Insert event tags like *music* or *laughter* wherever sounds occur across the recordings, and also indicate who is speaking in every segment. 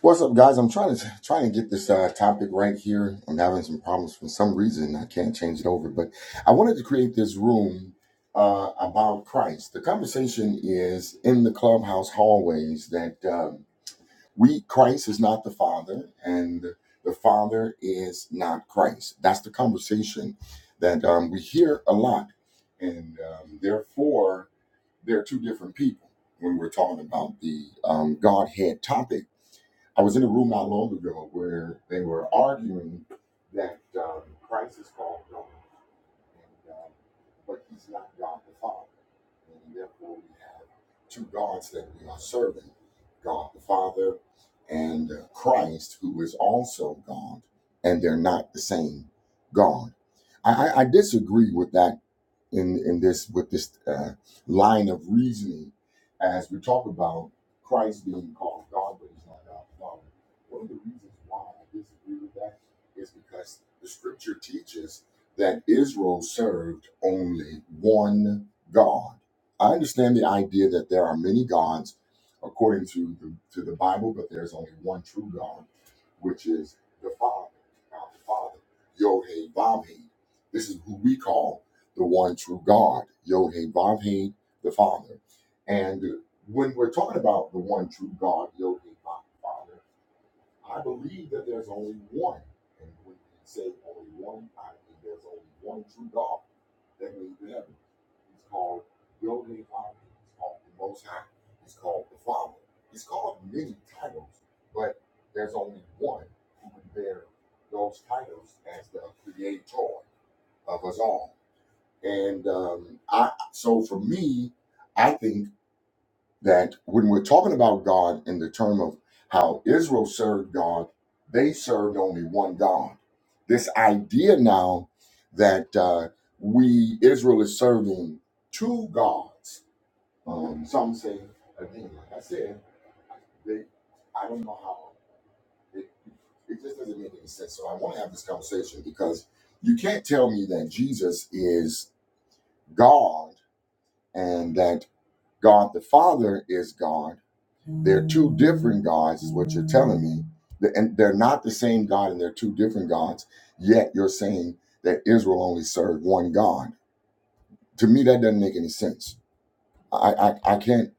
Speaker 1: What's up, guys? I'm trying to trying to get this uh, topic right here. I'm having some problems for some reason. I can't change it over, but I wanted to create this room uh, about Christ. The conversation is in the clubhouse hallways that um, we Christ is not the Father, and the Father is not Christ. That's the conversation that um, we hear a lot, and um, therefore they're two different people when we're talking about the um, Godhead topic I was in a room not long ago where they were arguing that um, Christ is called God, and, um, but he's not God the Father. And therefore, we have two gods that we are serving God the Father and uh, Christ, who is also God, and they're not the same God. I, I I disagree with that in in this with this uh, line of reasoning as we talk about Christ being called God, but he's not God the Father. One of the reasons why I disagree with that is because the Scripture teaches that Israel served only one God. I understand the idea that there are many gods according to the, to the Bible, but there's only one true God, which is the Father, God the Father, Yod Hey Vav Hey. This is who we call the one true God, Yod He Vav He, the Father. And when we're talking about the one true God, Yod He Vav Father, I believe that there's only one. And when we say only one, I mean there's only one true God that made the heaven. He's called Yod He Vav He. He's called the Most High. He's called the Father. He's called many titles, but there's only one who would bear those titles as the creator of us all. And um, I so for me, I think that when we're talking about God in the term of how Israel served God, they served only one God. This idea now that uh, we Israel is serving two gods. Um, some say again, like I said, they, I don't know how it, it just doesn't make any sense. So I want to have this conversation because you can't tell me that Jesus is God and that God the Father is God. They're two different gods, is what you're telling me. And they're not the same God and they're two different gods. Yet you're saying that Israel only served one God. To me, that doesn't make any sense. I, I, I can't,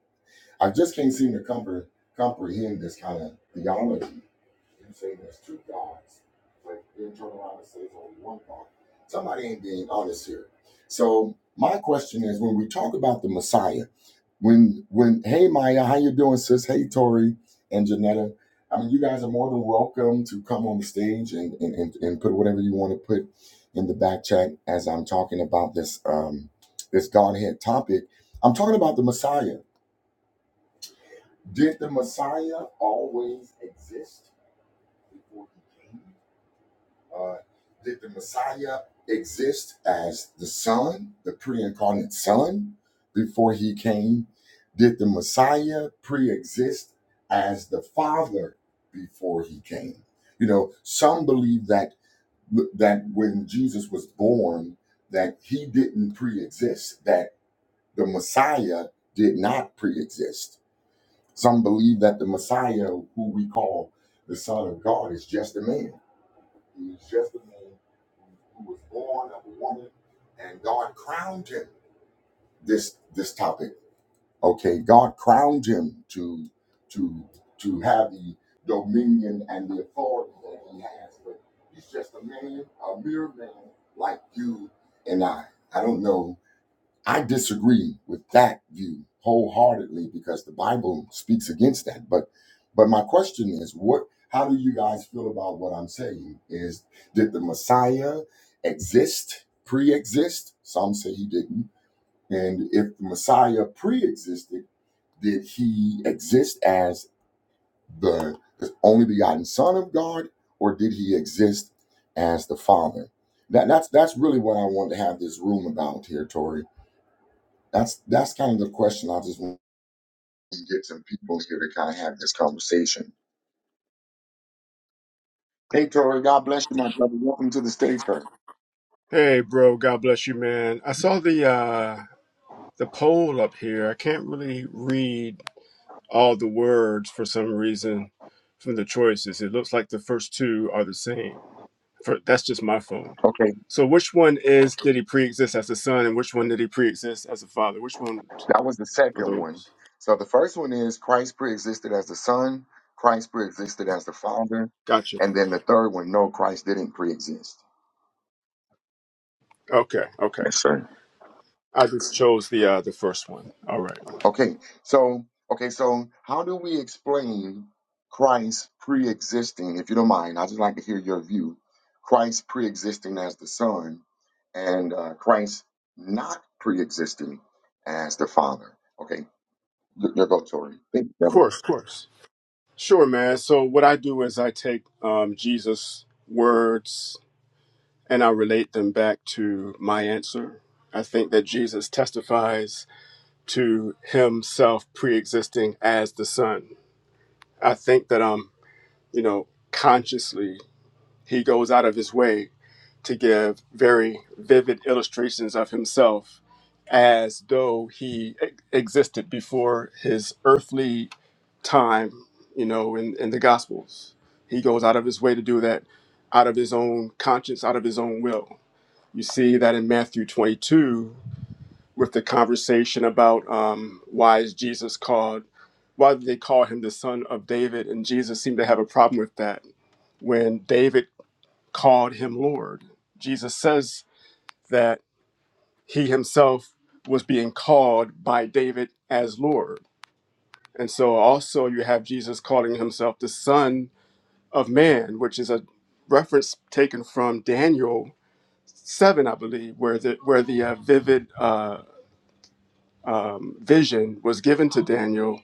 Speaker 1: I just can't seem to compre- comprehend this kind of theology. You say there's two gods, but then turn around and say there's only one God. Somebody ain't being honest here. So my question is, when we talk about the Messiah, when when hey Maya, how you doing, sis? Hey Tori and Janetta. I mean, you guys are more than welcome to come on the stage and and, and, and put whatever you want to put in the back chat as I'm talking about this um this Godhead topic. I'm talking about the Messiah. Did the Messiah always exist before he came? Uh, did the Messiah exist as the Son, the pre incarnate Son, before he came? Did the Messiah pre exist as the Father before he came? You know, some believe that that when Jesus was born, that he didn't pre-exist, that the Messiah did not pre-exist. Some believe that the Messiah, who we call the Son of God, is just a man he was just a man who was born of a woman, and God crowned him. This this topic, okay? God crowned him to to to have the dominion and the authority that he has, but he's just a man, a mere man like you and I. I don't know I disagree with that view wholeheartedly because the Bible speaks against that. But but my question is what how do you guys feel about what I'm saying? Is did the Messiah exist, pre-exist? Some say he didn't. And if the Messiah pre-existed, did he exist as the only begotten Son of God, or did he exist as the Father? That, that's that's really what I want to have this room about here, Tori that's that's kind of the question. I just want to get some people here to kind of have this conversation. Hey, Tori, God bless you, my brother. Welcome to the stage, sir.
Speaker 2: Hey, bro. God bless you, man. I saw the uh, the poll up here. I can't really read all the words for some reason from the choices. It looks like the first two are the same. For that's just my phone.
Speaker 1: Okay,
Speaker 2: So, which one is did he pre-exist as a son, and which one did he pre-exist as a father? Which one
Speaker 1: that was the
Speaker 2: are
Speaker 1: second one.
Speaker 2: those?
Speaker 1: So the first one is Christ pre-existed as the Son. Christ pre-existed as the Father,
Speaker 2: Gotcha.
Speaker 1: and then the third one, no, Christ didn't pre-exist.
Speaker 2: Okay. Okay.
Speaker 1: Yes, sir.
Speaker 2: I just chose the uh, the first one. All right.
Speaker 1: Okay, so okay, so how do we explain Christ pre-existing? If you don't mind, I just like to hear your view. Christ pre-existing as the Son, and uh, Christ not pre-existing as the Father. Okay, your, your go, Tori. Thank you,
Speaker 2: Of
Speaker 1: brother.
Speaker 2: course. Of course. Sure, man. So what I do is I take um, Jesus' words And I'll relate them back to my answer. I think that Jesus testifies to himself pre existing as the Son. I think that, um, you know, consciously, he goes out of his way to give very vivid illustrations of himself as though he e- existed before his earthly time, you know, in, in the Gospels. He goes out of his way to do that out of his own conscience, out of his own will. You see that in Matthew 22 with the conversation about um, why is Jesus called, why did they call him the son of David? And Jesus seemed to have a problem with that. When David called him Lord, Jesus says that he himself was being called by David as Lord. And so also you have Jesus calling himself the son of man, which is a reference taken from Daniel 7, I believe, where the, where the uh, vivid. Uh, um, vision was given to Daniel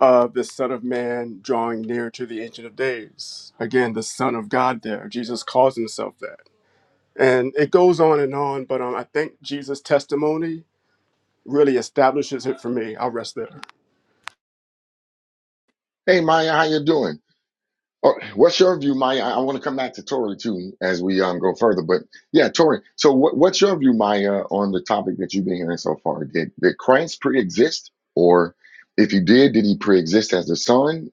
Speaker 2: of the Son of Man drawing near to the Ancient of Days. Again, the Son of God there. Jesus calls himself that. And it goes on and on, but um, I think Jesus' testimony really establishes it for me. I'll rest there.
Speaker 1: Hey, Maya, how you doing? Oh, what's your view, Maya? I, I want to come back to Tori too as we um go further, but yeah, Tori. So, what, what's your view, Maya, on the topic that you've been hearing so far? Did did Christ pre-exist, or if he did, did he pre-exist as the Son,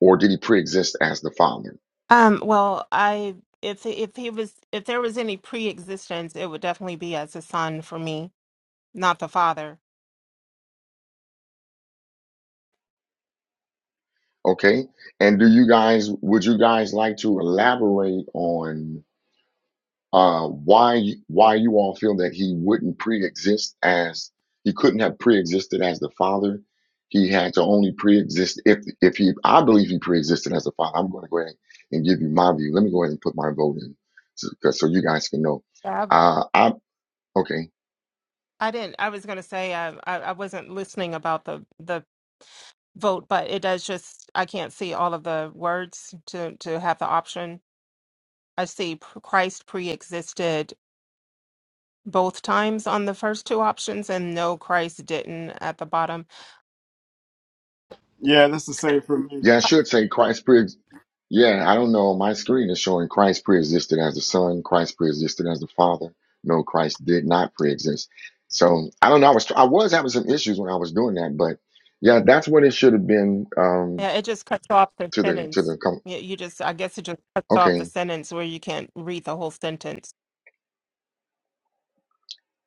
Speaker 1: or did he pre-exist as the Father?
Speaker 3: Um, well, I if if he was if there was any pre-existence, it would definitely be as a son for me, not the father.
Speaker 1: Okay. And do you guys, would you guys like to elaborate on uh, why you- why you all feel that he wouldn't pre-exist as he couldn't have pre-existed as the father? He had to only pre-exist if if he I believe he pre-existed as the father. I'm going to go ahead and give you my view. Let me go ahead and put my vote in so, 'cause- so you guys can know.
Speaker 3: I,
Speaker 1: Uh, I okay.
Speaker 3: I didn't. I was going to say I, I I wasn't listening about the the vote, but it does just I can't see all of the words to to have the option. I see p- Christ pre-existed both times on the first two options, and no, Christ didn't at the bottom.
Speaker 2: Yeah, that's the same for me.
Speaker 1: Yeah, I should say Christ pre. Yeah, I don't know. My screen is showing Christ pre-existed as the Son. Christ pre-existed as the Father. No, Christ did not pre-exist. So I don't know. I was I was having some issues when I was doing that, but yeah, that's what it should have been. Um,
Speaker 3: Yeah, it just cuts off the
Speaker 1: to the to
Speaker 3: sentence.
Speaker 1: the com-
Speaker 3: You, you just, I guess it just cuts off the
Speaker 1: okay,
Speaker 3: sentence where you can't read the whole sentence.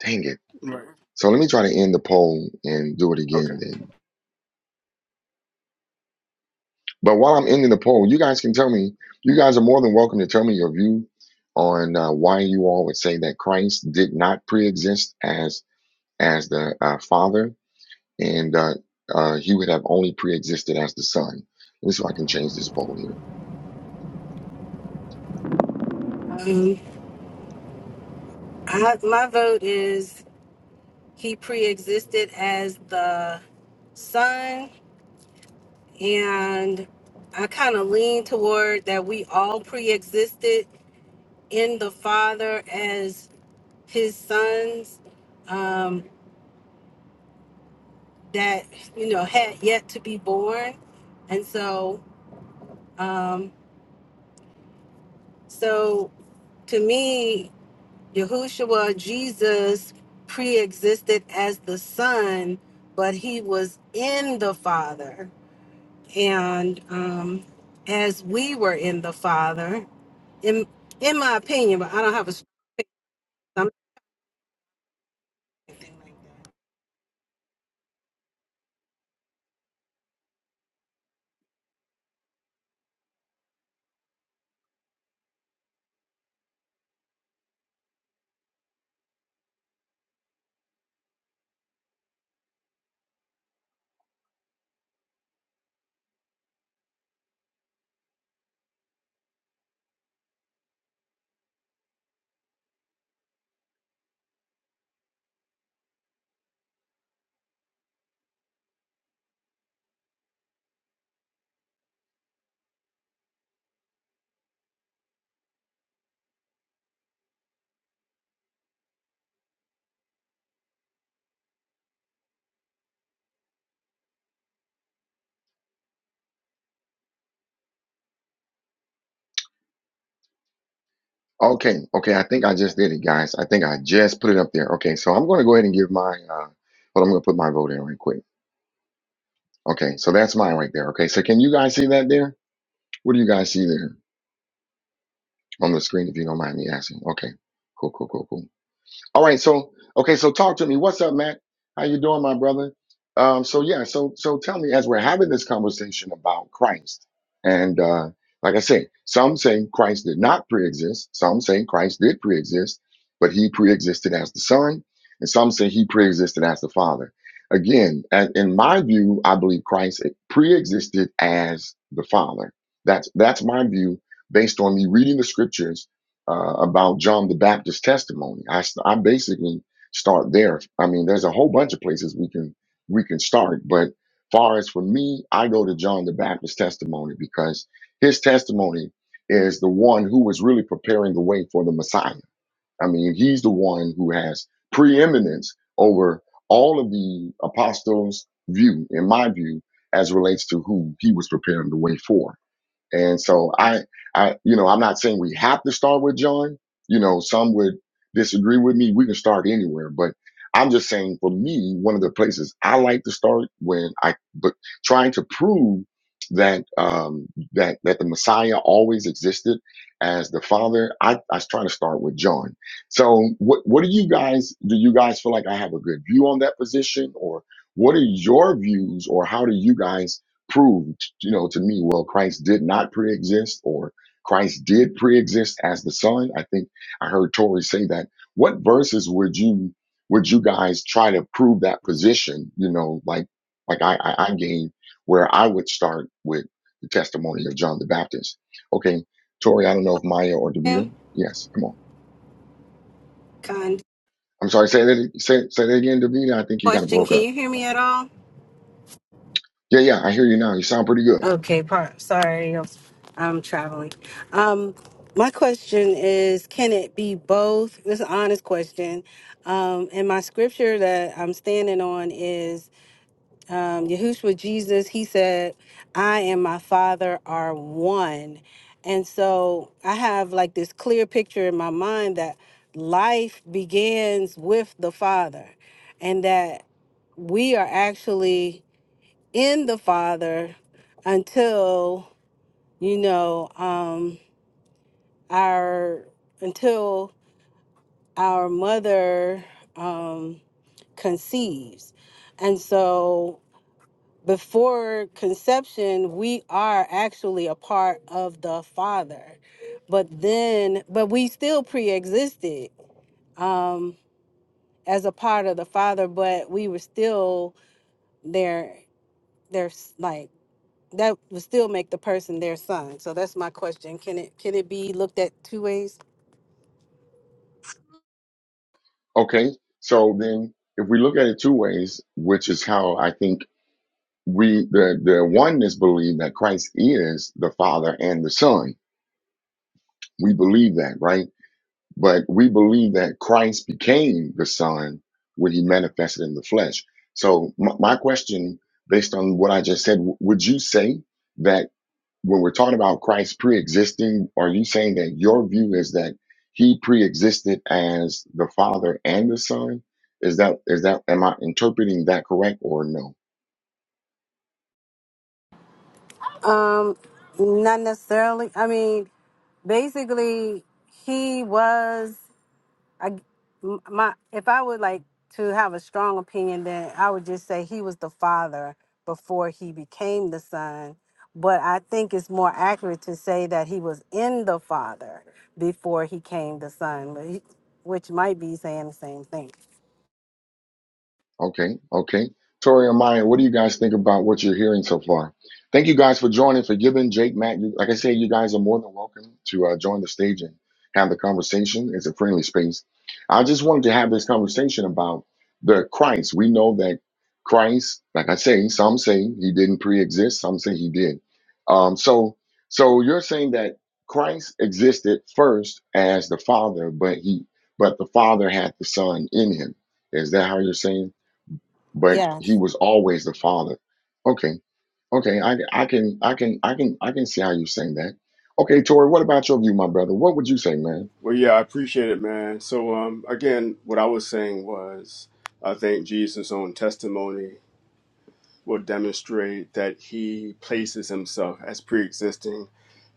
Speaker 1: dang it.
Speaker 2: Right.
Speaker 1: So let me try to end the poll and do it
Speaker 2: Okay.
Speaker 1: again then. But while I'm ending the poll, you guys can tell me. You guys are more than welcome to tell me your view on uh, why you all would say that Christ did not pre-exist as as the uh, Father, and uh, uh, he would have only pre-existed as the Son. Let me see if I can change this poll here.
Speaker 4: Um, I, my vote is he pre-existed as the son, and I kind of lean toward that we all pre-existed in the father as his sons um, that you know had yet to be born, and so um, so to me. Yahushua, Jesus, pre existed as the Son, but he was in the Father. And um, as we were in the Father, in, in my opinion, but I don't have a
Speaker 1: Okay, okay, I think I just did it, guys. I think I just put it up there. Okay, so I'm going to go ahead and give my, uh, well, I'm going to put my vote in right quick. Okay, so that's mine right there. Okay, so can you guys see that there? What do you guys see there on the screen, if you don't mind me asking? Okay, cool, cool, cool, cool. All right, so okay, so talk to me. What's up, Matt? How you doing, my brother? Um, so yeah, so so tell me as we're having this conversation about Christ, and uh, like I say, some say Christ did not pre-exist, some say Christ did pre-exist, but he pre-existed as the Son, and some say he pre-existed as the Father. Again, a- in my view, I believe Christ pre-existed as the Father. That's that's my view based on me reading the scriptures uh, about John the Baptist's testimony. I I basically start there. I mean, there's a whole bunch of places we can we can start, but far as for me, I go to John the Baptist's testimony because his testimony is the one who was really preparing the way for the Messiah. I mean, he's the one who has preeminence over all of the apostles' view, in my view, as relates to who he was preparing the way for. And so I, I, you know, I'm not saying we have to start with John. You know, some would disagree with me. We can start anywhere, but I'm just saying for me, one of the places I like to start when I, but trying to prove that, um, that, that the Messiah always existed as the father, I, I was trying to start with John. So what, what do you guys, do you guys feel like I have a good view on that position or what are your views or how do you guys proved, you know, to me, well, Christ did not pre-exist or Christ did pre-exist as the Son. I think I heard Tori say that. What verses would you would you guys try to prove that position? You know, like like I I, I gave where I would start with the testimony of John the Baptist. Okay, Tori, I don't know if Maya or
Speaker 4: something
Speaker 1: Davida. Yes, come on.
Speaker 4: kind of
Speaker 1: I'm sorry. Say that say say that again, Davida. I think you kind of
Speaker 4: question.
Speaker 1: broke
Speaker 4: Can
Speaker 1: up.
Speaker 4: you hear me at all?
Speaker 1: Yeah, yeah, I hear you now. You sound pretty good.
Speaker 4: Okay, part. Sorry, I'm I'm traveling. Um, my question is, can it be both? This is an honest question. Um, and my scripture that I'm standing on is. um, Yahushua Jesus, he said, I and my Father are one. And so I have like this clear picture in my mind that life begins with the Father and that we are actually in the Father until, you know, um, our, until our mother um, conceives. And so before conception, we are actually a part of the Father. But then, but we still pre existed um, as a part of the Father, but we were still their, their, s- like, that would still make the person their son. So that's my question. Can it can it be looked at two ways?
Speaker 1: Okay, so then if we look at it two ways, which is how I think we the the oneness believe that Christ is the Father and the Son. We believe that, right? But we believe that Christ became the Son when He manifested in the flesh. So my, my question, based on what I just said, w- would you say that? when we're talking about Christ pre-existing, are you saying that your view is that he pre-existed as the Father and the Son? Is that is that am I interpreting that correct or no?
Speaker 4: Um, not necessarily. I mean, basically, he was. I g- m- my if I would like to have a strong opinion, then I would just say he was the father before he became the son. But I think it's more accurate to say that he was in the father before he came the son, but he, which might be saying the same thing.
Speaker 1: Okay, okay. Tori and Maya, what do you guys think about what you're hearing so far? Thank you guys for joining, for giving Jake, Matt. You, like I said, you guys are more than welcome to uh, join the stage and have the conversation. It's a friendly space. I just wanted to have this conversation about the Christ. We know that Christ, like I say, some say he didn't pre-exist, some say he did. Um, so, so you're saying that Christ existed first as the Father, but he, but the Father had the Son in him. Is that how you're saying? but he
Speaker 4: Yes,
Speaker 1: was always the father. Okay, okay, I, I can, I can, I can, I can see how you saying that. Okay, Tori, what about your view, my brother? What would you say, man?
Speaker 2: Well, yeah, I appreciate it, man. So, um, again, what I was saying was I think Jesus' own testimony will demonstrate that he places himself as pre existing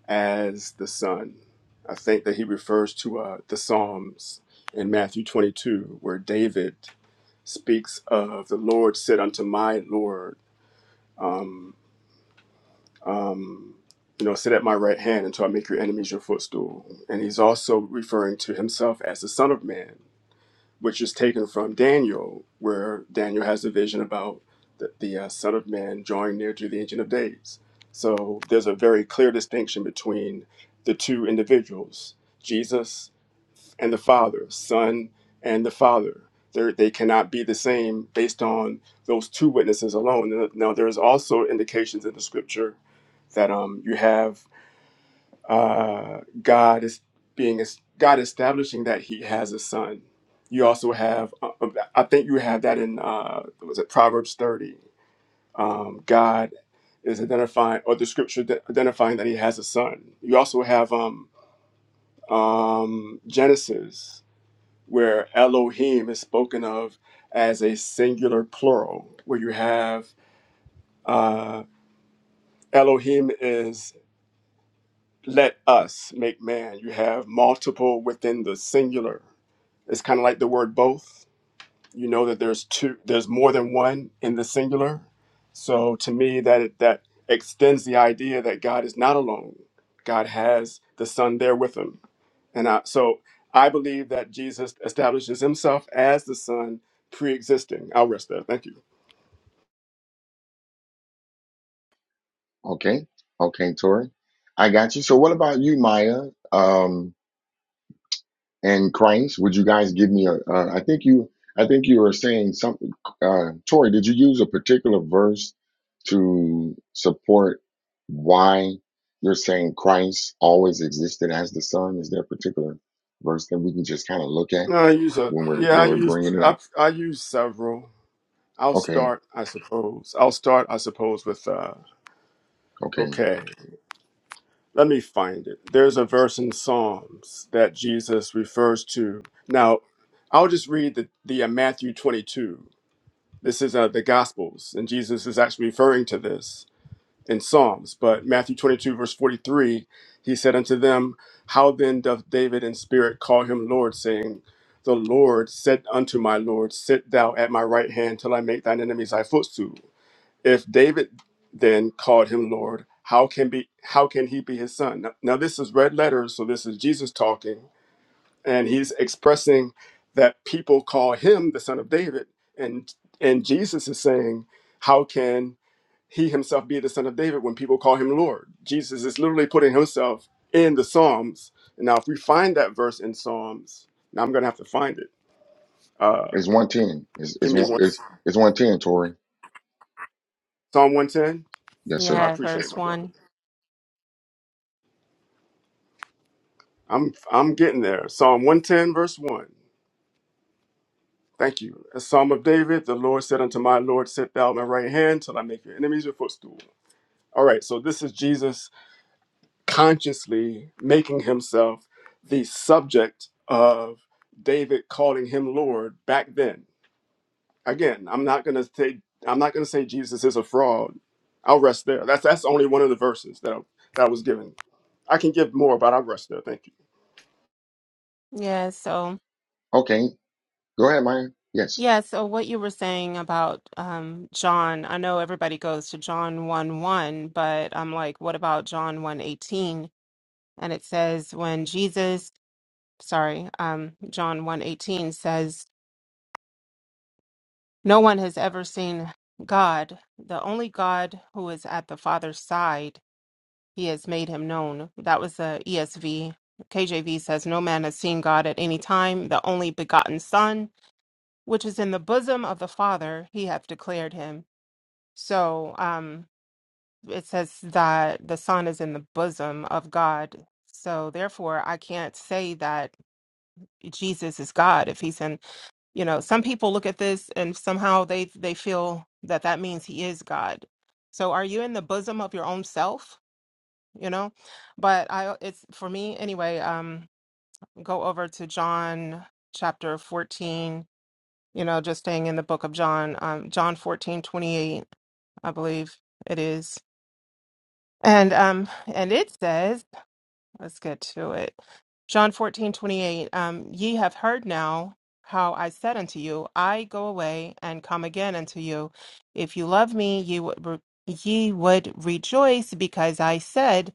Speaker 2: as the Son. I think that he refers to uh, the Psalms in Matthew 22, where David speaks of the Lord said unto my Lord, um, um, you know, sit at my right hand until I make your enemies your footstool. And he's also referring to himself as the Son of Man which is taken from Daniel, where Daniel has a vision about the, the uh, Son of Man drawing near to the Ancient of Days. So there's a very clear distinction between the two individuals, Jesus and the Father, Son and the Father. They're, they cannot be the same based on those two witnesses alone. Now, there's also indications in the scripture that um, you have uh, God is being es- God establishing that He has a son. You also have, uh, um, I think you have that in uh, was it Proverbs thirty? Um, God is identifying, or the scripture de- identifying that He has a son. You also have um, um, Genesis, where Elohim is spoken of as a singular plural, where you have uh, Elohim is let us make man. You have multiple within the singular. It's kind of like the word both. You know that there's two, there's more than one in the singular. So to me, that that extends the idea that God is not alone. God has the Son there with him, and I, so I believe that Jesus establishes himself as the Son, pre-existing. I'll rest there. Thank you.
Speaker 1: Okay, okay, Tori, I got you. So, what about you, Maya? Um, and Christ. Would you guys give me a? Uh, I think you. I think you were saying something. Uh, Tori, did you use a particular verse to support why you're saying Christ always existed as the Son? Is there a particular verse that we can just kind of look at
Speaker 2: I use a
Speaker 1: when we're
Speaker 2: yeah. I
Speaker 1: when we're
Speaker 2: use
Speaker 1: bringing it
Speaker 2: I
Speaker 1: up?
Speaker 2: I use several. I'll
Speaker 1: Okay,
Speaker 2: start, I suppose. I'll start, I suppose, with uh,
Speaker 1: okay.
Speaker 2: okay, let me find it. There's a verse in Psalms that Jesus refers to. Now, I'll just read the, the uh, Matthew 22. This is uh, the Gospels, and Jesus is actually referring to this in Psalms. But Matthew 22, verse 43, he said unto them, How then doth David in spirit call him Lord, saying, The Lord said unto my Lord, Sit thou at my right hand till I make thine enemies thy footstool. If David then called him Lord, how can be how can he be his son? Now, now this is red letters, so this is Jesus talking, and he's expressing that people call him the son of David, and and Jesus is saying, how can he himself be the son of David when people call him Lord? Jesus is literally putting himself in the Psalms. Now, if we find that verse in Psalms, now I'm gonna have to find it. Uh,
Speaker 1: It's one ten. It's
Speaker 2: give
Speaker 1: it's
Speaker 2: me
Speaker 1: one
Speaker 2: one
Speaker 1: it's it's one ten. Tori,
Speaker 2: Psalm 110.
Speaker 1: yes
Speaker 2: I
Speaker 1: sir.
Speaker 3: Yeah,
Speaker 2: appreciate it,
Speaker 3: verse
Speaker 2: my brother.
Speaker 3: one.
Speaker 2: I'm I'm getting there. Psalm 110, verse 1. Thank you. A psalm of David, the Lord said unto my Lord, Sit thou at my right hand till I make your enemies your footstool. All right, so this is Jesus consciously making himself the subject of David calling him Lord back then. Again, I'm not gonna say I'm not gonna say Jesus is a fraud. I'll rest there. That's that's only one of the verses that I, that I was given. I can give more, but I'll rest there. Thank you.
Speaker 3: Yeah, so,
Speaker 1: Okay, go ahead, Maya. Yes.
Speaker 3: yeah, so what you were saying about um, John, I know everybody goes to John 1 1, but I'm like, what about John one 18? And it says, when Jesus, sorry, um, John one 18 says, no one has ever seen God, the only God who is at the Father's side. He has made him known. That was the ESV. KJV says, No man has seen God at any time. The only begotten Son, which is in the bosom of the Father, he hath declared him. So um, it says that the Son is in the bosom of God. So therefore, I can't say that Jesus is God if he's in. You know, some people look at this and somehow they they feel that that means he is God. So are you in the bosom of your own self? you know but i it's for me anyway um go over to john chapter 14 you know just staying in the book of john um john 14 28, i believe it is and um and it says let's get to it john 14 28. um ye have heard now how i said unto you i go away and come again unto you if you love me ye would re- ye would rejoice because i said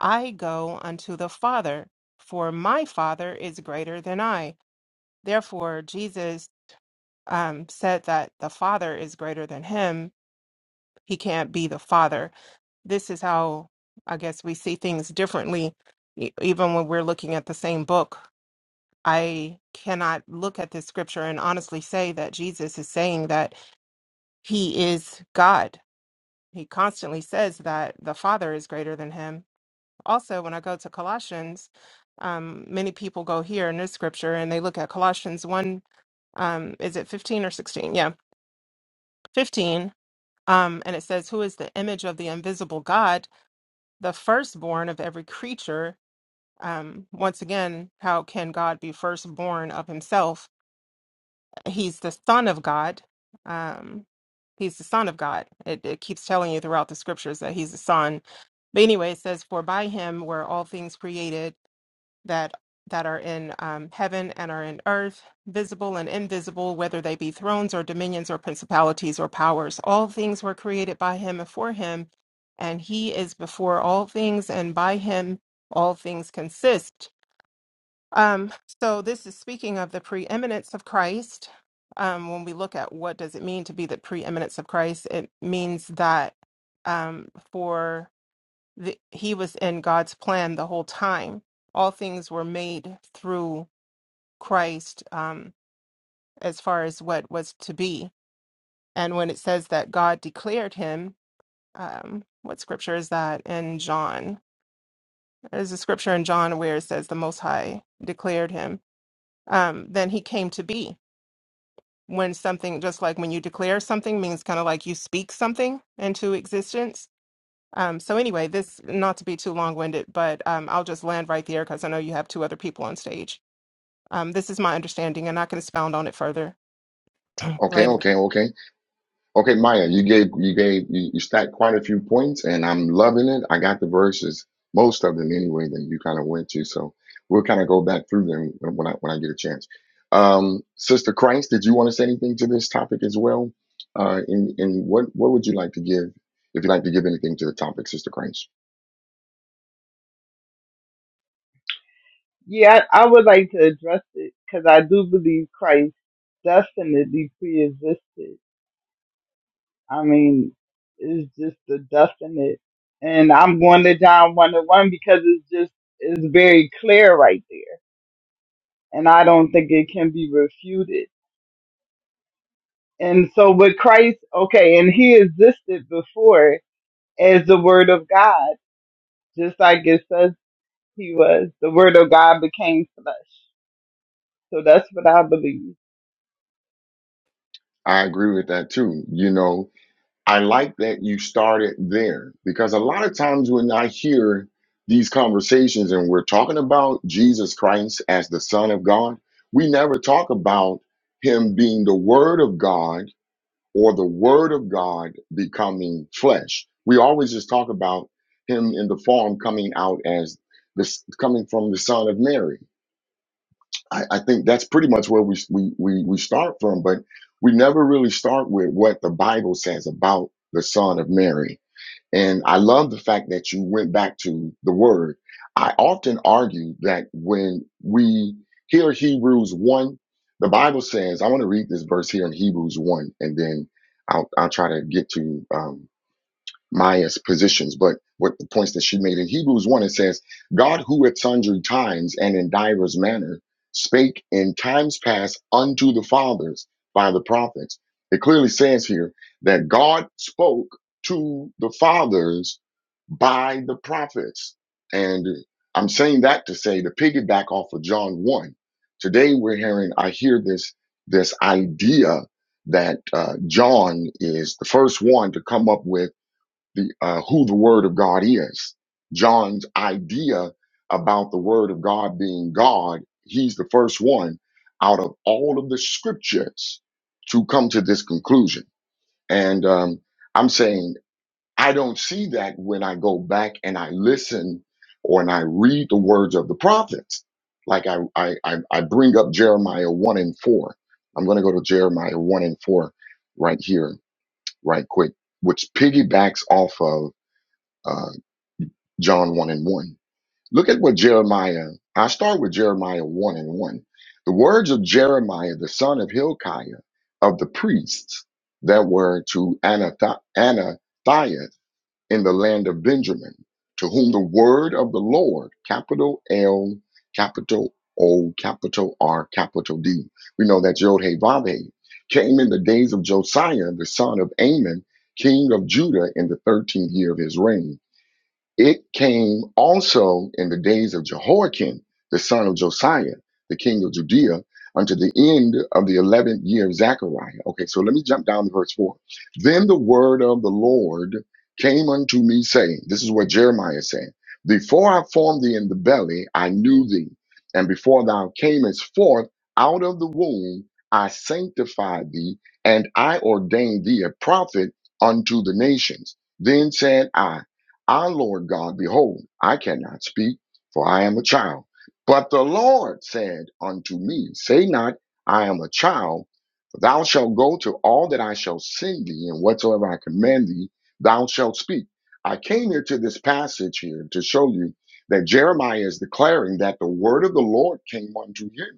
Speaker 3: I go unto the Father, for my Father is greater than I. Therefore, Jesus um, said that the Father is greater than him. He can't be the Father. This is how I guess we see things differently, e- even when we're looking at the same book. I cannot look at this scripture and honestly say that Jesus is saying that he is God. He constantly says that the Father is greater than him also when I go to Colossians, um, many people go here in this scripture and they look at Colossians 1, um, is it 15 or 16? Yeah, 15. Um, and it says, Who is the image of the invisible God, the firstborn of every creature? Um, once again, how can God be firstborn of himself? He's the Son of God. Um, he's the Son of God. It, it keeps telling you throughout the scriptures that he's the Son. But anyway, it says, For by him were all things created that that are in um, heaven and are in earth, visible and invisible, whether they be thrones or dominions or principalities or powers. All things were created by him and for him, and he is before all things, and by him all things consist. Um, so this is speaking of the preeminence of Christ. Um, when we look at what does it mean to be the preeminence of Christ, it means that um, for th- he was in God's plan the whole time. All things were made through Christ um, as far as what was to be. And when it says that God declared him, um, what scripture is that in John? There's a scripture in John where it says the Most High declared him. Um, then he came to be. When something, just like when you declare something, means kind of like you speak something into existence Um, so anyway, this not to be too long-winded, but um, I'll just land right there because I know you have two other people on stage. Um, this is my understanding, and I can expound on it further
Speaker 1: Okay,
Speaker 3: later.
Speaker 1: okay, okay. Okay, Maya, you gave you gave you, you stacked quite a few points, and I'm loving it. I got the verses, most of them anyway, that you kind of went to. So we'll kind of go back through them when I when I get a chance. Um, Sister Christ, did you want to say anything to this topic as well? Uh, and and what what would you like to give if you'd like to give anything to the topic, Sister Christ?
Speaker 5: Yeah, I, I would like to address it because I do believe Christ definitely pre-existed. I mean, it's just the definite, and I'm going to John one to one because it's just it's very clear right there, and I don't think it can be refuted. And so with Christ, okay, and He existed before as the Word of God, just like it says He was. The Word of God became flesh. So that's what I believe.
Speaker 1: I agree with that too. You know, I like that you started there because a lot of times when I hear these conversations and we're talking about Jesus Christ as the Son of God, we never talk about him being the Word of God or the Word of God becoming flesh. We always just talk about him in the form coming out as this coming from the Son of Mary. I, I think that's pretty much where we, we we we start from, but we never really start with what the Bible says about the Son of Mary. And I love the fact that you went back to the Word. I often argue that when we hear Hebrews one, the Bible says. I want to read this verse here in Hebrews one, and then I'll I'll try to get to um, Maya's positions, but with the points that she made in Hebrews 1, it says, God who at sundry times and in divers manner spake in times past unto the fathers by the prophets. It clearly says here that God spoke to the fathers by the prophets. And I'm saying that to say to piggyback off of John 1. Today we're hearing, I hear this, this idea that uh, John is the first one to come up with the uh, who the Word of God is. John's idea about the Word of God being God, he's the first one out of all of the scriptures to come to this conclusion. And um, I'm saying I don't see that when I go back and I listen or and I read the words of the prophets. Like I, I, I I bring up Jeremiah 1 and 4. I'm going to go to Jeremiah 1 and 4 right here, right quick, which piggybacks off of uh, John 1 and 1. Look at what Jeremiah, I start with Jeremiah 1 and 1. The words of Jeremiah, the son of Hilkiah, of the priests that were to Anatha- Anathiah in the land of Benjamin, to whom the word of the Lord, capital L, capital O, capital R, capital D. We know that Yod Hey Vav Hey came in the days of Josiah, the son of Amon, king of Judah, in the 13th year of his reign it came also in the days of Jehoiakim, the son of Josiah, the king of Judea, unto the end of the 11th year of Zechariah. Okay, so let me jump down to verse 4. Then the word of the Lord came unto me, saying, This is what Jeremiah said Before I formed thee in the belly, I knew thee. And before thou camest forth out of the womb, I sanctified thee, and I ordained thee a prophet unto the nations. Then said I, our Lord God, behold, I cannot speak, for I am a child. But the Lord said unto me, Say not, I am a child, for thou shalt go to all that I shall send thee, and whatsoever I command thee, thou shalt speak. I came here to this passage here to show you that Jeremiah is declaring that the word of the Lord came unto him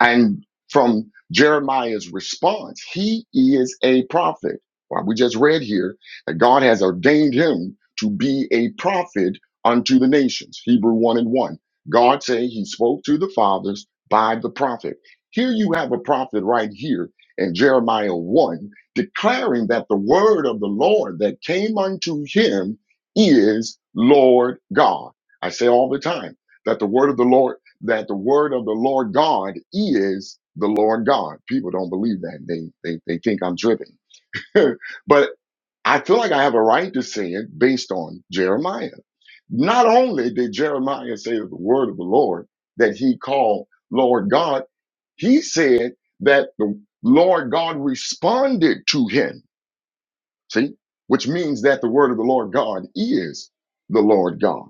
Speaker 1: and from Jeremiah's response, he is a prophet. Well, we just read here that God has ordained him to be a prophet unto the nations. Hebrew 1 and 1. God say he spoke to the fathers by the prophet. Here you have a prophet right here in Jeremiah 1 declaring that the word of the Lord that came unto him is Lord God. I say all the time that the word of the Lord that the word of the Lord God is the Lord God. People don't believe that. They they, they think I'm driven. *laughs* but I feel like I have a right to say it based on Jeremiah. Not only did Jeremiah say that the word of the Lord that he called Lord God, he said that the Lord God responded to him See? Which means that the word of the Lord God is the Lord God.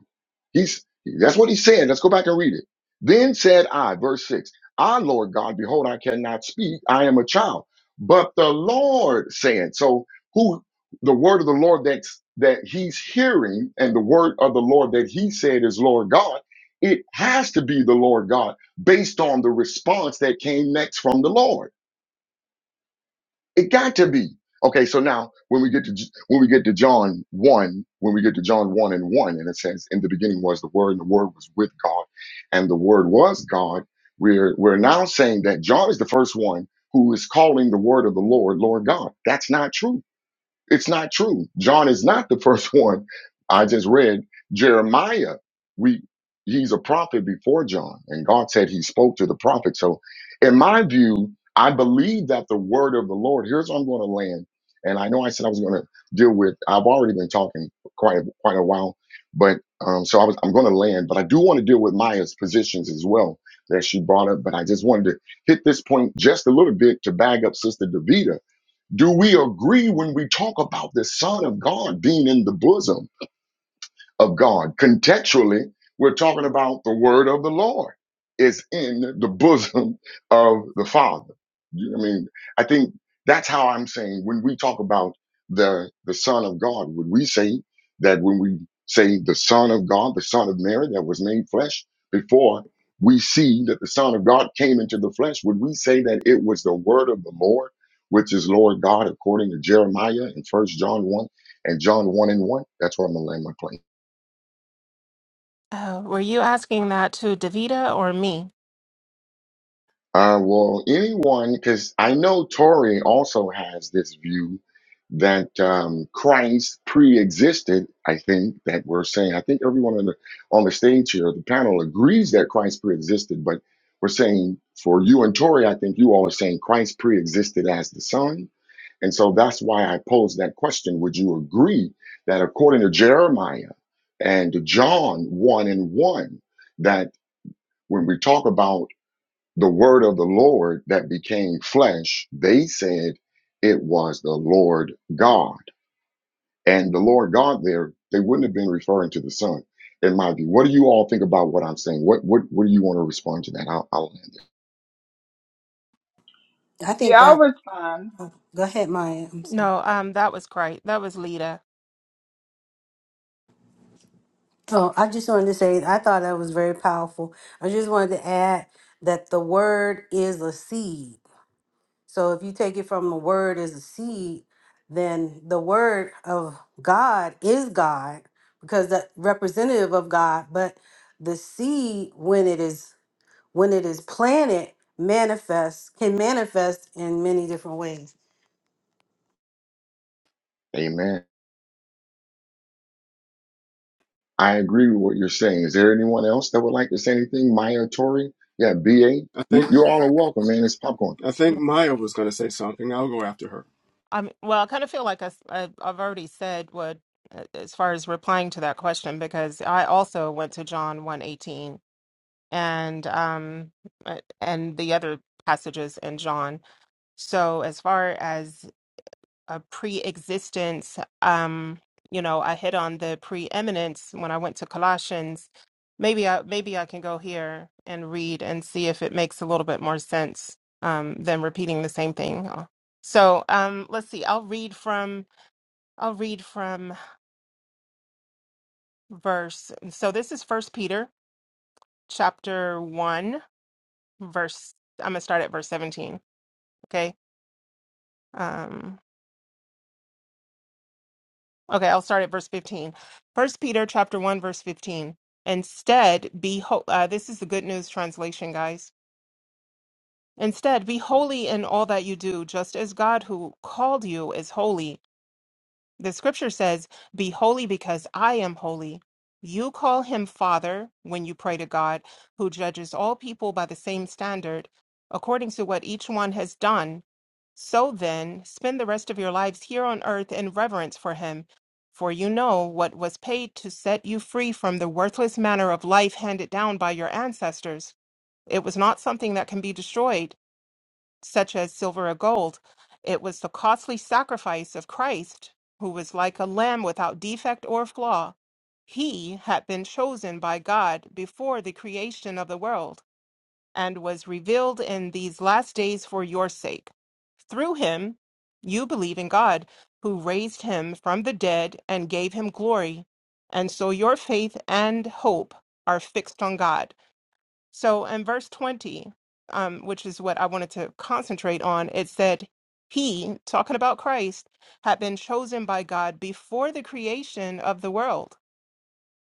Speaker 1: He's that's what he said. Let's go back and read it. Then said I, verse 6, I, Lord God, behold, I cannot speak. I am a child. But the Lord said, so who the word of the Lord that's that he's hearing and the word of the Lord that he said is Lord God, it has to be the Lord God based on the response that came next from the Lord. It got to be. Okay, so now when we get to J- when we get to John 1, when we get to John 1 and 1 and it says in the beginning was the word and the word was with God and the word was God, we're we're now saying that John is the first one who is calling the word of the Lord Lord God. That's not true. It's not true. John is not the *laughs* first one I just read. Jeremiah, we he's a prophet before John, and God said he spoke to the prophet. So in my view, I believe that the word of the Lord, here's where I'm going to land. And I know I said I was going to deal with, I've already been talking quite a, quite a while, but um, so I was, I'm going to land, but I do want to deal with Maya's positions as well that she brought up. But I just wanted to hit this point just a little bit to bag up Sister Davida do we agree when we talk about the Son of God being in the bosom? of God. Contextually, we're talking about the word of the Lord is in the bosom of the Father. You- I mean, I think that's how I'm saying when we talk about the the Son of God, would we say that when we say the Son of God, the Son of Mary that was made flesh before we see that the Son of God came into the flesh, would we say that it was the word of the Lord, which is Lord God, according to Jeremiah in First John 1 and John 1 and 1? That's where I'm gonna land my plane.
Speaker 3: Uh, were you asking that to Davita or me?
Speaker 1: Uh, well, anyone, because I know Tori also has this view that um, Christ pre-existed. I think that we're saying. I think everyone on the on the stage here, the panel agrees that Christ pre-existed, but we're saying for you and Tori, I think you all are saying Christ pre-existed as the Son, and so that's why I posed that question. Would you agree that according to Jeremiah and John one and one, that when we talk about the word of the Lord that became flesh, they said it was the Lord God. And the Lord God there, they wouldn't have been referring to the Son. In my view, what do you all think about what I'm saying? What what what do you want to respond to that? I'll, I'll end
Speaker 4: I think
Speaker 5: Yeah, I'll
Speaker 4: that.
Speaker 5: respond.
Speaker 4: oh, Go ahead, Maya. I'm sorry.
Speaker 3: No, um, that was great. That was Lita.
Speaker 4: Oh, I just wanted to say I thought that was very powerful. I just wanted to add that the word is a seed. So if you take it from the word as a seed, then the word of God is God because the representative of God, but the seed when it is when it is planted manifests can manifest in many different ways.
Speaker 1: it. Amen. I agree with what you're saying. Is there anyone else that would like to say anything? Maya Tori? Yeah, BA.
Speaker 2: I
Speaker 1: You
Speaker 2: think
Speaker 1: you all are welcome, man. It's popcorn.
Speaker 2: I think Maya was gonna say something. I'll go after her.
Speaker 3: I mean, well, I kind of feel like I, have already said what uh, as far as replying to that question because I also went to John one eighteen and um uh, and the other passages in John. So as far as a pre-existence um you know i hit on the preeminence when i went to colossians maybe i maybe i can go here and read and see if it makes a little bit more sense um than repeating the same thing Uh, so um let's see i'll read from i'll read from verse so this is first peter chapter 1 verse i'm gonna start at verse 17 okay Um, Okay, I'll start at verse 15. First Peter chapter 1 verse 15. Instead, be ho- uh, this is the good news translation, guys. Instead, be holy in all that you do, just as God who called you is holy. The scripture says, "Be holy because I am holy." You call him Father when you pray to God, who judges all people by the same standard, according to what each one has done. So then, spend the rest of your lives here on earth in reverence for him, for you know what was paid to set you free from the worthless manner of life handed down by your ancestors. It was not something that can be destroyed, such as silver or gold. It was the costly sacrifice of Christ, who was like a lamb without defect or flaw. He had been chosen by God before the creation of the world and was revealed in these last days for your sake. Through him, you believe in God, who raised him from the dead and gave him glory. And so your faith and hope are fixed on God. So in verse 20, um, which is what I wanted to concentrate on, it said, He, talking about Christ, had been chosen by God before the creation of the world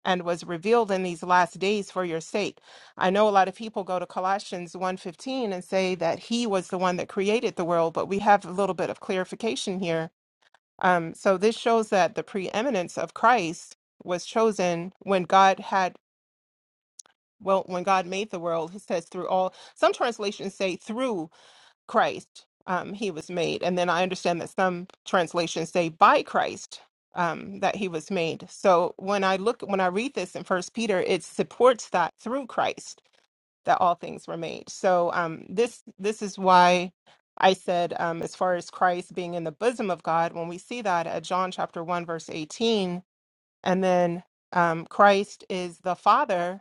Speaker 3: and was revealed in these last days for your sake. I know a lot of people go to Colossians one fifteen and say that he was the one that created the world, but we have a little bit of clarification here. Um, so this shows that the preeminence of Christ was chosen when God had well when God made the world. He says through all some translations say through Christ um, he was made. And then I understand that some translations say by Christ um, that he was made. So when I look, when I read this in First Peter, it supports that through Christ that all things were made. So um, this this is why I said um, as far as Christ being in the bosom of God, when we see that at John chapter one verse eighteen, and then um, Christ is the Father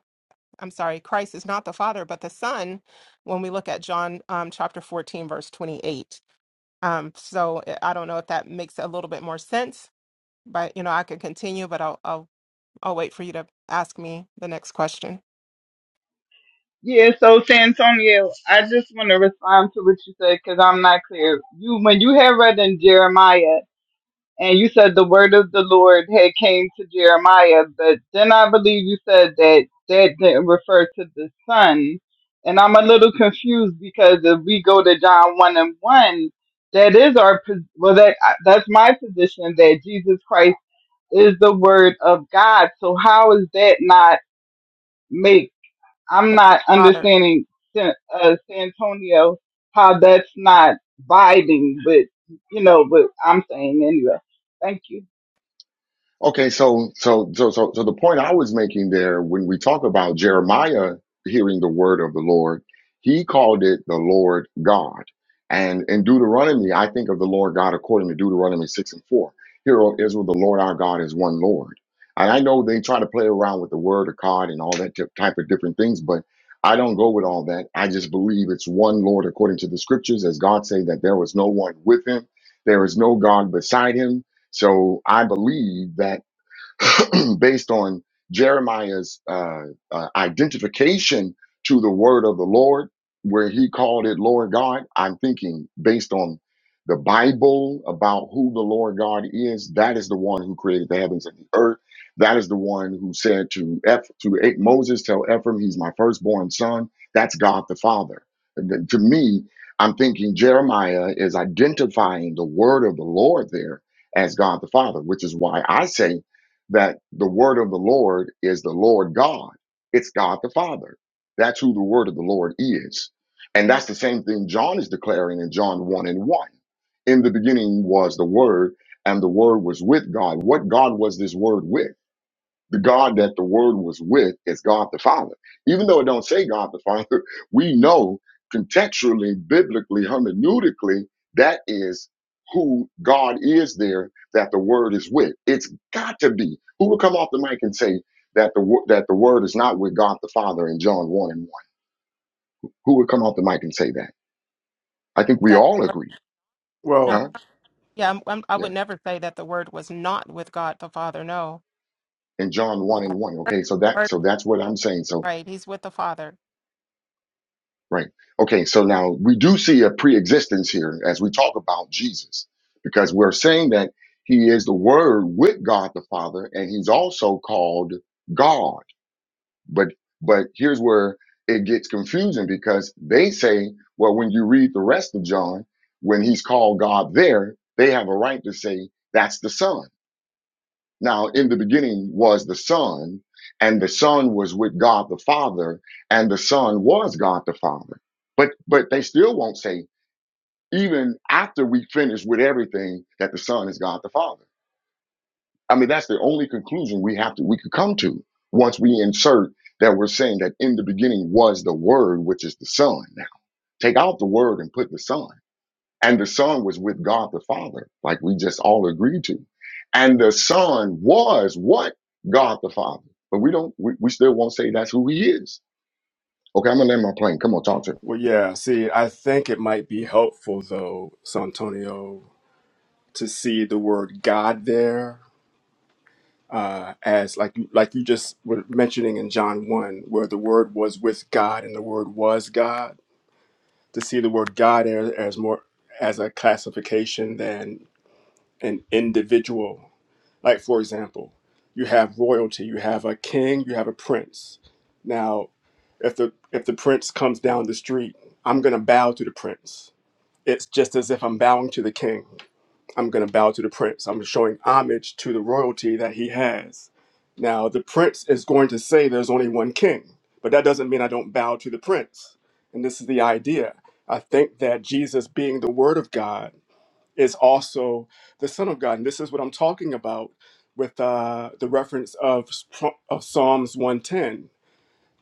Speaker 3: I'm sorry, Christ is not the Father, but the Son, when we look at John um, chapter 14, verse 28. Um, so I I don't know if that makes a little bit more sense, but you know, I could continue, but I'll, I'll, I'll wait for you to ask me the next question.
Speaker 5: Yeah, so Santonio, I just want to respond to what you said because I'm not clear. You when you had read in Jeremiah and you said the word of the Lord had came to Jeremiah, but then I believe you said that that didn't refer to the son. And I'm a little confused because if we go to John one and one, that is our pos- well that that's my position that Jesus Christ is the word of God. So how is that not make I'm not
Speaker 3: Father,
Speaker 5: understanding San, uh, San Antonio how that's not vibing, but you know, but I'm saying anyway. Thank you.
Speaker 1: Okay, so so so so so the point I was making there when we talk about Jeremiah hearing the word of the Lord, he called it the Lord God. And in Deuteronomy, I think of the Lord God according to Deuteronomy 6 and 4. Hear, O Israel, the Lord our God is one Lord. And I know they try to play around with the word of God and all that typ- type of different things, but I don't go with all that. I just believe it's one Lord according to the scriptures, as God say that there was no one with him, there is no God beside him. So I believe that *clears throat* based on Jeremiah's uh, uh, identification to the word of the Lord, where he called it Lord God. I'm thinking based on the Bible about who the Lord God is. That is the one who created the heavens and the earth. That is the one who said to Eph, to A- Moses, tell Ephraim, he's my firstborn son. That's God the Father. And then to me, I'm thinking Jeremiah is identifying the word of the Lord there as God the Father, which is why I say that the word of the Lord is the Lord God. It's God the Father. That's who the word of the Lord is. And that's the same thing John is declaring in John 1 and 1. In the beginning was the word, and the word was with God. What God was this word with? the God that the Word was with is God the Father. Even though it don't say God the Father, *laughs* we know contextually, biblically, hermeneutically, that is who God is there that the Word is with. It's got to be. Who would come off the mic and say that the wo- that the Word is not with God the Father in John one and one? Who would come off the mic and say that? I think we
Speaker 3: that the
Speaker 1: all
Speaker 3: word,
Speaker 1: agree,
Speaker 3: no,
Speaker 2: Well,
Speaker 1: huh?
Speaker 3: yeah, I'm, I'm, I
Speaker 1: Yeah.
Speaker 3: would never say that the word was not with God the Father. No,
Speaker 1: In John one
Speaker 3: yeah,
Speaker 1: and one.
Speaker 3: word,
Speaker 1: Okay, so that
Speaker 3: word-
Speaker 1: so
Speaker 3: was
Speaker 1: that's what I'm saying. So
Speaker 3: right, he's with the Father.
Speaker 1: Right. Okay. So now we do see a pre existence here as we talk about Jesus, because we're saying that he is the word with God the Father, and he's also called God. But but here's where it gets confusing because they say, well, when you read the rest of John, when he's called God there, they have a right to say that's the Son. Now, in the beginning was the Son, and the Son was with God the Father, and the Son was God the Father. But but they still won't say, even after we finish with everything, that the Son is God the Father. I mean, that's the only conclusion we have to we could come to once we insert that we're saying that in the beginning was the Word, which is the Son. Now, take out the Word and put the Son and the son was with God the Father, like we just all agreed to. And the son was what? God the Father. But we don't, we, we still won't say that's who he is. Okay, I'm gonna land my plane. Come on, talk to me.
Speaker 2: well, yeah. See, I think it might be helpful though, Santonio, to see the word God there uh, as like you like you just were mentioning in John one, where the Word was with God and the Word was God. To see the word God as, as more as a classification than an individual. Like for example, you have royalty, you have a king, you have a prince. Now, if the if the prince comes down the street, I'm gonna bow to the prince It's just as if I'm bowing to the king. I'm going to bow to the prince. I'm showing homage to the royalty that he has. Now, the prince is going to say there's only one king, but that doesn't mean I don't bow to the prince. And this is the idea. I think that Jesus, being the word of God, is also the son of God. And this is what I'm talking about with uh, the reference of, of Psalms 110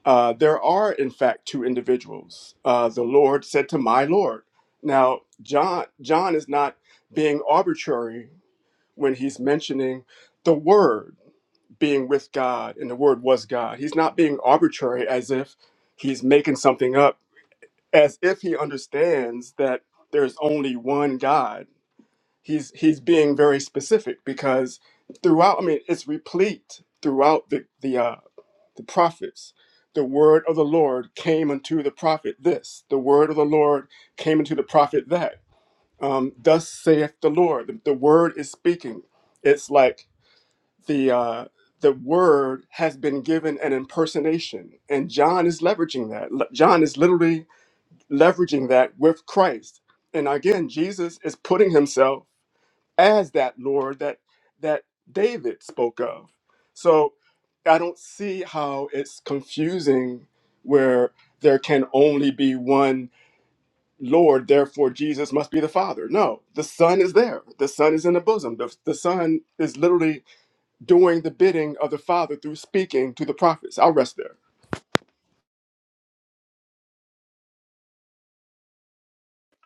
Speaker 2: uh, there are, in fact, two individuals. Uh, the Lord said to my Lord. Now, John, John is not being arbitrary when he's mentioning the Word being with God and the Word was God. He's not being arbitrary as if he's making something up, as if he understands that there's only one God. He's he's being very specific because throughout, I mean, it's replete throughout the the uh, the prophets. The word of the Lord came unto the prophet this. The word of the Lord came unto the prophet that. Um, Thus saith the Lord. The, the word is speaking. It's like the uh, the word has been given an impersonation, and John is leveraging that. Le- John is literally leveraging that with Christ. And again, Jesus is putting himself as that Lord that that David spoke of. So I don't see how it's confusing where there can only be one Lord, therefore Jesus must be the Father. No, the Son is there. The Son is in the bosom. The, the Son is literally doing the bidding of the Father through speaking to the prophets. I'll rest there.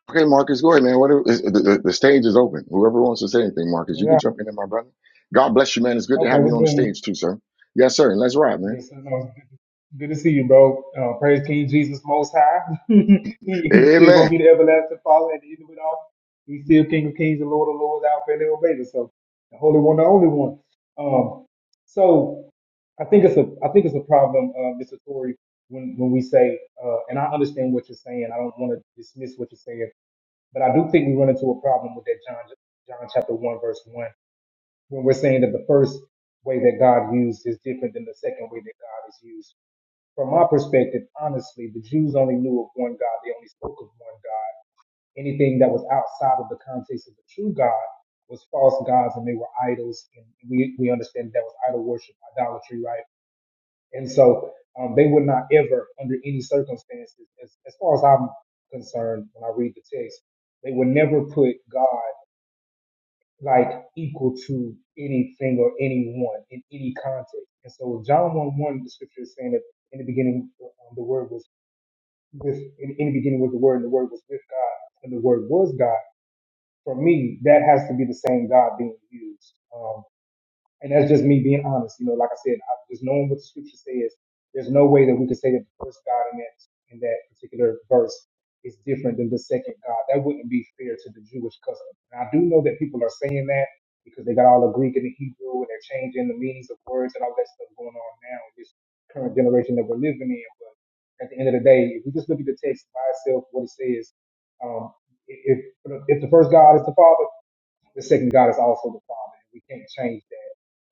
Speaker 1: Okay, Marcus, go ahead, man. Whatever, the, the, the stage is open. Whoever wants to say anything, Marcus, you can
Speaker 6: Yeah.
Speaker 1: jump in there, my brother. God bless you, man. It's good to
Speaker 6: Okay,
Speaker 1: have you
Speaker 6: what's
Speaker 1: on the
Speaker 6: going on?
Speaker 1: stage too, sir. Yes, sir. And let's ride, man.
Speaker 6: Yes, I know. It's Good good to see you, bro. Uh, praise King Jesus Most High. *laughs* he, he's still going
Speaker 1: Amen.
Speaker 6: to be the everlasting Father at the end of it all. He's still King of Kings and Lord of Lords, Alpha and Omega. So, the Holy One, the only one. Um, so, I think it's a I think it's a problem, uh, Mr. Tory, when, when we say, uh, and I understand what you're saying. I don't want to dismiss what you're saying, but I do think we run into a problem with that John John chapter one verse one. when we're saying that the first way that God used is different than the second way that God is used. From my perspective, honestly, the Jews only knew of one God. They only spoke of one God. Anything that was outside of the context of the true God was false gods and they were idols. And we, we understand that was idol worship, idolatry, right? And so um, they would not ever, under any circumstances, as, as far as I'm concerned, when I read the text, they would never put God like equal to anything or anyone in any context. And so John 1 1, the scripture is saying that in the beginning, um, the word was with, in, in the beginning was the word and the word was with God and the word was God. For me, that has to be the same God being used. Um, and that's just me being honest. You know, like I said, I, just knowing what the scripture says, there's no way that we could say that the first God in that in that particular verse is different than the second God. That wouldn't be fair to the Jewish custom. And I do know that people are saying that because they got all the Greek and the Hebrew and they're changing the meanings of words and all that stuff going on now in this current generation that we're living in. But at the end of the day, if we just look at the text by itself, what it says, um, if if the first God is the Father, the second God is also the Father. We can't change that.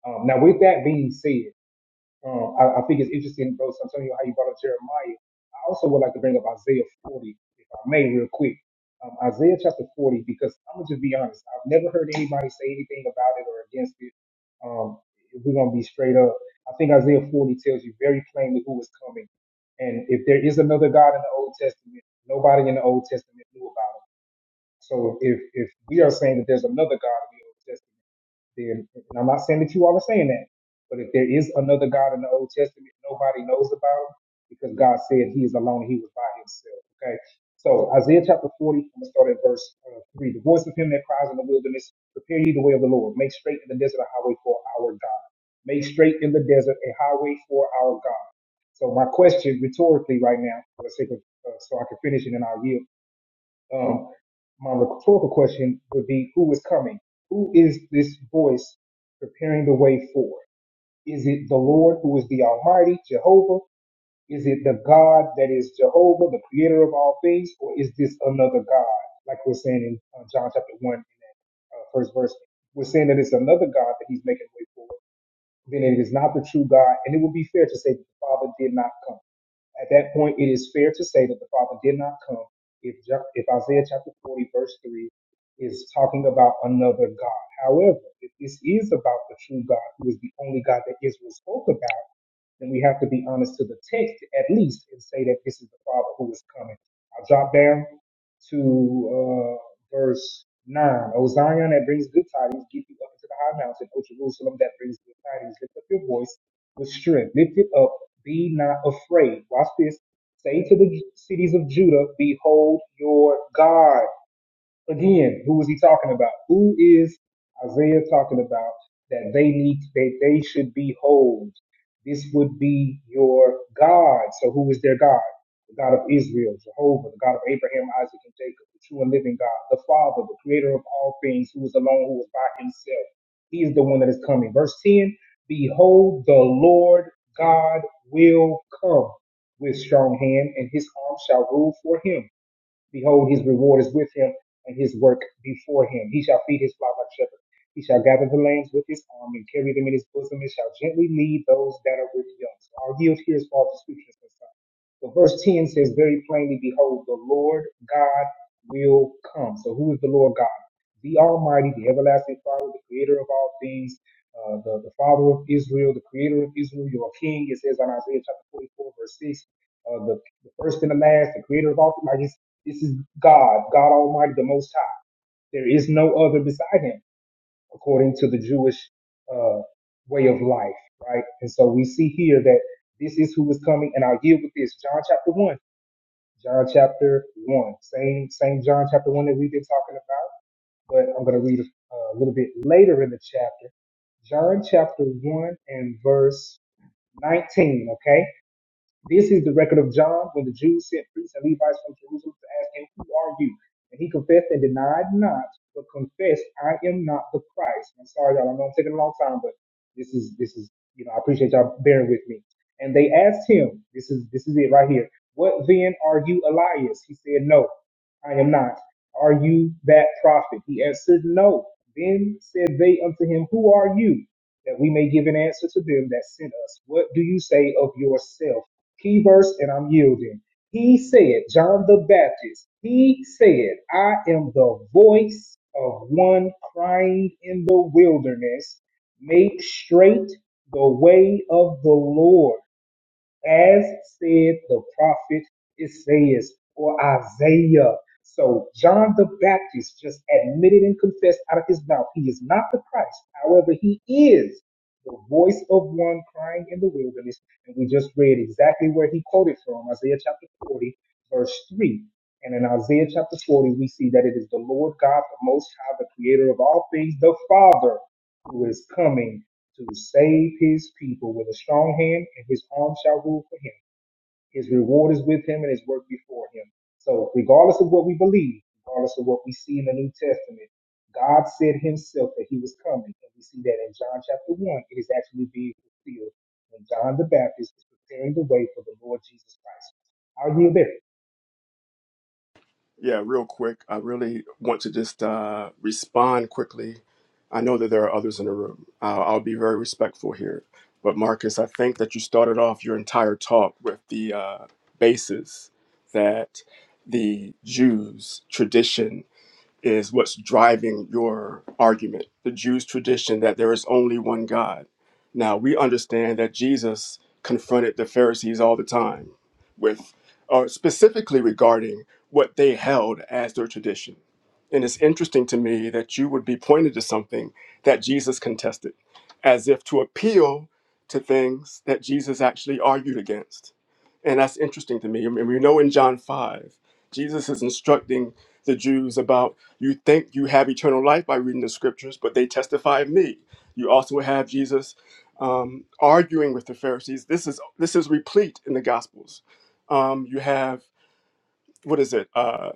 Speaker 6: Um, now, with that being said, um, I, I think it's interesting, bro, Santonio, how you brought up Jeremiah. I also would like to bring up Isaiah 40, if I may, real quick. Um, Isaiah chapter 40, because I'm going to just be honest. I've never heard anybody say anything about it or against it. Um, if we're going to be straight up. I think Isaiah 40 tells you very plainly who is coming. And if there is another God in the Old Testament, nobody in the Old Testament knew about him. So if if we are saying that there's another God in the Old Testament, then and I'm not saying that you all are saying that, but if there is another God in the Old Testament, nobody knows about him because God said he is alone, he was by himself. Okay. So Isaiah chapter 40, I'm gonna start at verse uh, three. The voice of him that cries in the wilderness, prepare ye the way of the Lord, make straight in the desert a highway for our God. Make straight in the desert a highway for our God. So my question rhetorically right now, for the sake of uh, so I can finish it and I'll yield um, my rhetorical question would be, who is coming? Who is this voice preparing the way for? Is it the Lord who is the Almighty, Jehovah? Is it the God that is Jehovah, the creator of all things? Or is this another God? Like we're saying in uh, John chapter 1, in that uh, first verse, we're saying that it's another God that he's making way for then it is not the true God. And it would be fair to say that the Father did not come. At that point, it is fair to say that the Father did not come if, Ja, if Isaiah chapter 40, verse 3 is talking about another God. However, if this is about the true God, who is the only God that Israel spoke about, then we have to be honest to the text at least and say that this is the Father who is coming. I'll drop down to uh, verse 9. O Zion, that brings good tidings, get you up into the high mountain. O Jerusalem, that brings good tidings, lift up your voice with strength. Lift it up, be not afraid. Watch this. Say to the cities of Judah, Behold your God. Again, who is he talking about? Who is Isaiah talking about that they need that they should be whole? This would be your God. So who is their God? The God of Israel, Jehovah, the God of Abraham, Isaac, and Jacob, the true and living God, the Father, the creator of all things, who is alone, who is by himself. He is the one that is coming. Verse 10 Behold, the Lord God will come with strong hand, and his arm shall rule for him. Behold, his reward is with him, and his work before him. He shall feed his flock like a shepherd. He shall gather the lambs with his arm and carry them in his bosom, and shall gently lead those that are with young. So i yield here is as far as the scriptures concerned. So verse 10 says very plainly, Behold, the Lord God will come. So who is the Lord God? The Almighty, the everlasting Father, the creator of all things, uh, the, the Father of Israel, the creator of Israel, your King. It says on Isaiah chapter 44, verse 6, uh, the, the first and the last, the creator of all things. Like it's, this is God, God Almighty, the Most High. There is no other beside him, according to the Jewish uh, way of life, right? And so we see here that this is who is coming. And I'll yield with this John chapter 1 John chapter one, same same John chapter one that we've been talking about, but I'm going to read a, a little bit later in the chapter. John chapter one and verse 19. Okay, this is the record of John when the Jews sent priests and Levites from Jerusalem to ask him, Who are you? And he confessed and denied not, but confessed, I am not the Christ. I'm sorry, y'all. I know I'm taking a long time, but this is this is you know I appreciate y'all bearing with me. And they asked him, this is this is it right here. What then are you, Elias? He said, No, I am not. Are you that prophet? He answered, No. Then said they unto him, Who are you? That we may give an answer to them that sent us. What do you say of yourself? key verse, and I'm yielding. He said, John the Baptist, he said, I am the voice of one crying in the wilderness, make straight the way of the Lord as said the prophet Isaiah or Isaiah. So John the Baptist just admitted and confessed out of his mouth he is not the Christ. However, he is the voice of one crying in the wilderness. And we just read exactly where he quoted from Isaiah chapter 40, verse 3. And in Isaiah chapter 40, we see that it is the Lord God, the Most High, the Creator of all things, the Father, who is coming to save his people with a strong hand, and his arm shall rule for him. His reward is with him, and his work before him. So, regardless of what we believe, regardless of what we see in the New Testament, God said himself that he was coming. And we see that in John chapter 1, it is actually being fulfilled when John the Baptist is preparing the way for the Lord Jesus Christ. I'll yield there.
Speaker 2: Yeah, real quick. I really want to just uh, respond quickly. I know that there are others in the room. I'll, I'll be very respectful here. But Marcus, I think that you started off your entire talk with the uh, basis that the Jews' tradition is what's driving your argument. The Jews' tradition that there is only one God. Now, we understand that Jesus confronted the Pharisees all the time with, or specifically regarding what they held as their tradition. And it's interesting to me that you would be pointed to something that Jesus contested, as if to appeal to things that Jesus actually argued against. And that's interesting to me. I mean, we know in John 5, Jesus is instructing the Jews about you think you have eternal life by reading the scriptures, but they testify of me. You also have Jesus um, arguing with the Pharisees. This is this is replete in the Gospels. Um, you have what is it? Uh,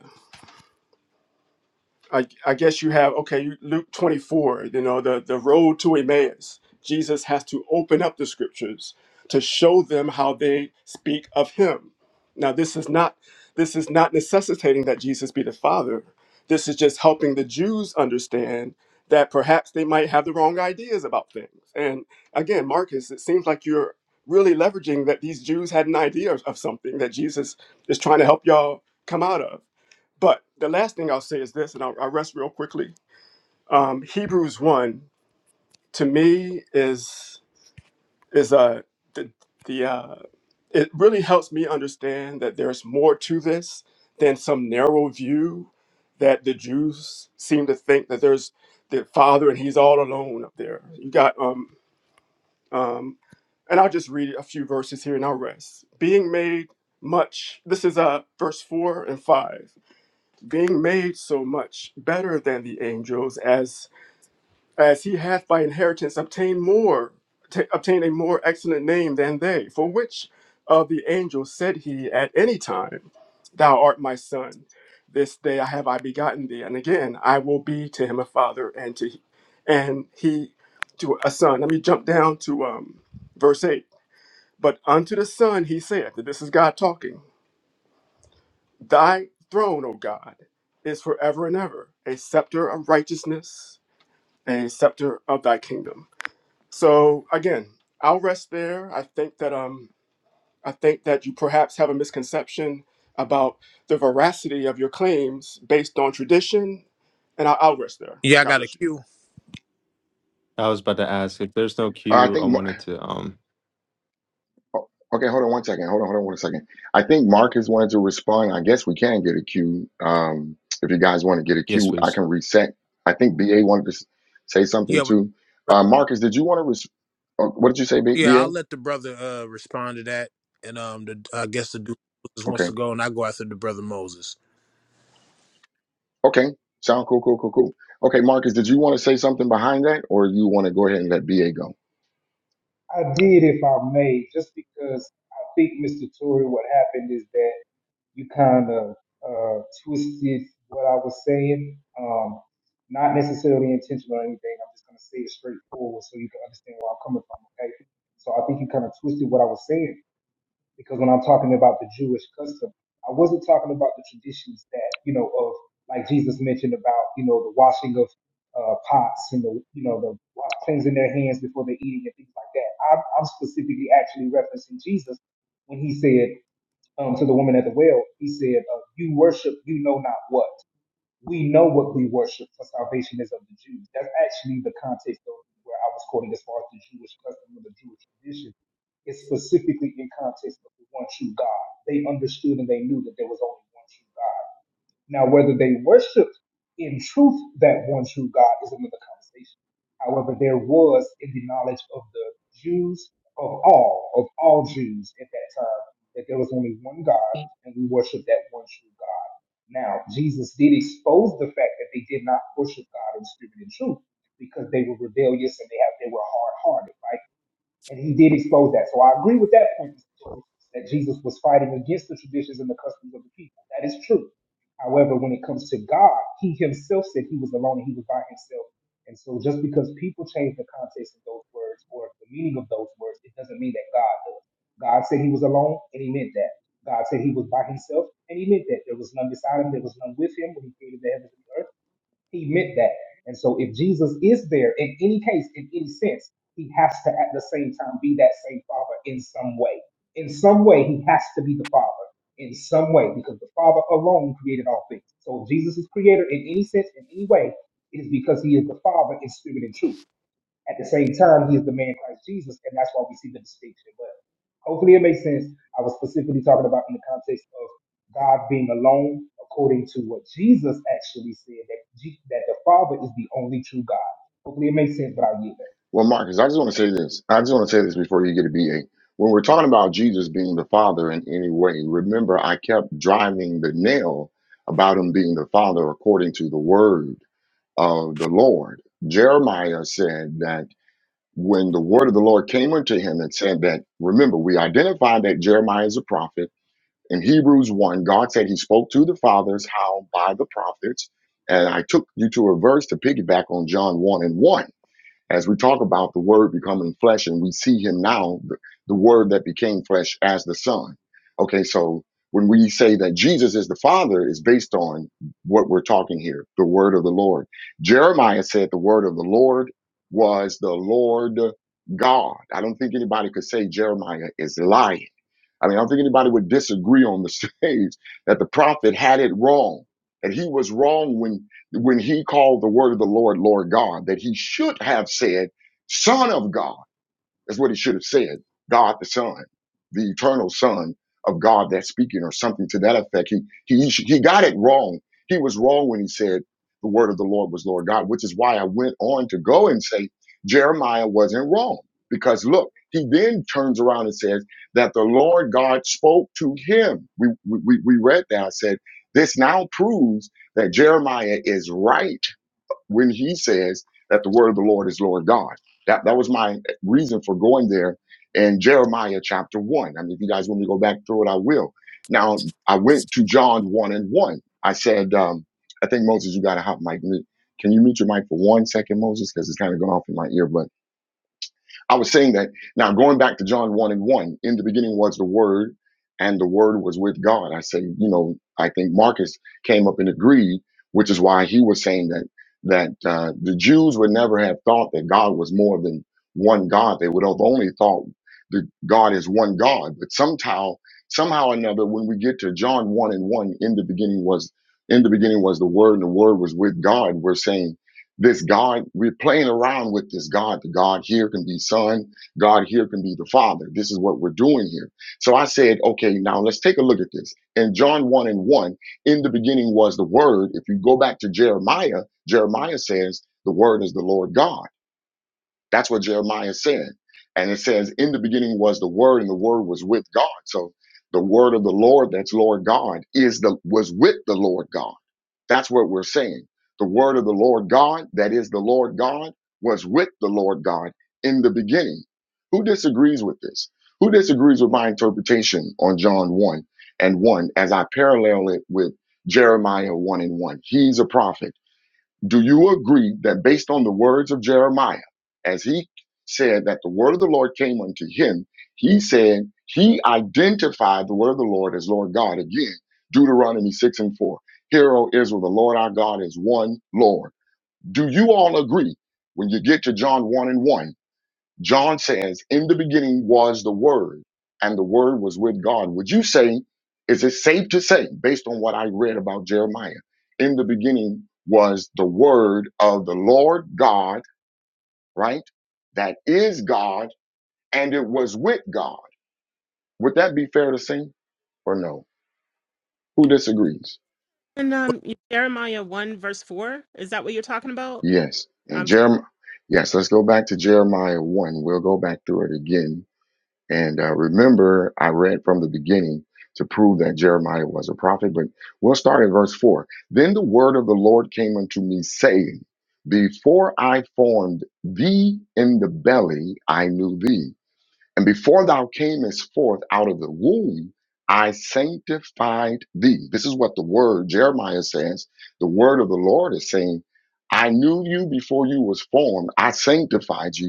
Speaker 2: I, I guess you have okay you- luke 24 you know the, the road to emmaus jesus has to open up the scriptures to show them how they speak of him now this is not this is not necessitating that jesus be the father this is just helping the jews understand that perhaps they might have the wrong ideas about things and again marcus it seems like you're really leveraging that these jews had an idea of, of something that jesus is trying to help y'all come out of but the last thing I'll say is this, and I'll, I'll rest real quickly. Um, Hebrews one to me is is uh, the the uh, it really helps me understand that there's more to this than some narrow view that the Jews seem to think that there's the Father and He's all alone up there. You got um um, and I'll just read a few verses here and I'll rest. Being made much. This is uh verse four and five being made so much better than the angels as as he hath by inheritance obtained more t- obtained a more excellent name than they for which of the angels said he at any time thou art my son this day i have i begotten thee and again i will be to him a father and to and he to a son let me jump down to um verse 8 but unto the son he saith this is god talking Thy throne, O God, is forever and ever, a scepter of righteousness, a scepter of thy kingdom. So again, I'll rest there. I think that um I think that you perhaps have a misconception about the veracity of your claims based on tradition, and I- I'll rest there.
Speaker 7: Yeah, I
Speaker 2: God
Speaker 7: got a
Speaker 2: bless you.
Speaker 7: cue.
Speaker 8: I was about to ask if there's no
Speaker 1: I
Speaker 8: queue. I
Speaker 1: think
Speaker 8: wanted to. Um,
Speaker 1: Oh, Okay, hold on one second. Hold on, hold on one second. I think Marcus wanted to respond. I guess we can get a queue. Um, if you guys want to get a
Speaker 8: yes,
Speaker 1: queue, I
Speaker 8: please.
Speaker 1: can reset. I think BA wanted to s- say something
Speaker 7: Yeah, but-
Speaker 1: too. Uh, Marcus, did you want to? Res- oh, what did you say,
Speaker 7: yeah.
Speaker 1: BA?
Speaker 7: I'll let the brother uh respond to that, and um, the, I guess the dude just wants
Speaker 1: Okay,
Speaker 7: to go, and I go after the brother Moses.
Speaker 1: okay, sound cool, cool, cool, cool. Okay, Marcus, did you want to say something behind that, or you want to go ahead and let BA go?
Speaker 6: I did, if I may, just because I think, Mr. Tory, what happened is that you kind of uh, twisted what I was saying. Um, not necessarily intentional or anything. I'm just going to say it straightforward so you can understand where I'm coming from, okay? So I think you kind of twisted what I was saying because when I'm talking about the Jewish custom, I wasn't talking about the traditions that, you know, of like Jesus mentioned about, you know, the washing of uh, pots and the, you know, the wa- cleansing their hands before they're eating and things like that. I'm, I'm specifically actually referencing Jesus when he said um, to the woman at the well, he said, uh, "You worship, you know not what. We know what we worship, for salvation is of the Jews." That's actually the context of where I was quoting as far as the Jewish custom or the Jewish tradition. It's specifically in context of the one true God. They understood and they knew that there was only one true God. Now, whether they worshiped in truth that one true God is another conversation. However, there was in the knowledge of the Jews of all, of all Jews at that time, that there was only one God and we worship that one true God. Now, Jesus did expose the fact that they did not worship God in spirit and truth because they were rebellious and they have they were hard hearted, right? and he did expose that. So I agree with that point, Mr. Torrey, that Jesus was fighting against the traditions and the customs of the people. That is true. However, when it comes to God, he himself said he was alone and he was by himself. And so just because people change the context of those words or the meaning of those words, it doesn't mean that God does. God said he was alone and he meant that. God said he was by himself and he meant that. There was none beside him, there was none with him when he created the heavens and the earth. He meant that. And so if Jesus is there in any case, in any sense, he has to at the same time be that same father in some way. In some way, he has to be the father in some way because the father alone created all things. So if Jesus is creator in any sense, in any way, it is because he is the father in spirit and truth. At the same time, he is the man Christ Jesus, and that's why we see the distinction. Hopefully, it makes sense. I was specifically talking about in the context of God being alone, according to what Jesus actually said that G- that the Father is the only true God. Hopefully, it makes sense, but I'll get that.
Speaker 1: Well, Marcus, I just want to say this. I just want to say this before you get a B A. When we're talking about Jesus being the Father in any way, remember I kept driving the nail about him being the Father according to the word of the Lord. Jeremiah said that when the word of the Lord came unto him and said that, remember, we identified that Jeremiah is a prophet. In Hebrews 1, God said he spoke to the fathers how by the prophets. And I took you to a verse to piggyback on John 1 and 1 as we talk about the word becoming flesh and we see him now the, the word that became flesh as the son okay so when we say that jesus is the father is based on what we're talking here the word of the lord jeremiah said the word of the lord was the lord god i don't think anybody could say jeremiah is lying I mean, I don't think anybody would disagree on the *laughs* stage that the prophet had it wrong, that he was wrong when when he called the word of the Lord Lord God, that he should have said Son of God that's what it should have said. God the Son, the eternal Son of God that's speaking, or something to that effect. He he he got it wrong. He was wrong when he said the word of the Lord was Lord God, which is why I went on to go and say Jeremiah wasn't wrong. Because look, he then turns around and says that the Lord God spoke to him. We we, we we read that. I said, this now proves that Jeremiah is right when he says that the word of the Lord is Lord God. That that was my reason for going there in Jeremiah chapter one. I mean, if you guys want me to go back through it, I will. Now I went to John one and one. I said, um, I think Moses, you got to hop mic. Can you mute your mic for one second, Moses? Because it's kind of going off in my ear, but. I was saying that now going back to John 1 and 1, in the beginning was the Word, and the Word was with God. I say, you know, I think Marcus came up and agreed, which is why he was saying that that uh, the Jews would never have thought that God was more than one God. They would have only thought that God is one God. But somehow, somehow or another, when we get to John 1 and 1, in the beginning was in the beginning was the Word, and the Word was with God, we're saying this God, we're playing around with this God. The God here can be Son, God here can be the Father. This is what we're doing here. So I said, okay, now let's take a look at this. In John 1 and 1, in the beginning was the Word. If you go back to Jeremiah, Jeremiah says, the Word is the Lord God. That's what Jeremiah said. And it says, in the beginning was the Word, and the Word was with God. So the word of the Lord, that's Lord God, is the was with the Lord God. That's what we're saying. The word of the Lord God, that is the Lord God, was with the Lord God in the beginning. Who disagrees with this? Who disagrees with my interpretation on John 1 and 1 as I parallel it with Jeremiah 1 and 1? He's a prophet. Do you agree that based on the words of Jeremiah, as he said that the word of the Lord came unto him, he said he identified the word of the Lord as Lord God again. Deuteronomy 6 and 4. Hear, O Israel, the Lord our God is one Lord. Do you all agree when you get to John 1 and 1? John says, In the beginning was the Word, and the Word was with God. Would you say, is it safe to say, based on what I read about Jeremiah, in the beginning was the Word of the Lord God, right? That is God, and it was with God. Would that be fair to say or no? Who disagrees?
Speaker 3: And um, Jeremiah 1, verse 4, is that what you're talking about?
Speaker 1: Yes. And
Speaker 3: Um,
Speaker 1: Jeremiah, yes, let's go back to Jeremiah 1. We'll go back through it again And uh, remember, I read from the beginning to prove that Jeremiah was a prophet, but we'll start in verse 4. Then the word of the Lord came unto me, saying, Before I formed thee in the belly, I knew thee. And before thou camest forth out of the womb, I sanctified thee. This is what the word Jeremiah says. The word of the Lord is saying, I knew you before you was formed. I sanctified you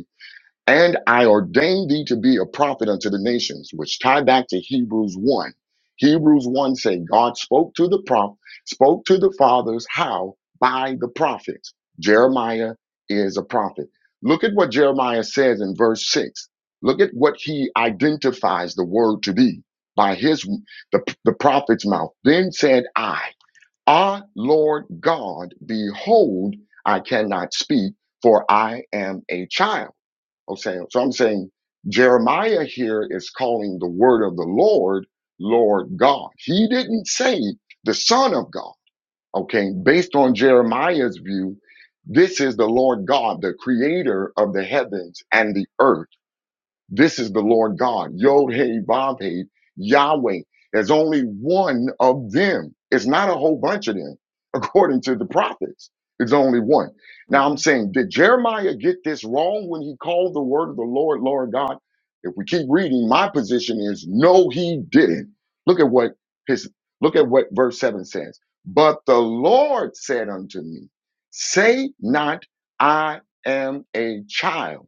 Speaker 1: and I ordained thee to be a prophet unto the nations, which tie back to Hebrews 1. Hebrews 1 say God spoke to the prop, spoke to the fathers how by the prophets. Jeremiah is a prophet. Look at what Jeremiah says in verse 6. Look at what he identifies the word to be by his the, the prophet's mouth. Then said I, Ah Lord God, behold, I cannot speak, for I am a child. Okay, so I'm saying Jeremiah here is calling the word of the Lord, Lord God. He didn't say the Son of God. Okay, based on Jeremiah's view, this is the Lord God, the creator of the heavens and the earth this is the Lord God, Yod Hey Vav Hey, Yahweh. There's only one of them. It's not a whole bunch of them, *laughs* according to the prophets. It's only one. Now I'm
Speaker 3: yeah.
Speaker 1: saying, did Jeremiah get this wrong when he called the word of the Lord, Lord God? If we keep reading, my position is no, he didn't. Look at what his look at what verse 7 says. But the Lord said unto me, Say not I am a child.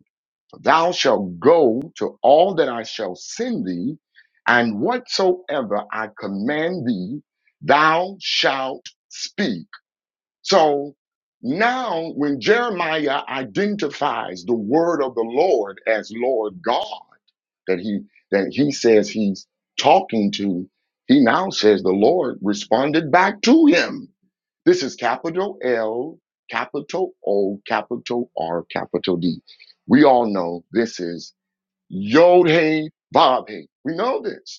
Speaker 1: Thou shalt go to all that I shall send thee, and whatsoever I command thee, thou shalt speak. So now, when Jeremiah identifies the word of the Lord as Lord God, that he that he says he's talking to, he now says the Lord responded back to him. This is capital L, capital O, capital R, capital D. We all know this is Yod Hey Vav Hey. We know this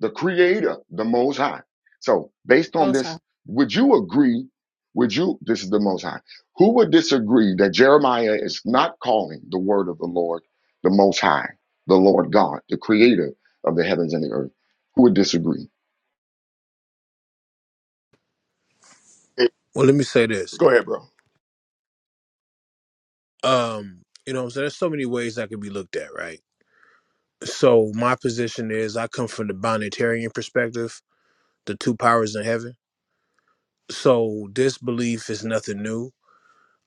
Speaker 1: the creator, the most high. So based on
Speaker 3: Most High.
Speaker 1: this, would you agree? Would you, this is the most high. Who would disagree that Jeremiah is not calling the word of the Lord, the most high, the Lord God, the creator of the heavens and the earth? Who would disagree?
Speaker 2: Hey,
Speaker 7: Well, let me say this.
Speaker 2: Go ahead, bro.
Speaker 7: Um, you know, what I'm saying there's so many ways that could be looked at, right? So my position is, I come from the binatarian perspective, the two powers in heaven. So this belief is nothing new.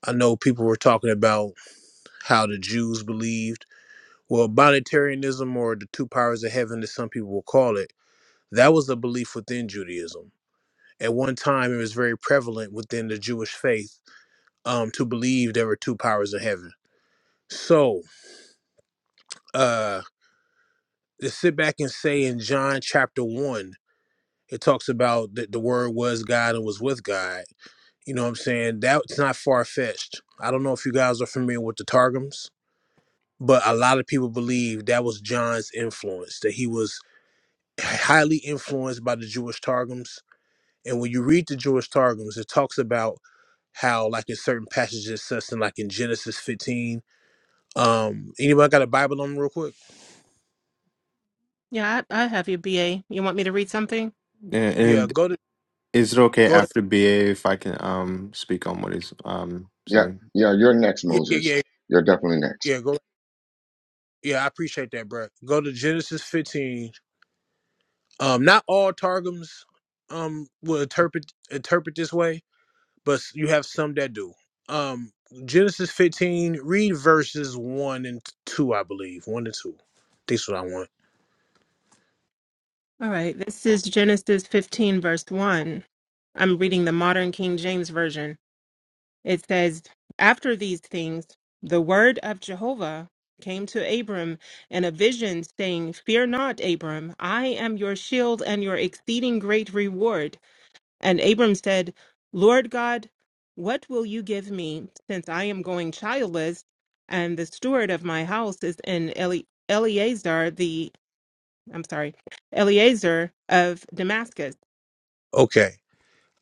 Speaker 7: I know people were talking about how the Jews believed. Well, binitarianism or the two powers of heaven, as some people will call it, that was a belief within Judaism At one time, it was very prevalent within the Jewish faith um, to believe there were two powers of heaven. So uh, to sit back and say in John chapter one, it talks about that the Word was God and was with God. You know what I'm saying? That's not far fetched. I don't know if you guys are familiar with the Targums, but a lot of people believe that was John's influence, that he was highly influenced by the Jewish Targums. And when you read the Jewish Targums, it talks about how like in certain passages such in like in Genesis 15. Um anybody got a Bible on them real quick?
Speaker 3: Yeah, I, I have you, BA. You want me to read something?
Speaker 8: And,
Speaker 7: Yeah,
Speaker 8: and
Speaker 7: go to
Speaker 8: is it okay
Speaker 7: go ahead.
Speaker 8: after BA if I can um speak on what he's um
Speaker 1: Yeah.
Speaker 8: saying?
Speaker 1: Yeah. You're next,
Speaker 7: Yeah, yeah,
Speaker 1: Moses.
Speaker 7: yeah.
Speaker 1: You're definitely next.
Speaker 7: Yeah, go yeah, I appreciate that, bro. Go to Genesis 15. Um not all targums um will interpret interpret this way, but you have some that do. Um Genesis 15, read verses 1 and 2, I believe. 1 and 2. This what I want.
Speaker 3: All right. This is Genesis 15, verse 1. I'm reading the modern King James Version. It says, After these things, the word of Jehovah came to Abram in a vision, saying, Fear not, Abram, I am your shield and your exceeding great reward. And Abram said, Lord God, what will you give me, since I am going childless, and the steward of my house is in Eli- Eleazar the I'm sorry, Eleazar of Damascus.
Speaker 7: Okay.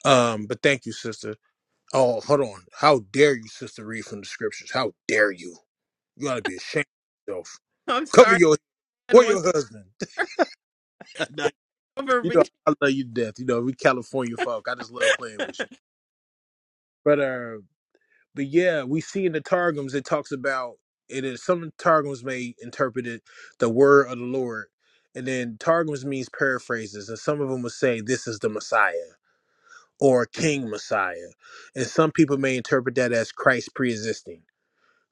Speaker 7: Um but thank you, sister. Oh, hold on. How dare you, sister, read from the scriptures? How dare you? You gotta be ashamed of yourself.
Speaker 3: *laughs* I'm
Speaker 7: Cover
Speaker 3: sorry,
Speaker 7: your
Speaker 3: I
Speaker 7: or your
Speaker 3: was
Speaker 7: husband. *laughs*
Speaker 3: *laughs*
Speaker 7: Nah,
Speaker 3: over
Speaker 7: you know,
Speaker 3: reading.
Speaker 7: I love you to death. You know, we California folk. I just love playing with you. But uh but yeah, we see in the Targums it talks about it is some Targums may interpret it the word of the Lord. And then Targums means paraphrases, and some of them will say this is the Messiah or King Messiah. And some people may interpret that as Christ pre existing.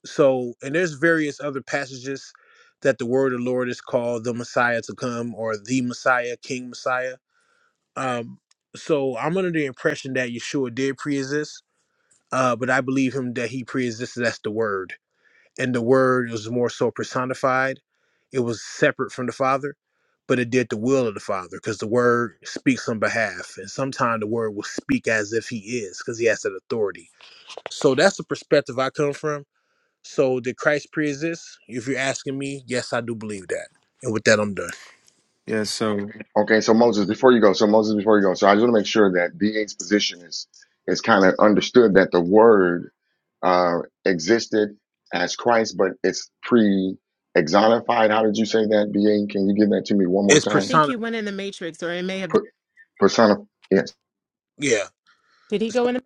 Speaker 7: So, and there's various other passages that the word of the Lord is called the Messiah to come or the Messiah, King Messiah. Um, so I'm under the impression that Yeshua did pre-exist, uh, but I believe him that he pre-existed as the Word, and the Word was more so personified. It was separate from the Father, but it did the will of the Father because the Word speaks on behalf, and sometimes the Word will speak as if He is because He has that authority. So that's the perspective I come from so did Christ pre-exist? If you're asking me, yes, I do believe that. And with that, I'm done.
Speaker 8: Yeah. So
Speaker 1: Okay. So Moses, before you go, so Moses, before you go, so I just want to make sure that DA's position is, is kind of understood that the word uh, existed as Christ, but it's pre exonified. How did you say that, BA? Can you give that to me one more
Speaker 7: It's
Speaker 3: I
Speaker 1: time?
Speaker 3: think
Speaker 7: persona.
Speaker 3: he went in the Matrix, or it may have been.
Speaker 1: Per- persona. Yes.
Speaker 7: Yeah.
Speaker 3: Did he
Speaker 7: So
Speaker 3: go in? The-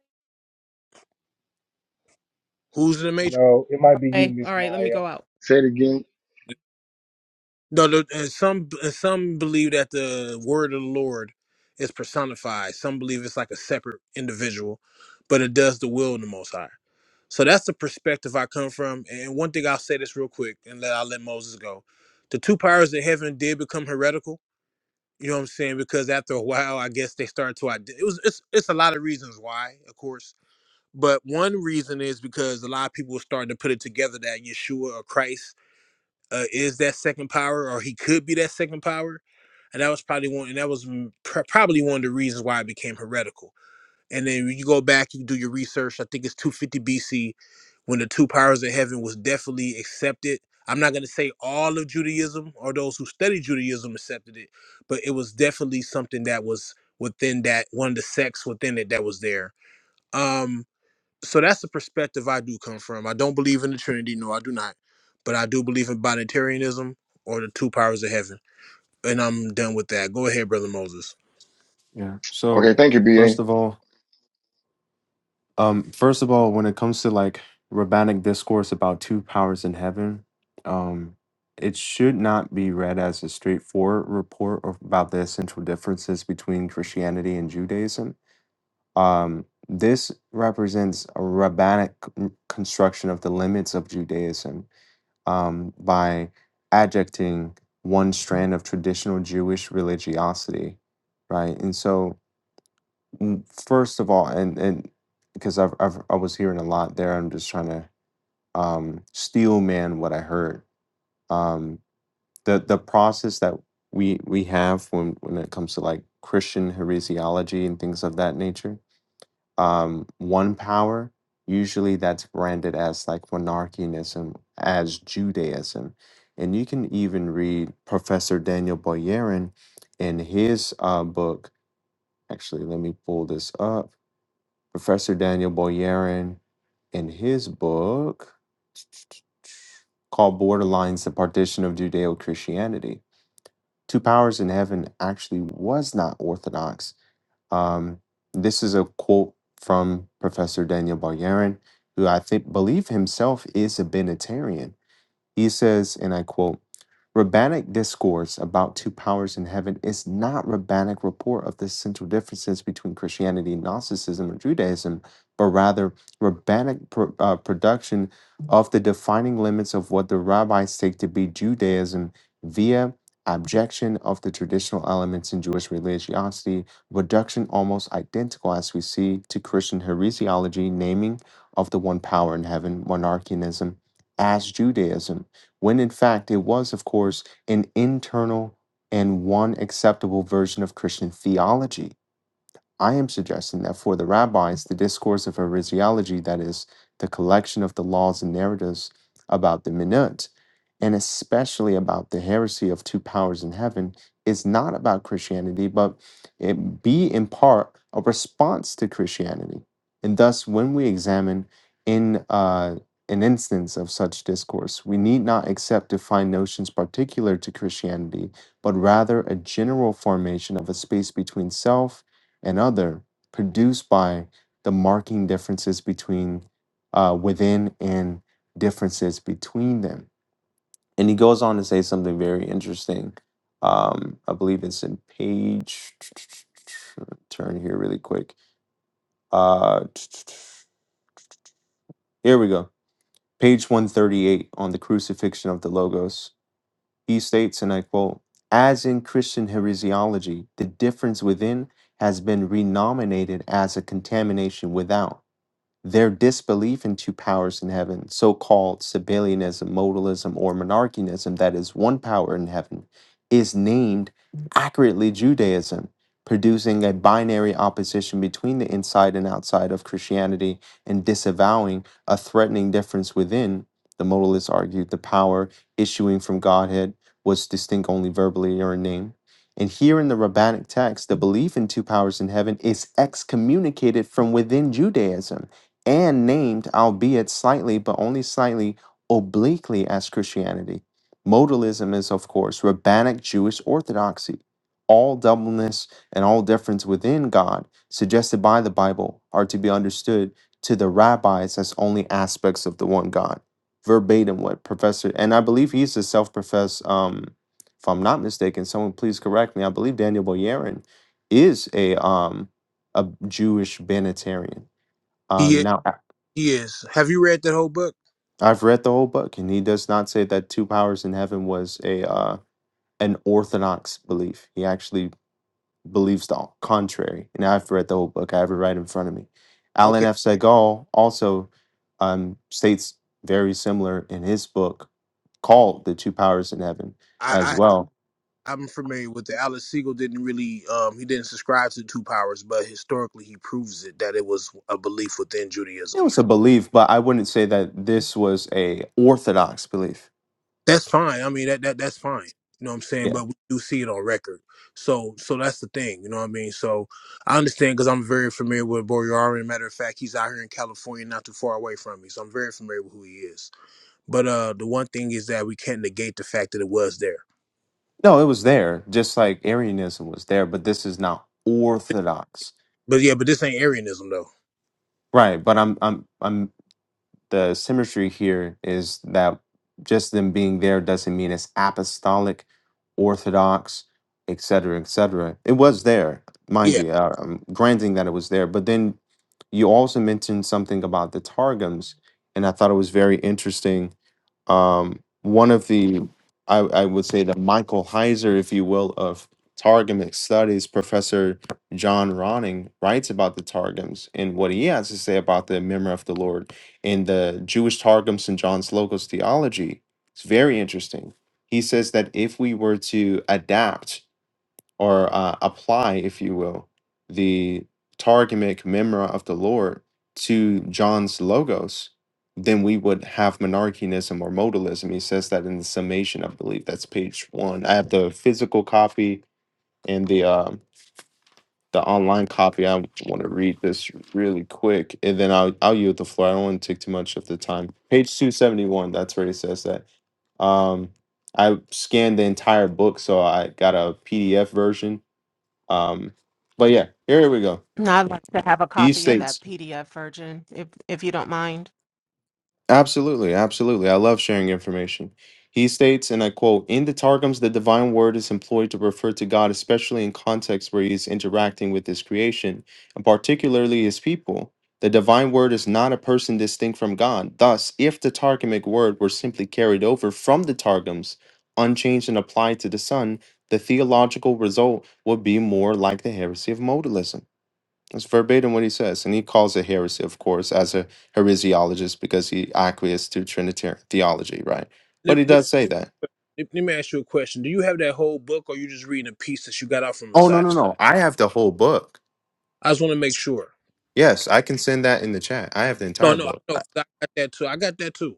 Speaker 7: who's in the
Speaker 6: You
Speaker 7: matrix?
Speaker 6: know, it might be you,
Speaker 3: okay,
Speaker 6: Miss
Speaker 3: all right. Let me
Speaker 6: Maya.
Speaker 3: go out.
Speaker 1: Say it again.
Speaker 7: No, the, and some and some believe that the word of the Lord is personified. Some believe it's like a separate individual, but it does the will of the Most High. So that's the perspective I come from. And one thing I'll say this real quick, and then I'll let Moses go. The two powers of heaven did become heretical You know what I'm saying? Because after a while, I guess they start to ide- it was it's it's a lot of reasons why, of course. But one reason is because a lot of people are starting to put it together that Yeshua or Christ uh, is that second power, or he could be that second power, and that was probably one, and that was mm, pr- probably one of the reasons why it became heretical. And then when you go back, you do your research. I think it's 250 BC when the two powers of heaven was definitely accepted. I'm not going to say all of Judaism or those who study Judaism accepted it, but it was definitely something that was within that one of the sects within it that was there. Um, so that's the perspective I do come from. I don't believe in the Trinity, no, I do not, but I do believe in binitarianism or the two powers of heaven. And I'm done with that. Go ahead, brother Moses.
Speaker 8: yeah.
Speaker 1: Okay.
Speaker 8: So
Speaker 1: Thank you, BA.
Speaker 8: first of all, um, first of all, when it comes to like rabbinic discourse about two powers in heaven, um, it should not be read as a straightforward report of- about the essential differences between Christianity and Judaism Um, this represents a rabbinic c- construction of the limits of Judaism um, by adjecting one strand of traditional Jewish religiosity, right? And so, mm, first of all, and and because I've, I've I was hearing a lot there, I'm just trying to um, steel man what I heard. Um, the the process that we we have when when it comes to like Christian heresiology and things of that nature um, one power, usually that's branded as like monarchianism, as Judaism. And you can even read Professor Daniel Boyerin in his uh, book. Actually, let me pull this up. Professor Daniel Boyerin in his book called Borderlines The Partition of Judeo Christianity. Two Powers in Heaven actually was not orthodox Um, this is a quote from Professor Daniel Bargarin, who I think believe himself is a Benitarian. He says, and I quote, Rabbinic discourse about two powers in heaven is not rabbinic report of the central differences between Christianity, Gnosticism, or Judaism, but rather rabbinic pro- uh, production of the defining limits of what the rabbis take to be Judaism via abjection of the traditional elements in Jewish religiosity, reduction almost identical as we see to Christian heresiology, naming of the one power in heaven, monarchianism, as Judaism when in fact it was, of course, an internal and one acceptable version of Christian theology. I am suggesting that for the rabbis, the discourse of heresiology, that is, the collection of the laws and narratives about the minut, and especially about the heresy of two powers in heaven, is not about Christianity, but it be in part a response to Christianity. And thus, when we examine in uh, an instance of such discourse, we need not accept defined notions particular to Christianity, but rather a general formation of a space between self and other produced by the marking differences between uh, within and differences between them. And he goes on to say something very interesting. Um, I believe it's in page. *tsk* Turn here really quick. Uh, here we go. Page 138 on the crucifixion of the Logos. He states, and I quote, as in Christian heresiology, the difference within has been renominated as a contamination without their disbelief in two powers in heaven, so called Sabellianism, modalism, or monarchianism, that is one power in heaven, is named accurately Judaism, producing a binary opposition between the inside and outside of Christianity and disavowing a threatening difference within. The modalists argued the power issuing from Godhead was distinct only verbally or in name. And here in the rabbinic text, the belief in two powers in heaven is excommunicated from within Judaism and named, albeit slightly, but only slightly obliquely, as Christianity. Modalism is, of course, rabbinic Jewish orthodoxy. All doubleness and all difference within God suggested by the Bible are to be understood to the rabbis as only aspects of the one God. Verbatim, what Professor, and I believe he's a self professed, um, if I'm not mistaken, someone please correct me. I believe Daniel Boyarin is a um, a Jewish Benatarian Um,
Speaker 7: He
Speaker 8: now,
Speaker 7: he is. Have you read that whole book?
Speaker 8: I've read the whole book, and he does not say that two powers in heaven was a uh, an orthodox belief. He actually believes the contrary. And I've read the whole book. I have it right in front of me. Alan
Speaker 7: Okay,
Speaker 8: F. Segal also um, states very similar in his book called "The Two Powers in Heaven" as
Speaker 7: I,
Speaker 8: well.
Speaker 7: I'm familiar with it. Alex Siegel didn't really um he didn't subscribe to two powers, but historically he proves it that it was a belief within
Speaker 8: It
Speaker 7: Judaism.
Speaker 8: was a belief, but I wouldn't say that this was a orthodox belief.
Speaker 7: That's fine. I mean that that that's fine. You know what I'm saying?
Speaker 8: Yeah,
Speaker 7: But we do see it on record. So so that's the thing, you know what I mean? So I understand because I'm very familiar with Boryari. Matter of fact, he's out here in California, not too far away from me. So I'm very familiar with who he is. But uh the one thing is that we can't negate the fact that it was there.
Speaker 8: no, it was there, just like Arianism was there, but this is not orthodox
Speaker 7: But yeah, but this ain't Arianism though.
Speaker 8: Right, but I'm I'm I'm the symmetry here is that just them being there doesn't mean it's apostolic, orthodox, et cetera, et cetera. It was there, mind
Speaker 7: Yeah.
Speaker 8: you. Uh, I'm granting that it was there, but then you also mentioned something about the targums, and I thought it was very interesting um, one of the, I, I would say, the Michael Heiser, if you will, of Targumic studies, Professor John Ronning writes about the Targums and what he has to say about the memory of the Lord in the Jewish Targums and John's Logos theology. It's very interesting. He says that if we were to adapt or uh, apply, if you will, the Targumic Memra of the Lord to John's logos, then we would have monarchianism or modalism. He says that in the summation, I believe that's page one. I have the physical copy and the um, the online copy. I want to read this really quick, and then I'll I'll yield the floor. I don't want to take too much of the time. Page two seventy one. That's where he says that. Um, I scanned the entire book, so I got a PDF version um, but yeah, here we go.
Speaker 3: No, I'd like to have a
Speaker 8: He
Speaker 3: copy of
Speaker 8: states,
Speaker 3: that PDF, Virgin, if if you don't mind.
Speaker 8: absolutely, absolutely. I love sharing information. He states, and I quote, in the Targums, the divine word is employed to refer to God, especially in contexts where he is interacting with his creation, and particularly his people. The divine word is not a person distinct from God. Thus, if the Targumic word were simply carried over from the Targums, unchanged and applied to the Son, the theological result would be more like the heresy of modalism. That's verbatim what he says. And he calls it heresy, of course, as a heresiologist because he acquiesced to Trinitarian theology, right?
Speaker 7: Let,
Speaker 8: But he
Speaker 7: let,
Speaker 8: does say that.
Speaker 7: let let me ask you a question. Do you have that whole book, or you just reading a piece that you got out from the
Speaker 8: Oh, no,
Speaker 7: side?
Speaker 8: no, no. I have the whole book.
Speaker 7: I just want to make sure.
Speaker 8: Yes, I can send that in the chat. I have the
Speaker 7: No,
Speaker 8: entire
Speaker 7: no, I
Speaker 8: book.
Speaker 7: know.
Speaker 8: I-
Speaker 7: 'cause I got that too. I got that too.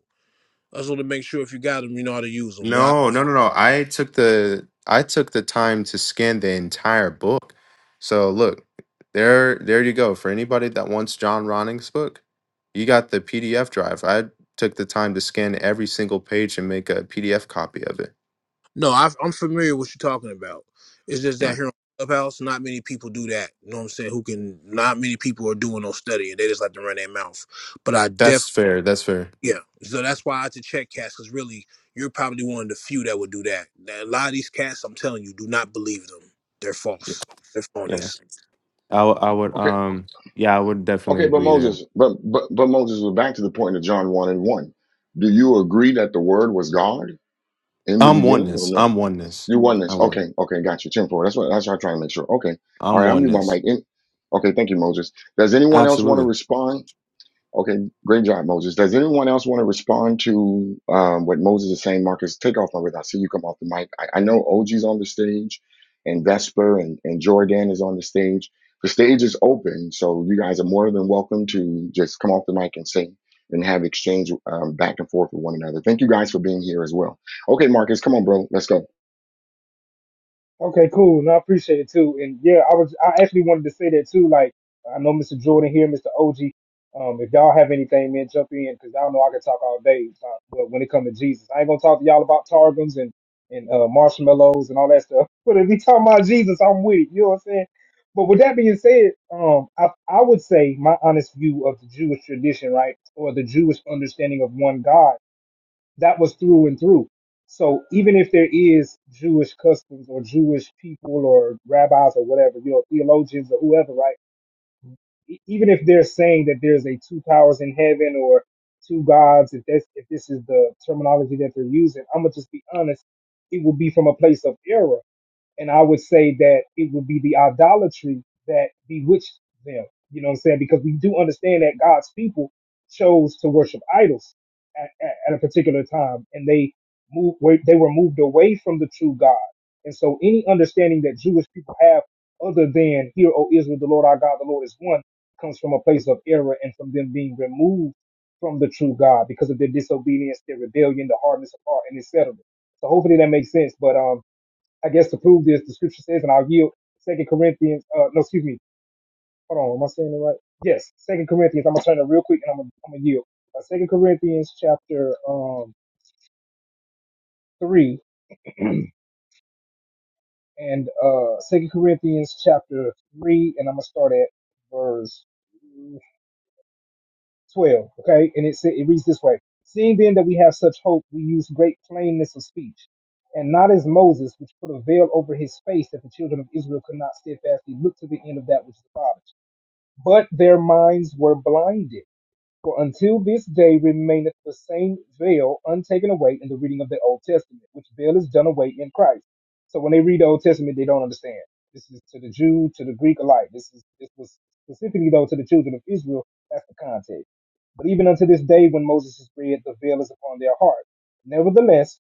Speaker 7: I just want to make sure if you got them, you know how to use them. But I,
Speaker 8: No, no, no, no. I took the I took the time to scan the entire book. So look, there there you go. For anybody that wants John Ronning's book, you got the PDF drive. I took the time to scan every single page and make a PDF copy of it.
Speaker 7: no, i I'm familiar with what you're talking about. It's just
Speaker 8: Yeah.
Speaker 7: that here on Clubhouse, not many people do that. You know what I'm saying? Who can? Not many people are doing no studying. They just like to run their mouth. But I definitely.
Speaker 8: That's fair. That's fair.
Speaker 7: Yeah, so that's why I had to check cats because really, you're probably one of the few that would do that. Now, a lot of these cats, I'm telling you, do not believe them. They're
Speaker 8: Yeah.
Speaker 7: false. They're phonies.
Speaker 8: Yes. I w- I would
Speaker 1: Okay.
Speaker 8: um yeah, I would definitely
Speaker 1: Okay. But
Speaker 8: agree there.
Speaker 1: Moses, but, but, but Moses, we're back to the point of John 1 and 1. Do you agree that the word was God in the
Speaker 8: I'm
Speaker 1: beginning or
Speaker 8: oneness.
Speaker 1: no?
Speaker 8: I'm oneness.
Speaker 1: You oneness.
Speaker 8: I'm
Speaker 1: Okay.
Speaker 8: one.
Speaker 1: Okay. Got you. 10 4. That's what, that's what I'm trying to make sure. Okay. All
Speaker 8: I'm
Speaker 1: right. I'll mute my
Speaker 8: oneness.
Speaker 1: mic. In. Okay. Thank you, Moses. Does anyone else want to
Speaker 8: Absolutely.
Speaker 1: respond? Okay, great job, Moses. Does anyone else want to respond to um, what Moses is saying? Marcus, take off my with. I see you come off the mic. I, I know OG's on the stage, and Vesper and, and Jordan is on the stage. The stage is open, so you guys are more than welcome to just come off the mic and say and have exchange um, back and forth with one another. Thank you guys for being here as well. Okay, Marcus, come on, bro. Let's go.
Speaker 6: Okay, cool. No, I appreciate it too. And yeah, I was I actually wanted to say that too. Like I know Mr. Jordan here, Mr. OG. Um, if y'all have anything, man, jump in because I don't know I can talk all day. uh, But when it comes to Jesus, I ain't gonna talk to y'all about targums and and uh, marshmallows and all that stuff. *laughs* But if we talking about Jesus, I'm with it. You know what I'm saying? But with that being said, um, I I would say my honest view of the Jewish tradition, right, or the Jewish understanding of one God that was through and through. So even if there is Jewish customs or Jewish people or rabbis or whatever, you know, theologians or whoever, right? E- Even if they're saying that there's a two powers in heaven or two gods, if that's if this is the terminology that they're using, I'm gonna just be honest, it will be from a place of error and I would say that it would be the idolatry that bewitched them. You know what I'm saying? Because we do understand that God's people chose to worship idols at, at, at a particular time, and they moved. They were moved away from the true God. And so, any understanding that Jewish people have other than "Hear, O Israel, the Lord our God, the Lord is one," comes from a place of error and from them being removed from the true God because of their disobedience, their rebellion, the hardness of heart, and etc. So hopefully that makes sense. But um, I guess to prove this, the scripture says, and I'll yield Second Corinthians. Uh, no, excuse me. Hold on. Am I saying it right? Yes, Second Corinthians. I'm gonna turn it real quick, and I'm gonna, I'm gonna yield. Uh, Second Corinthians chapter um three and uh Second Corinthians chapter three, and I'm gonna start at verse twelve. Okay, and it sa- it reads this way: Seeing then that we have such hope, we use great plainness of speech. And not as Moses, which put a veil over his face, that the children of Israel could not steadfastly look to the end of that which is the Father. But their minds were blinded. For until this day remaineth the same veil untaken away in the reading of the Old Testament, which veil is done away in Christ. So when they read the Old Testament, they don't understand. This is to the Jew, to the Greek alike. This is this was specifically though to the children of Israel. That's the context. But even unto this day, when Moses is read, the veil is upon their heart. Nevertheless,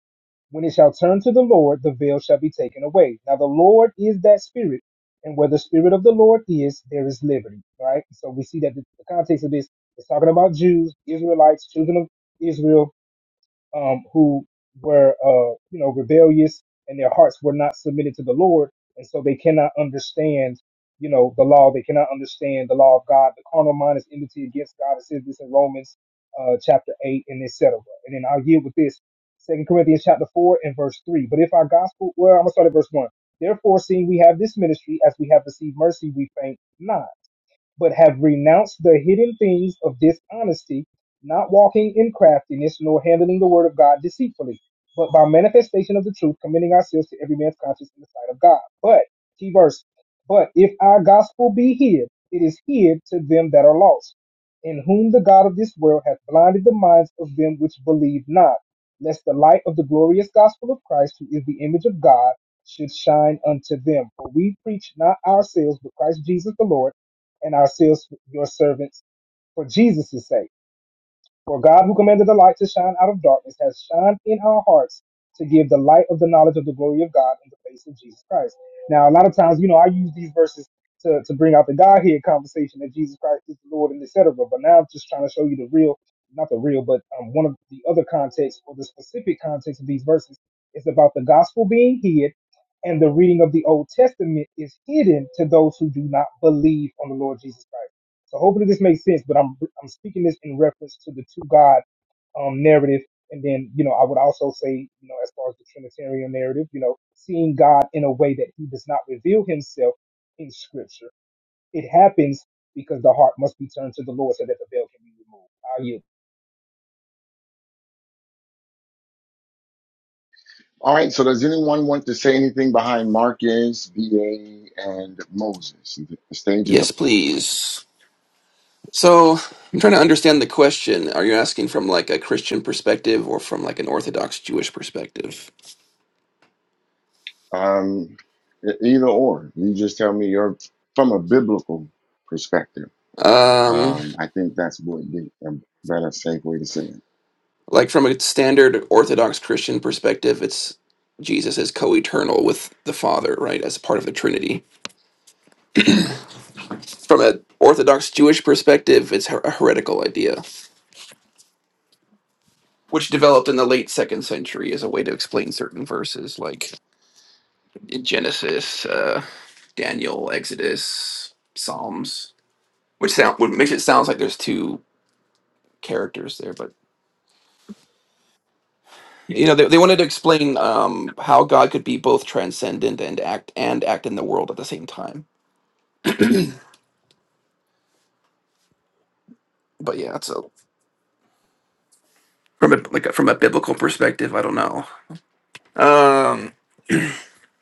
Speaker 6: when it shall turn to the Lord, the veil shall be taken away. Now the Lord is that Spirit, and where the Spirit of the Lord is, there is liberty. Right. So we see that the context of this it's talking about Jews, Israelites, children of Israel, um, who were, uh, you know, rebellious and their hearts were not submitted to the Lord. And so they cannot understand, you know, the law. They cannot understand the law of God. The carnal mind is enmity against God. It says this in Romans uh, chapter 8 and etc. And then I'll yield with this. Second Corinthians chapter 4 and verse 3. But if our gospel, well, I'm going to start at verse 1. Therefore, seeing we have this ministry, as we have received mercy, we faint not but have renounced the hidden things of dishonesty, not walking in craftiness, nor handling the word of God deceitfully, but by manifestation of the truth, committing ourselves to every man's conscience in the sight of God. But, key verse, but if our gospel be hid, it is hid to them that are lost, in whom the God of this world hath blinded the minds of them which believe not, lest the light of the glorious gospel of Christ, who is the image of God, should shine unto them. For we preach not ourselves, but Christ Jesus the Lord and ourselves your servants for Jesus' sake. For God, who commanded the light to shine out of darkness, has shined in our hearts to give the light of the knowledge of the glory of God in the face of Jesus Christ. Now, a lot of times, you know, I use these verses to, to bring out the Godhead conversation that Jesus Christ is the Lord and etc. But now I'm just trying to show you the real, not the real, but um, one of the other contexts or the specific context of these verses is about the gospel being hid and the reading of the Old Testament is hidden to those who do not believe on the Lord Jesus Christ. So hopefully this makes sense, but I'm I'm speaking this in reference to the two God um, narrative, and then you know I would also say you know as far as the Trinitarian narrative, you know seeing God in a way that He does not reveal Himself in Scripture. It happens because the heart must be turned to the Lord so that the veil can be removed. Are you?
Speaker 1: All right, so does anyone want to say anything behind Marcus, VA, and Moses? the stage is open.
Speaker 9: Yes, please. So I'm trying to understand the question. Are you asking from like a Christian perspective or from like an Orthodox Jewish perspective?
Speaker 1: Um, e- either or, you just tell me you're from a biblical perspective.
Speaker 9: Um,
Speaker 1: Um, I think that's would be a better safe way to say it.
Speaker 9: like from a standard Orthodox Christian perspective, it's Jesus is co-eternal with the Father, right, as part of the Trinity. From an Orthodox Jewish perspective, it's her- a heretical idea, which developed in the late second century as a way to explain certain verses, like in Genesis, uh, Daniel, Exodus, Psalms. which sound which makes it sounds like there's two characters there but you know they, they wanted to explain um how god could be both transcendent and act and act in the world at the same time but yeah so from a like a- from a biblical perspective i don't know um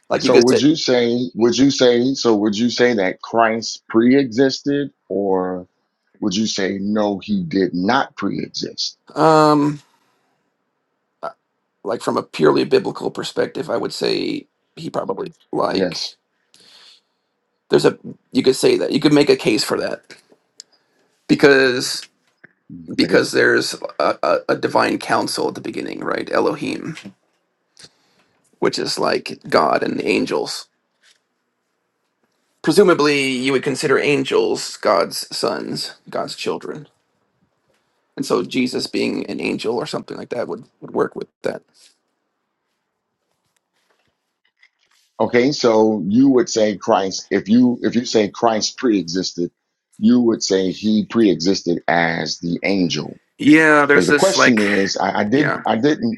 Speaker 9: like you
Speaker 1: So,
Speaker 9: could
Speaker 1: would
Speaker 9: say
Speaker 1: you say? Would you say? So, would you say that Christ pre-existed, or would you say no, he did not pre-exist?
Speaker 9: um uh, like from a purely biblical perspective i would say he probably
Speaker 1: Yes.
Speaker 9: like there's a you could say that you could make a case for that because
Speaker 1: you can make it-
Speaker 9: because there's a, a, a divine council at the beginning right elohim which is like God and the angels. Presumably, you would consider angels God's sons, God's children. And so Jesus being an angel or something like that would, would work with that.
Speaker 1: Okay, so you would say Christ. If you if you say Christ pre-existed, you would say he pre-existed as the angel
Speaker 9: Yeah, there's
Speaker 1: Because the
Speaker 9: this
Speaker 1: question
Speaker 9: like
Speaker 1: is, I, I did,
Speaker 9: yeah.
Speaker 1: I didn't,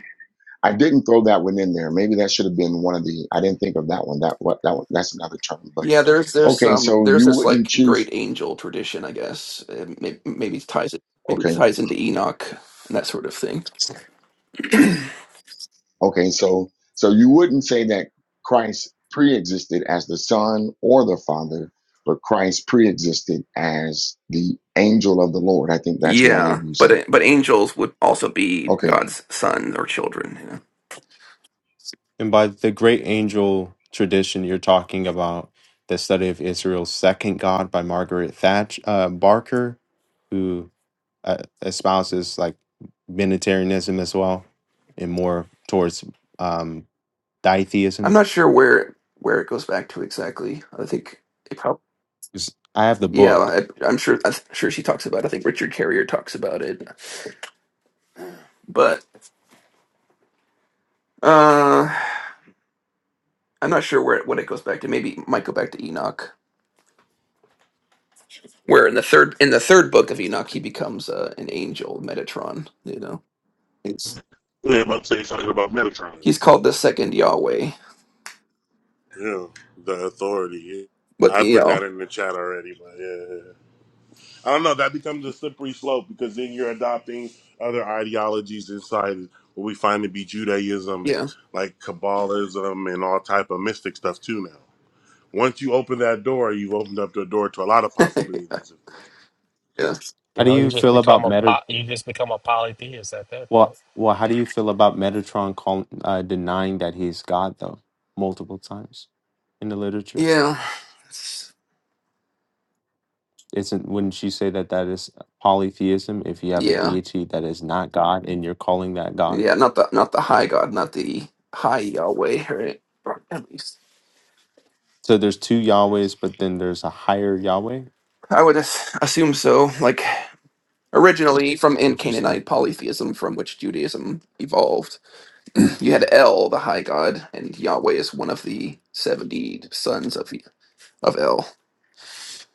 Speaker 1: I didn't throw that one in there. Maybe that should have been one of the. I didn't think of that one. That what that one, that's another term. But
Speaker 9: Yeah, there's there's
Speaker 1: okay,
Speaker 9: some
Speaker 1: so
Speaker 9: there's
Speaker 1: you
Speaker 9: this
Speaker 1: wouldn't
Speaker 9: like great
Speaker 1: choose.
Speaker 9: angel tradition, I guess. Maybe, maybe it ties it maybe it
Speaker 1: Okay,
Speaker 9: ties into Enoch and that sort of thing.
Speaker 1: okay, so so you wouldn't say that Christ pre-existed as the Son or the Father, but Christ pre-existed as the angel of the Lord. I think that's what I'm
Speaker 9: Yeah,
Speaker 1: hearing you
Speaker 9: but
Speaker 1: say.
Speaker 9: but angels would also be
Speaker 1: Okay,
Speaker 9: God's sons or children, you know.
Speaker 8: And by the great angel tradition, you're talking about the study of Israel's second God by Margaret Thatch uh, Barker, who uh, espouses like Unitarianism as well, and more towards um,
Speaker 9: I'm
Speaker 8: ditheism.
Speaker 9: not sure where where it goes back to exactly. I think it
Speaker 8: 'Cause I have the
Speaker 9: Yeah,
Speaker 8: book.
Speaker 9: well, I, I'm sure. I'm sure she talks about. it. I think Richard Carrier talks about it, but uh, I'm not sure where it, when it goes back to. Maybe it might go back to Enoch, where in the third in the third book of Enoch he becomes uh, an angel, Metatron. You know, it's
Speaker 10: Yeah, I'm saying something about Metatron.
Speaker 9: he's called the second Yahweh,
Speaker 10: Yeah, the authority. yeah.
Speaker 9: but
Speaker 10: I
Speaker 9: you
Speaker 10: put
Speaker 9: know,
Speaker 10: that in the chat already, but yeah. yeah, yeah. I don't know. That becomes a slippery slope because then you're adopting other ideologies inside what we find to be Judaism,
Speaker 9: yeah,
Speaker 10: like Kabbalism and all type of mystic stuff too now. Once you open that door, you've opened up the door to a lot of possibilities of things.
Speaker 9: yeah,
Speaker 8: How
Speaker 11: You
Speaker 8: do
Speaker 11: know, you
Speaker 8: you
Speaker 11: just
Speaker 8: feel
Speaker 11: become
Speaker 8: about
Speaker 11: a
Speaker 8: Meta?
Speaker 11: po- you just become a polytheist at that
Speaker 8: Well,
Speaker 11: point.
Speaker 8: well, how do you feel about Metatron calling, uh, denying that he's God though multiple times in the literature?
Speaker 9: yeah, It's-
Speaker 8: Isn't wouldn't you say that that is polytheism if you have a
Speaker 9: yeah,
Speaker 8: deity that is not God and you're calling that God?
Speaker 9: yeah. Not the not the high God, not the high Yahweh, right? Or At least
Speaker 8: So there's two Yahwehs, but then there's a higher Yahweh.
Speaker 9: I would as- assume so. Like. Originally from in
Speaker 8: Interesting.
Speaker 9: Canaanite polytheism, from which Judaism evolved, you had El, the high god, and Yahweh is one of the seventy sons of of El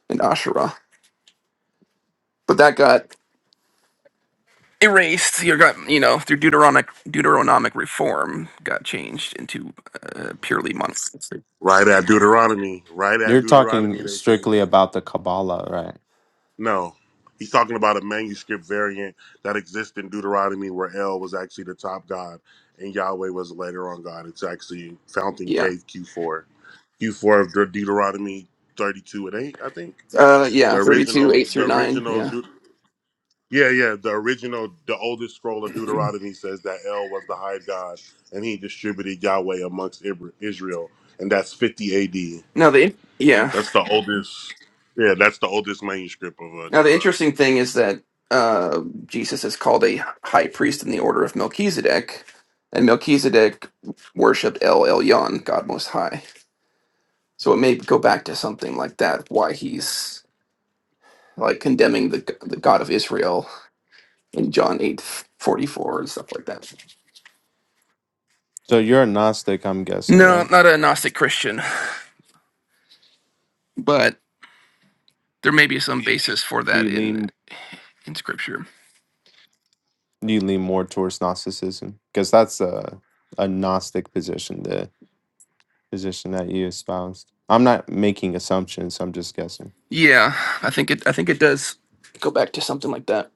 Speaker 9: and Asherah. But that got erased. You got you know through Deuteronomic Deuteronomic reform got changed into uh, purely monotheistic.
Speaker 10: Right at Deuteronomy. Right at
Speaker 8: You're
Speaker 10: Deuteronomy,
Speaker 8: talking
Speaker 10: they change it.
Speaker 8: strictly about the Kabbalah, right?
Speaker 10: No, he's talking about a manuscript variant that exists in Deuteronomy where El was actually the top god and Yahweh was later on God. It's actually Fountain
Speaker 9: Yeah.
Speaker 10: Cave Q4. Q4 of Deut- Deuteronomy 32 and 8, I think.
Speaker 9: Uh,
Speaker 10: The
Speaker 9: yeah. Thirty-two,
Speaker 10: original,
Speaker 9: eight through
Speaker 10: the
Speaker 9: nine.
Speaker 10: original,
Speaker 9: Yeah.
Speaker 10: Deut- yeah, yeah, the original, the oldest scroll of Deuteronomy says that El was the high god and he distributed Yahweh amongst Ibr- Israel. And that's 50 AD.
Speaker 9: No, the yeah.
Speaker 10: That's the oldest, yeah, that's the oldest manuscript of uh,
Speaker 9: Now, the
Speaker 10: Deuteronomy.
Speaker 9: interesting thing is that uh, Jesus is called a high priest in the order of Melchizedek, and Melchizedek worshipped El Elyon, God Most High. So it may go back to something like that, why he's like condemning the the God of Israel in John eight forty four and stuff like that.
Speaker 8: So you're a Gnostic, I'm guessing,
Speaker 9: No,
Speaker 8: right?
Speaker 9: I'm not a Gnostic Christian, but there may be some basis for that
Speaker 8: You
Speaker 9: in
Speaker 8: lean
Speaker 9: in Scripture.
Speaker 8: you lean more towards Gnosticism because that's a a Gnostic position. The position that you espoused. I'm not making assumptions. I'm just guessing.
Speaker 9: Yeah, I think it I think it does go back to something like that.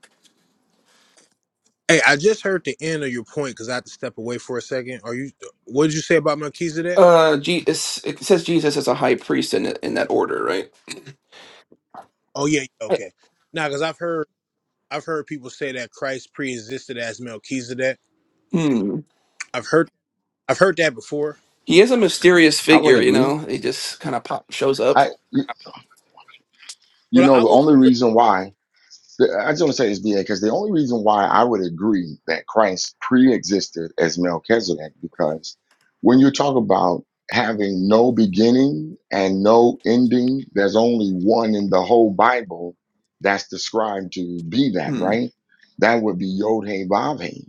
Speaker 7: Hey, I just heard the end of your point because I had to step away for a second. Are you? uh, What did you say about Melchizedek?
Speaker 9: Uh, G- it's, it says Jesus is a high priest in it- in that order, right?
Speaker 7: Oh yeah, yeah,
Speaker 9: I-
Speaker 7: okay. Now, because I've heard I've heard people say that Christ pre-existed as Melchizedek.
Speaker 9: Hmm.
Speaker 7: I've heard I've heard that before.
Speaker 9: He is a mysterious
Speaker 1: I would
Speaker 7: And
Speaker 9: figure,
Speaker 7: uh,
Speaker 9: you
Speaker 1: agree.
Speaker 9: know. He just kind of pop shows up.
Speaker 1: I, you you
Speaker 7: well,
Speaker 1: know,
Speaker 7: I
Speaker 1: the
Speaker 7: would, I
Speaker 1: only
Speaker 7: would
Speaker 1: reason why The- I just want to say this, BA, because the only reason why I would agree that Christ pre-existed as Melchizedek, because when you talk about having no beginning and no ending, there's only one in the whole Bible that's described to be that,
Speaker 9: Hmm.
Speaker 1: right? That would be Yod Hey Vav Hey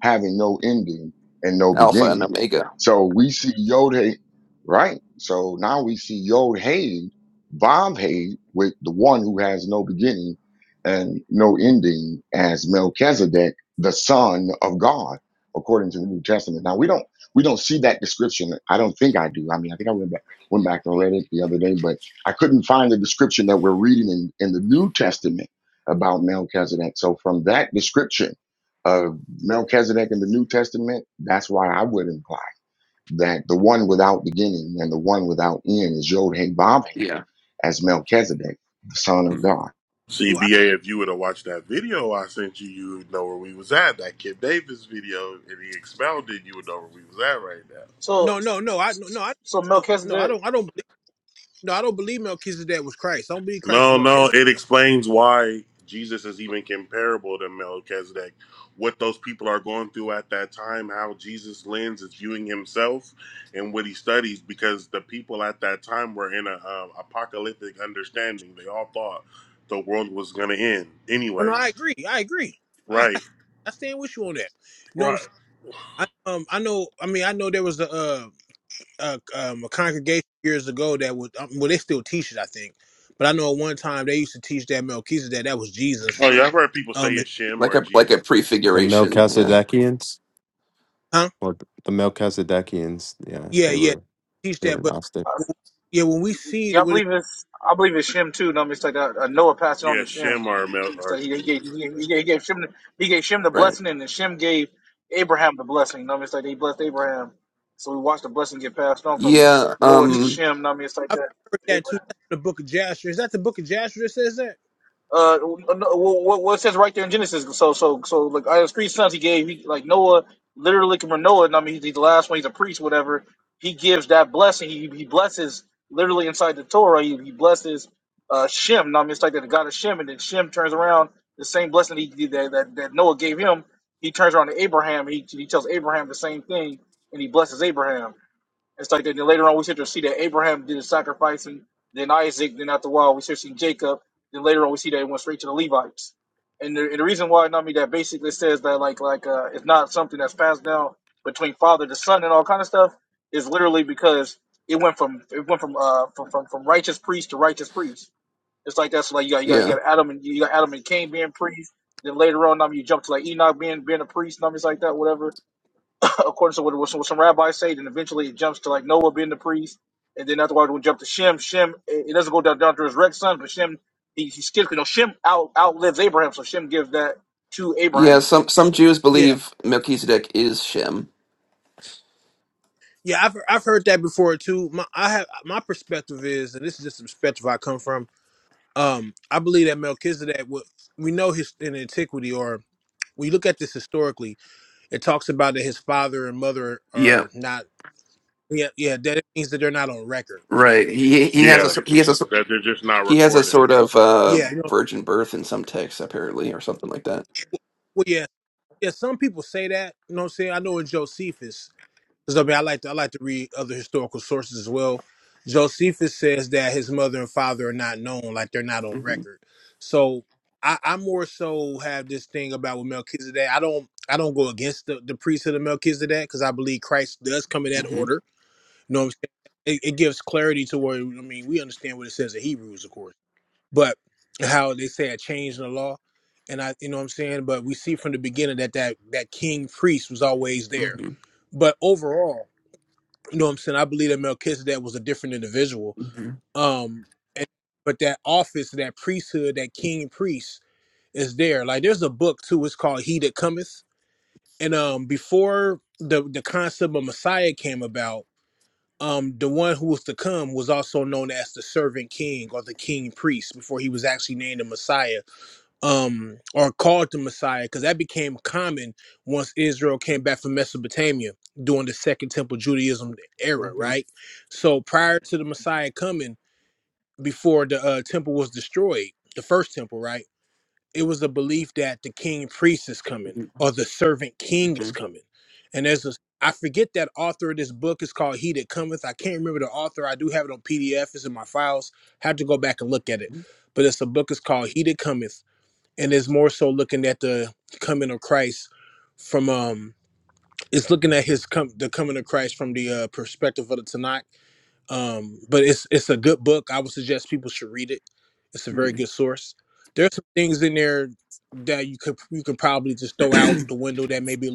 Speaker 1: having no ending and no
Speaker 9: Alpha and
Speaker 1: beginning.
Speaker 9: Omega.
Speaker 1: So we see Yod Hey, right? So now we see Yod Hey, Vav Hey, with the one who has no beginning and no ending as Melchizedek, the son of God, according to the New Testament. Now we don't we don't see that description. I don't think I do. I mean, I think I went back went back and read it the other day, but I couldn't find the description that we're reading in, in the New Testament about Melchizedek. So from that description, of Melchizedek in the New Testament, that's why I would imply that the one without beginning and the one without end is Yod Hey Bob Hey,
Speaker 9: Yeah.
Speaker 1: as Melchizedek, the Son of
Speaker 9: Hmm.
Speaker 1: God.
Speaker 7: well, I,
Speaker 10: CBA, if you would have watched that video I sent you, you would know where we was at. That Kid Davis video, and he expounded, you would know where we was at right now.
Speaker 12: So,
Speaker 7: no no no I no no, I
Speaker 12: so
Speaker 7: no no I
Speaker 12: Melchizedek,
Speaker 7: don't I don't believe no I don't believe Melchizedek was Christ. I don't believe Christ was
Speaker 10: No, no, it
Speaker 7: Melchizedek.
Speaker 10: explains why Jesus is even comparable to Melchizedek. What those people are going through at that time, how Jesus' lens is viewing himself and what he studies, because the people at that time were in a um, apocalyptic understanding. They all thought the world was going to end
Speaker 7: Oh no,
Speaker 10: anyway.
Speaker 7: I agree. I agree. I
Speaker 10: Right,
Speaker 7: *laughs* I stand with you on that. You know what I'm
Speaker 10: right.
Speaker 7: saying? I, um, I know. I mean, I know there was a uh, a, um, a congregation years ago that would um, well, they still teach it, I think. But I know at one time they used to teach that Melchizedek that was Jesus.
Speaker 10: Oh yeah, I've heard people say
Speaker 7: Um,
Speaker 10: it's Shem
Speaker 9: Like
Speaker 10: or
Speaker 9: a like a
Speaker 8: The
Speaker 9: prefiguration. Yeah.
Speaker 8: Melchizedekians,
Speaker 7: huh?
Speaker 8: or the Melchizedekians, yeah,
Speaker 7: Yeah,
Speaker 8: they
Speaker 7: yeah,
Speaker 8: were
Speaker 7: teach
Speaker 8: they were
Speaker 7: that. But
Speaker 8: Gnostic.
Speaker 12: uh,
Speaker 7: w- yeah, when we see
Speaker 12: yeah,
Speaker 7: it,
Speaker 12: I
Speaker 7: when it
Speaker 12: believe it's I believe it's Shem too. No, it's like a, a Noah passing on
Speaker 10: Yeah,
Speaker 12: to Shem.
Speaker 10: Shem are, Mel-
Speaker 12: It's
Speaker 10: are
Speaker 12: like he, he gave
Speaker 10: Jesus.
Speaker 12: he, he
Speaker 10: right?
Speaker 12: gave he gave Shem the, he gave Shem the
Speaker 9: Right.
Speaker 12: blessing, and then Shem gave Abraham the blessing. No, it's like they blessed Abraham. So we watched the blessing get passed on from
Speaker 9: Yeah.
Speaker 12: Noah
Speaker 7: yeah,
Speaker 12: to
Speaker 9: Um.
Speaker 12: Shem. No, it's like
Speaker 7: I've
Speaker 12: that.
Speaker 7: heard
Speaker 12: Abraham.
Speaker 7: that too. That's the Book of Jasher. Is that the Book of Jasher that says that?
Speaker 12: uh, uh, no, well, what, what says right there in Genesis? So, so, so, like, I have three sons. He gave, he, like, Noah, literally, from Noah, and I mean, he's, he's the last one. He's a priest, whatever. He gives that blessing. He, he blesses literally inside the Torah. He, he blesses uh, Shem. and I mean, it's like that the God of Shem, and then Shem turns around the same blessing he that, that that Noah gave him. He turns around to Abraham. He he tells Abraham the same thing, and he blesses Abraham. It's like that. Then later on, we start to see that Abraham did a sacrifice, and then Isaac. Then after a while, we start seeing Jacob. Then later on, we see that it went straight to the Levites. And the, and the reason why, I mean, that basically says that like like uh, it's not something that's passed down between father to son and all kind of stuff is literally because it went from it went from uh from from, from righteous priest to righteous priest. It's like that's like you got you got
Speaker 9: Yeah.
Speaker 12: you got Adam and you got Adam and Cain being priests. Then later on, I mean, you jump to like Enoch being being a priest, and I'm things like that, whatever according to what, what some what some rabbis say, then eventually it jumps to like Noah being the priest, and then afterwards we'll jump to Shem. Shem, it, it doesn't go down, down to his Rex son, but Shem, he, he skips, you know, Shem out, outlives Abraham, so Shem gives that to
Speaker 9: Yeah.
Speaker 12: Abraham.
Speaker 9: Some some Jews
Speaker 7: Yeah,
Speaker 9: believe Melchizedek is Shem.
Speaker 7: yeah, I've I've heard that before too. My I have my perspective is, and this is just the perspective I come from um, I believe that Melchizedek, wa- we know his in antiquity, or we look at this historically, it talks about that his father and mother
Speaker 9: Yeah.
Speaker 7: are not, yeah, yeah, that it means that they're not on record.
Speaker 9: Right. He he has
Speaker 7: So,
Speaker 9: a
Speaker 10: Yeah,
Speaker 9: sor- he has a sor-
Speaker 10: that they're just not
Speaker 9: he has a
Speaker 10: recording.
Speaker 9: sort of uh
Speaker 7: yeah, you know,
Speaker 9: virgin birth in some texts apparently or something like that.
Speaker 7: well, yeah, yeah, some people say that, you know what I'm saying? I know in Josephus, Because I mean, I like to I like to read other historical sources as well. Josephus says that his mother and father are not known, like they're not on
Speaker 9: hmm
Speaker 7: record. So I, I more so have this thing about with Melchizedek. I don't I don't go against the, the priesthood of Melchizedek because I believe Christ does come in that
Speaker 9: hmm
Speaker 7: order. You know what I'm saying? It, it gives clarity to where I mean we understand what it says in Hebrews, of course, but how they say a change in the law. And I, you know what I'm saying, but we see from the beginning that that that king priest was always there. But overall, you know what I'm saying? I believe that Melchizedek was a different individual.
Speaker 9: hmm
Speaker 7: Um, but that office, that priesthood, that king priest is there. Like there's a book too, it's called He That Cometh. And um before the the concept of Messiah came about, um, the one who was to come was also known as the servant king or the king priest before he was actually named the Messiah um or called the messiah because that became common once israel came back from mesopotamia during the second temple judaism era
Speaker 9: hmm
Speaker 7: right so prior to the messiah coming before the uh, temple was destroyed the first temple right it was a belief that the king priest is coming or the servant king is
Speaker 9: Mhm.
Speaker 7: coming and there's this i forget that author of this book is called he that cometh i can't remember the author i do have it on pdf it's in my files have to go back and look at it but it's a book is called he that cometh and is more so looking at the coming of Christ from um it's looking at his com- the coming of Christ from the uh, perspective of the Tanakh. Um, but it's it's a good book. I would suggest people should read it. It's a very
Speaker 9: Mhm.
Speaker 7: good source. There's some things in there that you could you can probably just throw out
Speaker 9: *clears throat*
Speaker 7: the window that may be,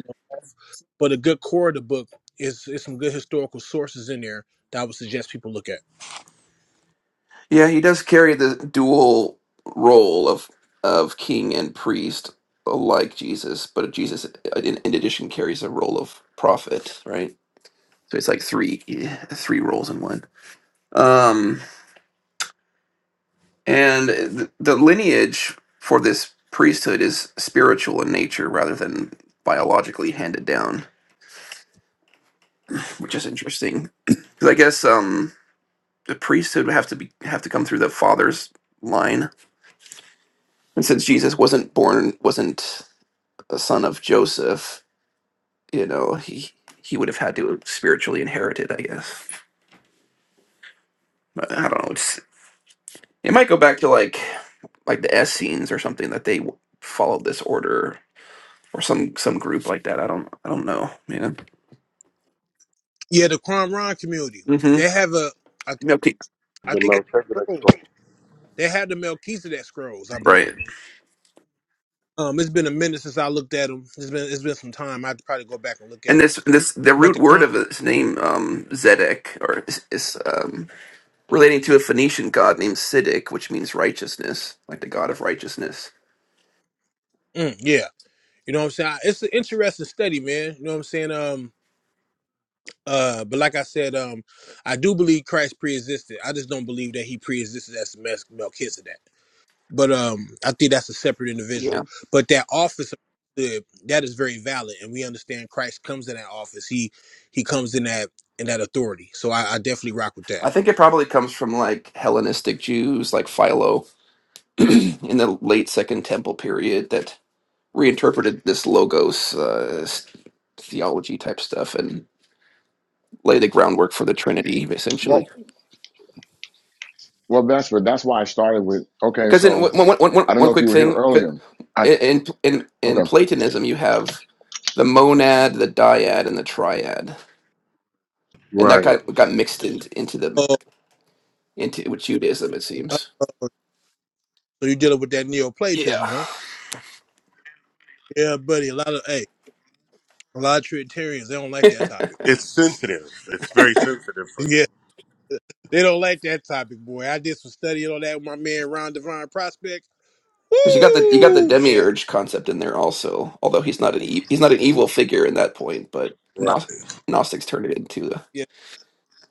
Speaker 7: but a good core of the book is is some good historical sources in there that I would suggest people look at.
Speaker 9: yeah, he does carry the dual role of of king and priest, like Jesus, but Jesus, in, in addition, carries a role of prophet, right? So it's like three three roles in one. Um, and the, the lineage for this priesthood is spiritual in nature rather than biologically handed down, which is interesting because I guess um, the priesthood would have to be have to come through the father's line and since Jesus wasn't born, wasn't a son of Joseph, you know, he he would have had to spiritually inherit it, I guess. But I don't know. It's it might go back to like like the Essenes or something that they w- followed this order or some some group like that. I don't I don't know, man.
Speaker 7: Yeah, the Qumran community. They
Speaker 9: Mm-hmm.
Speaker 7: have a I, th-
Speaker 9: Okay.
Speaker 7: I
Speaker 10: The
Speaker 7: think it's
Speaker 10: Melchizedek
Speaker 7: scroll.
Speaker 10: story.
Speaker 7: They have the Melchizedek scrolls, I believe.
Speaker 9: Right.
Speaker 7: Um, it's been a minute since I looked at them. It's been it's been some time. I have to probably go back and look
Speaker 9: And
Speaker 7: at them.
Speaker 9: this this the
Speaker 7: But
Speaker 9: root
Speaker 7: the
Speaker 9: word
Speaker 7: quant,
Speaker 9: of his name um Zedek or is, is um relating to a Phoenician god named Siddiq, which means righteousness, like the god of righteousness.
Speaker 7: mm, yeah, you know what I'm saying. I- It's an interesting study, man. You know what I'm saying. Um, uh, but like I said, um, I do believe Christ pre-existed. I just don't believe that he pre-existed as Mes- Melchizedek. But um, I think that's a separate
Speaker 9: Yeah.
Speaker 7: individual. But that office, of priesthood, that is very valid, and we understand Christ comes in that office. He he comes in that in that authority. So I, I definitely rock with that.
Speaker 9: I think it probably comes from like Hellenistic Jews, like Philo, *clears throat* in the late Second Temple period, that reinterpreted this logos uh, theology type stuff and lay the groundwork for the Trinity,
Speaker 1: Well,
Speaker 9: essentially.
Speaker 1: well, that's what that's why I started with. Okay,
Speaker 9: Because in
Speaker 1: so
Speaker 9: one, one, one, one
Speaker 1: I don't
Speaker 9: one
Speaker 1: know if
Speaker 9: quick
Speaker 1: you were here
Speaker 9: thing, but
Speaker 1: earlier. I
Speaker 9: in in
Speaker 1: okay,
Speaker 9: in Platonism, you have the monad, the dyad, and the triad, and that
Speaker 10: Right.
Speaker 9: got got mixed into into the
Speaker 7: Oh,
Speaker 9: into with Judaism, it
Speaker 7: uh,
Speaker 9: seems.
Speaker 7: so you're dealing with that Neoplatism,
Speaker 9: Yeah.
Speaker 7: huh? Yeah, buddy. A lot of hey, a lot of Trinitarians they don't like that topic.
Speaker 10: It's sensitive. It's very sensitive for
Speaker 7: Yeah,
Speaker 10: them.
Speaker 7: they don't like that topic, boy. I did some studying on that with my man Ron Divine Prospect.
Speaker 9: Because you got the you got the
Speaker 7: Woo! Yeah,
Speaker 9: demiurge concept in there also, although he's not an e- he's not an
Speaker 7: Ooh,
Speaker 9: evil figure in that point, but
Speaker 10: Right.
Speaker 9: Gnos- Gnostics turned it into
Speaker 7: yeah,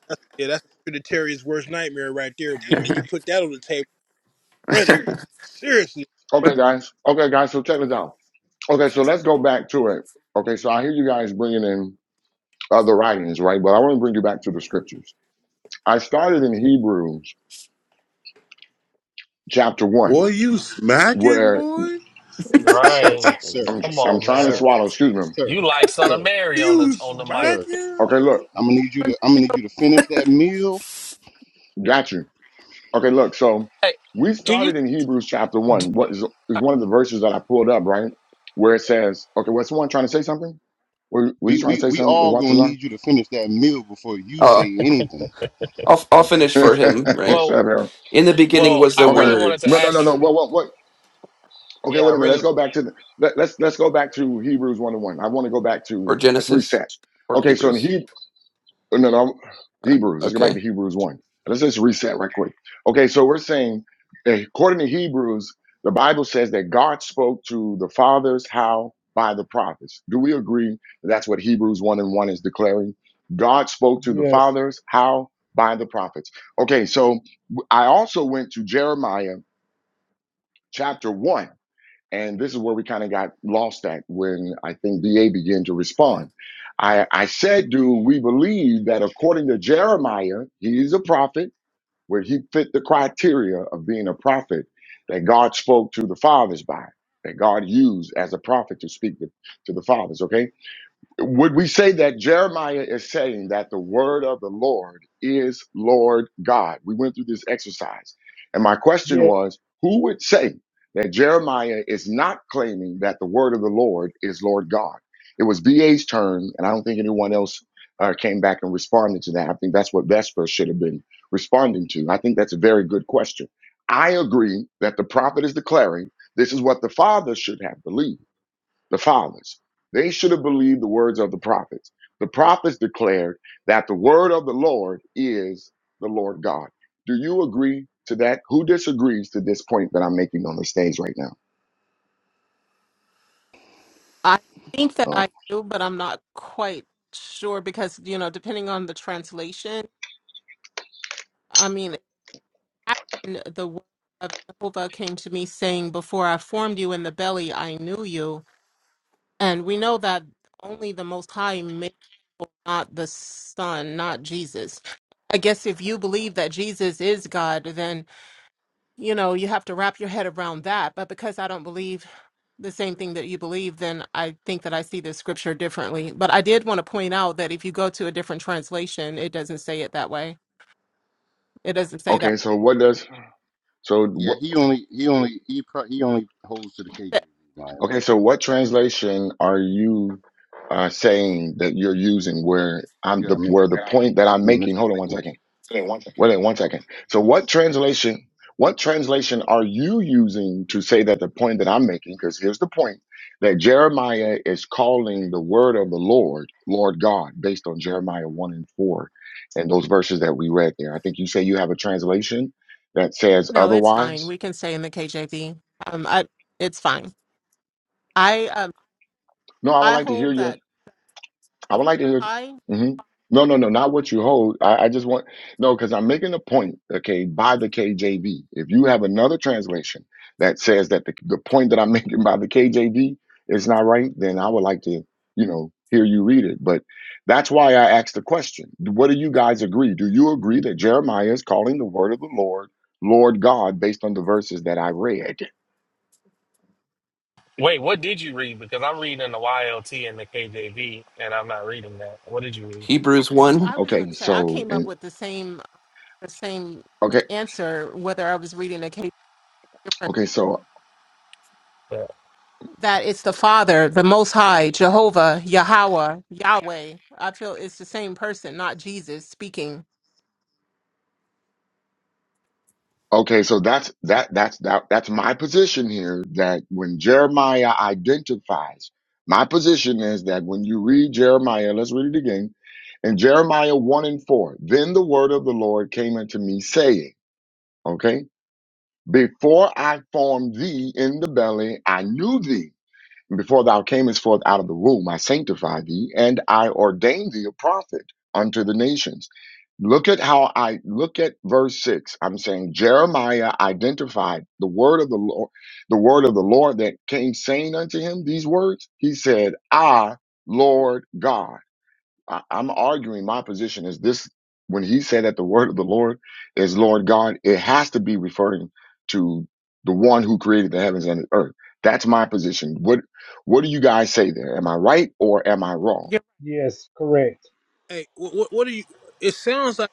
Speaker 7: that's, yeah. That's Trinitarian's worst nightmare right there,
Speaker 9: the.
Speaker 7: boy.
Speaker 9: *laughs*
Speaker 7: You put that on the table, running. Seriously.
Speaker 1: okay,
Speaker 9: but
Speaker 1: guys, okay, guys. So check this out. Okay, so let's go back to it. Okay, so I hear you guys bringing in other writings, right? But I want to bring you back to the scriptures. I started in Hebrews chapter
Speaker 10: Boy,
Speaker 1: one,
Speaker 10: you smacking,
Speaker 1: where
Speaker 10: boy?
Speaker 13: sir,
Speaker 11: Right?
Speaker 13: sir,
Speaker 1: I'm
Speaker 11: Come
Speaker 1: I'm
Speaker 13: sir,
Speaker 11: on,
Speaker 1: trying to
Speaker 11: man.
Speaker 13: sir,
Speaker 1: swallow. Excuse me.
Speaker 13: sir,
Speaker 11: You like Son of
Speaker 13: sir,
Speaker 11: Mary on
Speaker 10: You
Speaker 11: the on the mic.
Speaker 13: sir.
Speaker 10: smacking?
Speaker 1: Okay, look,
Speaker 13: I'm gonna need you to I'm gonna need you to finish that meal.
Speaker 1: got you. Okay, look, so
Speaker 11: Hey,
Speaker 1: we
Speaker 11: do you?
Speaker 1: started in Hebrews chapter one. What is, is one of the verses that I pulled up, right? Where it says, okay, was someone trying to say something? Were, were you
Speaker 13: We
Speaker 1: trying to
Speaker 13: we
Speaker 1: say
Speaker 13: we
Speaker 1: something?
Speaker 13: all
Speaker 1: What
Speaker 13: gonna
Speaker 1: is
Speaker 13: need you to finish that meal before you
Speaker 9: uh,
Speaker 13: say anything.
Speaker 9: I'll I'll finish for him.
Speaker 1: that?
Speaker 9: Right
Speaker 1: *laughs* Shut
Speaker 11: Well,
Speaker 1: up, Harold.
Speaker 9: in the beginning
Speaker 11: well,
Speaker 9: was the
Speaker 11: I
Speaker 1: Okay.
Speaker 11: really wanted
Speaker 9: word,
Speaker 11: to
Speaker 1: No, no, no, no.
Speaker 11: ask you.
Speaker 1: What, what, what? Okay,
Speaker 11: Yeah, I
Speaker 1: wait a minute.
Speaker 11: really.
Speaker 1: Let's go back to the, let, let's let's go back to Hebrews one and one. I want to go back
Speaker 9: or
Speaker 1: to let's
Speaker 9: Genesis,
Speaker 1: reset.
Speaker 9: or
Speaker 1: Okay, so in
Speaker 9: Hebrews.
Speaker 1: He. no, no, Hebrews. Let's go back
Speaker 9: Okay,
Speaker 1: to Hebrews 1. Let's just reset right quick. Okay, so we're saying, eh, according to Hebrews, the Bible says that God spoke to the fathers how? By the prophets. Do we agree that that's what Hebrews 1 and 1 is declaring? God spoke to the
Speaker 6: Yes,
Speaker 1: fathers how? By the prophets. Okay, so I also went to Jeremiah chapter 1 and this is where we kind of got lost at when I think BA began to respond. I, I said, do we believe that according to Jeremiah, he's a prophet, where he fit the criteria of being a prophet that God spoke to the fathers by, that God used as a prophet to speak to, to the fathers, okay? Would we say that Jeremiah is saying that the word of the Lord is Lord God? We went through this exercise. And my question
Speaker 6: yes,
Speaker 1: was who would say that Jeremiah is not claiming that the word of the Lord is Lord God? It was BA's turn, and I don't think anyone else uh, came back and responded to that. I think that's what Vesper should have been responding to. I think that's a very good question. I agree that the prophet is declaring this is what the father should have believed the fathers. They should have believed the words of the prophets. The prophets declared that the word of the Lord is the Lord God. Do you agree to that? Who disagrees to this point that I'm making on the stage right now?
Speaker 3: I think that I
Speaker 1: Uh,
Speaker 3: do, but I'm not quite sure because, you know, depending on the translation, I mean, it happened- the word of Jehovah came to me saying, Before I formed you in the belly, I knew you. And we know that only the Most High made people, not the Son, not Jesus. I guess if you believe that Jesus is God, then. you know, you have to wrap your head around that. But because I don't believe the same thing that you believe, then I think that I see this scripture differently. But I did want to point out that if you go to a different translation, it doesn't say it that way. It doesn't say that.
Speaker 1: okay, so what does so
Speaker 13: Yeah,
Speaker 1: what,
Speaker 13: he only he only he pro, he only holds to the KJV, Maya.
Speaker 1: okay so what translation are you uh, saying that you're using where I'm
Speaker 13: You
Speaker 1: the
Speaker 13: gotta remember
Speaker 1: where the
Speaker 13: you you
Speaker 1: point that I'm
Speaker 13: talking to
Speaker 1: making?
Speaker 13: Mr.
Speaker 1: Hold on one second
Speaker 13: Wiggins.
Speaker 1: Wait, one second. So what translation, what translation are you using to say that the point that I'm making? Because here's the point that Jeremiah is calling the word of the Lord, Lord God, based on Jeremiah 1 and 4 and those verses that we read there. I think you say you have a translation that says
Speaker 3: No, it's fine.
Speaker 1: otherwise.
Speaker 3: We can stay in the KJV. Um, I, it's fine. I um,
Speaker 1: No, I would
Speaker 3: I
Speaker 1: like to hear
Speaker 3: hold
Speaker 1: your
Speaker 3: that
Speaker 1: I
Speaker 3: the
Speaker 1: would like to hear.
Speaker 3: I
Speaker 1: hmm No, no, no, not what you hold. I, I just want no, because I'm making a point. Okay, by the KJV. If you have another translation that says that the, the point that I'm *laughs* making by the KJV is not right, then I would like to, you know, hear you read it. But that's why I asked the question. What do you guys agree? Do you agree that Jeremiah is calling the word of the Lord, Lord God, based on the verses that I read?
Speaker 11: Wait, what did you read? Because I'm reading the YLT and the KJV, and I'm not reading that. What did you read?
Speaker 9: Hebrews 1,
Speaker 3: I was going to
Speaker 1: Okay,
Speaker 3: say I
Speaker 1: so
Speaker 3: came up
Speaker 1: and
Speaker 3: with the same the same
Speaker 1: okay,
Speaker 3: answer whether I was reading the KJV
Speaker 1: okay, so
Speaker 11: Yeah,
Speaker 3: that it's the Father, the Most High, Jehovah, Yahweh, Yahweh. I feel it's the same person, not Jesus speaking.
Speaker 1: Okay, so that's that that's that that's my position here that when Jeremiah identifies, my position is that when you read Jeremiah, let's read it again. In Jeremiah 1 and 4, then the word of the Lord came unto me saying, okay, before I formed thee in the belly, I knew thee. And before thou camest forth out of the womb, I sanctified thee, and I ordained thee a prophet unto the nations. Look at how I look at verse six. I'm saying Jeremiah identified the word of the Lord, the word of the Lord that came saying unto him these words. He said, I, Lord God. I, I'm arguing my position is this when he said that the word of the Lord is Lord God, it has to be referring to the one who created the heavens and the earth. That's my position. What what do you guys say there? Am I right or am I wrong?
Speaker 3: You're
Speaker 6: yes, correct.
Speaker 7: Hey, what what, are you? It sounds like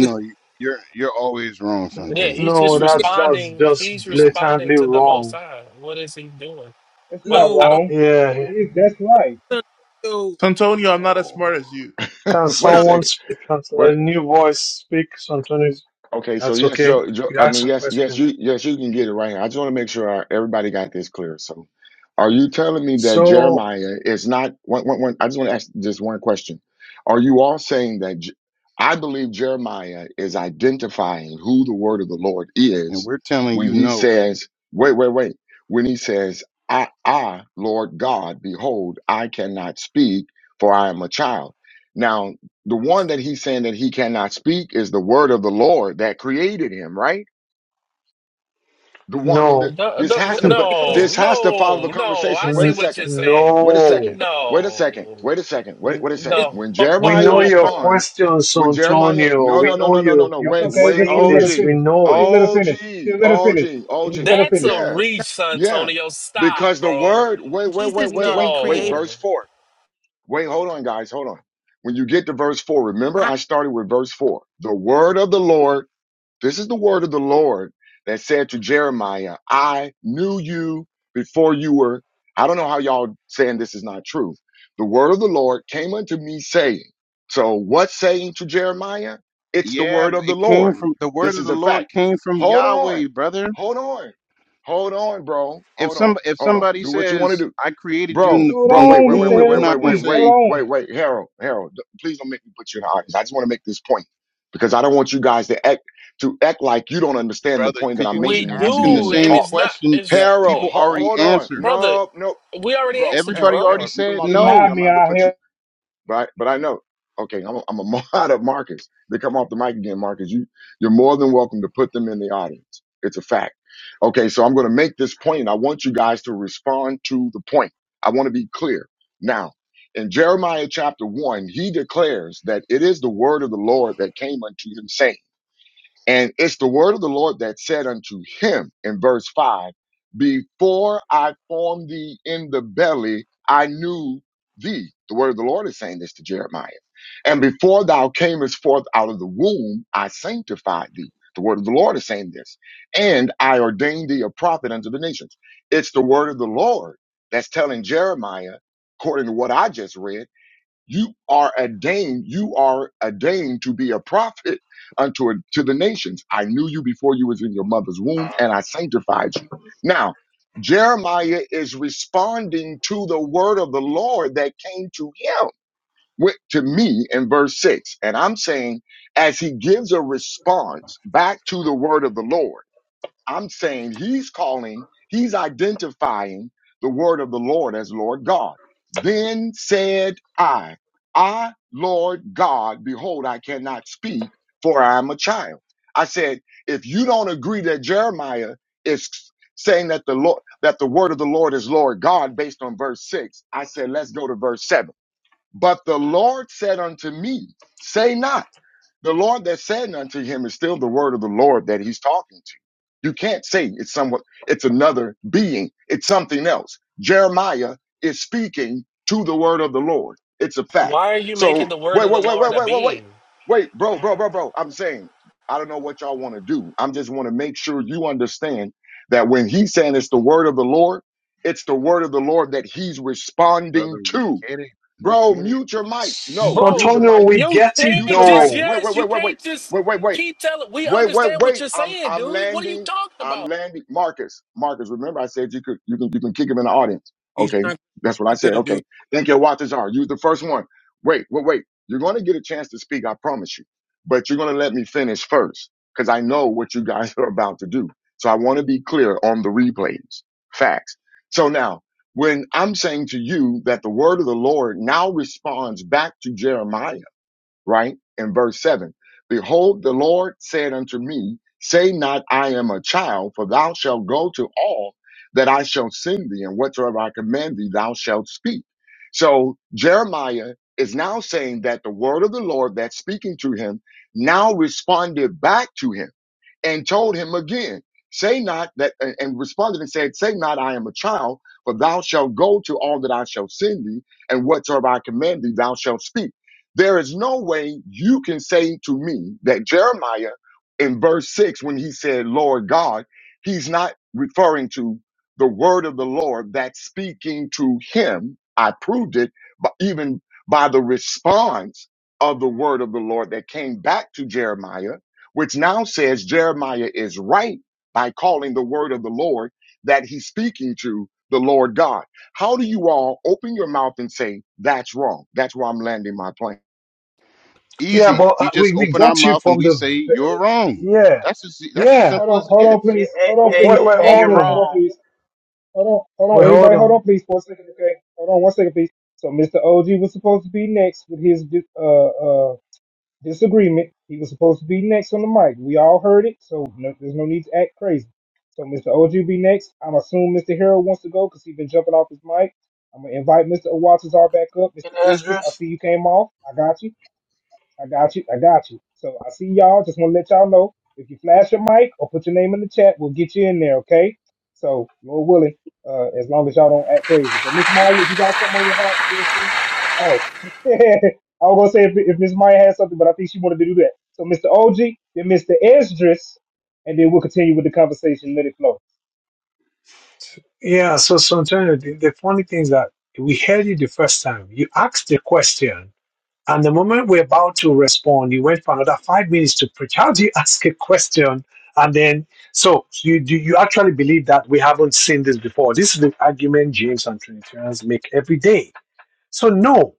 Speaker 7: it's
Speaker 13: you, you're you're always
Speaker 1: *laughs*
Speaker 13: wrong,
Speaker 11: yeah,
Speaker 13: Santonio.
Speaker 11: he's
Speaker 13: We're
Speaker 11: just
Speaker 14: No,
Speaker 13: n-
Speaker 7: yeah,
Speaker 13: no,
Speaker 14: that's that's
Speaker 11: responding.
Speaker 14: just
Speaker 13: that's
Speaker 11: He's
Speaker 13: wrong.
Speaker 11: responding
Speaker 14: blatantly
Speaker 11: to the Most
Speaker 14: wrong.
Speaker 11: High. What is he doing?
Speaker 6: That's not
Speaker 11: What
Speaker 7: no,
Speaker 11: I don't.
Speaker 7: uh,
Speaker 6: wrong.
Speaker 14: Yeah.
Speaker 6: It is. That's right.
Speaker 7: son, no,
Speaker 15: Santonio, I'm not as smart as you.
Speaker 14: Can
Speaker 1: Wait a
Speaker 7: no.
Speaker 14: someone
Speaker 1: second.
Speaker 14: speak? Can
Speaker 1: What
Speaker 14: a new voice speak? Something
Speaker 1: Okay, so
Speaker 14: that's
Speaker 1: yes,
Speaker 14: okay.
Speaker 1: Joe, Joe,
Speaker 14: You
Speaker 1: I mean,
Speaker 14: ask a
Speaker 1: yes, yes,
Speaker 14: question.
Speaker 1: you, yes, you can get it right here. I just want to make sure everybody got this clear. So, are you telling me that
Speaker 14: So
Speaker 1: Jeremiah is not? One, one, one, I just want to ask just one question. Are you all saying that? J- I believe Jeremiah is identifying who the word of the Lord
Speaker 13: And
Speaker 1: is
Speaker 13: we're telling
Speaker 1: when
Speaker 13: you
Speaker 1: he
Speaker 13: no.
Speaker 1: says, "Wait, wait, wait." When he says, "I, I, Lord God, behold, I cannot speak, for I am a child." Now, the one that he's saying that he cannot speak is the word of the Lord that created him, right? The one, I mean, the,
Speaker 14: no,
Speaker 11: No,
Speaker 1: this
Speaker 11: no,
Speaker 1: has to, but
Speaker 7: It's,
Speaker 11: no,
Speaker 1: this has to follow the
Speaker 11: no. no. I
Speaker 1: conversation. Wait
Speaker 11: see
Speaker 1: a
Speaker 14: N-
Speaker 11: what
Speaker 1: second.
Speaker 11: you're saying.
Speaker 1: Wait a second.
Speaker 14: no.
Speaker 1: Wait a
Speaker 11: No,
Speaker 1: second. Wait a second. Wait,
Speaker 11: N-
Speaker 1: wait a second.
Speaker 11: no.
Speaker 1: When
Speaker 11: *laughs*
Speaker 14: We
Speaker 1: Jeremiah
Speaker 14: know your
Speaker 3: right.
Speaker 1: responds,
Speaker 14: questions,
Speaker 1: when Jeremiah,
Speaker 14: Antonio.
Speaker 1: no,
Speaker 14: We
Speaker 1: no,
Speaker 3: No,
Speaker 1: no,
Speaker 3: that-
Speaker 14: know
Speaker 1: no, no, no,
Speaker 14: you.
Speaker 1: no.
Speaker 14: You've
Speaker 6: That's
Speaker 14: been
Speaker 1: Wait,
Speaker 6: okay.
Speaker 1: wait.
Speaker 6: Just
Speaker 14: saying
Speaker 6: still let her
Speaker 14: this.
Speaker 1: OG.
Speaker 14: We
Speaker 6: finish.
Speaker 14: know it.
Speaker 6: Still let her
Speaker 1: OG.
Speaker 6: finish. Still let her
Speaker 1: OG.
Speaker 6: finish.
Speaker 1: OG.
Speaker 6: Still let her
Speaker 11: That's
Speaker 6: finish.
Speaker 11: a
Speaker 1: Yeah.
Speaker 11: reach,
Speaker 3: that-
Speaker 1: Yeah.
Speaker 11: Santonio.
Speaker 1: Because
Speaker 11: Stop,
Speaker 1: the
Speaker 11: bro.
Speaker 1: word, wait, wait,
Speaker 3: Jesus
Speaker 1: wait, wait,
Speaker 3: didn't
Speaker 1: wait, wait.
Speaker 3: create it.
Speaker 1: Verse
Speaker 11: No,
Speaker 1: 4. Wait, hold on, guys. Hold on. When you get to verse 4, remember
Speaker 3: Not
Speaker 1: I started with verse 4. The word of the Lord, this is the word of the Lord that said to Jeremiah, I knew you before you were. I don't know how y'all saying this is not true. The word of the Lord came unto me saying, So what's saying to Jeremiah? It's the
Speaker 13: Yeah,
Speaker 1: word of
Speaker 13: but
Speaker 1: the
Speaker 13: it came
Speaker 1: Lord.
Speaker 13: from the word
Speaker 1: This
Speaker 13: of
Speaker 1: is
Speaker 13: the
Speaker 1: a fact.
Speaker 13: Lord came from
Speaker 1: Hold on.
Speaker 13: Yahweh, brother.
Speaker 1: Hold on. Hold on, bro.
Speaker 13: if
Speaker 1: Hold
Speaker 13: some
Speaker 1: on.
Speaker 13: if
Speaker 1: Hold on.
Speaker 13: somebody
Speaker 1: Do what you want to
Speaker 13: says
Speaker 1: do.
Speaker 13: I created you in
Speaker 1: Bro,
Speaker 13: the
Speaker 6: Hold
Speaker 1: bro,
Speaker 13: in the
Speaker 1: wait,
Speaker 6: on,
Speaker 1: wait,
Speaker 6: Mr.
Speaker 1: wait,
Speaker 13: womb,
Speaker 1: wait,
Speaker 13: you're
Speaker 1: wait,
Speaker 6: Harold,
Speaker 13: not
Speaker 1: wait,
Speaker 13: gonna
Speaker 1: wait,
Speaker 6: please. Hold
Speaker 1: wait,
Speaker 13: say
Speaker 1: wait,
Speaker 6: on.
Speaker 1: wait, Harold, Harold, d- please don't make me put you in the audience. I just want to make this point because I don't want you guys to act to act like you don't understand the
Speaker 13: brother
Speaker 1: point that
Speaker 13: because you
Speaker 1: I'm
Speaker 13: keep
Speaker 11: we
Speaker 1: making when you
Speaker 13: asking the
Speaker 1: begin
Speaker 11: do,
Speaker 1: to
Speaker 11: and
Speaker 13: same
Speaker 1: talk.
Speaker 11: it's not.
Speaker 13: question
Speaker 11: It's
Speaker 13: that
Speaker 1: Harold,
Speaker 13: people
Speaker 1: ho-
Speaker 13: already
Speaker 1: hold on,
Speaker 13: answered.
Speaker 11: brother.
Speaker 1: no, no,
Speaker 11: We already
Speaker 1: bro,
Speaker 11: answered you,
Speaker 1: Harold,
Speaker 13: Everybody
Speaker 11: bro.
Speaker 1: Harold,
Speaker 13: already
Speaker 6: If
Speaker 1: if you come
Speaker 6: if
Speaker 13: said
Speaker 1: off the
Speaker 6: you
Speaker 1: mic
Speaker 13: no,
Speaker 1: again,
Speaker 6: mind
Speaker 1: I'm gonna
Speaker 6: me,
Speaker 1: have to
Speaker 6: out
Speaker 1: put
Speaker 6: here,
Speaker 1: you. But I, but I know. Okay, I'm a, I'm a *laughs* mod of Marcus. They come off the mic again, Marcus. You you're more than welcome to put them in the audience. It's a fact. Okay, so I'm going to make this point. I want you guys to respond to the point. I want to be clear now. In Jeremiah chapter one, he declares that it is the word of the Lord that came unto him, saying. And it's the word of the Lord that said unto him in verse 5 Before I formed thee in the belly, I knew thee. The word of the Lord is saying this to Jeremiah. And before thou camest forth out of the womb, I sanctified thee. The word of the Lord is saying this. And I ordained thee a prophet unto the nations. It's the word of the Lord that's telling Jeremiah, according to what I just read you are ordained. You are ordained to be a prophet unto to the nations. I knew you before you was in your mother's womb, and I sanctified you. Now, Jeremiah is responding to the word of the Lord that came to him, with- to me in verse six, and I'm saying as he gives a response back to the word of the Lord. I'm saying he's calling, he's identifying the word of the Lord as Lord God. Then said I, I, Lord God, behold, I cannot speak, for I am a child. I said, if you don't agree that Jeremiah is saying that the Lord, that the word of the Lord is Lord God based on verse six, I said, let's go to verse seven. But the Lord said unto me, say not. The Lord that said unto him is still the word of the Lord that he's talking to. You can't say it's somewhat, it's another being. It's something else. Jeremiah is speaking to the word of the Lord. It's a fact.
Speaker 11: Why are you
Speaker 1: So
Speaker 11: making the word
Speaker 1: wait,
Speaker 11: of the
Speaker 1: wait, wait, wait,
Speaker 11: Lord a
Speaker 1: wait, wait, wait,
Speaker 11: being,
Speaker 1: wait, bro, bro, bro, bro. I'm saying, I don't know what y'all want to do. I'm just want to make sure you understand that when he's saying it's the word of the Lord, it's the word of the Lord that he's
Speaker 13: brother.
Speaker 1: responding
Speaker 13: We
Speaker 1: to.
Speaker 13: get it. We
Speaker 1: Bro,
Speaker 13: get it.
Speaker 1: mute your mic. No, mute your
Speaker 11: bro?
Speaker 14: Antonio,
Speaker 1: mic
Speaker 14: we
Speaker 11: You
Speaker 14: get it
Speaker 1: Mute
Speaker 11: can't
Speaker 1: your
Speaker 11: just
Speaker 1: mic.
Speaker 14: though.
Speaker 1: Wait, wait,
Speaker 11: yes. You
Speaker 1: wait, wait, wait,
Speaker 11: can't just
Speaker 1: wait, wait, wait,
Speaker 11: keep telling. We
Speaker 1: wait, wait,
Speaker 11: understand what
Speaker 1: wait.
Speaker 11: you're
Speaker 1: I'm
Speaker 11: saying,
Speaker 1: I'm
Speaker 11: dude. What are you
Speaker 1: landing.
Speaker 11: talking
Speaker 1: I'm landing. Marcus, Marcus. Remember, I said you could you can you can kick him in the audience.
Speaker 7: he's
Speaker 1: Okay,
Speaker 7: not, he's
Speaker 1: that's what I
Speaker 7: not
Speaker 1: said.
Speaker 7: gonna do.
Speaker 1: Okay, thank you. Watches are. Use the first one. Wait, wait, wait. You're going to get a chance to speak. I promise you. But you're going to let me finish first because I know what you guys *laughs* are about to do. So I want to be clear on the replays. Facts. So now, when I'm saying to you that the word of the Lord now responds back to Jeremiah right? In verse 7 Behold, the Lord said unto me, Say not, I am a child, for thou shalt go to all that I shall send thee, and whatsoever I command thee, thou shalt speak. So Jeremiah is now saying that the word of the Lord that's speaking to him now responded back to him and told him again, Say not that, and and responded and said, Say not, I am a child, for thou shalt go to all that I shall send thee, and whatsoever I command thee, thou shalt speak. There is no way you can say to me that Jeremiah in verse 6, when he said, Lord God, he's not referring to the word of the Lord that's speaking to him. I proved it, but even by the response of the word of the Lord that came back to Jeremiah which now says Jeremiah is right by calling the word of the Lord that he's speaking to the Lord God. How do you all open your mouth and say that's wrong? That's where I'm landing my plane.
Speaker 14: Yeah,
Speaker 13: Easy.
Speaker 14: but
Speaker 13: We
Speaker 14: uh,
Speaker 13: just
Speaker 14: we, we
Speaker 13: open our
Speaker 14: got you
Speaker 13: mouth and
Speaker 14: from
Speaker 13: we
Speaker 14: the.
Speaker 13: say you're
Speaker 14: ve-
Speaker 13: wrong.
Speaker 14: Yeah,
Speaker 13: That's as that's as
Speaker 14: yeah.
Speaker 6: Hold
Speaker 13: simple
Speaker 6: on,
Speaker 13: as it
Speaker 6: hold on,
Speaker 13: gets.
Speaker 12: Hey,
Speaker 6: please.
Speaker 12: hey,
Speaker 6: Hold on,
Speaker 12: hey,
Speaker 6: please.
Speaker 14: Wait, wait,
Speaker 6: Hold
Speaker 12: hey,
Speaker 6: on,
Speaker 12: you're
Speaker 14: hold
Speaker 6: please. Hold
Speaker 14: on.
Speaker 6: on,
Speaker 12: wrong.
Speaker 6: please. Hold on, hold on,
Speaker 14: Well, hold
Speaker 6: everybody. Hold on,
Speaker 14: on.
Speaker 6: please, for a second, okay? Hold on, one second, please. So Mr. OG was supposed to be next with his dis- uh uh disagreement. He was supposed to be next on the mic. We all heard it, so no, there's no need to act crazy. So Mr. OG be next. I'm assuming Mr. Harold wants to go because he's been jumping off his mic. I'm gonna invite Mr. Waters back up.
Speaker 12: And
Speaker 6: Mr. Isdris, I
Speaker 12: Esdras,
Speaker 6: see you came off. I got you. I got you. I got you. So I see y'all. Just want to let y'all know if you flash your mic or put your name in the chat, we'll get you in there. Okay. So Lord willing, uh, as long as y'all don't act crazy. But Miss Maya, if you got something on your heart, feel free. Oh, *laughs* I was gonna say if, if Miss Maya has something, but I think she wanted to do that. So Mr. OG, then Mr. Esdras, and then we'll continue with the conversation. Let it flow.
Speaker 14: Yeah, so, so Antonio, the, the funny thing is that we heard you the first time. You asked the question, and the moment we're about to respond, you went for another five minutes to preach. How do you *laughs* ask a question? And then, so you do you actually believe that we haven't seen this before? This is the argument James and Trinitarians make every day. So no,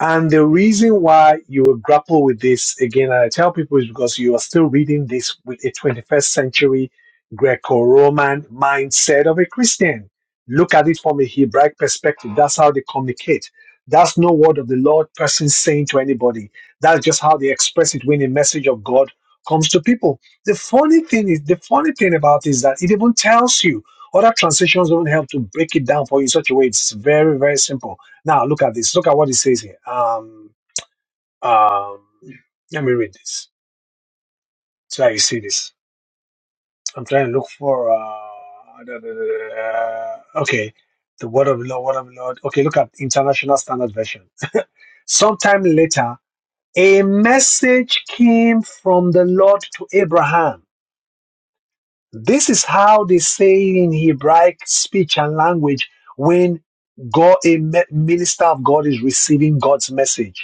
Speaker 14: And the reason why you will grapple with this again, and I tell people, is because you are still reading this with a 21st century Greco Roman mindset of a Christian. Look at it from a Hebraic perspective. That's how they communicate. That's no word of the Lord person saying to anybody. That's just how they express it when a message of God comes to people. The funny thing is, the funny thing about it is that it even tells you. Other translations don't help to break it down for you in such a way. It's very, very simple now look at this. Look at what it says here. Um, um, let me read this so that you see this. I'm trying to look for. Uh, *laughs* da- da- da- da- da. okay, the word of the Lord, word of the Lord. Okay, look at International Standard Version. Sometime later, a message came from the Lord to Abraham. This is how they say in Hebraic speech and language when God, a me- minister of God, is receiving God's message.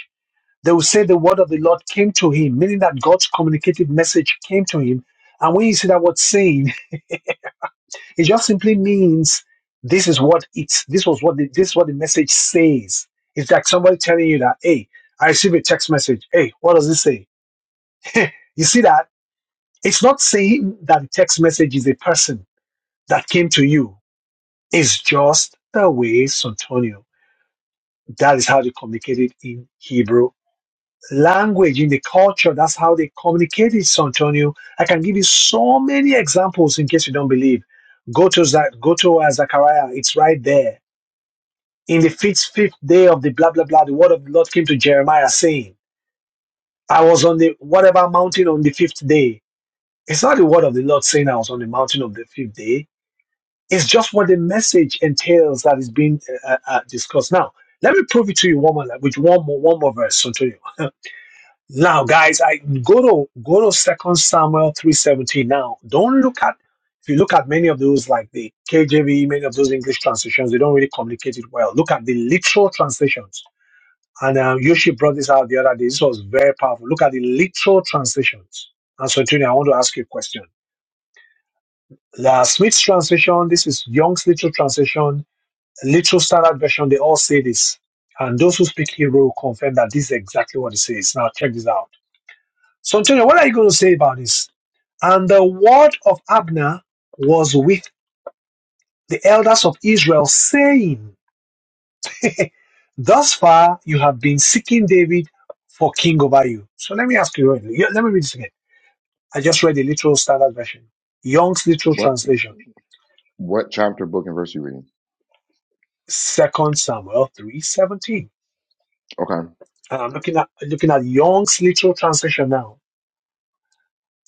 Speaker 14: They will say the word of the Lord came to him, meaning that God's communicative message came to him. And when you see that word saying, *laughs* it just simply means this is what it's this was what the, this is what the message says. It's like somebody telling you that, hey, I received a text message. Hey, what does this say? *laughs* you see that? It's not saying that the text message is a person that came to you. It's just the way Santonio. That is how they communicated in Hebrew language, in the culture. That's how they communicated, Santonio. Antonio. I can give you so many examples in case you don't believe. Go to, Za- go to uh, Zechariah, it's right there. In the fifth, fifth day of the blah, blah, blah, the word of the Lord came to Jeremiah saying, I was on the whatever mountain on the fifth day. It's not the word of the Lord saying I was on the mountain of the fifth day. It's just what the message entails that is being uh, uh, uh, discussed. Now, let me prove it to you one more, with one more, one more verse, Antonio. *laughs* Now, guys, I go to go to Second Samuel three seventeen. Now, don't look at if you look at many of those like the KJV, many of those English translations, they don't really communicate it well. Look at the literal translations, and uh, Yoshi brought this out the other day. This was very powerful. Look at the literal translations. And so, Tony, I want to ask you a question. The Smith's translation, this is Young's literal translation, literal standard version. They all say this, and those who speak Hebrew confirm that this is exactly what it says. Now, check this out. So, Antonio, what are you going to say about this? And the word of Abner was with the elders of Israel, saying, *laughs* Thus far you have been seeking David for king over you. So let me ask you, yeah, let me read this again. I just read the literal standard version, Young's literal
Speaker 1: What
Speaker 14: translation,
Speaker 1: what chapter, book, and verse you reading?
Speaker 14: Second Samuel 3:17.
Speaker 1: Okay,
Speaker 14: And I'm looking at looking at Young's literal translation now.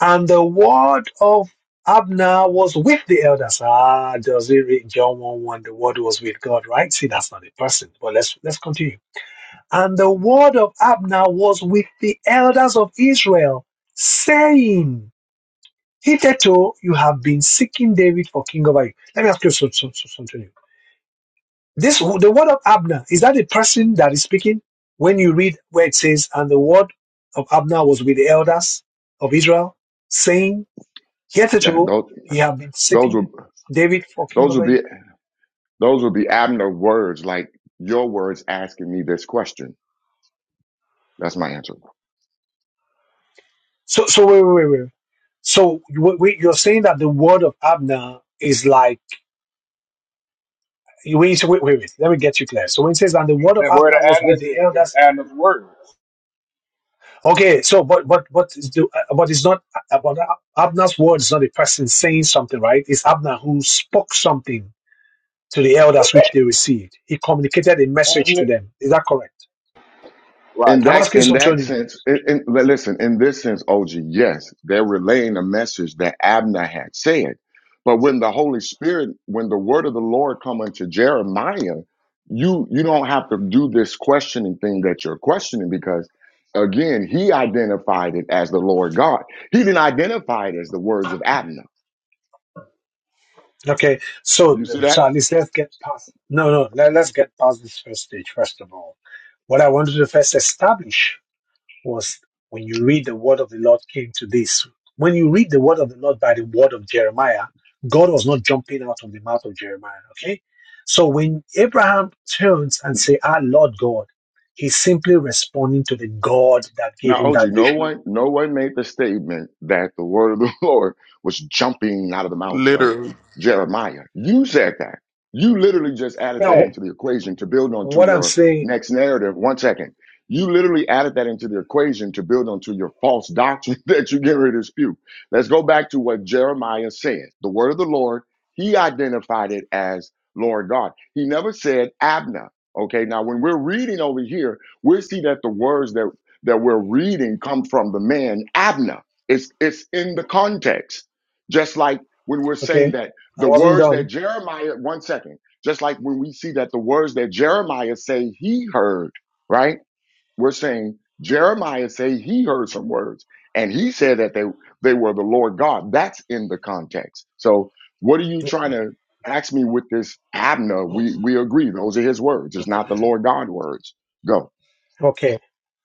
Speaker 14: And the word of Abner was with the elders. Ah, does it read John 1 1? The word was with God, right? See, that's not a person, but let's let's continue. And the word of Abner was with the elders of Israel, saying, Hitherto you have been seeking David for king over you. Let me ask you some- some- some- something. new. This the word of Abner, is that a person that is speaking? When you read where it says, and the word of Abner was with the elders of Israel, saying, Years
Speaker 1: yeah,
Speaker 14: ago,
Speaker 1: those
Speaker 14: you have been
Speaker 1: those
Speaker 14: sitting,
Speaker 1: will
Speaker 14: David fucking
Speaker 1: those will
Speaker 14: over
Speaker 1: be
Speaker 14: you.
Speaker 1: those will be Abner words, like your words asking me this question. That's my answer.
Speaker 14: So, so wait, wait, wait, wait. So you, wait, you're saying that the word of Abner is like you- when you say wait, wait, wait. Let me get you clear. So when it says and the word of
Speaker 16: That word of
Speaker 14: Abner was with
Speaker 16: Adam's is,
Speaker 14: the
Speaker 16: is
Speaker 14: elders,
Speaker 16: Adam's words.
Speaker 14: okay. So but but but is the, uh, but it's not uh, but Abner's word is not a person saying something, right? It's Abner who spoke something to the elders
Speaker 6: *laughs*
Speaker 14: which they received. He communicated a message
Speaker 6: Having
Speaker 14: to
Speaker 6: it
Speaker 14: them. Is that correct?
Speaker 16: Right.
Speaker 1: in
Speaker 14: I'm
Speaker 1: that
Speaker 14: asking
Speaker 1: in that
Speaker 14: Santonio.
Speaker 1: sense, in, in, but listen, in this sense, OG, yes, they're relaying a message that Abner had said. But when the Holy Spirit, when the word of the Lord come unto Jeremiah, you you don't have to do this questioning thing that you're questioning because again, he identified it as the Lord God. He didn't identify it as the words of Abner.
Speaker 14: Okay, so
Speaker 1: You
Speaker 14: the-
Speaker 1: see that?
Speaker 14: so let's get past. No, no, let, let's get past this first stage first of all. What I wanted to first establish was when you read the word of the Lord came to this. When you read the word of the Lord by the word of Jeremiah, God was not jumping out of the mouth of Jeremiah. Okay, so when Abraham turns and say, "Ah, Lord God," he's simply responding to the God that gave
Speaker 1: Now,
Speaker 14: him
Speaker 1: OG,
Speaker 14: that
Speaker 1: no
Speaker 14: vision.
Speaker 1: one, no one made the statement that the word of the *laughs* Lord was jumping out of the mouth of
Speaker 15: Literally.
Speaker 1: Jeremiah. You said that. You literally just added that
Speaker 14: Now,
Speaker 6: fast.
Speaker 1: into the equation to build
Speaker 14: wh-
Speaker 1: onto
Speaker 14: what I'm
Speaker 1: your
Speaker 14: saying,
Speaker 1: next narrative. One second. You literally added that into the equation to build onto your false doctrine *laughs* that you get rid of spew. Let's go back to what Jeremiah said. The word of the Lord, he identified it as Lord God. He never said Abna. Okay. Now, when we're reading over here, we see that the words that that we're reading come from the man Abner. It's it's in the context. Just like when we're saying
Speaker 14: okay,
Speaker 1: that
Speaker 14: I
Speaker 1: the
Speaker 14: wasn't
Speaker 1: words that
Speaker 14: done.
Speaker 1: Jeremiah, one second, just like when we see that the words that Jeremiah say he heard, right? We're saying Jeremiah say he heard some words and he said that they they were the Lord God. That's in the context. So what are you trying to ask me with this Abner? We we agree those are his words. It's not the Lord God words. Go.
Speaker 14: Okay,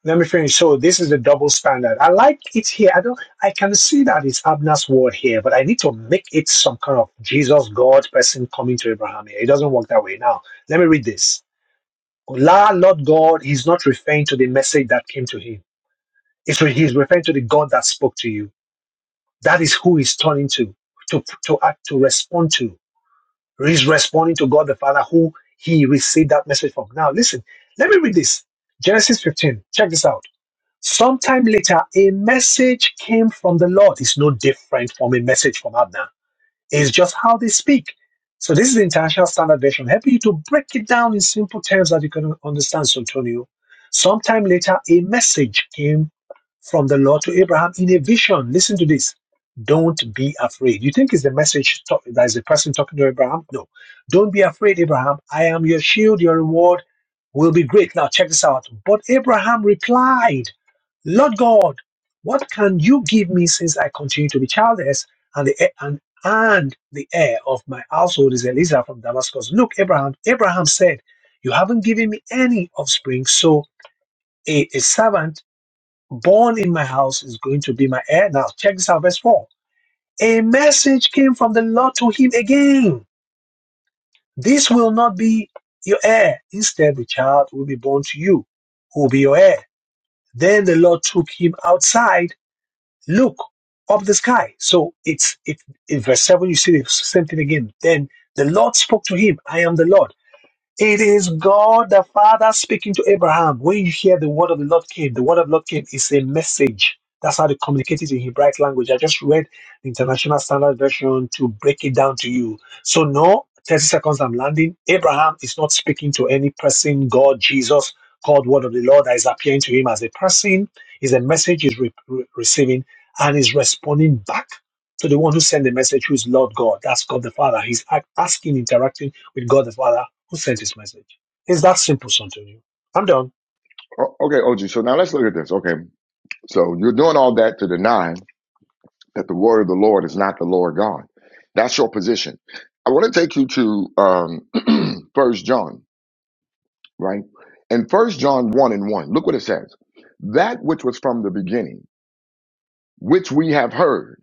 Speaker 14: let me finish. So this is the double standard. I like it here. I don't. I can see that it's Abner's word here, but I need to make it some kind of Jesus God person coming to Abraham here. It doesn't work that way. Now let me read this. La Lord God, He's not referring to the message that came to him. It's re- He's referring to the God that spoke to you. That is who He's turning to, to to act, to respond to. He's responding to God the Father who He received that message from. Now listen. Let me read this. Genesis 15. Check this out. Sometime later, a message came from the Lord. It's no different from a message from Abner. It's just how they speak. So this is the International Standard Version, helping you to break it down in simple terms that you can understand, Santonio. Sometime later, a message came from the Lord to Abraham in a vision. Listen to this. Don't be afraid. You think it's the message talk, that is the person talking to Abraham? No. Don't be afraid, Abraham. I am your shield. Your reward will be great. Now, check this out. But Abraham replied, Lord God, what can you give me since I continue to be childless and the heir- and and the heir of my household is Eliza from Damascus? Look, Abraham, Abraham said, You haven't given me any offspring, so a, a servant born in my house is going to be my heir. Now, check this out, verse 4. A message came from the Lord to him again. This will not be your heir. Instead, the child will be born to you, who will be your heir. Then the Lord took him outside. Look up the sky. So it's it in verse 7, you see the same thing again. Then the Lord spoke to him, I am the Lord. It is God the Father speaking to Abraham. When you hear the word of the Lord came, the word of the Lord came is a message. That's how they communicate it in Hebraic language. I just read the International Standard Version to break it down to you. So, no, 30 seconds I'm landing. Abraham is not speaking to any person, God, Jesus, called word of the Lord that is appearing to him as a person. Is a message he's re- re- receiving and is responding back to the one who sent the message, who is Lord God. That's God the Father. He's ac- asking, interacting with God the Father who sent this message? It's that simple, Santonio. I'm done.
Speaker 1: O- Okay, OG. So now let's look at this. Okay. So you're doing all that to deny that the word of the Lord is not the Lord God. That's your position. I want to take you to um *clears throat* first John, right? And first John one and one. Look what it says. That which was from the beginning, which we have heard,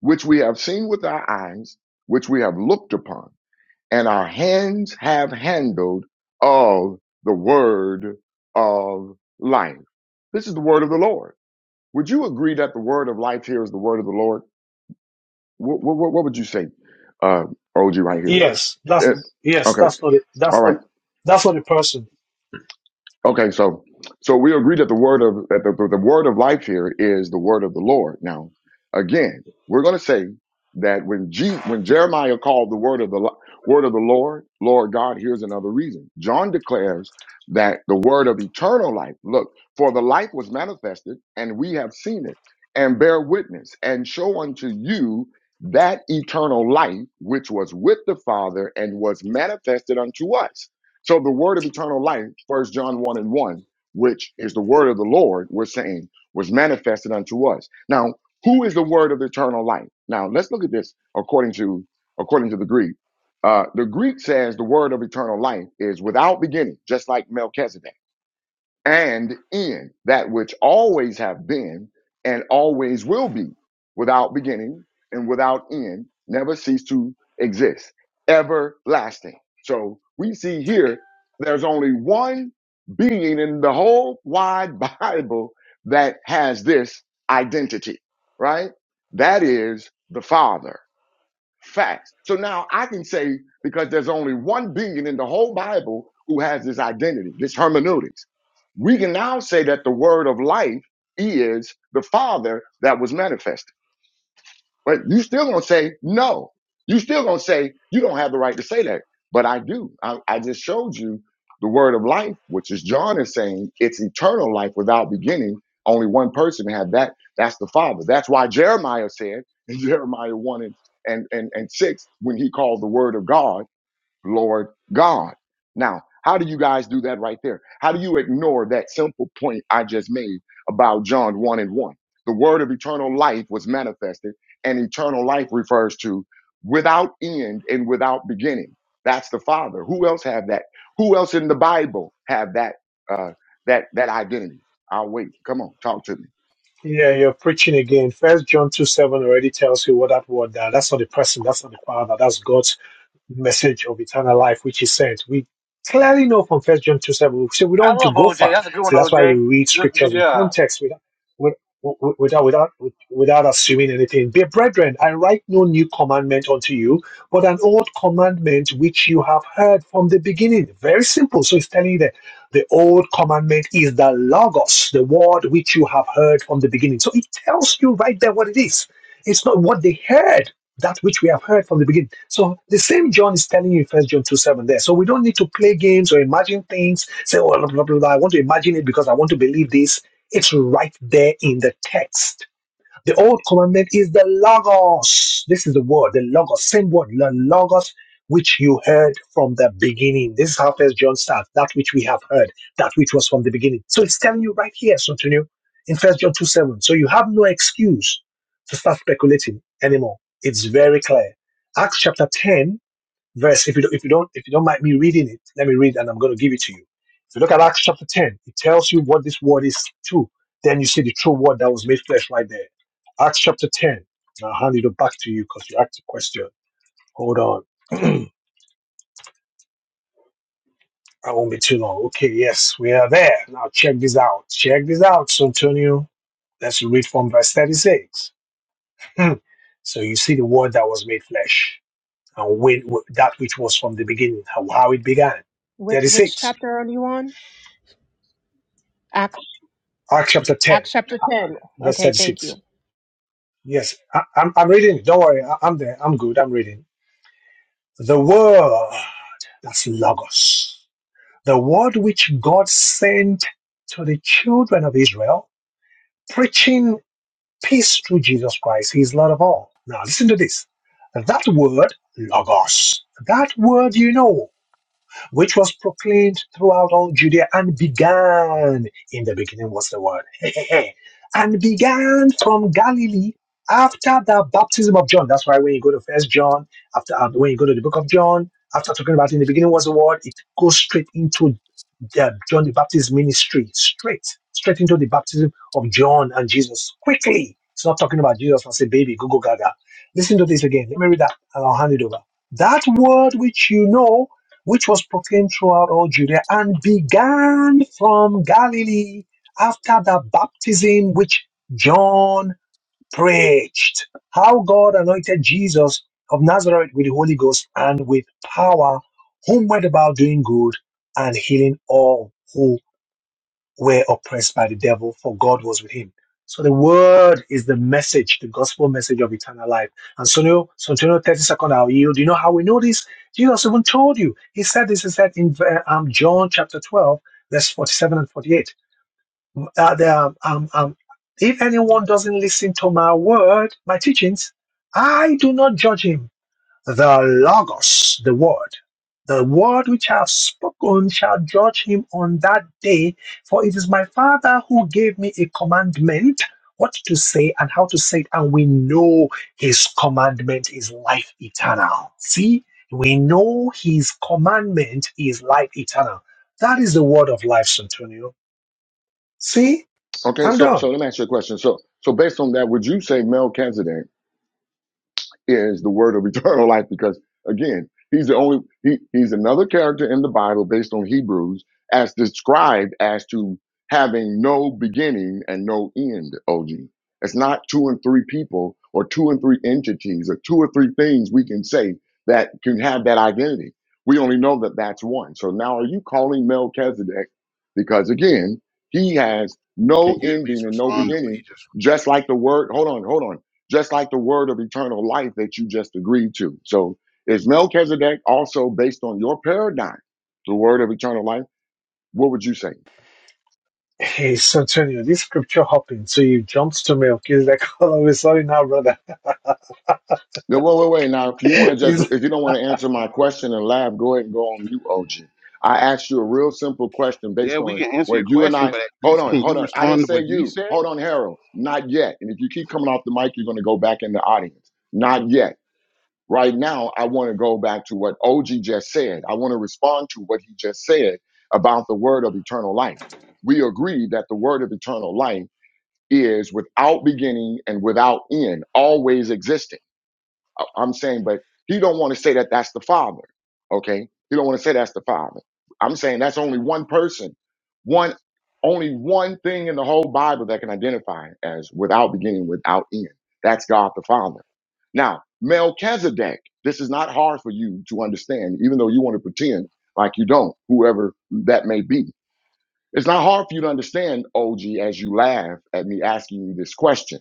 Speaker 1: which we have seen with our eyes, which we have looked upon, and our hands have handled of the word of life. This is the word of the Lord. Would you agree that the word of life here is the word of the Lord? What, what, what would you say, uh, OG, right here?
Speaker 6: Yes.
Speaker 14: Yes, that's
Speaker 1: Yes.
Speaker 14: yes,
Speaker 1: Okay.
Speaker 14: that's not it.
Speaker 1: All
Speaker 14: That's not
Speaker 1: right.
Speaker 14: that's not the person.
Speaker 1: Okay, so so we agree that the word of that the, the word of life here is the word of the Lord. Now, again, we're going to say that when Jesus, when Jeremiah called the word of the Lo- word of the Lord, Lord God, here's another reason. John declares that the word of eternal life. Look, for the life was manifested, and we have seen it, and bear witness, and show unto you that eternal life which was with the Father and was manifested unto us so the word of eternal life, first John 1 and 1, which is the word of the Lord, we're saying, was manifested unto us. Now, who is the word of eternal life? Now let's look at this according to according to the Greek. Uh, the Greek says the word of eternal life is without beginning, just like Melchizedek and in that which always have been and always will be without beginning and without end never cease to exist everlasting so we see here there's only one being in the whole wide *laughs* bible that has this identity right that is the father Facts. So now I can say, because there's only one being in the whole Bible who has this identity, this hermeneutics, we can now say that the word of life is the Father that was manifested. But you still gonna say no. You still gonna say you don't have the right to say that. But I do. I, I just showed you the word of life, which is John is saying it's eternal life without beginning. Only one person had that. That's the Father. That's why Jeremiah said in *laughs* Jeremiah one and and and, and six when he called the word of God. Lord God. Now, how do you guys do that right there? How do you ignore that simple point I just made about John 1 and 1? The word of eternal life was manifested, and eternal life refers to without end and without beginning. That's the Father. Who else have that? Who else in the Bible have that uh that that identity? I'll wait. Come on, talk to me.
Speaker 14: Yeah, you're preaching again. First John two seven already tells you what that word that that's not the person, that's not the father, that's God. message of eternal life which he sent. We clearly know from First John 2 7, so we
Speaker 12: I
Speaker 14: don't need to
Speaker 12: love
Speaker 14: go
Speaker 12: OJ.
Speaker 14: far.
Speaker 12: That's a good one,
Speaker 14: So that's why we
Speaker 12: OJ.
Speaker 14: read
Speaker 12: Good, good
Speaker 14: scriptures in
Speaker 12: job.
Speaker 14: context without, without, without, without assuming anything. Dear brethren, I write no new commandment unto you, but an old commandment which you have heard from the beginning. Very simple. So it's telling you that the old commandment is the Logos, the word which you have heard from the beginning. So it tells you right there what it is. It's not what they heard that which we have heard from the beginning. So the same John is telling you in First John 2 7 there. So we don't need to play games or imagine things, say, oh, blah, blah, blah, blah. I want to imagine it because I want to believe this. It's right there in the text. The old commandment is the logos. This is the word, the logos, same word, the logos, which you heard from the beginning. This is how First John starts. That which we have heard, that which was from the beginning. So it's telling you right here, something in First John two seven. So you have no excuse to start speculating anymore. It's very clear. Acts chapter ten verse. If you don't, if you don't, if you don't mind me reading it, let me read, and I'm going to give it to you. If you look at Acts chapter 10, it tells you what this word is too. Then you see the true word that was made flesh right there. Acts chapter 10. I'll hand it back to you because you asked a question. Hold on. *clears throat* I won't be too long. Okay, yes, we are there. Now check this out. Check this out, Santonio. Let's read from verse 36. Hmm. So you see the word that was made flesh and when, that which was from the beginning, how, how it began.
Speaker 3: Which, which
Speaker 14: 36.
Speaker 3: chapter are you on? Acts,
Speaker 14: Acts chapter 10,
Speaker 3: Acts chapter 10.
Speaker 14: verse
Speaker 3: Okay, thank
Speaker 14: 36.
Speaker 3: you. *clears throat*
Speaker 14: Yes, I, I'm, I'm reading. Don't worry, I, I'm there. I'm good. I'm reading. The word, that's Logos, the word which God sent to the children of Israel, preaching peace through Jesus Christ. He is Lord of all. Now, listen to this. That word, Logos, that word you know, which was proclaimed throughout all Judea and began in the beginning was the word. *laughs* and began from Galilee after the baptism of John. That's why when you go to First John, after uh, when you go to the book of John, after talking about in the beginning was the word, it goes straight into the- John the Baptist's ministry straight, straight into the baptism of John and Jesus quickly. It's not talking about Jesus as a baby, go go gaga. Listen to this again. Let me read that and I'll hand it over. That word which you know, which was proclaimed throughout all Judea and began from Galilee after the baptism which John preached how God anointed Jesus of Nazareth with the Holy Ghost and with power, whom went about doing good and healing all who were oppressed by the devil, for God was with him. So the word is the message, the gospel message of eternal life. And so now, so to know 30 second, I'll yield. You know how we know this? Jesus even told you. He said this, he said in uh, um, John chapter 12, verse 47 and 48 uh, the, um, um, um, if anyone doesn't listen to my word, my teachings, I do not judge him. The Logos, the word, the word which I have spoken shall judge him on that day, for it is my Father who gave me a commandment what to say and how to say it, and we know his commandment is life eternal. See, we know his commandment is life eternal. That is the word of life, Santonio. See?
Speaker 1: Okay,
Speaker 14: I'm
Speaker 1: so so
Speaker 14: done.
Speaker 1: let me ask you a question. So so based on that, would you say Mel Kanzadek? is the word of *laughs* eternal life because again he's the only he, he's another character in the bible based on hebrews as described as to having no beginning and no end og it's not two and three people or two and three entities or two or three things we can say that can have that identity we only know that that's one so now are you calling melchizedek because again he has
Speaker 13: Or
Speaker 1: no
Speaker 13: can you at
Speaker 1: ending
Speaker 13: least
Speaker 1: and no
Speaker 13: respond to what he
Speaker 1: beginning
Speaker 13: just?
Speaker 1: just like the word hold on hold on just like the word of eternal life that you just agreed to. So is Melchizedek also based on your paradigm, the word of eternal life? What would you say?
Speaker 14: Hey, Santonio, this scripture hopping, so you jumped to milk. He's like *laughs* oh, we're sorry now, brother. *laughs*
Speaker 1: Now, wait, wait, wait. Now, if you want to just,
Speaker 14: He's
Speaker 1: if you don't want to answer my question and laugh, go ahead and go on mute, OG. I asked you a real simple question
Speaker 13: Yeah,
Speaker 1: based
Speaker 13: we
Speaker 1: on
Speaker 13: can answer
Speaker 1: where
Speaker 13: your
Speaker 1: you and
Speaker 13: question,
Speaker 1: I,
Speaker 13: but at
Speaker 1: hold
Speaker 13: least
Speaker 1: on,
Speaker 13: can
Speaker 1: hold
Speaker 13: you
Speaker 1: on. I didn't
Speaker 13: respond to
Speaker 1: say
Speaker 13: what he
Speaker 1: you.
Speaker 13: said,
Speaker 1: Hold on, Harold. Not yet. And if you keep coming off the mic, you're going to go back in the audience. Not yet. Right now, I want to go back to what OG just said. I want to respond to what he just said about the word of eternal life. We agree that the word of eternal life is without beginning and without end, always existing. I'm saying, but he don't want to say that that's the Father. Okay, he don't want to say that's the Father. I'm saying that's only one person, one only one thing in the whole Bible that can identify as without beginning, without end. That's God the Father. Now Melchizedek, this is not hard for you to understand, even though you want to pretend like you don't. Whoever that may be, it's not hard for you to understand, OG, as you laugh at me asking you this question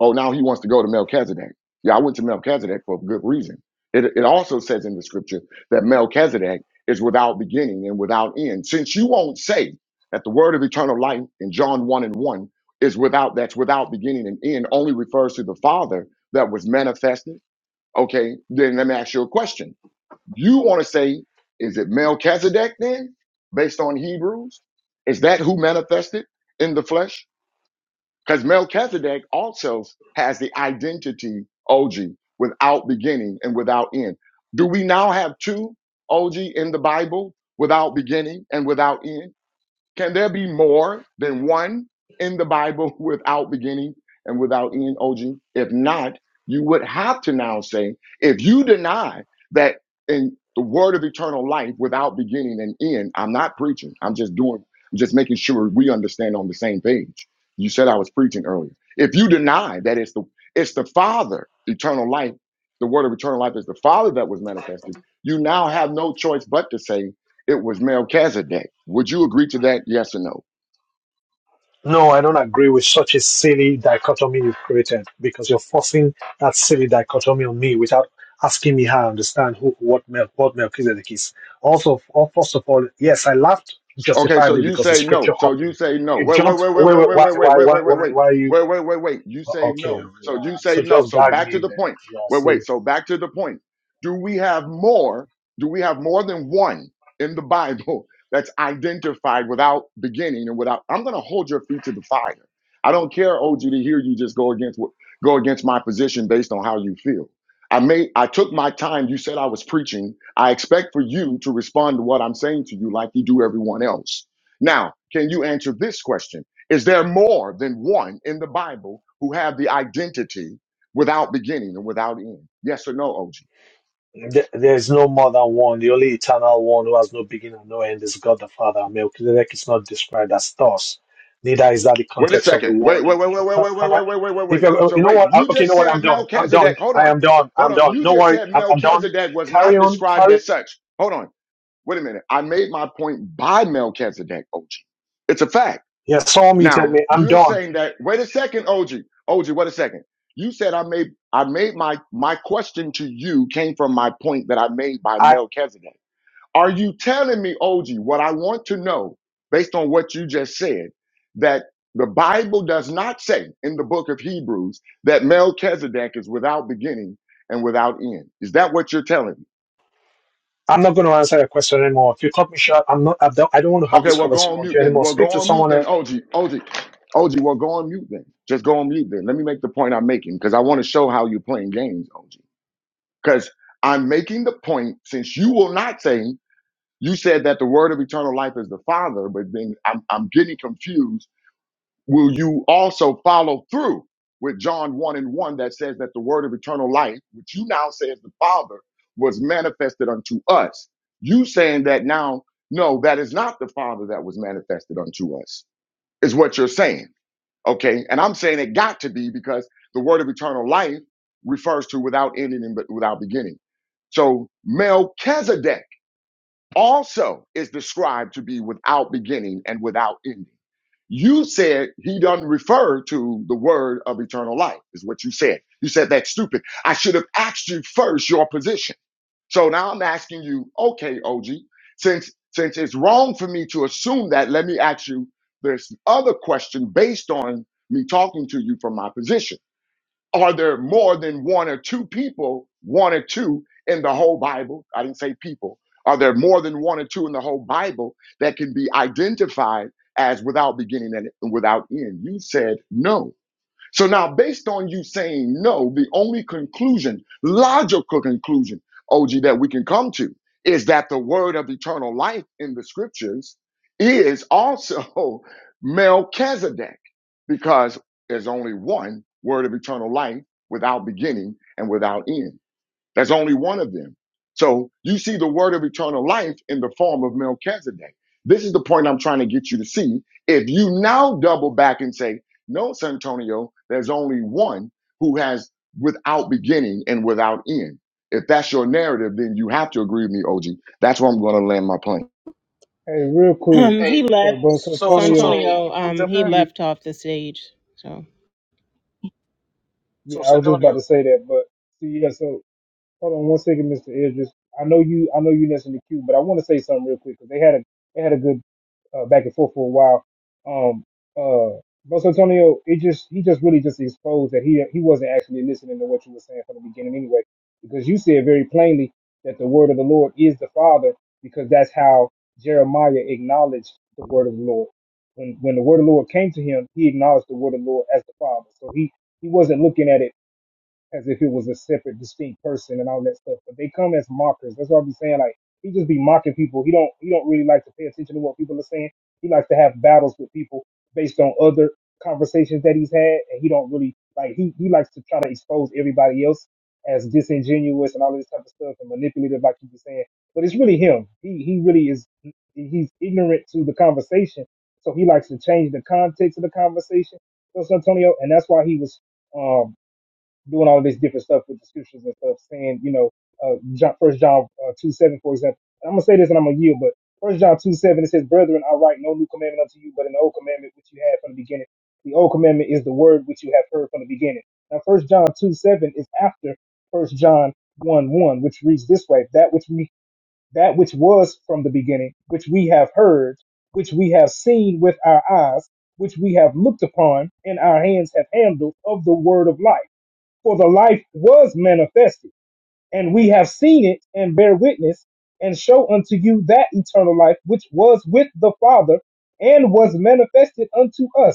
Speaker 1: Oh, now he wants to go to Melchizedek. Yeah, I went to Melchizedek for a good reason. It, it also says in the scripture that Melchizedek is without beginning and without end. Since you won't say that the word of eternal life in John 1 and 1 is without, that's without beginning and end, only refers to the Father that was manifested, okay, then let me ask you a question. You want to say, is it Melchizedek then, based on Hebrews? Is that who manifested in the flesh? Because Melchizedek also has the identity, OG, without beginning and without end. Do we now have two, OG, in the Bible, without beginning and without end? Can there be more than one in the Bible *laughs* without beginning and without end, OG? If not, you would have to now say, if you deny that in the word of eternal life without beginning and end, I'm not preaching. I'm just doing, I'm just making sure we understand on the same page. You said I was preaching earlier. If you deny that it's the it's the Father, eternal life, the word of eternal life is the Father that was manifested, you now have no choice but to say it was Melchizedek. Would you agree to that? Yes or no?
Speaker 14: no, I don't agree with such a silly dichotomy you've created because you're forcing that silly dichotomy on me without asking me how I understand who, what milk, what Melchizedek is. Also, f- oh, first of all, yes, I laughed
Speaker 1: Okay, so
Speaker 14: justifiably
Speaker 1: you
Speaker 14: because of
Speaker 1: say no.
Speaker 14: scripture
Speaker 1: So you
Speaker 14: hopping.
Speaker 1: say no.
Speaker 14: You
Speaker 1: Wait, wait,
Speaker 14: jumped.
Speaker 1: wait, wait,
Speaker 14: Wait,
Speaker 1: wait,
Speaker 14: wait,
Speaker 1: wait,
Speaker 14: why,
Speaker 1: wait, wait,
Speaker 14: why,
Speaker 1: wait, wait,
Speaker 14: why,
Speaker 1: wait,
Speaker 14: why,
Speaker 1: wait,
Speaker 14: why are you?
Speaker 1: wait, wait, wait, wait. You say
Speaker 14: Okay,
Speaker 1: no. So
Speaker 14: yeah.
Speaker 1: you say
Speaker 14: So
Speaker 1: no.
Speaker 14: just
Speaker 1: So
Speaker 14: gag
Speaker 1: back to
Speaker 14: me
Speaker 1: the
Speaker 14: then.
Speaker 1: point. Wait,
Speaker 14: Yeah,
Speaker 1: wait. So back to the point. Do we have more? Do we have more than one in the *laughs* Bible that's identified without beginning and without? I'm going to hold your feet to the fire. I don't care, OG, to hear you just go against what go against my position based on how you feel. I made I took my time. You said I was preaching. I expect for you to respond to what I'm saying to you like you do everyone else. Now, can you answer this question? Is there more than one in the Bible who have the identity without beginning and without end? Yes or no, OG?
Speaker 14: Th- There is no more than one. The only eternal one who has no beginning and no end is God the Father. Melchizedek is not described as thus. Neither is that the
Speaker 1: Wait a
Speaker 14: context of the
Speaker 1: second. Wait,
Speaker 14: word.
Speaker 1: wait,
Speaker 14: in-
Speaker 1: wait, wait, wait,
Speaker 14: Can,
Speaker 1: wait, wait,
Speaker 14: can I?
Speaker 1: wait, wait, wait, wait,
Speaker 14: If
Speaker 1: wait.
Speaker 14: you
Speaker 1: So
Speaker 14: you know
Speaker 1: wait,
Speaker 14: what? I-
Speaker 1: you
Speaker 14: Okay, you
Speaker 1: just
Speaker 14: know what? I'm
Speaker 1: said
Speaker 14: done. I'm done.
Speaker 1: Melchizedek. Hold
Speaker 14: I
Speaker 1: on.
Speaker 14: am done.
Speaker 1: Hold
Speaker 14: I'm
Speaker 1: on.
Speaker 14: done.
Speaker 1: You
Speaker 14: No
Speaker 1: just
Speaker 14: worry.
Speaker 1: said
Speaker 14: I'm, I'm done.
Speaker 1: Melchizedek was
Speaker 14: Carry
Speaker 1: not
Speaker 14: on.
Speaker 1: described
Speaker 14: Carry.
Speaker 1: as such. Hold on. Wait a minute. I made my point by Melchizedek, OG. It's a fact.
Speaker 14: Yeah, someone muted
Speaker 1: Now
Speaker 14: me. I'm
Speaker 1: you're
Speaker 14: done.
Speaker 1: saying that. Wait a second, OG. OG, wait a second. You said I made I made my my question to you came from my point that I made by
Speaker 14: I
Speaker 1: Melchizedek. Are you telling me, OG, what I want to know based on what you just said that the Bible does not say in the book of Hebrews that Melchizedek is without beginning and without end? Is that what you're telling me?
Speaker 14: I'm not going to answer your question anymore. If you cut me short, I'm not. I'm done. I don't want to have
Speaker 1: Okay,
Speaker 14: this
Speaker 1: well, go
Speaker 14: conversation
Speaker 1: on
Speaker 14: with
Speaker 1: mute
Speaker 14: you
Speaker 1: then.
Speaker 14: anymore.
Speaker 1: Well, go
Speaker 14: Speak to
Speaker 1: on mute
Speaker 14: someone
Speaker 1: then,
Speaker 14: else.
Speaker 1: OG. OG. OG, well, go on mute then. Just go on mute then. Let me make the point I'm making because I want to show how you're playing games, OG. Because I'm making the point since you will not say, you said that the word of eternal life is the Father, but then I'm, I'm getting confused will you also follow through with John 1 and 1 that says that the word of eternal life, which you now say is the Father, was manifested unto us? You saying that now, no, that is not the Father that was manifested unto us, is what you're saying. Okay. And I'm saying it got to be because the word of eternal life refers to without ending and but without beginning. So Melchizedek also is described to be without beginning and without ending. You said he doesn't refer to the word of eternal life, is what you said. You said that's stupid. I should have asked you first your position. So now I'm asking you, okay, OG, since since it's wrong for me to assume that, let me ask you this other question based on me talking to you from my position. Are there more than one or two people, one or two in the whole Bible? I didn't say people. Are there more than one or two in the whole Bible that can be identified as without beginning and without end? You said no. So now, based on you saying no, the only conclusion, logical conclusion, OG, that we can come to is that the word of eternal life in the scriptures is also *laughs* Melchizedek, because there's only one word of eternal life without beginning and without end. That's only one of them. So you see the word of eternal life in the form of Melchizedek. This is the point I'm trying to get you to see. If you now double back and say, no, Santonio, there's only one who has without beginning and without end. If that's your narrative, then you have to agree with me, OG. That's where I'm going to land my plane.
Speaker 6: Hey, real quick.
Speaker 3: Um,
Speaker 12: Hey,
Speaker 3: he
Speaker 6: So,
Speaker 3: left,
Speaker 6: Bro
Speaker 12: so, so,
Speaker 6: Santonio,
Speaker 12: so,
Speaker 3: Santonio,
Speaker 12: can we
Speaker 3: um,
Speaker 12: jump
Speaker 6: just so
Speaker 3: he
Speaker 12: in?
Speaker 6: you,
Speaker 3: left off the stage. So.
Speaker 6: yeah,
Speaker 12: So,
Speaker 6: I was just about
Speaker 12: Santonio.
Speaker 6: to say that, but see, yeah, so Hold on one second, Mr. Idris. I know you. I know you next in the queue, but I want to say something real quick because they had a they had a good uh, back and forth for a while. Um, uh, Los Antonio, it just he just really just exposed that he he wasn't actually listening to what you were saying from the beginning anyway, because you said very plainly that the word of the Lord is the Father, because that's how Jeremiah acknowledged the word of the Lord. When when the word of the Lord came to him, he acknowledged the word of the Lord as the Father. So he he wasn't looking at it as if it was a separate, distinct person and all that stuff. But they come as mockers. That's what I be saying. Like he just be mocking people. He don't he don't really like to pay attention to what people are saying. He likes to have battles with people based on other conversations that he's had, and he don't really like he he likes to try to expose everybody else as disingenuous and all of this type of stuff and manipulative, like you were saying. But it's really him. He he really is. He's ignorant to the conversation, so he likes to change the context of the conversation. You Antonio, and that's why he was. um doing all this different stuff with the scriptures and stuff, saying, you know, uh, John, First John uh, two seven, for example. And I'm gonna say this, and I'm gonna yield, but First John two seven, it says, "Brethren, I write no new commandment unto you, but an old commandment which you had from the beginning. The old commandment is the word which you have heard from the beginning." Now, First John two seven is after First John one one, which reads this way: "That which we that which was from the beginning, which we have heard, which we have seen with our eyes, which we have looked upon, and our hands have handled of the word of life." For the life was manifested, and we have seen it, and bear witness, and show unto you that eternal life which was with the Father, and was manifested unto us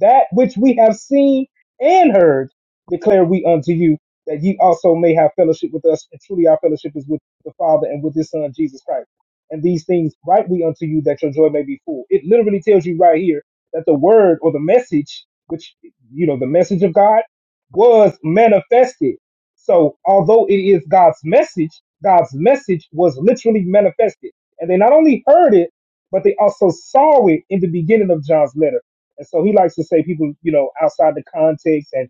Speaker 6: that which we have seen and heard declare we unto you that ye also may have fellowship with us and truly our fellowship is with the father and with his son jesus christ and these things write we unto you that your joy may be full it literally tells you right here that the word or the message which you know the message of god was manifested so although it is god's message god's message was literally manifested and they not only heard it but they also saw it in the beginning of john's letter and so he likes to say people, you know, outside the context and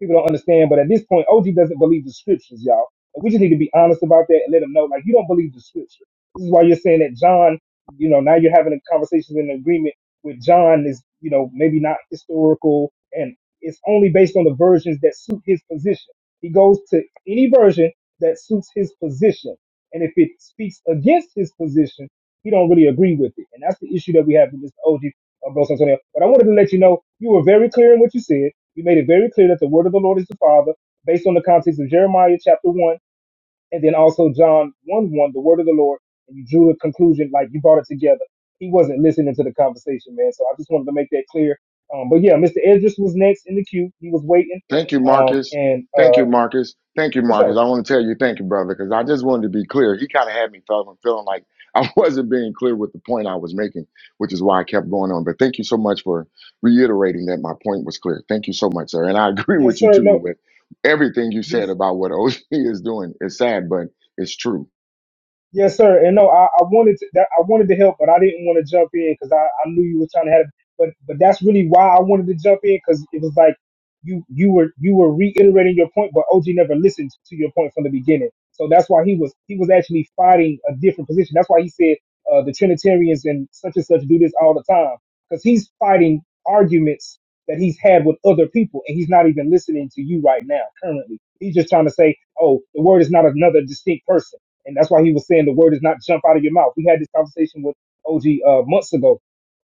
Speaker 6: People don't understand, but at this point, OG doesn't believe the scriptures, y'all. And we just need to be honest about that and let them know, like, you don't believe the scripture. This is why you're saying that John, you know, now you're having a conversation in agreement with John is, you know, maybe not historical and it's only based on the versions that suit his position. He goes to any version that suits his position. And if it speaks against his position, he don't really agree with it. And that's the issue that we have with Mr. OG of Ghost Antonio. But I wanted to let you know you were very clear in what you said. You made it very clear that the word of the Lord is the Father, based on the context of Jeremiah chapter 1, and then also John 1 1, the word of the Lord. And you drew the conclusion, like you brought it together. He wasn't listening to the conversation, man. So I just wanted to make that clear. Um, but yeah, Mr. Edris was next in the queue. He was waiting.
Speaker 1: Thank you,
Speaker 6: Um,
Speaker 1: Marcus.
Speaker 6: and
Speaker 1: Thank
Speaker 6: uh,
Speaker 1: you, Marcus. Thank you,
Speaker 6: for
Speaker 1: Marcus.
Speaker 6: sure.
Speaker 1: I want to tell you thank you, brother, because I just wanted to be clear. He kind of had me feeling, feeling like I *laughs* wasn't being clear with the point I was making, which is why I kept going on. But thank you so much for reiterating that my point was clear. Thank you so much, sir. And I *laughs* agree
Speaker 6: Yes,
Speaker 1: with you
Speaker 6: sir.
Speaker 1: too
Speaker 6: No.
Speaker 1: with everything you
Speaker 6: Yes.
Speaker 1: said about what OC is doing. It's sad, but it's true.
Speaker 6: Yes, sir. And no, I, I wanted to, that, I wanted to help, but I didn't want to jump in because I, I knew you were trying to have. But but that's really why I wanted to jump in because it was like you you were you were reiterating your point, but OG never listened to your point from the beginning. So that's why he was he was actually fighting a different position. That's why he said uh, the Trinitarians and such and such do this all the time because he's fighting arguments that he's had with other people, and he's not even listening to you right now currently. He's just trying to say, oh, the word is not another distinct person and that's why he was saying the word is not jump out of your mouth. We had this conversation with OG uh, months ago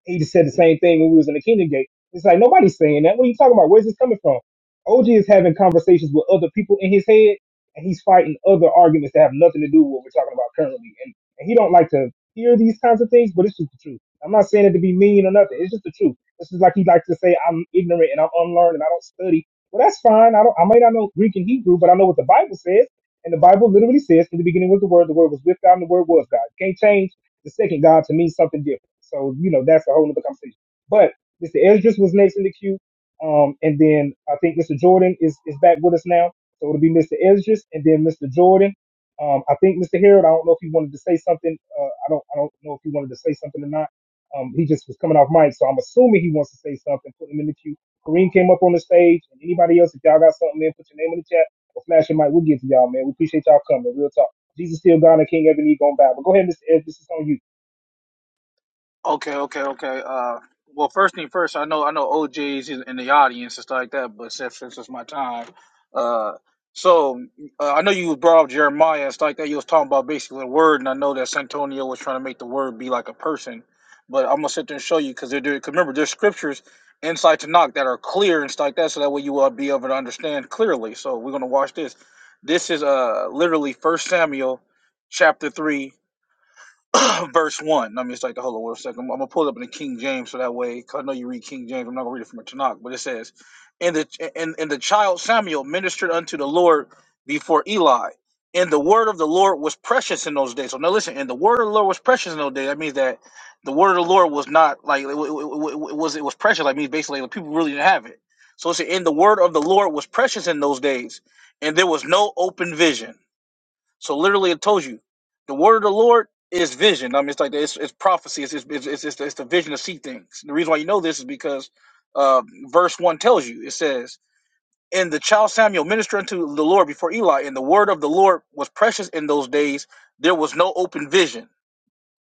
Speaker 6: he just said the same thing when we was in the Kingdom Gate. It's like nobody's saying that. What are you talking about? Where's this coming from? OG is having conversations with other people in his head, and he's fighting other arguments that have nothing to do with what we're talking about currently. And, and he don't like to hear these kinds of things, but it's just the truth. I'm not saying it to be mean or nothing. It's just the truth. This is like he likes to say, I'm ignorant and I'm unlearned and I don't study. Well, that's fine. I don't. I may not know Greek and Hebrew, but I know what the Bible says. And the Bible literally says, "In the beginning was the Word. The Word was with God, and the Word was God." You can't change the second God to mean something different. So, you know, that's a whole other conversation. But Mr. Esdras was next in the queue. Um, and then I think Mr. Jordan is, is back with us now. So it'll be Mr. Esdras and then Mr. Jordan. Um, I think Mr. Harold, I don't know if he wanted to say something. Uh, I don't I don't know if he wanted to say something or not. Um, he just was coming off mic, so I'm assuming he wants to say something. Put him in the queue. Kareem came up on the stage. And anybody else, if y'all got something, man, put your name in the chat or flash your mic. We'll get to y'all, man. We appreciate y'all coming. Real talk. Jesus still God and King. Every knee gonna bow. But go ahead, Mr. Ed. This is on you.
Speaker 12: Okay, okay, okay. Uh, well, first thing first, I know I know OJ's in in the audience and stuff like that, but since since it's my time, uh, so uh, I know you brought up Jeremiah and stuff like that. You was talking about basically the word, and I know that Santonio was trying to make the word be like a person, but I'm gonna sit there and show you because they're doing. because remember there's scriptures inside to knock that are clear and stuff like that, so that way you will be able to understand clearly. So we're gonna watch this. This is uh literally First Samuel chapter three *coughs* *clears throat* verse one. Let me just like the hold on one second. I'm gonna pull up in the King James so that way, cause I know you read King James. I'm not gonna read it from a Tanakh, but it says, "And the and, and the child Samuel ministered unto the Lord before Eli, and the word of the Lord was precious in those days." So now listen, and the word of the Lord was precious in those days. That means that the word of the Lord was not like it, wa- it wa- it wa- it was it was precious. Like means basically the people really didn't have it. So it's and the word of the Lord was precious in those days, and there was no open vision. So literally, it tells you the word of the Lord is vision. I mean, it's like the- it's, it's prophecy. It's it's, it's it's the it's the vision to see things. The reason why you know this is because uh, verse one tells you. It says, "And the child Samuel ministered unto the Lord before Eli, and the word of the Lord was precious in those days. There was no open vision."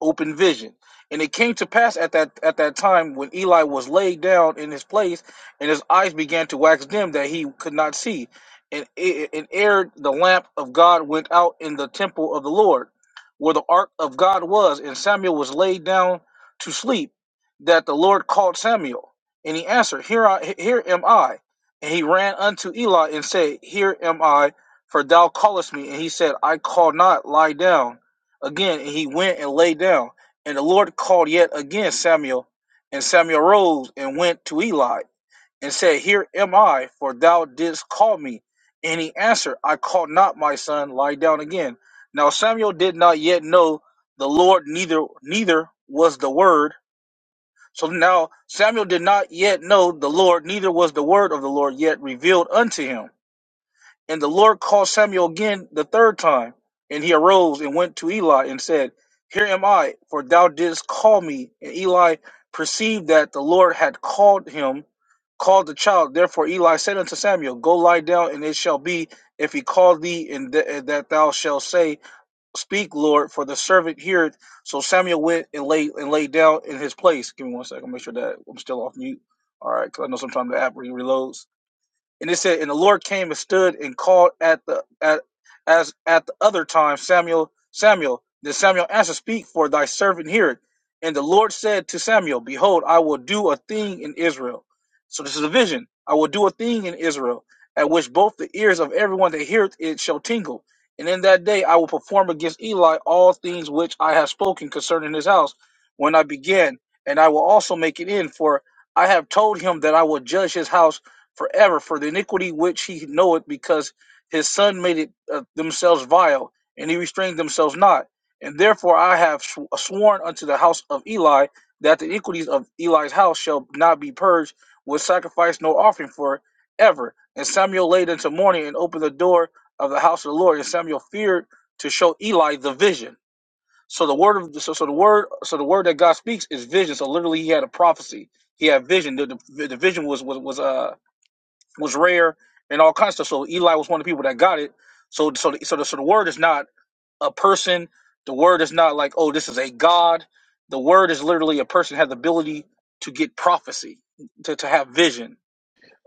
Speaker 12: open vision. And it came to pass at that at that time when Eli was laid down in his place, and his eyes began to wax dim that he could not see. And e- and ere the lamp of God went out in the temple of the Lord, where the ark of God was, and Samuel was laid down to sleep, that the Lord called Samuel, and he answered, Here I here am I. And he ran unto Eli and said, Here am I, for thou callest me. And he said, I call not, lie down. Again, he went and lay down. And the Lord called yet again Samuel. And Samuel rose and went to Eli and said, Here am I, for thou didst call me. And he answered, I called not my son, lie down again. Now Samuel did not yet know the Lord, neither neither was the word. So now Samuel did not yet know the Lord, neither was the word of the Lord yet revealed unto him. And the Lord called Samuel again the third time, and he arose and went to Eli and said, Here am I, for thou didst call me. And Eli perceived that the Lord had called him, called the child. Therefore Eli said unto Samuel, Go lie down, and it shall be, if he call thee, and th- and that thou shalt say, Speak, Lord, for the servant heareth. So Samuel went and lay and lay down in his place. Give me one second, make sure that I'm still off mute. All right, because I know sometimes the app re- reloads. And it said, and the Lord came and stood and called at the at as at the other time, Samuel, Samuel. Then Samuel answered, Speak, for thy servant heareth. And the Lord said to Samuel, Behold, I will do a thing in Israel. So this is a vision. I will do a thing in Israel, at which both the ears of everyone that heareth it shall tingle. And in that day I will perform against Eli all things which I have spoken concerning his house when I began, and I will also make it end, for I have told him that I will judge his house forever for the iniquity which he knoweth, because his son made it uh, themselves vile, and he restrained themselves not. And therefore I have sw- uh, sworn unto the house of Eli that the iniquities of Eli's house shall not be purged with sacrifice nor offering for ever. And Samuel laid into mourning and opened the door of the house of the Lord, and Samuel feared to show Eli the vision. So the word of so, so the word so the word that God speaks is vision. So literally, he had a prophecy. He had vision. The, the, the vision was was was uh was rare and all kinds of stuff. So Eli was one of the people that got it. So so the, so, the, so the word is not a person. The word is not like oh this is a god. The word is literally a person has the ability to get prophecy, to, to have vision.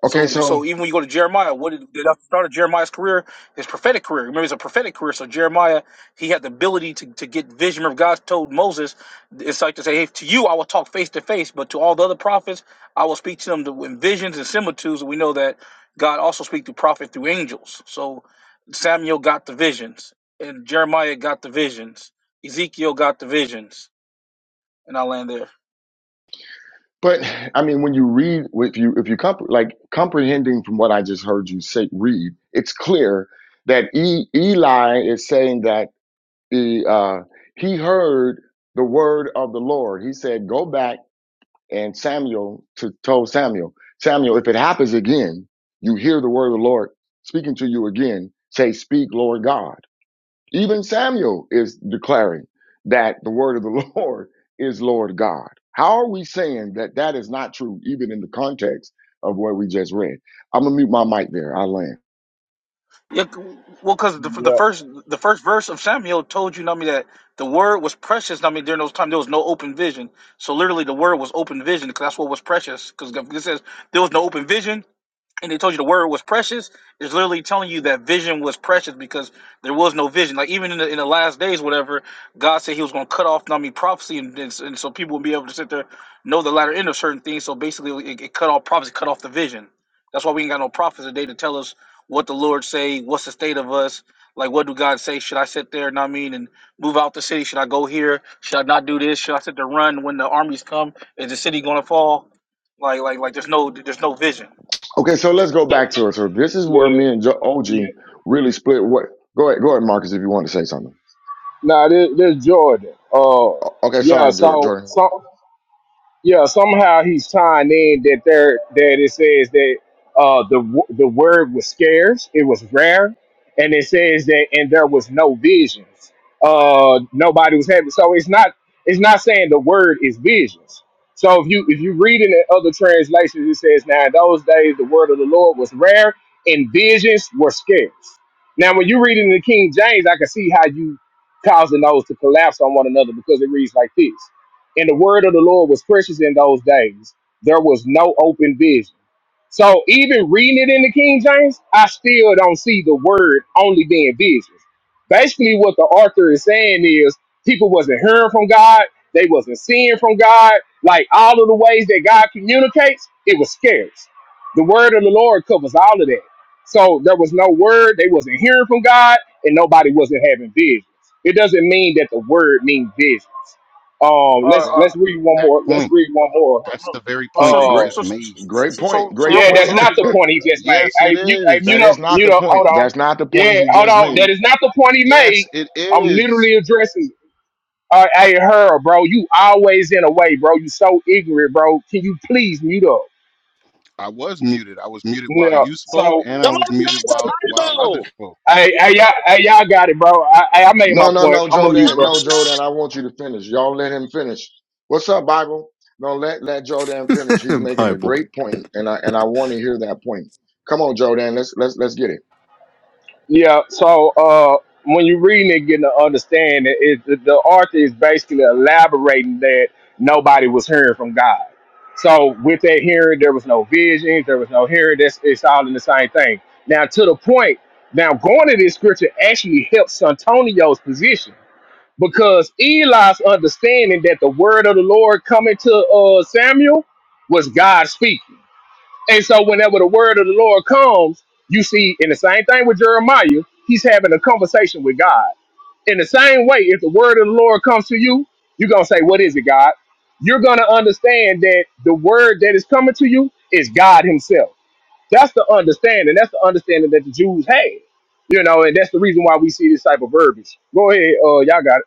Speaker 1: Okay,
Speaker 12: So,
Speaker 1: so
Speaker 12: so even when you go to Jeremiah, what did the start of Jeremiah's career? His prophetic career. Remember, it's a prophetic career. So Jeremiah, he had the ability to, to get vision. Remember, God told Moses, it's like to say, "Hey, to you I will talk face to face, but to all the other prophets, I will speak to them to, in visions and similitudes." And we know that God also speaks to prophet through angels. So Samuel got the visions, and Jeremiah got the visions. Ezekiel got the visions, and I land there.
Speaker 1: But I mean, when you read, if you if you comp- like comprehending from what I just heard you say, read, it's clear that e- Eli is saying that the uh, he heard the word of the Lord. He said, "Go back and Samuel to told Samuel, Samuel, if it happens again, you hear the word of the Lord speaking to you again. Say, speak, Lord God." Even Samuel is declaring that the word of the *laughs* Lord is Lord God. How are we saying that that is not true, even in the context of what we just read? I'm gonna mute my mic there. I land.
Speaker 12: Yeah, c- well, because the, the
Speaker 16: Yep.
Speaker 12: first the first verse of Samuel told you, know what I mean, that the word was precious. know what I mean, during those times there was no open vision, so literally the word was open vision because that's what was precious. Because it says there was no open vision, and they told you the word was precious It's literally telling you that vision was precious because there was no vision. Like even in the, in the last days, whatever God said He was going to cut off Nami prophecy, and, and, and so people would be able to sit there know the latter end of certain things. So basically, it, it cut off prophecy, cut off the vision. That's why we ain't got no prophets today to tell us what the Lord say, what's the state of us. Like, what do God say? Should I sit there? know what I mean, and move out the city? Should I go here? Should I not do this? Should I sit there run when the armies come? Is the city gonna fall? Like, like, like, there's no, there's no vision.
Speaker 1: Okay, so let's go back to it. So this is where
Speaker 16: Yeah.
Speaker 1: me and jo- OG
Speaker 16: Yeah.
Speaker 1: really split. What? Go ahead, go ahead, Marcus, if you want to say something.
Speaker 16: Now this, this Jordan. Uh,
Speaker 1: O- Okay,
Speaker 16: yeah.
Speaker 1: sorry, Jor-
Speaker 16: So
Speaker 1: Jordan.
Speaker 16: so. yeah, somehow he's tying in that there that it says that uh, the w- the word was scarce, it was rare, and it says that and there was no visions. Uh, nobody was having. So it's not it's not saying the word is visions. So if you if you read it in other translations, it says now in those days the word of the Lord was rare and visions were scarce. Now when you read it in the King James, I can see how you causing those to collapse on one another because it reads like this. And the word of the Lord was precious in those days. There was no open vision. So even reading it in the King James, I still don't see the word only being visions. Basically, what the author is saying is people wasn't hearing from God, they wasn't seeing from God. Like all of the ways that God communicates, it was scarce. The word of the Lord covers all of that. So there was no word, they wasn't hearing from God, and nobody wasn't having visions. It doesn't mean that the word means visions. Um, let's
Speaker 13: bro?
Speaker 16: let's
Speaker 13: That's the
Speaker 16: read one
Speaker 13: exact
Speaker 16: more. Let's
Speaker 13: point.
Speaker 16: read one more.
Speaker 13: That's the very point
Speaker 12: so,
Speaker 13: that
Speaker 12: so,
Speaker 13: he
Speaker 12: so,
Speaker 1: Great,
Speaker 16: uh,
Speaker 12: so,
Speaker 13: just
Speaker 12: so,
Speaker 13: made.
Speaker 1: great
Speaker 12: so,
Speaker 1: point.
Speaker 12: so, so
Speaker 1: Great
Speaker 12: real
Speaker 16: yeah,
Speaker 12: quick, so
Speaker 16: that's
Speaker 1: point.
Speaker 12: real
Speaker 16: not
Speaker 12: quick,
Speaker 16: the
Speaker 12: Jordan.
Speaker 1: *laughs*
Speaker 16: point he just made.
Speaker 13: Yes, it
Speaker 16: Hey, mute, hey,
Speaker 1: that
Speaker 16: mute
Speaker 13: is.
Speaker 1: is
Speaker 16: up,
Speaker 1: not
Speaker 16: mute
Speaker 1: the
Speaker 16: up.
Speaker 1: point.
Speaker 16: Hold on.
Speaker 1: That's not the point
Speaker 16: Yeah,
Speaker 1: he
Speaker 16: hold
Speaker 1: just
Speaker 16: on.
Speaker 1: made.
Speaker 16: That is not the point he
Speaker 13: Yes,
Speaker 16: made.
Speaker 13: it
Speaker 16: I'm
Speaker 13: is.
Speaker 16: literally addressing. Uh, hey, her, bro. You always in a way, bro. You so ignorant, bro. Can you please mute up?
Speaker 13: I was muted. I was muted while
Speaker 16: Yeah.
Speaker 13: you spoke,
Speaker 16: So,
Speaker 13: and I
Speaker 17: Come
Speaker 13: was
Speaker 17: on back
Speaker 13: muted while
Speaker 17: to
Speaker 13: while
Speaker 17: Bible.
Speaker 13: others spoke.
Speaker 16: hey, hey, y'all, hey, y'all got it, bro. I, I I made my
Speaker 1: No, no,
Speaker 16: point.
Speaker 1: no,
Speaker 16: I'm a mute,
Speaker 17: Come
Speaker 1: Jordan.
Speaker 16: bro.
Speaker 1: No,
Speaker 17: on
Speaker 1: Jordan.
Speaker 17: back.
Speaker 1: I want you to finish. Y'all let him finish. What's up, Bible? No, let let Jordan finish. He's
Speaker 8: *laughs*
Speaker 1: making a
Speaker 8: Bible.
Speaker 1: great point, and I and I want to hear that point. Come on, Jordan. Let's let's let's get it.
Speaker 16: Yeah, so uh, when you're reading it, getting to understand it, it, the the author is basically elaborating that nobody was hearing from God. So with that hearing, there was no visions, there was no hearing. That's it's all in the same thing. Now to the point. Now going to this scripture actually helps Santonio's position because Eli's understanding that the word of the Lord coming to uh, Samuel was God speaking. And so whenever the word of the Lord comes, you see, in the same thing with Jeremiah, he's having a conversation with God. In the same way, if the word of the Lord comes to you, you're going to say, What is it, God? You're going to understand that the word that is coming to you is God Himself. That's the understanding. That's the understanding that the Jews had. You know, and that's the reason why we see this type of verbiage. Go ahead, uh, y'all got it.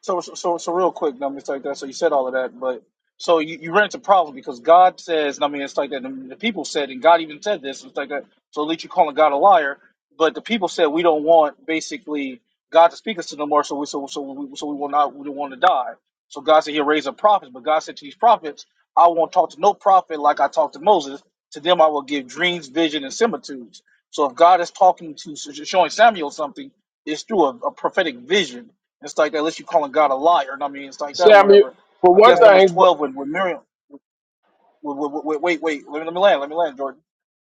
Speaker 12: So, so, so, so real quick, I mean, it's like that. So you said all of that, but so you, you ran into problems because God says, I mean, it's like that. And the people said, and God even said this, it's like that. So at least you're calling God a liar. But the people said we don't want basically God to speak us to no more. So we, so, so we, so we will not, we don't want to die. So God said He'll raise up prophets, but God said to these prophets, I won't talk to no prophet like I talked to Moses. To them, I will give dreams, vision, and similitudes. So if God is talking to showing Samuel something, it's through a, a prophetic vision it's like that, unless you're calling God a liar. And I mean, it's like that,
Speaker 16: Samuel,
Speaker 12: whatever.
Speaker 16: for
Speaker 12: I think
Speaker 16: one
Speaker 12: that's
Speaker 6: Can
Speaker 12: Numbers
Speaker 16: thing, bro-
Speaker 12: 12 with, with Miriam. With, with, with, with- wait, wait, let me, let me land, let me land, Jordan.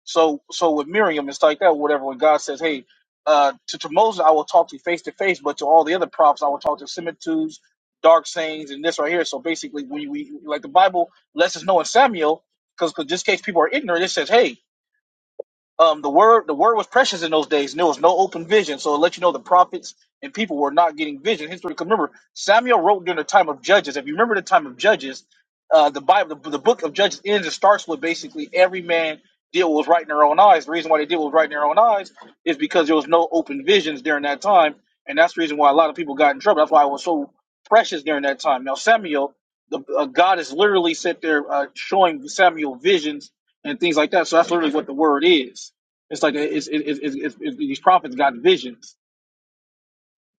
Speaker 12: So, so with Miriam, it's like that, whatever. When God says, hey, uh, to, to Moses, I will talk to you face to face, but to all the other prophets, I will talk to similitudes, dark sayings, and this right here. So basically, we, we like the Bible lets us know in Samuel, because just in case people are ignorant, it says, hey, um, the word the word was precious in those days, and there was no open vision. So it let you know the prophets and people were not getting vision. History, remember Samuel wrote during the time of Judges. If you remember the time of Judges, uh, the Bible, the, the book of Judges ends and starts with basically every man did what was right in their own eyes. The reason why they did what was right in their own eyes is because there was no open visions during that time, and that's the reason why a lot of people got in trouble. That's why it was so precious during that time. Now Samuel, the uh, God is literally sit there uh, showing Samuel visions and things like that. So that's literally what the word is. It's like it's, it, it, it, it, it- these prophets got visions.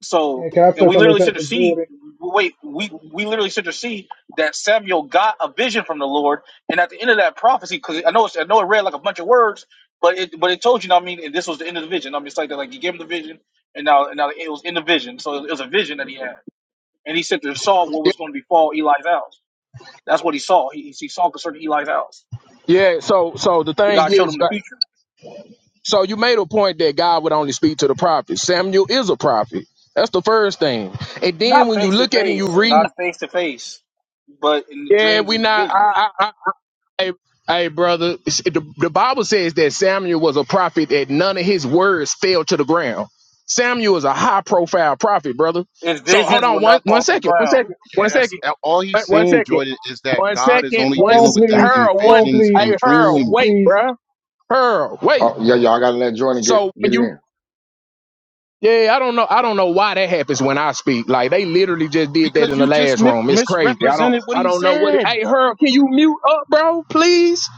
Speaker 12: So
Speaker 6: can, can I
Speaker 12: and
Speaker 6: touch
Speaker 12: we
Speaker 6: on this
Speaker 12: literally should have
Speaker 6: after
Speaker 12: see.
Speaker 6: Jordan?
Speaker 12: Wait, we we literally should have see that Samuel got a vision from the Lord, and at the end of that prophecy, because I know it's, I know it read like a bunch of words, but it but it told you. I mean, and this was the end of the vision. I mean, it's like that. Like he gave him the vision, and now and now it was in the vision. So it was a vision that he had, and he said there saw what was going to befall Eli's house. That's what he saw. He, he saw concerning Eli's house.
Speaker 16: yeah. So, so the thing
Speaker 12: God showed
Speaker 16: is,
Speaker 12: him the future.
Speaker 16: So you made a point that God would only speak to the prophets. Samuel is a prophet. That's the first thing. And then
Speaker 12: Not
Speaker 16: when you
Speaker 12: face to
Speaker 16: look at it and you
Speaker 12: face,
Speaker 16: read,
Speaker 12: not face to face, but in the
Speaker 16: yeah,
Speaker 12: dreams
Speaker 16: we
Speaker 12: and
Speaker 16: not. I,
Speaker 12: visions.
Speaker 16: I, I, hey, hey, brother, it's- the, the Bible says that Samuel was a prophet that none of his words fell to the ground. Samuel is a high profile prophet, brother.
Speaker 12: His
Speaker 16: So hold
Speaker 12: visions
Speaker 16: on
Speaker 12: will
Speaker 16: one
Speaker 12: not
Speaker 16: one
Speaker 12: fall to the
Speaker 16: second, one
Speaker 12: ground.
Speaker 16: second, one
Speaker 13: Yes,
Speaker 16: second,
Speaker 13: a- all
Speaker 16: one
Speaker 13: he's
Speaker 16: one
Speaker 13: saying,
Speaker 16: second,
Speaker 13: Jordan, is that
Speaker 16: one
Speaker 13: God is
Speaker 16: second,
Speaker 13: only
Speaker 6: Hold
Speaker 16: one
Speaker 6: on,
Speaker 13: dealing
Speaker 16: s-
Speaker 13: with them
Speaker 6: please.
Speaker 13: in
Speaker 16: her
Speaker 6: Hold
Speaker 16: one,
Speaker 6: on,
Speaker 13: visions
Speaker 6: please.
Speaker 13: and
Speaker 16: hey,
Speaker 6: Hold
Speaker 16: her
Speaker 6: on,
Speaker 16: wait,
Speaker 13: dreams
Speaker 6: please.
Speaker 16: bruh, her wait.
Speaker 1: Oh yeah, y'all gotta let Jordan get
Speaker 16: So
Speaker 1: get
Speaker 16: when
Speaker 1: it
Speaker 16: you
Speaker 1: in.
Speaker 16: Yeah, yeah, I don't know. I don't know why that happens when I speak. Like they literally just did that
Speaker 13: because
Speaker 16: in the
Speaker 13: you just
Speaker 16: last
Speaker 13: mi-
Speaker 16: room. It's crazy. I don't.
Speaker 13: misrepresented what
Speaker 16: I
Speaker 13: he
Speaker 16: don't know what. It,
Speaker 13: said.
Speaker 16: hey, her, can you mute up, bro? Please.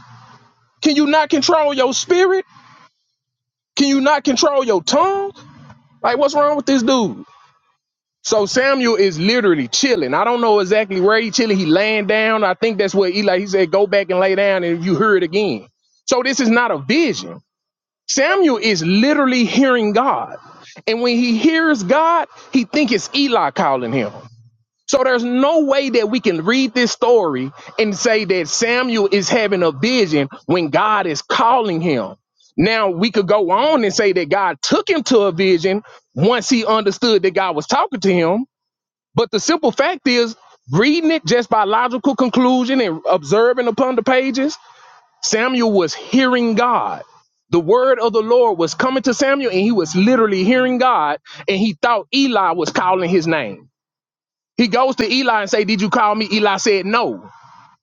Speaker 16: Can you not control your spirit? Can you not control your tongue? Like, what's wrong with this dude? So Samuel is literally chilling. I don't know exactly where he chilling. He laying down. I think that's what Eli. He said, go back and lay down, and you hear it again. So this is not a vision. Samuel is literally hearing God. And when he hears God, he thinks it's Eli calling him. So there's no way that we can read this story and say that Samuel is having a vision when God is calling him. Now we could go on and say that God took him to a vision once he understood that God was talking to him. But the simple fact is, reading it just by logical conclusion and observing upon the pages, Samuel was hearing God. The word of the Lord was coming to Samuel, and he was literally hearing God, and he thought Eli was calling his name. He goes to Eli and say, "Did you call me?" Eli said, "No."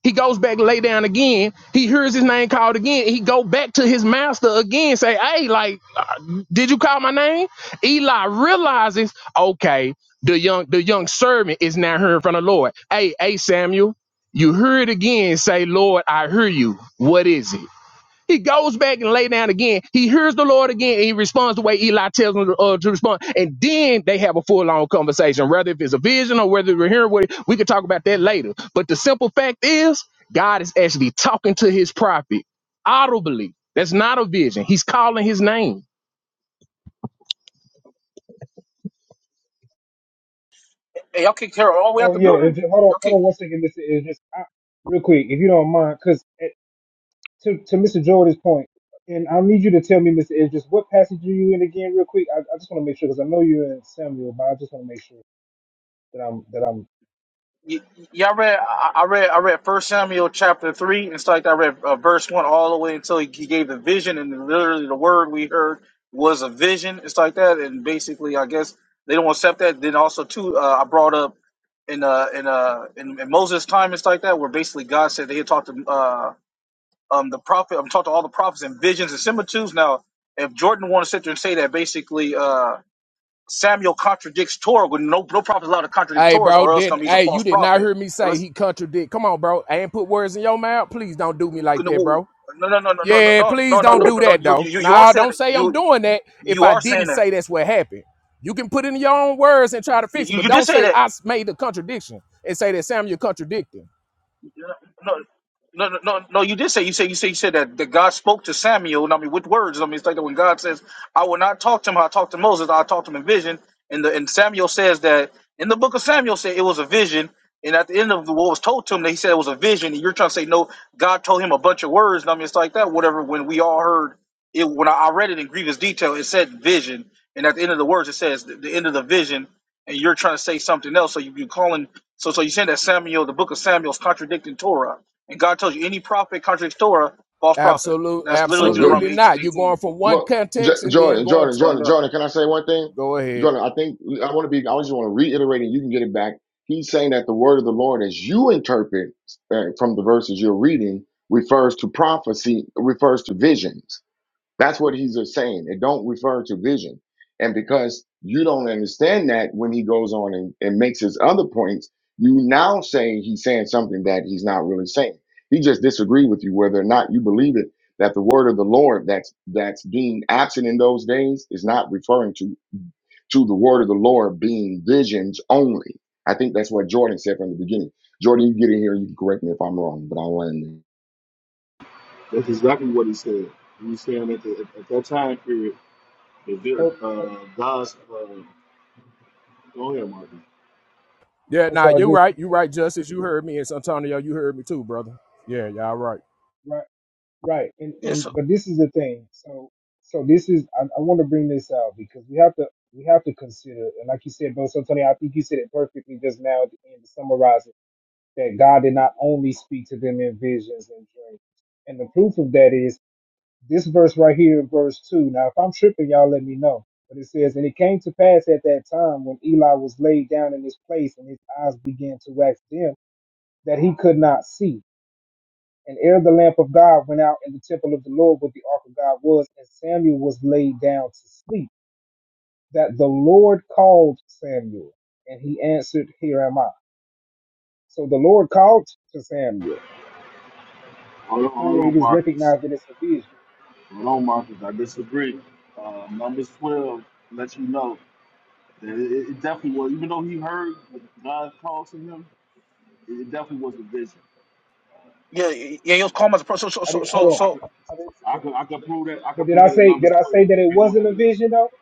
Speaker 16: He goes back, lay down again. He hears his name called again. He go back to his master again, say, "Hey, like, uh, did you call my name?" Eli realizes, okay, the young the young servant is now hearing from the Lord. Hey, hey, Samuel, you hear it again. Say, Lord, I hear you. What is it? He goes back and lay down again. He hears the Lord again, and he responds the way Eli tells him to, uh, to respond. And then they have a full on conversation, whether if it's a vision or whether we're hearing what it. we could talk about that later. But the simple fact is, God is actually talking to his prophet audibly. That's not a vision. He's calling his name.
Speaker 12: Hey, y'all kicked Harold all the way out
Speaker 6: Oh
Speaker 12: the
Speaker 6: yeah.
Speaker 12: building.
Speaker 6: If, hold on.
Speaker 12: Y'all
Speaker 6: Hold
Speaker 12: kick.
Speaker 6: on one second, Mr. Ed. Just I, real quick, if you don't mind, because to to Mr. Jordan's point, and I need you to tell me, Mr. Ed, just what passage are you in again, real quick. I, I just want to make sure because I know you're in Samuel, but I just want to make sure that I'm that I'm.
Speaker 12: Y- y- y'all read. I I read. I read First Samuel chapter three, and it's like I read uh, verse one all the way until he he gave the vision, and literally the word we heard was a vision. It's like that, and basically, I guess they don't accept that. Then also too, uh, I brought up in uh in uh in, in Moses' time, it's like that, where basically God said they had talked to uh. um the prophet I'm talking to all the prophets and visions and similitudes. Now, if Jordan wants to sit there and say that basically uh Samuel contradicts Torah, when no no prophet is allowed to contradict
Speaker 16: Hey,
Speaker 12: Torah,
Speaker 16: bro,
Speaker 12: or else
Speaker 16: did
Speaker 12: um, he's a
Speaker 16: hey
Speaker 12: false
Speaker 16: you did not
Speaker 12: prophet.
Speaker 16: hear me
Speaker 12: Now,
Speaker 16: say
Speaker 12: let's-
Speaker 16: he contradict. Come on, bro. I ain't put words in your mouth. Please don't do me like
Speaker 12: no
Speaker 16: that, bro.
Speaker 12: no no no no no
Speaker 16: Yeah,
Speaker 12: no
Speaker 16: please
Speaker 12: no no
Speaker 16: don't
Speaker 12: no
Speaker 16: do
Speaker 12: no
Speaker 16: that
Speaker 12: you
Speaker 16: though.
Speaker 12: you you are
Speaker 16: Nah,
Speaker 12: saying
Speaker 16: don't
Speaker 12: that
Speaker 16: say I'm
Speaker 12: you
Speaker 16: doing that if
Speaker 12: you
Speaker 16: I
Speaker 12: are
Speaker 16: didn't
Speaker 12: saying that
Speaker 16: say that's what happened. You can put it in your own words and try to fix it,
Speaker 12: you
Speaker 16: but
Speaker 12: you did
Speaker 16: don't
Speaker 12: say
Speaker 16: say
Speaker 12: that
Speaker 16: I s- made the contradiction and say that Samuel contradicting.
Speaker 12: No, no, no, no. You did say you said you said you said that, that God spoke to Samuel. and I mean, with words. I mean, it's like that when God says, "I will not talk to him. how I talked to Moses. I talked to him in vision." And the and Samuel says that in the book of Samuel said it was a vision. And at the end of what was told to him, they said it was a vision. And you're trying to say no. God told him a bunch of words. And I mean, it's like that. Whatever. When we all heard it, when I, I read it in grievous detail, it said vision. And at the end of the words, it says the, the end of the vision. And you're trying to say something else. So you, you're calling. So so you're saying that Samuel, the book of Samuel, is contradicting Torah. And God tells you any prophet contradicts Torah, false prophet.
Speaker 16: Absolute,
Speaker 12: That's
Speaker 1: That
Speaker 12: literally
Speaker 1: was good.
Speaker 16: absolutely
Speaker 12: Deuteronomy eighteen
Speaker 16: not. You're
Speaker 12: eighteen
Speaker 16: going from one
Speaker 1: Well, J-
Speaker 16: context and then
Speaker 1: Jordan,
Speaker 16: going
Speaker 1: Jordan,
Speaker 16: to
Speaker 12: going
Speaker 1: Jordan,
Speaker 12: down.
Speaker 1: Jordan. Can I say one thing,
Speaker 16: go ahead.
Speaker 1: Jordan? I think I want to be. I just want to reiterate, and you can get it back. He's saying that the word of the Lord, as you interpret uh, from the verses you're reading, refers to prophecy, refers to visions That's what he's saying. It don't refer to vision. And because you don't understand that when he goes on and, and makes his other points, you now say he's saying something that he's not really saying. He just disagreed with you whether or not you believe it that the word of the Lord that's that's being absent in those days is not referring to to the word of the Lord being visions only. I think that's what Jordan said from the beginning. Jordan, you get in here, you can correct me if I'm wrong, but I'll end there.
Speaker 18: That's exactly what he said. He's saying that the, at that time period, the Vir-
Speaker 6: Oh, oh,
Speaker 18: uh, God's. Uh, go ahead, Marcus.
Speaker 16: Yeah,
Speaker 6: I'm
Speaker 16: nah,
Speaker 6: sorry.
Speaker 16: you're
Speaker 6: Just
Speaker 16: right. You're right, Justice. You heard me. It's Antonio. You heard me too, brother. Yeah, y'all right.
Speaker 6: right. Right, and
Speaker 12: Yeah,
Speaker 6: and
Speaker 12: so
Speaker 6: but this is the thing. So so this is I, I want to bring this out because we have to we have to consider and like you said, bro, So Tony, I think you said it perfectly just now at the end to summarize it that God did not only speak to them in visions and dreams, and the proof of that is this verse right here, verse two. Now, if I'm tripping, y'all let me know. But it says, and it came to pass at that time when Eli was laid down in his place, and his eyes began to wax dim, that he could not see. And ere the lamp of God went out in the temple of the Lord where the ark of God was, and Samuel was laid down to sleep, that the Lord called Samuel, and he answered, Here am I. So the Lord called to Samuel
Speaker 18: Hold on,
Speaker 6: before
Speaker 18: hold
Speaker 6: it
Speaker 18: on,
Speaker 6: is
Speaker 18: Marcus.
Speaker 6: recognized that it's a vision.
Speaker 18: Hold on, Marcus. I disagree. Uh, Numbers 12 lets you know that it, it definitely was, even though he heard what God called to him, it it definitely was a vision.
Speaker 12: yeah, yeah, he
Speaker 18: Yeah.
Speaker 12: was called as a prophet. So,
Speaker 6: I
Speaker 12: so, so,
Speaker 6: didn't
Speaker 12: so,
Speaker 6: hold
Speaker 18: I could,
Speaker 12: so
Speaker 6: on. I didn't, I
Speaker 18: I
Speaker 6: didn't-
Speaker 18: could, I could prove that. I
Speaker 6: but
Speaker 18: could
Speaker 6: did
Speaker 18: prove
Speaker 6: I
Speaker 18: that in
Speaker 6: say did
Speaker 18: Numbers
Speaker 6: I say
Speaker 18: 12
Speaker 6: that it
Speaker 18: if you want
Speaker 6: wasn't a
Speaker 18: evidence.
Speaker 6: vision though?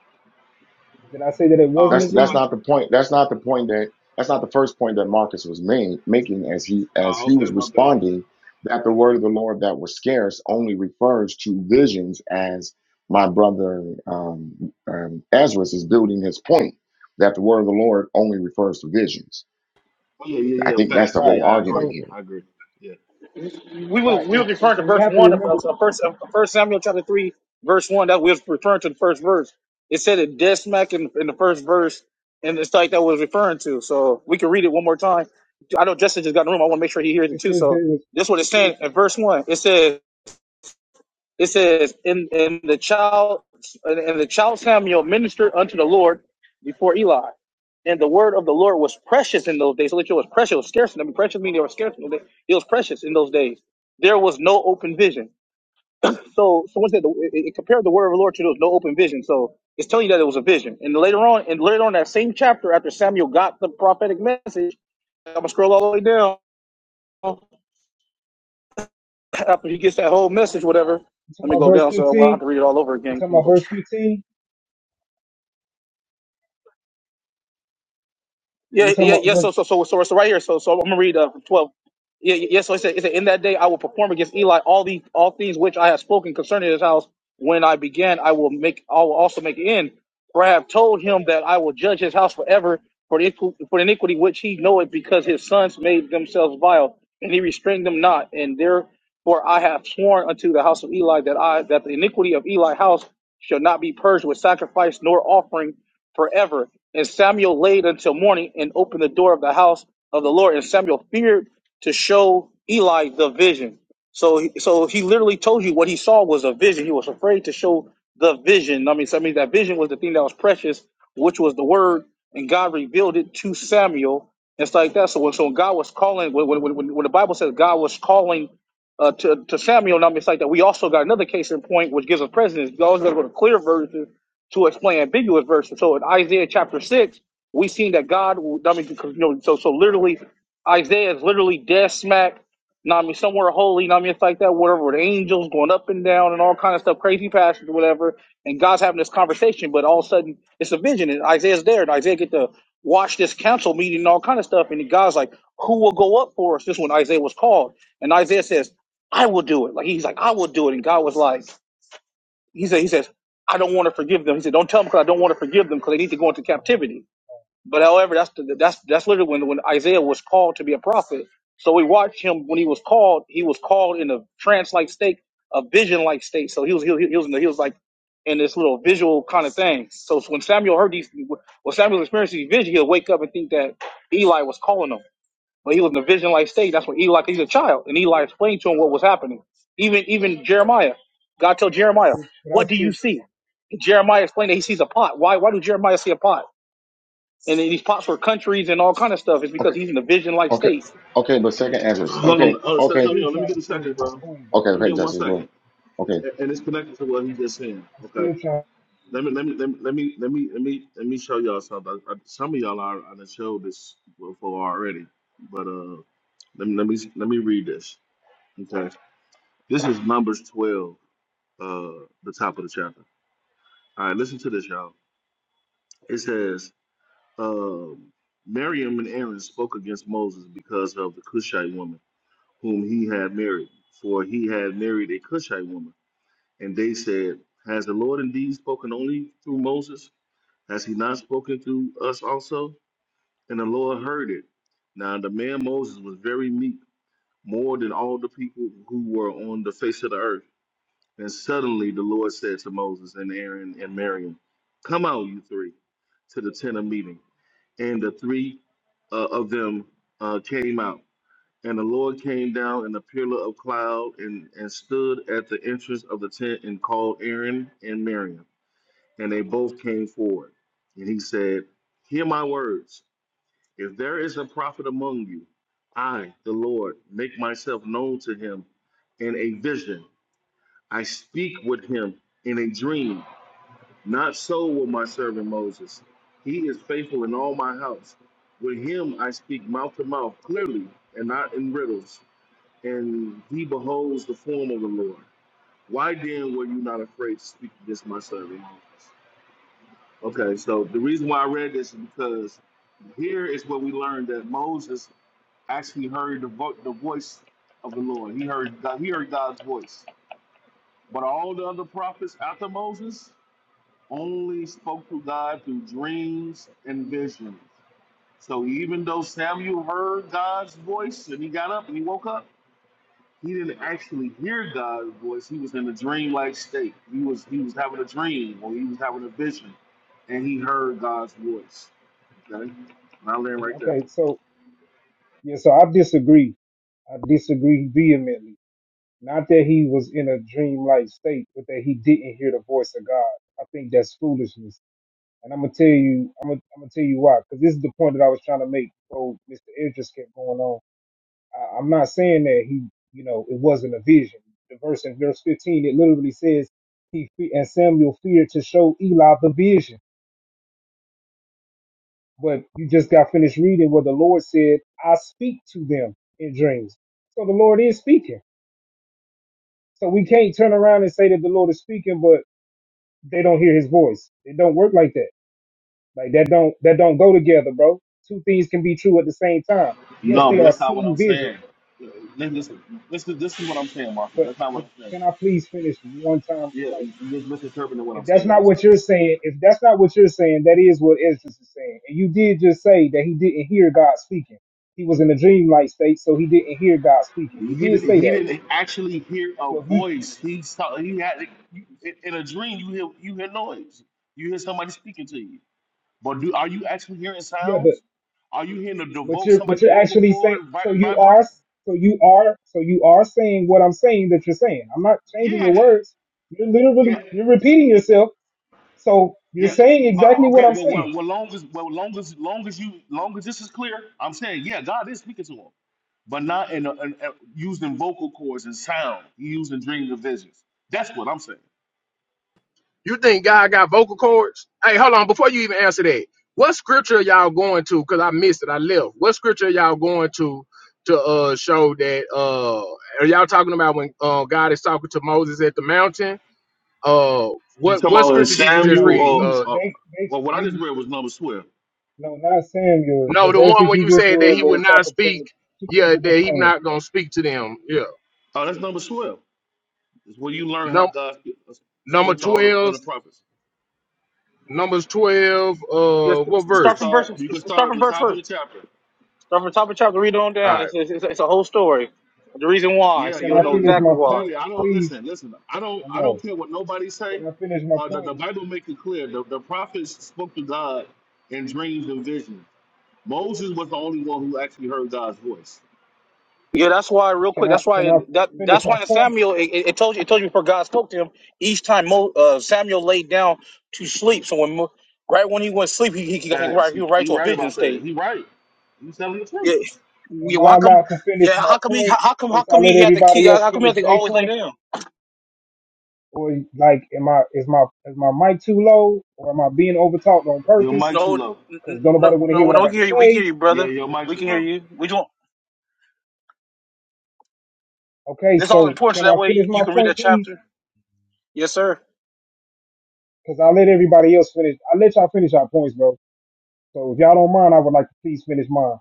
Speaker 6: Did I say that it
Speaker 18: Uh,
Speaker 6: wasn't
Speaker 1: That's
Speaker 6: a
Speaker 18: it's not
Speaker 1: that's
Speaker 18: like,
Speaker 6: vision?
Speaker 1: not the point. That's not the point that that's not the first point that Marcus was made, making as he as
Speaker 18: uh,
Speaker 1: he
Speaker 18: okay,
Speaker 1: was
Speaker 18: my bad.
Speaker 1: responding
Speaker 18: My
Speaker 1: that the
Speaker 18: bad.
Speaker 1: word of the Lord that was scarce only refers to visions as my brother um, um, Ezra is building his point that the word of the Lord only refers to visions.
Speaker 18: Oh, yeah, yeah,
Speaker 1: I
Speaker 18: yeah.
Speaker 1: think that's
Speaker 18: Facts.
Speaker 1: the
Speaker 18: Yeah,
Speaker 6: Right.
Speaker 1: whole
Speaker 18: yeah, I
Speaker 6: And
Speaker 18: agree.
Speaker 1: argument
Speaker 6: so
Speaker 1: here.
Speaker 18: I agree. Yeah.
Speaker 12: we were
Speaker 6: right,
Speaker 12: we were
Speaker 6: and, and,
Speaker 12: referring to
Speaker 6: and we
Speaker 12: verse
Speaker 6: have to
Speaker 12: one of
Speaker 6: remember
Speaker 12: us, uh, first uh, first Samuel chapter three, verse one. That we was referring to the first verse. It said it dead smack in, in the first verse, and it's like that was referring to. So we can read it one more time. I know Justin just got in the room. I want to make sure he hears it
Speaker 6: it
Speaker 12: too.
Speaker 6: says there
Speaker 12: So
Speaker 6: was
Speaker 12: this is what it's saying in verse one. It says. It says, "In in the child, and the child Samuel ministered unto the Lord before Eli, and the word of the Lord was precious in those days. So it was precious, it was scarce. I mean, precious meaning it was scarce. It was precious in those days. There was no open vision. So so said the, it, it compared the word of the Lord to there was no open vision. So it's telling you that it was a vision. And later on, and later on that same chapter, after Samuel got the prophetic message, I'm gonna scroll all the way down. *coughs* After he gets that whole message, whatever.
Speaker 6: you talking
Speaker 12: Let me
Speaker 6: about
Speaker 12: go
Speaker 6: verse
Speaker 12: down so well, I don't have
Speaker 6: fifteen?
Speaker 12: to read it all over
Speaker 6: You
Speaker 12: again. Let
Speaker 6: talking
Speaker 12: me
Speaker 6: about
Speaker 12: go
Speaker 6: verse fifteen? Are you
Speaker 12: Yeah,
Speaker 6: talking
Speaker 12: yeah,
Speaker 6: about
Speaker 12: yeah.
Speaker 6: verse
Speaker 12: So, so, so, so, so right here. So, so I'm gonna read uh, twelve. Yeah, yeah. yeah, So it said, it said, in that day I will perform against Eli all the all things which I have spoken concerning his house. When I began, I will make. I will also make an end. For I have told him that I will judge his house forever for the, equ- for the iniquity which he knoweth, because his sons made themselves vile, and he restrained them not. And therefore I have sworn unto the house of Eli that I that the iniquity of Eli house shall not be purged with sacrifice nor offering forever. And Samuel laid until morning and opened the door of the house of the Lord. And Samuel feared to show Eli the vision. So, he- so he literally told you what he saw was a vision. He was afraid to show the vision. I mean, so I mean that vision was the thing that was precious, which was the word, and God revealed it to Samuel. It's like that. So, when, so when God was calling, when, when, when, when the Bible says God was calling uh, to to Samuel, I mean, it's like that. We also got another case in point, which gives us precedence. You always got to go to clear verses to explain ambiguous verses. So, in Isaiah chapter six, we seen that God. I mean, because, you know, so so literally, Isaiah is literally dead smack. You know what I mean, somewhere holy, you know what I mean, it's like that, whatever, with angels going up and down and all kind of stuff, crazy passages, or whatever. And God's having this conversation, but all of a sudden it's a vision, and Isaiah's there, and Isaiah get to watch this council meeting and all kind of stuff. And God's like, "Who will go up for us?" This is when Isaiah was called, and Isaiah says, "I will do it." Like he's like, "I will do it," and God was like, "He said, He says, I don't want to forgive them." He said, "Don't tell them because I don't want to forgive them because they need to go into captivity." But however, that's the, that's that's literally when when Isaiah was called to be a prophet. So we watched him when he was called. He was called in a trance-like state, a vision-like state. So he was he was, he was in the, he was like in this little visual kind of thing. So when Samuel heard these, when Samuel experienced these visions, he'll wake up and think that Eli was calling him. But he was in a vision-like state. That's when Eli he's a child, and Eli explained to him what was happening. Even even Jeremiah, God told Jeremiah,
Speaker 6: but I
Speaker 12: "What do
Speaker 6: still
Speaker 12: you see?" Jeremiah explained that he sees a pot. Why why do Jeremiah see a pot? and then these pops were countries and all kind of stuff. It's because
Speaker 1: Okay,
Speaker 12: he's in a vision-like
Speaker 1: okay,
Speaker 12: state.
Speaker 1: okay. But second Ezra.
Speaker 18: Hold on,
Speaker 1: Okay,
Speaker 18: uh,
Speaker 6: I'm
Speaker 1: okay.
Speaker 6: still
Speaker 18: Santonio, let me
Speaker 6: trying
Speaker 18: get
Speaker 6: to
Speaker 18: a
Speaker 6: finish
Speaker 18: second,
Speaker 6: my
Speaker 18: bro.
Speaker 6: point though.
Speaker 1: Okay,
Speaker 18: Let
Speaker 6: I'm
Speaker 18: me
Speaker 1: okay,
Speaker 18: get one
Speaker 1: Justice Lord.
Speaker 18: second,
Speaker 1: Okay.
Speaker 18: A- and it's connected to what he just saying.
Speaker 6: still
Speaker 18: Okay,
Speaker 6: trying.
Speaker 18: let me let me let me let me let me let me, let me show y'all something. I, I, some of y'all are on the show this before already, but uh, let me let me let me read this. Okay, this is Numbers twelve, uh, the top of the chapter. All right, listen to this, y'all. It says, um, Miriam and Aaron spoke against Moses because of the Cushite woman whom he had married, for he had married a Cushite woman And they said, Has the Lord indeed spoken only through Moses? Has he not spoken through us also? And the Lord heard it. Now the man Moses was very meek, more than all the people who were on the face of the earth. And suddenly the Lord said to Moses and Aaron and Miriam, Come out, you three, to the tent of meeting. And the three uh, of them uh, came out and the Lord came down in a pillar of cloud and, and stood at the entrance of the tent and called Aaron and Miriam. And they both came forward. And he said, Hear my words. If there is a prophet among you, I, the Lord, make myself known to him in a vision. I speak with him in a dream. Not so with my servant Moses. He is faithful in all my house. With him I speak mouth to mouth clearly and not in riddles and he beholds the form of the Lord. Why then were you not afraid to speak against my servant Moses? Okay, so the reason why I read this is because here is what we learned that Moses actually heard the, vo- the voice of the Lord. He heard God, he heard God's voice. But all the other prophets after Moses only spoke to God through dreams and visions. So even though Samuel heard God's voice and he got up and he woke up, He didn't actually hear God's voice. He was in a dreamlike state. He was he was having a dream or he was having a vision, and he heard God's voice. Okay, and I land right there.
Speaker 6: Okay, so yeah, so I disagree. I disagree vehemently. Not that he was in a dreamlike state, but that he didn't hear the voice of God. I think that's foolishness. And I'm gonna tell you, I'm gonna, I'm gonna tell you why. Because this is the point that I was trying to make. So Mr. Edris kept going on. I, I'm not saying that he, you know, it wasn't a vision. The verse in verse 15, it literally says he fe- and Samuel feared to show Eli the vision. But you just got finished reading where the Lord said, I speak to them in dreams. So the Lord is speaking. So we can't turn around and say that the Lord is speaking, but they don't hear his voice. It don't work like that. Like that don't that don't go together, bro. Two things can be true at the same time. Yes,
Speaker 18: No,
Speaker 6: they
Speaker 18: but
Speaker 6: are
Speaker 18: that's not what
Speaker 6: seeing
Speaker 18: I'm saying.
Speaker 6: vision,
Speaker 18: Uh, Listen, this is this is what I'm saying, Marcus.
Speaker 6: but
Speaker 18: That's not
Speaker 6: but
Speaker 18: what I'm saying.
Speaker 6: can I please finish one time?
Speaker 18: Yeah,
Speaker 6: Like
Speaker 18: you just misinterpreting what
Speaker 6: if
Speaker 18: I'm
Speaker 6: that's
Speaker 18: saying.
Speaker 6: not
Speaker 18: That's
Speaker 6: what
Speaker 18: all.
Speaker 6: you're saying, if that's not what you're saying, that is what Esdras is saying. And you did just say that he didn't hear God speaking. He was in a dreamlike state, so he didn't hear God speaking. You
Speaker 18: He
Speaker 6: did
Speaker 18: didn't,
Speaker 6: say
Speaker 18: he
Speaker 6: that.
Speaker 18: didn't
Speaker 6: Mr. Judge.
Speaker 18: actually hear a
Speaker 6: So you,
Speaker 18: voice. He saw he had in in a dream. You hear you hear noise. You hear somebody speaking to you. But do are you actually hearing
Speaker 6: yeah, but
Speaker 18: sounds? Are you hearing the
Speaker 6: but
Speaker 18: devote
Speaker 6: you're but
Speaker 18: somebody's
Speaker 6: you're
Speaker 18: vocal
Speaker 6: actually saying.
Speaker 18: cord
Speaker 6: So
Speaker 18: vi-
Speaker 6: you
Speaker 18: vibrate?
Speaker 6: are so you are so you are saying what I'm saying that you're saying. I'm not changing
Speaker 18: Yeah,
Speaker 6: your
Speaker 18: j-
Speaker 6: words. You're
Speaker 18: yeah,
Speaker 6: literally you're repeating yourself. So you're
Speaker 18: yeah.
Speaker 6: saying
Speaker 18: But
Speaker 6: exactly what
Speaker 18: okay,
Speaker 6: I'm
Speaker 18: well,
Speaker 6: saying.
Speaker 18: well, well, long as well, long as long as you long as this is clear, I'm saying yeah, God is speaking to him, but not in, a, in a- using vocal cords and sound. He using dreams and visions. That's what I'm saying.
Speaker 16: You think God got vocal cords? Hey, hold on. Before you even answer that, what scripture are y'all going to? Because I missed it. I left. What scripture are y'all going to to uh show that uh are y'all talking about when uh God is talking to Moses at the mountain? Uh
Speaker 18: You
Speaker 16: what
Speaker 18: talking
Speaker 16: what
Speaker 18: about in
Speaker 16: scripture did you just
Speaker 18: Samuel
Speaker 6: No,
Speaker 16: read?
Speaker 18: or,
Speaker 6: he
Speaker 16: Uh
Speaker 18: or
Speaker 6: they they
Speaker 18: or what I
Speaker 6: they
Speaker 18: just read was number twelve.
Speaker 6: No, not Samuel.
Speaker 16: no,
Speaker 6: The
Speaker 16: the one
Speaker 6: verses
Speaker 16: where
Speaker 6: you
Speaker 16: you
Speaker 6: just
Speaker 16: said that
Speaker 6: read
Speaker 16: he
Speaker 6: where
Speaker 16: would
Speaker 6: he's
Speaker 16: not
Speaker 6: talking to
Speaker 16: speak,
Speaker 6: two
Speaker 16: yeah,
Speaker 6: people
Speaker 16: that he
Speaker 6: complaining.
Speaker 16: not gonna speak to them. Yeah.
Speaker 18: Oh, that's number twelve. It's where you learn how
Speaker 16: Num
Speaker 18: God sp-
Speaker 16: number
Speaker 18: spoke to all the
Speaker 16: twelve,
Speaker 18: other prophets.
Speaker 16: numbers twelve,
Speaker 12: Just
Speaker 16: uh what
Speaker 18: You can
Speaker 12: start from
Speaker 16: verse?
Speaker 18: start.
Speaker 12: verse.
Speaker 18: You can start
Speaker 12: Start
Speaker 18: at
Speaker 12: from
Speaker 18: the
Speaker 12: verse
Speaker 18: top of the
Speaker 12: first.
Speaker 18: chapter.
Speaker 12: Start from the top of the chapter. Read on down. It's, it's, it's, a whole story. The reason why,
Speaker 18: Yeah,
Speaker 12: so
Speaker 6: Can
Speaker 12: you'll
Speaker 6: I
Speaker 12: know
Speaker 6: finish
Speaker 18: literally,
Speaker 6: my
Speaker 12: exactly why.
Speaker 6: point,
Speaker 18: literally. I don't
Speaker 6: please?
Speaker 18: listen. Listen. I don't.
Speaker 6: Or
Speaker 18: I
Speaker 6: no?
Speaker 18: don't care what nobody say.
Speaker 6: Can I finish my
Speaker 18: Uh, the,
Speaker 6: point?
Speaker 18: the Bible makes it clear. The, the prophets spoke to God in dreams and visions. Moses was the only one who actually heard God's voice.
Speaker 12: Yeah, that's why. Real
Speaker 6: Can
Speaker 12: quick,
Speaker 6: I
Speaker 12: that's why.
Speaker 6: can I
Speaker 12: That
Speaker 6: finish
Speaker 12: that's
Speaker 6: my
Speaker 12: why in
Speaker 6: point?
Speaker 12: Samuel, it, it told you. It told you before God spoke to him. Each time Mo, uh, Samuel laid down to sleep. So when Mo- right when he went to sleep, he he, he, got- he,
Speaker 18: Facts.
Speaker 12: right- he
Speaker 18: He,
Speaker 12: was right
Speaker 18: he
Speaker 12: to a
Speaker 18: right
Speaker 12: vision
Speaker 18: about that.
Speaker 12: state.
Speaker 18: He right. He's telling the
Speaker 12: Yeah.
Speaker 18: truth.
Speaker 12: yeah.
Speaker 6: Am
Speaker 12: well,
Speaker 6: I
Speaker 12: How come?
Speaker 6: allowed to finish
Speaker 12: Yeah.
Speaker 6: my
Speaker 12: How come he? How
Speaker 6: point
Speaker 12: how come? How
Speaker 6: since I
Speaker 12: come
Speaker 6: let
Speaker 12: he had to keep?
Speaker 6: everybody else
Speaker 12: How come he
Speaker 6: finish
Speaker 12: had to
Speaker 6: their
Speaker 12: always lay
Speaker 6: point?
Speaker 12: down?
Speaker 6: Or like am I is my is my mic too low? Or am I being overtalked on
Speaker 18: Your
Speaker 6: purpose?
Speaker 18: mic too
Speaker 12: No, n-
Speaker 18: low.
Speaker 6: Because don't
Speaker 12: n- no,
Speaker 6: nobody want to hear
Speaker 12: no,
Speaker 6: what I
Speaker 12: no. We
Speaker 6: got
Speaker 12: can
Speaker 6: to
Speaker 12: hear you. We can hear
Speaker 6: say.
Speaker 12: you,
Speaker 18: Yeah,
Speaker 12: brother.
Speaker 18: your mic
Speaker 12: We
Speaker 18: too
Speaker 12: can hear
Speaker 18: low.
Speaker 12: you. We don't.
Speaker 6: Okay,
Speaker 12: It's all
Speaker 6: so
Speaker 12: important, so
Speaker 6: can I
Speaker 12: that way
Speaker 6: finish
Speaker 12: you
Speaker 6: my
Speaker 12: can read
Speaker 6: point,
Speaker 12: that
Speaker 6: please?
Speaker 12: chapter. Yes, sir.
Speaker 6: Because I let everybody else finish. I let y'all finish our points, bro. So if y'all don't mind, I would like to please finish mine.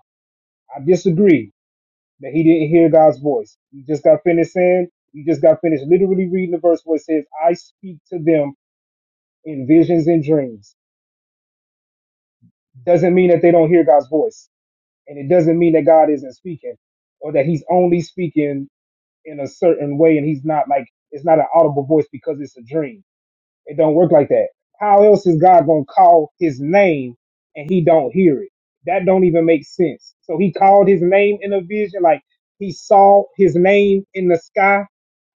Speaker 6: I disagree that he didn't hear God's voice. You just got finished saying, you just got finished literally reading the verse where it says, I speak to them in visions and dreams. Doesn't mean that they don't hear God's voice. And it doesn't mean that God isn't speaking or that he's only speaking in a certain way and he's not like, it's not an audible voice because it's a dream. It don't work like that. How else is God gonna call his name and he don't hear it? That don't even make sense. So he called his name in a vision, like he saw his name in the sky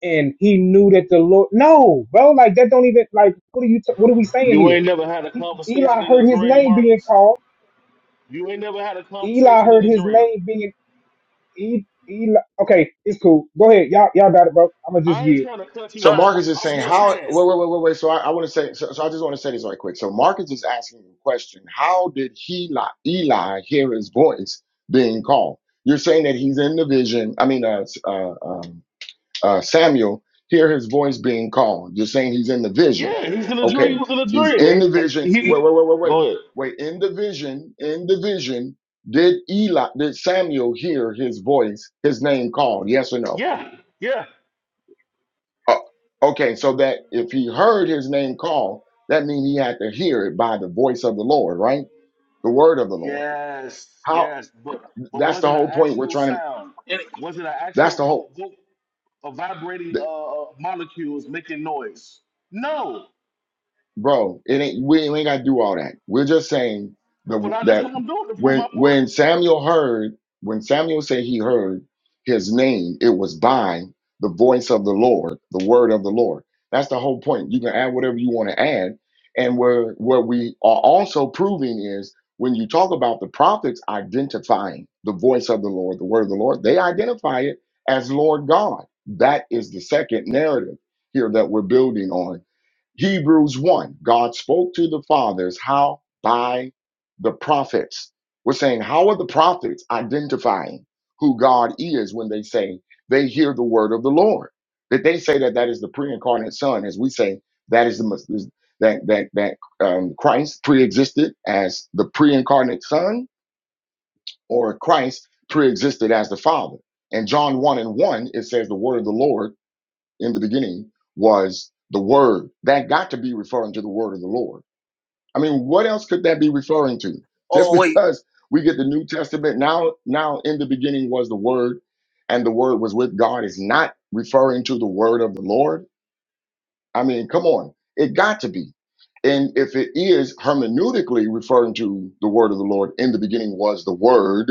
Speaker 6: and he knew that the Lord No, bro, like that don't even like what are you t- what are we saying
Speaker 18: You
Speaker 6: here?
Speaker 18: ain't never had a
Speaker 6: He, Eli
Speaker 18: conversation in a
Speaker 6: heard his
Speaker 18: dream,
Speaker 6: name being
Speaker 18: Marcus.
Speaker 6: called.
Speaker 18: You ain't never had a
Speaker 6: Eli
Speaker 18: conversation in
Speaker 6: heard
Speaker 18: a
Speaker 6: his
Speaker 18: dream.
Speaker 6: name being E- Eli. Okay, it's cool. Go ahead. Y'all y'all got it, bro. I'm gonna just
Speaker 18: I ain't
Speaker 6: yield.
Speaker 18: trying to cut you
Speaker 1: So
Speaker 12: No.
Speaker 18: off.
Speaker 1: Marcus is
Speaker 18: I'm
Speaker 1: saying
Speaker 12: So, so,
Speaker 18: just
Speaker 12: so
Speaker 1: how
Speaker 18: saying.
Speaker 12: so,
Speaker 1: wait, wait, wait, wait, wait. So I, I want to say so, so I just want to say this right quick. So Marcus is asking the question, how did he Eli hear his voice being called? You're saying that he's in the vision. I mean uh, uh um uh Samuel hear his voice being called. You're saying he's in the vision.
Speaker 18: Yeah, he's in a dream. He
Speaker 1: Okay.
Speaker 18: was in a
Speaker 1: He's in
Speaker 18: dream.
Speaker 1: the vision.
Speaker 18: He,
Speaker 1: Wait,
Speaker 18: he-
Speaker 1: wait, wait, wait, wait.
Speaker 18: go ahead.
Speaker 1: Wait, in the vision, in the vision, did Eli did Samuel hear his voice, his name called? Yes or no?
Speaker 18: Yeah, yeah,
Speaker 1: Oh, okay, so that if he heard his name called, that means he had to hear it by the voice of the Lord, right? The word of the Lord.
Speaker 18: yes,
Speaker 1: How?
Speaker 18: yes. But but
Speaker 1: That's
Speaker 18: was
Speaker 1: the
Speaker 18: it an
Speaker 1: whole point. We're
Speaker 18: actual
Speaker 1: trying to.
Speaker 18: sound?
Speaker 12: and,
Speaker 18: Was it an
Speaker 1: That's
Speaker 18: actual
Speaker 1: the
Speaker 18: vote,
Speaker 1: whole.
Speaker 18: vote A vibrating uh, uh, molecules making noise? No.
Speaker 1: bro. It ain't we ain't got to do all that. We're just saying
Speaker 18: Well,
Speaker 1: the
Speaker 18: I, that's
Speaker 1: that
Speaker 18: what I'm doing to prove
Speaker 1: when
Speaker 18: my
Speaker 1: when
Speaker 18: point.
Speaker 1: Samuel heard when Samuel said he heard his name, it was by the voice of the Lord, the word of the Lord. That's the whole point. You can add whatever you want to add, and where what we are also proving is when you talk about the prophets identifying the voice of the Lord, the word of the Lord, they identify it as Lord God. That is the second narrative here that we're building on Hebrews 1, God spoke to the fathers how by the prophets. We're saying, how are the prophets identifying who God is when they say they hear the word of the Lord? That they say that that is the pre-incarnate Son, as we say that is the mes- is- that that that um, Christ pre-existed as the pre-incarnate Son, or Christ pre-existed as the Father. And John 1 and 1, it says the word of the Lord in the beginning was the word that got to be referring to the word of the lord i mean what else could that be referring to *laughs* just
Speaker 12: oh wait.
Speaker 1: because we get the new testament now now in the beginning was the word and the word was with god is not referring to the word of the lord I mean, come on. It got to be. And if it is hermeneutically referring to the word of the Lord, in the beginning was the word,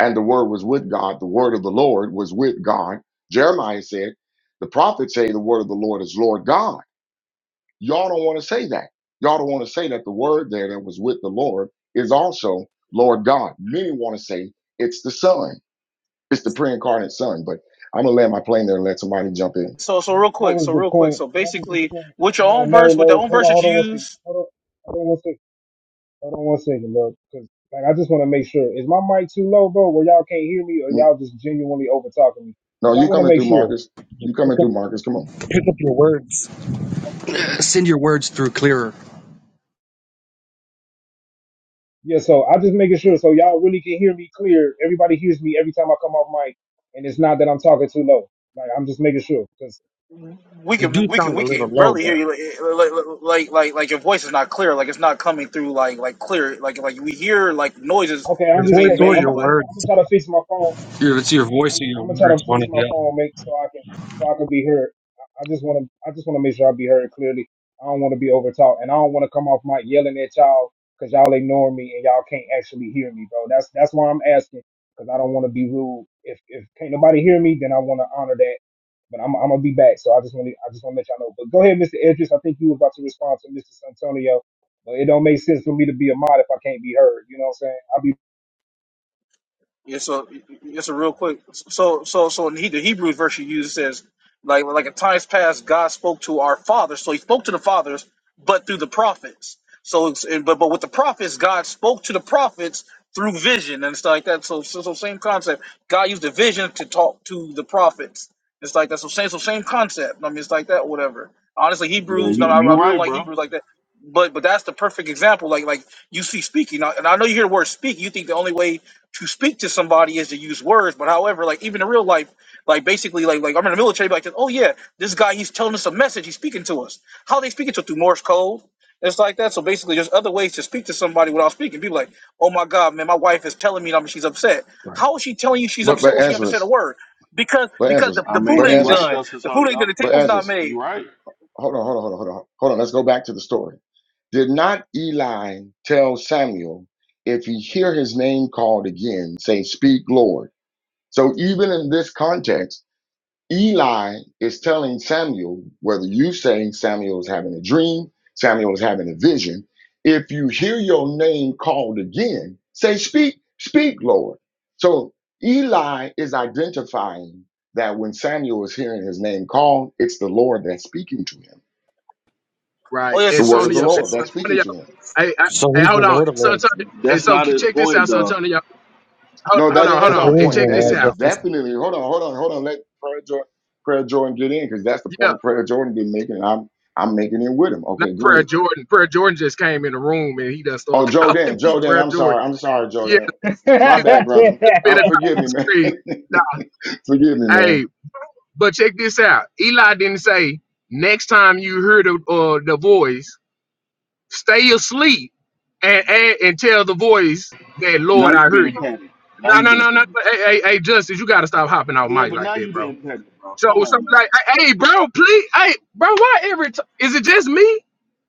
Speaker 1: and the word was with God, the word of the Lord was with God. Jeremiah said, the prophets say the word of the Lord is Lord God. Y'all don't want to say that. Y'all don't want to say that the word there that was with the Lord is also Lord God. Many want to say it's the Son, it's the pre incarnate Son, but I'm going to land my plane there and let somebody jump in.
Speaker 12: So, so real
Speaker 6: That
Speaker 12: quick.
Speaker 6: was
Speaker 12: So
Speaker 6: the
Speaker 12: real quick.
Speaker 6: point.
Speaker 12: So
Speaker 6: That was the
Speaker 12: basically,
Speaker 6: point.
Speaker 12: with your
Speaker 6: No,
Speaker 12: own
Speaker 6: no,
Speaker 12: verse, with the
Speaker 6: no.
Speaker 12: own
Speaker 6: Hold
Speaker 12: verse
Speaker 6: on,
Speaker 12: that
Speaker 6: hold on
Speaker 12: you
Speaker 6: one second.
Speaker 12: use,
Speaker 6: Hold on, hold on one second. Hold on one second, bro. Because like I just want to make sure is my mic too low, bro, where y'all can't hear me, or y'all just genuinely over talking me?
Speaker 1: No,
Speaker 6: Because I
Speaker 1: you
Speaker 6: want to
Speaker 1: coming
Speaker 6: make
Speaker 1: through,
Speaker 6: sure.
Speaker 1: Marcus. You coming
Speaker 19: Pick
Speaker 1: through,
Speaker 19: up,
Speaker 1: Marcus. Come on.
Speaker 19: pick up your words.
Speaker 6: Okay.
Speaker 19: Send your words through clearer.
Speaker 6: Yeah, so I just making
Speaker 12: Yeah.
Speaker 6: sure so y'all really can hear me clear. Everybody hears me every time I come off mic, and it's not that I'm talking too low. Like I'm just making sure. Because
Speaker 12: we
Speaker 19: You do
Speaker 12: can, we can,
Speaker 19: sound
Speaker 12: we
Speaker 19: a little
Speaker 12: can
Speaker 19: low,
Speaker 12: barely hear
Speaker 19: but
Speaker 12: you. Like, like, like, like like your voice is not clear. Like it's not coming through. Like, like clear. Like, like we hear like noises
Speaker 6: okay,
Speaker 19: your
Speaker 6: I'm
Speaker 12: is
Speaker 6: just
Speaker 19: voice
Speaker 12: being
Speaker 6: checking.
Speaker 19: or
Speaker 6: I'm
Speaker 12: made,
Speaker 19: your
Speaker 12: but
Speaker 6: I'm I'm
Speaker 19: words.
Speaker 6: gonna try to fix my phone.
Speaker 19: Your, it's your voice
Speaker 6: I'm,
Speaker 19: or your
Speaker 6: I'm gonna try to
Speaker 19: words, one
Speaker 6: fix
Speaker 19: or
Speaker 6: my
Speaker 19: the other.
Speaker 6: phone, make so I can so I can be heard. I I just want to I just want to make sure I be heard clearly. I don't want to be overtalked, and I don't want to come off mic yelling at y'all because y'all ignore me and y'all can't actually hear me, bro. That's that's why I'm asking because I don't want to be rude. If if can't nobody hear me, then I want to honor that. But I'm I'm gonna be back, so I just want to I just want to let y'all know. But go ahead, Mr. Edris. I think you were about to respond to Mr. Santonio. But it don't make sense for me to be a mod if I can't be heard. You know what
Speaker 12: Yeah, so yeah, so real quick. So so so in he- the Hebrews verse you use says like like in times past God spoke to our fathers. So he spoke to the fathers, but through the prophets. So it's and, but but with the prophets, God spoke to the prophets through vision and stuff like that. So so, so same concept. God used the vision to talk to the prophets. It's like that. So same so same concept. I mean, it's like that. Whatever. Honestly,
Speaker 18: Yeah,
Speaker 12: Hebrews. No,
Speaker 18: you
Speaker 12: I, I
Speaker 18: you
Speaker 12: really don't
Speaker 18: right,
Speaker 12: like
Speaker 18: bro.
Speaker 12: Hebrews like that. But but that's the perfect example. Like like you see speaking. Now, and I know you hear the word speak. You think the only way to speak to somebody is to use words, but however, like even in real life, like basically, like like I'm in the military, like oh yeah, this guy he's telling us a message, he's speaking to us. How they speaking to us through Morse code? It's like that. So basically, there's other ways to speak to somebody without speaking. People like, oh my god, man, my wife is telling me that I'm- she's upset.
Speaker 1: Right.
Speaker 12: How is she telling you she's
Speaker 1: But
Speaker 12: upset
Speaker 1: but
Speaker 12: when she
Speaker 1: answer
Speaker 12: haven't said a
Speaker 1: us.
Speaker 12: word? Because
Speaker 1: But answer
Speaker 12: because
Speaker 1: us.
Speaker 12: the,
Speaker 18: I
Speaker 12: the
Speaker 18: mean,
Speaker 12: food
Speaker 1: But
Speaker 18: he
Speaker 12: ain't
Speaker 1: answer
Speaker 18: right,
Speaker 1: us.
Speaker 12: done,
Speaker 18: Justice
Speaker 12: the food ain't done,
Speaker 18: Antonio.
Speaker 12: the
Speaker 1: But
Speaker 12: table's
Speaker 1: answer
Speaker 12: not
Speaker 1: us.
Speaker 18: He
Speaker 12: made.
Speaker 18: right.
Speaker 1: Hold on, hold on, hold on, hold on. Hold on. Let's go back to the story. Did not Eli tell Samuel, if he hear his name called again, say, Speak, Lord? So even in this context, Eli is telling Samuel, whether you saying Samuel is having a dream, Samuel is having a vision, if you hear your name called again, say, Speak, speak, Lord. So Eli is identifying that when Samuel is hearing his name called, it's the Lord that's speaking to him,
Speaker 12: Oh
Speaker 16: Right.
Speaker 12: yeah,
Speaker 1: the
Speaker 12: so so
Speaker 1: word
Speaker 12: so
Speaker 1: of the
Speaker 12: so
Speaker 16: Antonio.
Speaker 12: so.
Speaker 1: Lord that's
Speaker 12: so
Speaker 1: speaking
Speaker 16: Antonio.
Speaker 1: to him.
Speaker 16: Hey, I,
Speaker 19: So
Speaker 16: hey,
Speaker 19: who's the
Speaker 16: hold on.
Speaker 19: Lord of
Speaker 16: So,
Speaker 19: Lords?
Speaker 16: Antonio, hey,
Speaker 18: That's
Speaker 16: so
Speaker 18: not
Speaker 16: c-
Speaker 18: his
Speaker 16: check this
Speaker 18: point,
Speaker 16: out, so
Speaker 18: though.
Speaker 16: Antonio. Hold,
Speaker 1: No,
Speaker 16: hold
Speaker 1: that
Speaker 16: on, hold
Speaker 1: is
Speaker 19: But
Speaker 16: on,
Speaker 19: there
Speaker 1: our
Speaker 19: is
Speaker 16: and
Speaker 1: point.
Speaker 16: check
Speaker 1: That
Speaker 19: one,
Speaker 16: this
Speaker 19: right,
Speaker 1: is
Speaker 16: out.
Speaker 19: Justice?
Speaker 1: definitely, hold on, hold on, hold on. Let Prayer Jordan, Prayer Jordan get in because that's the
Speaker 16: Yeah,
Speaker 1: point Prayer Jordan been making, and I'm, I'm making it with him.
Speaker 16: not
Speaker 1: Okay, go ahead.
Speaker 16: Prayer Jordan. Prayer Jordan just came in the room and he done
Speaker 1: Oh,
Speaker 16: started *laughs* calling
Speaker 1: Jordan,
Speaker 16: me
Speaker 1: Jordan,
Speaker 16: Prayer
Speaker 1: I'm
Speaker 16: Jordan.
Speaker 1: sorry. I'm sorry,
Speaker 16: Yeah,
Speaker 1: Jordan.
Speaker 6: I'm
Speaker 1: My
Speaker 16: he's like
Speaker 1: bad,
Speaker 6: saying? I'll
Speaker 1: brother.
Speaker 6: be
Speaker 16: the
Speaker 6: *laughs*
Speaker 16: bit
Speaker 1: Um,
Speaker 16: of
Speaker 1: forgive me,
Speaker 16: the
Speaker 1: man.
Speaker 16: screen.
Speaker 1: *laughs* forgive me,
Speaker 16: Hey,
Speaker 1: man.
Speaker 16: but check this out. Eli didn't say next time you hear the uh, the voice, stay asleep and, and and tell the voice that
Speaker 18: Now
Speaker 16: Lord, I
Speaker 18: you
Speaker 16: hear you.
Speaker 18: being petty. Now
Speaker 16: No,
Speaker 18: you
Speaker 16: no,
Speaker 18: being
Speaker 16: no,
Speaker 18: petty.
Speaker 16: no. Hey, hey, hey, Justice, you gotta stop hopping out
Speaker 18: Yeah,
Speaker 16: mic
Speaker 18: but
Speaker 16: like
Speaker 18: now
Speaker 16: that,
Speaker 18: you
Speaker 16: bro.
Speaker 18: being petty, bro.
Speaker 16: So
Speaker 18: Come on,
Speaker 16: something
Speaker 18: man.
Speaker 16: like, hey, hey, bro, please, hey, bro, why every time? Is it just me,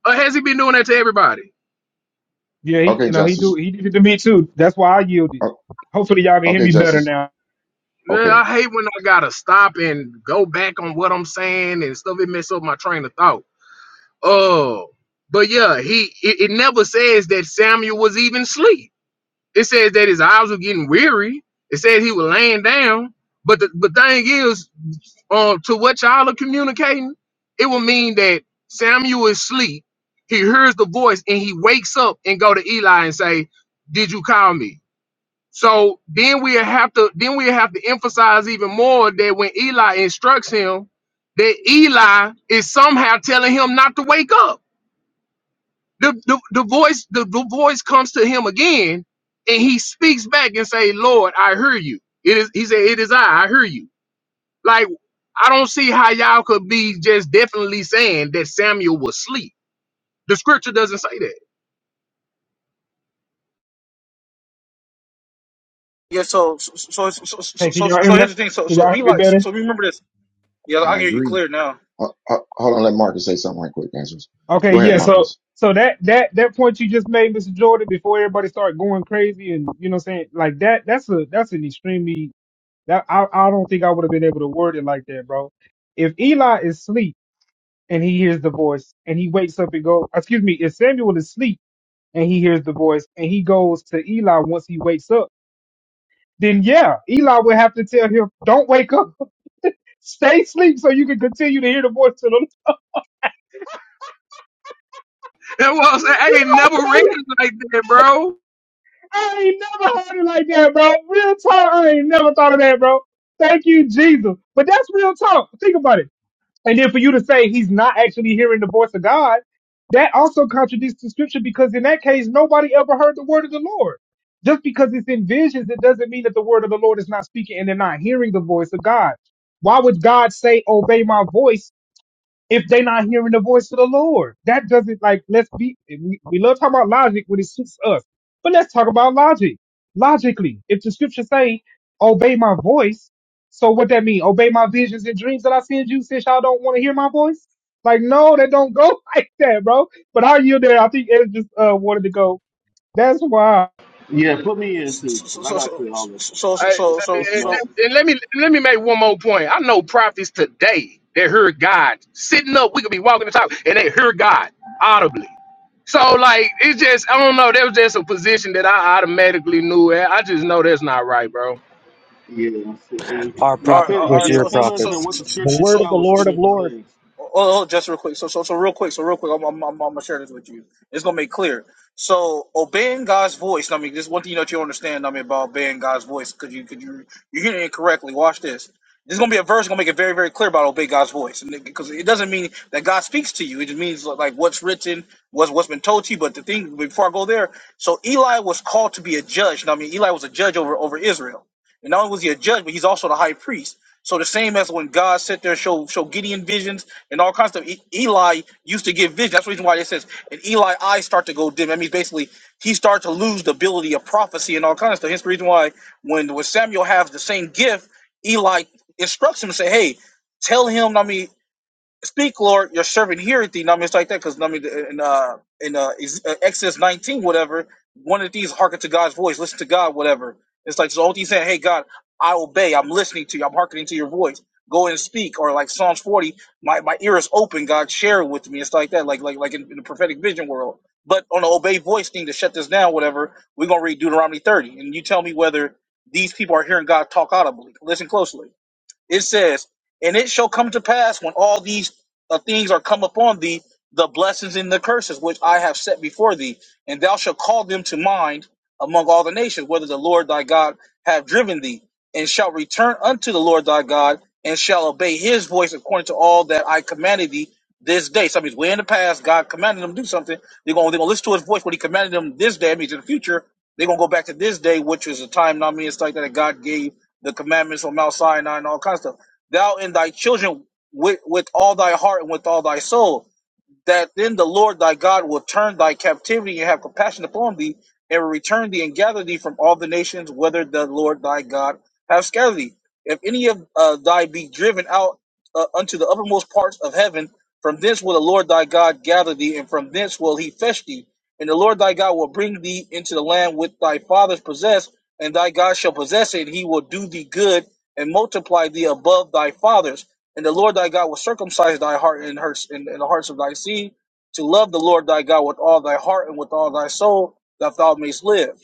Speaker 16: or has he been doing that to everybody?
Speaker 6: Yeah, he,
Speaker 1: Okay,
Speaker 6: you know, he do
Speaker 1: Justice.
Speaker 6: he did it to me too. That's why I yielded.
Speaker 1: O-
Speaker 6: Hopefully y'all can hear
Speaker 1: Okay,
Speaker 6: me better
Speaker 1: Justice.
Speaker 6: now.
Speaker 16: Yeah,
Speaker 1: Okay,
Speaker 16: I hate when I gotta stop and go back on what I'm saying and stuff. It mess up my train of thought. Oh, but yeah, he it, it never says that Samuel was even asleep. It says that his eyes were getting weary. It says he was laying down. But the but thing is, um, to what y'all are communicating, it will mean that Samuel is asleep. He hears the voice and he wakes up and go to Eli and say, "Did you call me?" So then we have to then we have to emphasize even more that when Eli instructs him, that Eli is somehow telling him not to wake up. The the, the voice the, the voice comes to him again, and he speaks back and say, "Lord, I hear you." It is he said, "It is I. I hear you." Like, I don't see how y'all could be just definitely saying that Samuel was asleep. The scripture doesn't say that. *laughs*
Speaker 12: yeah, so so so so so
Speaker 6: Hey,
Speaker 12: so,
Speaker 6: can
Speaker 12: so,
Speaker 6: y'all hear
Speaker 12: so
Speaker 6: me? now?
Speaker 12: here's the thing. So
Speaker 6: Can
Speaker 12: so
Speaker 6: y'all hear me
Speaker 12: Eli,
Speaker 6: better?
Speaker 12: so remember this. Yeah, I can
Speaker 1: I
Speaker 12: hear you
Speaker 1: agree.
Speaker 12: clear now.
Speaker 1: Uh, uh, hold on, let Marcus say something right quick, answers.
Speaker 6: Okay,
Speaker 1: Go ahead,
Speaker 6: yeah. So
Speaker 1: Marcus.
Speaker 6: so that that that point you just made, Mr. Jordan, before everybody started going crazy and you know what I'm saying like that that's a that's an extremely that I I don't think I would have been able to word it like that, bro. If Eli is asleep and he hears the voice and he wakes up and goes, excuse me, if Samuel is asleep and he hears the voice and he goes to Eli once he wakes up then yeah, Eli would have to tell him, "Don't wake up. Stay asleep so you can continue to hear the voice of the Lord.
Speaker 16: And well, I said, I
Speaker 6: You
Speaker 16: ain't
Speaker 6: know how
Speaker 16: never read
Speaker 6: crazy?
Speaker 16: it like that, bro.
Speaker 6: I ain't never heard it like that, bro. Real talk. I ain't never thought of that, bro. Thank you, Jesus. But that's real talk. Think about it. And then for you to say he's not actually hearing the voice of God, that also contradicts the scripture because in that case, nobody ever heard the word of the Lord. Just because it's in visions, it doesn't mean that the word of the Lord is not speaking and they're not hearing the voice of God. Why would God say, obey my voice? if they're not hearing the voice of the Lord. That doesn't like let's be we, we love talking about logic when it suits us. But let's talk about logic. Logically, if the scriptures say, obey my voice, so what that mean? Obey my visions and dreams that I send you since y'all don't want to hear my voice? Like, no, that don't go *laughs* like that, bro. But how you there? I think Ed just uh wanted to go. That's why
Speaker 18: Yeah, put me in cause
Speaker 12: so
Speaker 18: I
Speaker 12: so so
Speaker 18: gotta clear all this up.
Speaker 12: so so so
Speaker 16: I, I-
Speaker 12: so
Speaker 18: This
Speaker 12: so
Speaker 18: this
Speaker 16: and
Speaker 12: so
Speaker 18: message.
Speaker 16: let me let me make one more point. I know prophets today that heard God sitting up. We could be walking the talk, and they hear God audibly. So like it's just I don't know. That was just a position that I automatically knew. I I just know that's not right, bro.
Speaker 18: Yeah, your
Speaker 19: Our
Speaker 12: are
Speaker 19: prophets
Speaker 18: feel
Speaker 19: versus
Speaker 12: are
Speaker 18: your
Speaker 12: so
Speaker 19: your
Speaker 18: feelings
Speaker 12: so so
Speaker 18: and
Speaker 19: prophets.
Speaker 18: what the
Speaker 12: so
Speaker 19: The
Speaker 18: scripture
Speaker 19: word
Speaker 12: so
Speaker 19: of the
Speaker 18: shows two
Speaker 19: Lord of
Speaker 18: different
Speaker 19: Lords.
Speaker 18: things.
Speaker 12: Oh, oh, oh, just real quick. So, so, so, real quick. So, real quick. I'm, I'm, I'm, I'm gonna share this with you. It's gonna make clear. So, obeying God's voice. I mean, this is one thing that you understand. I mean, about obeying God's voice, because you, because you, you're hearing it correctly. Watch this. This is gonna be a verse gonna make it very, very clear about obey God's voice, and because it doesn't mean that God speaks to you. It just means like like, what's written, what's what's been told to you. But the thing before I go there, so Eli was called to be a judge. Now, I mean, Eli was a judge over over Israel, and not only was he a judge, but he's also the high priest. So the same as when God sat there and showed show Gideon visions and all kinds of stuff. E- Eli used to give vision. That's the reason why it says, and Eli eyes start to go dim. That means basically he started to lose the ability of prophecy and all kinds of stuff. Hence the reason why when, when Samuel has the same gift, Eli instructs him to say, hey, tell him, I mean, Speak, Lord, your servant heareth thee. Now, I mean, it's like that because I mean, in uh, in uh, Ex- uh, Exodus nineteen, whatever, one of these hearken to God's voice, listen to God, whatever. It's like so. All these saying, "Hey, God, I obey. I'm listening to you. I'm hearkening to your voice. Go and speak." Or like Psalms forty, my, my ear is open. God, share it with me. It's like that, like like like in, in the prophetic vision world. But on the obey voice thing to shut this down, whatever, we're gonna read Deuteronomy thirty, and you tell me whether these people are hearing God talk audibly. Listen closely. It says, And it shall come to pass when all these uh, things are come upon thee, the blessings and the curses which I have set before thee, and thou shalt call them to mind among all the nations, whether the Lord thy God have driven thee, and shalt return unto the Lord thy God, and shall obey his voice according to all that I commanded thee this day. So that means way in the past, God commanded them to do something. They're going to they're gonna listen to his voice when he commanded them this day. That means in the future, they're going to go back to this day, which is the time, not me, it's like that God gave the commandments on Mount Sinai and all kinds of stuff. Thou and thy children with, with all thy heart and with all thy soul that then the Lord thy God will turn thy captivity and have compassion upon thee, and will return thee and gather thee from all the nations whither the Lord thy God hath scattered thee. If any of uh, thy be driven out uh, unto the uppermost parts of heaven, from thence will the Lord thy God gather thee, and from thence will he fetch thee. And the Lord thy God will bring thee into the land which thy fathers possessed, and thy God shall possess it, and he will do thee good and multiply thee above thy fathers and the Lord thy God will circumcise thy heart and hearts and, and the hearts of thy seed to love the Lord thy God with all thy heart and with all thy soul, that thou mayest live.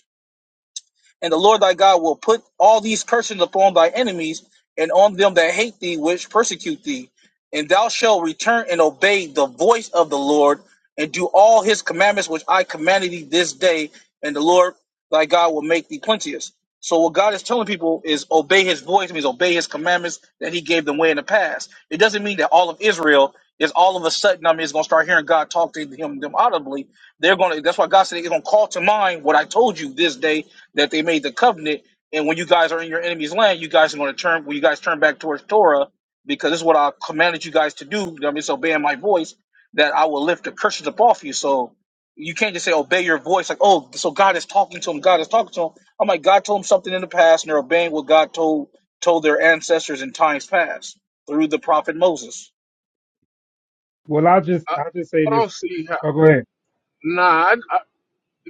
Speaker 12: And the Lord thy God will put all these curses upon thy enemies and on them that hate thee, which persecute thee. And thou shalt return and obey the voice of the Lord and do all his commandments which I commanded thee this day. And the Lord thy God will make thee plenteous. So what God is telling people is obey his voice, means obey his commandments that he gave them way in the past. It doesn't mean that all of Israel is all of a sudden, I mean, is going to start hearing God talk to him them audibly they're gonna. That's why God said they're gonna call to mind what I told you this day that they made the covenant. And when you guys are in your enemy's land, you guys are gonna turn. When you guys turn back towards Torah, because this is what I commanded you guys to do. I mean, obeying my voice, that I will lift the curses up off you. So you can't just say obey your voice like oh so god is talking to him god is talking to him i'm like god told him something in the past and they're obeying what god told told their ancestors in times past through the prophet moses
Speaker 6: well I just
Speaker 16: I,
Speaker 6: I just say
Speaker 16: I
Speaker 6: this.
Speaker 16: don't see how.
Speaker 6: Oh go ahead.
Speaker 16: Nah, I,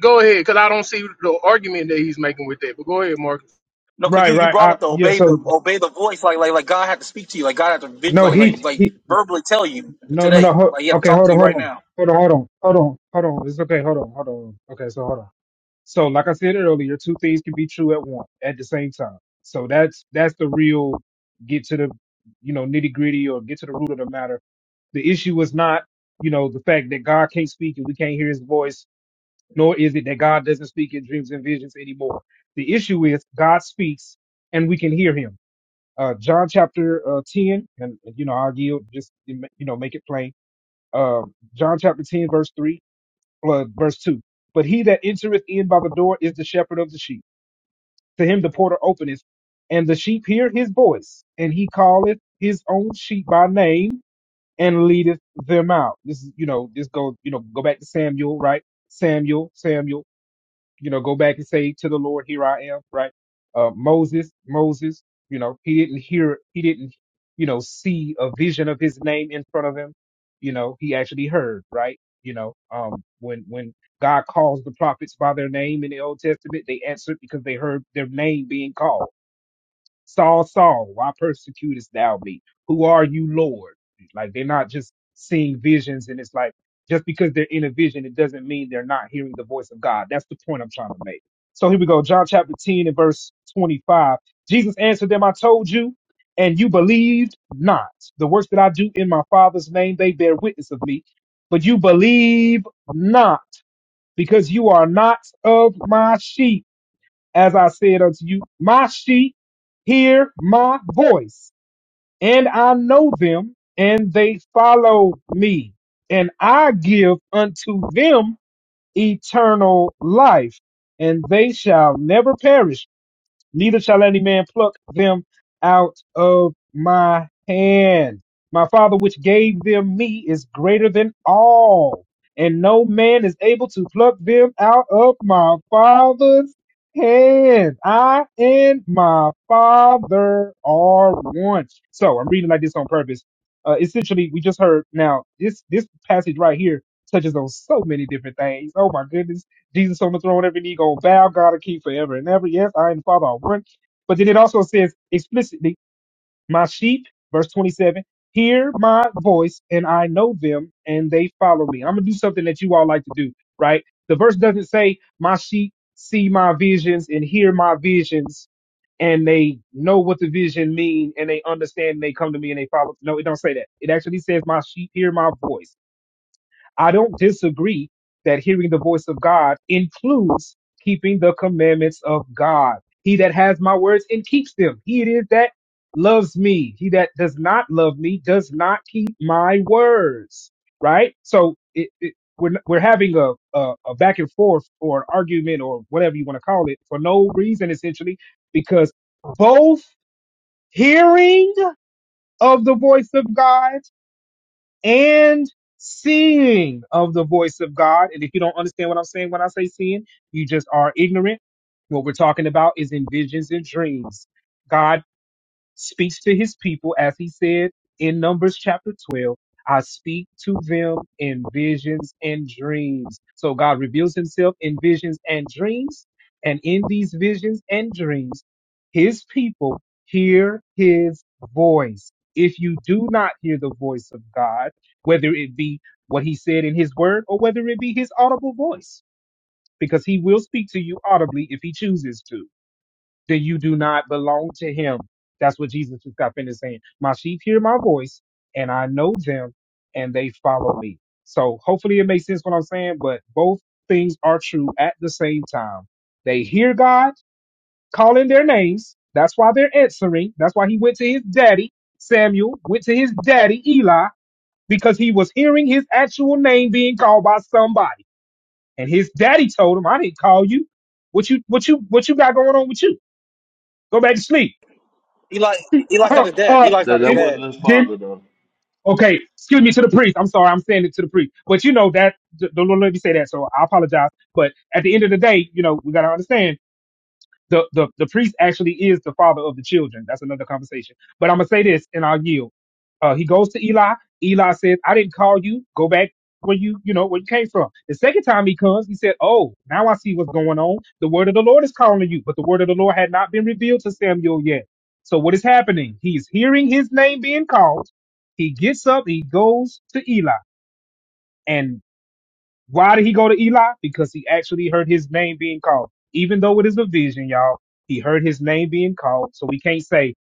Speaker 16: Go ahead, because I don't see the argument that he's making with that. But go ahead, Marcus.
Speaker 12: No, because
Speaker 6: Right,
Speaker 12: you, you
Speaker 6: right.
Speaker 12: brought
Speaker 6: I
Speaker 12: up the
Speaker 6: yeah,
Speaker 12: obey the
Speaker 6: so
Speaker 12: obey the voice, like like like God had to speak to you, like God had to vid-
Speaker 6: no,
Speaker 12: like like like
Speaker 6: he
Speaker 12: verbally tell you
Speaker 6: No, no,
Speaker 12: today,
Speaker 6: no. Ho-
Speaker 12: like He had to
Speaker 6: okay,
Speaker 12: talk
Speaker 6: hold
Speaker 12: to
Speaker 6: on,
Speaker 12: you
Speaker 6: hold
Speaker 12: right
Speaker 6: on,
Speaker 12: now.
Speaker 6: hold on, hold on, hold on, hold on. It's okay. Hold on, hold on. Okay, so hold on. So, like I said earlier, two things can be true at one at the same time. So that's that's the real get to the you know nitty gritty or get to the root of the matter. The issue is not you know the fact that God can't speak and we can't hear His voice, nor is it that God doesn't speak in dreams and visions anymore. The issue is God speaks and we can hear Him. Uh, John chapter uh, ten, and you know I'll yield just you know make it plain um, John chapter 10, verse 3, uh, verse 2. But he that entereth in by the door is the shepherd of the sheep. To him the porter openeth, and the sheep hear his voice, and he calleth his own sheep by name and leadeth them out. This is, you know, this goes, you know, go back to Samuel, right? Samuel, Samuel you know, go back and say to the Lord, here I am, right? Uh, Moses, Moses, you know, he didn't hear, he didn't, you know, see a vision of his name in front of him. You know, he actually heard, right? You know, um, when, when God calls the prophets by their name in the Old Testament, they answered because they heard their name being called Saul, Saul, why persecutest thou me? Who are you, Lord? Like they're not just seeing visions, and it's like just because they're in a vision, it doesn't mean they're not hearing the voice of God. That's the point I'm trying to make. So here we go. John chapter 10 and verse 25. Jesus answered them, I told you, and you believed not. The works that I do in my Father's name, they bear witness of me. But you believe not, because you are not of my sheep as I said unto you, my sheep hear my voice, and I know them, and they follow me, and I give unto them eternal life, and they shall never perish, neither shall any man pluck them out of my hand. My Father, which gave them me, is greater than all, and no man is able to pluck them out of my Father's hand. I and my Father are one. So I'm reading like this on purpose. Uh, essentially, we just heard now this this passage right here touches on so many different things. Oh my goodness Jesus on the throne, every knee gonna bow, God a king forever and ever. Yes, I and the Father are one. But then it also says explicitly, my sheep, verse 27, hear my voice and I know them and they follow me. I'm gonna do something that you all like to do, right? The verse doesn't say my sheep see my visions and hear my visions and they know what the vision mean and they understand and they come to me and they follow. No, it don't say that. It actually says my sheep hear my voice I don't disagree that hearing the voice of God includes keeping the commandments of God. He that has my words and keeps them, he it is that loves me. He that does not love me does not keep my words. Right? So it, it, we're, we're having a, a, a back and forth or an argument or whatever you want to call it for no reason, essentially, because both hearing of the voice of God and seeing of the voice of God. And if you don't understand what I'm saying when I say seeing, you just are ignorant. What we're talking about is in visions and dreams. God speaks to his people, as he said in Numbers chapter 12. I speak to them in visions and dreams. So God reveals himself in visions and dreams. And in these visions and dreams, his people hear his voice. If you do not hear the voice of God, whether it be what he said in his word or whether it be his audible voice, because he will speak to you audibly if he chooses to then you do not belong to him. That's what Jesus just got finished saying. My sheep hear my voice, and I know them, and they follow me. So hopefully it makes sense what I'm saying, but both things are true at the same time. They hear God calling their names. That's why they're answering. That's why he went to his daddy, Samuel, went to his daddy, Eli, because he was hearing his actual name being called by somebody. And his daddy told him, I didn't call you. What you what you what you got going on with you? Go back to sleep.
Speaker 12: Eli Eli's
Speaker 6: uh,
Speaker 12: not his dad.
Speaker 6: uh,
Speaker 12: Eli's
Speaker 18: That
Speaker 12: not his
Speaker 18: that
Speaker 6: then,
Speaker 12: dad.
Speaker 18: wasn't his
Speaker 6: then,
Speaker 18: father though.
Speaker 6: okay, excuse me to the priest. I'm sorry, I'm saying it to the priest. But you know that the the Lord let me say that, so I apologize. But at the end of the day, you know, we gotta understand the, the, the priest actually is the father of the children. That's another conversation. But I'm going to say this and I'll yield. Uh, he goes to Eli. Eli says, I didn't call you. Go back where you, you know, where you came from. The second time he comes, he said, Oh, now I see what's going on. The word of the Lord is calling you, but the word of the Lord had not been revealed to Samuel yet. So what is happening? He's hearing his name being called. He gets up, he goes to Eli. and. Why did he go to Eli? Because he actually heard his name being called. Even though it is a vision, y'all, he heard his name being called. So we can't say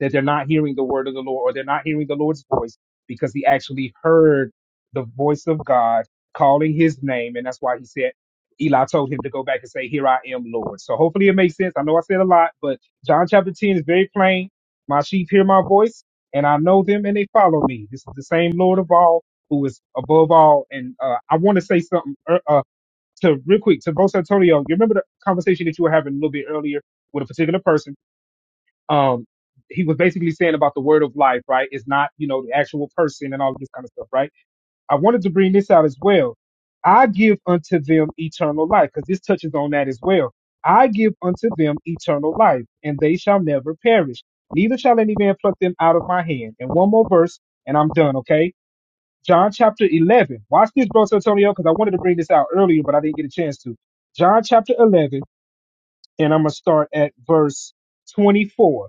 Speaker 6: that they're not hearing the word of the Lord or they're not hearing the Lord's voice because he actually heard the voice of God calling his name. And that's why he said, Eli told him to go back and say, Here I am, Lord. So hopefully it makes sense. I know I said a lot, but John chapter 10 is very plain. My sheep hear my voice, and I know them, and they follow me. This is the same Lord of all who is above all. And uh, I want to say something uh, uh, to real quick to Bose Antonio. You remember the conversation that you were having a little bit earlier with a particular person? um, he was basically saying about the word of life, right? It's not, you know, the actual person and all of this kind of stuff, right? I wanted to bring this out as well. I give unto them eternal life, because this touches on that as well. I give unto them eternal life, and they shall never perish. Neither shall any man pluck them out of my hand. And one more verse, and I'm done, okay? John chapter 11. Watch this, Bro Antonio, because I wanted to bring this out earlier, but I didn't get a chance to. John chapter 11, and I'm going to start at verse 24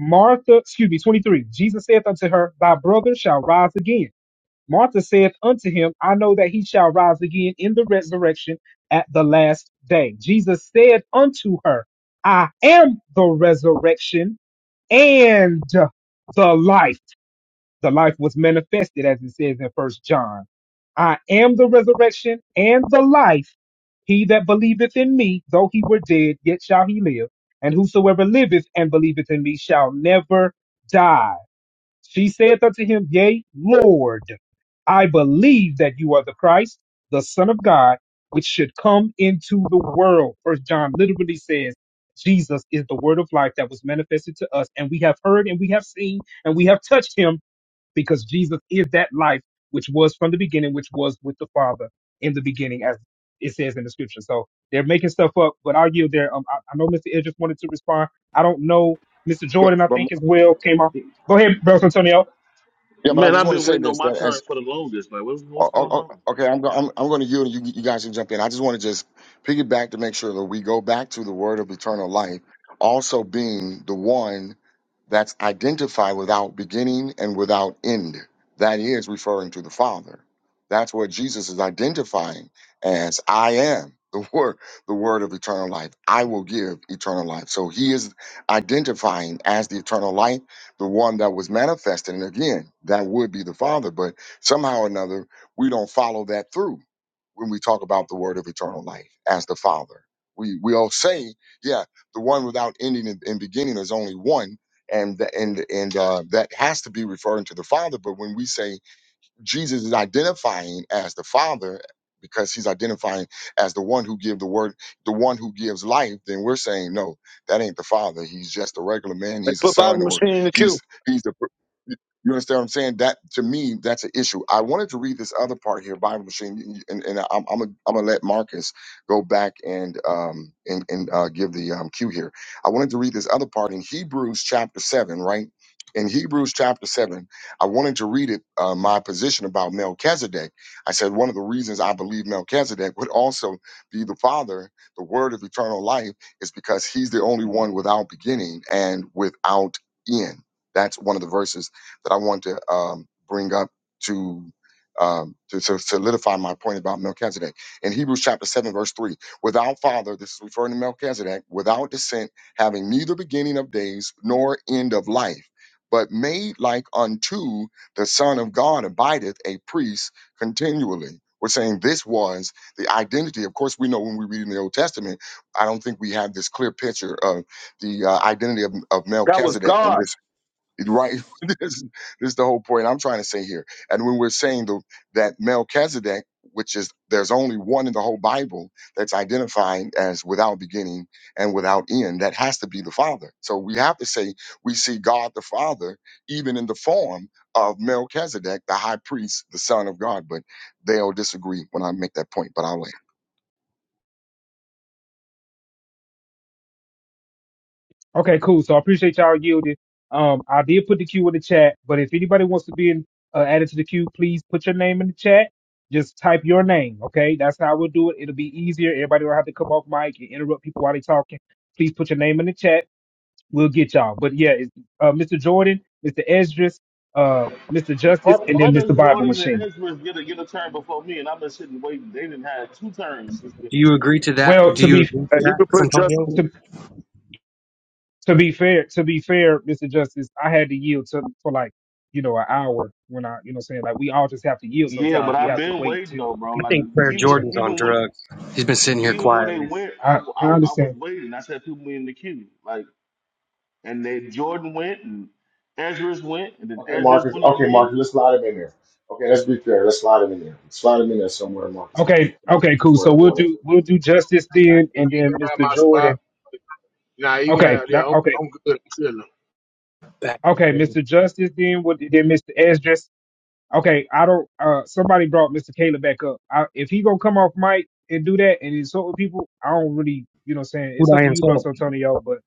Speaker 6: Martha, excuse me, 23. Jesus saith unto her, Thy brother shall rise again. Martha saith unto him, I know that he shall rise again in the resurrection at the last day. Jesus said unto her, I am the resurrection and the life. The life was manifested, as it says in First John. I am the resurrection and the life. He that believeth in me, though he were dead, yet shall he live. And whosoever liveth and believeth in me shall never die. She saith unto him, Yea, Lord, I believe that you are the Christ, the Son of God, which should come into the world. First John literally says, Jesus is the word of life that was manifested to us, and we have heard and we have seen and we have touched him because Jesus is that life which was from the beginning, which was with the Father in the beginning, as it says in the scripture. So they're making stuff up, but I'll yield there. Um, I, I know Mr. Edges wanted to respond. I don't know. Mr.
Speaker 1: But,
Speaker 6: Jordan, I
Speaker 1: but
Speaker 6: think, as well came off. Go ahead, Bro Antonio.
Speaker 1: yeah, but I
Speaker 18: Man,
Speaker 1: just
Speaker 18: I've
Speaker 1: want to
Speaker 18: been
Speaker 1: say
Speaker 18: waiting on
Speaker 1: this.
Speaker 18: my
Speaker 1: that as
Speaker 18: turn for the longest. Like, what's
Speaker 1: Oh,
Speaker 18: what's
Speaker 1: oh,
Speaker 18: going
Speaker 1: oh,
Speaker 18: on?
Speaker 1: okay, I'm, go- I'm I'm going to yield. and you, you guys can jump in. I just want to just piggyback to make sure that we go back to the word of eternal life, also being the one that's identified without beginning and without end. That is referring to the Father. That's what Jesus is identifying as I am *laughs* the word, the word of eternal life. I will give eternal life. So he is identifying as the eternal life, the one that was manifested. And again, that would be the Father, but somehow or another, we don't follow that through when we talk about the word of eternal life as the Father. We we all say, yeah, the one without ending and, and beginning is only one, and th- and and uh, that has to be referring to the Father. But when we say Jesus is identifying as the Father because he's identifying as the one who give the word, the one who gives life, then we're saying no, that ain't the Father. He's just a regular man.
Speaker 17: They
Speaker 1: He's a
Speaker 17: put Bible
Speaker 1: son, or
Speaker 17: machine in the queue.
Speaker 1: he's he's the. You understand what I'm saying? That to me, that's an issue. I wanted to read this other part here, Bible machine, and, and I'm I'm gonna I'm gonna let Marcus go back and um and and uh, give the um, cue here. I wanted to read this other part in Hebrews chapter seven, right? In Hebrews chapter seven, I wanted to read it, uh, my position about Melchizedek. I said one of the reasons I believe Melchizedek would also be the father, the word of eternal life, is because he's the only one without beginning and without end. That's one of the verses that I want to um, bring up to, um, to to solidify my point about Melchizedek. In Hebrews chapter 7, verse 3, without father, this is referring to Melchizedek, without descent, having neither beginning of days nor end of life but made like unto the Son of God abideth a priest continually. We're saying this was the identity. Of course, we know when we read in the Old Testament, I don't think we have this clear picture of the uh, identity of, of
Speaker 17: That was
Speaker 1: Melchizedek in
Speaker 17: God.
Speaker 1: this right *laughs* this, this is the whole point i'm trying to say here and when we're saying the, that melchizedek which is there's only one in the whole bible that's identified as without beginning and without end that has to be the father so we have to say we see god the father even in the form of melchizedek the high priest the son of god but they'll disagree when i make that point but i'll land
Speaker 6: Okay, cool. So I appreciate y'all yielding. Um, I did put the queue in the chat, but if anybody wants to be in, uh, added to the queue, please put your name in the chat. Just type your name, okay? That's how we'll do it. It'll be easier. Everybody will have to come off mic and interrupt people while they're talking please put your name in the chat we'll get y'all. But yeah, it's, uh, Mr. Jordan, Mr. Esdras, uh, Mr.
Speaker 18: All,
Speaker 6: Justice, and
Speaker 18: all
Speaker 6: then
Speaker 18: does
Speaker 6: Mr. Bible
Speaker 18: Jordan
Speaker 6: Machine.
Speaker 18: and Ezra get a get a turn before me, and I've been sitting waiting. They didn't have two turns. since
Speaker 19: Do
Speaker 18: then.
Speaker 19: you agree to that?
Speaker 6: Well,
Speaker 19: Do
Speaker 6: to
Speaker 19: you
Speaker 6: be
Speaker 19: agree
Speaker 17: Hey,
Speaker 19: to
Speaker 17: you
Speaker 19: that,
Speaker 17: could put just.
Speaker 19: Santonio?
Speaker 6: to to be fair, to be fair, Mr. Justice, I had to yield to for like you know an hour when I you know what I'm saying like we all just have to yield
Speaker 18: Yeah,
Speaker 6: sometimes.
Speaker 18: but
Speaker 6: We
Speaker 18: I've
Speaker 6: have to
Speaker 18: been
Speaker 6: wait
Speaker 18: waiting
Speaker 6: till
Speaker 18: though, bro.
Speaker 19: I
Speaker 6: people
Speaker 18: Like
Speaker 19: think Prayer
Speaker 6: you know what I'm
Speaker 18: even
Speaker 6: saying.
Speaker 19: Jordan's on
Speaker 18: even when
Speaker 19: drugs. He's been sitting here
Speaker 18: even when they
Speaker 19: quietly.
Speaker 18: went, I,
Speaker 6: I
Speaker 18: I
Speaker 6: I
Speaker 18: I was
Speaker 6: understand.
Speaker 18: waiting. I said people in the queue. Like. And then Jordan went, and Ezra's went, and then
Speaker 1: Okay,
Speaker 18: Ezra's
Speaker 1: Marcus.
Speaker 18: went
Speaker 1: Okay,
Speaker 18: again.
Speaker 1: Marcus. Let's slide him in there. Okay, let's be fair. Let's slide him in there. Slide him in there somewhere, Marcus.
Speaker 6: Okay,
Speaker 1: You know,
Speaker 6: okay, cool.
Speaker 1: before
Speaker 6: So we'll
Speaker 1: everyone else.
Speaker 6: do we'll do Justice then,
Speaker 16: You
Speaker 6: and then
Speaker 16: can have
Speaker 6: Mr.
Speaker 16: my spot.
Speaker 6: Jordan.
Speaker 16: Nah, you can
Speaker 6: Okay,
Speaker 16: have.
Speaker 6: now
Speaker 16: Yeah, I'm,
Speaker 6: okay.
Speaker 16: I'm good. I'm chilling.
Speaker 19: Back
Speaker 6: Okay, Mr. Justice, then what? Then Mr. Esdras, Okay, I don't. Uh, somebody brought Mr. Caleb back up. I, if he gonna come off mic and do that and insult people, I don't really, you know, what I'm saying
Speaker 19: Who'd
Speaker 6: it's up to
Speaker 19: I
Speaker 6: you, Bus Antonio. But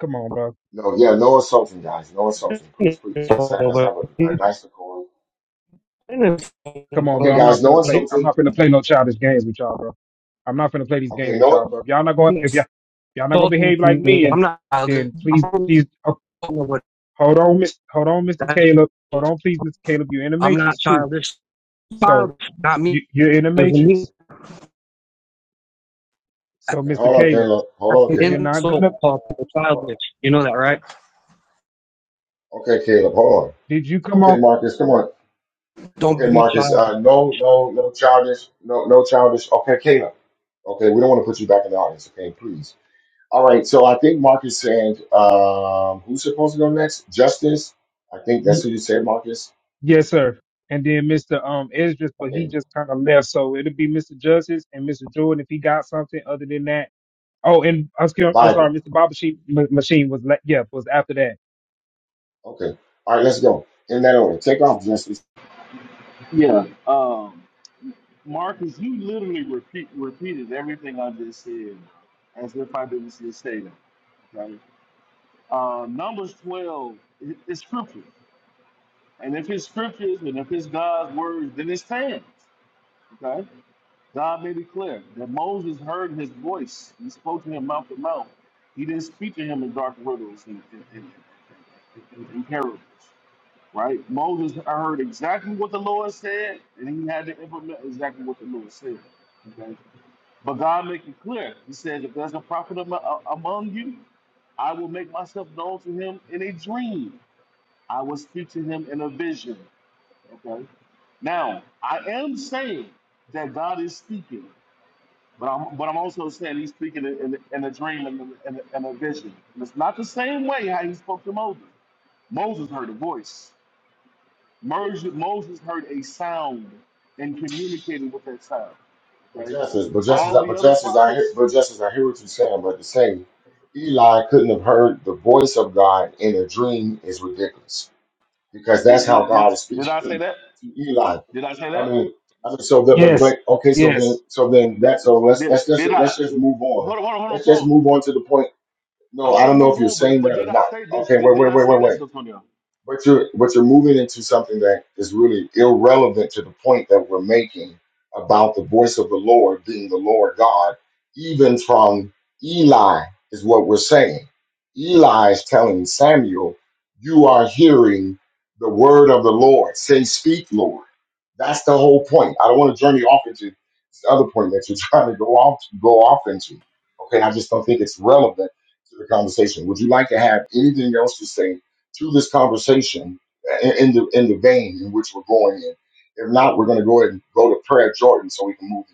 Speaker 6: come on, bro.
Speaker 1: No, yeah, no insulting, guys. No insulting. Please, please. Let's have, let's have a, a nice decorum.
Speaker 6: Come on,
Speaker 1: Okay,
Speaker 6: bro. I'm
Speaker 1: guys,
Speaker 6: not
Speaker 1: no
Speaker 6: finna play. I'm
Speaker 1: insulting.
Speaker 6: not finna play no childish games with y'all, bro. I'm not finna play these games
Speaker 1: Okay,
Speaker 6: with y'all,
Speaker 1: no.
Speaker 6: bro. If y'all not going, if
Speaker 19: insult?
Speaker 6: y'all, if y'all not gonna behave like me,
Speaker 19: consultancy.
Speaker 6: and
Speaker 19: I'm not childish.
Speaker 6: then
Speaker 19: I
Speaker 6: please, please, oh, hold on, Miss, hold on, Mr. Caleb. Hold on, please, Mr. Caleb. You're in the
Speaker 19: am not
Speaker 6: matrix too.
Speaker 19: childish.
Speaker 6: So
Speaker 19: Childish, not me.
Speaker 6: you, you're in the
Speaker 19: It was me.
Speaker 6: matrix. So,
Speaker 1: Okay,
Speaker 6: Mr.
Speaker 1: hold on,
Speaker 6: Caleb,
Speaker 1: Caleb.
Speaker 19: That's
Speaker 1: Hold on,
Speaker 19: an
Speaker 6: if you're
Speaker 1: Caleb.
Speaker 6: not
Speaker 19: insult
Speaker 6: gonna,
Speaker 19: to call people
Speaker 1: Oh,
Speaker 19: childish. You know that, right?
Speaker 1: Okay, Caleb, hold
Speaker 6: did you
Speaker 1: on.
Speaker 6: come
Speaker 1: Okay,
Speaker 6: off?
Speaker 1: Marcus, come on.
Speaker 19: Don't
Speaker 1: Okay,
Speaker 19: be
Speaker 1: Marcus,
Speaker 19: childish.
Speaker 1: uh, no, no, no childish. No, no childish. Okay, Caleb. Okay, we don't want to put you back in the audience. Okay, please. All right, so I think Marcus said, um, who's supposed to go next? Justice. I think that's who you said, Marcus.
Speaker 6: Yes, sir. And then Mr. Um Esdras, but he
Speaker 1: Okay,
Speaker 6: just kind of left. So it'll be Mr. Justice and Mr. Jordan if he got something other than that. Oh, and I'm,
Speaker 1: and
Speaker 6: scared, I'm sorry,
Speaker 1: Bible.
Speaker 6: Mr. Baba Sheep M- Machine was la- yeah was after that.
Speaker 1: Okay, all right, let's go. In that order. Take off, Justice.
Speaker 18: Yeah. Um, Marcus, you literally repeat, repeated everything I just said as if I didn't just say that. Right? Uh, Numbers 12 is is scripture. And if it's scriptures and if it's God's words, then it stands. Okay? God made it clear that Moses heard his voice. He spoke to him mouth to mouth. He didn't speak to him in dark riddles and, and, and, and, and parables. right? Moses heard exactly what the Lord said, and he had to implement exactly what the Lord said. Okay, but God make it clear. He says, "If there's a prophet am- a- among you, I will make myself known to him in a dream. I will speak to him in a vision." Okay. Now, I am saying that God is speaking, but I'm but I'm also saying He's speaking in, in, in a dream and in, in, in a vision. And it's not the same way how He spoke to Moses. Moses heard a voice. Moses, Moses heard a sound and communicated with that sound.
Speaker 1: But
Speaker 18: Okay.
Speaker 1: just as, but just as,
Speaker 18: All the
Speaker 1: but
Speaker 18: other
Speaker 1: just as I hear,
Speaker 18: prophets
Speaker 1: but just as I hear what you're saying, but to say Eli couldn't have heard the voice of God in a dream is ridiculous because that's
Speaker 18: did
Speaker 1: how
Speaker 18: did, did,
Speaker 1: God is
Speaker 18: did I say
Speaker 1: speaking
Speaker 18: that?
Speaker 1: *laughs* to Eli.
Speaker 18: Did I say
Speaker 1: I
Speaker 18: that?
Speaker 1: mean, I mean, so the, but
Speaker 6: Yes,
Speaker 1: but okay, so then,
Speaker 6: yes,
Speaker 1: so then
Speaker 18: Did,
Speaker 1: that, so let's
Speaker 18: did,
Speaker 1: let's just
Speaker 18: did I?
Speaker 1: let's just move on.
Speaker 18: Hold on, hold on, hold on,
Speaker 1: Let's just move
Speaker 18: Paul.
Speaker 1: on to the point.
Speaker 18: I
Speaker 1: No, I
Speaker 18: want to
Speaker 1: don't know
Speaker 18: move
Speaker 1: if you're
Speaker 18: on, but
Speaker 1: saying
Speaker 18: but
Speaker 1: that
Speaker 18: did
Speaker 1: or
Speaker 18: I
Speaker 1: not.
Speaker 18: say this?
Speaker 1: Okay, wait,
Speaker 18: Did, did
Speaker 1: wait,
Speaker 18: I
Speaker 1: wait,
Speaker 18: say
Speaker 1: wait, wait
Speaker 18: that, Antonio?
Speaker 1: but you're but you're moving into something that is really irrelevant to the point that we're making about the voice of the Lord being the Lord God, even from Eli is what we're saying. Eli is telling Samuel, you are hearing the word of the Lord. Say, speak, Lord. That's the whole point. I don't want to journey off into this other point that you're *laughs* trying to go off go off into. Okay, I just don't think it's relevant to the conversation. Would you like to have anything else to say through this conversation in, in the in the vein in which we're going in. If not, we're going to go ahead and go to prayer, Jordan, so we can move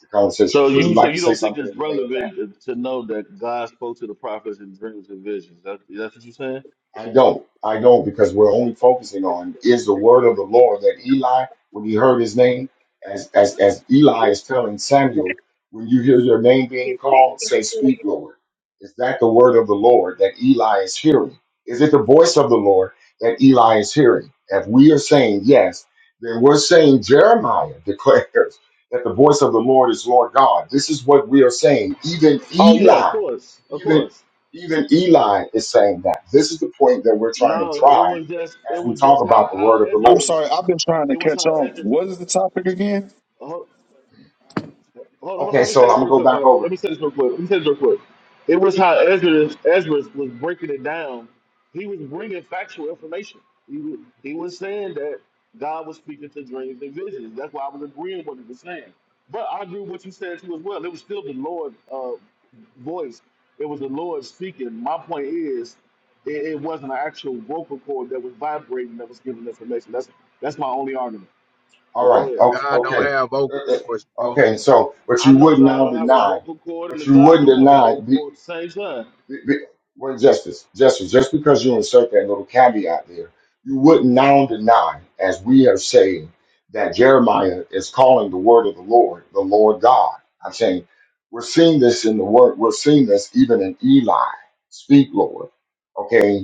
Speaker 1: the conversation.
Speaker 18: So
Speaker 1: Would you
Speaker 18: you so
Speaker 1: like to
Speaker 18: you
Speaker 1: say
Speaker 18: don't think
Speaker 1: something
Speaker 18: it's
Speaker 1: in the vein of that?
Speaker 18: relevant to know that God spoke to the prophets in dreams and visions? That, that's what you're saying?
Speaker 1: I don't. I don't because we're only focusing on is the word of the Lord that Eli, when he heard his name, as as as Eli is telling Samuel, when you hear your name being called, say, Speak, Lord. Is that the word of the Lord that Eli is hearing? Is it the voice of the Lord that Eli is hearing? If we are saying yes, then we're saying Jeremiah *laughs* declares that the voice of the Lord is Lord God. This is what we are saying. Even
Speaker 18: Oh yeah, of
Speaker 1: Eli,
Speaker 18: course, of
Speaker 1: even.
Speaker 18: course.
Speaker 1: Even Eli is saying that. This is the point that we're trying to
Speaker 18: No, it
Speaker 1: drive
Speaker 18: was just it
Speaker 1: as we
Speaker 18: was
Speaker 1: talk
Speaker 18: just how
Speaker 1: about the
Speaker 18: how
Speaker 1: word of the
Speaker 17: I'm
Speaker 1: Lord.
Speaker 18: Ezra's
Speaker 17: sorry, I've been trying to
Speaker 18: it was how
Speaker 17: catch on.
Speaker 18: Ezra.
Speaker 17: What is the topic again?
Speaker 18: hold, hold on, hold on.
Speaker 1: Okay,
Speaker 18: Let me
Speaker 1: so
Speaker 18: say
Speaker 1: I'm
Speaker 18: this
Speaker 1: going to
Speaker 18: real
Speaker 1: go
Speaker 18: quick,
Speaker 1: back
Speaker 18: Bible. Let
Speaker 1: over.
Speaker 18: me say this real quick. Let me say this real quick. It was how Ezra, Ezra was breaking it down. He was bringing factual information. He was, he was saying that God was speaking to dreams and visions. That's why I was agreeing with what he was saying. But I agree with what you said too as well. It was still the Lord uh, voice. It was the Lord speaking. My point is, it, it wasn't an actual vocal cord that was vibrating that was giving information. That's that's my only argument.
Speaker 1: All
Speaker 18: But
Speaker 1: right.
Speaker 18: go ahead.
Speaker 1: o-
Speaker 16: God don't
Speaker 1: Okay.
Speaker 16: have vocal
Speaker 1: Uh, uh,
Speaker 16: cords, bro.
Speaker 1: Okay. So, but
Speaker 18: I
Speaker 1: you
Speaker 18: know
Speaker 1: would
Speaker 18: God
Speaker 1: now
Speaker 18: don't have a
Speaker 1: deny,
Speaker 18: vocal cord, and
Speaker 1: but
Speaker 18: the
Speaker 1: you
Speaker 18: God
Speaker 1: wouldn't
Speaker 18: do have a
Speaker 1: deny.
Speaker 18: vocal cord at the same time.
Speaker 1: Be- be- Well, justice, justice. Just because you insert that little caveat there, you would now deny, as we are saying, that Jeremiah is calling the word of the Lord, the Lord God. I'm saying we're seeing this in the word. We're seeing this even in Eli. Speak, Lord. Okay,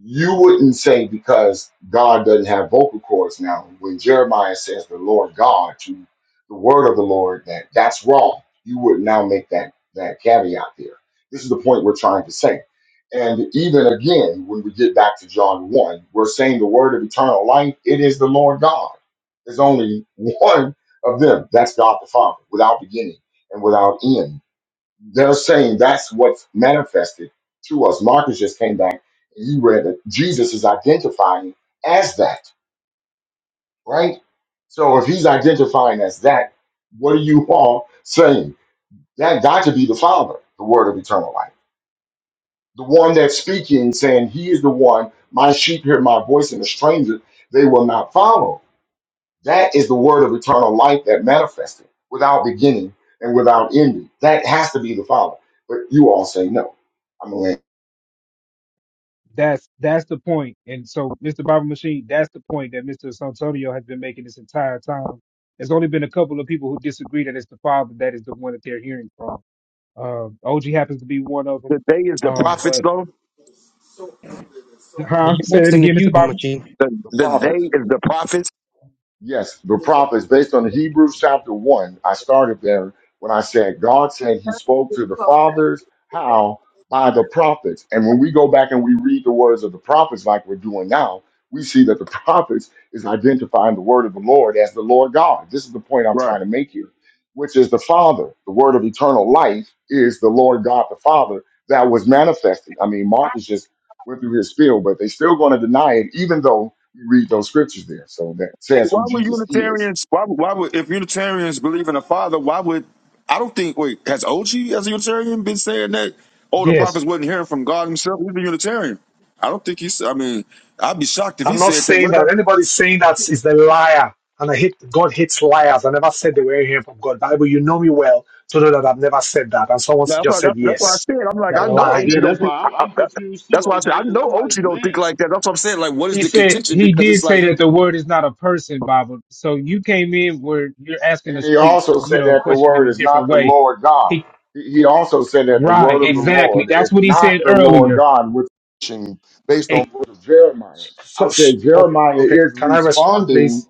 Speaker 1: you wouldn't say because God doesn't have vocal cords now. When Jeremiah says the Lord God to the word of the Lord, that that's wrong. You would now make that that caveat there. This is the point we're trying to say. And even again, when we get back to John 1, we're saying the word of eternal life, it is the Lord God. There's only *laughs* one of them. That's God the Father, without beginning and without end they're saying that's what's manifested to us. Marcus just came back. You read that Jesus is identifying as that, right? So if he's identifying as that, what are you all saying? That got to be the Father, the Word of eternal life, the one that's speaking, saying, He is the one. My sheep hear my voice, and the stranger they will not follow. That is the Word of eternal life that manifested without beginning and without ending. That has to be the Father. But you all say no. I'm going
Speaker 6: that's that's the point. And so Mr. Baba Machine, that's the point that Mr. Santonio has been making this entire time. There's only been a couple of people who disagree that it's the father that is the one that they're hearing from. Um, OG happens to be one of them.
Speaker 17: The they is the
Speaker 6: Um,
Speaker 17: prophets,
Speaker 6: but
Speaker 17: though.
Speaker 6: huh?
Speaker 19: You're
Speaker 6: Say
Speaker 19: next
Speaker 6: it
Speaker 19: in the
Speaker 6: again, Mr.
Speaker 19: cue,
Speaker 6: Baba.
Speaker 19: machine.
Speaker 17: The
Speaker 1: The
Speaker 17: the
Speaker 1: prophets,
Speaker 17: they is the prophets.
Speaker 1: yes, the prophets, based on Hebrews chapter 1, I started there when I said God said he spoke to the fathers, how? By the prophets. And when we go back and we read the words of the prophets like we're doing now, we see that the *laughs* prophets is identifying the word of the Lord as the Lord God. This is the point I'm
Speaker 17: Right.
Speaker 1: trying to make here, which is the Father. The word of eternal life is the Lord God the Father that was manifested. I mean, Mark is just went through his spiel, but they're still going to deny it, even though you read those scriptures there. So that says who
Speaker 17: Why would
Speaker 1: Jesus is.
Speaker 17: Unitarians? Why, would- why would if Unitarians believe in a father, why would I don't think wait, has OG as a Unitarian been saying that oh the
Speaker 6: Yes.
Speaker 17: prophets wasn't hearing from God himself? He's a Unitarian. I don't think he's I mean, I'd be shocked if he
Speaker 14: I'm not
Speaker 17: said that.
Speaker 14: saying
Speaker 17: What about
Speaker 14: that anybody saying that is the liar. And I hate God hates liars. I never said they were hearing from God. Bible, you know me well to know that I've never said that. And someone
Speaker 17: Now, That's
Speaker 14: just
Speaker 17: why.
Speaker 14: said
Speaker 17: That's, that's why I
Speaker 14: yes.
Speaker 17: said. I'm like,
Speaker 14: They're
Speaker 17: I know
Speaker 14: lying.
Speaker 18: Yeah,
Speaker 17: OT don't
Speaker 18: that's why
Speaker 17: think. I,
Speaker 18: I'm,
Speaker 17: I,
Speaker 18: I'm
Speaker 17: that-
Speaker 18: confused too,
Speaker 17: that's why I said I
Speaker 18: OJ, because I'm
Speaker 17: know
Speaker 18: like,
Speaker 17: OT don't think
Speaker 18: man.
Speaker 17: like that. That's what I'm saying. Like, what is
Speaker 6: He
Speaker 17: the
Speaker 6: said
Speaker 17: contention?
Speaker 6: he
Speaker 17: Because
Speaker 6: did
Speaker 17: it's like,
Speaker 6: say that the word is not a person, Bible. So you came in where you're asking a
Speaker 1: And he
Speaker 6: straight,
Speaker 1: also
Speaker 6: you
Speaker 1: said
Speaker 6: know,
Speaker 1: that the
Speaker 6: question in
Speaker 1: word
Speaker 6: a
Speaker 1: is
Speaker 6: different
Speaker 1: not the
Speaker 6: way.
Speaker 1: Lord God.
Speaker 6: He
Speaker 1: He he also said that the word
Speaker 6: right,
Speaker 1: of the
Speaker 6: exactly.
Speaker 1: Lord is
Speaker 6: That's what he said
Speaker 1: not the Lord
Speaker 6: earlier.
Speaker 1: God, which is based on
Speaker 6: Hey,
Speaker 1: the words of Jeremiah. I
Speaker 14: So s-
Speaker 1: said
Speaker 14: okay,
Speaker 1: Jeremiah
Speaker 14: okay.
Speaker 1: is
Speaker 14: Can I respond,
Speaker 1: responding
Speaker 14: please?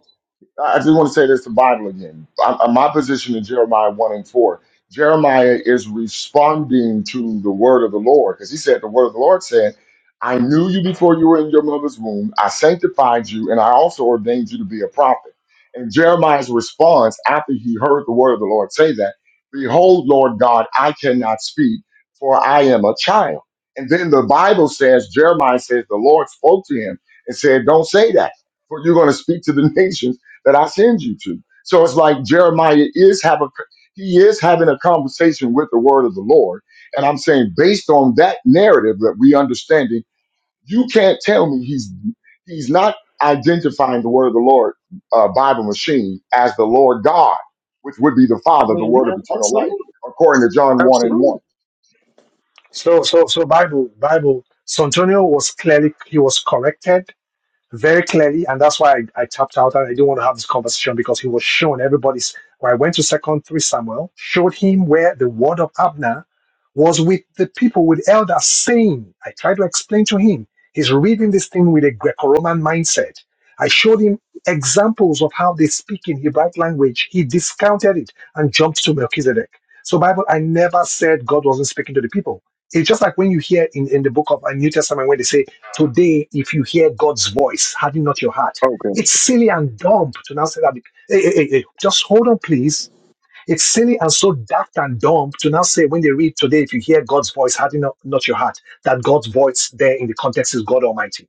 Speaker 1: I just want to say this to Bible again. I, I- my position in Jeremiah 1 and 4, Jeremiah is responding to the word of the Lord because he said, The word of the Lord said, I knew you before you were in your mother's womb. I sanctified you, and I also ordained you to be a prophet. And Jeremiah's response after he heard the word of the Lord say that, Behold, Lord God, I cannot speak, for I am a child. And then the Bible says, Jeremiah says, The Lord spoke to him and said, Don't say that, for you're going to speak to the *laughs* nations that I send you to. So it's like Jeremiah is have a he is having a conversation with the word of the Lord. And I'm saying based on that narrative that we understanding, you can't tell me he's he's not identifying the word of the Lord uh, Bible machine as the Lord God, which would be the
Speaker 17: I
Speaker 1: Father, the
Speaker 17: mean,
Speaker 1: word
Speaker 17: yeah,
Speaker 1: of eternal life,
Speaker 17: absolutely,
Speaker 1: according to John 1 and 1.
Speaker 17: absolutely.
Speaker 14: So so so Bible Bible. Santonio was clearly he was corrected very clearly, and that's why I, I tapped out and I didn't want to have this conversation because he was shown everybody's. Well, I went to Second Three Samuel, showed him where the word of Abner was with the people with elders saying. I tried to explain to him. He's reading this thing with a Greco-Roman mindset. I showed him examples of how they speak in Hebraic language. He discounted it and jumped to Melchizedek. So Bible, I never said God wasn't speaking to the people. It's just like when you hear in, in the book of uh, New Testament when they say Today, if you hear God's voice, harden not your heart.
Speaker 17: Okay.
Speaker 14: It's silly and dumb to now say that. Hey, hey, hey, hey, just hold on, please. It's silly and so daft and dumb to now say when they read today, if you hear God's voice, harden not, not your heart. That God's voice there in the context is God Almighty.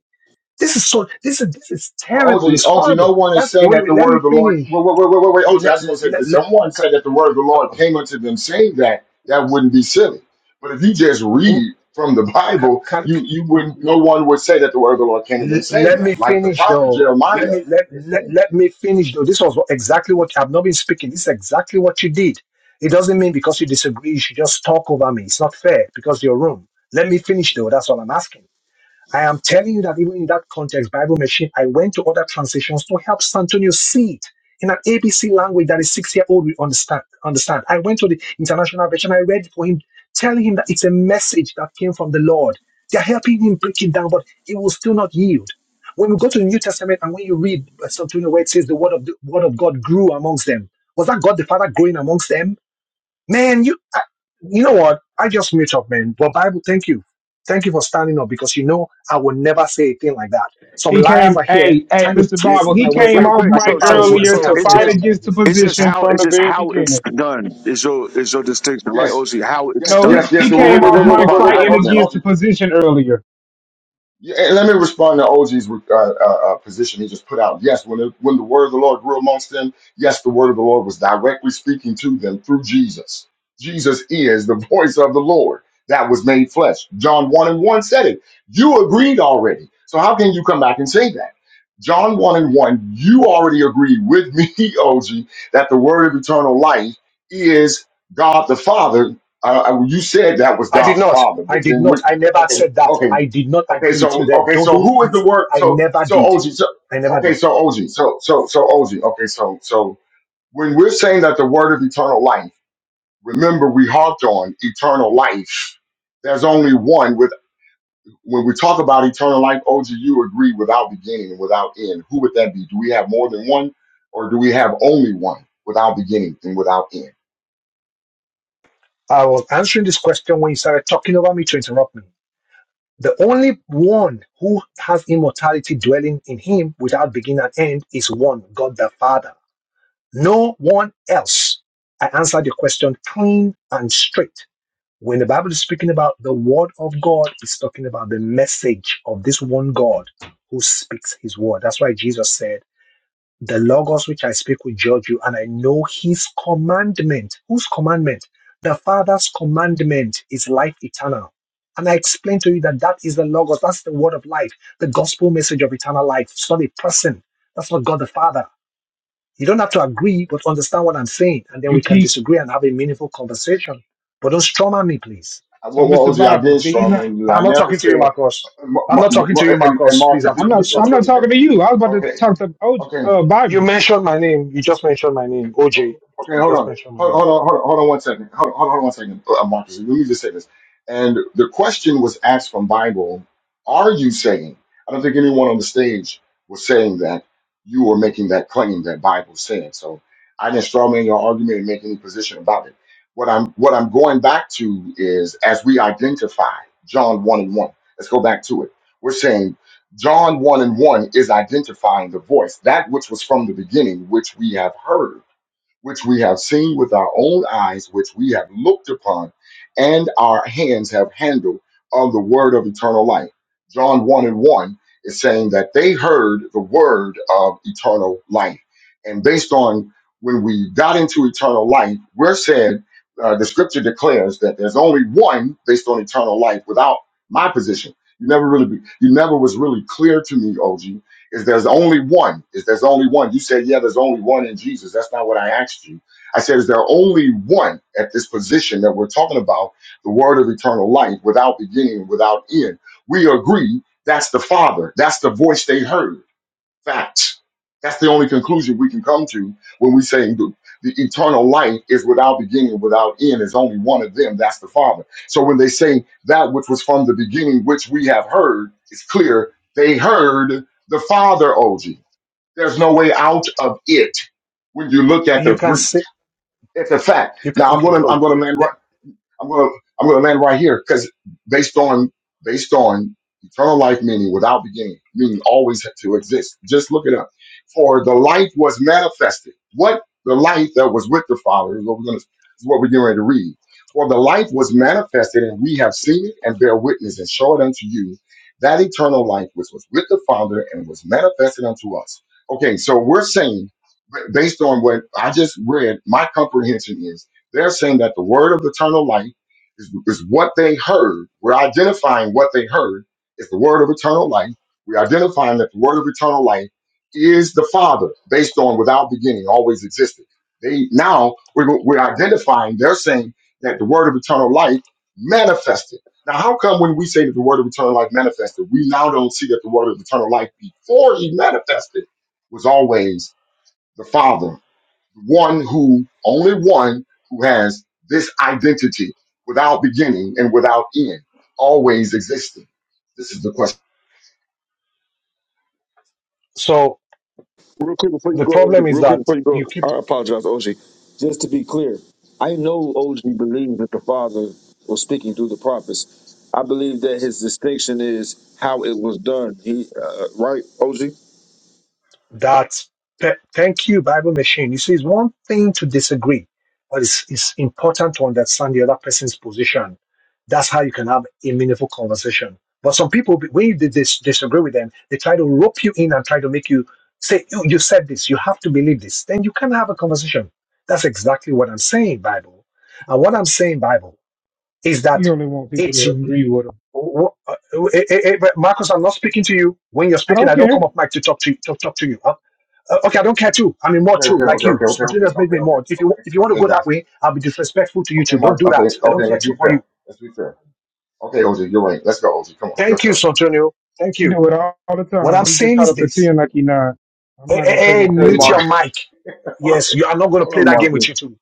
Speaker 14: This is so. This is this is
Speaker 1: Well,
Speaker 14: terrible.
Speaker 1: OG,
Speaker 14: It's
Speaker 1: OG,
Speaker 14: horrible.
Speaker 1: no one is
Speaker 14: That's
Speaker 1: saying
Speaker 14: wait.
Speaker 1: that
Speaker 14: wait
Speaker 1: the
Speaker 14: let
Speaker 1: word
Speaker 14: me
Speaker 1: of the Lord.
Speaker 14: finish.
Speaker 1: Wait, wait, wait, wait, wait, wait,
Speaker 14: Let,
Speaker 1: I just want to say
Speaker 14: let,
Speaker 1: this.
Speaker 14: let,
Speaker 1: Someone said
Speaker 14: ca-
Speaker 1: that the word of the Lord came unto them saying that, that wouldn't be silly. But if you just
Speaker 14: um,
Speaker 1: read from the *laughs*
Speaker 14: ca-
Speaker 1: Bible,
Speaker 14: ca- can,
Speaker 1: you, you wouldn't, no one would say that the word of the Lord came to them
Speaker 14: L-
Speaker 1: saying
Speaker 14: let me
Speaker 1: that, like the
Speaker 14: finish
Speaker 1: prophet
Speaker 14: though. Let
Speaker 1: Jeremiah
Speaker 14: me let,
Speaker 1: is
Speaker 14: let
Speaker 1: saying.
Speaker 14: let me finish though. This was what- exactly what I've not been speaking. This is exactly what you did. It doesn't mean because you disagree, you should just talk over me. It's not fair because your room. Let me finish though. That's all I'm asking. I am telling you that even in that context, Bible Machine, I went to other translations to help Santonio see it in an ABC language that a six-year-old will understand. Understand. I went to the international version. I read for him, telling him that it's a message that came from the Lord. They're helping him break it down, but he will still not yield. When we go to the New Testament and when you read uh, Santonio where it says the word of the word of God grew amongst them, was that God the Father growing amongst them? Man, you I, you know what? I just mute up, man. But Bible, thank you. Thank you for standing up because you know I will never say a thing like that. Some
Speaker 6: he
Speaker 14: liars
Speaker 6: came,
Speaker 14: are here
Speaker 6: hey, hey,
Speaker 14: trying to
Speaker 6: Mr.
Speaker 17: Yeah.
Speaker 14: twist
Speaker 6: Bible.
Speaker 14: my
Speaker 6: He
Speaker 17: But
Speaker 14: words
Speaker 6: came
Speaker 14: like
Speaker 17: real
Speaker 6: off
Speaker 17: quick,
Speaker 14: like the
Speaker 17: so
Speaker 6: mic
Speaker 14: Pharisees
Speaker 17: so
Speaker 14: and
Speaker 6: earlier
Speaker 14: say
Speaker 17: so
Speaker 6: to
Speaker 14: I'm
Speaker 17: it's
Speaker 14: saying
Speaker 6: fight
Speaker 17: just
Speaker 14: something I
Speaker 6: against the
Speaker 14: didn't say.
Speaker 17: it's just
Speaker 6: position
Speaker 17: how
Speaker 6: from
Speaker 17: it's
Speaker 6: the
Speaker 17: just
Speaker 6: very
Speaker 17: how it's
Speaker 6: beginning.
Speaker 17: done is your is your distinction, right,
Speaker 1: Yes,
Speaker 17: OC? How it's
Speaker 1: yes,
Speaker 6: No, he
Speaker 1: yes,
Speaker 17: done.
Speaker 1: yes.
Speaker 6: he
Speaker 1: Wait,
Speaker 17: You're
Speaker 1: wait, wait,
Speaker 17: not
Speaker 6: came
Speaker 1: wait,
Speaker 6: off
Speaker 1: wait,
Speaker 17: denying
Speaker 1: wait,
Speaker 17: the
Speaker 6: mic
Speaker 1: wait,
Speaker 17: far as
Speaker 1: wait, wait,
Speaker 17: how
Speaker 6: fighting
Speaker 17: it's done.
Speaker 6: against
Speaker 1: OG.
Speaker 6: the position earlier.
Speaker 1: Yeah, and let me respond to OG's uh, uh, uh, position he just put out. Yes, when it, when the word of the Lord grew amongst them, yes, the word of the Lord was directly speaking to them through Jesus. Jesus is the *laughs* voice of the Lord that was made flesh. John 1 and 1 said it. You agreed already. So how can you come back and say that? John 1 and 1, you already agreed with me, *laughs* OG, that the word of eternal life is God the Father. Uh, uh, you said that was
Speaker 14: I
Speaker 1: God
Speaker 14: did
Speaker 1: the
Speaker 14: not.
Speaker 1: Father,
Speaker 14: I
Speaker 1: but
Speaker 14: did
Speaker 1: then we,
Speaker 14: not. I never
Speaker 1: okay,
Speaker 14: said that.
Speaker 1: okay,
Speaker 14: I did not
Speaker 1: Okay,
Speaker 14: agree with
Speaker 1: so
Speaker 14: you there.
Speaker 1: okay,
Speaker 14: Don't
Speaker 1: so
Speaker 14: don't
Speaker 1: who is the
Speaker 14: miss.
Speaker 1: word?
Speaker 14: I
Speaker 1: So
Speaker 14: never
Speaker 1: so
Speaker 14: did.
Speaker 1: OG. So,
Speaker 14: I never
Speaker 1: okay,
Speaker 14: did.
Speaker 1: so OG. So so so OG. Okay, so so when we're saying that the word of eternal life, remember we harped on eternal life. There's only one. With when we talk about eternal life, OG, you agree without beginning and without end. Who would that be? Do we have more than one, or do we have only one without beginning and without end?
Speaker 14: I was answering this question when you started talking over me to interrupt me. The only one who has immortality dwelling in him without beginning and end is one, God the Father. No one else. I answered your question clean and straight. When the Bible is speaking about the word of God, it's talking about the message of this one God who speaks his word. That's why Jesus said, The Logos which I speak will judge you, and I know his commandment. Whose commandment? The Father's commandment is life eternal. And I explained to you that that is the Logos, that's the word of life, the gospel message of eternal life. It's not a person, that's not God the Father. You don't have to agree, but understand what I'm saying, and then
Speaker 6: You
Speaker 14: we can
Speaker 6: keep
Speaker 14: disagree and have a meaningful conversation. But don't strum at me, please.
Speaker 1: Uh,
Speaker 6: so,
Speaker 1: Well, well
Speaker 6: Mr.
Speaker 1: OG, I
Speaker 6: Bible.
Speaker 1: did
Speaker 6: Did he
Speaker 1: strong
Speaker 6: not?
Speaker 1: in you.
Speaker 14: And I'm
Speaker 1: I
Speaker 14: not
Speaker 1: never
Speaker 14: talking to you,
Speaker 1: said.
Speaker 14: Marcos.
Speaker 1: M-
Speaker 14: I'm not
Speaker 1: M-
Speaker 14: talking to you,
Speaker 1: M- and and
Speaker 14: Marcos. Please,
Speaker 1: Marcus,
Speaker 14: I'm
Speaker 1: you
Speaker 6: I'm
Speaker 1: can
Speaker 14: talking to
Speaker 1: get
Speaker 6: not.
Speaker 1: this.
Speaker 6: I'm not
Speaker 14: Santonio.
Speaker 6: talking to
Speaker 1: Uh,
Speaker 6: you. I was about to
Speaker 1: Okay,
Speaker 6: talk to OJ,
Speaker 1: okay.
Speaker 6: uh,
Speaker 14: You
Speaker 6: Bible.
Speaker 14: mentioned my name. You just mentioned my name, OJ.
Speaker 1: Okay,
Speaker 14: You
Speaker 1: hold
Speaker 14: just
Speaker 1: on.
Speaker 14: mentioned my
Speaker 1: Hold, hold
Speaker 14: name.
Speaker 1: on, hold on, hold on one second. Hold on, hold on, hold on one second, uh, Marcus. Let me just say this. And the question was asked from Bible, are you saying? I don't think anyone on the stage was saying that you were making that claim that Bible said. So I didn't strawman your argument and make any position about it. What I'm what I'm going back to is as we identify John 1 and 1. Let's go back to it. We're saying John 1 and 1 is identifying the voice, that which was from the beginning, which we have heard which we have seen with our own eyes, which we have looked upon, and our hands have handled of the word of eternal life. John 1 and 1 is saying that they heard the word of eternal life. And based on when we got into eternal life, we're said, uh, the scripture declares that there's only one based on eternal life without my position. You never really, be, you never was really clear to me, OG, is there's only one. Is there's only one. You said, yeah, there's only one in Jesus. That's not what I asked you. I said, is there only one at this position that we're talking about, the word of eternal life, without beginning, without end? We agree that's the Father. That's the voice they heard. Facts. That's the only conclusion we can come to when we say the, the eternal life is without beginning, without end. Is only one of them. That's the Father. So when they say that which was from the beginning, which we have heard, it's clear they heard the Father, OG. There's no way out of it when you look at
Speaker 14: You
Speaker 1: the
Speaker 14: can
Speaker 1: Greek.
Speaker 14: say
Speaker 1: It's a fact.
Speaker 14: you can.
Speaker 1: Now I'm
Speaker 14: Okay,
Speaker 1: gonna
Speaker 14: good.
Speaker 1: I'm gonna land right
Speaker 14: Le-
Speaker 1: I'm gonna I'm gonna land right here because based on based on eternal life meaning without beginning, meaning always had to exist. Just look it up. For the light was manifested. What the light that was with the Father is what we're gonna is what we're getting ready to read. For the light was manifested, and we have seen it and bear witness and show it unto you that eternal life which was with the Father and was manifested unto us. Okay, so we're saying b- based on what I just read, my comprehension is they're saying that the word of eternal life is, is what they heard. We're identifying what they heard is the word of eternal life. We're identifying that the word of eternal life is the Father, based on without beginning, always existed. They now we're, we're identifying. They're saying that the word of eternal life manifested. Now, how come when we say that the word of eternal life manifested, we now don't see that the word of eternal life before he manifested was always the Father one who, only one who has this identity without beginning and without end, always existing. This is the question.
Speaker 14: So
Speaker 17: Real quick before you
Speaker 14: the
Speaker 17: go, OG,
Speaker 14: problem is
Speaker 17: real quick
Speaker 14: that
Speaker 17: before you go,
Speaker 14: you keep
Speaker 17: I apologize, OG. Just to be clear, I know OG believes that the Father was speaking through the prophets. I believe that his distinction is how it was done. He uh, right, OG.
Speaker 14: That's th- thank you, Bible machine. You see, it's one thing to disagree, but it's it's important to understand the other person's position. That's how you can have a meaningful conversation. But some people, when you dis- dis- disagree with them, they try to rope you in and try to make you say, "You you said this. You have to believe this." Then you can have a conversation. That's exactly what I'm saying, Bible. And what I'm saying, Bible, is that
Speaker 6: You only want people
Speaker 14: it's.
Speaker 6: to
Speaker 14: w-
Speaker 6: agree with him.
Speaker 14: w- uh, eh, eh, eh, but Marcus, I'm not speaking to you. When you're
Speaker 6: I
Speaker 14: speaking,
Speaker 6: don't
Speaker 14: I don't
Speaker 6: care.
Speaker 14: come up mic to talk to you, to talk to you. Huh? Uh, okay, I don't care too. I'm a
Speaker 1: Okay,
Speaker 14: mod too,
Speaker 1: okay,
Speaker 14: like
Speaker 1: okay,
Speaker 14: you.
Speaker 1: okay, okay, okay,
Speaker 14: Spontaneous made
Speaker 1: okay,
Speaker 14: me a
Speaker 1: okay,
Speaker 14: mod. If you if you want
Speaker 1: okay,
Speaker 14: to
Speaker 1: okay,
Speaker 14: go that
Speaker 1: guys.
Speaker 14: way, I'll be disrespectful to you
Speaker 1: Okay,
Speaker 14: too. Don't
Speaker 1: Mark.
Speaker 14: do
Speaker 1: Okay,
Speaker 14: that. I
Speaker 1: okay.
Speaker 14: don't care
Speaker 1: Let's be
Speaker 14: too for
Speaker 1: fair.
Speaker 14: you.
Speaker 1: Let's be fair. Okay, OJ, you're right. Let's go, OJ. Come on, your
Speaker 14: Thank you,
Speaker 1: turn.
Speaker 14: Santonio. Thank
Speaker 6: He
Speaker 14: you.
Speaker 6: do it all, all the
Speaker 14: What
Speaker 6: time.
Speaker 14: I'm
Speaker 6: He just
Speaker 14: saying
Speaker 6: try
Speaker 14: is
Speaker 6: to
Speaker 14: this.
Speaker 6: pretend like he not. I'm
Speaker 14: Hey,
Speaker 6: not
Speaker 14: hey,
Speaker 6: gonna play
Speaker 14: hey,
Speaker 6: that
Speaker 1: Okay,
Speaker 6: game
Speaker 14: mute
Speaker 6: with you.
Speaker 1: Mark.
Speaker 14: your mic.
Speaker 1: *laughs* Hold
Speaker 14: Yes, you, I'm not going to play
Speaker 1: on,
Speaker 14: that game with
Speaker 1: Marcus.
Speaker 14: you too.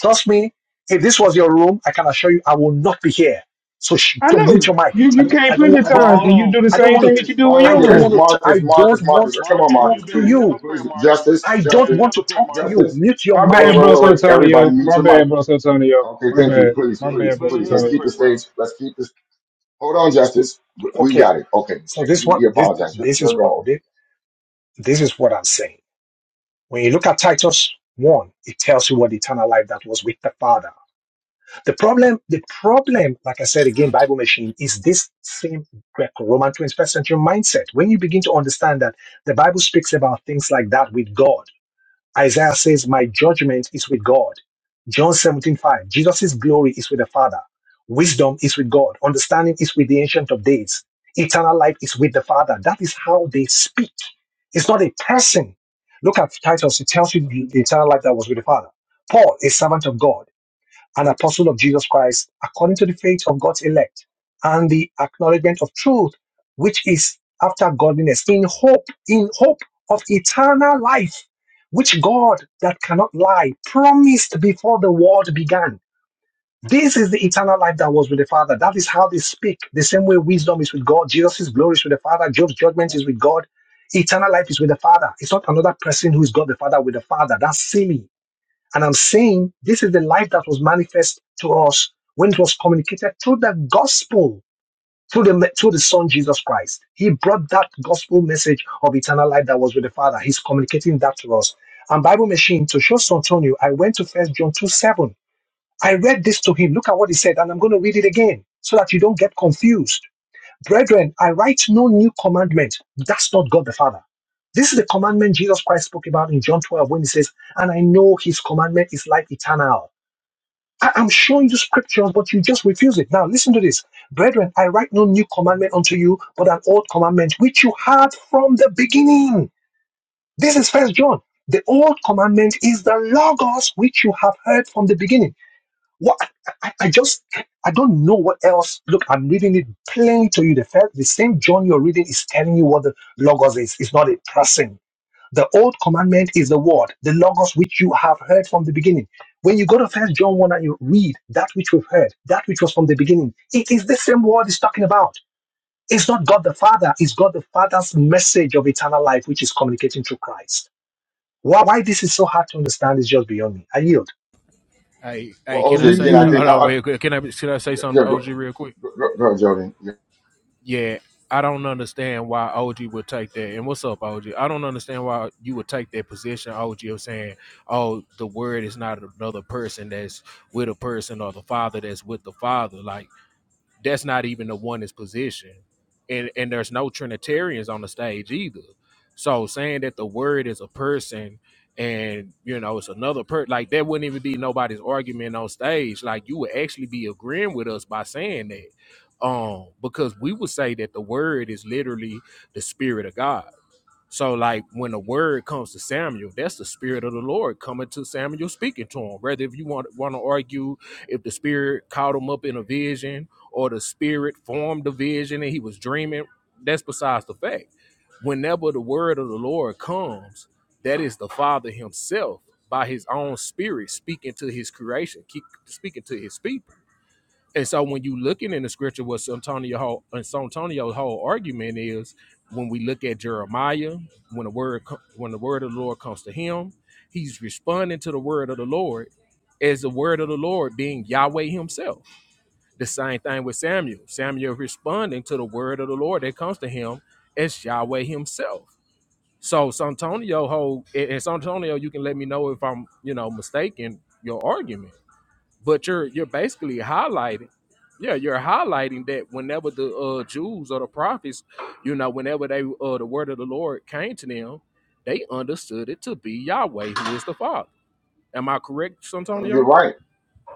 Speaker 14: Trust me. If this was your room, I can assure you, I will not be here. So sh-
Speaker 6: I
Speaker 14: so
Speaker 6: know
Speaker 14: mute your mic.
Speaker 6: you.
Speaker 14: I
Speaker 6: You
Speaker 14: don't,
Speaker 6: came
Speaker 14: I don't,
Speaker 6: plenty of
Speaker 14: I don't,
Speaker 18: But
Speaker 14: I
Speaker 6: times, and
Speaker 14: don't,
Speaker 6: you
Speaker 18: hold
Speaker 6: do the
Speaker 14: I
Speaker 18: on,
Speaker 14: don't
Speaker 6: same thing
Speaker 14: want to.
Speaker 6: that you
Speaker 18: Marcus,
Speaker 6: do in
Speaker 14: I
Speaker 6: your
Speaker 14: don't
Speaker 1: Marcus,
Speaker 6: room.
Speaker 18: Marcus,
Speaker 14: want to. I
Speaker 1: Marcus,
Speaker 14: don't
Speaker 1: Marcus,
Speaker 14: want
Speaker 1: Marcus. Come
Speaker 14: to
Speaker 1: on,
Speaker 18: Marcus,
Speaker 14: talk
Speaker 18: you
Speaker 1: Marcus,
Speaker 14: to
Speaker 18: been a
Speaker 1: please,
Speaker 14: you.
Speaker 18: hypocrite,
Speaker 1: please.
Speaker 18: Marcus.
Speaker 1: Justice,
Speaker 14: I
Speaker 18: you
Speaker 14: don't
Speaker 18: been
Speaker 1: justice,
Speaker 18: a
Speaker 14: want to
Speaker 18: hypocrite,
Speaker 14: talk to
Speaker 18: Marcus.
Speaker 14: you.
Speaker 1: justice.
Speaker 14: Mute your
Speaker 6: My
Speaker 1: Wait,
Speaker 14: mic.
Speaker 1: wait,
Speaker 6: bad,
Speaker 1: wait,
Speaker 6: bro,
Speaker 1: wait, wait. Everybody,
Speaker 6: Antonio.
Speaker 1: mute
Speaker 6: My
Speaker 1: your mic.
Speaker 6: bad, bro, Antonio.
Speaker 1: Okay,
Speaker 6: My
Speaker 1: thank you.
Speaker 18: Yeah,
Speaker 6: bad.
Speaker 1: Please,
Speaker 6: My
Speaker 18: yeah, you
Speaker 6: bad,
Speaker 1: please,
Speaker 6: bro,
Speaker 18: been a
Speaker 1: please. Let's
Speaker 6: Antonio.
Speaker 1: keep the
Speaker 18: hypocrite, bro.
Speaker 1: stage. Let's keep this. Hold on, Justice. We we
Speaker 14: Okay.
Speaker 1: got it. Okay.
Speaker 14: So this
Speaker 1: He he
Speaker 14: what this
Speaker 1: apologized. You're,
Speaker 14: this is
Speaker 1: you're
Speaker 14: what
Speaker 1: wrong.
Speaker 14: this, this is what I'm saying. When you look at Titus one, it tells you what eternal life that was with the Father. The problem, the problem, like I said again, Bible machine is this same Greco-Roman 21st century mindset. When you begin to understand that the Bible speaks about things like that with God. Isaiah says, My judgment is with God. John seventeen five. 5. Jesus' glory is with the Father. Wisdom is with God. Understanding is with the Ancient of Days. Eternal life is with the Father. That is how they speak. It's not a person. Look at Titus. It tells you the the eternal life that was with the Father. Paul, a servant of God an apostle of Jesus Christ according to the faith of God's elect and the acknowledgement of truth, which is after godliness, in hope, in hope of eternal life, which God that cannot lie promised before the world began. This is the eternal life that was with the Father. That is how they speak. The same way wisdom is with God, Jesus' glory is with the Father, Job's judgment is with God, eternal life is with the Father. It's not another person who is God the Father with the Father. That's silly. And I'm saying this is the life that was manifest to us when it was communicated through the gospel, through the, through the Son Jesus Christ. He brought that gospel message of eternal life that was with the Father. He's communicating that to us. And Bible Machine, to show Santonio, I went to First John 2 7. I read this to him. Look at what he said, and I'm going to read it again so that you don't get confused. Brethren, I write no new commandment. That's not God the Father. This is the commandment Jesus Christ spoke about in John 12 when he says, And I know his commandment is life eternal. I- am showing you scriptures, but you just refuse it. Now, listen to this. Brethren, I write no new commandment unto you, but an old commandment which you had from the beginning. This is First John. The old commandment is the Logos which you have heard from the beginning. What I, I I just I don't know what else. Look, I'm reading it plainly to you. The first, the same John you're reading is telling you what the logos is. It's not a person. The old commandment is the word, the logos which you have heard from the beginning. When you go to First John one and you read that which we've heard, that which was from the beginning, it is the same word it's talking about. It's not God the Father. It's God the Father's message of eternal life, which is communicating through Christ. Why, why this is so hard to understand is just beyond me. I yield.
Speaker 16: Hey,
Speaker 1: Well,
Speaker 16: hey, can
Speaker 6: Can
Speaker 16: I
Speaker 1: OJ,
Speaker 6: we
Speaker 1: again,
Speaker 16: say?
Speaker 1: I
Speaker 16: Hold
Speaker 6: read?
Speaker 1: think, uh,
Speaker 16: on,
Speaker 1: uh,
Speaker 16: real quick. Can I? Should I say
Speaker 1: yeah, yeah,
Speaker 16: something, to
Speaker 1: go,
Speaker 16: OG, real quick?
Speaker 1: go, go, go, Jordan. Yeah.
Speaker 16: Yeah, I don't understand why OG would take that. And what's up, OG? I don't understand why you would take that position, OG, of saying, "Oh, the word is not another person that's with a person, or the father that's with the father." Like. that's not even the one position. And and there's no Trinitarians on the stage either. So saying that the word is a person and you know it's another per like that wouldn't even be nobody's argument on stage. Like you would actually be agreeing with us by saying that. Um, because we would say that the word is literally the spirit of God so, like when the word comes to Samuel, that's the spirit of the Lord coming to Samuel, speaking to him. Whether if you want want to argue if the spirit caught him up in a vision or the spirit formed a vision and he was dreaming, that's besides the fact. Whenever the word of the Lord comes, that is the Father Himself by His own Spirit speaking to His creation, keep speaking to His people. And so when you looking in the scripture, what Santonio whole and Santonio's whole argument is when we look at Jeremiah, when the word co- when the word of the Lord comes to him, he's responding to the word of the Lord as the word of the Lord being Yahweh himself. The same thing with Samuel. Samuel responding to the word of the Lord that comes to him as Yahweh himself. So Santonio whole and and Santonio, you can let me know if I'm, you know, mistaken your argument but you're you're basically highlighting yeah you're highlighting that whenever the uh jews or the prophets you know whenever they uh the word of the lord came to them they understood it to be yahweh who is the father am i correct
Speaker 1: No, you're
Speaker 16: santonio
Speaker 1: right.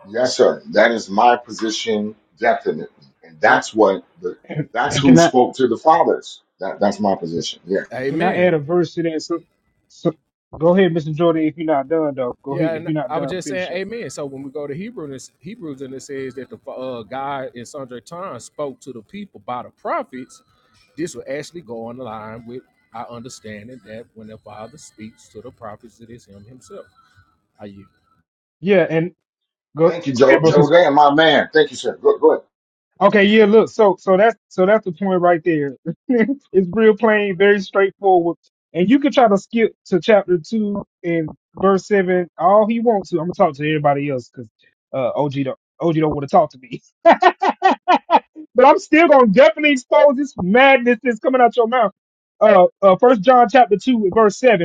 Speaker 1: Yes, sir. That is my position, definitely. And
Speaker 16: that
Speaker 1: that's what the,
Speaker 6: And,
Speaker 1: that's
Speaker 6: and
Speaker 1: who
Speaker 6: can I
Speaker 1: spoke to the fathers. That, that's my position. Yeah.
Speaker 6: can I add a
Speaker 16: amen
Speaker 6: verse to that? So, so go ahead, Mr. Jordan. If you're not done, though, go ahead.
Speaker 16: yeah
Speaker 6: If
Speaker 16: and
Speaker 6: you're not
Speaker 16: i was
Speaker 6: done,
Speaker 16: just saying
Speaker 6: finish up.
Speaker 16: amen so when we go to hebrew and it's- hebrews and it says that the uh god in sundry times spoke to the people by the prophets this will actually go on the line with our understanding that when the father speaks to the prophets it is him himself Are you?
Speaker 6: Yeah, and go,
Speaker 1: Thank you,
Speaker 6: go
Speaker 1: Joe.
Speaker 6: ahead, bro.
Speaker 1: Joe Dan, my man. Thank you, sir. Good, good.
Speaker 6: Okay, yeah, look, so so that's so that's the point right there. *laughs* it's real plain, very straightforward. And you can try to skip to chapter two and verse seven all he wants to. I'm gonna talk to everybody else because uh OG don't OG don't want to talk to me. *laughs* But I'm still gonna definitely expose this madness that's coming out your mouth. Uh uh first John chapter two and verse seven.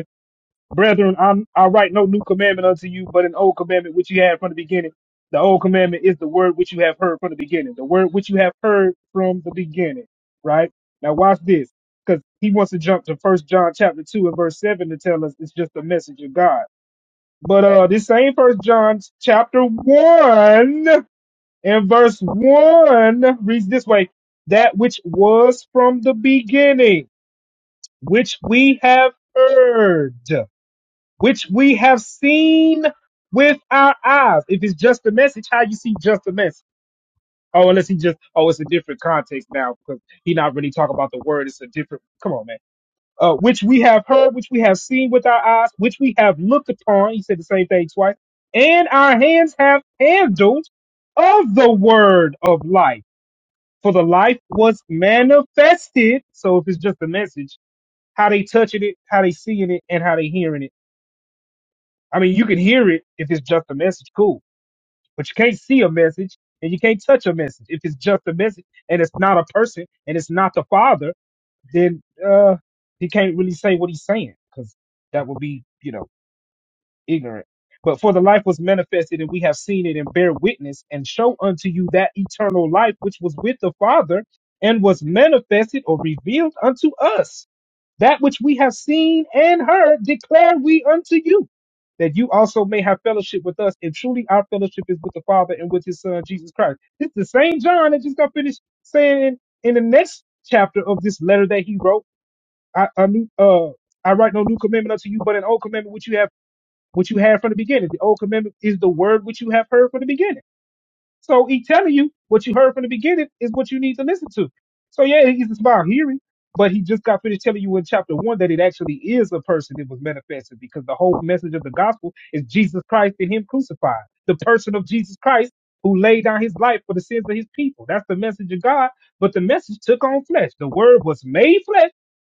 Speaker 6: Brethren, I'm, I write no new commandment unto you, but an old commandment which you had from the beginning. The old commandment is the word which you have heard from the beginning. The word which you have heard from the beginning. Right? Now watch this. Because he wants to jump to first John chapter two and verse seven to tell us it's just the message of God. But uh this same first John chapter one and verse one reads this way that which was from the beginning, which we have heard which we have seen with our eyes. If it's just a message, how you see just a message? Oh, unless he just oh, it's a different context now because he not really talking about the word. It's a different. Come on, man. Uh, which we have heard, which we have seen with our eyes, which we have looked upon. He said the same thing twice. And our hands have handled of the word of life. For the life was manifested. So if it's just a message, how they touching it, how they seeing it, and how they hearing it I mean, you can hear it if it's just a message, cool. But you can't see a message and you can't touch a message. If it's just a message and it's not a person and it's not the father, then uh he can't really say what he's saying because that would be, you know, ignorant. But for the life was manifested and we have seen it and bear witness and show unto you that eternal life which was with the Father and was manifested or revealed unto us that which we have seen and heard declare we unto you, that you also may have fellowship with us. And truly our fellowship is with the Father and with his Son, Jesus Christ. This the same John that just got finished saying in, in the next chapter of this letter that he wrote, I new, uh, I write no new commandment unto you, but an old commandment which you have, which you had from the beginning. The old commandment is the word which you have heard from the beginning. So he telling you what you heard from the beginning is what you need to listen to. So yeah, he's about hearing, but he just got finished telling you in chapter one that it actually is a person that was manifested because the whole message of the gospel is Jesus Christ and Him crucified, the person of Jesus Christ who laid down His life for the sins of His people. That's the message of God. But the message took on flesh. The Word was made flesh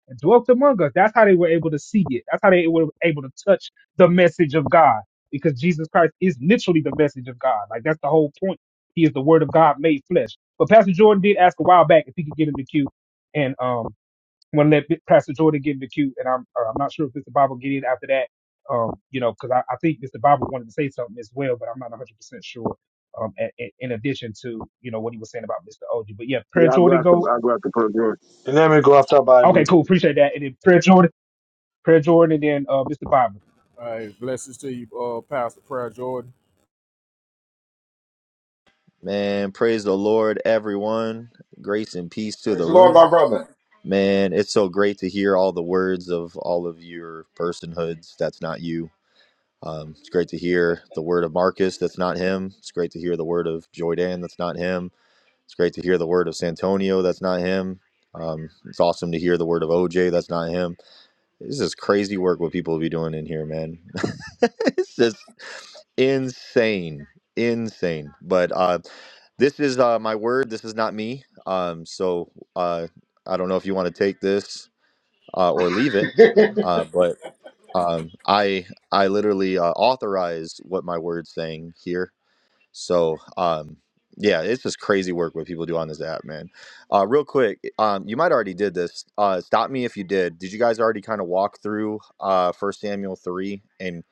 Speaker 6: and dwelt among us. That's how they were able to see it. That's how they were able to touch the message of God because Jesus Christ is literally the message of God. Like that's the whole point he is the Word of God made flesh. But Pastor Jordan did ask a while back if he could get in the queue, and um, I'm gonna let Pastor Jordan get in the queue, and I'm uh, I'm not sure if Mr. Bible get in after that. Um, you know, because I, I think Mr. Bible wanted to say something as well, but I'm not 100 percent sure. Um, a- a- in addition to you know what he was saying about Mr. OG, but yeah, Prayer
Speaker 17: Yeah, I'll go
Speaker 6: Jordan
Speaker 17: after
Speaker 6: go.
Speaker 17: I'll go after Pearl Jordan.
Speaker 6: Okay, cool, appreciate that. And then Prayer Jordan, Prayer Jordan, and then uh, Mr. Bible.
Speaker 16: All right, blessings to you, uh, Pastor Prayer Jordan.
Speaker 20: Man, praise the Lord, everyone. Grace and peace to
Speaker 1: Praise
Speaker 20: the
Speaker 1: the Lord,
Speaker 20: room.
Speaker 1: my brother.
Speaker 20: Man, it's so great to hear all the words of all of your personhoods. That's not you. Um, it's great to hear the word of Marcus. That's not him. It's great to hear the word of Joydan. That's not him. It's great to hear the word of Santonio. That's not him. Um, it's awesome to hear the word of OJ. That's not him. This is crazy work what people be doing in here, man. *laughs* it's just insane, insane. But uh, this is uh, my word. This is not me. Um, so uh, I don't know if you want to take this uh, or leave it.
Speaker 1: *laughs*
Speaker 20: Uh, but um, I I literally uh, authorize what my word's saying here. So, um, yeah, it's just crazy work what people do on this app, man. Uh, real quick, um, you might already did this. Uh, stop me if you did. Did you guys already kind of walk through uh, First Samuel 3 and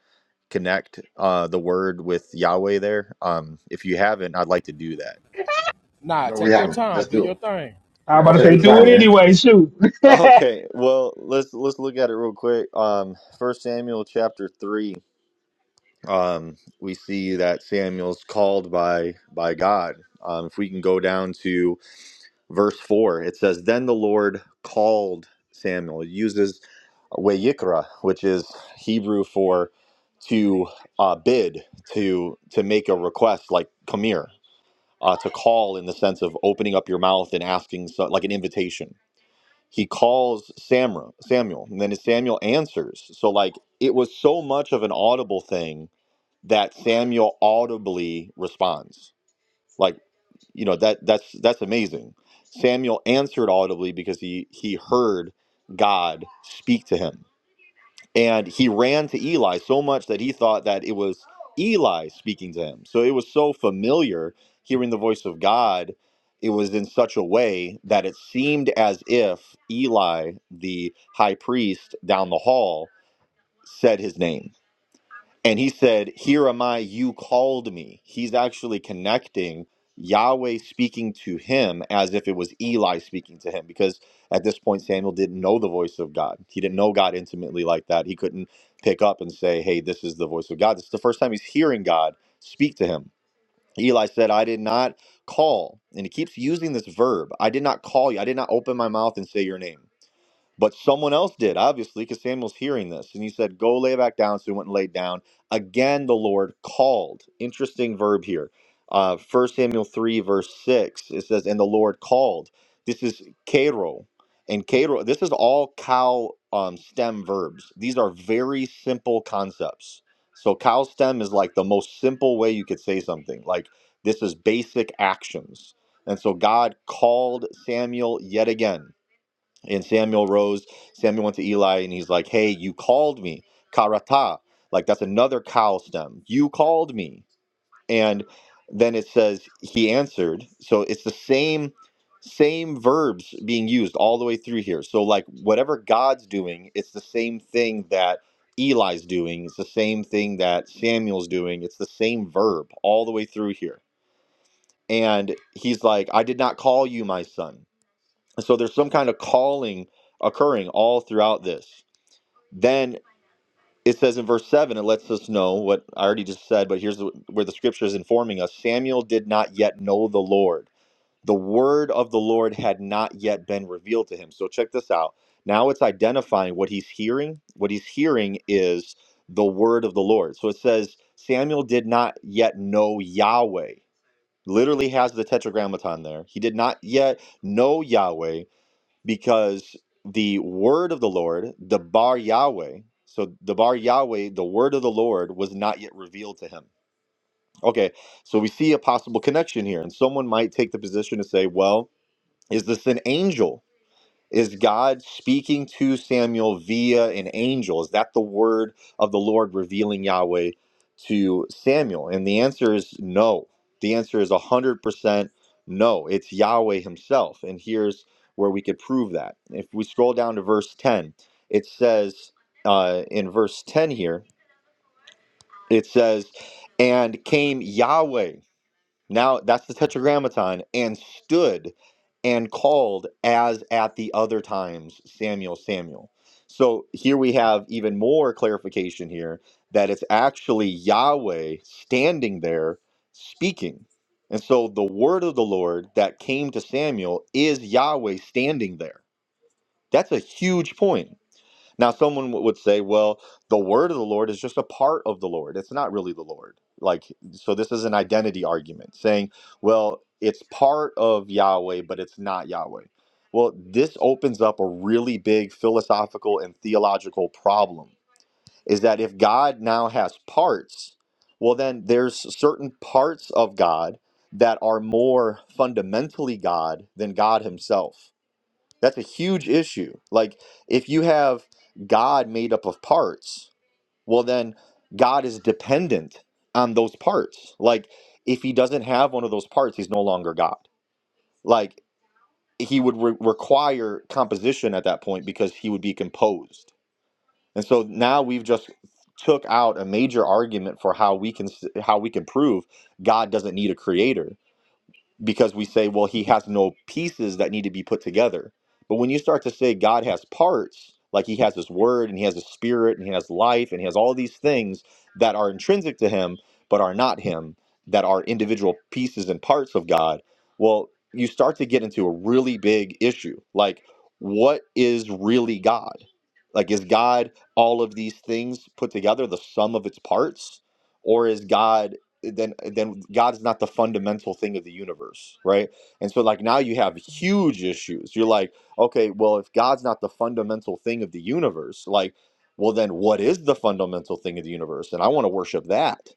Speaker 20: connect uh, the word with Yahweh there? Um, if you haven't, I'd like to do that.
Speaker 16: Nah,
Speaker 1: no, we
Speaker 16: take your
Speaker 1: haven't.
Speaker 16: time.
Speaker 1: Let's
Speaker 16: Do
Speaker 1: do it.
Speaker 16: your thing.
Speaker 6: I'm
Speaker 1: Yeah,
Speaker 6: about to
Speaker 1: take
Speaker 20: Okay.
Speaker 6: say
Speaker 1: your
Speaker 20: *laughs*
Speaker 6: do it
Speaker 1: time, man.
Speaker 6: anyway.
Speaker 1: Yes.
Speaker 6: Shoot, *laughs*
Speaker 20: Okay. Well, let's let's look at it real quick. Um, First Samuel chapter 3. Um, we see that Samuel's called by by God. Um, if we can go down to verse 4 it says then the lord called samuel it uses wayikra which is hebrew for to uh, bid to to make a request like come here uh, to call in the sense of opening up your mouth and asking so, like an invitation he calls Samra, samuel and then samuel answers so like it was so much of an audible thing that samuel audibly responds like you know that that's that's amazing samuel answered audibly because he he heard god speak to him and he ran to eli so much that he thought that it was eli speaking to him so it was so familiar hearing the voice of god it was in such a way that it seemed as if eli the high priest down the hall said his name and he said, Here am I, you called me. He's actually connecting Yahweh speaking to him as if it was Eli speaking to him, because at this point, Samuel didn't know the voice of God. He didn't know God intimately like that. He couldn't pick up and say, Hey, this is the voice of God. This is the first time he's hearing God speak to him. Eli said, I did not call. And he keeps using this verb I did not call you. I did not open my mouth and say your name. But someone else did, obviously, because Samuel's hearing this. And he said, Go lay back down. So he went and laid down. Again, the Lord called. Interesting verb here. Uh, 1 Samuel 3, verse 6, it says, And the Lord called. This is kero, And kero. this is all cow um, stem verbs. These are very simple concepts. So cow stem is like the most simple way you could say something. Like, this is basic actions. And so God called Samuel yet again and Samuel rose. Samuel went to Eli and he's like, Hey, you called me. Karata. Like that's another cow stem. You called me. And then it says he answered. So it's the same same verbs being used all the way through here. So like whatever God's doing, it's the same thing that Eli's doing. It's the same thing that Samuel's doing. It's the same verb all the way through here. And he's like, I did not call you my son. So there's some kind of calling occurring all throughout this. Then it says in verse 7, it lets us know what I already just said, but here's the- where the scripture is informing us Samuel did not yet know the Lord. The word of the Lord had not yet been revealed to him. So check this out. Now it's identifying what he's hearing. What he's hearing is the word of the Lord. So it says, Samuel did not yet know Yahweh. Literally has the tetragrammaton there. He did not yet know Yahweh because the word of the Lord, the Bar Yahweh, so the Bar Yahweh, the word of the Lord was not yet revealed to him. Okay, so we see a possible connection here, and someone might take the position to say, well, is this an angel? Is God speaking to Samuel via an angel? Is that the word of the Lord revealing Yahweh to Samuel? And the answer is no. The answer is 100% no. It's Yahweh himself. And here's where we could prove that. If we scroll down to verse 10, it says uh, in verse 10 here, it says, And came Yahweh. Now that's the tetragrammaton and stood and called as at the other times Samuel, Samuel. So here we have even more clarification here that it's actually Yahweh standing there speaking. And so the word of the Lord that came to Samuel is Yahweh standing there. That's a huge point. Now, someone w- would say, well, the word of the Lord is just a part of the Lord. It's not really the Lord. Like, so this is an identity argument saying, well, it's part of Yahweh, but it's not Yahweh. Well, this opens up a really big philosophical and theological problem is that if God now has parts, well, then there's certain parts of God that are more fundamentally God than God Himself that's a huge issue. Like, if you have God made up of parts, well, then God is dependent on those parts. Like, if he doesn't have one of those parts, he's no longer God. Like, he would re- require composition at that point because he would be composed. And so now we've just took out a major argument for how we can s- how we can prove God doesn't need a creator because we say, well, he has no pieces that need to be put together. But when you start to say God has parts, like he has his word and he has his spirit and he has life and he has all these things that are intrinsic to him but are not him, that are individual pieces and parts of God, well, you start to get into a really big issue. Like, what is really God? Like, is God all of these things put together, the sum of its parts? Or is God then then God is not the fundamental thing of the universe, right? And so like now you have huge issues. You're like, okay, well if God's not the fundamental thing of the universe, like well then what is the fundamental thing of the universe? And I want to worship that.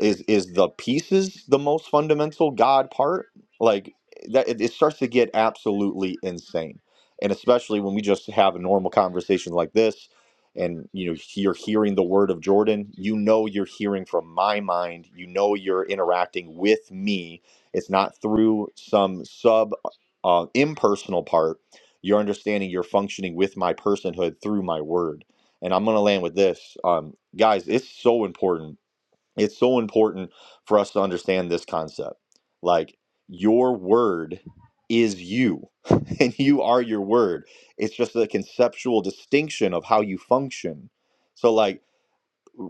Speaker 20: Is is the pieces the most fundamental God part? Like that it, it starts to get absolutely insane. And especially when we just have a normal conversation like this and you know you're hearing the word of jordan you know you're hearing from my mind you know you're interacting with me it's not through some sub uh, impersonal part you're understanding you're functioning with my personhood through my word and i'm going to land with this um, guys it's so important it's so important for us to understand this concept. Like, your word is you, *laughs* and you are your word. It's just a conceptual distinction of how you function. So, like,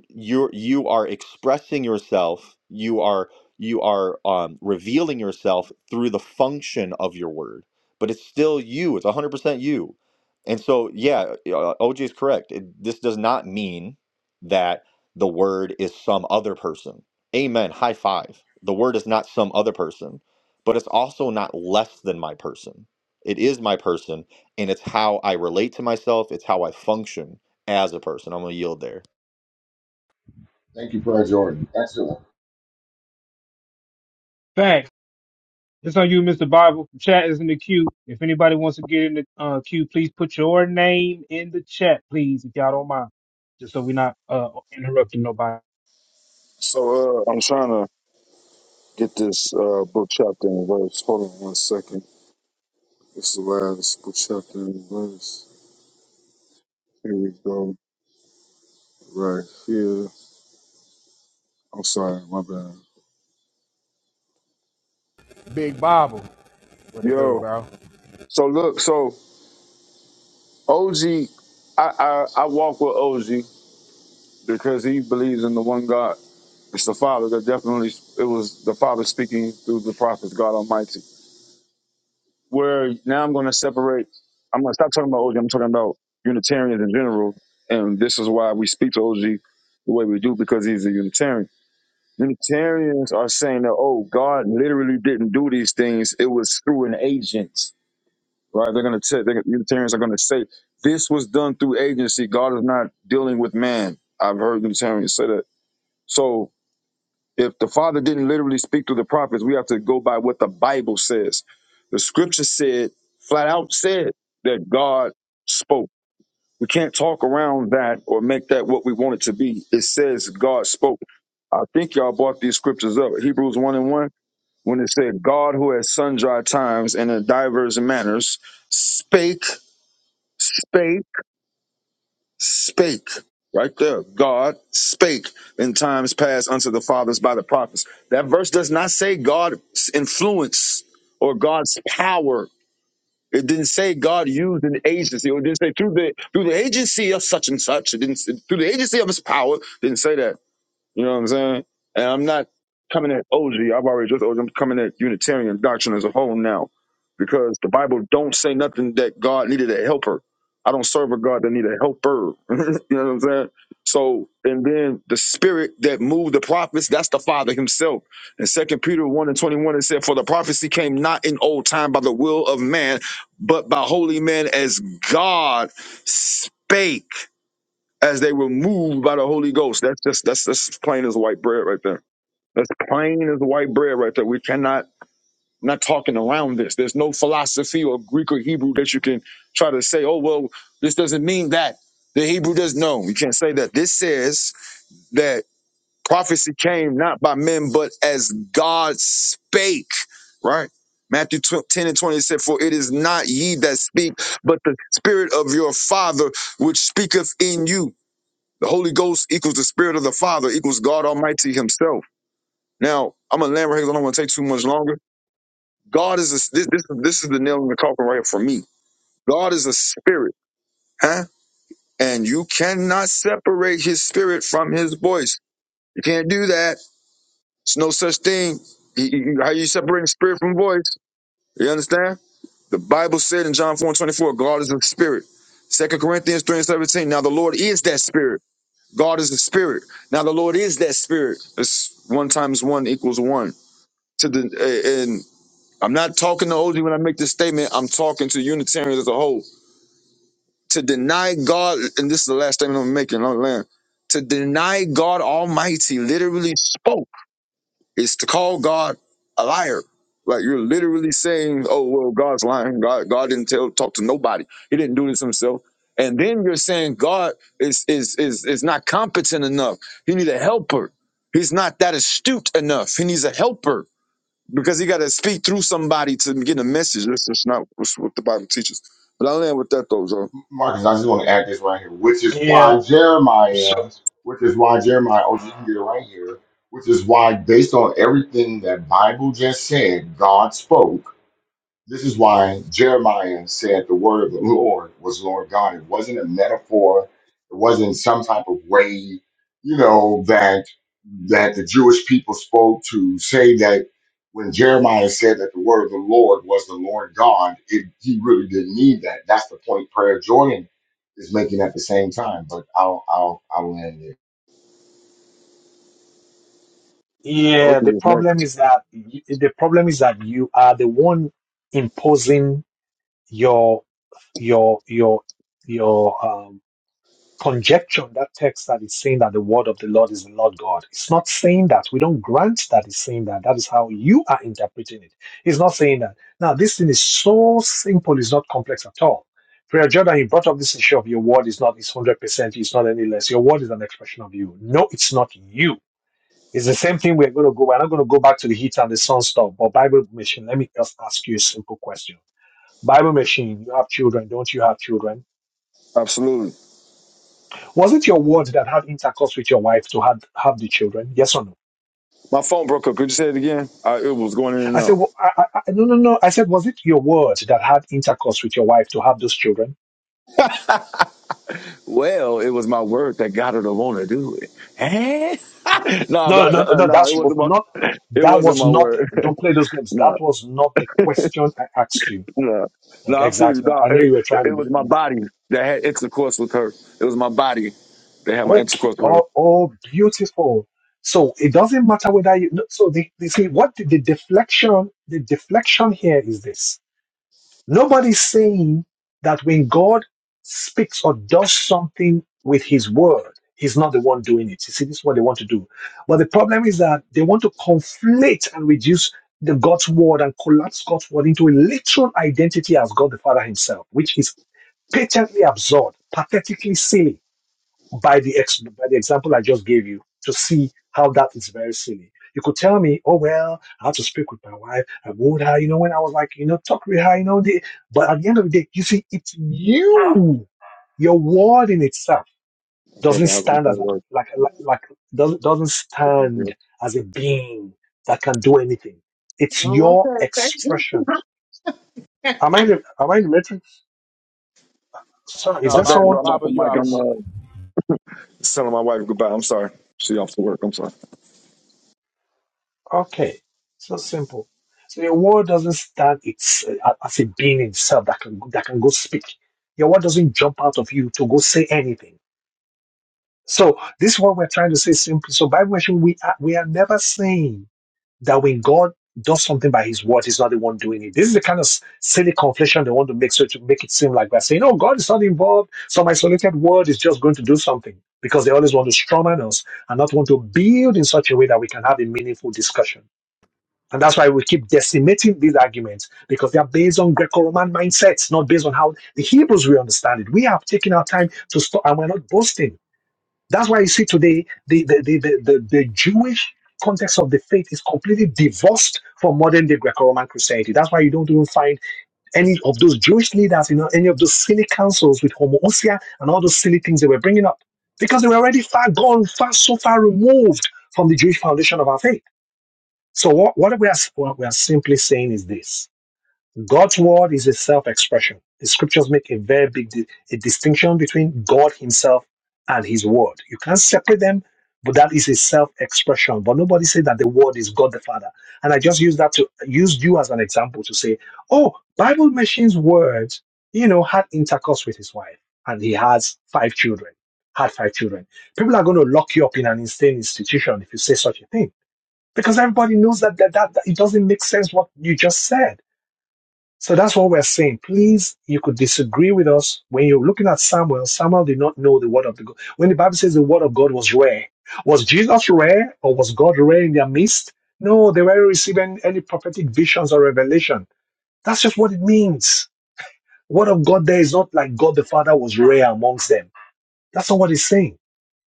Speaker 20: you're you are expressing yourself you are you are um, revealing yourself through the function of your word but it's still you it's 100% you and so yeah uh, oj is correct It- this does not mean that the word is some other person amen high five the word is not some other person but it's also not less than my person it is my person and it's how i relate to myself it's how i function as a person i'm gonna yield there
Speaker 1: Thank you, Prayer Jordan. Excellent.
Speaker 6: thanks. It's on you, Mr. Bible. The Chat is in the queue. If anybody wants to get in the uh, queue, please put your name in the chat, please, if y'all don't mind, just so we're not uh, interrupting nobody.
Speaker 17: So uh, I'm trying to get this uh, book, chapter, and verse. Hold on one second. It's the last book, chapter, and verse. Here we go. Right here. I'm sorry, my bad.
Speaker 16: Big Bible, what it do,
Speaker 17: Yo,
Speaker 16: bro?
Speaker 17: so look, so. OG, I, I, I walk with OG because he believes in the one God. It's the Father that definitely, it was the Father speaking through the prophets, God Almighty. Where now I'm going to separate, I'm going to stop talking about OG, I'm talking about Unitarians in general. And this is why we speak to OG the way we do because he's a Unitarian. Unitarians are saying that, oh, God literally didn't do these things, it was through an agent. right? They're going to say, they're, Unitarians are going to say, this was done through agency. God is not dealing with man. I've heard Unitarians say that. So if the Father didn't literally speak to the prophets, we have to go by what the Bible says. The scripture said, flat out said, that God spoke. We can't talk around that or make that what we want it to be. It says God spoke. I think y'all brought these scriptures up. Hebrews 1 and 1, when it said, God who at sundry times and in divers manners spake spake, spake, right there. God spake in times past unto the fathers by the prophets. That verse does not say God's influence or God's power. It didn't say God used an agency, or it didn't say through the through the agency of such and such. It didn't say, through the agency of His power. Didn't say that. You know what I'm saying? And I'm not coming at OG. I've already just OG. I'm coming at Unitarian doctrine as a whole now, because the Bible don't say nothing that God needed a helper. I don't serve a God that need a helper. *laughs* you know what I'm saying? So, and then the spirit that moved the prophets, that's the Father Himself. In Second Peter 1 and 21, it said, For the prophecy came not in old time by the will of man, but by holy men as God spake as they were moved by the Holy Ghost. That's just that's that's plain as white bread right there. That's plain as white bread right there. We cannot not talking around this. There's no philosophy or Greek or Hebrew that you can try to say, oh well, this doesn't mean that. The Hebrew does know. You can't say that. This says that prophecy came not by men, but as God spake, right? Matthew 12, 10 and 20 said, For it is not ye that speak, but the spirit of your father which speaketh in you. The Holy Ghost equals the Spirit of the Father equals God Almighty Himself. Now, I'm a land right here, here 'cause I don't want to take too much longer. God is a, this, this. This is the nail in the coffin right here for me. God is a spirit, huh? And you cannot separate His spirit from His voice. You can't do that. It's no such thing. You- you- you- How you separating spirit from voice? You understand? The Bible said in John 4 and 24, God is a spirit. Second Corinthians 3 and 17, now the Lord is that spirit. God is the spirit. Now the Lord is that spirit. It's one times one equals one. To the and I'm not talking to OG when I make this statement. I'm talking to Unitarians as a whole. To deny God, and this is the last statement I'm making on land. To deny God Almighty literally spoke. It's to call God a liar. Like you're literally saying, "Oh well, God's lying. God, God didn't tell, talk to nobody. He didn't do this himself." And then you're saying God is is is is not competent enough. He needs a helper. He's not that astute enough. He needs a helper because he got to speak through somebody to get a message. That's just not what's- what the Bible teaches. But I land with that though, Joe.
Speaker 1: Marcus, I just want to add this right here, which is why Jeremiah, which is why Jeremiah, oh, you can get it right here, which is why, based on everything that Bible just said, God spoke. This is why Jeremiah said the word of the Lord was Lord God. It wasn't a metaphor. It wasn't some type of way, you know, that that the Jewish people spoke to say that when Jeremiah said that the word of the Lord was the Lord God, it, he really didn't need that. That's the point Prayer Jordan is making at the same time. But I'll I'll I'll land it.
Speaker 17: Oh,
Speaker 14: Yeah, the
Speaker 17: Jesus,
Speaker 14: problem
Speaker 17: next.
Speaker 14: is that y- the problem is that you are the one imposing your your your your um, conjecture on that text that is saying that the word of the Lord is the Lord God. It's not saying that. We don't grant that it's saying that. That is how you are interpreting it. It's not saying that. Now, this thing is so simple. It's not complex at all. Prayer Jordan, you brought up this issue of your word is not is hundred percent. It's not any less. Your word is an expression of you. No, it's not you it's the same thing we're going to go. We're not going to go back to the heat and the sun stuff. But Bible machine, let me just ask you a simple question. Bible machine, you have children, don't you have children?
Speaker 17: Absolutely.
Speaker 14: Was it your words that had intercourse with your wife to have, have the children? Yes or no?
Speaker 17: My phone broke up. Could you say it again? I, it was going in and
Speaker 14: I said,
Speaker 17: out.
Speaker 14: well, I, I, I- no, no, no. I said, was it your words that had intercourse with your wife to have those children?
Speaker 17: Well, it was my word that got her to want to do it. Eh? *laughs* no,
Speaker 14: No,
Speaker 17: but
Speaker 14: no, no,
Speaker 17: uh,
Speaker 14: no.
Speaker 17: no,
Speaker 14: That
Speaker 17: it
Speaker 14: was
Speaker 17: wasn't my.
Speaker 14: not.
Speaker 17: *laughs* It
Speaker 14: That
Speaker 17: wasn't
Speaker 14: was
Speaker 17: my
Speaker 14: not. The,
Speaker 17: word.
Speaker 14: don't play those
Speaker 17: *laughs*
Speaker 14: games. That
Speaker 17: no,
Speaker 14: was not the question I asked you.
Speaker 17: no, no.
Speaker 14: Like
Speaker 17: I'm serious.
Speaker 14: exactly.
Speaker 17: No,
Speaker 14: I know
Speaker 17: it,
Speaker 14: you were trying to
Speaker 17: it
Speaker 14: be
Speaker 17: was my
Speaker 14: funny.
Speaker 17: body that had intercourse with her. It was my body that had my
Speaker 14: Okay,
Speaker 17: intercourse with
Speaker 14: oh,
Speaker 17: her.
Speaker 14: oh, beautiful. So it doesn't matter whether you. no, So the, the see what the, the deflection, the deflection here is this: nobody's saying that when God speaks or does something with His word, He's not the one doing it. You see, this is what they want to do. But the problem is that they want to conflate and reduce the God's word and collapse God's word into a literal identity as God the Father Himself, which is patently absurd, pathetically silly by the ex- by the example I just gave you to see how that is very silly. You could tell me, oh well, I have to speak with my wife. I wooed her, you know, when I was like, you know, talk with her, you know, the, but at the end of the day, you see, it's you. Your word in itself
Speaker 17: Okay,
Speaker 14: doesn't
Speaker 17: that I was gonna
Speaker 14: stand as a,
Speaker 17: work.
Speaker 14: like like, like doesn't, doesn't
Speaker 17: Yeah.
Speaker 14: stand as a being that can do anything. It's
Speaker 17: Oh,
Speaker 14: your
Speaker 17: okay.
Speaker 14: expression. Am I in the, am I in the matrix? Sorry, is
Speaker 16: Nah,
Speaker 17: My
Speaker 14: there
Speaker 17: bad,
Speaker 16: Bible,
Speaker 14: someone?
Speaker 17: bro. I'm off
Speaker 16: Bible,
Speaker 17: the
Speaker 16: you
Speaker 17: mic.
Speaker 16: out.
Speaker 17: I'm
Speaker 14: Yes.
Speaker 16: me-
Speaker 17: uh, telling my wife goodbye. I'm sorry. She off to work. I'm sorry.
Speaker 14: Okay, so simple. So your word doesn't stand it's uh, as a being in itself that can that can go speak. Your word doesn't jump out of you to go say anything. So this is what we're trying to say simply. So by version, we are we are never saying that when God does something by His word, He's not the one doing it. This is the kind of s- silly conflation they want to make so to make it seem like we're saying, "Oh, God is not involved. Some isolated word is just going to do something." Because they always want to strawman us and not want to build in such a way that we can have a meaningful discussion. And that's why we keep decimating these arguments because they are based on Greco Roman mindsets, not based on how the Hebrews will understand it. We have taken our time to stop and we're not boasting. That's why you see today the, the, the, the, the, the Jewish context of the faith is completely divorced from modern day Greco Roman Christianity. That's why you don't even find any of those Jewish leaders in any of those silly councils with homoousia and all those silly things they were bringing up because they were already far gone, far so far removed from the Jewish foundation of our faith. So what, what we are what we are simply saying is this: God's word is a self-expression. The scriptures make a very big di- a distinction between God Himself and His word. You can't separate them, but that is a self-expression. But nobody said that the word is God the Father. And I just use that to use you as an example to say, oh, Bible mentions word, you know, had intercourse with his wife, and he has five children. Had five children. People are going to lock you up in an insane institution if you say such a thing because everybody knows that, that, that, that it doesn't make sense what you just said. So that's what we're saying. Please, you could disagree with us when you're looking at Samuel. Samuel did not know the word of the God. When the Bible says the word of God was rare, was Jesus rare or was God rare in their midst? No, they weren't receiving any prophetic visions or revelation. That's just what it means. Word of God there is not like God the Father was rare amongst them. That's not what he's saying.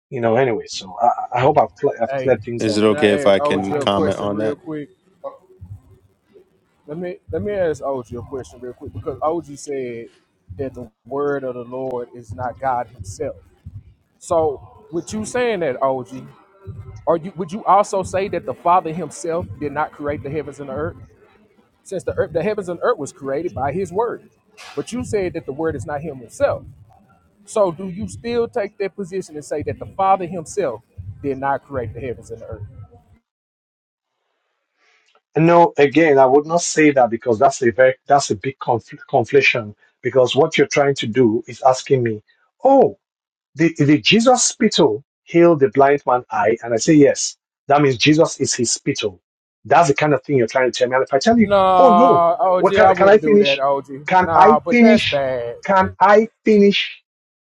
Speaker 14: You know, anyway, so I, I hope I've, cle- I've
Speaker 16: Hey,
Speaker 14: cleared things
Speaker 8: Is
Speaker 14: up,
Speaker 8: it
Speaker 16: can
Speaker 14: you
Speaker 8: okay
Speaker 14: know.
Speaker 8: if
Speaker 16: I ask
Speaker 8: I
Speaker 16: OG
Speaker 8: can
Speaker 16: a
Speaker 14: I'm
Speaker 8: comment
Speaker 16: question
Speaker 8: on
Speaker 16: real
Speaker 8: that?
Speaker 16: quick? Let me let me ask OG a question real quick because OG said that the word of the Lord is not God Himself. So, with you saying that, OG, are you would you also say that the Father Himself did not create the heavens and the earth? since the earth, the heavens and earth was created by his word. But you said that the word is not him himself. So do you still take that position and say that the Father himself did not create the heavens and the earth?
Speaker 14: No, again, I would not say that because that's a very that's a big confl- conflation. Because what you're trying to do is asking me, oh, did, did Jesus' spittle heal the blind man eye? And I say, yes. That means Jesus is his spittle. That's the kind of thing you're trying to tell me. And if I tell you, oh no,
Speaker 16: Nah, OG,
Speaker 14: what
Speaker 16: I
Speaker 14: can, can I
Speaker 16: wouldn't do that,
Speaker 14: finish?
Speaker 16: OG.
Speaker 14: Can I
Speaker 16: Nah, but that's
Speaker 14: finish?
Speaker 16: bad.
Speaker 14: Can I finish?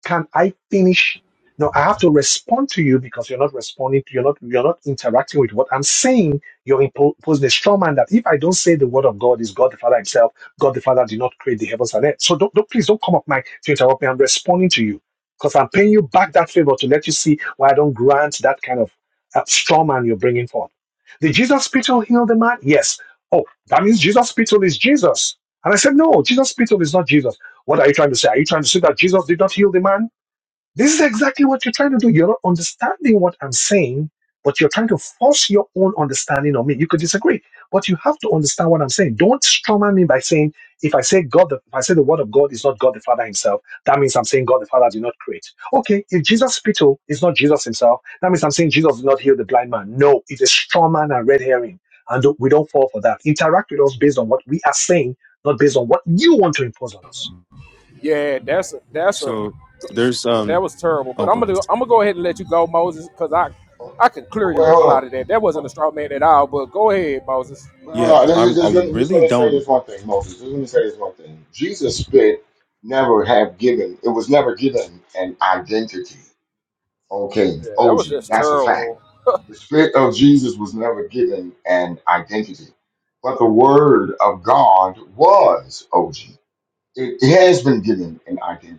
Speaker 14: Can I finish? No, I have to respond to you because you're not responding. you're not. You're not interacting with what I'm saying. You're impo- imposing a straw man that if I don't say the word of God is God the Father Himself, God the Father did not create the heavens and earth. So don't, don't please don't come up my to interrupt me. I'm responding to you. Because I'm paying you back that favor to let you see why I don't grant that kind of uh, straw man you're bringing forth. Did Jesus spittle heal the man? Yes. Oh, that means Jesus spittle is Jesus. And I said, no, Jesus spittle is not Jesus. What are you trying to say? Are you trying to say that Jesus did not heal the man? This is exactly what you're trying to do. You're not understanding what I'm saying, but you're trying to force your own understanding on me. You could disagree, but you have to understand what I'm saying. Don't strawman me by saying, if I say God, the, if I say the word of God is not God the Father himself, that means I'm saying God the Father did not create. Okay, if Jesus' spittle is not Jesus himself, that means I'm saying Jesus did not heal the blind man. No, it's a strawman and red herring. And don't- we don't fall for that. Interact with us based on what we are saying, not based on what you want to impose on us.
Speaker 16: Yeah, that's a, that's a
Speaker 8: So there's
Speaker 16: that
Speaker 8: um.
Speaker 16: was terrible.
Speaker 8: Oh,
Speaker 16: But I'm
Speaker 8: go
Speaker 16: gonna
Speaker 8: ahead.
Speaker 16: do- I'm gonna go ahead and let you go, Moses, because I
Speaker 1: Uh, uh,
Speaker 16: I can clearly
Speaker 1: wait, hold
Speaker 16: reply
Speaker 1: on. Uh,
Speaker 16: to that. That wasn't a straw man at all. But go ahead, Moses.
Speaker 8: Yeah,
Speaker 1: Well, this is-
Speaker 8: I'm. I
Speaker 1: just, let, just let
Speaker 8: really
Speaker 1: me say this
Speaker 8: don't
Speaker 1: one thing, Moses. Just let me say this one thing. Jesus spit never have given, it was never given an identity. Okay,
Speaker 16: Yeah, that
Speaker 1: OG,
Speaker 16: was just
Speaker 1: that's a fact.
Speaker 16: terrible.
Speaker 1: The spit of Jesus was never given an identity, but the word of God was OG it, has been given an identity.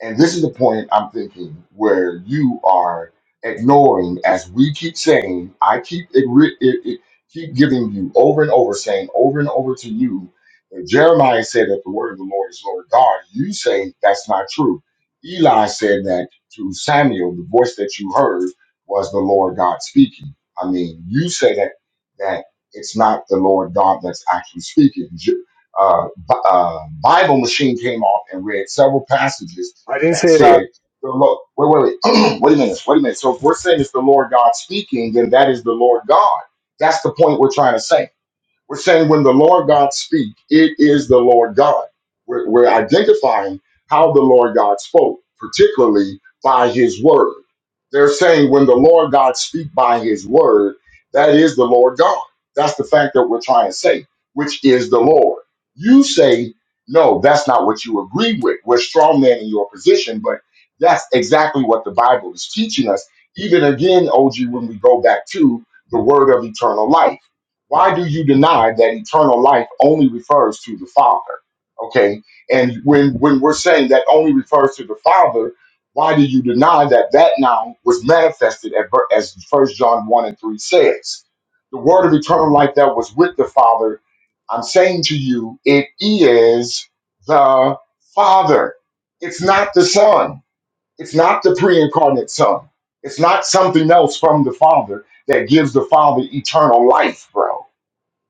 Speaker 1: And this is the point I'm thinking where you are ignoring, as we keep saying, I keep it, re- it, it keep giving you over and over, saying over and over to you. that Jeremiah said that the word of the Lord is Lord God. You say that's not true. Eli said that to Samuel, the voice that you heard was the Lord God speaking. I mean, you say that that it's not the Lord God that's actually speaking uh, Bible machine came off and read several passages
Speaker 14: I didn't
Speaker 1: that
Speaker 14: say that
Speaker 1: said, the Lord, wait, wait, wait, *clears throat* wait a minute, wait a minute. So if we're saying it's the Lord God speaking, then that is the Lord God. That's the point we're trying to say. We're saying when the Lord God speak, it is the Lord God. We're, we're identifying how the Lord God spoke, particularly by his word. They're saying when the Lord God speak by his word, that is the Lord God. That's the fact that we're trying to say, which is the Lord. You say, no, that's not what you agree with. We're strong men in your position, but that's exactly what the Bible is teaching us. Even again, OG, when we go back to the word of eternal life why do you deny that eternal life only refers to the father okay and when when we're saying that only refers to the father why do you deny that that now was manifested at, ver- as first john 1 and 3 says the word of eternal life that was with the father i'm saying to you it is the father it's not the son it's not the pre-incarnate son it's not something else from the father that gives the father eternal life bro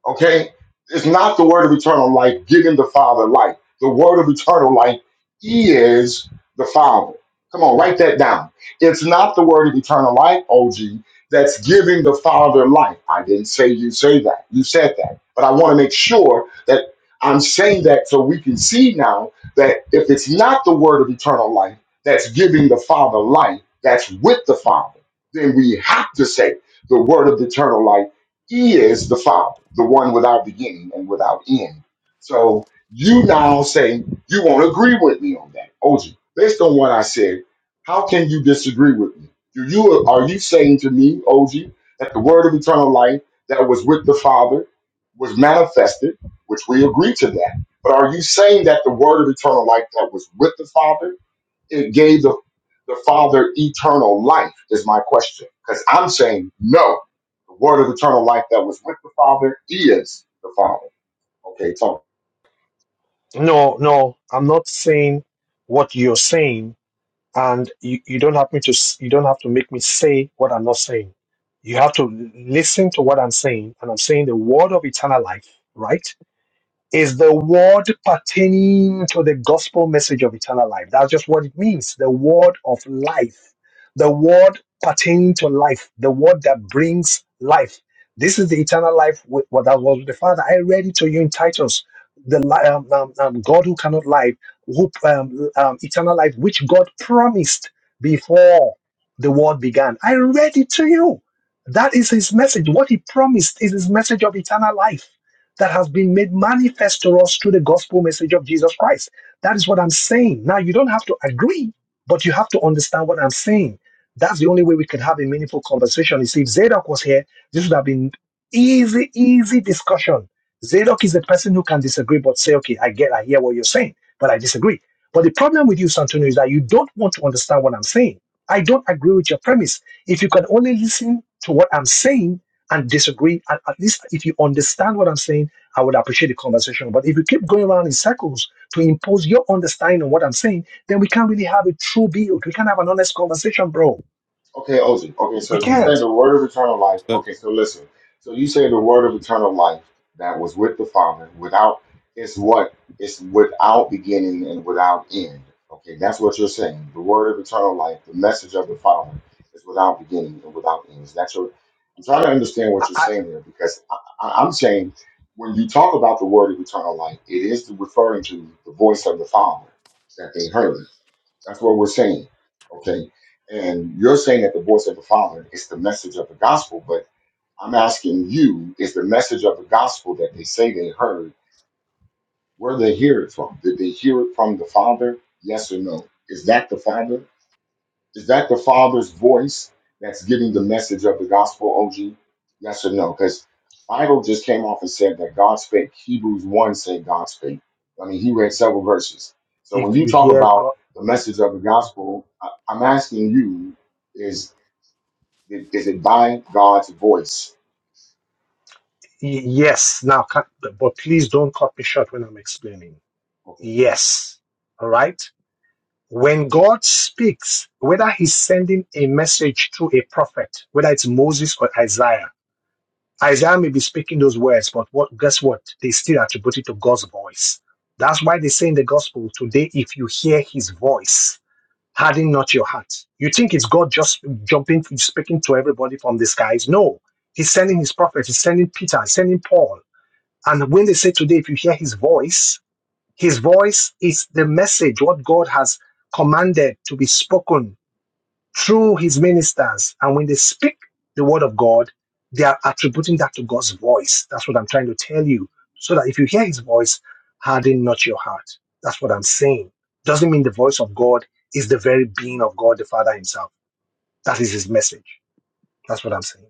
Speaker 1: Okay? It's not the word of eternal life giving the Father life. The word of eternal life is the Father. Come on, write that down. It's not the word of eternal life, OG, that's giving the Father life. I didn't say you say that. You said that. But I want to make sure that I'm saying that so we can see now that if it's not the word of eternal life that's giving the Father life, that's with the Father, then we have to say the word of eternal life he is the Father, the one without beginning and without end. So you now say you won't agree with me on that. OJ. based on what I said, how can you disagree with me? Do you are you saying to me, OJ, that the word of eternal life that was with the Father was manifested, which we agree to that. But are you saying that the word of eternal life that was with the Father it gave the, the Father eternal life, is my question. Because I'm saying no. The word of eternal life that was with the Father is the Father. Okay, talk.
Speaker 14: No, no, I'm not saying what you're saying, and you, you don't have me to s- you don't have to make me say what I'm not saying. You have to listen to what I'm saying, and I'm saying the word of eternal life, right? is the word pertaining to the gospel message of eternal life. That's just what it means the word of life, the word pertaining to life, the word that brings life. This is the eternal life with, what that was with the Father. I read it to you in Titus, the li- um, um, um, God who cannot lie, who um, um, eternal life, which God promised before the world began. I read it to you. That is His message. What He promised is His message of eternal life that has been made manifest to us through the gospel message of Jesus Christ. That is what I'm saying. Now, you don't have to agree, but you have to understand what I'm saying. That's the only way we could have a meaningful conversation. You See, if Zadok was here, this would have been easy, easy discussion. Zadok is the person who can disagree, but say, okay, I get, I hear what you're saying, but I disagree. But the problem with you, Santonio, is that you don't want to understand what I'm saying. I don't agree with your premise. If you can only listen to what I'm saying and disagree, and at least if you understand what I'm saying, I would appreciate the conversation. But if you keep going around in circles to impose your understanding on what I'm saying, then we can't really have a true build. We can't have an honest conversation, bro.
Speaker 1: Okay, Ozi. Okay,
Speaker 14: We
Speaker 1: so you
Speaker 8: um.
Speaker 1: say
Speaker 14: can't.
Speaker 1: the word of eternal life.
Speaker 8: but,
Speaker 1: Okay, so listen. So you say the word of eternal life that was with the Father without it's what it's without beginning and without end. Okay, that's what you're saying. The word of eternal life, the message of the Father, is without beginning and without end. Is that your? I'm trying to understand what
Speaker 14: I,
Speaker 1: you're
Speaker 14: I,
Speaker 1: saying here because I, I, I'm saying when you talk about the word of eternal life, it is referring to the voice of the Father that they heard that's what we're saying. Okay. And you're saying that the voice of the Father is the message of the gospel, but I'm asking you, is the message of the gospel that they say they heard, where they hear it from? Did they hear it from the Father? Yes or no? Is that the Father? Is that the Father's voice that's giving the message of the gospel, OG? Yes or no? Because Bible just came off and said that God spake. Hebrews 1 said God spake. I mean, he read several verses. So when
Speaker 14: if
Speaker 1: you
Speaker 14: you
Speaker 1: talk
Speaker 14: hear
Speaker 1: about
Speaker 14: God,
Speaker 1: the message of the gospel, I, I'm asking you, is, is it by God's voice?
Speaker 14: y- yes, now, cut- but please don't cut me short when I'm explaining.
Speaker 1: Okay.
Speaker 14: Yes. All right. When God speaks, whether he's sending a message through a prophet, whether it's Moses or Isaiah, Isaiah may be speaking those words, but what, guess what? They still attribute it to God's voice. That's why they say in the gospel today, if you hear his voice, harden not your heart. You think it's God just jumping, speaking to everybody from the skies? No. He's sending his prophets, he's sending Peter, he's sending Paul. And when they say today, if you hear his voice, his voice is the message, what God has commanded to be spoken through his ministers. And when they speak the word of God, they are attributing that to God's voice. That's what I'm trying to tell you. So that if you hear his voice, harden not your heart. That's what I'm saying. Doesn't mean the voice of God is the very being of God the Father himself. That is his message. That's what I'm saying.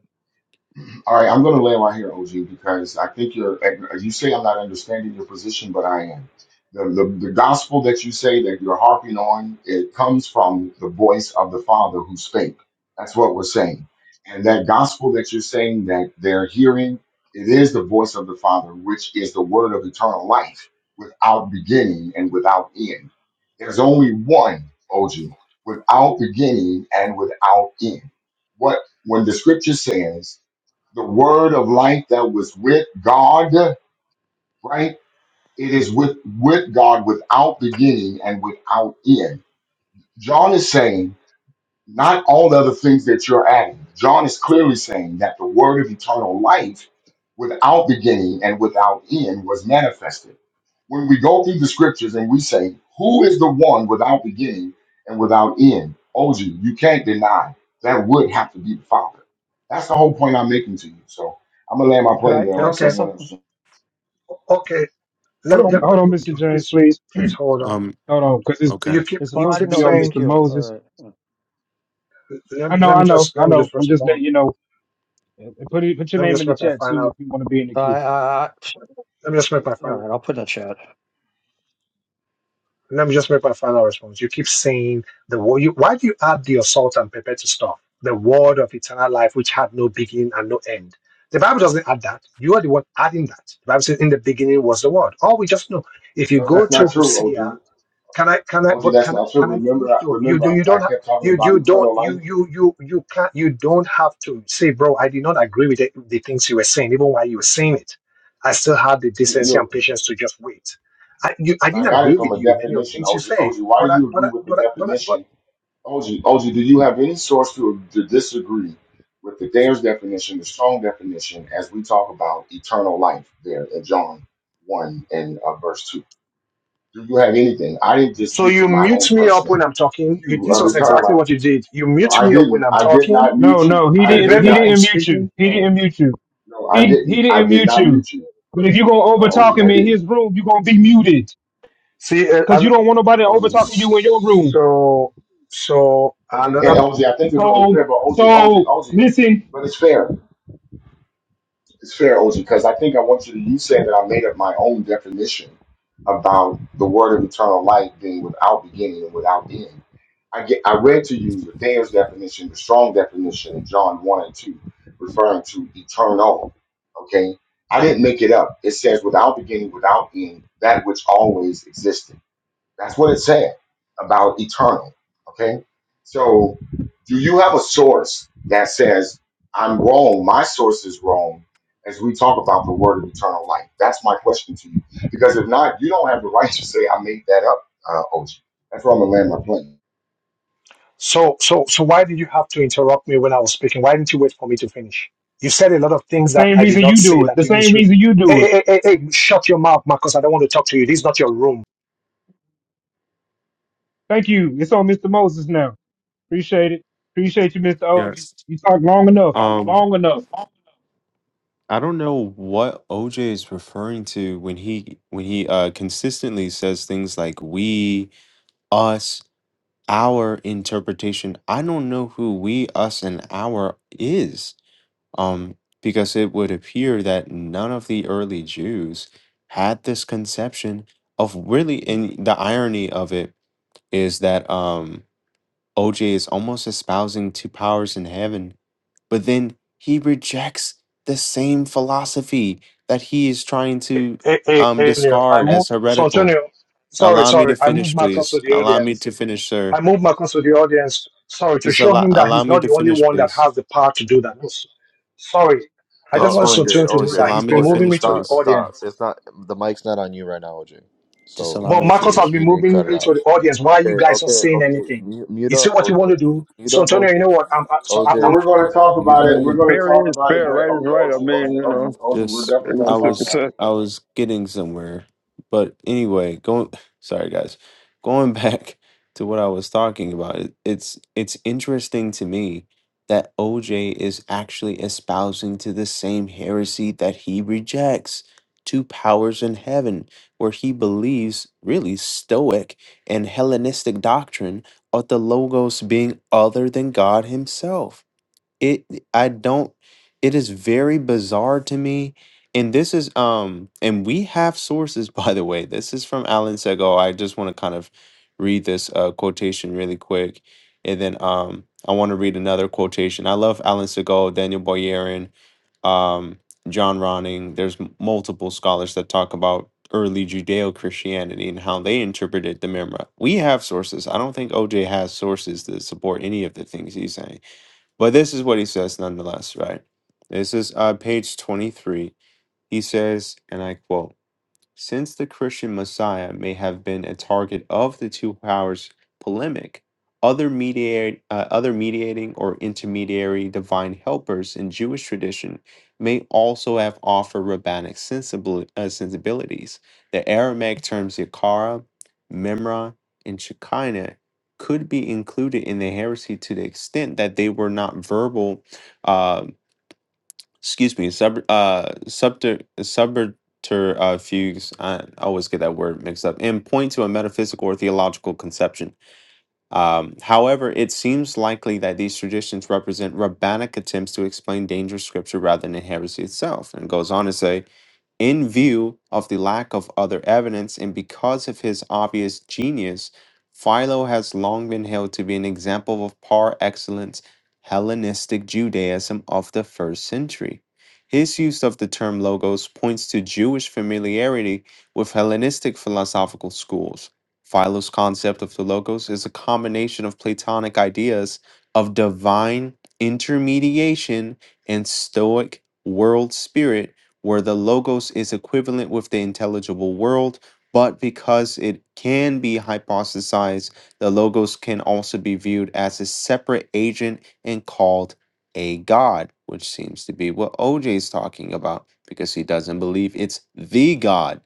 Speaker 1: All right, I'm going to land right here, OG, because I think you're. You say I'm not understanding your position, but I am. The, the the gospel that you say that you're harping on, it comes from the voice of the Father who spake. That's what we're saying, and that gospel that you're saying that they're hearing, it is the voice of the Father, which is the word of eternal life, without beginning and without end. There's only one, OG, without beginning and without end. What when the Scripture says the word of life that was with God, right? It is with, with God without beginning and without end. John is saying not all the other things that you're adding. John is clearly saying that the word of eternal life without beginning and without end was manifested. When we go through the scriptures and we say, Who is the one without beginning and without end? OG, you can't deny that would have to be the Father. That's the whole point I'm making to you. So I'm gonna land my
Speaker 21: Could I
Speaker 1: plane there and
Speaker 21: could I
Speaker 1: let
Speaker 21: say
Speaker 14: Okay,
Speaker 1: someone
Speaker 21: something?
Speaker 1: else.
Speaker 14: okay.
Speaker 6: Hold
Speaker 14: Let,
Speaker 6: on,
Speaker 14: let-
Speaker 6: hold on, Mr. James,
Speaker 14: please,
Speaker 6: please.
Speaker 14: please hold on.
Speaker 8: um.
Speaker 6: Hold on, because it's
Speaker 8: Okay.
Speaker 14: You keep
Speaker 6: it's
Speaker 14: you
Speaker 21: Well, I
Speaker 6: supposed to
Speaker 21: didn't
Speaker 14: keep
Speaker 6: be
Speaker 21: know there
Speaker 6: on
Speaker 21: was a
Speaker 14: saying.
Speaker 6: Mr.
Speaker 21: queue. All
Speaker 6: Moses.
Speaker 21: right.
Speaker 14: Let
Speaker 6: I
Speaker 14: me,
Speaker 6: know,
Speaker 14: let
Speaker 6: I
Speaker 14: me
Speaker 6: know,
Speaker 14: just
Speaker 6: I
Speaker 14: let me
Speaker 6: know.
Speaker 14: just
Speaker 6: I'm just
Speaker 14: respond.
Speaker 6: letting you know. Uh, Put it, put your
Speaker 14: Let me
Speaker 6: name
Speaker 14: just
Speaker 6: in the
Speaker 14: make my
Speaker 6: chat too
Speaker 14: final.
Speaker 6: if you want to be in the
Speaker 21: Uh,
Speaker 6: queue.
Speaker 21: I, I, I-
Speaker 14: Let me just make my
Speaker 21: all
Speaker 14: final.
Speaker 21: right. I'll put in the chat.
Speaker 14: Let me just make my final response. You keep saying the word. You, why do you add the assault and prepare to stuff? The word of eternal life, which had no beginning and no end. The Bible doesn't add that. You are the one adding that. The Bible says, "In the beginning was the word." All we just know. If you
Speaker 1: No,
Speaker 14: go
Speaker 1: that's
Speaker 14: to
Speaker 1: not true,
Speaker 14: Hosea
Speaker 1: OG.
Speaker 14: can I? Can I?
Speaker 1: OG,
Speaker 14: But
Speaker 1: that's
Speaker 14: can
Speaker 1: not
Speaker 14: can
Speaker 1: true.
Speaker 14: I
Speaker 1: Remember,
Speaker 14: finish?
Speaker 1: I,
Speaker 14: You you
Speaker 1: remember,
Speaker 14: do
Speaker 1: I,
Speaker 14: you
Speaker 1: I
Speaker 14: don't have
Speaker 1: kept talking
Speaker 14: you
Speaker 1: about
Speaker 14: you don't
Speaker 1: eternal
Speaker 14: you
Speaker 1: life.
Speaker 14: you you you can't you don't have to say, bro. I did not agree with the, the things you were saying, even while you were saying it. I still had the decency
Speaker 1: You.
Speaker 14: and patience to just wait. I you, I
Speaker 1: And
Speaker 14: didn't
Speaker 1: I got
Speaker 14: agree
Speaker 1: it from
Speaker 14: with
Speaker 1: a
Speaker 14: you many of the
Speaker 1: definition,
Speaker 14: things you
Speaker 1: OG. OG,
Speaker 14: say,
Speaker 1: why do
Speaker 14: but I
Speaker 1: you
Speaker 14: but
Speaker 1: agree
Speaker 14: I,
Speaker 1: with the
Speaker 14: but I, but I, but
Speaker 1: definition? OG, OG, do you have any source to, to disagree with the Dare's definition, the strong definition, as we talk about eternal life there in John 1 and uh, verse 2? Do you have anything? I didn't just
Speaker 14: so
Speaker 1: give
Speaker 14: you
Speaker 1: you my own
Speaker 14: mute me up when
Speaker 1: personal
Speaker 14: I'm talking. You,
Speaker 1: view
Speaker 14: this
Speaker 1: of
Speaker 14: was
Speaker 1: eternal
Speaker 14: exactly
Speaker 1: life.
Speaker 14: what you did. You
Speaker 1: No,
Speaker 14: mute
Speaker 1: I
Speaker 14: me up
Speaker 1: didn't.
Speaker 14: when I'm
Speaker 1: I did
Speaker 14: talking,
Speaker 1: not mute
Speaker 6: No,
Speaker 1: you.
Speaker 6: no, he
Speaker 1: I
Speaker 6: didn't.
Speaker 1: did
Speaker 14: prevent
Speaker 6: He
Speaker 14: me
Speaker 1: not.
Speaker 14: from
Speaker 6: didn't mute you.
Speaker 14: speaking.
Speaker 6: He
Speaker 1: No,
Speaker 6: didn't mute you.
Speaker 1: no, I
Speaker 6: He he
Speaker 1: didn't. I
Speaker 6: didn't
Speaker 1: did
Speaker 6: mute
Speaker 1: not
Speaker 6: you.
Speaker 1: mute you.
Speaker 6: But if you gonna
Speaker 1: No,
Speaker 6: over
Speaker 1: OG,
Speaker 6: talk
Speaker 1: I
Speaker 6: him in
Speaker 1: didn't.
Speaker 6: his room, you are gonna be muted.
Speaker 14: See, uh,
Speaker 6: because you
Speaker 14: I'm,
Speaker 6: don't want nobody
Speaker 1: O
Speaker 6: over
Speaker 1: G,
Speaker 6: talking you in your room.
Speaker 14: so so
Speaker 1: And, and
Speaker 14: another.
Speaker 1: OG, I think it's only fair,
Speaker 6: So,
Speaker 1: but OG, OG,
Speaker 6: so
Speaker 1: OG,
Speaker 6: listen,
Speaker 1: but it's fair. It's fair, OG, because I think I want you to, you saying that I made up my own definition about the word of eternal life being without beginning and without end. I get, I read to you the Daniel's definition, the strong definition in John 1 and 2, referring to eternal. Okay. I didn't make it up. It says without beginning, without end, that which always existed. That's what it said about eternal. Okay. So do you have a source that says, I'm wrong, my source is wrong, as we talk about the word of eternal life? That's my question to you. Because if not, you don't have the right to say, I made that up, uh, OG. That's where I'm going to land my plane.
Speaker 14: So, so, so why did you have to interrupt me when I was speaking? Why didn't you wait for me to finish? You said a lot of
Speaker 6: the
Speaker 14: things that
Speaker 6: same
Speaker 14: I did
Speaker 6: reason
Speaker 14: not
Speaker 6: you
Speaker 14: say
Speaker 6: do it,
Speaker 14: that
Speaker 6: the
Speaker 14: you
Speaker 6: same
Speaker 14: misread.
Speaker 6: reason you
Speaker 14: Hey,
Speaker 6: do it.
Speaker 14: hey, hey, hey, hey, shut your mouth, Marcus. I don't want to talk to you. This is not your room.
Speaker 6: Thank you. It's on Mr. Moses now. Appreciate it. Appreciate you, Mr. OG.
Speaker 8: Yes.
Speaker 6: You talked long enough,
Speaker 8: Um.
Speaker 6: long enough.
Speaker 8: I don't know what OJ is referring to when he when he uh consistently says things like we, us. our interpretation. I don't know who we, us, and our is, um, because it would appear that none of the early Jews had this conception of really. And the irony of it is that um, OJ is almost espousing two powers in heaven, but then he rejects the same philosophy that he is trying
Speaker 14: Hey,
Speaker 8: to
Speaker 14: hey, hey,
Speaker 8: um,
Speaker 14: Antonio, I
Speaker 8: discard as
Speaker 14: moved. So,
Speaker 8: heretical.
Speaker 14: Antonio, sorry,
Speaker 8: Allow me to
Speaker 14: sorry. I moved
Speaker 8: finish,
Speaker 14: Marcus
Speaker 8: please.
Speaker 14: to the
Speaker 8: Allow me
Speaker 14: audience.
Speaker 8: to finish, sir.
Speaker 14: I moved Marcus to the audience. Sorry, to
Speaker 8: Just
Speaker 14: show
Speaker 8: allow
Speaker 14: him that
Speaker 8: allow
Speaker 14: he's
Speaker 8: me
Speaker 14: not
Speaker 8: to
Speaker 14: the only
Speaker 8: finish,
Speaker 14: one that
Speaker 8: please.
Speaker 14: has the power to do that. No, s- Sorry. I just
Speaker 8: That's
Speaker 14: want
Speaker 20: Oh,
Speaker 8: fine.
Speaker 14: Santonio
Speaker 20: OJ,
Speaker 14: to know
Speaker 8: Just
Speaker 14: that
Speaker 20: OJ,
Speaker 8: allow
Speaker 14: he's
Speaker 8: me
Speaker 14: been
Speaker 8: to
Speaker 14: moving
Speaker 20: OJ,
Speaker 14: me
Speaker 8: finish,
Speaker 14: to the
Speaker 20: stop,
Speaker 8: please.
Speaker 20: stop.
Speaker 14: audience.
Speaker 20: It's not the mic's not on you right now, OJ.
Speaker 8: Just
Speaker 20: So
Speaker 8: allow
Speaker 14: But
Speaker 8: me to
Speaker 20: you
Speaker 14: Marcus
Speaker 20: need
Speaker 14: has
Speaker 8: finish.
Speaker 14: been
Speaker 20: you need to cut
Speaker 14: moving
Speaker 20: it
Speaker 14: me to the
Speaker 20: out.
Speaker 14: audience. Why are you
Speaker 20: Okay,
Speaker 14: guys not
Speaker 20: okay,
Speaker 14: saying
Speaker 20: okay.
Speaker 14: anything?
Speaker 20: Mute, mute
Speaker 14: You see
Speaker 20: up,
Speaker 14: what you
Speaker 20: OJ.
Speaker 14: want to do?
Speaker 20: Mute
Speaker 14: So
Speaker 20: up,
Speaker 14: Antonio,
Speaker 20: OJ.
Speaker 14: you know what? I'm, I, so I-
Speaker 1: Okay,
Speaker 14: I'm,
Speaker 20: OJ,
Speaker 1: we're going to talk
Speaker 20: mute
Speaker 17: I
Speaker 1: about
Speaker 20: up.
Speaker 1: it. We're
Speaker 17: mean,
Speaker 1: going to
Speaker 17: fair
Speaker 1: talk
Speaker 17: is
Speaker 1: about it,
Speaker 17: fair.
Speaker 1: but
Speaker 17: Right is
Speaker 1: okay,
Speaker 17: right. I
Speaker 1: OG, OG,
Speaker 17: mean, you
Speaker 1: OG,
Speaker 17: know,
Speaker 1: OG, we're
Speaker 8: Just
Speaker 17: it
Speaker 1: definitely
Speaker 17: was
Speaker 1: going
Speaker 8: I
Speaker 17: a
Speaker 1: to talk
Speaker 8: was
Speaker 1: about
Speaker 17: 50
Speaker 1: it.
Speaker 8: I was getting somewhere. But anyway, going *sighs* sorry guys. Going *laughs* back to what I was talking about, it, it's it's interesting to me that OJ is actually espousing to the same heresy that he rejects two powers in heaven where he believes really stoic and hellenistic doctrine of the logos being other than god himself it i don't it is very bizarre to me and this is um and we have sources *laughs* by the way this is from alan segal i just want to kind of read this uh, quotation really quick and then um i want to read another quotation i love alan segal daniel Boyarin, um john ronning there's m- multiple scholars that talk about early judeo-christianity and how they interpreted the Mi'raj. we have sources i don't think oj has sources that support any of the things he's saying but this is what he says nonetheless, right? This is uh, page 23. He says, and I quote, since the Christian Messiah may have been a target of the two powers polemic, other, mediate, uh, other mediating or intermediary divine helpers in Jewish tradition may also have offered rabbinic sensibil- uh, sensibilities. The Aramaic terms Yakara, Memra, and Shekinah could be included in the heresy to the extent that they were not verbal uh, excuse me, sub uh subter subterfuges. I always get that word mixed up. And point to a metaphysical or theological conception. Um, however, it seems likely that these traditions represent rabbinic attempts to explain dangerous scripture rather than heresy itself. And it goes on to say. In view of the lack of other evidence and because of his obvious genius, Philo has long been held to be an example of par excellence Hellenistic Judaism of the first century. His use of the term logos points to Jewish familiarity with Hellenistic philosophical schools. Philo's concept of the logos is a combination of Platonic ideas of divine intermediation and Stoic world spirit where the logos is equivalent with the intelligible world, but because it can be hypothesized, the logos can also be viewed as a separate agent and called a god, which seems to be what OJ is talking about because he doesn't believe it's the god.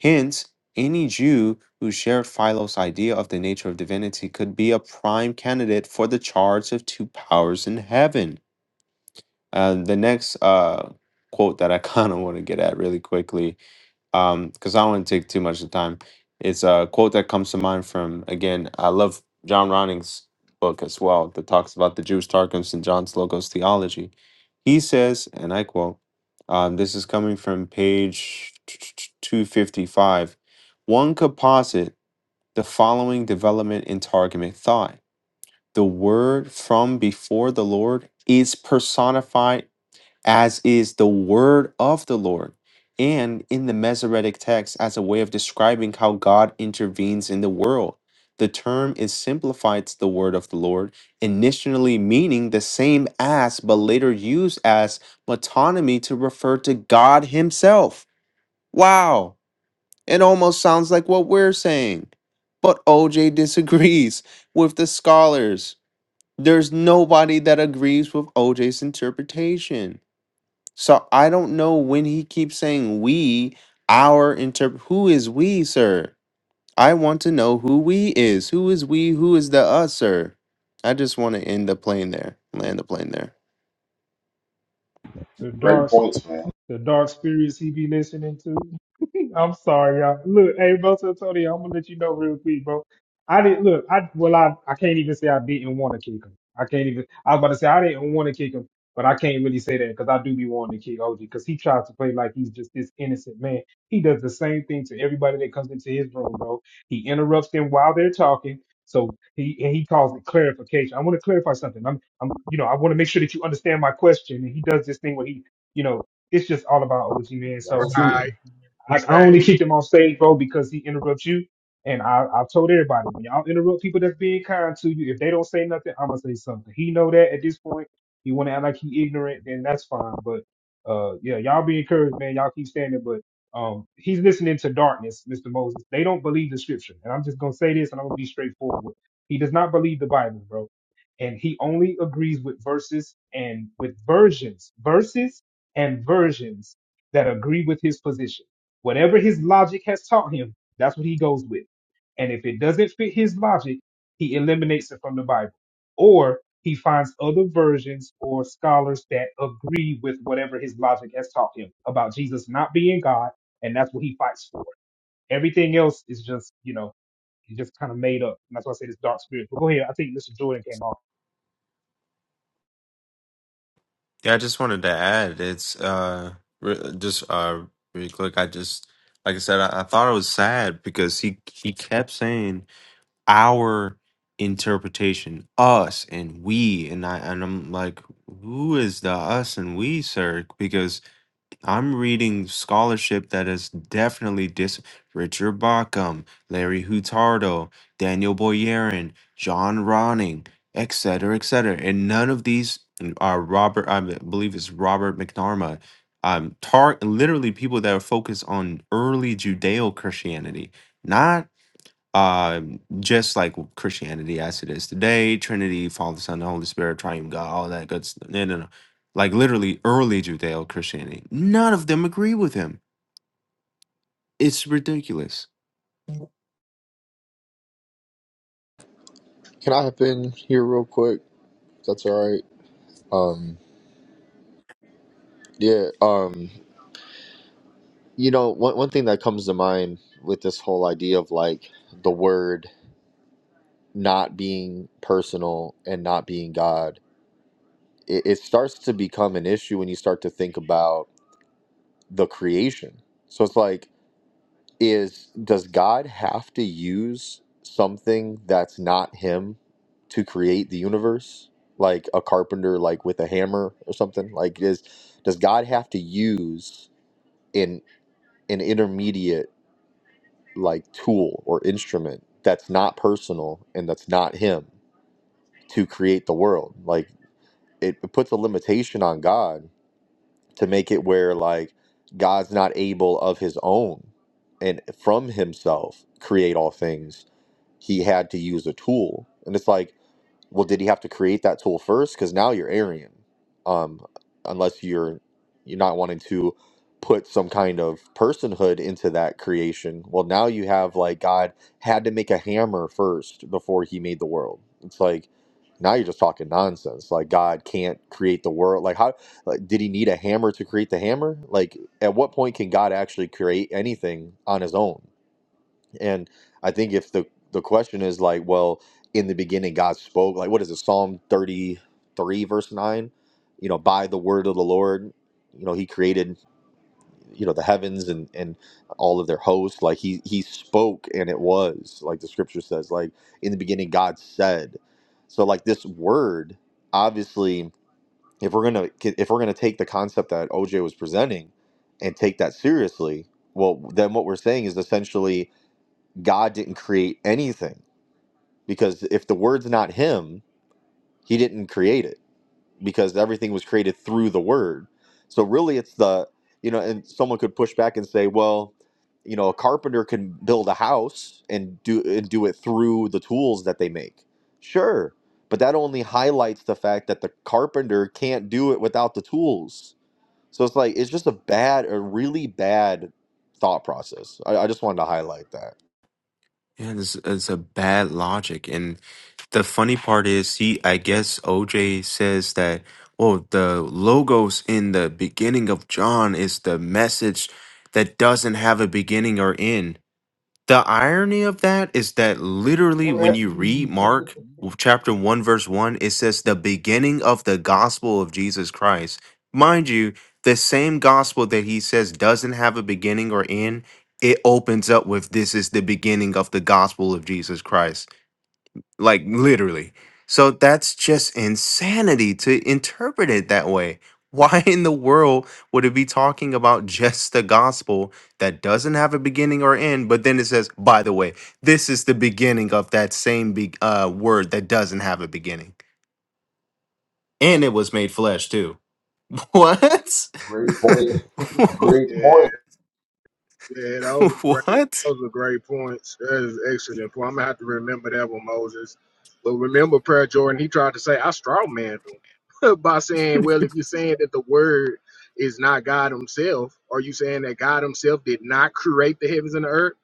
Speaker 8: Hence, any Jew who shared Philo's idea of the nature of divinity could be a prime candidate for the charge of two powers in heaven. Uh, the next uh, quote that I *laughs* kind of want to get at really quickly, because I don't want to take too much of the time, it's a quote that comes to mind from, again, I love John Ronning's book as well that talks about the Jewish Targums and John Slocum's theology. He says, and I quote, um, this is coming from page 255 one could posit the following development in Targumic thought. The word from before the Lord is personified as is the word of the Lord, and in the Masoretic text as a way of describing how God intervenes in the world. The term is simplified to the word of the Lord, initially meaning the same as, but later used as metonymy to refer to God Himself. Wow, it almost sounds like what we're saying. But OJ disagrees with the scholars. There's nobody that agrees with OJ's interpretation. So I don't know when he keeps saying we, our interp who is we, sir? I want to know who we is. Who is we? Who is the us, sir? I just want to end the plane there. Land the plane there.
Speaker 6: The
Speaker 1: Great
Speaker 6: dark.
Speaker 1: points, man.
Speaker 6: The dark spirits he be listening to. *laughs* I'm sorry, y'all. Look, hey, bro, so Tony, I'm gonna let you know real quick, bro. I didn't look. I well, I I can't even say I didn't want to kick him. I can't even. I was about to say I didn't want to kick him, but I can't really say that because I do be wanting to kick OG because he tries to play like he's just this innocent man. He does the same thing to everybody that comes into his room, bro. He interrupts them while they're talking. So he and he calls it clarification. I want to clarify something. I'm, I'm, you know, I want to make sure that you understand my question. And he does this thing where he, you know, it's just all about OG man. So
Speaker 1: That's
Speaker 16: Right.
Speaker 1: true.
Speaker 6: like
Speaker 16: That's
Speaker 6: I only
Speaker 16: facts.
Speaker 6: kicked him on stage, bro, because he interrupts you. And I, I've told everybody, when y'all interrupt people that's being kind to you, if they don't say nothing, I'm gonna say something. He know that at this point. He wanna act like he ignorant, then that's fine. But uh, yeah, y'all be encouraged, man. Y'all keep standing. But um, he's listening to darkness, Mr. Moses. They don't believe the scripture, and I'm just gonna say this, and I'm gonna be straightforward. with it. He does not believe the Bible, bro, and he only agrees with verses and with versions, verses and versions that agree with his position. Whatever his logic has taught him, that's what he goes with. And if it doesn't fit his logic, he eliminates it from the Bible. Or he finds other versions or scholars that agree with whatever his logic has taught him about Jesus not being God, and that's what he fights for. Everything else is just, you know, he just kind of made up. And that's why I say this dark spirit. But go ahead. I think Mr. Jordan came off.
Speaker 8: Yeah, I just wanted to add it's uh re- just uh really quick. I just like I said, I, I thought it was sad because he he kept saying our interpretation, us and we, and I and I'm like, who is the us and we, sir? Because. I'm reading scholarship that is definitely dis Richard Bacham, Larry Hutardo, Daniel Boyarin, John Ronning, et cetera, et cetera. And none of these mm, are Robert, I b- believe it's Robert McNarma. Um, tar literally people that are focused on early Judeo Christianity, not um just like christianity as it is today trinity father son the holy spirit triune god all that good stuff no no no like literally early judeo-christianity none of them agree with him it's ridiculous
Speaker 20: Can I hop in here real quick? That's all right. Um, yeah. Um, you know, one one thing that comes to mind with this whole idea of like the word not being personal and not being God, it, it starts to become an issue when you start to think about the creation. So it's like, is does God have to use something that's not Him to create the universe, like a carpenter, like with a hammer or something? Like, is does God have to use an an intermediate like tool or instrument that's not personal and that's not Him to create the world? Like, it, it puts a limitation on God to make it where like God's not able of his own and from himself create all things. He had to use a tool. And it's like well, did he have to create that tool first? Because now you're Aryan, um, unless you're you're not wanting to put some kind of personhood into that creation. Well, now you have like God had to make a hammer first before He made the world. It's like now you're just talking nonsense. Like God can't create the world. Like how like, did He need a hammer to create the hammer? Like at what point can God actually create anything on His own? And I think if the the question is like, well, in the beginning God spoke, like what is it, Psalm thirty three verse nine? You know, by the word of the Lord, you know, he created, you know, the heavens and and all of their hosts. Like he he spoke and it was, like the scripture says, like in the beginning God said. So like this word, obviously, if we're gonna if we're gonna take the concept that OJ was presenting and take that seriously, well then what we're saying is essentially God didn't create anything because if the word's not him, he didn't create it because everything was created through the word. So really it's the you know and someone could push back and say, well, you know, a carpenter can build a house and do and do it through the tools that they make. Sure, but that only highlights the fact that the carpenter can't do it without the tools. So it's like it's just a bad a really bad thought process. I, I just wanted to highlight that.
Speaker 8: yeah this it's a bad logic and the funny part is he i guess oj says that oh the logos in the beginning of john is the message that doesn't have a beginning or end The irony of that is that
Speaker 1: Yeah,
Speaker 8: literally when you
Speaker 1: man.
Speaker 8: read Mark w- chapter 1 verse 1 it says the beginning of the gospel of Jesus Christ. Mind you, the same gospel that he says doesn't have a beginning or end, it opens up with this is the beginning of the gospel of Jesus Christ like literally. So that's just insanity to interpret it that way. *laughs* Why in the world would it be talking about just the gospel that doesn't have a beginning or end, but then it says, by the way, this is the beginning of that same be- uh, word that doesn't have a beginning? And it was made flesh too. *laughs* What?
Speaker 1: Great point. *laughs* Great
Speaker 16: Yeah.
Speaker 1: point.
Speaker 16: Yeah, those
Speaker 8: *laughs*
Speaker 16: are great.
Speaker 8: what?
Speaker 16: Those are great points. That is an excellent point. I'm gonna have to remember that one, Moses. But remember, Prayer Jordan, he tried to say I strawmanned him *laughs* by saying, "Well, if you're saying that the word is not God Himself, are you saying that God Himself did not create the heavens and the earth?"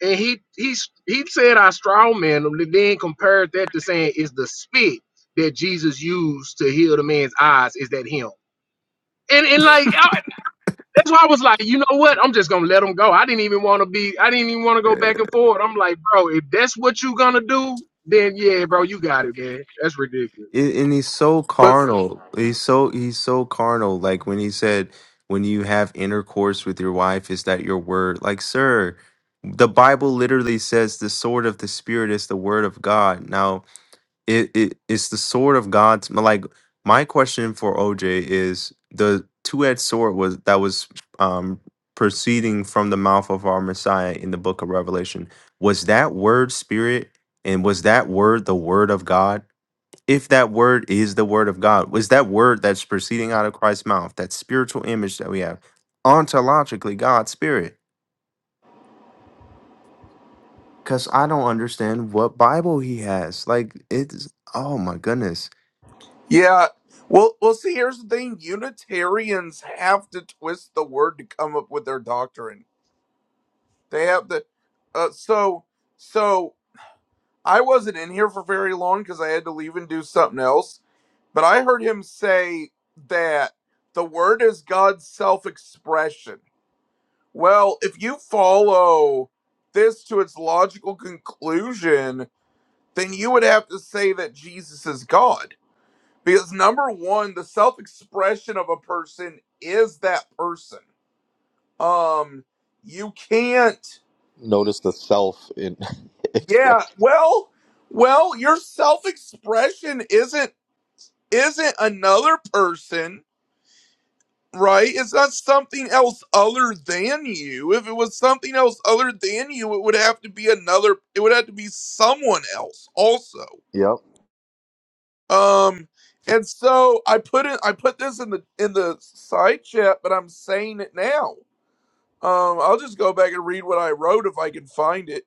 Speaker 16: And he he he said I strawmanned him, and then compared that to saying, "Is the spit that Jesus used to heal the man's eyes is that Him?" And and like that's why I was like, you know what? I'm just gonna let him go. I didn't even want to be. I didn't even want to go back and forth. I'm like, bro, if that's what you gonna do, then yeah, bro, you got it, man. That's ridiculous.
Speaker 8: it, and he's so
Speaker 22: But
Speaker 8: carnal. He's so he's so carnal. Like when he said, "When you have intercourse with your wife, is that your word?" Like, sir, the Bible literally says the sword of the spirit is the word of God. Now, it, it it's the sword of God's. Like my question for OJ is the two-edged sword was that was um proceeding from the mouth of our Messiah in the book of Revelation. Was that word spirit? And was that word the word of God? if that word is the word of God, was that word that's proceeding out of Christ's mouth, that spiritual image that we have, ontologically God's spirit? Because I don't understand what Bible he has. Like it's oh my goodness.
Speaker 22: yeah, well, well. See, here's the thing: Unitarians have to twist the word to come up with their doctrine. They have to. Uh, so, so I wasn't in here for very long because I had to leave and do something else. But I heard him say that the word is God's self-expression. Well, if you follow this to its logical conclusion, then you would have to say that Jesus is God Because number one, the self expression of a person is that person. Um, you can't.
Speaker 20: Notice the self in *laughs*
Speaker 22: Yeah.
Speaker 20: expression.
Speaker 22: Well, well, your self expression isn't isn't another person, right? It's not something else other than you. If it was something else other than you, it would have to be another. It would have to be someone else also.
Speaker 20: Yep.
Speaker 22: Um, and so I put it. I put this in the in the side chat, but I'm saying it now Um, I'll just go back and read what I wrote if I can find it.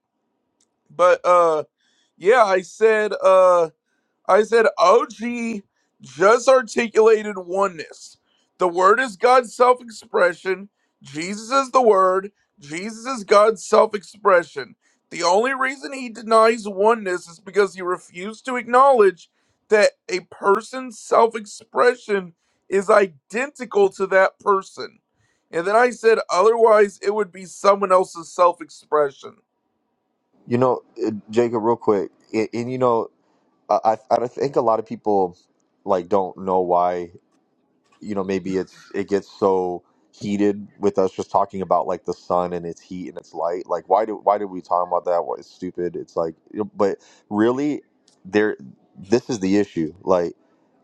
Speaker 22: But uh, yeah, I said. Uh, I said, OG just articulated oneness. The Word is God's self expression. Jesus is the Word. Jesus is God's self expression. The only reason he denies oneness is because he refused to acknowledge that a person's self expression is identical to that person. And then I said, otherwise, it would be someone else's self expression.
Speaker 20: You know, uh, Jacob, real quick, a- and you know, I I I think a lot of people like don't know why. You know, maybe it's it gets so heated with us just talking about like the sun and its heat and its light. Like, why do why did we talk about that? What it's stupid. It's like, you know, but really, there. This is the issue. Like,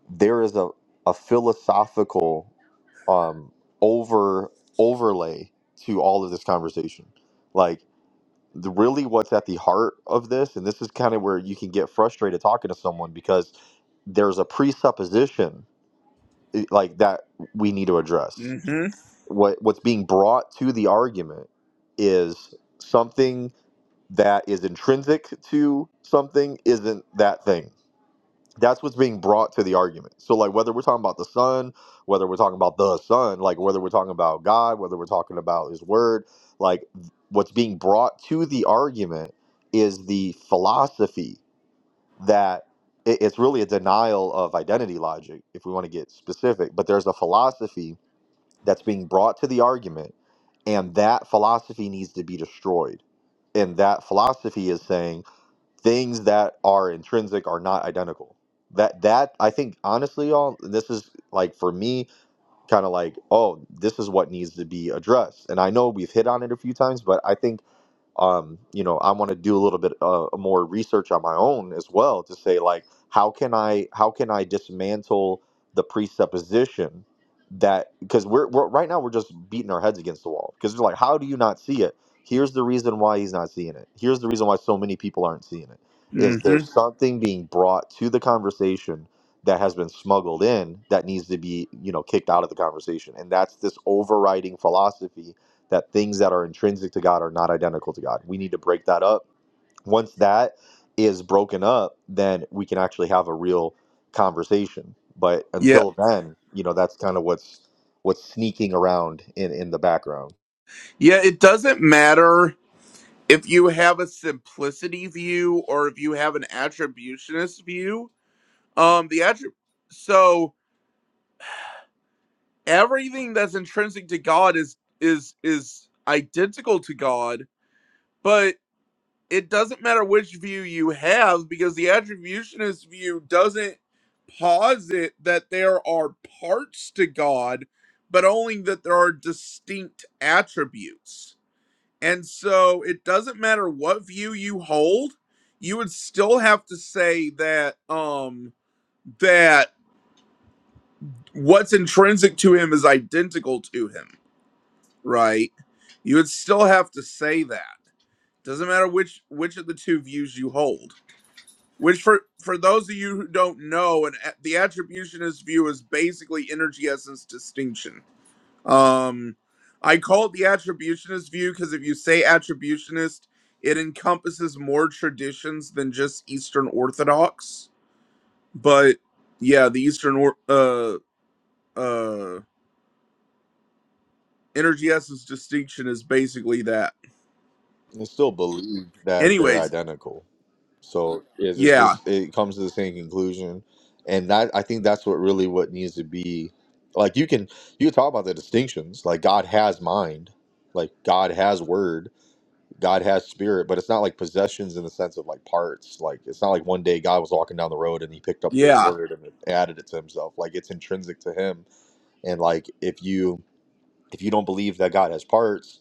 Speaker 20: there is a a philosophical um, over overlay to all of this conversation. Like the really what's at the heart of this, and this is kind of where you can get frustrated talking to someone because there's a presupposition i- like that we need to address.
Speaker 22: Mm-hmm.
Speaker 20: What what's being brought to the argument is something that is intrinsic to something isn't that thing that's what's being brought to the argument. So like whether we're talking about the son, whether we're talking about the son, like whether we're talking about God, whether we're talking about his word, like what's being brought to the argument is the philosophy that it- it's really a denial of identity logic if we want to get specific, but there's a philosophy that's being brought to the argument and that philosophy needs to be destroyed. And that philosophy is saying things that are intrinsic are not identical. That that I think honestly, y'all, this is like for me, kind of like, oh, this is what needs to be addressed. And I know we've hit on it a few times, but I think um, you know, I want to do a little bit uh, more research on my own as well to say like, how can I how can I dismantle the presupposition that because we're, we're right now we're just beating our heads against the wall because we're like, how do you not see it? Here's the reason why he's not seeing it. Here's the reason why so many people aren't seeing it. Is
Speaker 22: Mm-hmm.
Speaker 20: there's something being brought to the conversation that has been smuggled in that needs to be you know kicked out of the conversation, and that's this overriding philosophy that things that are intrinsic to God are not identical to God. We need to break that up. Once that is broken up, then we can actually have a real conversation. But
Speaker 22: Yeah.
Speaker 20: until then, you know, that's kind of what's what's sneaking around in in the background.
Speaker 22: Yeah, it doesn't matter if you have a simplicity view or if you have an attributionist view um the attrib so everything that's intrinsic to god is is is identical to god but it doesn't matter which view you have because the attributionist view doesn't posit that there are parts to god but only that there are distinct attributes And so it doesn't matter what view you hold, you would still have to say that um that what's intrinsic to him is identical to him, right? You would still have to say that. Doesn't matter which which of the two views you hold. Which for for those of you who don't know, and the attributionist view is basically energy essence distinction Um, I call it the attributionist view because if you say attributionist, it encompasses more traditions than just Eastern Orthodox. But yeah, the Eastern or- uh uh energy essence distinction is basically that.
Speaker 20: They still believe that they're
Speaker 22: Anyways,
Speaker 20: identical. So it's, it's
Speaker 22: yeah,
Speaker 20: just it comes to the same conclusion, and that I think that's what really what needs to be. Like you can you can talk about the distinctions. Like God has mind. Like God has word God has spirit, but it's not like possessions in the sense of like parts. Like it's not like one day God was walking down the road and he picked up this
Speaker 22: yeah,
Speaker 20: word and added it to himself. Like it's intrinsic to him. And like if you if you don't believe that God has parts,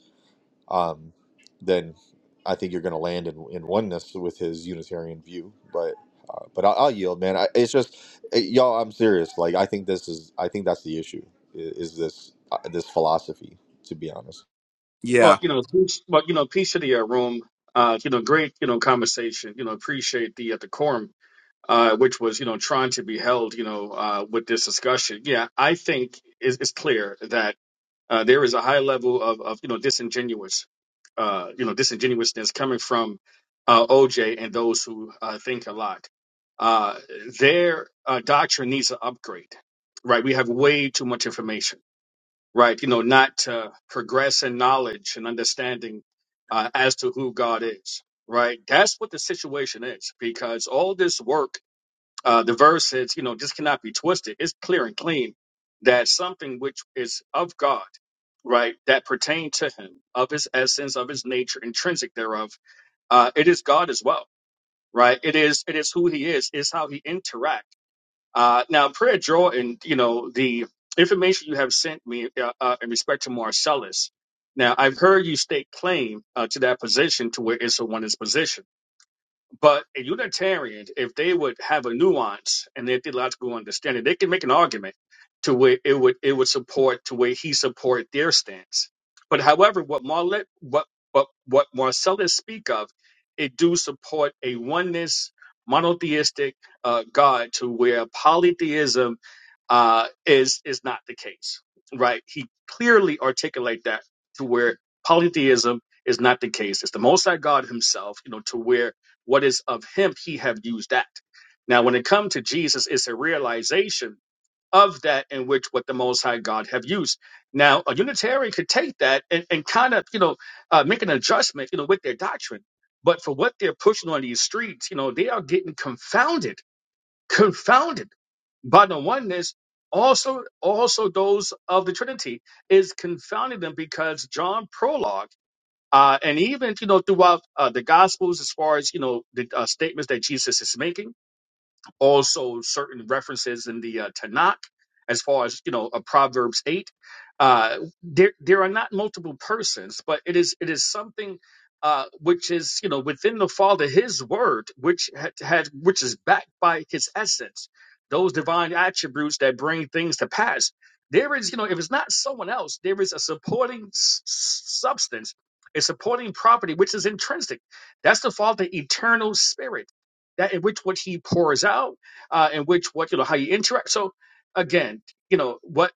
Speaker 20: um, then I think you're going to land in, in oneness with his Unitarian view. But uh, but I'll, I'll yield, man. I, it's just eh, y'all. I'm serious. Like I think this is I think that's the issue i- is this uh, this philosophy. To be honest.
Speaker 23: Well,
Speaker 22: yeah.
Speaker 23: you know, peace- well, you know, peace to the uh, room. Uh, you know, great, you know, conversation. You know, appreciate the uh, decorum, uh, which was, you know, trying to be held, you know, uh, with this discussion. Yeah, I think it's, it's clear that uh, there is a high level of, of you know, disingenuous, uh, you know, disingenuousness coming from uh, OJ and those who uh, think a lot. Uh, their uh, doctrine needs an upgrade, right? We have way too much information right? You know, not to progress in knowledge and understanding uh, as to who God is, right? That's what the situation is because all this work, uh, the verse says, you know, this cannot be twisted. It's clear and clean that something which is of God, right, that pertain to Him, of His essence, of His nature, intrinsic thereof, uh, it is God as well, right? It is it is who He is, is how He interacts uh, now, Prayer Jordan, you know, the information you have sent me uh, uh, in respect to Marcellus, now I've heard you state claim uh, to that position to where Issa won his position. But a Unitarian, if they would have a nuance and their theological understanding, they can make an argument to where it would it would support to where he support their stance. But however, what Marlet what what what Marcellus speak of, it do support a oneness monotheistic uh, God to where polytheism uh, is is not the case, right? He clearly articulate that to where polytheism is not the case. It's the Most High God Himself, you know, to where what is of Him, He have used that. Now, when it comes to Jesus, it's a realization of that in which what the Most High God have used. Now, a Unitarian could take that and, and kind of, you know, uh, make an adjustment, you know, with their doctrine. But for what they're pushing on these streets, you know, they are getting confounded confounded by the oneness also also those of the trinity is confounding them because john prologue uh, and even you know throughout uh, the gospels as far as you know the uh, statements that jesus is making also certain references in the uh, Tanakh, as far as you know, uh, Proverbs eight. Uh, there, there are not multiple persons, but it is it is something uh, which is you know within the Father, His Word, which had, had which is backed by His essence, those divine attributes that bring things to pass. There is you know if it's not someone else, there is a supporting s- s- substance, a supporting property which is intrinsic. That's the Father, eternal Spirit that in which what he pours out, uh, in which what you know how you interact. So again, you know what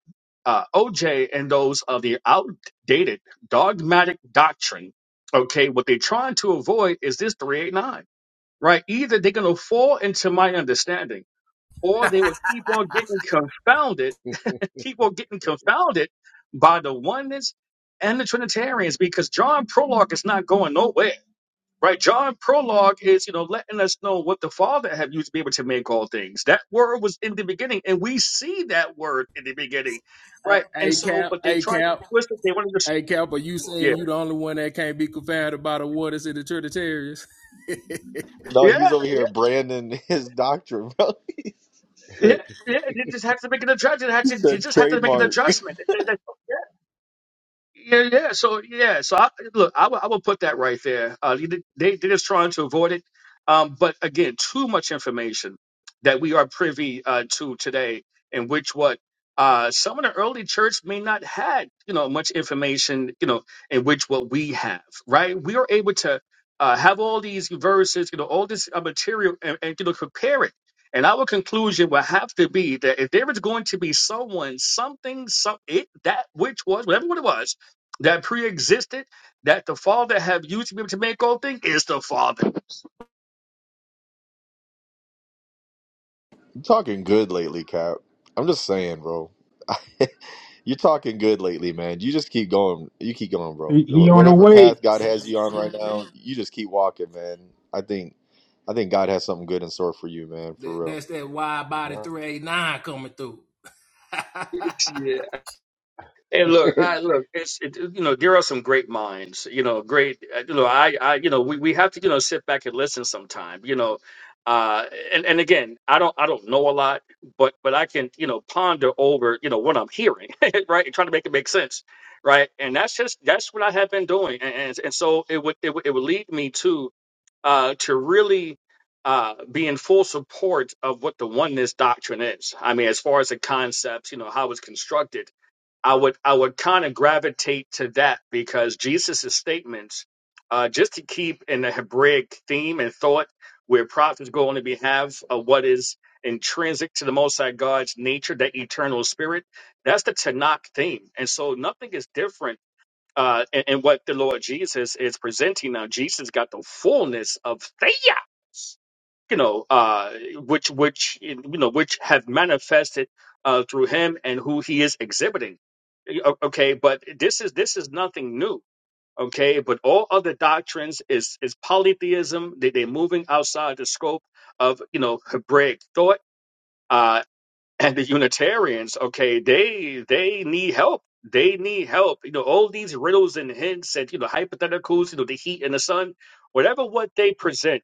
Speaker 23: uh, OJ and those of the outdated dogmatic doctrine. Okay, what they're trying to avoid is this three eight nine, right? Either they're going to fall into my understanding, or they will keep on getting confounded, *laughs* keep on getting confounded by the oneness and the Trinitarians because John Prologue is not going nowhere Right, John prologue is, you know, letting us know what the Father have used to be able to make all things. That word was in the beginning, and we see that word in the beginning,
Speaker 16: Hey,
Speaker 23: right? And
Speaker 16: hey
Speaker 23: so,
Speaker 16: Cap,
Speaker 23: but they
Speaker 16: hey
Speaker 23: tried to
Speaker 16: Cap,
Speaker 23: twist it. They wanted to,
Speaker 16: hey Cap, are you saying
Speaker 23: yeah,
Speaker 16: you the only one that can't be confounded by the waters in the Trinitarians? *laughs*
Speaker 20: No,
Speaker 23: yeah,
Speaker 20: he's over
Speaker 23: yeah,
Speaker 20: here branding *laughs* his doctrine, bro. *laughs* He said,
Speaker 23: yeah. yeah. They just have to make it a judgment. They, had to, they
Speaker 20: said
Speaker 23: just have to make it a
Speaker 20: trademark.
Speaker 23: judgment. Yeah, yeah. So yeah, so I, look, I will I will put that right there. Uh, you they they're just trying to avoid it, um, but again, too much information that we are privy uh, to today, in which what uh, some of the early church may not had you know much information you know in which what we have right. We are able to uh, have all these verses, you know, all this uh, material, and, and you know, compare it. And our conclusion will have to be that if there is going to be someone, something, some it that which was whatever what it was that pre-existed, that the Father have used to be able to make all things is the Father.
Speaker 20: You're talking good lately, Cap. I'm just saying, bro. *laughs* You're talking good lately, man. You just keep going. You keep going, bro.
Speaker 6: He, he
Speaker 20: Wh-
Speaker 6: on the
Speaker 20: Whatever
Speaker 6: way.
Speaker 20: path God has you on right now, you just keep walking, man. I think, I think God has something good in store for you, man, for
Speaker 16: That,
Speaker 20: real.
Speaker 16: that's that wide body 389 coming through. *laughs*
Speaker 23: Yeah, and look, I look. It's it, you know there are some great minds. You know, great. uh, You know, I I you know we, we have to you know sit back and listen sometime. You know, uh, and and again, I don't I don't know a lot, but but I can you know ponder over you know what I'm hearing, *laughs* right, and trying to make it make sense, right. And that's just that's what I have been doing, and and, and so it would, it would it would lead me to. uh, to really uh, be in full support of what the oneness doctrine is. I mean, as far as the concepts, you know, how it's constructed, I would I would kind of gravitate to that because Jesus' statements, uh, just to keep in the Hebraic theme and thought, where prophets go on the behalf of what is intrinsic to the Most High God's nature, that eternal spirit, that's the Tanakh theme. And so nothing is different uh, and, and what the Lord Jesus is presenting now. Jesus got the fullness of theos, you know, uh, which which you know which have manifested uh, through him and who he is exhibiting. O- Okay, but this is this is nothing new. Okay, but all other doctrines is is polytheism. They they're moving outside the scope of you know Hebraic thought. uh, and the Unitarians, okay, they they need help. They need help. You know, all these riddles and hints and you know hypotheticals, you know, the heat and the sun, whatever what they present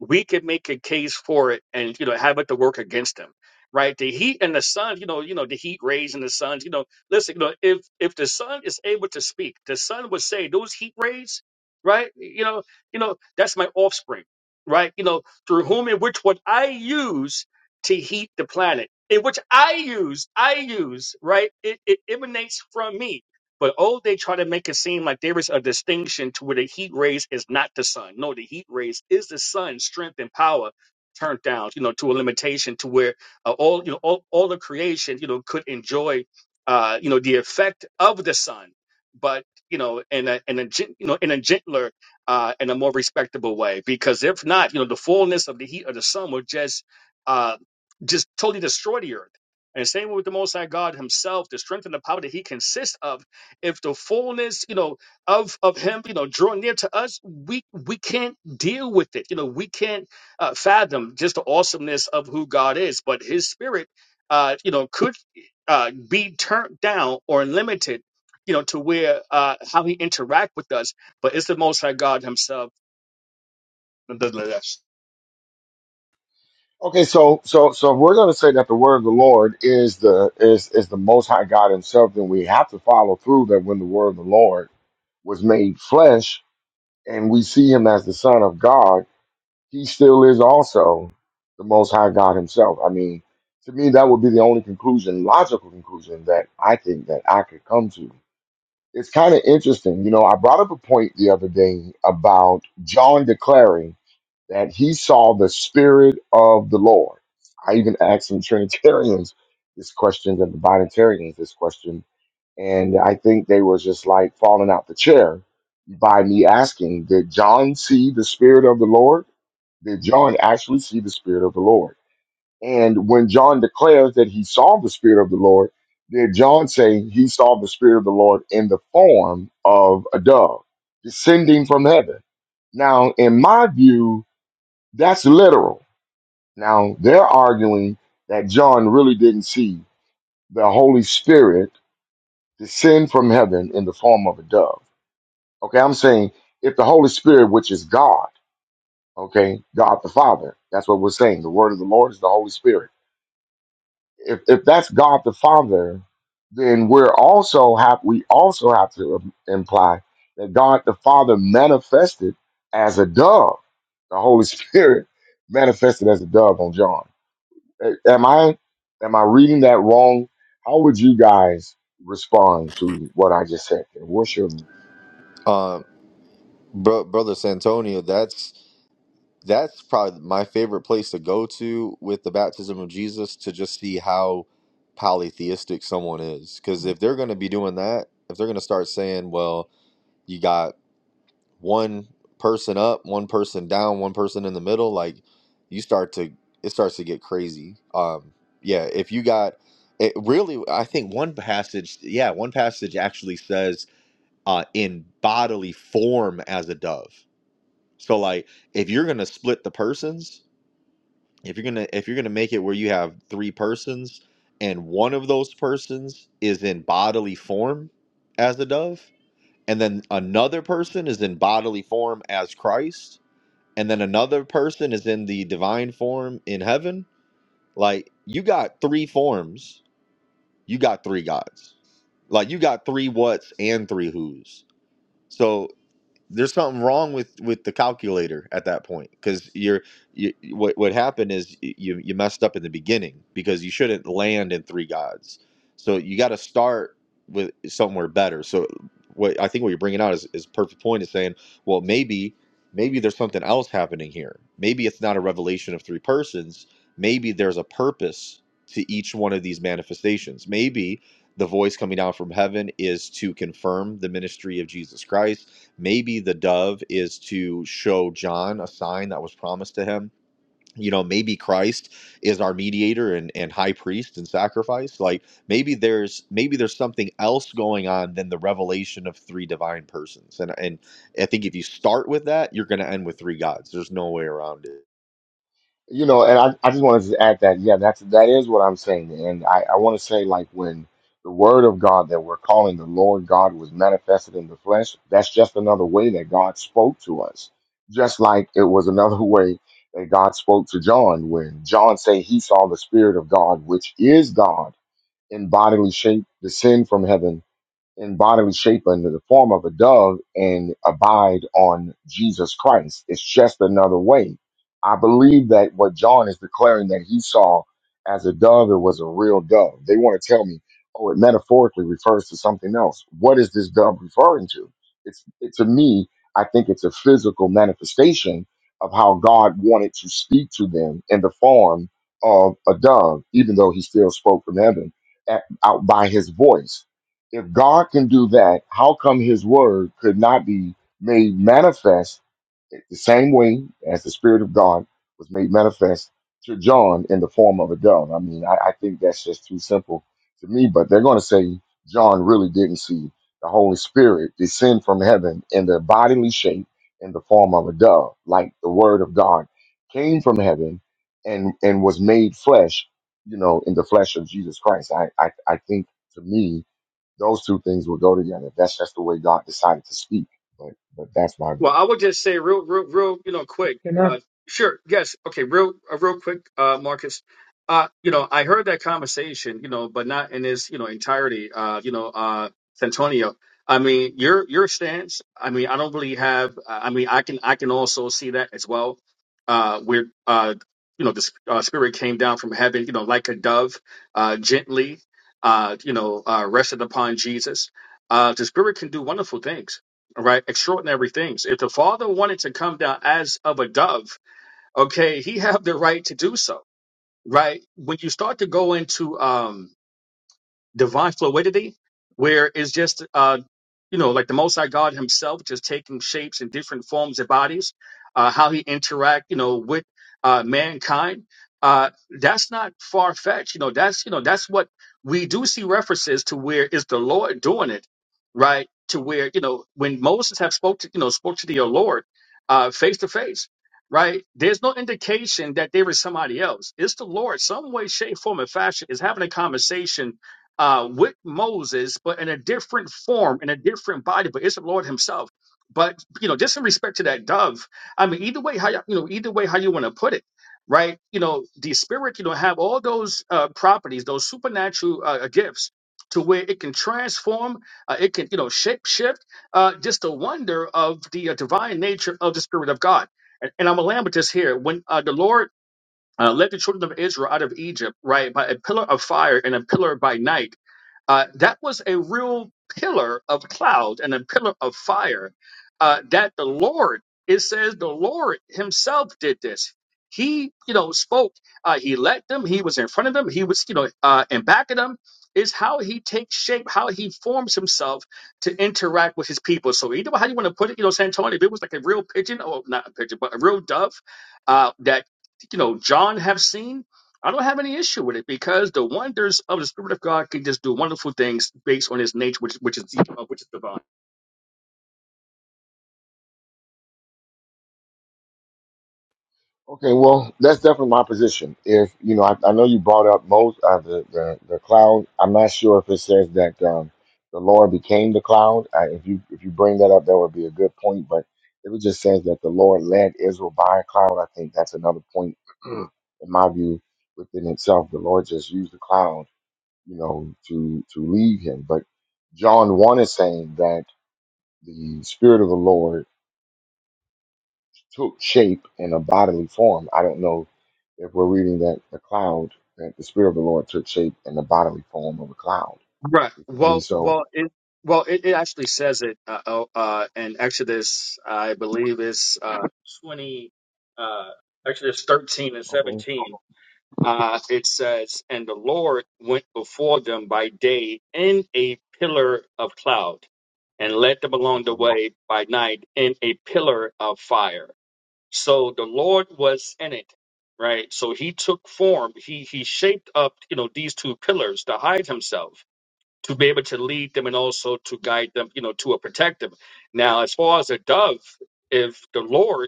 Speaker 23: we could make a case for it and you know have it to work against them right the heat and the sun you know you know the heat rays and the suns you know listen you know if if the sun is able to speak the sun would say those heat rays right you know you know that's my offspring right you know through whom and which what i use to heat the planet in which i use i use right it, it emanates from me but oh, they try to make it seem like there is a distinction to where the heat rays is not the sun. No, the heat rays is the sun's strength and power turned down, you know, to a limitation to where uh, all you know all, all the creation, you know, could enjoy, uh, you know, the effect of the sun, but you know, in a in a gen- you know in a gentler uh, in a more respectable way. Because if not, you know, the fullness of the heat of the sun will just uh, just totally destroy the earth. And same with the Most High God Himself, the strength and the power that He consists of if the fullness you know of of him you know draw near to us we we can't deal with it you know we can't uh, fathom just the awesomeness of who god is but his spirit uh you know could uh be turned down or limited you know to where uh how he interact with us but it's the most high god himself
Speaker 1: Okay, so so so if we're going to say that the word of the Lord is the is is the Most High God Himself, then we have to follow through that when the word of the Lord was made flesh and we see Him as the Son of God, He still is also the Most High God Himself. I mean, to me, that would be the only conclusion, logical conclusion that I think that I could come to. It's kind of interesting, you know. I brought up a point the other day about John declaring. that he saw the Spirit of the Lord. I even asked some *laughs* Trinitarians this question and the Binitarians this question, and I think they was just like falling out the chair by me asking, Did John see the Spirit of the Lord? Did John actually see the Spirit of the Lord? And when John declares that he saw the Spirit of the Lord, did John say he saw the Spirit of the Lord in the form of a dove descending from heaven? Now, in my view, that's literal. Now, they're arguing that John really didn't see the Holy Spirit descend from heaven in the form of a dove. Okay, I'm saying if the Holy Spirit, which is God, okay, God the Father, that's what we're saying. The word of the Lord is the Holy Spirit. If, if that's God the Father, then we're also have we also have to im- imply that God the Father manifested as a dove. The Holy Spirit *laughs* manifested as a dove on John. A- Am I am I reading that wrong? How would you guys respond to what I just said? What's your
Speaker 20: Um, bro, brother Santonio, that's that's probably my favorite place to go to with the baptism of Jesus to just see how polytheistic someone is. Because if they're going to be doing that, if they're going to start saying, well, you got one person up, one person down, one person in the middle, like you start to, it starts to get crazy. Um, yeah, if you got, it really, I think one passage, yeah, one passage actually says uh, in bodily form as a dove. So, like, if you're going to split the persons, if you're gonna if you're gonna make it where you have three persons and one of those persons is in bodily form as a dove and then another person is in bodily form as christ and then another person is in the divine form in heaven like you got three forms you got three gods like you got three whats and three whos so there's something wrong with with the calculator at that point because you're you, what what happened is you you messed up in the beginning because you shouldn't land in three gods so you got to start with somewhere better so what i think what you're bringing out is is perfect point is saying well maybe maybe there's something else happening here maybe it's not a revelation of three persons maybe there's a purpose to each one of these manifestations maybe the voice coming down from heaven is to confirm the ministry of jesus christ Maybe the dove is to show John a sign that was promised to him. You know, maybe Christ is our mediator and, and high priest and sacrifice. Like maybe there's maybe there's something else going on than the revelation of three divine persons. And and I think if you start with that, you're gonna end with three gods. There's no way around it.
Speaker 1: you know, and I, I just wanted to add that, yeah, that's that is what I'm saying. And I, I want to say like when the word of God that we're calling the Lord God was manifested in the flesh, that's just another way that God spoke to us. Just like it was another *laughs* way that God spoke to John when John said he saw the Spirit of God, which is God in bodily shape, descend from heaven in bodily shape under the form of a dove and abide on Jesus Christ. It's just another way. I believe that what John is declaring that he saw as a dove, it was a real dove. They want to tell me, oh, it metaphorically refers to something else. What is this dove referring to? It's it, to me, I think it's a physical manifestation of how God wanted to speak to them in the form of a dove, even though he still spoke from heaven at, out by his voice if God can do that, how come his word could not be made manifest the same way as the Spirit of God was made manifest to John in the form of a dove. I mean, I, I think that's just too simple to me, but they're going to say John really didn't see the Holy Spirit descend from heaven in the bodily shape in the form of a dove, like the Word of God came from heaven and, and was made flesh, you know, in the flesh of Jesus Christ. I, I, I think to me, those two things will go together. That's just the way God decided to speak. But but that's my
Speaker 23: Well,
Speaker 1: view.
Speaker 23: I would just say real, real, real, you know, quick.
Speaker 6: Can I? I
Speaker 23: Uh, sure, yes, okay, real, uh, real quick, uh, Marcus. Uh, you know, I heard that conversation, you know, but not in its, you know, entirety. Uh, you know, uh, Santonio. I mean, your your stance. I mean, I don't really have. uh, I mean, I can I can also see that as well. Uh, where uh, you know, the sp- uh, spirit came down from heaven, you know, like a dove, uh, gently, uh, you know, uh, rested upon Jesus. Uh, the spirit can do wonderful things all right? Extraordinary things. If the Father wanted to come down as of a dove, okay, he have the right to do so, right? When you start to go into um divine fluidity where it's just uh you know like the most high god himself just taking shapes and different forms and bodies uh how he interact you know with uh mankind uh that's not far-fetched you know that's you know that's what we do see references to where is the lord doing it right to where you know when moses have spoke to you know spoke to the lord uh face to face right there's no indication that there is somebody else it's the lord some way shape form and fashion is having a conversation uh, with Moses, but in a different form, in a different body, but it's the Lord Himself. But you know, just in respect to that dove, I mean, either way, how you you know, either way, how you want to put it, right? You know, the spirit, you know, have all those uh, properties, those supernatural uh, uh, gifts, to where it can transform, uh, it can you know shape shift. Uh, just the wonder of the uh, divine nature of the Spirit of God. And, and I'm a lamb with this here. When uh, the Lord uh, led the children of Israel out of Egypt, right, by a pillar of fire and a pillar by night uh, that was a real pillar of cloud and a pillar of fire uh, that the Lord, it says the Lord himself did this. He, you know, spoke. Uh, he led them. He was in front of them. He was, you know, uh, in back of them. Is how he takes shape, how he forms himself to interact with his people. So either way, how you want to put it, you know, Santonio, if it was like a real pigeon, or not a pigeon, but a real dove uh, that, you know, John have seen, I don't have any issue with it because the wonders of the Spirit of God can just do wonderful things based on His nature, which which is uh, which is divine.
Speaker 1: Okay, well, that's definitely my position. If you know, I, I know you brought up most uh, the, the the cloud. I'm not sure if it says that um, the Lord became the cloud. I, if you if you bring that up, that would be a good point. But if it just says that the Lord led Israel by a cloud, I think that's another point *clears throat* in my view within itself. The Lord just used the cloud, you know, to to lead him. But John one is saying that. the Spirit of the Lord took shape in a bodily form. I don't know if we're reading that the cloud, that the Spirit of the Lord took shape in the bodily form of a cloud.
Speaker 23: Right.
Speaker 1: You feel me?
Speaker 23: Well,
Speaker 1: So,
Speaker 23: well, it well it, it actually says it uh, oh, uh, in Exodus, I believe it's uh, twenty, uh, Exodus thirteen and
Speaker 1: okay,
Speaker 23: seventeen. Uh, it says, "And the Lord went before them by day in a pillar of cloud, and led them along
Speaker 1: okay,
Speaker 23: the way by night in a pillar of fire." So the Lord was in it, right? So he took form. He he shaped up, you know, these two pillars to hide himself, to be able to lead them and also to guide them, you know, to a protect them. Now, as far as a dove, if the Lord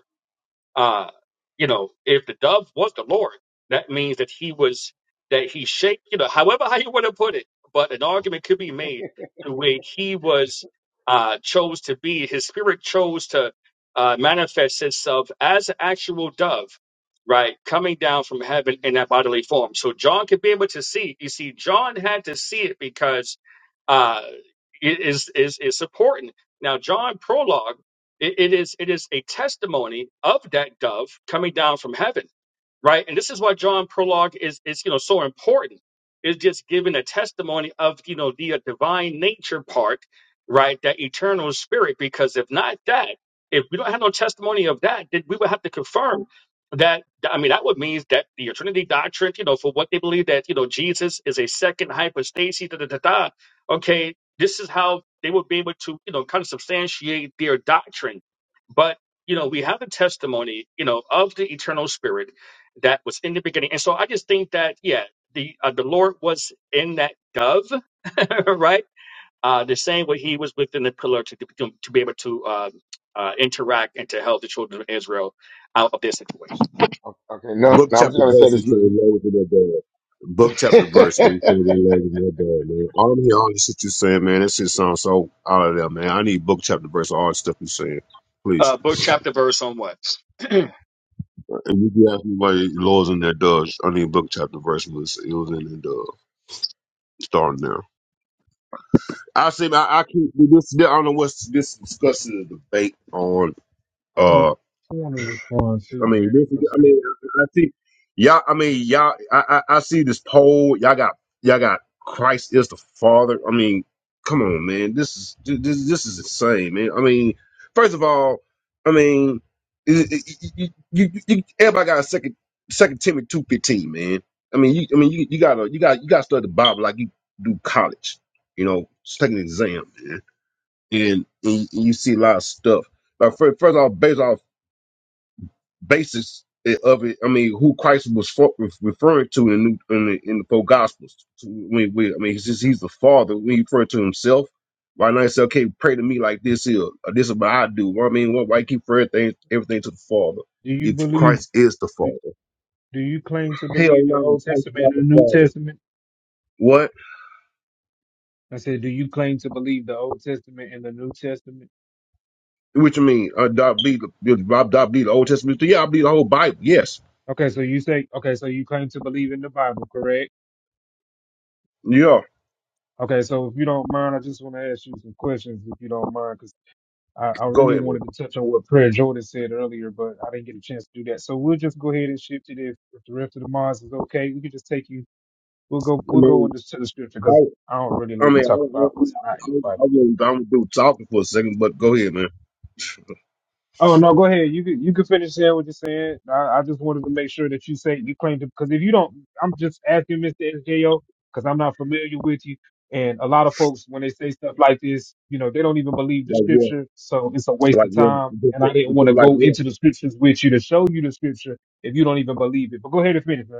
Speaker 23: uh, you know, if the dove was the Lord, that means that he was that he shaped, you know, however how you want to put it, but an argument could be made to where he was uh chose to be, his spirit chose to uh manifest itself as an actual dove, right, coming down from heaven in that bodily form. So John could be able to see. You see, John had to see it because uh it is is is important. Now John prologue it, it is it is a testimony of that dove coming down from heaven right? And this is why John prologue is is you know so important. It's just giving a testimony of you know the uh, divine nature part, right? That eternal spirit. Because if not that, if we don't have no testimony of that, then we would have to confirm that. I mean, that would mean that the Trinity doctrine, you know, for what they believe that you know Jesus is a second hypostasis, da da da da. Okay, this is how they would be able to you know kind of substantiate their doctrine, but you know we have the testimony you know of the eternal spirit that was in the beginning. And so I just think that, yeah, the uh, the Lord was in that dove, *laughs* right? Uh, the same way he was within the pillar to, to, to be able to uh, uh, interact and to help the children of Israel out of their situation.
Speaker 1: o- okay. No,
Speaker 24: Book
Speaker 1: no I'm just
Speaker 24: chapter
Speaker 1: going to say
Speaker 24: verse and
Speaker 1: this.
Speaker 24: say the Lord in their bed. Book chapter verse and say the Lord in their bed, man. All of all the shit you saying, man, that shit sounds so out of there, man. I need book chapter verse all the stuff you saying. Please.
Speaker 23: Uh, book, chapter, verse on what?
Speaker 24: And you can ask me why the Lord's in their doves. I need book chapter verse was it was in their dove. Starting there. I say I, I keep this I don't know what's this discussing the debate on.
Speaker 6: want,
Speaker 24: uh,
Speaker 6: I want to respond too,
Speaker 24: I mean,
Speaker 6: him.
Speaker 24: this is,
Speaker 6: 'cause
Speaker 24: I mean, I I see y'all. I mean, y'all. I, I I see this poll. Y'all got y'all got Christ is the Father. I mean, come on, man. This is this this is insane, man. I mean, first of all, I mean, it, it, it- you, you, you, everybody got a second Second Timothy two fifteen, man. I mean, you I mean you, you gotta you got you gotta study the Bible like you do college. You know, just take an exam, man. And, and you see a lot of stuff. Like first, first off, based off basis of it. I mean, who Christ was for, referring to in the new, in the, in the four Gospels. To- I mean, we, I mean, he's just, he's the Father. When he referred to himself, why not say, "Okay, pray to me like this here. Or this is what I do." Well, I mean, why, why keep referring everything everything to the Father
Speaker 6: Do you
Speaker 24: if
Speaker 6: believe?
Speaker 24: Christ is the Father?
Speaker 6: Do you claim to
Speaker 24: Hell
Speaker 6: believe the
Speaker 24: no,
Speaker 6: Old
Speaker 24: Christ is
Speaker 6: Testament
Speaker 24: not
Speaker 6: and
Speaker 24: the
Speaker 6: the New
Speaker 24: Father.
Speaker 6: Testament?
Speaker 24: What?
Speaker 6: I said, do you claim to believe the Old Testament and the New Testament?
Speaker 24: What you mean? Uh, do I believe the, do I believe the Old Testament? Yeah, I believe the whole Bible. Yes.
Speaker 6: Okay, so you say, okay, so you claim to believe in the Bible, correct?
Speaker 24: Yeah.
Speaker 6: Okay, so if you don't mind, I just want to ask you some questions, if you don't mind, because I, I
Speaker 24: Go
Speaker 6: really
Speaker 24: ahead, man.
Speaker 6: wanted to touch on what Prayer Jordan said earlier, but I didn't get a chance to do that. So we'll just go ahead and shift it if, if the rest of the mods is okay. We can just take you. We'll go.
Speaker 24: I
Speaker 6: We'll go
Speaker 24: mean.
Speaker 6: into the scripture because I don't really
Speaker 24: I
Speaker 6: like to
Speaker 24: mean, I, I, I, I,
Speaker 6: talk about
Speaker 24: was-
Speaker 6: what's not in
Speaker 24: I,
Speaker 6: the
Speaker 24: was-
Speaker 6: Bible.
Speaker 24: I was do talking for a second, but go ahead, man.
Speaker 6: Oh no, go ahead. You could you could finish saying what you're saying. I, I just wanted to make sure that you say you claim to because if you don't, I'm just asking Mr. SJO because I'm not familiar with you. And a lot of folks when they say stuff like this, you know, they don't even believe the
Speaker 24: Like what?
Speaker 6: scripture, so it's a waste
Speaker 24: Like
Speaker 6: of
Speaker 24: what?
Speaker 6: time.
Speaker 24: Just,
Speaker 6: And I didn't
Speaker 24: just
Speaker 6: want
Speaker 24: go
Speaker 6: to
Speaker 24: like
Speaker 6: go
Speaker 24: what?
Speaker 6: into the scriptures with you to show you the scripture if you don't even believe it. But go ahead and finish, man.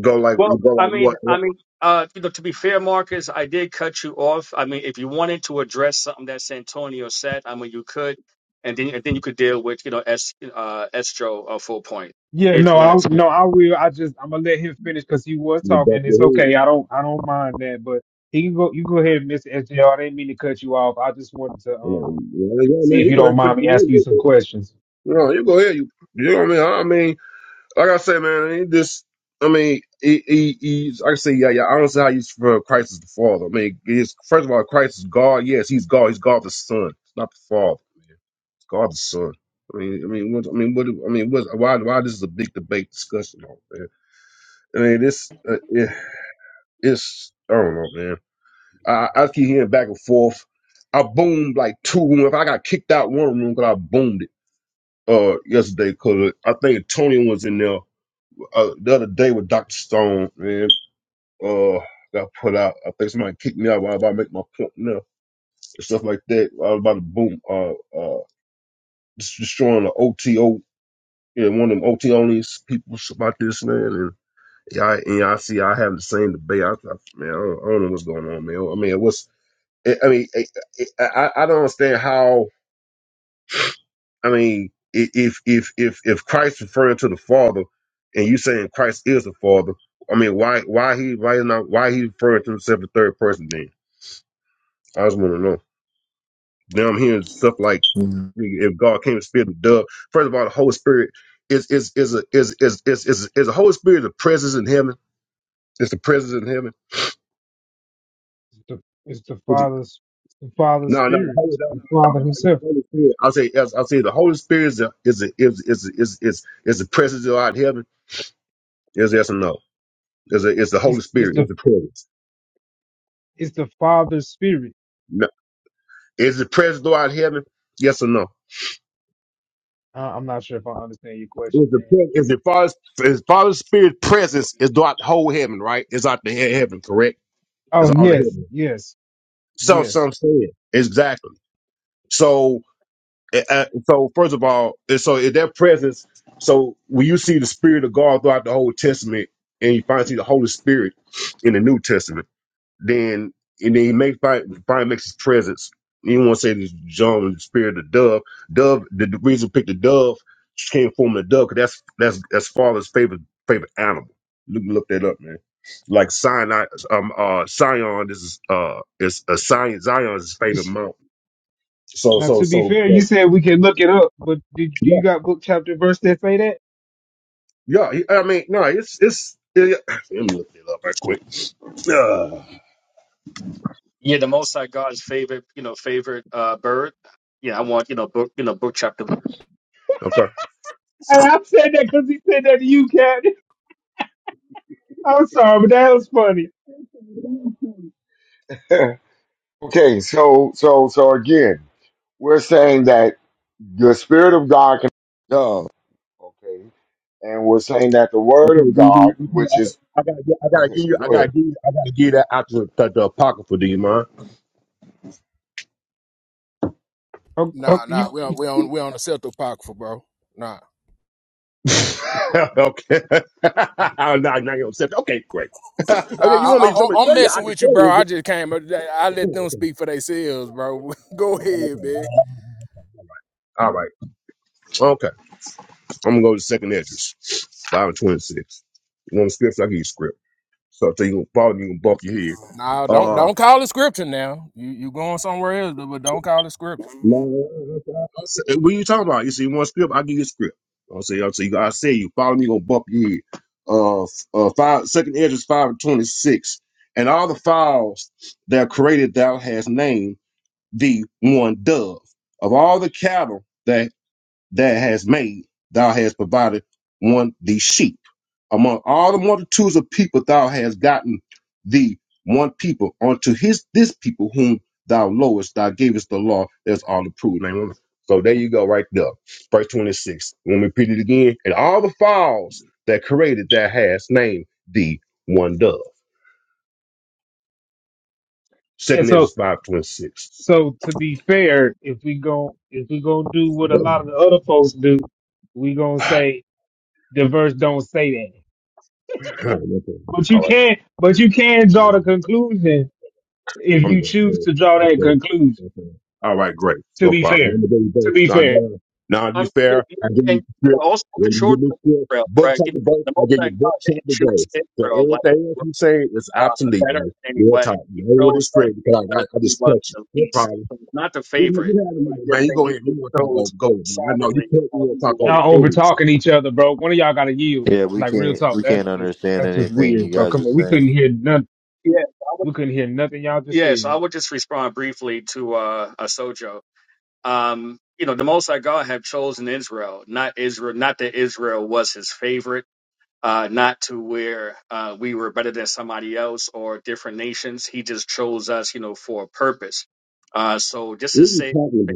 Speaker 24: Go like
Speaker 23: Well,
Speaker 24: go
Speaker 23: I
Speaker 24: like
Speaker 23: mean,
Speaker 24: what?
Speaker 23: I
Speaker 24: Like,
Speaker 23: mean, uh, you know, to be fair, Marcus, I did cut you off. I mean, if you wanted to address something that Santonio said, I mean, you could, and then and then you could deal with you know S uh Estro uh, full point
Speaker 6: Yeah,
Speaker 23: if
Speaker 6: no,
Speaker 23: you
Speaker 6: I
Speaker 23: wanted to.
Speaker 6: no, I will. I just I'm gonna let him finish because he was
Speaker 24: You bump
Speaker 6: talking.
Speaker 24: your
Speaker 6: It's
Speaker 24: head.
Speaker 6: okay. I don't I don't mind that, but he can go. You go ahead, Mr. SJR. didn't mean to cut you off. I just wanted to
Speaker 24: You know,
Speaker 6: um
Speaker 24: you know, yeah,
Speaker 6: see
Speaker 24: man,
Speaker 6: if you
Speaker 24: you gonna
Speaker 6: don't
Speaker 24: crush
Speaker 6: mind me
Speaker 24: your
Speaker 6: asking you some
Speaker 24: head.
Speaker 6: questions.
Speaker 24: No, you go ahead. You, you know what I mean? I mean, like I say, man, he just, I mean, he, he, he's, like I say, yeah, yeah. I don't see how you refer to Christ as the Father. I mean, he's, first of all, Christ is God. Yes, he's God. He's God the Son, He's not the Father. God's son. I mean, I mean, what, I mean, what, I mean, what, why, why this is a big debate discussion on, man? I mean, this, uh, it, it's, I don't know, man. I, I keep hearing back and forth. I boomed like two rooms. I got kicked out one room because I boomed it uh yesterday because I think Tony was in there uh, the other day with Doctor Stone, man. Uh, got put out. I think somebody kicked me out while I was about to make my point now and stuff like that. I was about to boom, uh, uh, just destroying the OTO Yeah, one of them OT only people about this man, and y'all and y'all see I have the same debate. I, I man, I don't, I don't know what's going on, man. I mean, what's I I mean, I I, I don't understand how. I mean, i- if if if if Christ referring to the Father, and you saying Christ is the Father, I mean, why why he why not why he referring to himself in third person? Then I just want to know. Now I'm hearing stuff like
Speaker 20: Mhm.
Speaker 24: if God came to spirit of dove. First of all, the Holy Spirit is is is a is is is is, is the Holy Spirit the presence in heaven. It's the presence in heaven.
Speaker 6: It's the, it's the
Speaker 24: Is it-
Speaker 6: Father's it's the Father's
Speaker 24: No, no, the
Speaker 6: Spirit.
Speaker 24: Holy,
Speaker 6: It's
Speaker 24: no,
Speaker 6: the
Speaker 24: no, no.
Speaker 6: Father
Speaker 24: no, The
Speaker 6: Himself.
Speaker 24: Holy Spirit. I'll say, I'll, I'll say, the Holy Spirit is a, is a, is is is is is the presence out in heaven. Is yes or no? Is it is the Holy
Speaker 6: It's it's
Speaker 24: Spirit? Is
Speaker 6: the
Speaker 24: the presence?
Speaker 6: it's the Father's Spirit.
Speaker 24: No. Is the presence out in heaven? Yes or no?
Speaker 6: Uh, I'm not sure if I understand your
Speaker 24: Is
Speaker 6: question,
Speaker 24: the
Speaker 6: man.
Speaker 24: pre- is the Father's is Father's Spirit presence is throughout the whole heaven? Right? It's out the he- heaven, correct?
Speaker 6: Oh
Speaker 24: It's all the
Speaker 6: yes,
Speaker 24: heaven.
Speaker 6: yes,
Speaker 24: So
Speaker 6: yes.
Speaker 24: some saying exactly. So Uh, uh, so first of all, and so in that presence, so when you see the Spirit of God throughout the Old Testament, and you finally see the Holy Spirit in the New Testament, then and then he may find finally makes his presence. You want to say this John the Spirit of the dove, dove. The, the reason we picked the dove she came from the dove because that's that's that's Father's favorite favorite animal. Look look that up, man. Like Sinai, um, uh, Sion. This is uh, it's a Zion. Zion's
Speaker 6: You
Speaker 24: favorite
Speaker 6: s
Speaker 24: mountain. So
Speaker 6: now
Speaker 24: so
Speaker 6: to be
Speaker 24: so.
Speaker 6: fair, you
Speaker 24: so
Speaker 6: said we can look it up, but did do
Speaker 24: yeah.
Speaker 6: you got book chapter verse that say that?
Speaker 24: Yeah, he- I mean, no, it's it's. It, *sighs* let me look it up right quick. *sighs* Ugh.
Speaker 23: Yeah, the Most High God's favorite, you know, favorite uh, bird. Yeah, I want you know book, you know, book chapter.
Speaker 24: okay,
Speaker 6: Hey, I said that because he said that to you, Cat. I'm sorry, but that was funny.
Speaker 1: *laughs* okay, so, so, so again, we're saying that the Spirit of God can dove, okay? And we're saying that the Word
Speaker 24: okay,
Speaker 1: of
Speaker 24: DB.
Speaker 1: God,
Speaker 24: Okay,
Speaker 1: which is,
Speaker 24: I, I gotta, get, I gotta
Speaker 1: okay,
Speaker 24: give you, I
Speaker 1: go ahead.
Speaker 24: gotta give you, I gotta give you that out to, to the apocrypha. Do you mind?
Speaker 6: Okay,
Speaker 16: Nah,
Speaker 6: okay, you,
Speaker 16: nah, we on we on we on the Celtic bro. Nah.
Speaker 24: *laughs* okay, *laughs* I'm not, not gonna accept. Okay, great. *laughs*
Speaker 16: Nah,
Speaker 24: okay, you
Speaker 16: I,
Speaker 24: want me to show me-
Speaker 16: I, I'm
Speaker 24: tell you? I
Speaker 16: messing
Speaker 24: can
Speaker 16: with you,
Speaker 24: tell
Speaker 16: bro. I
Speaker 24: you.
Speaker 16: just came. I let them
Speaker 24: *laughs*
Speaker 16: speak for themselves, bro. *laughs* Go
Speaker 24: Okay.
Speaker 16: ahead, man.
Speaker 24: All right. Okay, I'm gonna go to second entrance, five and twenty-six. You want a script? I give you a script. So, so you can follow me, you can bump your head.
Speaker 16: Nah, don't
Speaker 24: Uh,
Speaker 16: don't call it scripture now. You you going somewhere else, but but don't call it scripture.
Speaker 24: I What are you talking about? You see, one script? I'll give you a script. I'll say, I'll say, you, I say, you follow me, you gonna bump your head. Uh, f- uh, five, second edge is 5 and 26. And all the fowls that are created, thou has named the one dove. Of all the cattle that that has made, thou has provided one the sheep among all the multitudes of people thou hast gotten thee one people unto his this people whom thou lowest thou gavest the law that's all the approved Amen. so there you go right there verse 26 Let me repeat it again and all the fowls that created that has named thee one dove
Speaker 6: yeah.
Speaker 24: second is
Speaker 6: So,
Speaker 24: 526 *sighs*
Speaker 6: so to be fair, if we go, if we gonna do what a lot of the other folks do, we gonna say the verse don't say that. But
Speaker 24: all
Speaker 6: you
Speaker 24: right
Speaker 6: can, but you can draw the conclusion if
Speaker 24: I'm
Speaker 6: you
Speaker 24: done.
Speaker 6: choose
Speaker 24: good.
Speaker 6: to draw that
Speaker 24: Okay.
Speaker 6: conclusion.
Speaker 24: Okay. All right, great.
Speaker 6: To
Speaker 24: No
Speaker 6: be
Speaker 24: problem. You
Speaker 6: fair,
Speaker 24: want me to give you
Speaker 6: to
Speaker 24: birth?
Speaker 6: be
Speaker 24: Now,
Speaker 6: fair,
Speaker 24: now, now, to
Speaker 23: I
Speaker 24: be
Speaker 23: mean,
Speaker 24: fair, I give you
Speaker 23: and
Speaker 24: script.
Speaker 23: also
Speaker 24: You
Speaker 23: the children
Speaker 24: give me
Speaker 23: of
Speaker 24: script?
Speaker 23: Israel,
Speaker 24: Book
Speaker 23: right? You
Speaker 24: chapter
Speaker 23: know,
Speaker 24: verse.
Speaker 23: the
Speaker 24: I
Speaker 23: Most
Speaker 24: give
Speaker 23: High
Speaker 24: you
Speaker 23: God
Speaker 24: book
Speaker 23: didn't
Speaker 24: chapter
Speaker 23: choose
Speaker 24: verse. So
Speaker 23: Israel like
Speaker 24: everything
Speaker 23: he
Speaker 24: else
Speaker 23: was,
Speaker 24: you say is
Speaker 23: uh,
Speaker 24: obsolete,
Speaker 23: better
Speaker 24: man.
Speaker 23: in any
Speaker 24: Real
Speaker 23: way.
Speaker 24: talk. You
Speaker 23: He
Speaker 24: don't want to
Speaker 23: chose us
Speaker 24: script because I, I,
Speaker 23: because
Speaker 24: I
Speaker 23: he
Speaker 24: just
Speaker 23: was
Speaker 24: cut you.
Speaker 23: the
Speaker 24: No
Speaker 23: least,
Speaker 24: problem.
Speaker 23: so it's not the
Speaker 24: You,
Speaker 23: favorite.
Speaker 24: you have the
Speaker 23: It's
Speaker 24: money,
Speaker 23: just
Speaker 24: man. You
Speaker 23: that
Speaker 24: go
Speaker 23: he
Speaker 24: ahead. You
Speaker 23: just
Speaker 24: want to talk over.
Speaker 23: chose
Speaker 24: Go ahead, man. I know you
Speaker 23: sovereignly
Speaker 24: can't.
Speaker 23: uh,
Speaker 24: You want
Speaker 23: who
Speaker 24: to
Speaker 23: you
Speaker 24: talk over.
Speaker 23: wanted
Speaker 6: y'all
Speaker 23: to
Speaker 24: Go
Speaker 6: over
Speaker 24: ahead.
Speaker 23: use.
Speaker 6: talking each other, bro. One of y'all gotta yield.
Speaker 20: Yeah, we
Speaker 6: Like real
Speaker 20: can't
Speaker 6: talk.
Speaker 20: we
Speaker 6: That's
Speaker 20: can't
Speaker 6: just
Speaker 20: understand
Speaker 6: that's just
Speaker 20: anything you
Speaker 6: weird, bro.
Speaker 20: guys are
Speaker 6: Come on, we couldn't
Speaker 20: saying.
Speaker 6: hear none.
Speaker 23: Yes, I would.
Speaker 6: We couldn't hear nothing y'all just
Speaker 23: Yes, I
Speaker 6: said.
Speaker 23: would just respond briefly to uh, a Sojo. Um, you know, the Most High God have chosen Israel, not Israel, not that Israel was his favorite, uh, not to where uh, we were better than somebody else or different nations. He just chose us, you know, for a purpose. Uh, so just
Speaker 24: What are
Speaker 23: to
Speaker 24: you
Speaker 23: say,
Speaker 24: talking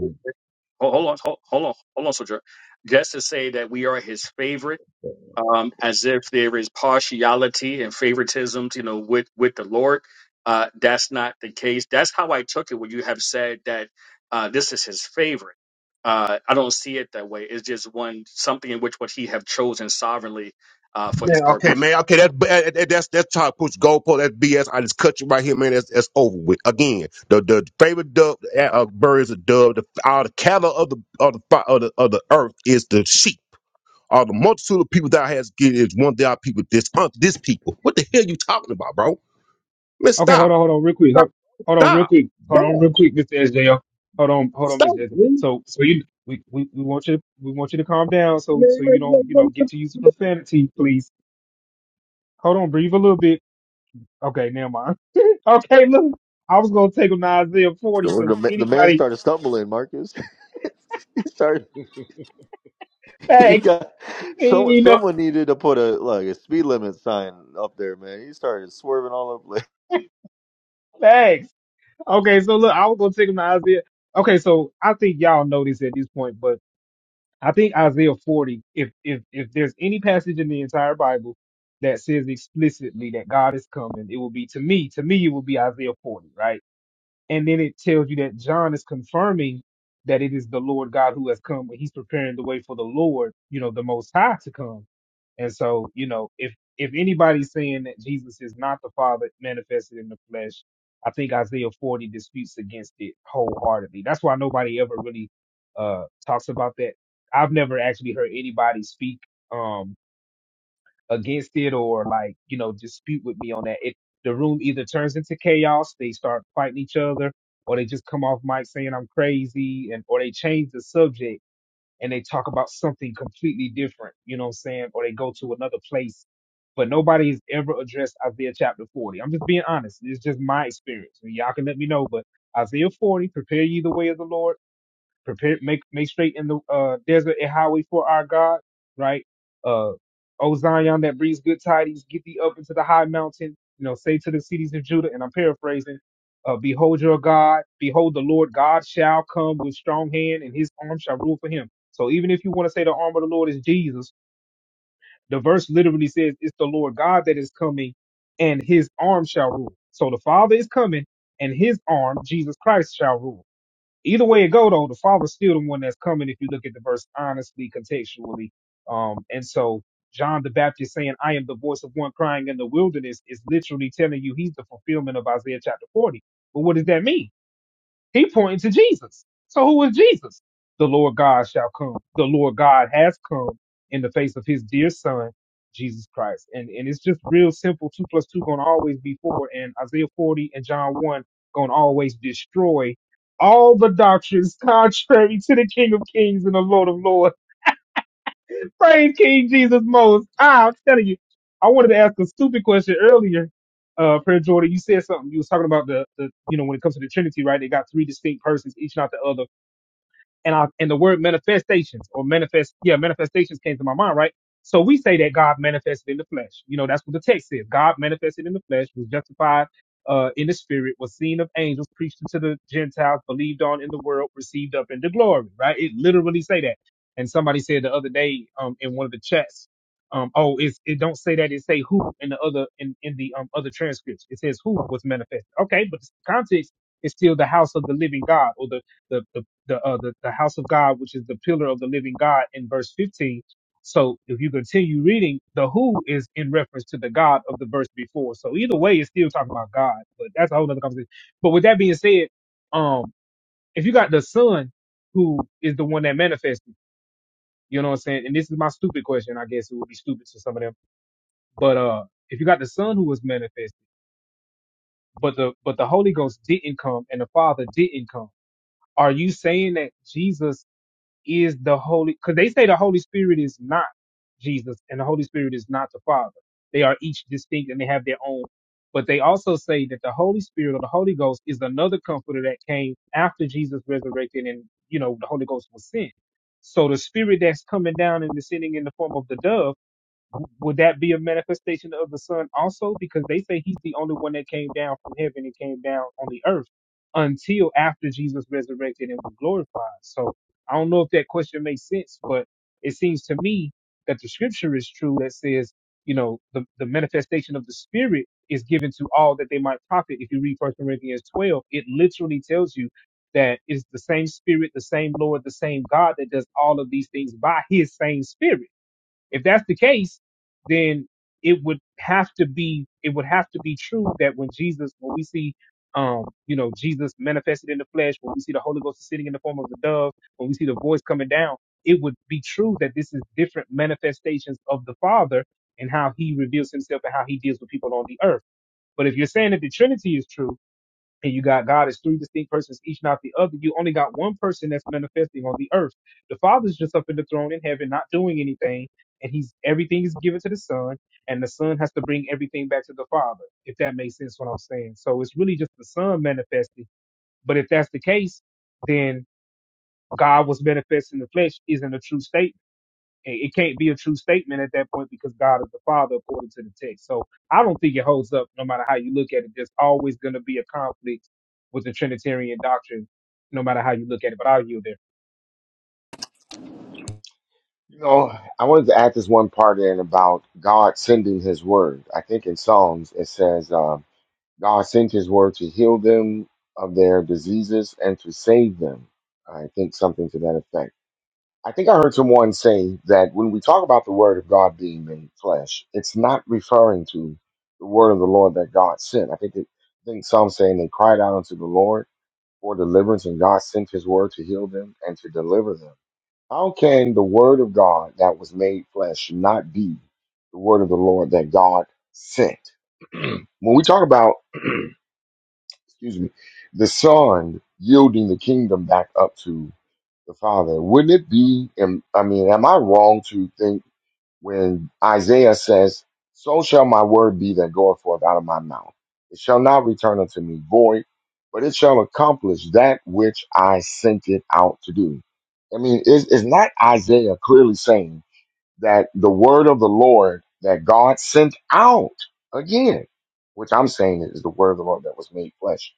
Speaker 23: hold hold on, hold hold on, hold on, soldier. Just to say that we are his favorite
Speaker 24: about?
Speaker 23: um, as if there is partiality and favoritism, you know, with with the Lord. Uh, that's not the case. That's how I took it when you have said that uh, this is His favorite. Uh, I don't see it that way. It's just one something in which what He have chosen sovereignly uh, for His
Speaker 24: Man, okay,
Speaker 23: purpose.
Speaker 24: man, okay, that, that that- that's that's how to push goalpost. That's BS. I just cut you right here, man. That's that's over with. Again, the the favorite dove uh, uh, bird is a dove. The all the cattle of the of the fi- of the, of the earth is the sheep. All the multitude of people that has get is one that people this uh, this people. What the hell you talking about, bro? Man,
Speaker 6: Okay,
Speaker 24: stop,
Speaker 6: hold on, hold on, real quick.
Speaker 24: stop,
Speaker 6: Hold, hold on, real
Speaker 24: stop,
Speaker 6: quick. Hold on,
Speaker 24: stop,
Speaker 6: real quick, Mr. SJL. Hold on, hold on,
Speaker 24: stop.
Speaker 6: Mr. SJL.
Speaker 24: Man.
Speaker 6: So, so you, we, we, we want you, to, we want you to calm down,
Speaker 24: Man,
Speaker 6: so, so you
Speaker 24: man,
Speaker 6: don't, you know,
Speaker 24: man,
Speaker 6: get
Speaker 24: man,
Speaker 6: to use of
Speaker 24: man.
Speaker 6: profanity, please. Hold on, breathe a little bit. Okay, never mind. *laughs* okay, look, I was gonna take him to Isaiah forty
Speaker 20: The,
Speaker 6: because
Speaker 20: the, ma- the man
Speaker 6: anybody
Speaker 20: started stumbling, Marcus. *laughs* he started *laughs* you
Speaker 6: facts,
Speaker 20: got someone.
Speaker 6: you know,
Speaker 20: Someone needed to put a like a speed limit sign up there, man. You started swerving all over.
Speaker 6: facts. Okay, so look, I was gonna take him to Isaiah. Okay, so I think y'all know this at this point, but I think Isaiah 40, if if if there's any passage in the entire Bible that says explicitly that God is coming, it will be to me, to me it will be Isaiah 40, right? And then it tells you that John is confirming that it is the Lord God who has come. He's preparing the way for the Lord, you know, the Most High to come. And so, you know, if if anybody's saying that Jesus is not the Father manifested in the flesh, I think Isaiah 40 disputes against it wholeheartedly. That's why nobody ever really uh talks about that. I've never actually heard anybody speak. Um, against it or like, you know, dispute with me on that. It the room either turns into chaos, they start fighting each other, or they just come off mic saying I'm crazy and or they change the subject and they talk about something completely different, you know what I'm saying? Or they go to another place. But nobody has ever addressed Isaiah chapter 40. I'm just being honest. It's just my experience. And y'all can let me know, but Isaiah 40, prepare ye the way of the Lord prepare make make straight in the uh desert a highway for our God, right? Uh O Zion that brings good tidings, get thee up into the high mountain, you know, say to the cities of Judah, and I'm paraphrasing, uh, behold your God, behold the Lord God shall come with strong hand, and his arm shall rule for him. So even if you want to say the arm of the Lord is Jesus, the verse literally says it's the Lord God that is coming, and his arm shall rule. So the Father is coming, and his arm, Jesus Christ, shall rule. Either way it go though, the Father's still the one that's coming if you look at the verse honestly, contextually. Um, and so John the Baptist saying, I am the voice of one crying in the wilderness is literally telling you he's the fulfillment of Isaiah chapter 40. But what does that mean? He pointing to Jesus. So who is Jesus? The Lord God shall come. The Lord God has come in the face of his dear son, Jesus Christ. And and it's just real simple. Two plus two gonna always be four. And Isaiah 40 and John 1 gonna always destroy all the doctrines *laughs* contrary to the King of Kings and the Lord of Lords Praise King Jesus most. Ah, I'm telling you, I wanted to ask a stupid question earlier. Uh, Prayer Jordan, you said something. You was talking about the, the, you know, when it comes to the Trinity, right? They got three distinct persons, each not the other and I and the word manifestations or manifest yeah manifestations came to my mind right so we say that God manifested in the flesh you know that's what the text says God manifested in the flesh was justified uh, in the spirit was seen of angels preached to the Gentiles believed on in the world received up into glory right it literally say that and somebody said the other day um in one of the chats um oh it's it don't say that it say who in the other in in the um other transcripts it says who was manifested okay but the context is still the house of the living God or the the, the the, uh, the the house of God, which is the pillar of the living God, in verse 15. So if you continue reading, the who is in reference to the God of the verse before. So either way, it's still talking about God, but that's a whole other conversation. But with that being said, um, if you got the Son, who is the one that manifested, you know what I'm saying? And this is my stupid question, I guess it would be stupid to some of them. But uh, if you got the Son who was manifested, but the but the Holy Ghost didn't come and the Father didn't come, are you saying that Jesus? is the Holy, because they say the Holy Spirit is not Jesus and the Holy Spirit is not the Father. They are each distinct and they have their own. But they also say that the Holy Spirit or the Holy Ghost is another comforter that came after Jesus resurrected and, you know, the Holy Ghost was sent. So the Spirit that's coming down and descending in the form of the dove would that be a manifestation of the Son also? Because they say he's the only one that came down from heaven and came down on the earth until after Jesus resurrected and was glorified. So I don't know if that question makes sense, but it seems to me that the scripture is true that says, you know, the, the manifestation of the Spirit is given to all that they might profit. If you read First Corinthians 12, it literally tells you that it's the same Spirit, the same Lord, the same God that does all of these things by his same Spirit. If that's the case, then it would have to be it would have to be true that when Jesus, when we see um, you know, Jesus manifested in the flesh, when we see the Holy Ghost sitting in the form of a dove, when we see the voice coming down, it would be true that this is different manifestations of the Father and how he reveals himself and how he deals with people on the earth. But if you're saying that the Trinity is true, and you got God as three distinct persons, each not the other. You only got one person that's manifesting on the earth. The Father's just up in the throne in heaven, not doing anything, and he's everything is given to the Son, and the Son has to bring everything back to the Father. If that makes sense, what I'm saying. So it's really just the Son manifesting. But if that's the case, then God was manifest in the flesh isn't a true statement it it can't be a true statement at that point because God is the Father according to the text. So I don't think it holds up no matter how you look at it. There's always going to be a conflict with the Trinitarian doctrine, no matter how you look at it. But I'll yield there.
Speaker 1: You know, I wanted to add this one part in about God sending his word. I think in Psalms it says, uh, God sent his word to heal them of their diseases and to save them. I think something to that effect. I think I heard someone say that when we talk about the word of God being made flesh, it's not referring to the word of the Lord that God sent. I think it, I think some saying they cried out unto the Lord for deliverance and God sent his word to heal them and to deliver them. How can the word of God that was made flesh not be the word of the Lord that God sent? When we talk about, excuse me, the Son yielding the kingdom back up to the Father, wouldn't it be, am- I mean, am I wrong to think when Isaiah says, So shall my word be that goeth forth out of my mouth? It shall not return unto me void, but it shall accomplish that which I sent it out to do. I mean, is, is not Isaiah clearly saying, that the word of the Lord that God sent out again, which I'm saying is the word of the Lord that was made flesh,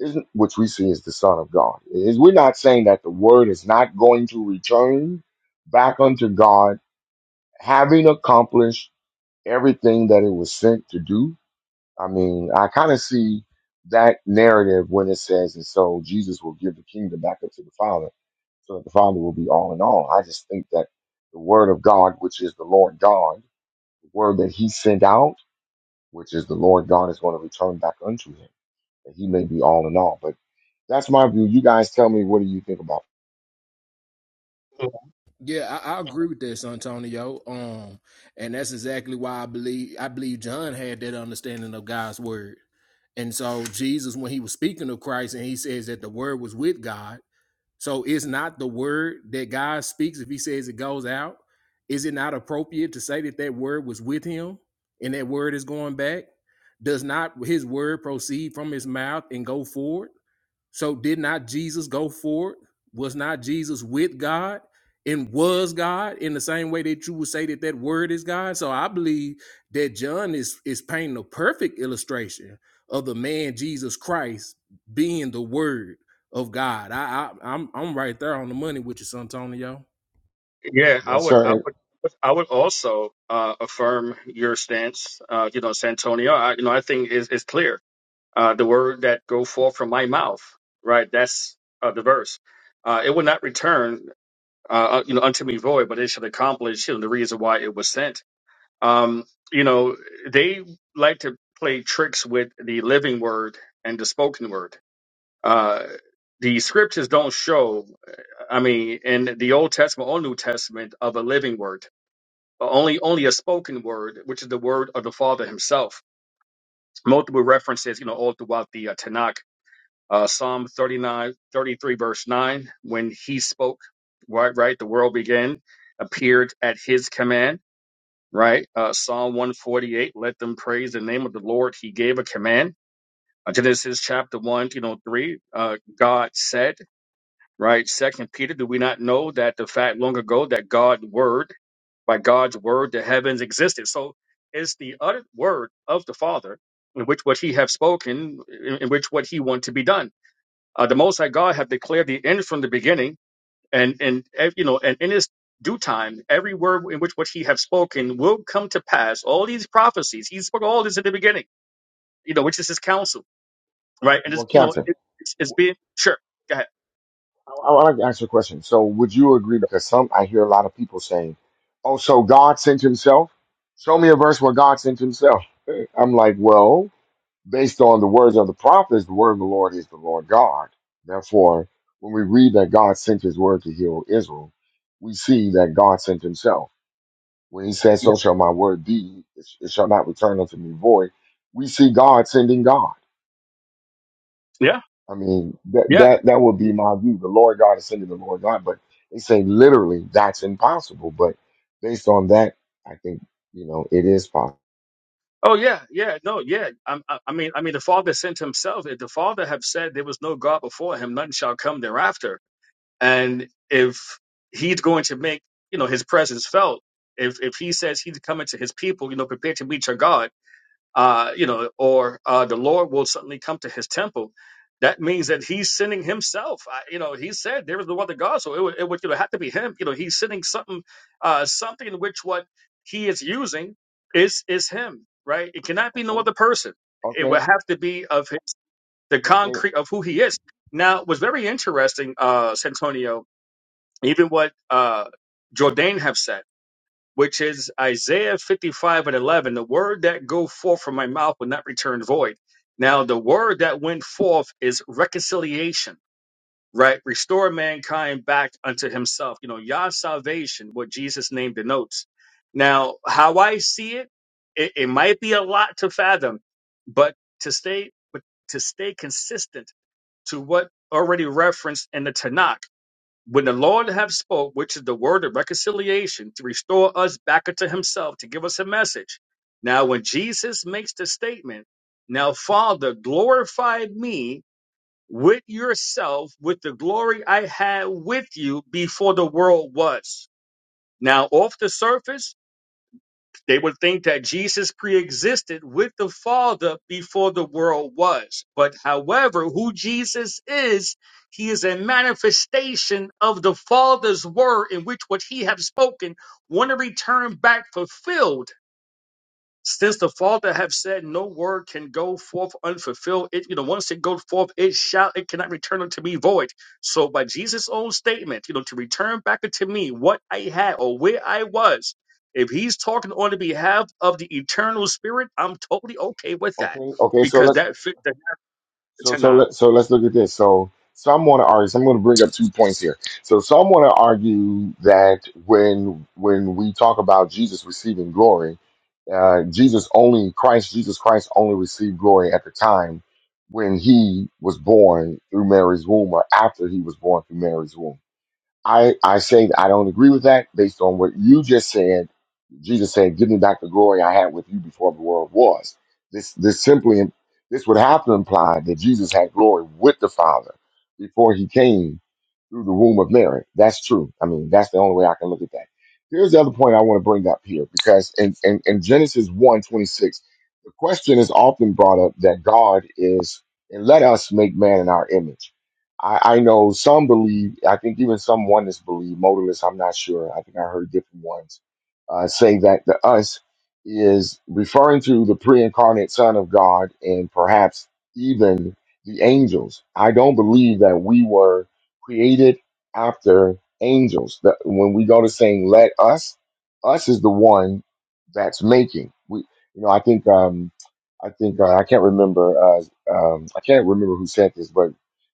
Speaker 1: isn't which we see as the Son of God. Is we're not saying that the word is not going to return back unto God, having accomplished everything that it was sent to do. I mean, I kind of see that narrative when it says, and so Jesus will give the kingdom back up to the Father, so that the Father will be all in all. I just think that the word of God, which is the Lord God the word that he sent out, which is the Lord God is going to return back unto him, that he may be all in all. But that's my view. You guys tell me, what do you think about
Speaker 16: Yeah, I, I agree with that, Santonio. Um, and that's exactly why I believe I believe John had that understanding of God's word. And so Jesus, when he was speaking of Christ, and he says that the word was with God. So is not the word that God speaks, if he says it goes out, is it not appropriate to say that that word was with him and that word is going back? Does not his word proceed from his mouth and go forward? So did not Jesus go forward? Was not Jesus with God and was God in the same way that you would say that that word is God? So I believe that John is is painting a perfect illustration of the man Jesus Christ being the Word of God. I, I I'm I'm right there on the money with you, Santonio.
Speaker 23: Yeah,
Speaker 1: it?
Speaker 23: I
Speaker 1: Yes,
Speaker 23: would,
Speaker 1: sir.
Speaker 23: I
Speaker 1: And
Speaker 23: would. I would also uh, affirm your stance, uh, you know, Santonio. I, you know, I think is is clear uh, the word that go forth from my mouth, right? That's uh, the verse. Uh, it will not return, uh, uh, you know, unto me void, but it shall accomplish you know, the reason why it was sent. Um, you know, they like to play tricks with the living word and the spoken word. Uh, the scriptures don't show, I mean, in the Old Testament or New Testament of a living word, only only a spoken word, which is the word of the Father Himself. Multiple references, you know, all throughout the uh, Tanakh uh, Psalm 39, 33, verse 9, when he spoke, right, right, the world began, appeared at his command, right? Uh, Psalm 148, let them praise the name of the Lord. He gave a command. Uh, Genesis chapter 1, you know, 3, uh, God said, right? Second Peter, do we not know that the fact long ago that God word, by God's word, the heavens existed? So it's the uttered word of the Father in which what he have spoken, in in which what he want to be done uh, the Most High God have declared the end from the beginning, and and eh, you know, and in His due time, every word in which what He have spoken will come to pass. All these prophecies, He spoke all this in the beginning, you know, which is His counsel, right? And it's
Speaker 1: well,
Speaker 23: you know,
Speaker 1: Captain,
Speaker 23: it, it's, it's being sure. Go ahead.
Speaker 1: I, I want to ask you a question. So would you agree? Because some, I hear a lot of people saying, oh, so God sent himself. Show me a verse where God sent himself. *laughs* I'm like, well, based on the words of the prophets, the word of the Lord is the Lord God. Therefore, when we read that God sent his word to heal Israel, we see that God sent himself. When he says,
Speaker 23: Yeah,
Speaker 1: So shall my word be, it it shall not return unto me void. We see God sending God.
Speaker 23: yeah,
Speaker 1: I mean, that
Speaker 23: yeah.
Speaker 1: that that would be my view. The Lord God is sending the Lord God, but they say literally that's impossible. But based on that, I think you know it is possible.
Speaker 23: Oh yeah, yeah, no, yeah. I, I, I mean, I mean, the Father sent Himself. If the Father have said there was no God before Him, none shall come thereafter And if he's going to make, you know, his presence felt, if if he says he's coming to his people, you know, prepare to meet your God, uh, you know, or uh, the Lord will suddenly come to his temple. That means that he's sending himself. I, you know, he said there is no other God, so it would, it would you know have to be him. You know, he's sending something, uh, something in which what he is using is is him, right? It cannot be no
Speaker 1: Okay,
Speaker 23: other person. It
Speaker 1: okay,
Speaker 23: would have to be of his, the
Speaker 1: okay,
Speaker 23: concrete of who he is. Now, it was very interesting, uh, Santonio even what uh, Jordan have said, which is Isaiah 55 and 11, the word that go forth from my mouth will not return void. Now, the word that went forth is reconciliation, right? Restore mankind back unto himself. You know, Yah salvation, what Jesus' name denotes. Now, how I see it, it, it might be a lot to fathom, but to stay, but to stay consistent to what already referenced in the Tanakh when the Lord have spoke, which is the word of reconciliation, to restore us back unto himself, to give us a message. Now, when Jesus makes the statement, now Father, glorify me with yourself, with the glory I had with you before the world was. Now, off the surface, they would think that Jesus pre-existed with the Father before the world was. But however, who Jesus is, he is a manifestation of the Father's word in which what he have spoken want to return back fulfilled since the Father have said, no word can go forth unfulfilled. It, you know, once it goes forth, it shall, it cannot return unto me void. So by Jesus' own statement, you know, to return back unto me what I had or where I was, if he's talking on the behalf of the eternal spirit, I'm totally okay with that
Speaker 1: okay, okay. So
Speaker 23: because
Speaker 1: let's
Speaker 23: that fit the
Speaker 1: So so
Speaker 23: tonight.
Speaker 1: let so let's look at this. So some want to argue. So I'm going to bring up two points here. So some want to argue that when when we talk about Jesus receiving glory, uh, Jesus only Christ Jesus Christ only received glory at the time when he was born through Mary's womb, or after he was born through Mary's womb. I, I say I don't agree with that based on what you just said. Jesus said, "Give me back the glory I had with you before the world was." This this simply this would have to imply that Jesus had glory with the Father before he came through the womb of Mary. That's true. I mean, that's the only way I can look at that. Here's the other point I want to bring up here because in, in, in Genesis one 26, the question is often brought up that God is, and let us make man in our image. I, I know some believe, I think even some oneness believe, modalists, I'm not sure. I think I heard different ones uh, say that the us is referring to the pre incarnate Son of God and perhaps even the angels. I don't believe that we were created after angels. That when we go to saying, let us, us is the one that's making. We, you know, I think, um, I think, uh, I can't remember, uh, um, I can't remember who said this, but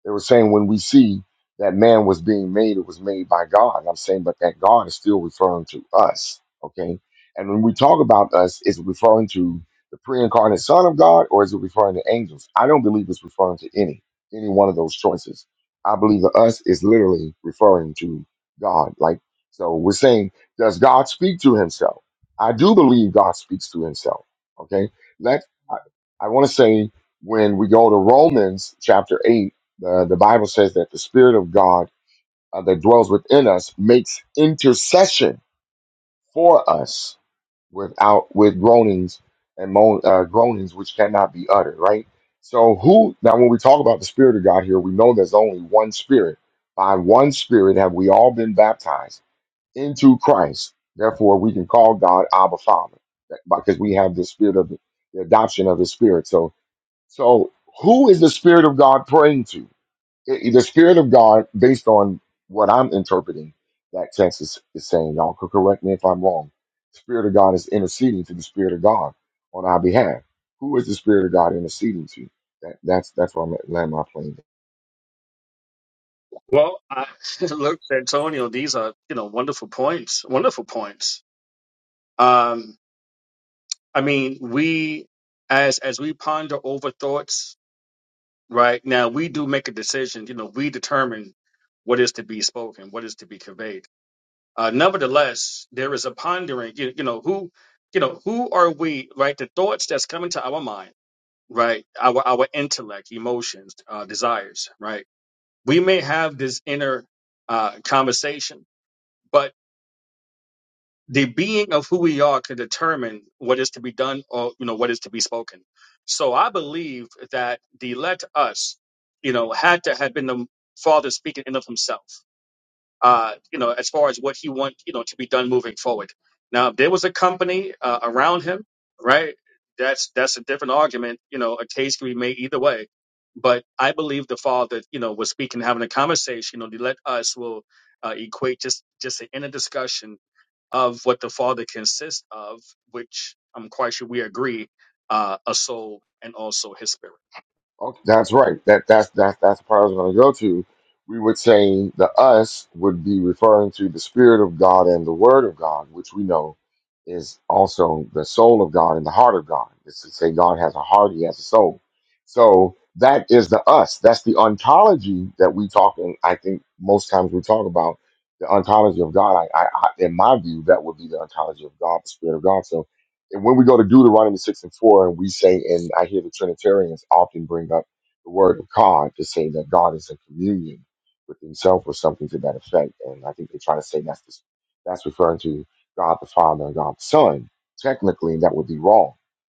Speaker 1: they were saying when we see that man was being made, it was made by God. And I'm saying, but that God is still referring to us. Okay. And when we talk about us, is it referring to the pre-incarnate Son of God or is it referring to angels? I don't believe it's referring to any any one of those choices. I believe the us is literally referring to God. Like so we're saying, does God speak to himself? I do believe God speaks to himself. Okay. Let I, I want to say when we go to Romans chapter 8 the, the Bible says that the Spirit of God uh, that dwells within us makes intercession for us without with groanings and moan, uh, groanings which cannot be uttered. Right. So who now when we talk about the Spirit of God here, we know there's only one Spirit. By one Spirit have we all been baptized into Christ. Therefore, we can call God Abba Father that- because we have the Spirit of the, the adoption of the Spirit. So, so who is the Spirit of God praying to? it- the spirit of God, based on what I'm interpreting, that text is, is saying, y'all could correct me if I'm wrong. The spirit of God is interceding to the spirit of God on our behalf. Who is the spirit of God interceding to? That, that's that's where I'm at, land my plane.
Speaker 23: Well, I *laughs* look, Antonio, these are, you know, wonderful points, wonderful points. Um, I mean, we, as, as we ponder over thoughts, right? Now we do make a decision. You know, we determine what is to be spoken, what is to be conveyed. Uh, nevertheless, there is a pondering. You, you know who, you know who are we, right? The thoughts that's coming to our mind, right? Our our intellect, emotions, uh, desires, right? We may have this inner uh, conversation, but the being of who we are can determine what is to be done or you know what is to be spoken so i believe that the let us you know had to have been the father speaking in of himself uh you know as far as what he want you know to be done moving forward now if there was a company uh, around him right that's that's a different argument you know a case can be made either way but i believe the father you know was speaking having a conversation you know the let us will uh, equate just just an inner discussion of what the Father consists of, which I'm quite sure we agree, uh, a soul and also his spirit.
Speaker 1: Okay, that's right. That that's that's that's the part I was going to go to. We would say the us would be referring to the Spirit of God and the Word of God, which we know is also the soul of God and the heart of God. It's to say God has a heart, He has a soul. So that is the us. That's the ontology that we talk. in. I think most times we talk about the ontology of God. I, I, I in my view, that would be the ontology of God, the Spirit of God. So and when we go to Deuteronomy 6 and 4, and we say, and I hear the Trinitarians often bring up the word of God to say that God is in communion with himself or something to that effect. And I think they try to say that's this, that's referring to God the Father and God the Son. Technically, that would be wrong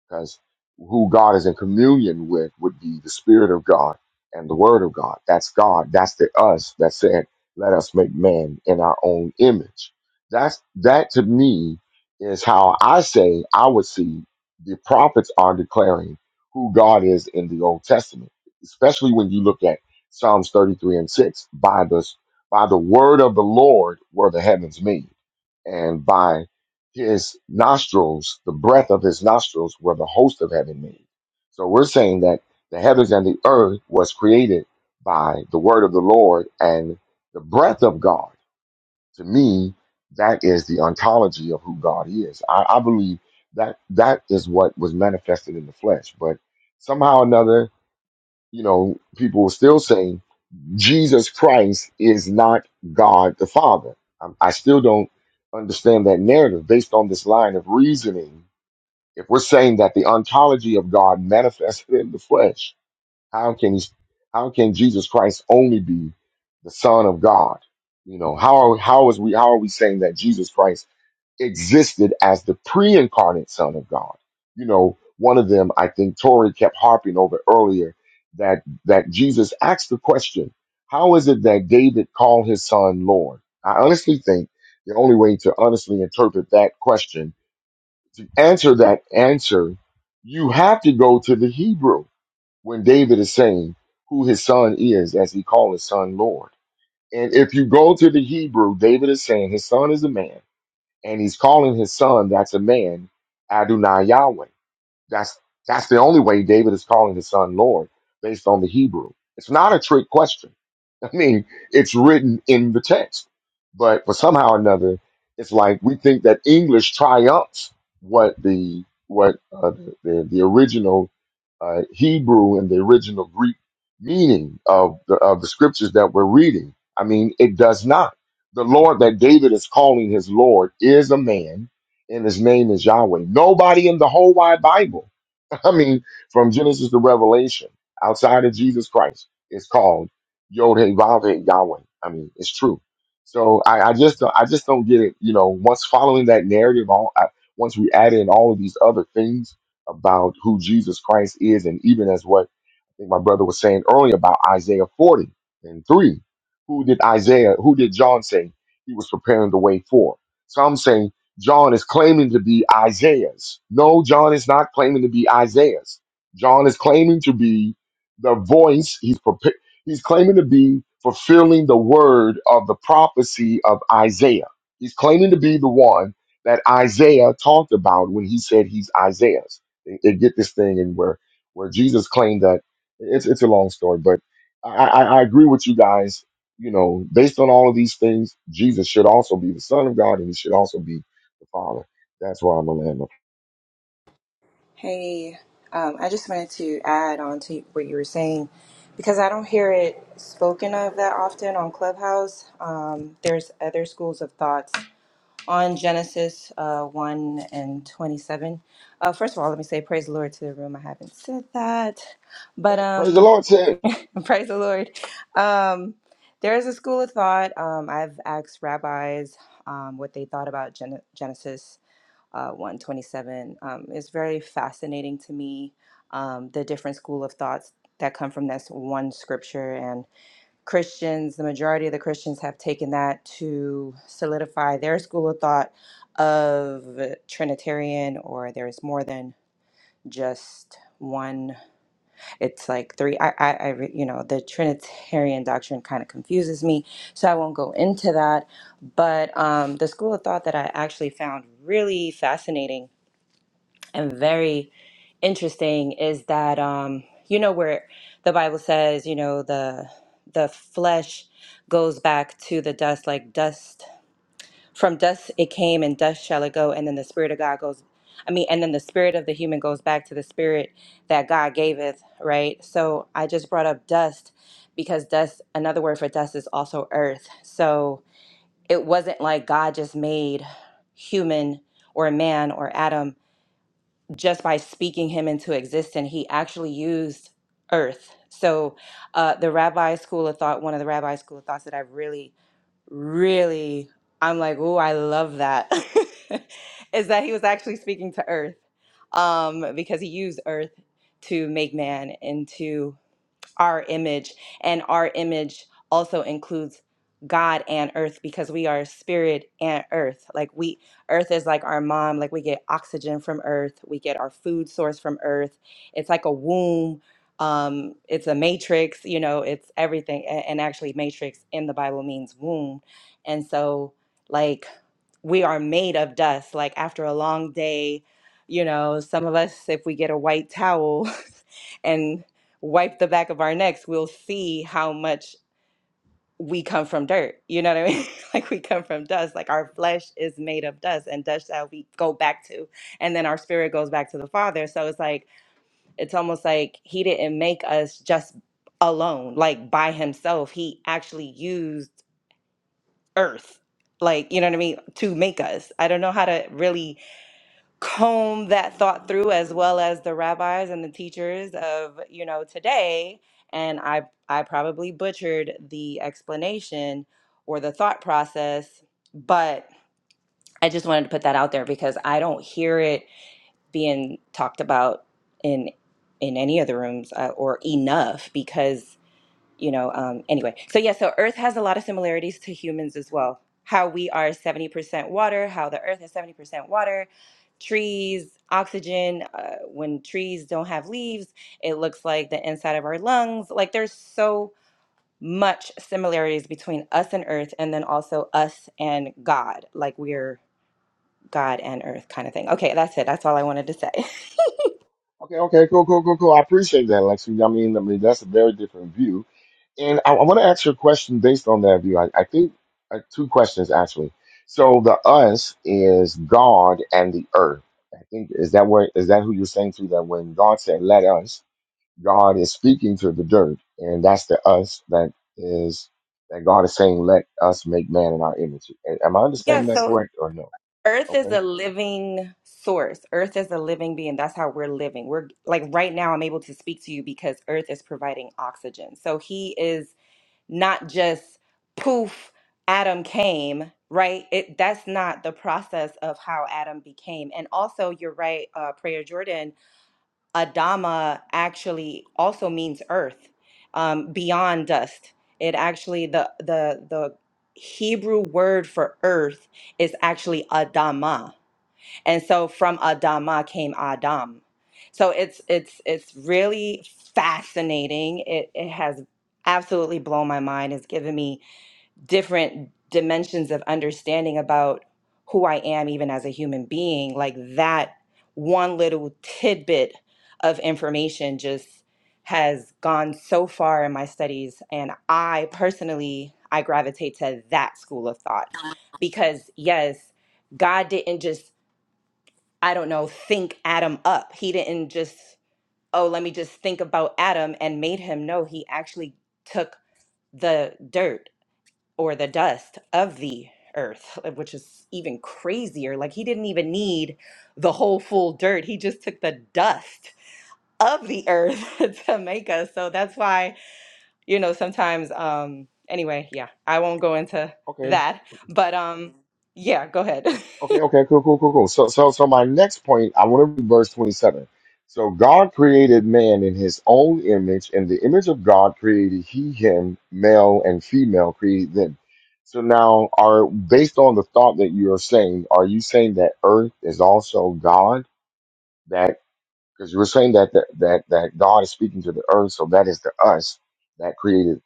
Speaker 1: because who God is in communion with would be the Spirit of God and the Word of God. That's God. That's the us that said, let us make man in our own image. That's that to me is how I say I would see the prophets are declaring who God is in the Old Testament, especially when you look at Psalms 33 and 6. By the, by the word of the Lord were the heavens made, and by his nostrils, the breath of his nostrils were the host of heaven made. So we're saying that the heavens and the earth was created by the word of the Lord and the breath of God to me, that is the ontology of who God is. I, I believe that that is what was manifested in the flesh. But somehow or another, you know, people will still say Jesus Christ is not God the Father. I, I still don't understand that narrative based on this line of reasoning. If we're saying that the ontology of God manifested in the flesh, how can he, how can Jesus Christ only be the Son of God? You know, how are, how is we how are we saying that Jesus Christ existed as the pre-incarnate Son of God? You know, one of them I think Tori kept harping over earlier that that Jesus asked the question, how is it that David called his son Lord? I honestly think the only way to honestly interpret that question, to answer that answer, you have to go to the Hebrew when David is saying who his son is, as he called his son Lord. And if you go to the Hebrew, David is saying his son is a man, and he's calling his son that's a man, Adonai Yahweh. That's that's the only way David is calling his son Lord, based on the Hebrew. It's not a trick question. *laughs* I mean, it's written in the text. But for somehow or another, it's like we think that English triumphs what the what uh, the, the the original uh, Hebrew and the original Greek meaning of the, of the scriptures that we're reading. I mean, it does not. The Lord that David is calling his Lord is a man, and his name is Yahweh. Nobody in the whole wide Bible *laughs* I mean, from Genesis to Revelation, outside of Jesus Christ, it's called Yod Hey Vav Hey Yahweh. I mean, it's true. So I, I just don't, I just don't get it. You know, once following that narrative, all I, once we add in all of these other things about who Jesus Christ is, and even as what I think my brother was saying earlier about Isaiah forty and three, who did Isaiah, who did John say he was preparing the way for? Some say. John is claiming to be Isaiah's. No, John is not claiming to be Isaiah's. John is claiming to be the voice. He's prepa- he's claiming to be fulfilling the word of the prophecy of Isaiah. He's claiming to be the one that Isaiah talked about when he said he's Isaiah's. And and get this thing and where where Jesus claimed that it's it's a long story, but I, I, I agree with you guys. You know, based on all of these things, Jesus should also be the Son of God, and he should also be the Father. That's why I'm a lamb. of-
Speaker 25: Hey, um, I just wanted to add on to what you were saying because I don't hear it spoken of that often on Clubhouse. Um, there's other schools of thoughts on Genesis uh, 1 and 27. Uh, first of all, let me say praise the Lord to the room. I haven't said that,
Speaker 1: Pra-
Speaker 25: but
Speaker 1: Praise the
Speaker 25: um,
Speaker 1: Lord, said.
Speaker 25: *laughs* praise the Lord. Um, there is a school of thought. Um, I've asked rabbis um, what they thought about Gen- Genesis uh, 127 um, is very fascinating to me. Um, the different school of thoughts that come from this one scripture and Christians, the majority of the Christians have taken that to solidify their school of thought of Trinitarian, or there's more than just one. It's like three. I, I, I re- you know, the Trinitarian doctrine kind of confuses me, so I won't go into that. But um, the school of thought that I actually found really fascinating and very interesting is that um you know where the bible says you know the the flesh goes back to the dust like dust from dust it came and dust shall it go and then the spirit of god goes i mean and then the spirit of the human goes back to the spirit that god gaveth right so i just brought up dust because dust another word for dust is also earth so it wasn't like god just made human or man or adam just by speaking him into existence, he actually used earth. So, uh, the rabbi school of thought, one of the rabbi school of thoughts that I really, really, I'm like, oh, I love that, *laughs* is that he was actually speaking to earth um, because he used earth to make man into our image, and our image also includes God and earth because we are spirit and earth. Like we, earth is like our mom, like we get oxygen from earth, we get our food source from earth. It's like a womb. Um, it's a matrix, you know, it's everything. a- And actually, matrix in the Bible means womb. And so, like, we are made of dust. Like, after a long day, you know, some of us, if we get a white towel, *laughs* and wipe the back of our necks, we'll see how much we come from dirt. You know what I mean? *laughs* like we come from dust. Like our flesh is made of dust, and dust shall we go back to. And then our spirit goes back to the Father. So it's like, it's almost like He didn't make us just alone, like by Himself. He actually used earth. Like, you know what I mean? To make us. I don't know how to really comb that thought through as well as the rabbis and the teachers of you know today and i i probably butchered the explanation or the thought process but i just wanted to put that out there because i don't hear it being talked about in in any of the rooms uh, or enough because you know um anyway so yeah so earth has a lot of similarities to humans as well how we are 70% water how the earth is 70% water trees oxygen uh, when trees don't have leaves it looks like the inside of our lungs like there's so much similarities between us and earth and then also us and god like we're god and earth kind of thing okay that's it that's all i wanted to say *laughs*
Speaker 1: Okay, okay, cool, cool, cool, cool. I appreciate that, Lexi. I mean, I mean, that's a very different view. And I, I want to ask you a question based on that view. I, I think uh, two questions actually. So the us is God and the earth. I think is that where is that who you're saying to that when God said, "Let us," God is speaking to the dirt, and that's the us that is that God is saying, "Let us make man in our image." Am I
Speaker 25: yeah
Speaker 1: understanding that
Speaker 25: so
Speaker 1: correct or no?
Speaker 25: Earth is
Speaker 1: Okay.
Speaker 25: a living source. Earth is a living being. That's how we're living. We're like right now, I'm able to speak to you because Earth is providing oxygen. So he is not just poof, Adam came, right? It that's not the process of how Adam became. And also, you're right, uh, Prayer Jordan, Adama actually also means earth, um, beyond dust. It actually the the the Hebrew word for earth is actually Adama and so from adama came adam so it's it's it's really fascinating it, it has absolutely blown my mind it's given me different dimensions of understanding about who i am even as a human being like that one little tidbit of information just has gone so far in my studies and i personally i gravitate to that school of thought because yes God didn't just I don't know, think Adam up. He didn't just, oh, let me just think about Adam and made him. No, he actually took the dirt or the dust of the earth, *laughs* which is even crazier. Like he didn't even need the whole full dirt. He just took the dust of the earth *laughs* to make us. So that's why, you know, sometimes um anyway, yeah, I won't go into
Speaker 1: Okay.
Speaker 25: that. But um yeah, go ahead. *laughs*
Speaker 1: Okay, okay, cool, cool, cool, cool. So, so, so my next point, I want to read verse 27. So God created man in his own image, and the image of God created he him, male and female created them. So now, are based on the thought that you are saying, are you saying that Earth is also God? because you were saying that the, that that God is speaking to the earth, so that is the us that created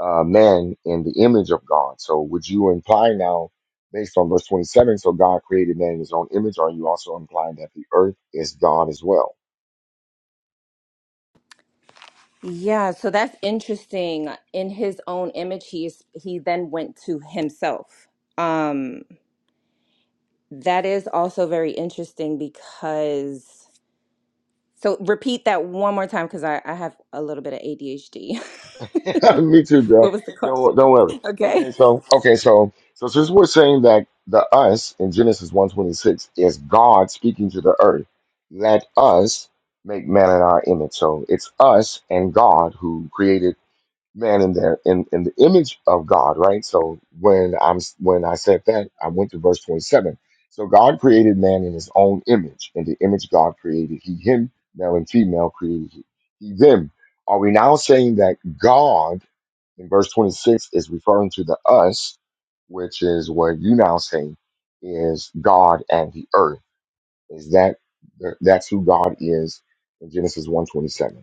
Speaker 1: uh, man in the image of God. So would you imply now, based on verse twenty seven, so God created man in His own image? Are you also implying that the earth is God as well?
Speaker 25: Yeah, so that's interesting. In his own image, he's he then went to himself. Um, that is also very interesting because so repeat that one more time because I, I have a little bit of ADHD. *laughs*
Speaker 1: *laughs* Me too,
Speaker 25: What
Speaker 1: bro.
Speaker 25: was the *laughs* question?
Speaker 1: Don't don't worry. Okay,
Speaker 25: Okay.
Speaker 1: so okay, so so since we're saying that the us in Genesis one twenty six is God speaking to the earth, let us make man in our image. So it's us and God who created man in there in, in the image of God, right? So when I'm when I said that, I went to verse 27. So God created man in his own image. In the image God created he him, male and female created he, he them. Are we now saying that God in verse 26 is referring to the us, which is what you now say is God and the earth? Is that that's who God is in Genesis one twenty-seven?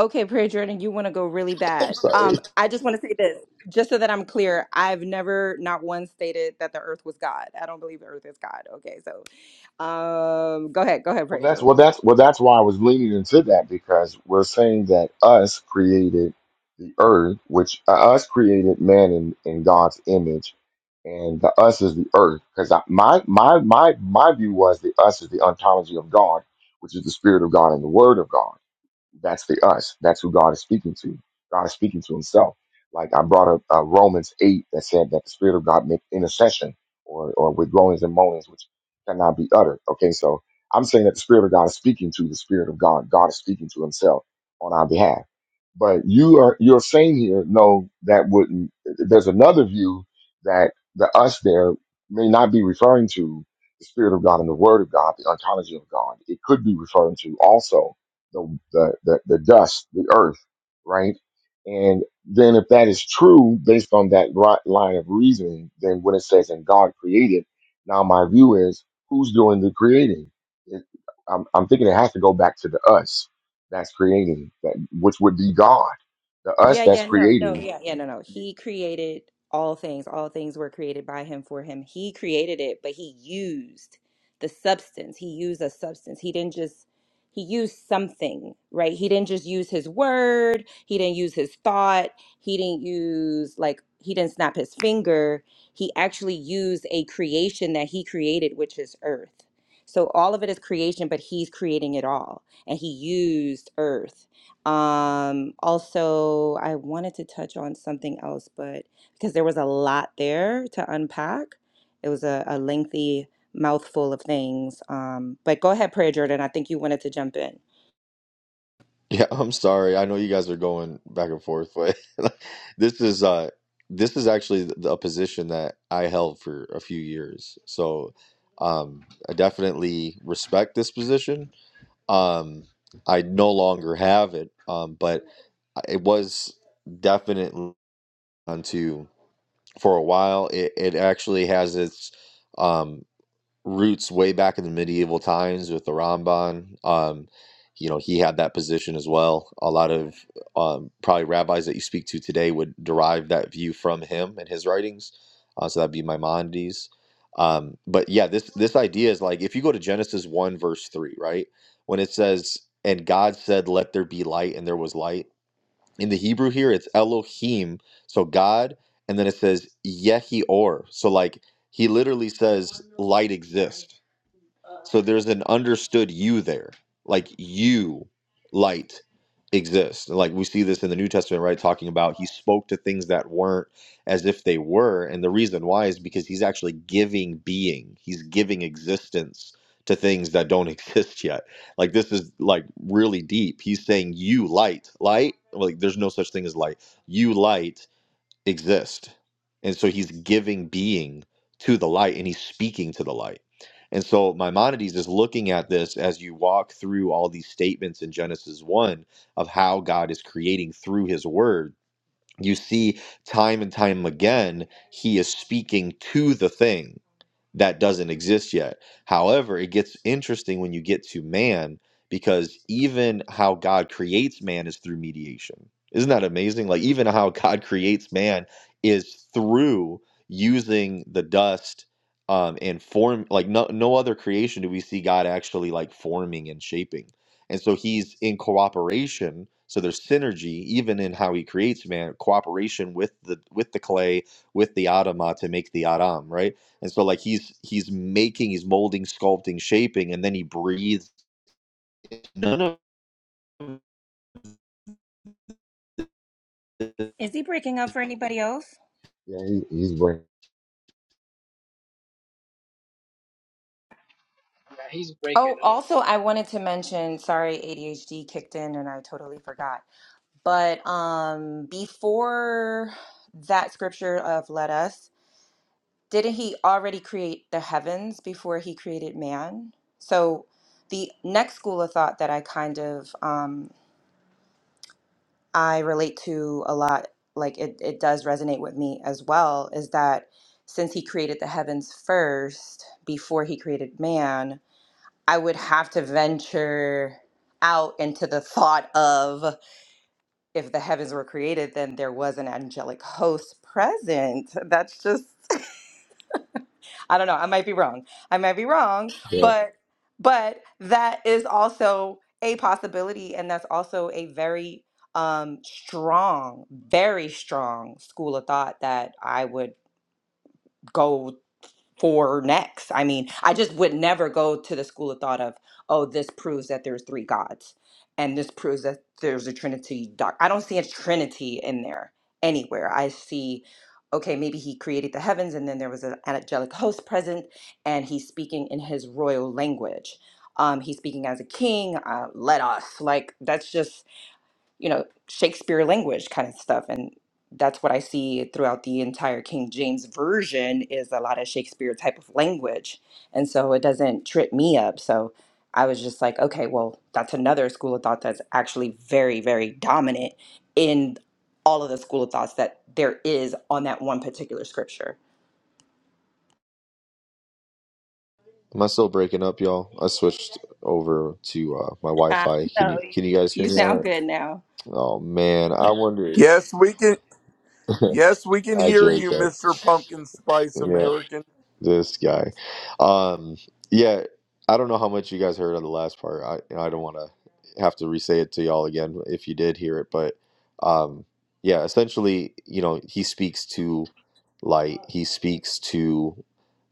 Speaker 25: Okay, Prayer Jordan, you want to go really
Speaker 20: the place. *laughs* I'm
Speaker 25: bad.
Speaker 20: sorry.
Speaker 25: Um, I just want to say this, just so that I'm clear. I've never, not once, stated that the earth was God. I don't believe the earth is God. Okay, so um, go ahead, go ahead,
Speaker 1: Well,
Speaker 25: Prayer
Speaker 1: that's well,
Speaker 25: Jordan.
Speaker 1: that's well, that's why I was leaning into that because we're saying that us created the earth, which uh, us created man in, in God's image, and the us is the earth. Because my my my my view was the us is the ontology of God, which is the spirit of God and the word of God. That's the us. That's who God is speaking to. God is speaking to himself. Like I brought up uh, Romans 8 that said that the Spirit of God make intercession or, or with groanings and moanings, which cannot be uttered. Okay, so I'm saying that the Spirit of God is speaking to the Spirit of God. God is speaking to himself on our behalf. But you are you're saying here, no, that wouldn't there's another view that the us there may not be referring to the Spirit of God and the Word of God, the ontology of God. It could be referring to also the, the, the, the dust, the earth, right? And then if that is true, based on that ri- line of reasoning, then when it says, and God created, now my view is, who's doing the creating? It, I'm, I'm thinking it has to go back to the us that's creating, that, which would be God. The us
Speaker 25: Yeah,
Speaker 1: that's
Speaker 25: yeah, no, no,
Speaker 1: creating,
Speaker 25: yeah, yeah, no, no. He created all things. All things were created by him for him. He created it, but he used the substance. He used a substance. He didn't just he used something, right? He didn't just use his word. He didn't use his thought. He didn't use like he didn't snap his finger. He actually used a creation that he created, which is earth. So all of it is creation, but he's creating it all. And he used earth um, also, I wanted to touch on something else, but because there was a lot there to unpack, it was a, a lengthy mouthful of things. Um, but go ahead, Prayer Jordan. I think you wanted to jump in.
Speaker 20: Yeah, I'm sorry. I know you guys are going back and forth, but *laughs* this is uh this is actually th- a position that I held for a few years. So um, I definitely respect this position. Um, I no longer have it, um, but I- it was definitely onto. for a while. It it actually has its um, roots way back in the medieval times with the Ramban. Um, you know, he had that position as well. A lot of um, probably rabbis that you speak to today would derive that view from him and his writings. Uh, so that'd be Maimonides. Um, but yeah, this this idea is like if you go to Genesis one verse three, right? When it says, "And God said, Let there be light," and there was light in the Hebrew here, it's Elohim, so God, and then it says Yehi Or. So like he literally says light exists. So there's an understood you there. Like you, light, exists. Like we see this in the New Testament, right? Talking about he spoke to things that weren't as if they were. And the reason why is because he's actually giving being, he's giving existence to things that don't *laughs* exist yet. Like this is like really deep. He's saying, You light, light, like there's no such thing as light. You light exist. And so he's giving being to the light and he's speaking to the light. And so Maimonides is looking at this as you walk through all these statements in Genesis 1 of how God is creating through his word. You see, time and time again, he is speaking to the thing that doesn't exist yet. However, it gets interesting when you get to man because even how God creates man is through mediation. Isn't that amazing? Like, even how *laughs* God creates man is through using the dust um, and form. Like, no, no other creation do we see God actually like forming and shaping. And so he's in cooperation. So there's synergy even in how he creates man, cooperation with the with the clay, with the Adamah to make the Adam, right? And so like he's he's making, he's molding, sculpting, shaping, and then he breathes. None of
Speaker 25: Is he breaking up for anybody else?
Speaker 1: yeah, he, he's right.
Speaker 26: Yeah, he's breaking
Speaker 25: Oh,
Speaker 26: up.
Speaker 25: also, I wanted to mention, sorry, ADHD kicked in and I totally forgot. But um, before that scripture of let us, didn't he already create the heavens before he created man? So the next school of thought that I kind of um, I relate to a lot, like it, it does resonate with me as well, is that since he created the heavens first before he created man, I would have to venture out into the thought of if the heavens were created, then there was an angelic host present. That's just I don't know. I might be wrong. I might be wrong,
Speaker 20: Yeah.
Speaker 25: but but that is also a possibility, and that's also a very um, strong, very strong school of thought that I would go for next. I mean, I just would never go to the school of thought of, oh, this proves that there's three gods, and this proves that there's a trinity. Doc, I don't see a trinity in there anywhere. I see, okay, maybe he created the heavens, and then there was an angelic host present, and he's speaking in his royal language. Um, he's speaking as a king. Uh, let us like that's just you know, Shakespeare language kind of stuff. And that's what I see throughout the entire King James version is a lot of Shakespeare type of language. And so it doesn't trip me up. So I was just like, okay, well, that's another school of thought that's actually very, very dominant in all of the school of thoughts that there is on that one particular scripture.
Speaker 20: Am I still breaking up, y'all? I switched over to uh, my
Speaker 25: Uh,
Speaker 20: Wi-Fi. Can
Speaker 25: so
Speaker 20: you
Speaker 25: you,
Speaker 20: can you guys hear
Speaker 25: you
Speaker 20: me all
Speaker 25: sound
Speaker 20: right?
Speaker 25: good now.
Speaker 20: Oh man, I wonder.
Speaker 22: Yes, we can. Yes, we can
Speaker 20: I
Speaker 22: hear
Speaker 20: jacked
Speaker 22: you,
Speaker 20: up.
Speaker 22: Mister Pumpkin Spice
Speaker 20: Yeah.
Speaker 22: American.
Speaker 20: This guy. Um, yeah, I don't know how much you guys heard of the last part. I you know, I don't want to have to re-say it to y'all again if you did hear it, but um, yeah, essentially, you know, he speaks to light. He speaks to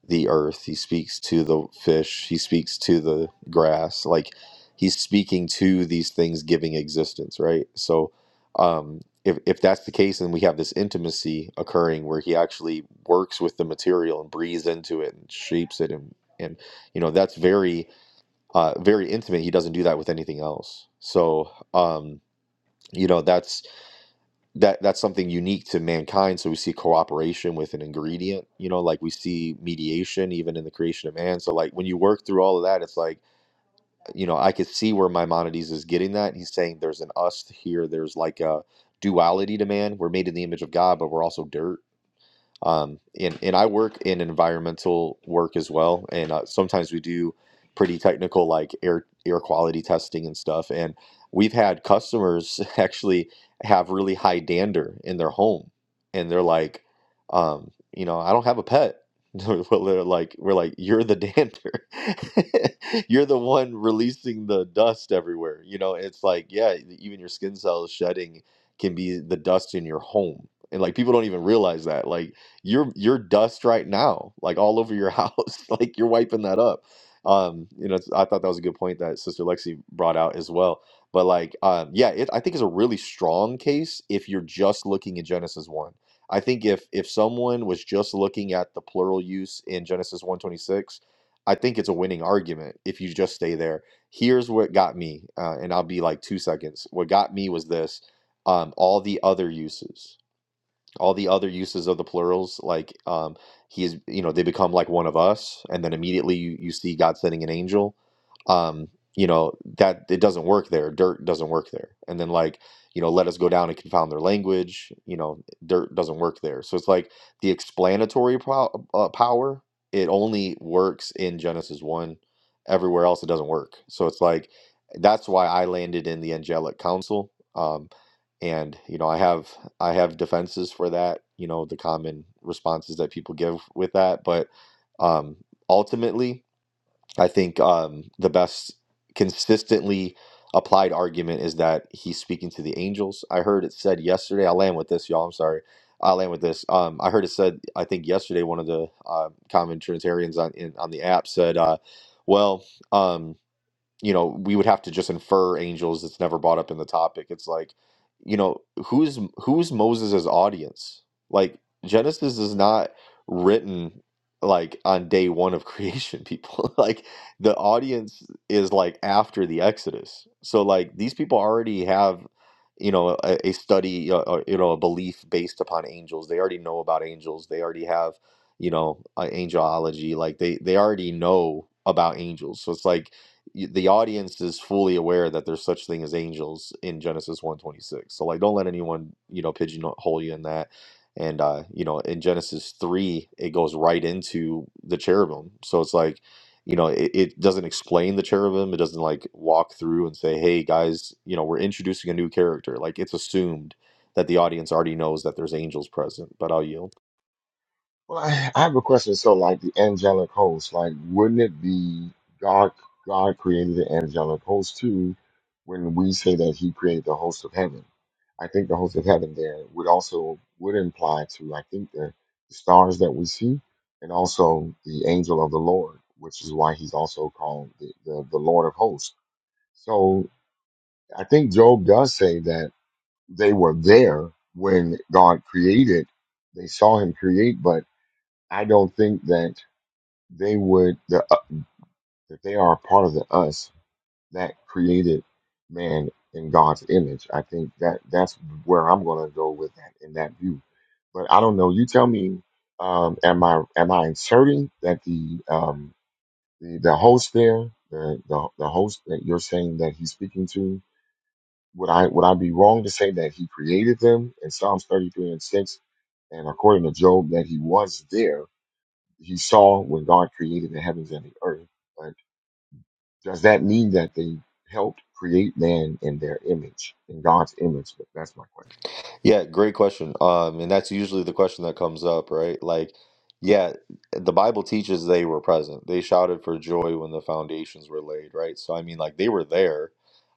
Speaker 20: the earth. He speaks to the fish. He speaks to the grass. Like he's speaking to these things giving existence, right? So, um, if if that's the case and we have this intimacy occurring where he actually works with the material and breathes into it and shapes it and and you know that's very uh very intimate he doesn't do that with anything else so um you know that's that that's something unique to mankind so we see cooperation with an ingredient you know like we see mediation even in the creation of man so like when you work through all of that it's like you know, I could see where Maimonides is getting that. He's saying there's an us here, there's like a duality to man. We're made in the image of God, but we're also dirt um, and, and I work in environmental work as well. And uh, sometimes we do pretty technical, like air, air quality testing and stuff. And we've had customers *laughs* actually have really high dander in their home. And they're like, um, you know, I don't have a pet. *laughs* Well, they're like, we're like, you're the dander. *laughs* You're the one releasing the dust everywhere. You know, it's like, yeah, e, even your skin cells shedding can be the dust in your home. And like people don't even realize that. Like you're you're dust right now, like all over your house. *laughs* like you're wiping that up. Um, you know, it's- I thought that was a good point that Sister Lexi brought out as well. But like, um, yeah, it, I think it's a really strong case if you're just looking at Genesis one. I think if if someone was just looking at the plural use in Genesis one twenty six, I think it's a winning argument if you just stay there. Here's what got me, uh, and I'll be like two seconds. What got me was this: um, all the other uses all the other uses of the plurals like um he is you know they become like one of us and then immediately you, you see god sending an angel um you know that it doesn't work there dirt doesn't work there and then like you know let us go down and confound their language you know dirt doesn't work there so it's like the explanatory pow- uh, power it only works in genesis 1 everywhere else it doesn't work so it's like that's why i landed in the angelic council um, and you know i have i have defenses for that you know the common responses that people give with that but um ultimately i think um the best consistently applied argument is that he's speaking to the angels i heard it said yesterday i land with this y'all i'm sorry i land with this um i heard it said i think yesterday one of the uh, common trinitarians on in, on the app said uh well um, you know, we would have to just infer angels. It's never brought up in the topic. It's like, you know, who's who's Moses's audience? Like Genesis is not written like on day one of creation, people. *laughs* like the audience is like after the Exodus. So like these people already have, you know, a, a study, uh, uh, you know, a belief based upon angels. They already know about angels. They already have you know uh, angelology like they they already know about angels so it's like y- the audience is fully aware that there's such thing as angels in Genesis 126. So like don't let anyone, you know, pigeonhole you in that. And uh, you know, in Genesis 3, it goes right into the cherubim. So it's like, you know, it, it doesn't explain the cherubim. It doesn't like walk through and say, hey guys, you know, we're introducing a new character. Like it's assumed that the audience already knows that there's angels present. But I'll yield.
Speaker 1: Well, I, I have a question. So, like the angelic host, like wouldn't it be God? God created the angelic host too. When we say that He created the host of heaven, I think the host of heaven there would also would imply to I think the, the stars that we see, and also the angel of the Lord, which is why He's also called the the, the Lord of hosts. So, I think Job does say that they were there when God created. They saw Him create, but I don't think that they would the uh, that they are a part of the us that created man in God's image. I think that that's where I'm going to go with that in that view. But I don't know. You tell me. Um, am I am I inserting that the um, the, the host there, the, the the host that you're saying that he's speaking to? Would I would I be wrong to say that he created them in Psalms 33 and 6, and according to Job that he was there, he saw when God created the heavens and the earth. Does that mean that they helped create man in their image, in God's image? But That's my question.
Speaker 20: Yeah, great question. Um, and that's usually the question that comes up, right? Like, yeah, the Bible teaches they were present. They shouted for joy when the foundations were laid, right? So, I mean, like, they were there.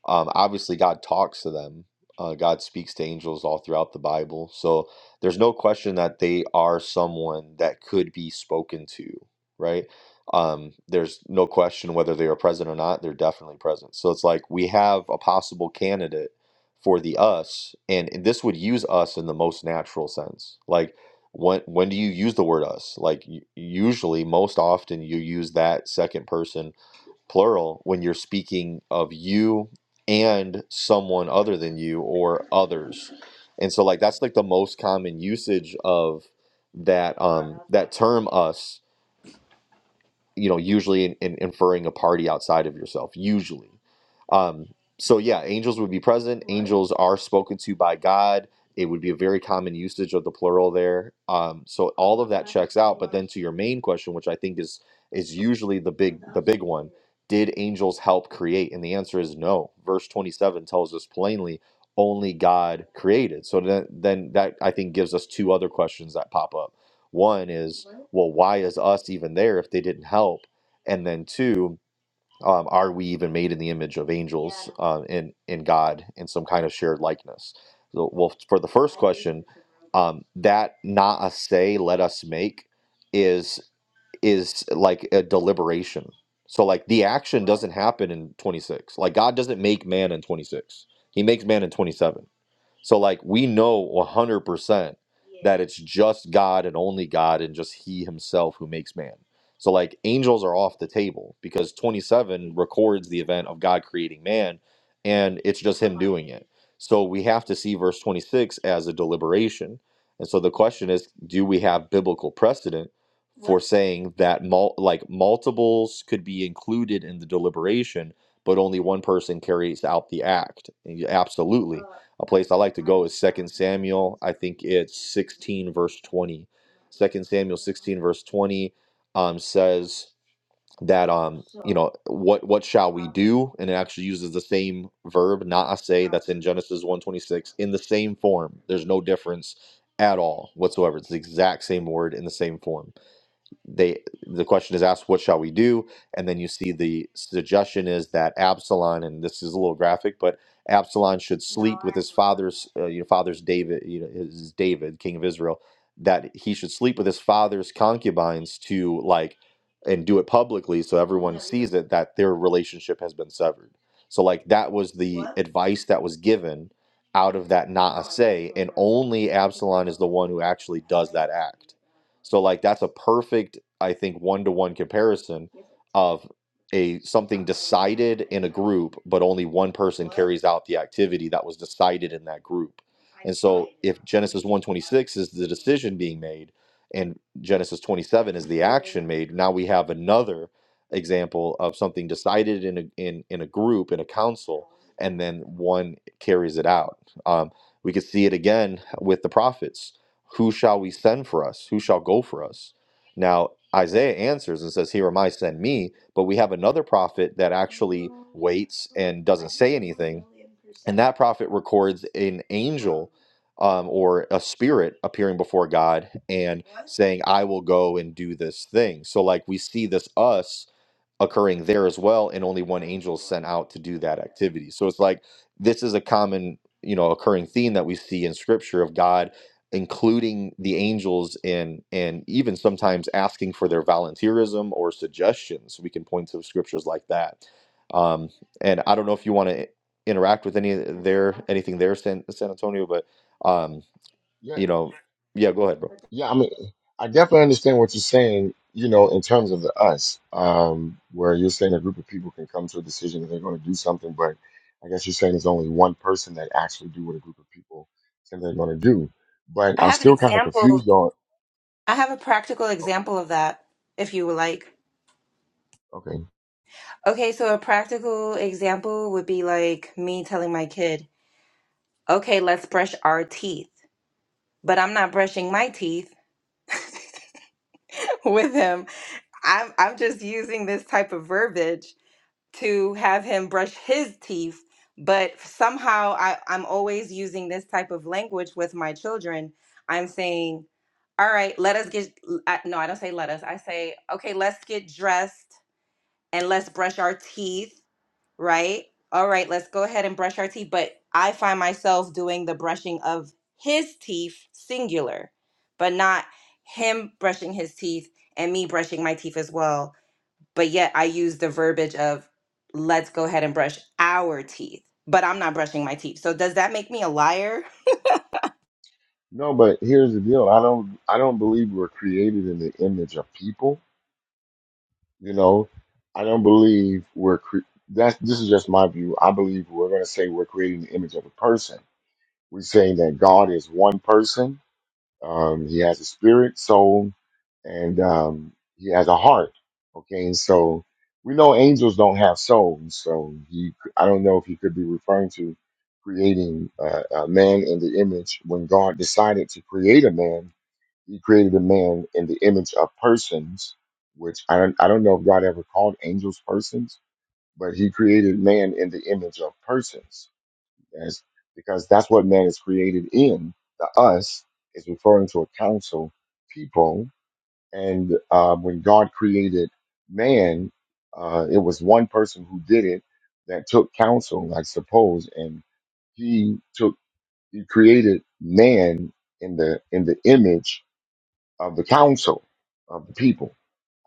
Speaker 20: Um, obviously, God talks to them. Uh, God speaks to angels all throughout the Bible. So, there's no question that they are someone that could be spoken to, right? Um, there's no question whether they are present or not. They're definitely present. So, it's like we have a possible candidate for the us and, this would use us in the most natural sense like when when do you use the word us like u- usually most often you use that second person plural when you're speaking of you and someone other than you or others and so like that's like the most common usage of that um that term us you know usually in, in inferring a party outside of yourself usually um so yeah angels would be present angels are spoken to by God. It would be a very common usage of the plural there. Um, so all into your main question, which I think is is usually the big big one. Did angels help create? And the answer is no. Verse 27 tells us plainly only God created. So then, then that I think gives us two other questions that pop up. One is, well, why is us even there if they didn't help? And then two, um, are we even made in the image of angels? uh, in in God in some kind of shared likeness. So, well, for the first, um, that not a say let us make is is like a deliberation. So like the action doesn't happen in 26. Like God doesn't make man in 26. He makes man in 27. So like we know 100% that it's just God and only God and just he himself who makes man. So like angels are off the table because 27 records the event of God creating man and it's just so we have to see verse 26 as a deliberation. And so the question is do we have biblical precedent saying that mul- like multiples could be included in the deliberation but only one person carries out the act? And you- Absolutely. Verse 20 um s- that um uh, what what shall do and it actually uses the same verb not say that's in Genesis 126 in the same form. There's no difference at all whatsoever. It's the exact same word in the same form. they the question is asked what shall we do and then you see the suggestion is that absalom and this is a little graphic but absalom should father's uh, you know father's david you know his david king of israel that he should sleep with his father's concubines to like and do it publicly so everyone sees it that their relationship has been severed so like that was the advice that was given out of that not one who actually so like that's a perfect i think one-to-one comparison of a but only one person carries out the activity that was decided in that group. This is the decision being made, and Genesis 27 made. Now we have another example of something decided in a in in a group in a council, and then one carries it out. Um, we could see it again with the prophets. Who shall we send for us? Who shall go for us? Now Isaiah answers and says, "Here am I, send me." But we have another prophet that acts, hates um, or a spirit appearing before God and. saying, I will go and do this thing. So, like, we see this us occurring there as well, and only one angel is sent out to do that activity. So, it's like this is a common, you know, occurring theme that we see in scripture of God including the angels in and even sometimes asking for their volunteerism or suggestions we can point to scriptures like that um and i don't know if you want to interact with any of their anything there san, san antonio but um
Speaker 1: Yeah,
Speaker 20: you know yeah go ahead bro
Speaker 1: yeah. I mean, I definitely understand what you're saying. You know, in terms of the us, um, where you're saying a group of people can come to a decision that they're going to do something, but I guess you're saying there's only one person that actually do what a group of people say they're going to do. But
Speaker 25: I
Speaker 1: I'm
Speaker 25: have an
Speaker 1: still kind of
Speaker 25: example.
Speaker 1: confused on.
Speaker 25: I have a practical
Speaker 1: oh,
Speaker 25: example of that, if you would like.
Speaker 1: Okay,
Speaker 25: Okay, so a practical example would be like me telling my kid, "Okay, let's brush our teeth." But I'm not brushing my teeth *laughs* with him. I'm I'm just using this type of verbiage to have him brush his teeth, but somehow I I'm always using this type of language with my children. I'm saying, "All right, let us get I, no, I don't say let us. I say, "Okay, let's get dressed and let's brush our teeth." right? All right, let's go ahead and brush our teeth. But I find myself doing the brushing of his teeth, singular, but not him brushing his teeth and me brushing my teeth as well. But yet I use the verbiage of let's go ahead and brush our teeth, but I'm not brushing my teeth. So does that make me a liar?
Speaker 1: no, but here's the deal. I don't. I don't believe we're created in the image of people. You know, I don't believe we're cre- that's this is just my view. I believe we're going to say we're creating the image of a person. We're saying that God is one person. Um, he has a spirit, soul, and um, he has a heart. Okay, and so we know angels don't have souls, so he I don't know if he could be referring to creating uh, a man in the image when God decided to create a man he created a man in the image of persons, which I don't I don't know if God ever called angels persons, but he created man in the image of persons. That's because that's what man is created in. The us is referring to a council, people, and uh, when God created man, uh, it was one person who did it that took counsel, I suppose, and he took he created man in the in the image of the council of the people.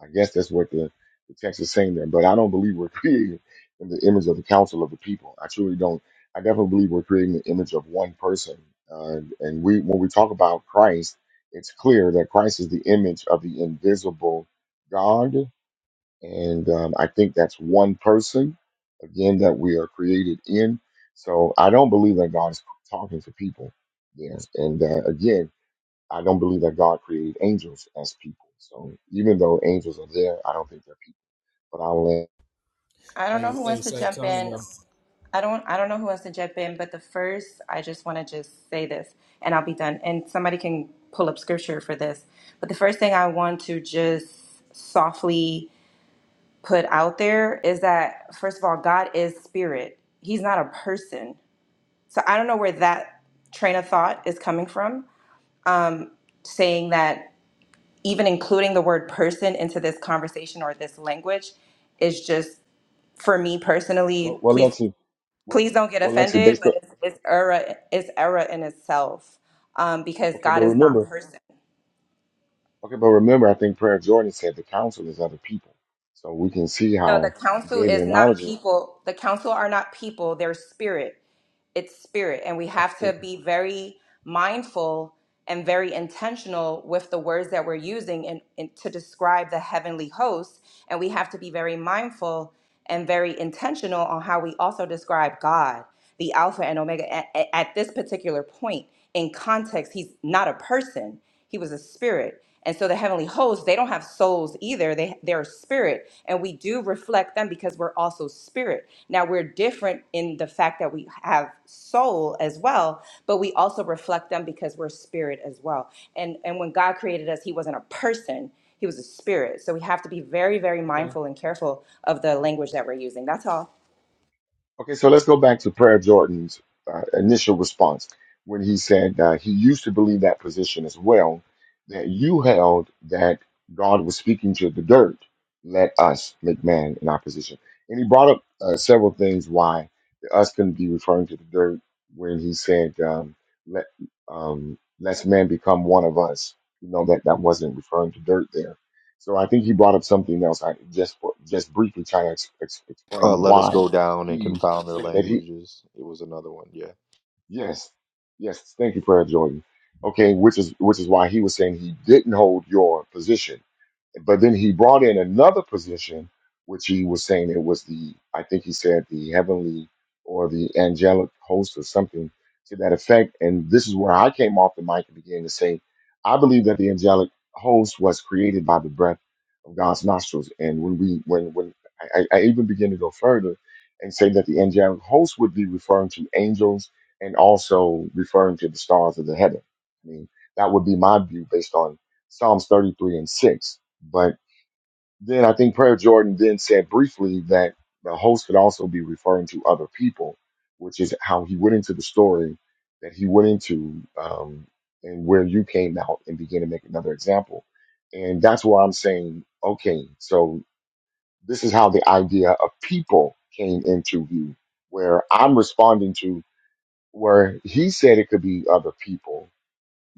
Speaker 1: I guess that's what the, the text is saying there. But I don't believe we're *laughs* created in the image of the council of the people. I truly don't. I definitely believe we're creating the image of one person. Uh, and we, when we talk about Christ, it's clear that Christ is the image of the invisible God. And um, I think that's one person, again, that we are created in. So I don't believe that God is talking to people. Yes. And uh, again, I don't believe that God created angels as people. So even though angels are there, I don't think they're people. But I'll land.
Speaker 25: I don't know
Speaker 16: Hey,
Speaker 25: who
Speaker 16: hey,
Speaker 25: wants to jump in
Speaker 16: Santonio.
Speaker 25: I don't I don't know who wants to jump in, but the first I just want to just say this and I'll be done. And somebody can pull up scripture for this. But the first thing I want to just softly put out there is that first of all, God is spirit. He's not a person. So I don't know where that train of thought is coming from saying that even including the word person into this conversation or this language is just for me
Speaker 1: Well,
Speaker 25: personally,
Speaker 1: well,
Speaker 25: please
Speaker 1: Lexi, well,
Speaker 25: please don't get
Speaker 1: well, Lexi,
Speaker 25: offended,
Speaker 1: based on
Speaker 25: but it's, it's error, it's error in itself um, because
Speaker 1: okay, but
Speaker 25: God is not
Speaker 1: remember,
Speaker 25: person.
Speaker 1: okay, but remember, I think Prayer Jordan said the council is other people. So we can see
Speaker 25: No, the
Speaker 1: how he
Speaker 25: council
Speaker 1: gave the
Speaker 25: is not
Speaker 1: analogy.
Speaker 25: people. The council are not people, they're spirit. It's spirit. And we have to
Speaker 1: *laughs*
Speaker 25: be very mindful and very intentional with the words that we're using in, in, to describe the heavenly host. And we have to be very mindful and very intentional on how we also describe God, the Alpha and Omega, at, at this particular point in context. He's not a person, he was a spirit. And so the heavenly hosts, they don't have souls either. They they're a spirit. And we do reflect them because we're also spirit. Now we're different in the fact that we have soul as well, but we also reflect them because we're spirit as well. And and when God created us, he wasn't a person. He was a spirit. So we have to be very, very
Speaker 1: okay,
Speaker 25: mindful and careful of the language that we're using. That's all.
Speaker 1: Okay, so let's go back to Prayer Jordan's uh, initial response when he said uh, he used to believe that position as well, that you held that God was speaking to the dirt, let us make man in our position. And he brought up uh, several things why the us couldn't be referring to the dirt when he said, um, let, um, let man become one of us. You know, that, that wasn't referring to dirt there. So I think he brought up something else. I just just briefly trying to ex- ex-
Speaker 20: Uh,
Speaker 1: explain
Speaker 20: let us
Speaker 1: why
Speaker 20: go down and
Speaker 1: he
Speaker 20: confound their
Speaker 1: said that he
Speaker 20: languages. It was another one. Yeah.
Speaker 1: yes yes thank you prayer jordan okay which is which is why he was saying he didn't hold your position but then he brought in another position, which he was saying it was the, I think he said the heavenly or the angelic host or something to that effect. And this is where I came off the mic and began to say, I believe that the angelic host was created by the breath of God's nostrils. And when we, when, when I, I I even begin to go further and say that the angelic host would be referring to angels and also referring to the stars of the heaven. I mean, that would be my view based on Psalms 33 and 6 but then I think Prayer Jordan then said briefly that the host could also be referring to other people, which is how he went into the story that he went into um, and where you came out and began to make another example. And that's where I'm saying, okay, so this is how the idea of people came into view, where I'm responding to where he said it could be other people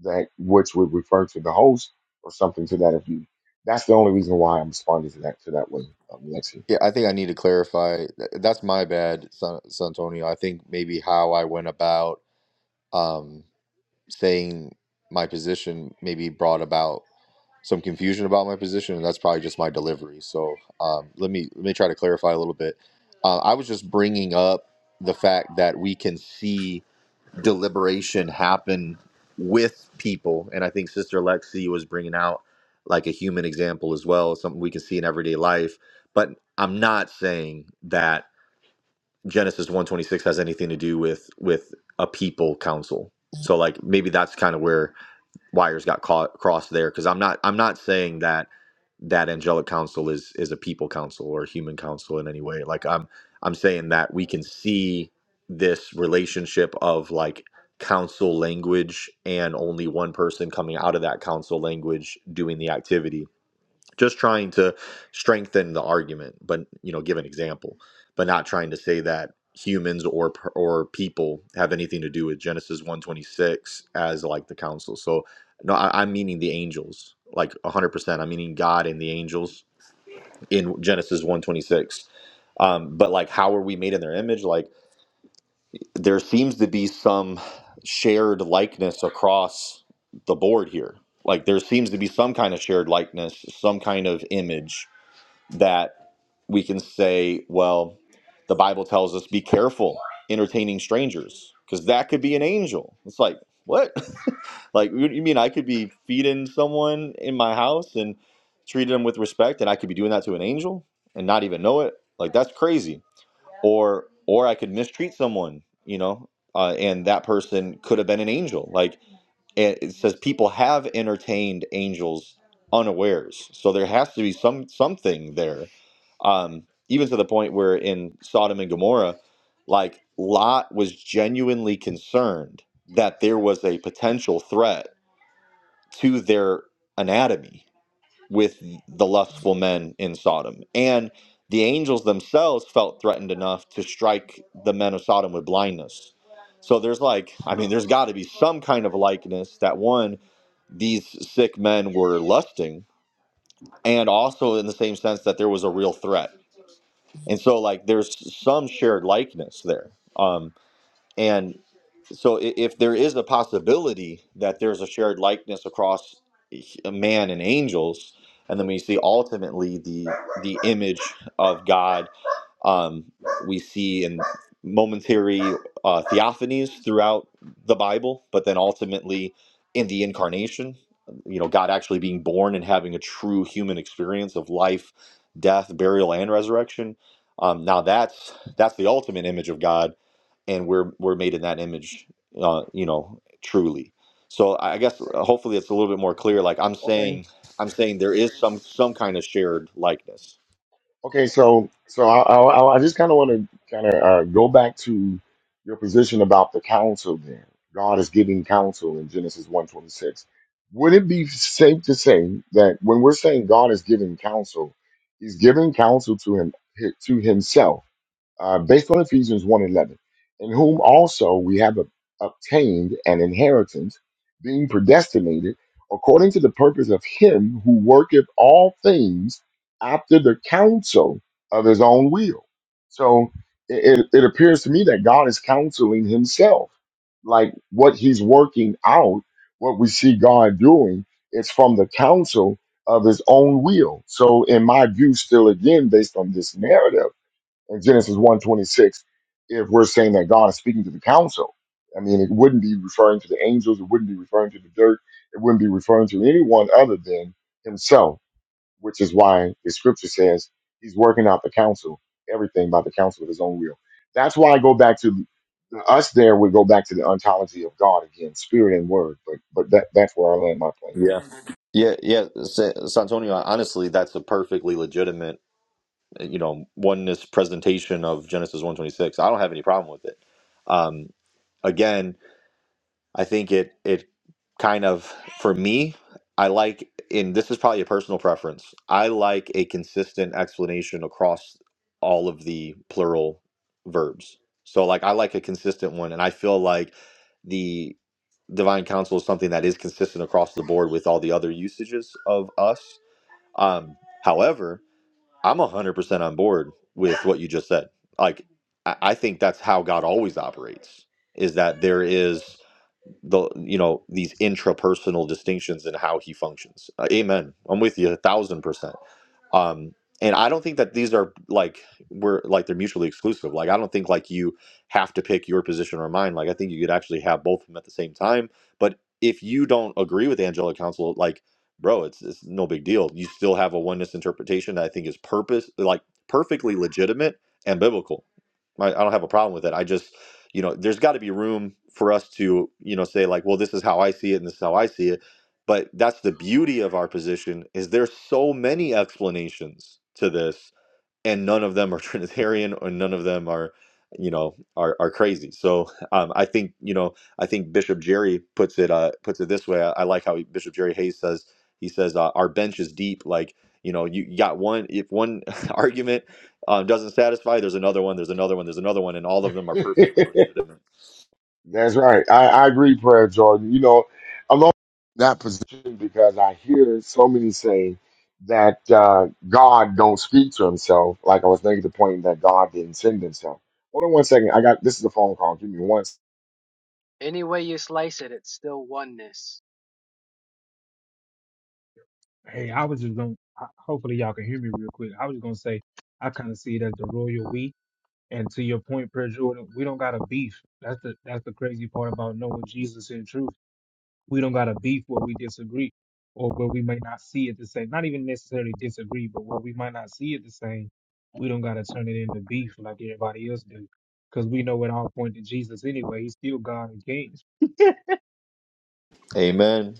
Speaker 1: that which would refer to the host or something to that effect. That's the only reason why I'm responding to that to that way, um, Lexi.
Speaker 20: Yeah, I think I need to clarify. Th- That's my bad, San Santonio. I think maybe how I went about um, saying my position maybe brought about some confusion about my position, and that's probably just my delivery. So um, let me let me try to clarify a little bit. Uh, I was just bringing up the fact that we can see. deliberation happen with people. And I think Sister Lexi was bringing out like a human example as well, something we can see in everyday life. But I'm not saying that Genesis 126 has anything to do with with a people council. So like maybe that's kind of where wires got caught crossed there because I'm not I'm not saying that that angelic council is is a people council or human council in any way. Like I'm I'm saying that we can see this relationship of like council language and only one person coming out of that council language doing the activity just trying to strengthen the argument but you know give an example but not trying to say that humans or per- or people have anything to do with genesis 126 as like the council so no I, i'm meaning the angels like 100% i'm meaning god and the angels in genesis 126 um, but like how are we made in their image like there seems to be some shared likeness across the board here like there seems to be some kind of shared likeness some kind of image that we can say, well, the Bible tells us be careful entertaining strangers because that could be an angel. It's like, what? *laughs* like, you mean I could be feeding someone in my house and treating them with respect and I could be doing that to an angel and not even know it? Like, that's crazy. Or, or I could mistreat someone, you know, uh, and that person could have been an angel. Like, and it says people have entertained angels unawares so there has to be some something there um even to the point where in sodom and gomorrah like lot was genuinely concerned that there was a potential threat to their anatomy with the lustful men in sodom and the angels themselves felt threatened enough to strike the men of sodom with blindness so there's like i mean there's got to be some kind of likeness that one these sick men were lusting and also in the same sense that there was a real threat and so like there's some shared likeness there um and so i- if there is a possibility that there's a shared likeness across a man and angels and then we see ultimately the the image of god um, we see in momentary uh, theophanies throughout the Bible, but then ultimately in the incarnation, you know, God actually being born and having a true human experience of life, death, burial, and resurrection. Um, now that's that's the ultimate image of God, and we're we're made in that image, uh, you know, truly. So I guess uh, hopefully it's a little bit more clear. Like I'm
Speaker 1: Okay.
Speaker 20: saying, I'm saying there is some some kind of shared likeness
Speaker 1: Okay. So so I I, I just kind of want to kind of uh, go back to your position about the counsel. There, God is giving counsel in Genesis one twenty six. Would it be safe to say that when we're saying God is giving counsel, He's giving counsel to him to Himself? uh, based on Ephesians one eleven, in whom also we have ob- obtained an inheritance, being predestinated according to the purpose of Him who worketh all things after the counsel of His own will. So it, it it appears to me that God is counseling Himself. Like what He's working out, what we see God doing, it's from the counsel of His own will. So, in my view, still again, based on this narrative, in Genesis one twenty six, if we're saying that God is speaking to the council. I mean, it wouldn't be referring to the angels, it wouldn't be referring to the dirt, it wouldn't be referring to anyone other than himself, which is why the scripture says he's working out the counsel, everything by the counsel of his own will. That's why I go back to us there We go back to the ontology of God again, spirit and word, but but that that's where I land my plane
Speaker 20: Yeah. Yeah, yeah, Sa- Santonio. Honestly, that's a perfectly legitimate, you know, oneness presentation of Genesis one twenty six. I don't have any problem with it. Um, again, I think it it kind of for me, I like and this is probably a personal preference. I like a consistent explanation across all of the plural verbs. So like I like a consistent one and I feel like the divine counsel is something that is consistent across the board with all the other usages of us. Um however, I'm 100% on board with what you just said. Like I I think that's how God always operates is that there is the you know these intrapersonal distinctions in how he functions. Uh, amen. I'm with you a thousand percent. Um, and I don't think that these are like we're like they're mutually exclusive. Like I don't think like you have to pick your position or mine. Like I think you could actually have both of them at the same time. But if you don't agree with the angelic council, like bro, it's it's no big deal. You still have a oneness interpretation that I think is purpose like perfectly legitimate and biblical. I, I don't have a problem with it. I just you know there's got to be room for us to you know say like well this is how i see it and this is how i see it but that's the beauty of our position is there's so many explanations to this and none of them are *laughs* Trinitarian or none of them are, you know, are, are crazy. So um, I think you know I think Bishop Jerry puts it uh, puts it this way. I, I like how he, Bishop Jerry Hayes says he says uh, our bench is deep. Like you know you you got one if one *laughs* argument um, doesn't satisfy, there's another one, there's another one, there's another one, and all of them are
Speaker 1: at. *laughs*
Speaker 20: perfectly legitimate.
Speaker 1: That's right. I, I agree, Prayer Jordan. You know, I'm always in that position because I hear so many say that uh, God don't speak to himself. Like I was making the point that God didn't send himself. Hold on one second. I got this is a phone call. Give me one. s-
Speaker 26: Any way you slice it, it's still oneness.
Speaker 6: Hey, I was just going. to Hopefully, y'all can hear me real quick. I was gonna say I kind of see it as the royal we. And to your point, point, Per Jordan, we don't got a beef. That's the that's the crazy part about knowing Jesus in truth. we don't got a beef where we disagree or where we might not see it the same. Not even necessarily disagree, but where we might not see it the same, we don't got to turn it into beef like everybody else do. Because we know it all point to Jesus anyway. He's still God and King.
Speaker 20: Amen.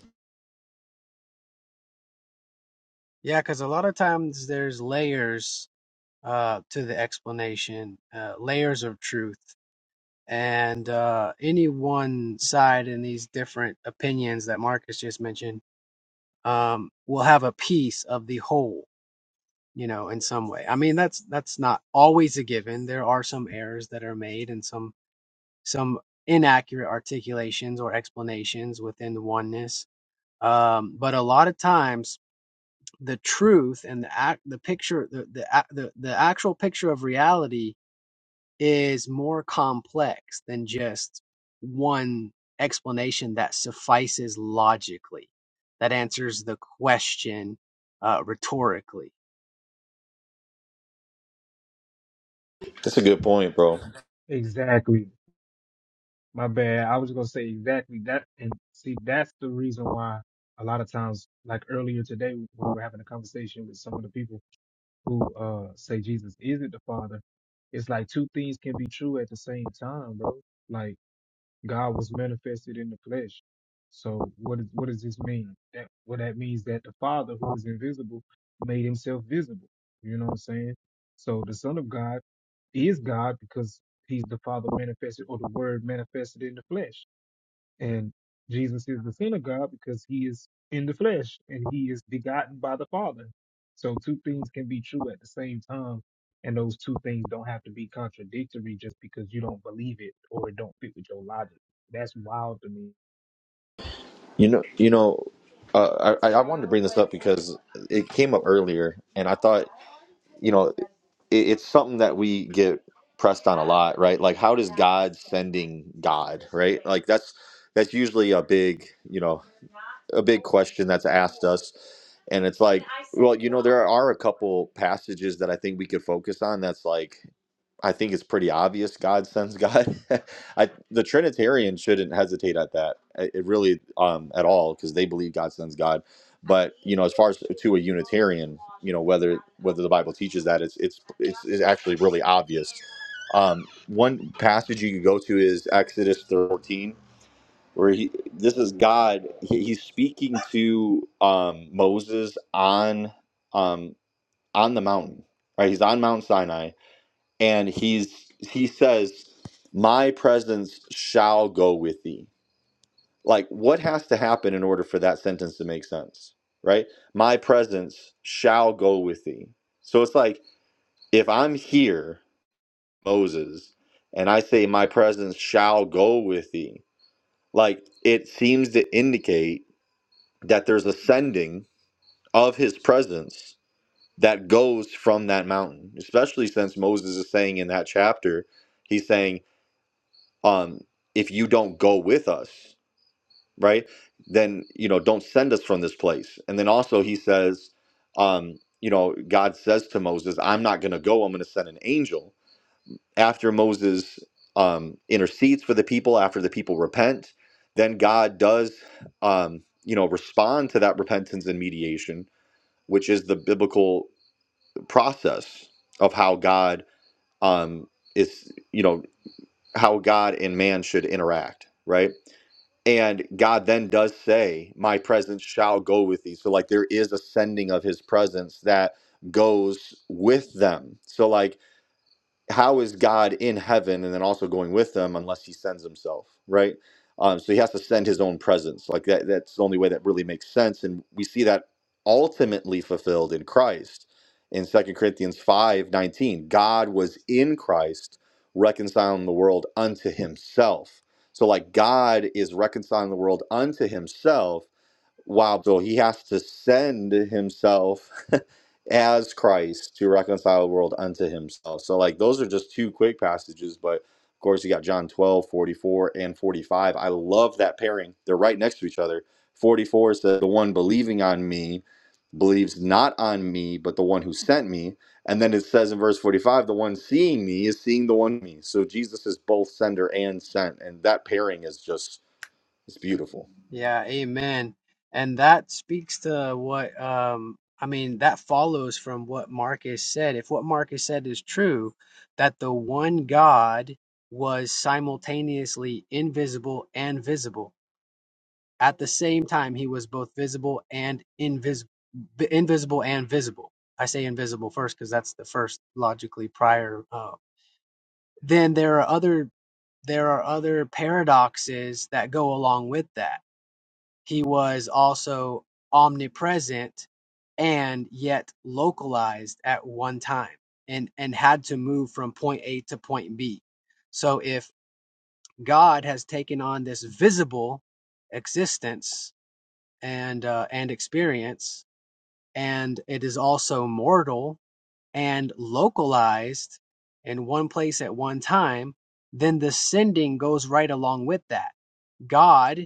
Speaker 26: Yeah, because a lot of times there's layers uh, to the explanation, uh, layers of truth, and uh, any one side in these different opinions that Marcus just mentioned um, will have a piece of the whole, you know, in some way. I mean, that's that's not always a given. There are some errors that are made and some some inaccurate articulations or explanations within the oneness um, but a lot of times the truth and the act the picture the, the the the actual picture of reality is more complex than just one explanation that suffices logically that answers the question uh, rhetorically
Speaker 20: That's a good point, bro.
Speaker 6: Exactly. My bad. I was going to say exactly that. And see, that's the reason why a lot of times, like earlier today, we were having a conversation with some of the people who uh, say Jesus isn't the Father. It's like two things can be true at the same time, bro. Like, God was manifested in the flesh. So what is what does this mean? That well that means that the Father who is invisible made himself visible. You know what I'm saying? So the Son of God is God because he's the Father manifested or the Word manifested in the flesh. And Jesus is the Son of God because he is in the flesh and he is begotten by the Father. So two things can be true at the same time. And those two things don't have to be contradictory just because you don't believe it or it don't fit with your logic. That's wild to me.
Speaker 20: You know you know. Uh, I, I I wanted to bring this up because it came up earlier, and I thought you know it, it's something that we get pressed on right like ending god like that's that's usually a big you know and that's asked. and it's like there are a couple passages that i think we could focus on that's like i think it's pretty obvious god sends god *laughs* I, the trinitarian shouldn't hesitate at that uh, it really um at all because they believe god sends god it's, it's obvious um one passage you could go to is exodus 13 where he this is God he- he's speaking to um Moses on um on the mountain right he's on Mount Sinai and he's he says my presence shall go with thee like what has to happen in order for that sentence to make sense right my presence shall go with thee so it's like if I'm here Moses and I say my presence shall go with thee like it seems to indicate that there's a sending of his presence that goes from that mountain especially since moses is saying in that chapter he's saying um if you don't go with us right then you know don't send us from this place and then also he says um you know god says to moses i'm not going to go i'm going to send an angel after moses um intercedes for the people after the people repent then god does um you know respond to that repentance and mediation which is the biblical process of how God um, is, you know, how God and man should interact, right? And God then does say, My presence shall go with thee. So, like, there is a sending of his presence that goes with them. So, like, how is God in heaven and then also going with them unless he sends himself, right? Um, so he has to send his own presence. Like that, that's the only way that really makes sense. And we see that ultimately fulfilled in Christ in Second Corinthians 5 19. God was in Christ reconciling the world unto himself. So, like, God is reconciling the world unto himself Wow, so he has to send himself *laughs* as Christ to reconcile the world unto himself. So, like, those are just two quick passages, but of course, you got John 12 44 and 45. I love that pairing. They're right next to each other. 44 says, The one believing on me believes not on me, but the one who sent me. And then it says in verse 45, The one seeing me is seeing the one me. So, Jesus is both sender and sent. And that pairing is just, it's beautiful.
Speaker 26: Yeah, amen. And that speaks to what um I mean, that follows from what Marcus said. If what Marcus said is true, that the one God was simultaneously invisible and visible. At the same time, he was both visible and invisible, invisible and visible. I say invisible first because that's the first logically prior. Uh, then there are other there are other paradoxes that go along with that he was also omnipresent and yet localized at one time and, and had to move from point A to point B. So if God has taken on this visible existence and uh, and experience, and it is also mortal and localized in one place at one time, then the sending goes right along with that. God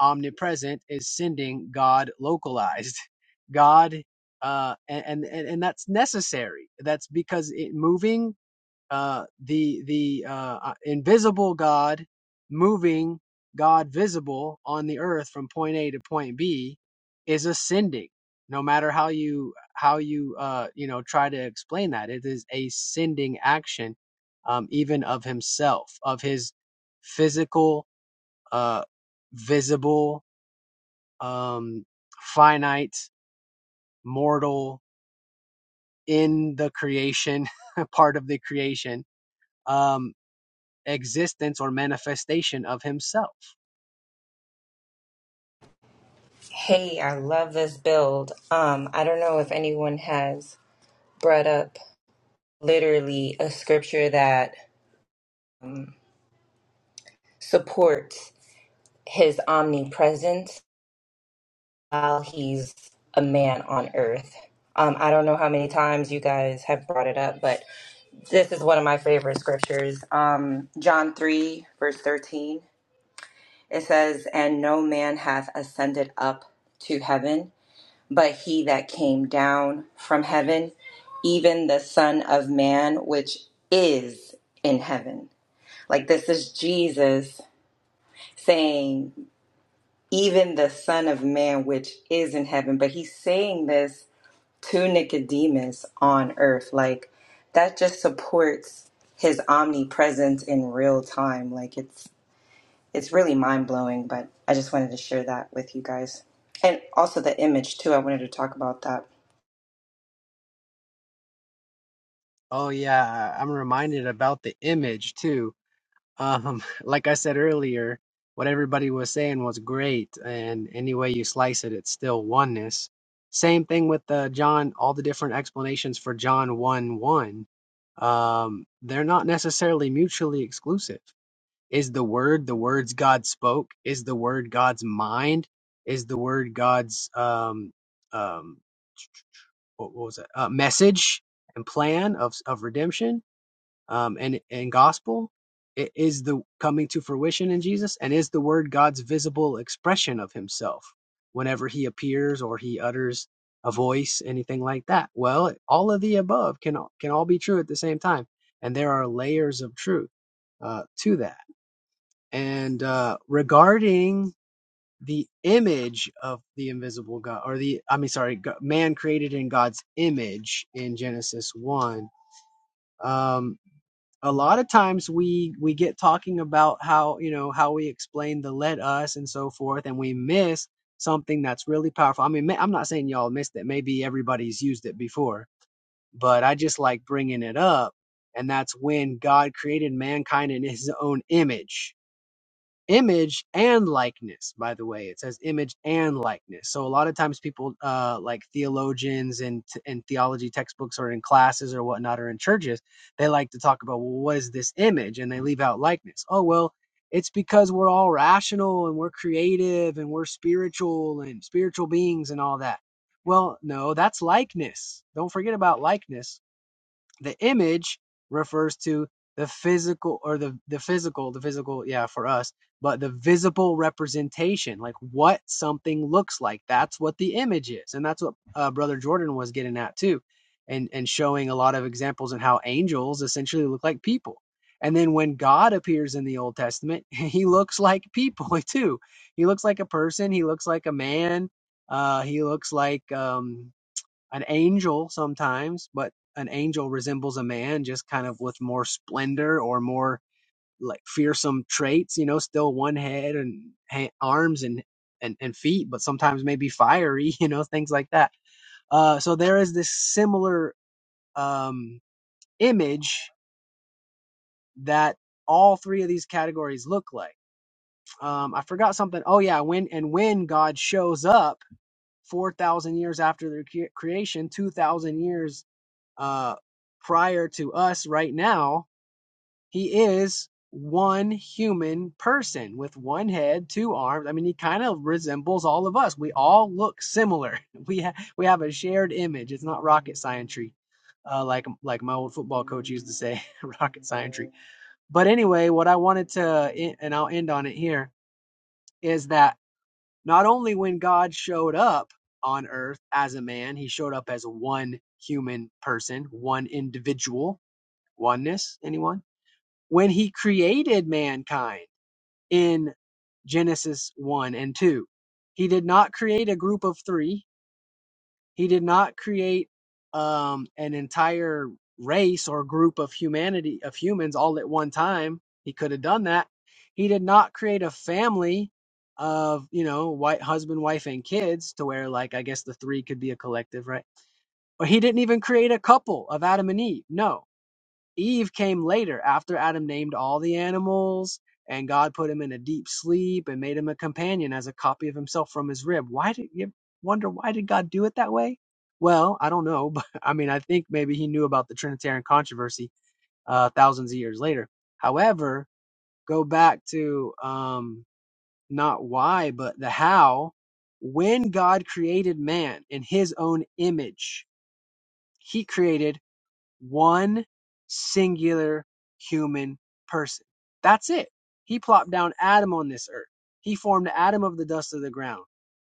Speaker 26: omnipresent is sending God localized. *laughs* God, uh, and, and and that's necessary. That's because it moving uh, the the uh, uh, invisible God moving God visible on the earth from point A to point B is ascending. No matter how you how you uh, you know try to explain that, it is a sending action, um, even of Himself, of His physical, uh, visible um, finite, mortal, in the creation, *laughs* part of the creation, um, existence or manifestation of himself.
Speaker 25: Hey, I love this build. Um, I don't know if anyone has brought up literally a scripture that um, support his omnipresence while he's a man on earth. Um, I don't know how many times you guys have brought it up, but this is one of my favorite scriptures. Um, John 3, verse 13. It says, And no man hath ascended up to heaven, but he that came down from heaven, even the Son of Man, which is in heaven. Like this is Jesus saying even the Son of Man, which is in heaven. But he's saying this to Nicodemus on earth. Like, that just supports his omnipresence in real time. Like, it's it's really mind blowing, but I just wanted to share that with you guys. And also the image too. I wanted to talk about that.
Speaker 26: Oh yeah, I- I'm reminded about the image too. Um, *laughs* like I said earlier, what everybody was saying was great, and any way you slice it, it's still oneness. Same thing with uh, John. All the different explanations for John one one, um, they're not necessarily mutually exclusive. Is the word the words God spoke? Is the word God's mind? Is the word God's um um what, what was it? Uh, message and plan of of redemption? um, and and gospel i- is the coming to fruition in Jesus, and is the Word God's visible expression of Himself whenever He appears or He utters a voice, anything like that. Well, all of the above can can all be true at the same time, and there are layers of truth uh, to that. And uh, regarding the image of the invisible God, or the I mean, sorry, man created in God's image in Genesis one. Um, a lot of times we we get talking about how you know how we explain the let us and so forth and we miss something that's really powerful i mean ma- i'm not saying y'all missed it maybe everybody's used it before but i just like bringing it up and that's when god created mankind in his own image image and likeness by the way it says image and likeness so a lot of times people uh like theologians and and theology textbooks or in classes or whatnot or in churches they like to talk about well what is this image and they leave out likeness oh well it's because we're all rational and we're creative and we're spiritual and spiritual beings and all that well no that's likeness don't forget about likeness the image refers to the physical or the, the physical, the physical, yeah, for us, but the visible representation, like what something looks like. That's what the image is. And that's what uh, Brother Jordan was getting at too, and, and showing a lot of examples in how angels essentially look like people. And then when God appears in the Old Testament, *laughs* he looks like people *laughs* too. He looks like a person, he looks like a man, uh, he looks like um, an angel sometimes, but an angel resembles a man just kind of with more splendor or more like fearsome traits, you know, still one head and ha- arms and, and, and feet, but sometimes maybe fiery, *laughs* you know, things like that. Uh, so there is this similar um, image that all three of these categories look like. Um, I forgot something. Oh yeah, when and when God shows up four thousand years after their cre- creation, two thousand years uh, prior to us right now, he is one human person with one head, two arms. I mean, he kind of resembles all of us. We all look similar. *laughs* We ha- we have a shared image. It's not rocket scientry, uh, like like my old football coach used to say, *laughs* rocket scientry. But anyway, what I wanted to, e, and I'll end on it here, is that not only when God showed up on earth as a man, he showed up as one human person, one individual Oneness, anyone? When he created mankind in Genesis 1 and 2, he did not create a group of three. He did not create um, an entire race or group of humanity, of humans all at one time. He could have done that. He did not create a family of, you know, white husband, wife, and kids to where, like, I guess the three could be a collective, right? Or he didn't even create a couple of Adam and Eve. No Eve came later after Adam named all the animals and God put him in a deep sleep and made him a companion as a copy of himself from his rib. Why did you wonder why did God do it that way? Well, I don't know, *laughs* but I mean, I think maybe he knew about the Trinitarian controversy uh, thousands of years later. However, go back to um, not why, but the how. When God created man in his own image, he created one singular human person. That's it. He plopped down Adam on this earth. He formed Adam of the dust of the ground.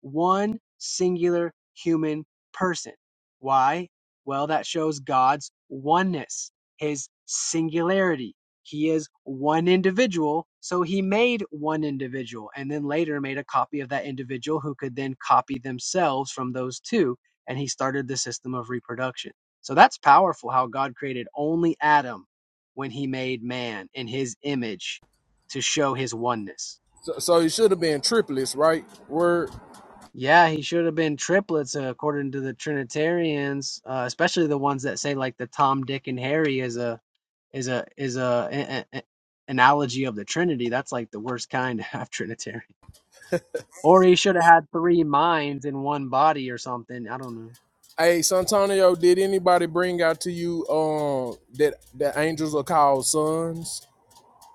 Speaker 26: One singular human person. Why? Well, that shows God's oneness, his singularity. He is one individual, so he made one individual and then later made a copy of that individual who could then copy themselves from those two, and he started the system of reproduction so that's powerful how God created only Adam when he made man in his image to show his oneness.
Speaker 16: So, so it should have been triplets, right? Word.
Speaker 26: Yeah, he should have been triplets uh, according to the Trinitarians, uh, especially the ones that say like the Tom, Dick, and Harry is a is a is a, a- a- analogy of the Trinity. That's like the worst kind *laughs* of Trinitarian. Or he should have had three minds in one body or something. I don't
Speaker 16: Hey, Santonio, did anybody bring out to you um uh, that that angels are called sons?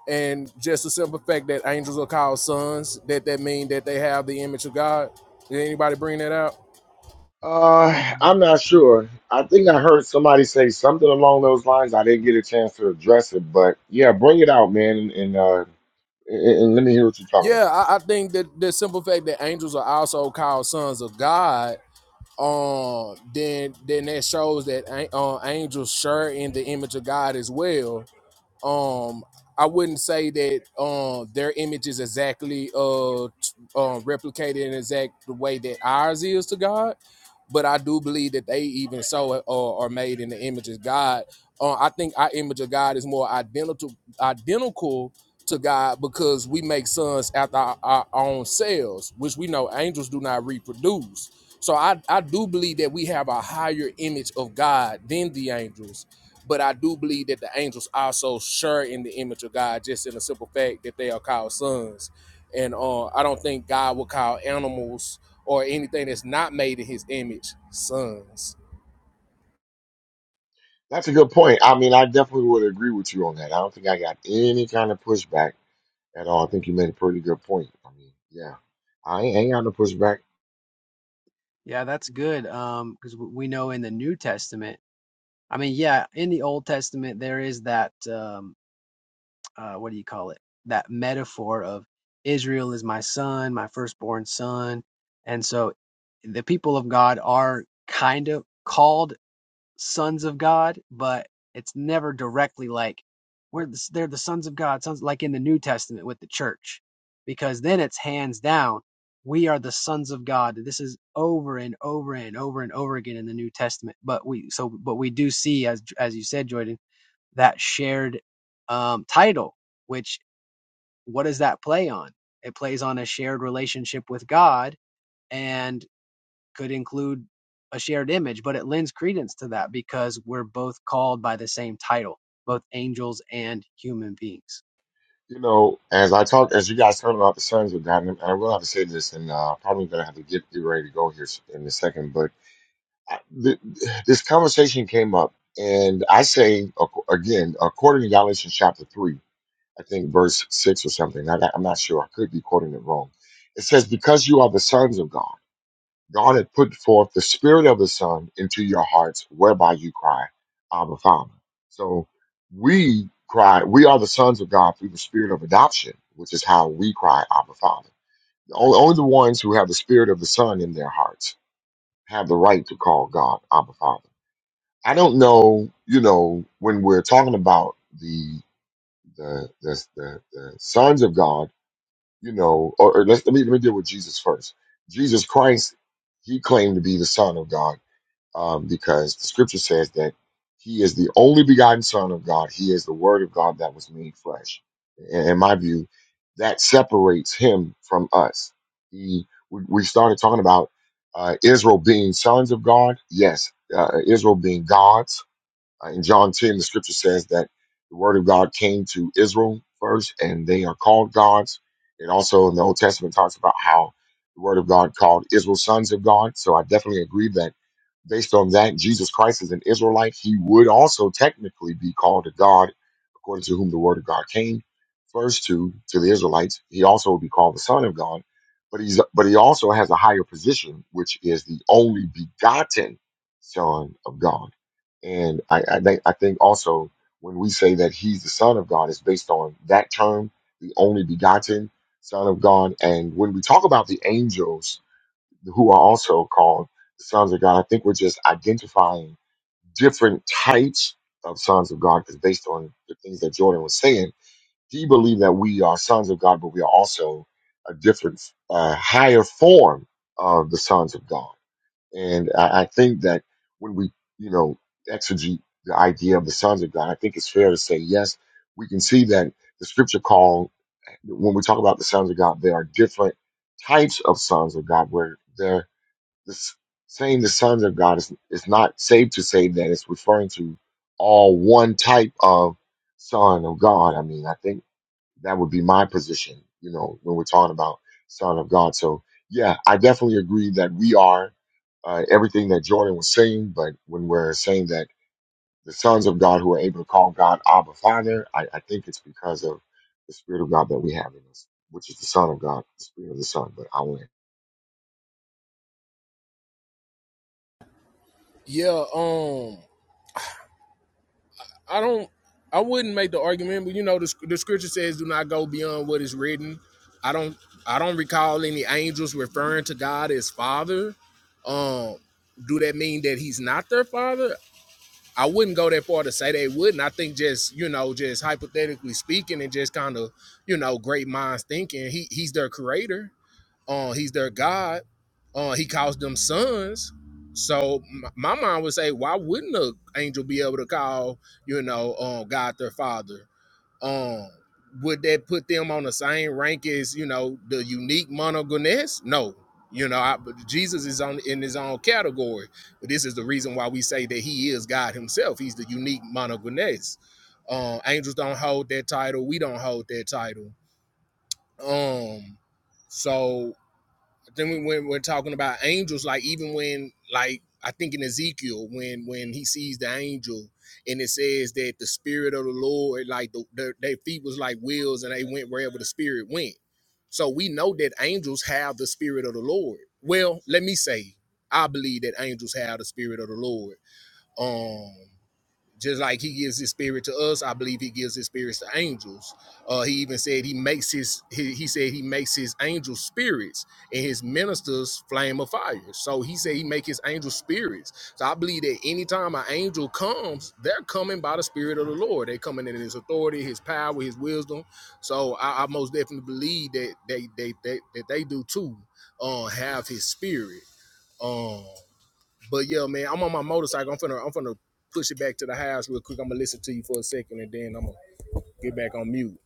Speaker 16: and just the simple fact that angels are called sons, that that mean that they have the image of God. Did anybody bring that out?
Speaker 1: Uh, I'm not
Speaker 26: know.
Speaker 1: sure. I think I heard somebody say something along those lines. I didn't get a chance to address it, but yeah, bring it out, man, and, and uh, and, and let me hear what you're talking about.
Speaker 16: Yeah, I, I think that the simple fact that angels are also called sons of God, um, then then that shows that uh, angels share in the image of God as well. um I wouldn't say that um their image is exactly uh t- uh, replicated in exact the way that ours is to God, but I do believe that they even so uh, are made in the image of God. Uh, I think our image of God is more identical identical to God because we make sons after our, our own selves, which we know angels do not reproduce. So I, I do believe that we have a higher image of God than the angels but I do believe that the angels also share in the image of God, just in the simple fact that they are called sons. And uh, I don't think God will call animals or anything that's not made in His image sons.
Speaker 1: That's a good point. I mean, I definitely would agree with you on that. I don't think I got any kind of pushback at all. I think you made a pretty good point. I mean, yeah, I ain't, ain't got no pushback.
Speaker 26: Yeah, that's good. Um, because we know in the New Testament I mean, yeah, in the Old Testament there is that um, uh, what do you call it? That metaphor of Israel is my son, my firstborn son, and so the people of God are kind of called sons of God, but it's never directly like we're the, they're the sons of God, sons like in the New Testament with the church, because then it's hands down we are the sons of God. This is over and over and over and over again in the New Testament, but we so but we do see as as you said, Jordan, that shared um, title. Which what does that play on? It plays on a shared relationship with God and could include a shared image, but it lends credence to that because we're both called by the same title, both angels and human beings.
Speaker 1: You know, as I talk, as you guys talking about the Suns with that, and I will have to say this, and uh, probably gonna have to get you ready to go here s- in a second. But th- this conversation came up, and I say ac- again, according to Galatians chapter three, I think verse six or something. I, I'm not sure. I could be quoting it wrong. It says, "Because you are the sons of God." God had put forth the Spirit of the Son into your hearts, whereby you cry, Abba, Father. So we cry, we are the sons of God through the Spirit of adoption, which is how we cry, Abba, Father. Only, only the ones who have the Spirit of the Son in their hearts have the right to call God Abba, Father. I don't know, you know, when we're talking about the the the, the, the sons of God, you know, or, or let's, let me let me deal with Jesus first. Jesus Christ, he claimed to be the Son of God um, because the scripture says that he is the only begotten Son of God. He is the Word of God that was made flesh. In, in my view, that separates him from us. He, we, we started talking about uh, Israel being sons of God. Yes, uh, Israel being gods uh, in John 10, the scripture says that the word of God came to Israel first, and they are called gods. It also in the Old Testament talks about how the word of God called Israel sons of God. So I definitely agree that based on that, Jesus Christ is an Israelite. He would also technically be called a God, according to whom the word of God came first to to the Israelites. He also would be called the Son of God, but he's but he also has a higher position, which is the only begotten Son of God. And I, I think I think also when we say that he's the Son of God, it's based on that term, the only begotten Son of God. And when we talk about the angels who are also called the sons of God, I think we're just identifying different types of sons of God because based on the things that Jordan was saying, he believed that we are sons of God, but we are also a different, uh, higher form of the sons of God and I, I think that when we, you know, exegete the idea of the sons of God, I think it's fair to say, yes, we can see that the scripture call, when we talk about the sons of God, there are different types of sons of God where they're the, s- saying the sons of God is, is not safe to say that it's referring to all one type of son of God. I mean, I think that would be my position, you know, when we're talking about Son of God. So, yeah, I definitely agree that we are uh, everything that Jordan was saying, but when we're saying that the sons of God who are able to call God Abba Father, I, I think it's because of the Spirit of God that we have in us, which is the Son of God, the Spirit of the Son. But I will
Speaker 16: Yeah. Um. I don't. I wouldn't make the argument, but you know, the, the scripture says, "Do not go beyond what is written." I don't. I don't recall any angels referring to God as Father. Um. Do that mean that He's not their Father? I wouldn't go that far to say they wouldn't. I think just you know, just hypothetically speaking, and just kind of you know, great minds thinking. He he's their creator. Uh, he's their God. Uh, he calls them sons. So m- my mind would say, why wouldn't an angel be able to call you know uh, God their father? Um, would that put them on the same rank as you know the unique monogoness? No, you know, I, Jesus is on in his own category. But this is the reason why we say that he is God Himself. He's the unique monogoness. Um, angels don't hold that title. We don't hold that title. Um, so then we, when we're talking about angels, like even when, like I think in Ezekiel, when when he sees the angel, and it says that the spirit of the Lord, like the, their, their feet was like wheels, and they went wherever the spirit went. So we know that angels have the spirit of the Lord. Well, let me say, I believe that angels have the spirit of the Lord. Um, just like he gives his spirit to us, I believe he gives his spirits to angels. Uh, he even said he makes his he, he said he makes his angel spirits and his ministers flame of fire. So he said he make his angel spirits. So I believe that anytime an angel comes, they're coming by the spirit of the Lord. They're coming in his authority, his power, his wisdom. So I, I most definitely believe that they they, they that they do too. Uh, have his spirit. um. But yeah, man, I'm on my motorcycle. I'm finna I'm finna push it back to the house real quick. I'm gonna listen to you for a second and then I'm gonna get back on mute.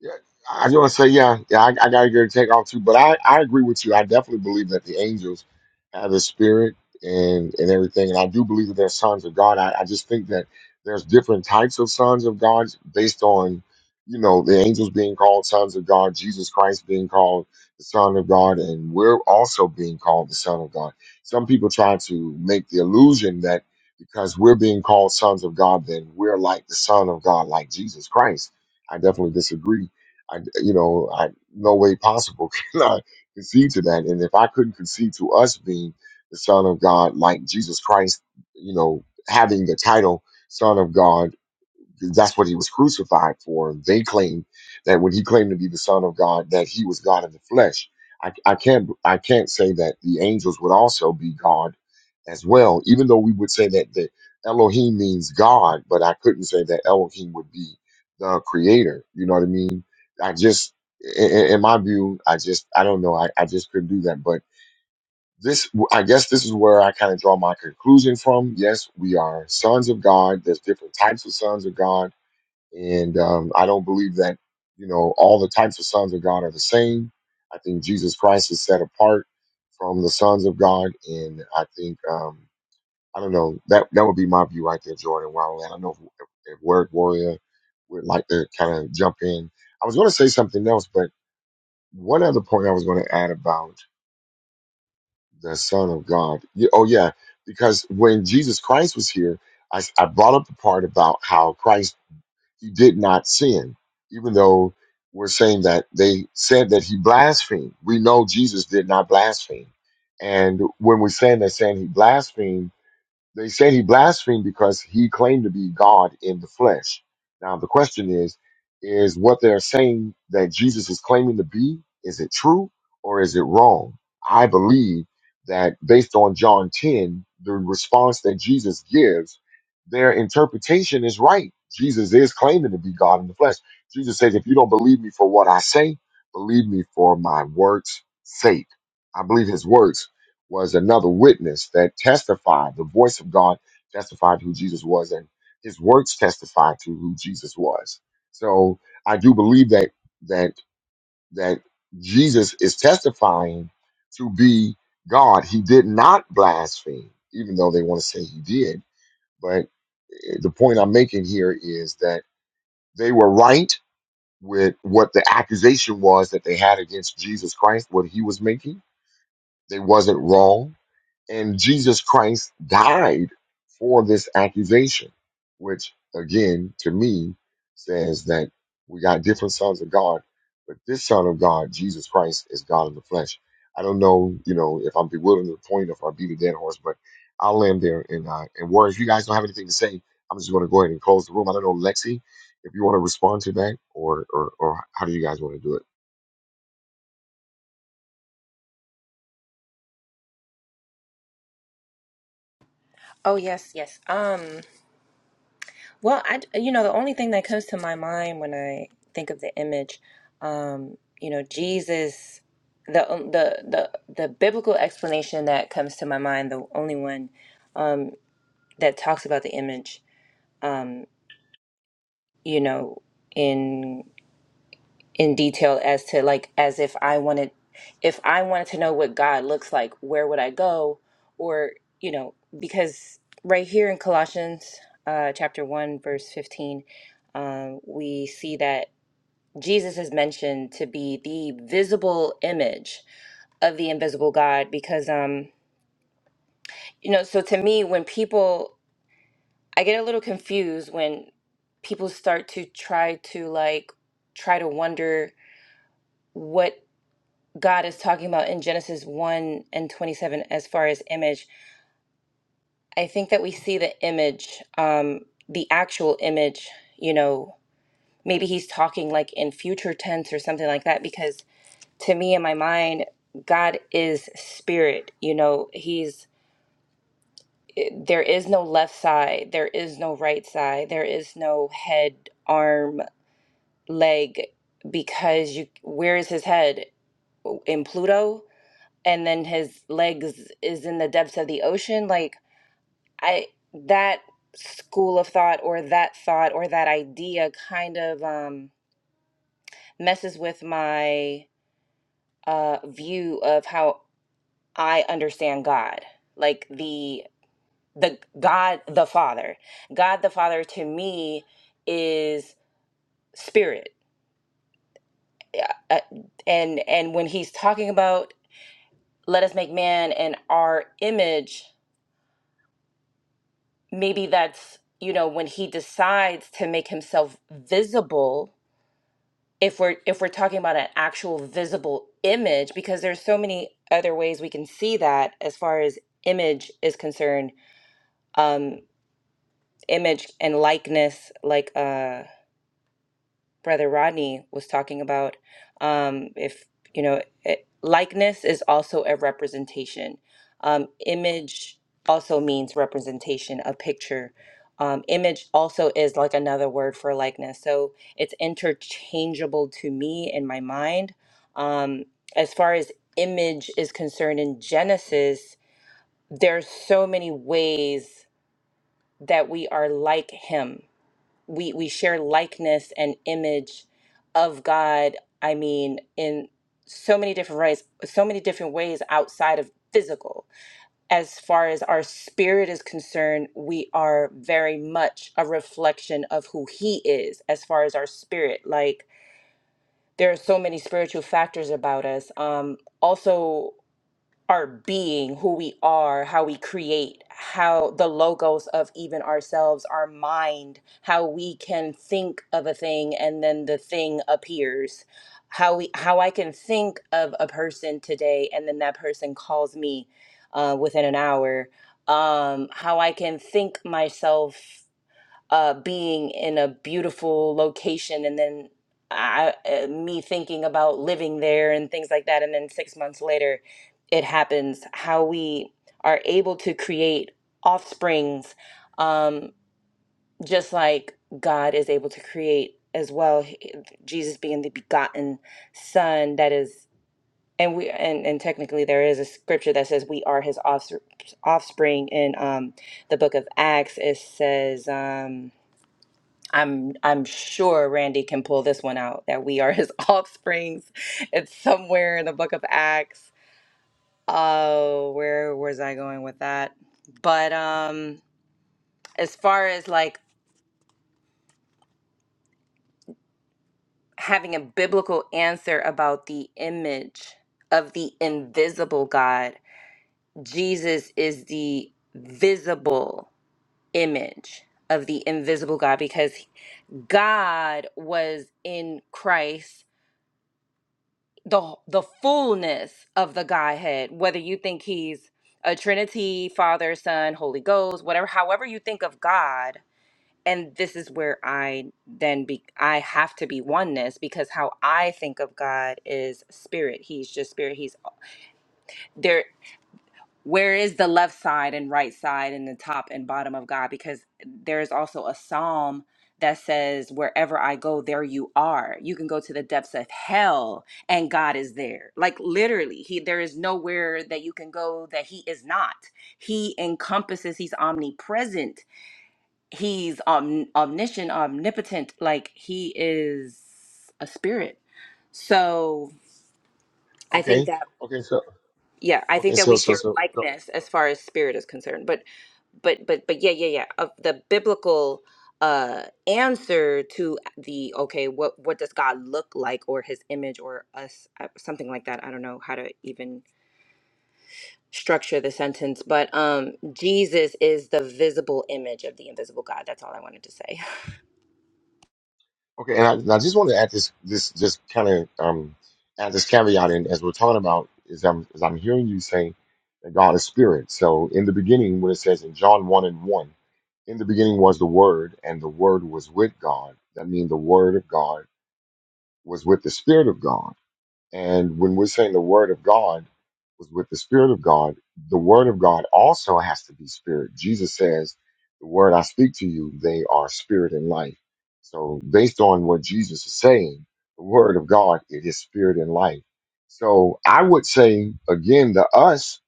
Speaker 1: Yeah, I just want to say, yeah, yeah, I, I got to get a take off too. But I, I agree with you. I definitely believe that the angels have the spirit and and everything, and I do believe that they're sons of God. I, I just think that there's different types of sons of God based on, you know, the angels being called sons of God, Jesus Christ being called the Son of God, and we're also being called the Son of God. Some people try to make the illusion that because we're being called sons of God, then we're like the Son of God, like Jesus Christ. I definitely disagree I, you know, I no way possible *laughs* can I concede to that. And if I couldn't concede to us being the Son of God, like Jesus Christ, you know, having the title Son of God that's what he was crucified for. They claim that when he claimed to be the Son of God, that he was God in the flesh. I, I can't I can't say that the angels would also be God as well, even though we would say that the Elohim means God, but I couldn't say that Elohim would be the creator. You know what I mean? I just i- i- in my view, I just I don't know. I, I just couldn't do that. But this I guess this is where I kind of draw my conclusion from. Yes, we are sons of God. There's different types of sons of God and um, I don't believe that, you know, all the types of sons of God are the same. I think Jesus Christ is set apart from the sons of God. And I think, um, I don't know, that, that would be my view right there, Jordan. Wow, I don't know if, if Word Warrior would like to kind of jump in. I was going to say something else, but one other point I was going to add about the Son of God. Yeah, Oh, yeah, because when Jesus Christ was here, I, I brought up the part about how Christ he did not sin, even though we're saying that they said that he blasphemed. We know Jesus did not blaspheme. And when we're saying they're saying he blasphemed, they said he blasphemed because he claimed to be God in the flesh. Now the question is, is what they're saying that Jesus is claiming to be, is it true or is it wrong? I believe that based on John 10, the response that Jesus gives, their interpretation is right. Jesus is claiming to be God in the flesh. Jesus says, if you don't believe me for what I say, believe me for my words' sake. I believe his words was another witness that testified, the voice of God testified who Jesus was, and his works testified to who Jesus was. So I do believe that that that Jesus is testifying to be God. He did not blaspheme, even though they want to say he did. But eh, the point I'm making here is that they were right with what the accusation was that they had against Jesus Christ, what he was making. They wasn't wrong and Jesus Christ died for this accusation, which again, to me, says that we got different sons of God, but this son of God, Jesus Christ, is God in the flesh. I don't know, you know, if I'm bewildering the point, if I beat a dead horse, but I'll land there and uh, and Warren, if you guys don't have anything to say, I'm just going to go ahead and close the room. I don't know, Lexi, if you want to respond to that, or or or how do you guys want to do it?
Speaker 25: Oh yes, yes. Um Well, I, you know, the only thing that comes to my mind when I think of the image, um, you know, Jesus, the um, the the the biblical explanation that comes to my mind, the only one um, that talks about the image, um, you know, in in detail as to like as if I wanted, if I wanted to know what God looks like, where would I go, or you know, because right here in Colossians uh, chapter one verse fifteen um, we see that Jesus is mentioned to be the visible image of the invisible God because um you know so to me when people I get a little confused when people start to try to like try to wonder what God is talking about in Genesis 1 and 27 as far as image I think that we see the image um the actual image you know maybe he's talking like in future tense or something like that because to me in my mind, God is spirit. You know, He's there is no left side, there is no right side, there is no head, arm, leg, because you where is His head in Pluto, and then His legs is in the depths of the ocean. Like I that school of thought or that thought or that idea kind of um messes with my uh view of how I understand God, like the the God the Father. God the Father to me is spirit. Yeah, uh, And and when he's talking about let us make man in our image, maybe that's, you know, when he decides to make himself visible, if we're if we're talking about an actual visible image because there's so many other ways we can see that as far as image is concerned Um image and likeness like uh brother rodney was talking about um if you know it, likeness is also a representation um image also means representation a picture um image also is like another word for likeness so it's interchangeable to me in my mind um as far as image is concerned in genesis there's so many ways that we are like him we we share likeness and image of God. I mean, in so many different ways, so many different ways outside of physical. As far as our spirit is concerned, we are very much a reflection of who He is. As far as our spirit, like there are so many spiritual factors about us. Um, also our being, who we are, how we create, how the logos of even ourselves, our mind, how we can think of a thing and then the thing appears. How we how I can think of a person today and then that person calls me uh, within an hour. Um, how I can think myself uh, being in a beautiful location and then I, uh, me thinking about living there and things like that. And then six months later, it happens. How we are able to create offsprings, um, just like God is able to create as well. He- Jesus being the begotten Son, that is, and we and, and technically there is a scripture that says we are His offspr- offspring. In um, the book of Acts, it says. Um, I'm I'm sure Randy can pull this one out that we are his *laughs* offsprings. It's somewhere in the book of Acts. Oh, where was I going with that? But um as far as like having a biblical answer about the image of the invisible God, Jesus is the visible image of the invisible God because God was in Christ the the fullness of the Godhead, whether you think he's a Trinity, Father, Son, Holy Ghost, whatever, however you think of God, and this is where I then be I have to be oneness because how I think of God is spirit. He's just spirit. He's there where is the left side and right side and the top and bottom of God? Because there is also a psalm that says, Wherever I go, there you are. You can go to the depths of hell and God is there. Like literally, He there is nowhere that you can go that He is not. He encompasses, He's omnipresent, He's om- omniscient, omnipotent, like He is a spirit. So I think
Speaker 1: Okay,
Speaker 25: that
Speaker 1: okay, so
Speaker 25: yeah i
Speaker 1: okay,
Speaker 25: think that
Speaker 1: so
Speaker 25: we
Speaker 1: so
Speaker 25: share
Speaker 1: so, so
Speaker 25: likeness as far as spirit is concerned but but but but yeah yeah yeah of the biblical uh answer to the okay what what does god look like or his image or us uh, something like that i don't know how to even structure the sentence but um jesus is the visible image of the invisible god that's all i wanted to say *laughs*
Speaker 1: Okay, and I, and I just want to add this, this, just kind of um, add this caveat in as we're talking about is I'm is I'm hearing you say that God is spirit. So in the beginning, when it says in John one and one, in the beginning was the Word, and the Word was with God. That means the Word of God was with the Spirit of God. And when we're saying the word of God was with the spirit of God, the word of God also has to be spirit. Jesus says, the word I speak to you, they are spirit and life. So based on what Jesus is saying, the word of God, it is spirit and life. So I would say again, the us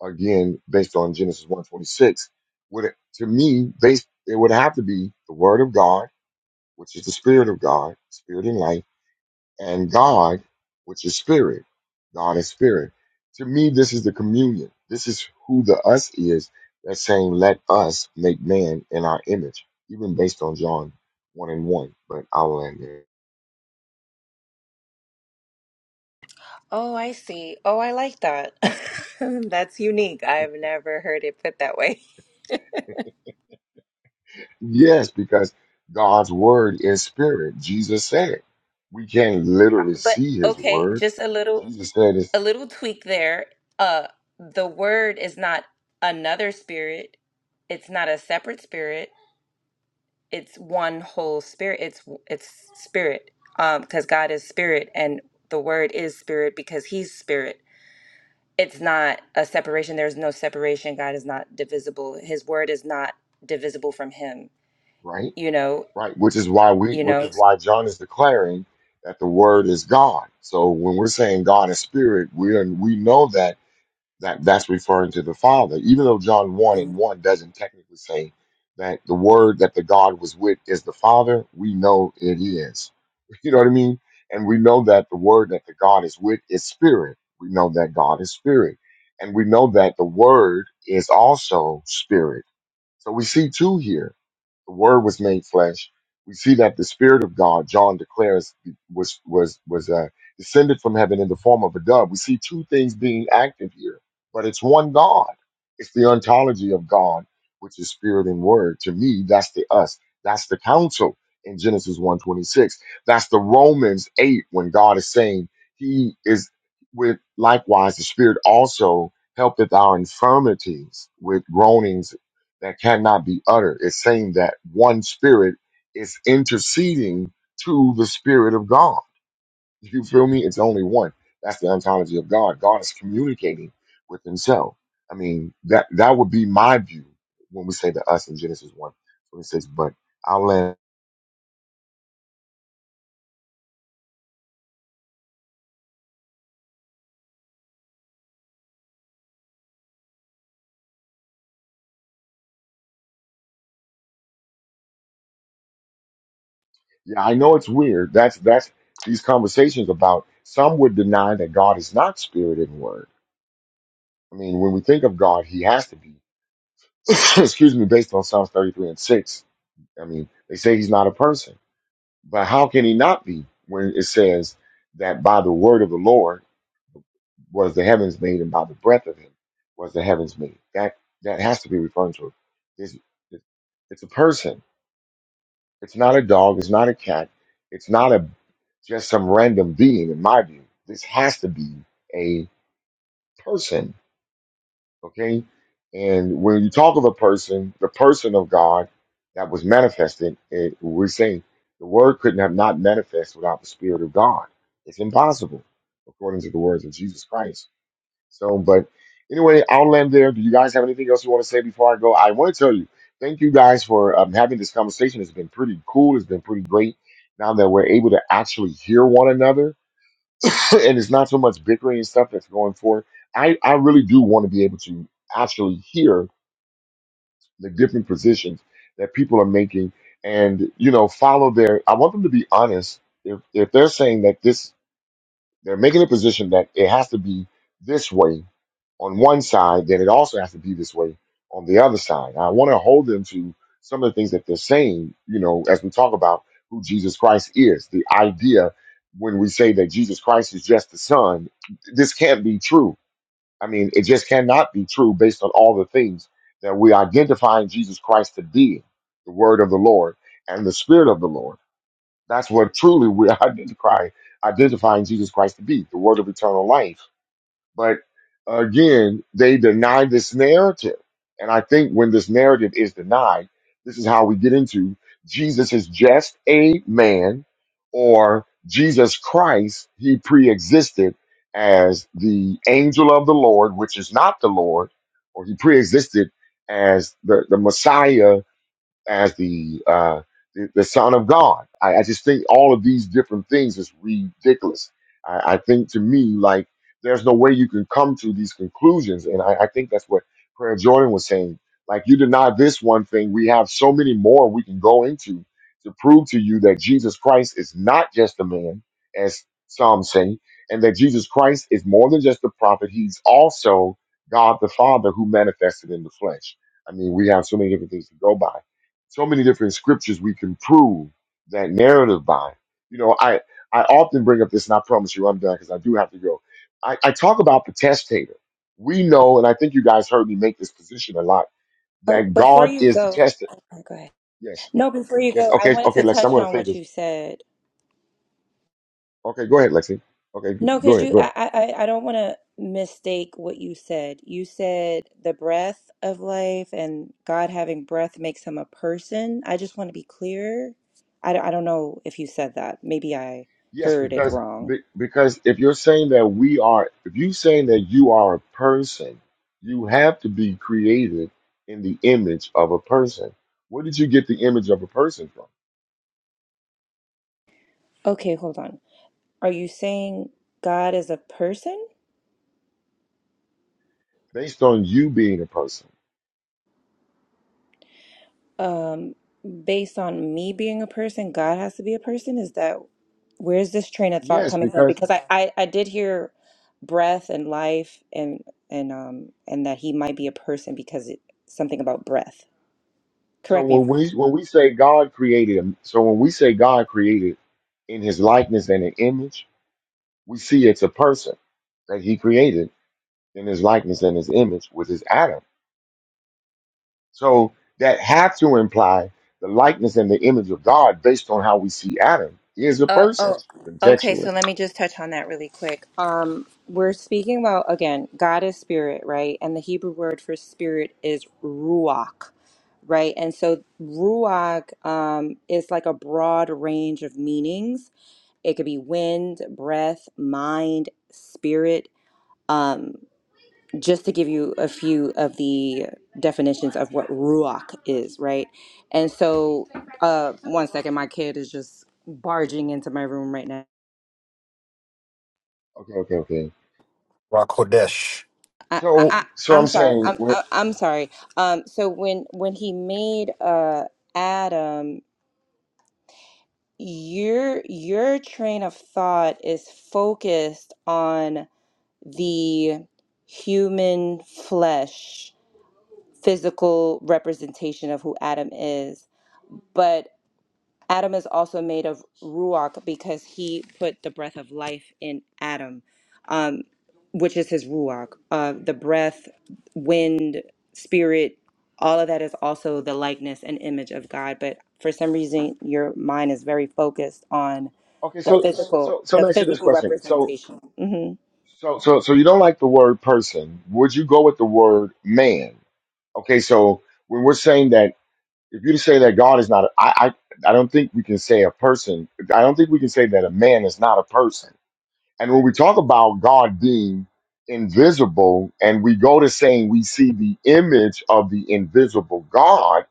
Speaker 1: again, based on Genesis 146, would to me, based, it would have to be the word of God, which is the spirit of God, spirit and life and God, which is spirit. God is spirit. To me, this is the communion. This is who the us is that's saying, let us make man in our image, even based on John 1 and 1. But I'll end there.
Speaker 25: Oh, I see. Oh, I like that. *laughs* That's unique. I've never heard it put that way.
Speaker 1: Yes, because God's word is spirit. Jesus said it. We can't literally
Speaker 25: But
Speaker 1: see his
Speaker 25: okay,
Speaker 1: word.
Speaker 25: just a little
Speaker 1: Jesus said it,
Speaker 25: a little tweak there. Uh the word is not another spirit. It's not a separate spirit. It's one whole spirit. It's it's spirit. Um because God is spirit and the word is spirit because he's spirit. It's not a separation. There's no separation. God is not divisible. His word is not divisible from him.
Speaker 1: right?
Speaker 25: You know,
Speaker 1: right? Which is why we,
Speaker 25: you
Speaker 1: which
Speaker 25: know
Speaker 1: is why John is declaring that the Word is God. So when we're saying God is Spirit, we are, we know that that that's referring to the Father, even though John one
Speaker 25: Um,
Speaker 1: and one doesn't technically say that the Word that the God was with is the Father. We know it is. *laughs* You know what I mean? And we know that the Word that the God is with is Spirit. We know that God is Spirit, and we know that the Word is also Spirit. So we see two here the Word was made flesh. We see that the Spirit of God, John declares, was was was uh, descended from heaven in the form of a dove. We see two things being active here, but it's one God. It's the ontology of God, which is Spirit and Word. To me, that's the us. That's the council in Genesis one twenty six. That's the Romans 8 when God is saying He is with likewise the Spirit also helpeth our infirmities with groanings that cannot be uttered. It's saying that one spirit is interceding to the spirit of God. You feel me? It's only one. That's the ontology of God. God is communicating with himself. I mean, that that would be my view when we say the us in Genesis 1 26. But I'll land." yeah, I know it's weird. That's that's these conversations about some would deny that God is not spirit and word. I mean, when we think of God, he has to be *coughs* excuse me, based on Psalms 33 and 6 I mean, they say he's not a person, but how can he not be when it says that by the word of the Lord was the heavens made, and by the breath of him was the heavens made? That that has to be referring to this. It's a person. It's not a dog. It's not a cat. It's not a just some random being. In my view, this has to be a person Okay? And when you talk of a person, the person of God that was manifested, it, we're saying the word couldn't have not manifest without the Spirit of God. It's impossible, according to the words of Jesus Christ. So, but anyway, I'll land there. Do you guys have anything else you want to say before I go? I want to tell you, thank you guys for um, having this conversation. It's been pretty cool. It's been pretty great now that we're able to actually hear one another *laughs* *clears throat* and it's not so much bickering and stuff that's going forward. I, I really do want to be able to actually hear the different positions that people are making and you know follow their I want them to be honest if if they're saying that this they're making a position that it has to be this way on one side, then it also has to be this way on the other side. I want to hold them to some of the things that they're saying, you know, as we talk about who Jesus Christ is. The idea when we say that Jesus Christ is just the Son, this can't be true. I mean, it just cannot be true based on all the things that we identify Jesus Christ to be the Word of the Lord and the Spirit of the Lord. That's what truly we're *laughs* identifying, identifying Jesus Christ to be, the word of eternal life. But again, they deny this narrative. And I think when this narrative is denied, this is how we get into Jesus is just a man or Jesus Christ, he pre-existed as the angel of the Lord, which is not the Lord, or he pre-existed as the, the Messiah as the uh, the, the Son of God. I, I just think all of these different things is ridiculous. I, I think to me, like there's no way you can come to these conclusions, and I, I think that's what Prayer Jordan was saying. Like you deny this one thing, we have so many more we can go into to prove to you that Jesus Christ is not just a man, as some say, and that Jesus Christ is more than just a prophet. He's also God the Father who manifested in the flesh. I mean, we have so many different things to go by so many different scriptures we can prove that narrative by. You know, I I often bring up this, and I promise you I'm done because I do have to go. I, I talk about the testator. We know, and I think you guys heard me make this position a lot,
Speaker 25: Oh,
Speaker 1: that
Speaker 25: before
Speaker 1: God
Speaker 25: you
Speaker 1: is the
Speaker 25: go,
Speaker 1: testator.
Speaker 25: okay, go ahead.
Speaker 1: Yes,
Speaker 25: No, before you
Speaker 1: yes.
Speaker 25: go, I
Speaker 1: Okay,
Speaker 25: wanted
Speaker 1: okay,
Speaker 25: to
Speaker 1: Lexi, I'm
Speaker 25: touch
Speaker 1: going to
Speaker 25: on
Speaker 1: say
Speaker 25: what
Speaker 1: this.
Speaker 25: you said.
Speaker 1: Okay, go ahead, Lexi. Okay, go
Speaker 25: No,
Speaker 1: go
Speaker 25: because
Speaker 1: ahead,
Speaker 25: you,
Speaker 1: go ahead.
Speaker 25: I, I, I I don't want to mistake what you said. You said the breath of life and God having breath makes him a person. I just want to be clear. I, don't- I don't know if you said that. Maybe I
Speaker 1: Yes,
Speaker 25: heard it
Speaker 1: because
Speaker 25: wrong.
Speaker 1: be- because if you're saying that we are, if you're saying that you are a person, you have to be created in the image of a person. Where did you get the image of a person from?
Speaker 25: Okay, hold on. Are you saying God is a person?
Speaker 1: Based on you being a person.
Speaker 25: Um, based on me being a person, God has to be a person? Is that? where's this train of thought
Speaker 1: Yes,
Speaker 25: coming from?
Speaker 1: because
Speaker 25: Because I, I, I did hear breath and life and and um and that he might be a person because it, something about breath.
Speaker 1: so
Speaker 25: Correct me if
Speaker 1: when
Speaker 25: I'm
Speaker 1: we when we say God created, a- so when we say God created in His likeness and an image, we see it's a person that He created in His likeness and His image, which is Adam. So that had to imply the likeness and the image of God based on how we see Adam is a
Speaker 25: Oh,
Speaker 1: person
Speaker 25: oh, okay. So
Speaker 1: contextually.
Speaker 25: let me just touch on that really quick. Um, we're speaking about again, God is spirit, right? And the Hebrew word for spirit is ruach, right? And so ruach um, is like a broad range of meanings. It could be wind, breath, mind, spirit. Um, just to give you a few of the definitions of what ruach is, right? And so, uh, one second, my kid is just barging into my room right now.
Speaker 1: Okay, okay, okay.
Speaker 27: Rakodesh
Speaker 25: I, I,
Speaker 1: So,
Speaker 25: I-
Speaker 1: so I'm
Speaker 25: I'm sorry.
Speaker 1: saying,
Speaker 25: I'm,
Speaker 1: well,
Speaker 25: I, I'm sorry. Um, so when when he made uh, Adam, your your train of thought is focused on the human flesh, physical representation of who Adam is, but Adam is also made of ruach because he put the breath of life in Adam, um, which is his ruach. Uh, the breath, wind, spirit, all of that is also the likeness and image of God. But for some reason, your mind is very focused on
Speaker 1: okay,
Speaker 25: the
Speaker 1: so,
Speaker 25: physical,
Speaker 1: so, so
Speaker 25: the
Speaker 1: let me ask you this
Speaker 25: physical
Speaker 1: question. So,
Speaker 25: representation. Mm-hmm.
Speaker 1: so, so, so you don't like the word person. Would you go with the word man? Okay, so when we're saying that, if you say that God is not, a, I, I, I don't think we can say a person. I don't think we can say that a man is not a person And when we talk about God being invisible and we go to saying we see the image of the invisible God,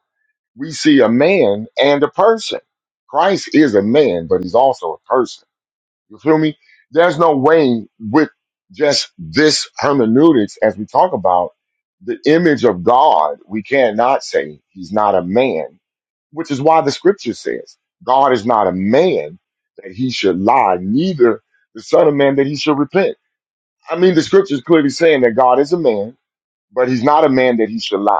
Speaker 1: we see a man and a person. Christ is a man, but he's also a person. You feel me? There's no way with just this hermeneutics, as we talk about the image of God, we cannot say he's not a man, which is why the scripture says God is not a man that he should lie, neither the son of man that he should repent. I mean, the scripture is clearly saying that God is a man, but he's not a man that he should lie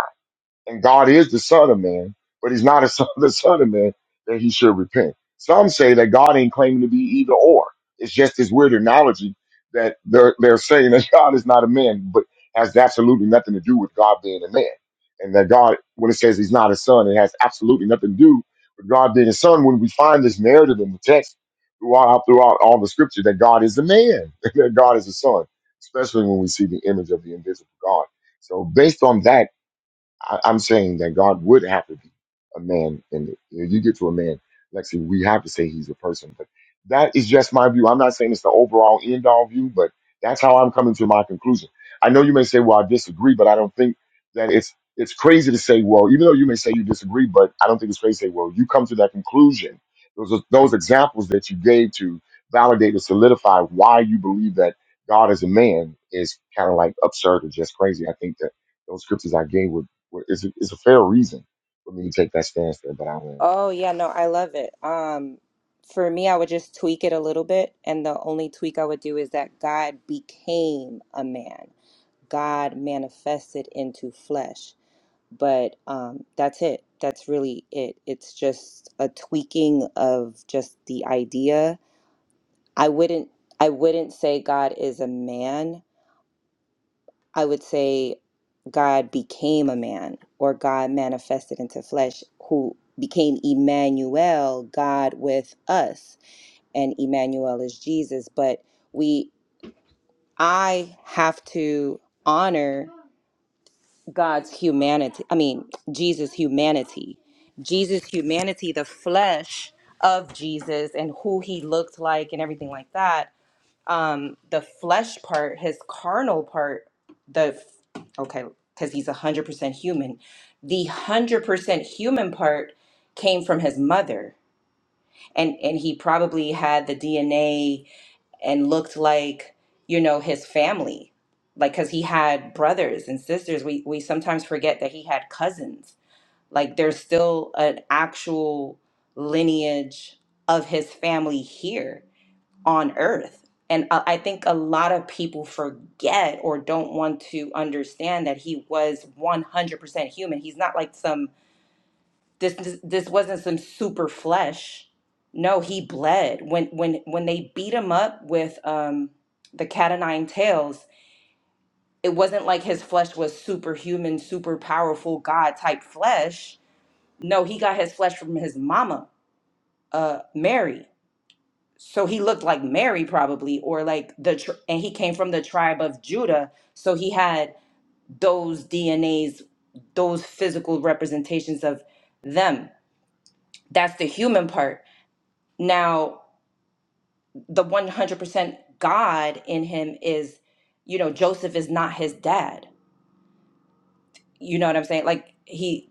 Speaker 1: and God is the Son of Man, but He's not a son, *laughs* the Son of Man that He should repent. Some say that God ain't claiming to be either or. It's just this weird analogy that they're they're saying that *laughs* God is not a man, but has absolutely nothing to do with God being a man, and that God, when it says He's not a son, it has absolutely nothing to do with God being a son. When we find this narrative in the text throughout throughout all the Scripture that God is a man, *laughs* that God is a son, especially when we see the image of the invisible God. So based on that I, I'm saying that God would have to be a man. And if you get to a man, Lexi, we have to say he's a person. But that is just my view. I'm not saying it's the overall end all view, but that's how I'm coming to my conclusion. I know you may say, well, I disagree, but I don't think that it's it's crazy to say, well, even though you may say you disagree, but I don't think it's crazy to say, well, you come to that conclusion. Those are- those examples that you gave to validate or solidify why you believe that God is a man is kind of like absurd or just crazy. I think that those scriptures I gave were well, It's a, it's a fair reason for me to take that stance there, but I won't.
Speaker 25: Oh yeah, no, I love it. Um, for me, I would just tweak it a little bit, and the only tweak I would do is that God became a man. God manifested into flesh. But um, that's it. That's really it. It's just a tweaking of just the idea. I wouldn't. I wouldn't say God is a man. I would say God became a man or God manifested into flesh who became Emmanuel, God with us. And Emmanuel is Jesus, but we I have to honor God's humanity. I mean, Jesus' humanity. Jesus' humanity, the flesh of Jesus and who he looked like and everything like that um the flesh part his carnal part the okay because he's 100% human the 100% human part came from his mother and and he probably had the dna and looked like you know his family like because he had brothers and sisters we we sometimes forget that he had cousins like there's still an actual lineage of his family here on earth. And I I think a lot of people forget or don't want to understand that he was 100% human. He's not like some this this, this wasn't some super flesh. No, he bled. When when when they beat him up with um the cat o' nine tails, it wasn't like his flesh was superhuman, super powerful God type flesh. No, he got his flesh from his mama, uh Mary. so he looked like Mary probably or like the tr- and he came from the tribe of Judah so he had those DNAs those physical representations of them that's the human part now the 100% God in him is you know Joseph is not his dad you know what I'm saying like he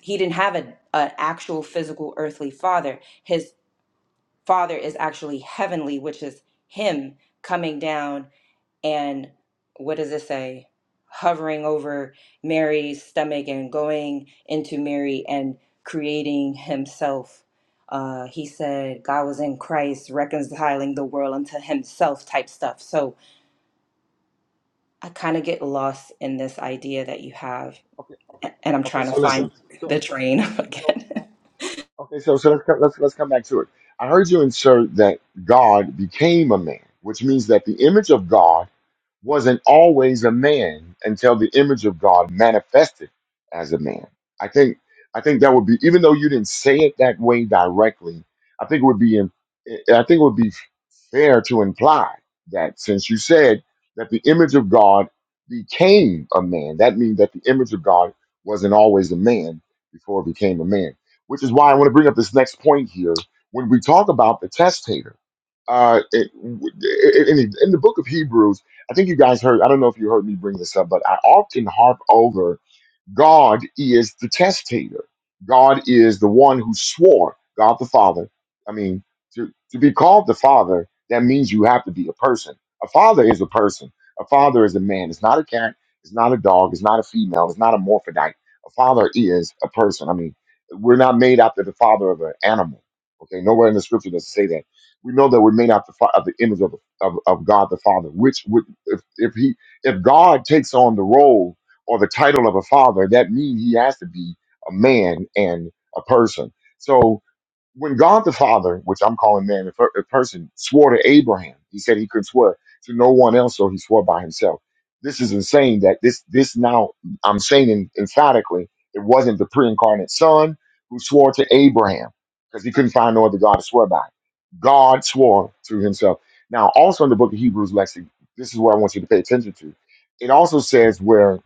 Speaker 25: he didn't have a an actual physical earthly father his father is actually heavenly which is him coming down and what does it say? Hovering over Mary's stomach and going into Mary and creating himself. Uh, he said God was in Christ, reconciling the world unto himself type stuff. So I kind of get lost in this idea that you have,
Speaker 1: Okay,
Speaker 25: a- and I'm
Speaker 1: okay.
Speaker 25: trying to
Speaker 1: So
Speaker 25: find
Speaker 1: listen.
Speaker 25: the
Speaker 1: So,
Speaker 25: train *laughs*
Speaker 1: so, so
Speaker 25: again.
Speaker 1: okay. So, so let's come, let's let's come back to it. I heard you insert that God became a man, which means that the image of God wasn't always a man until the image of God manifested as a man. I think I think that would be even though you didn't say it that way directly. I think it would be in, I think it would be fair to imply that since you said that the image of God became a man, that means that the image of God wasn't always a man before it became a man, which is why I want to bring up this next point here. When we talk about the testator, uh, it, it- in, the, in the book of Hebrews, I think you guys heard, I don't know if you heard me bring this up, but I often harp over God is the testator. God is the one who swore, God the Father. I mean, to, to be called the Father, that means you have to be a person. A father is a person. A father is a man. It's not a cat. It's not a dog. It's not a female. It's not a morphodite. A father is a person. I mean, we're not made after the father of an animal. Okay, nowhere in the scripture does it say that. We know that we're made out the, fa- of the image of, of, of God the Father, which would, if, if he, if God takes on the role or the title of a father, that means he has to be a man and a person. So when God the Father, which I'm calling man a per- a person, swore to Abraham, he said he could swear to no one else, so he swore by himself. This is insane that this this now I'm saying en- emphatically it wasn't the pre-incarnate son who swore to Abraham because he couldn't find no other God to swear by. God swore to himself. Now, also in the book of Hebrews, Lexi, this is what I want you to pay attention to. It also says where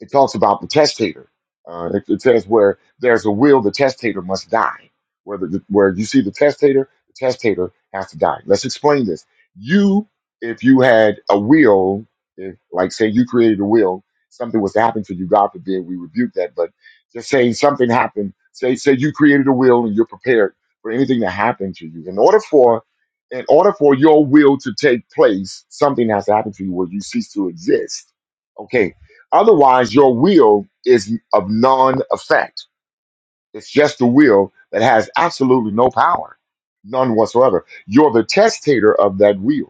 Speaker 1: it talks about the testator. Uh, it, it says where there's a will, the testator must die. Where, the, where you see the testator, the testator has to die. Let's explain this. You, if you had a will, if, like say you created a will, something was to happen to you, God forbid, we rebuke that. But just saying something happened, say say you created a will and you're prepared for anything to happen to you. In order for in order for your will to take place, something has to happen to you where you cease to exist. Okay, Otherwise, your will is of non effect. It's just the will that has absolutely no power, none whatsoever. You're the testator of that will.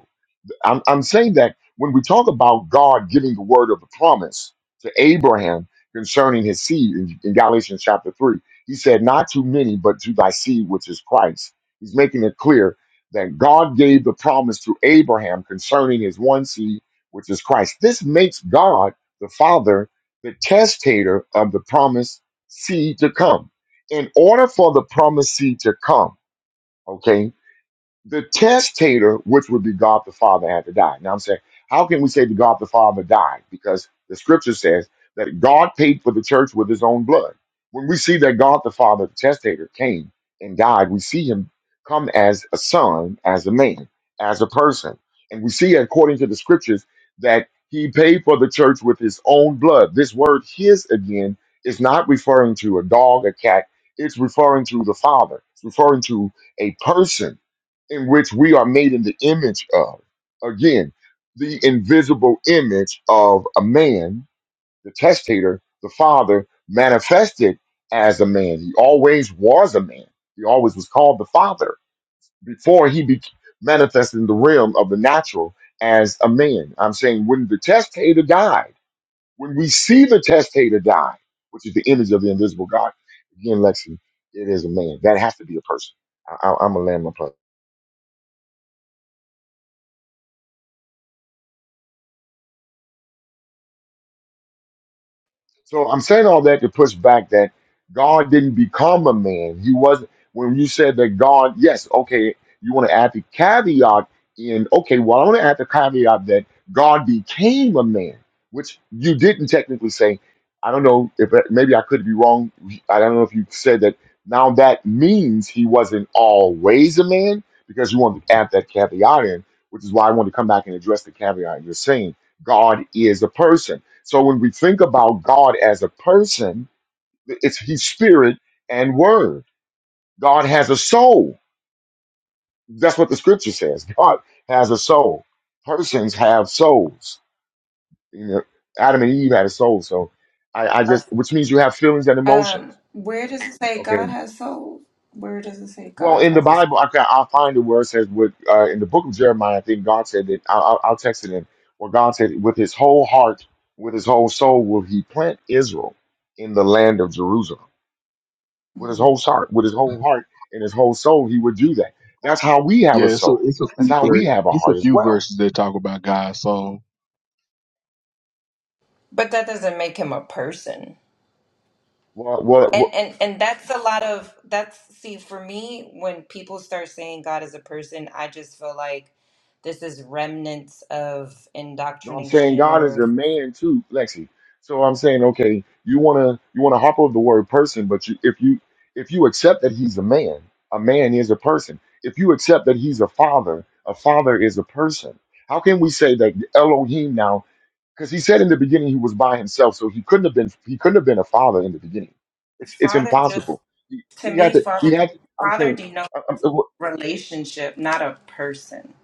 Speaker 1: I'm, I'm saying that when we talk about God giving the word of the promise to Abraham concerning his seed in, in Galatians chapter 3, he said, Not to many, but to thy seed, which is Christ. He's making it clear that God gave the promise to Abraham concerning his one seed, which is Christ. This makes God, the Father, the testator of the promised seed to come. In order for the promised seed to come, okay, the testator, which would be God the Father, had to die. Now I'm saying, how can we say that God the Father died? Because the scripture says that God paid for the church with his own blood. When we see that God the Father, the testator, came and died, we see him come as a son, as a man, as a person. And we see, according to the scriptures, that he paid for the church with his own blood. This word, his, again, is not referring to a dog, a cat. It's referring to the Father. It's referring to a person in which we are made in the image of. Again, the invisible image of a man, the testator, the father, manifested as a man. He always was a man. He always was called the father before he be- manifested in the realm of the natural as a man. I'm saying when the testator died, when we see the testator die, which is the image of the invisible God, again, Lexi, it is a man. That has to be a person. I- I- I'm a land my plane. So I'm saying all that to push back that God didn't become a man. He wasn't. When you said that God, yes, okay, you want to add the caveat in, okay, well, I want to add the caveat that God became a man, which you didn't technically say. I don't know if maybe I could be wrong. I don't know if you said that now that means he wasn't always a man because you wanted to add that caveat in, which is why I wanted to come back and address the caveat you're saying. God is a person so when we think about God as a person, it's He's spirit and word. God has a soul. That's what the scripture says. God has a soul. Persons have souls. You know, Adam and Eve had a soul, so I, I just which means you have feelings and
Speaker 25: Um,
Speaker 1: emotions.
Speaker 25: where does it say God
Speaker 1: Okay.
Speaker 25: has soul? Where does it say
Speaker 1: Well,
Speaker 25: God
Speaker 1: in the
Speaker 25: has a soul?
Speaker 1: Bible, I I find it where it says with uh, in the book of Jeremiah, I think God said that i I'll I'll text it in. Where God said, with His whole heart, with His whole soul, will He plant Israel in the land of Jerusalem. with his
Speaker 25: hmm
Speaker 1: whole heart, with his whole heart and his whole soul, he would do that. That's how we have a
Speaker 16: Yeah, so
Speaker 1: soul.
Speaker 16: it's a
Speaker 1: That's
Speaker 16: few
Speaker 1: how
Speaker 16: ver-
Speaker 1: we have a
Speaker 16: it's a
Speaker 1: heart as
Speaker 16: few
Speaker 1: well.
Speaker 16: verses that talk about God's soul.
Speaker 25: But that doesn't make him a person.
Speaker 1: What, what, what
Speaker 25: And and and that's a lot of that's see for me when people start saying God is a person, I just feel like this is remnants of
Speaker 1: you know what I'm saying?
Speaker 25: indoctrination
Speaker 1: God is
Speaker 25: or
Speaker 1: a man too, Lexi. So I'm saying, okay, you wanna you wanna hop over the word person, but you, if you if you accept that he's a man, a man is a person. If you accept that he's a father, a father is a person. How can we say that Elohim now? because he said in the beginning he was by himself, so he couldn't have been he couldn't have been a father in the beginning. It's it's
Speaker 25: Father just
Speaker 1: impossible. He,
Speaker 25: to
Speaker 1: he had
Speaker 25: me
Speaker 1: to he
Speaker 25: Father
Speaker 1: had. I'm
Speaker 25: Father
Speaker 1: saying.
Speaker 25: denotes relationship, not a person.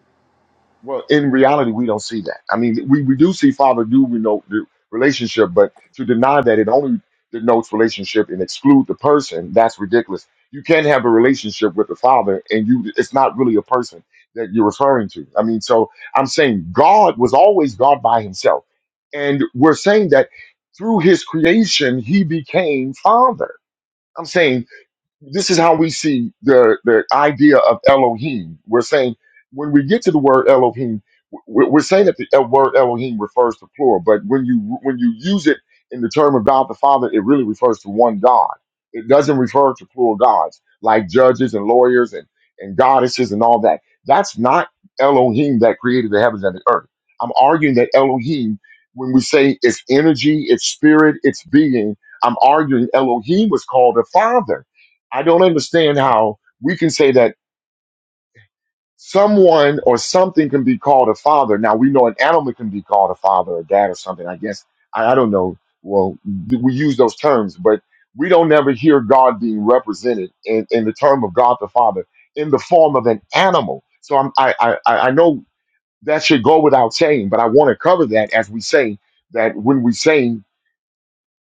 Speaker 1: Well, in reality, we don't see that. I mean, we, we do see father do denote the relationship, but to deny that it only denotes relationship and exclude the person, that's ridiculous. You can have a relationship with the father, and you it's not really a person that you're referring to. I mean, so I'm saying God was always God by himself. And we're saying that through his creation, he became father. I'm saying this is how we see the the idea of Elohim. We're saying when we get to the word Elohim, we're, we're saying that the El- word Elohim refers to plural, but when you when you use it in the term of God the Father, it really refers to one God. It doesn't refer to plural gods like judges and lawyers and and goddesses and all that. That's not Elohim that created the heavens and the earth. I'm arguing that Elohim, when we say its energy, its spirit, its being, I'm arguing Elohim was called a father I don't understand how we can say that someone or something can be called a father. Now we know an animal can be called a father or dad or something. I guess I, I don't know. Well, th- we use those terms, but we don't ever hear God being represented in, in the term of God the Father in the form of an animal. So I'm, I, I I I know that should go without saying, but I want to cover that as we say that when we say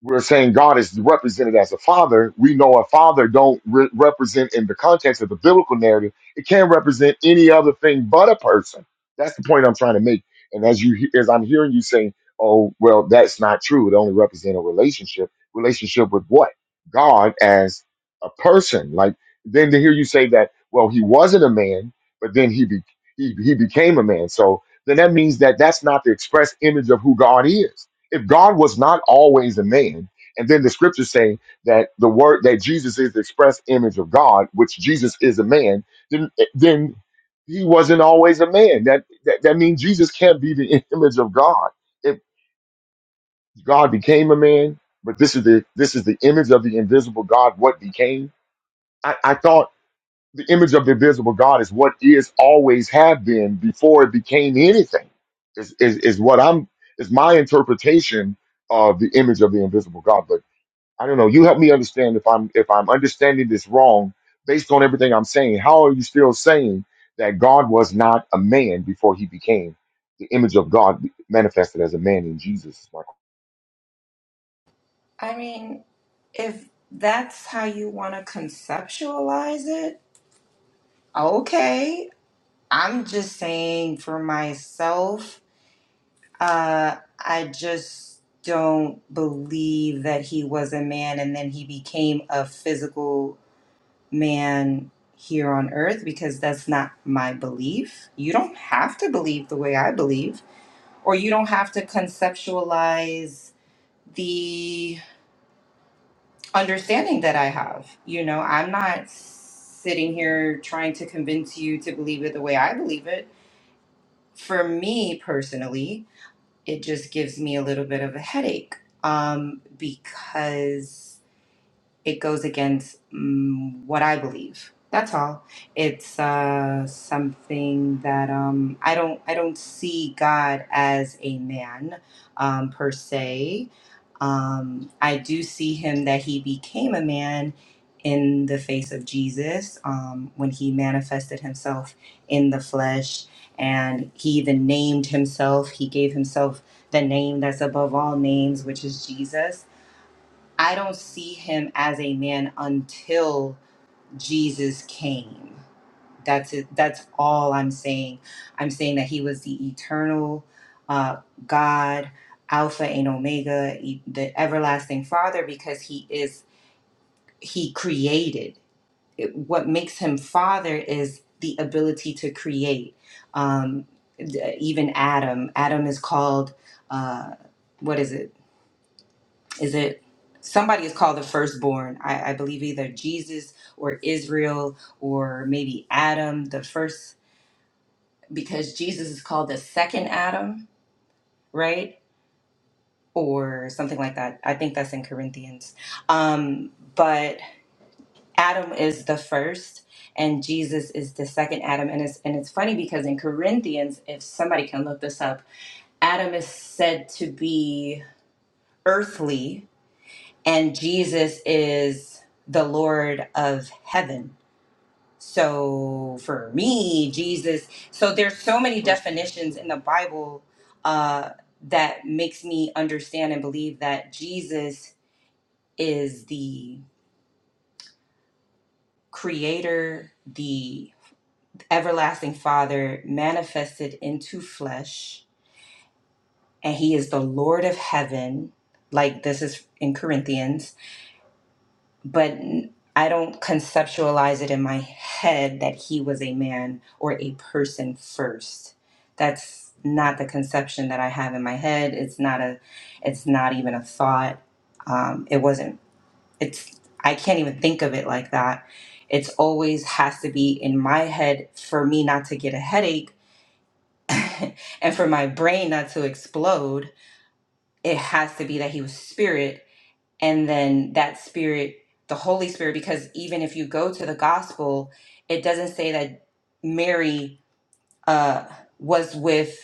Speaker 1: we're saying God is represented as a father, we know a father don't re- represent in the context of the biblical narrative. It can not represent any other thing but a person. That's the point I'm trying to make. And as you he- as I'm hearing you saying, "Oh, well, that's not true. It only represents a relationship. Relationship with what? God as a person." Like then to hear you say that, well, he wasn't a man, but then he be, he he became a man. So then that means that that's not the express image of who God is if God was not always a man, and then the scriptures say that the word that Jesus is the express image of God, which Jesus is a man, then then he wasn't always a man. That that, that means Jesus can't be the *laughs* image of God. If God became a man, but this is the this is the image of the invisible God, what became. I, I thought the image of the invisible God is what is always have been before it became anything. Is is is what I'm is my interpretation of the image of the invisible God. But I don't know. You help me understand if I'm if I'm understanding this wrong based on everything I'm saying. How are you still saying that God was not a man before he became the image of God manifested as a man in Jesus?
Speaker 25: I mean, if that's how you want to conceptualize it, okay. I'm just saying for myself Uh, I just don't believe that he was a man and then he became a physical man here on earth because that's not my belief. You don't have to believe the way I believe, or you don't have to conceptualize the understanding that I have. You know, I'm not sitting here trying to convince you to believe it the way I believe it. For me personally, it just gives me a little bit of a headache um, because it goes against mm what I believe. That's all. It's uh, something that um, I don't I don't see God as a man um, per se. Um, I do see him that he became a man in the face of Jesus um, when he manifested himself in the flesh, and he even named himself. He gave himself the name that's above all names, which is Jesus I don't see him as a man until Jesus came. That's it. That's all I'm saying. I'm saying that he was the eternal uh, God, Alpha and Omega, e- the everlasting Father, because he is he created. It- what makes him Father is the ability to create. Um, d- even Adam. Adam is called. Uh, what is it? is it somebody is called the firstborn I, I believe either jesus or israel or maybe adam the first because jesus is called the second adam right or something like that i think that's in corinthians um, but adam is the first and jesus is the second adam and it's and it's funny because in corinthians if somebody can look this up adam is said to be earthly and Jesus is the Lord of heaven. So for me, Jesus, so there's so many definitions in the Bible uh, that makes me understand and believe that Jesus is the creator, the everlasting father manifested into flesh, and he is the Lord of heaven. Like this is in Corinthians but I I don't conceptualize it in my head that he was a man or a person first. That's not the conception that I have in my head. It's not a, it's not even a thought. Um, it wasn't. It's I can't even think of it like that. It's always has to be in my head for me not to get a headache, *laughs* and for my brain not to explode. It has to be that he was spirit and then that spirit the holy spirit because even if you go to the gospel it doesn't say that mary uh was with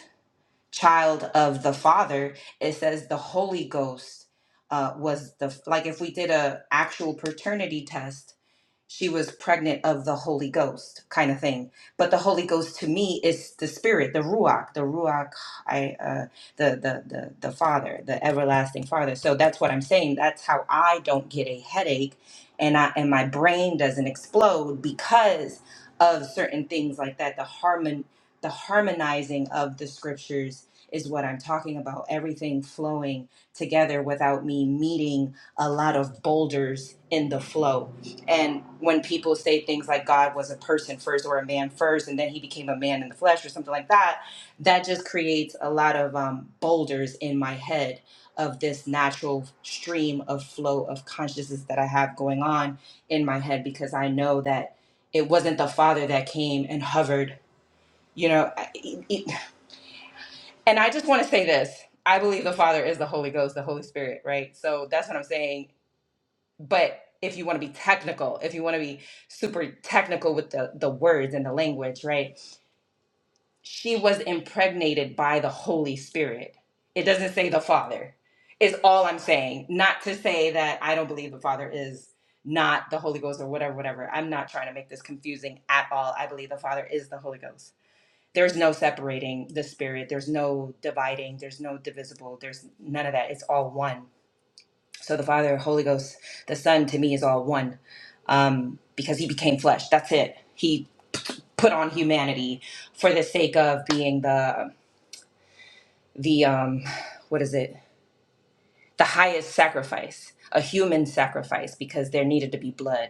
Speaker 25: child of the father it says the holy ghost uh was the like if we did a actual paternity test she was pregnant of the Holy Ghost kind of thing. But the Holy Ghost to me is the Spirit, the Ruach, the Ruach, I, uh, the, the the the Father, the everlasting Father. So that's what I'm saying. That's how I don't get a headache, and I and my brain doesn't explode because of certain things like that. The harmon, the harmonizing of the scriptures is what I'm talking about. Everything flowing together without me meeting a lot of boulders in the flow and when people say things like God was a person first or a man first, and then he became a man in the flesh or something like that, that just creates a lot of um, boulders in my head of this natural stream of flow of consciousness that I have going on in my head because I know that it wasn't the Father that came and hovered, you know. I- it- it- And I just want to say this I believe the Father is the Holy Ghost, the Holy Spirit, right? So that's what I'm saying but if you want to be technical if you want to be super technical with the the words and the language right she was impregnated by the holy spirit it doesn't say the father is all i'm saying not to say that i don't believe the father is not the holy ghost or whatever whatever i'm not trying to make this confusing at all i believe the father is the holy ghost there's no separating the spirit there's no dividing there's no divisible there's none of that it's all one so the Father, Holy Ghost, the Son to me is all one um, because he became flesh. That's it. He put on humanity for the sake of being the the um, what is it? the highest sacrifice, a human sacrifice, because there needed to be blood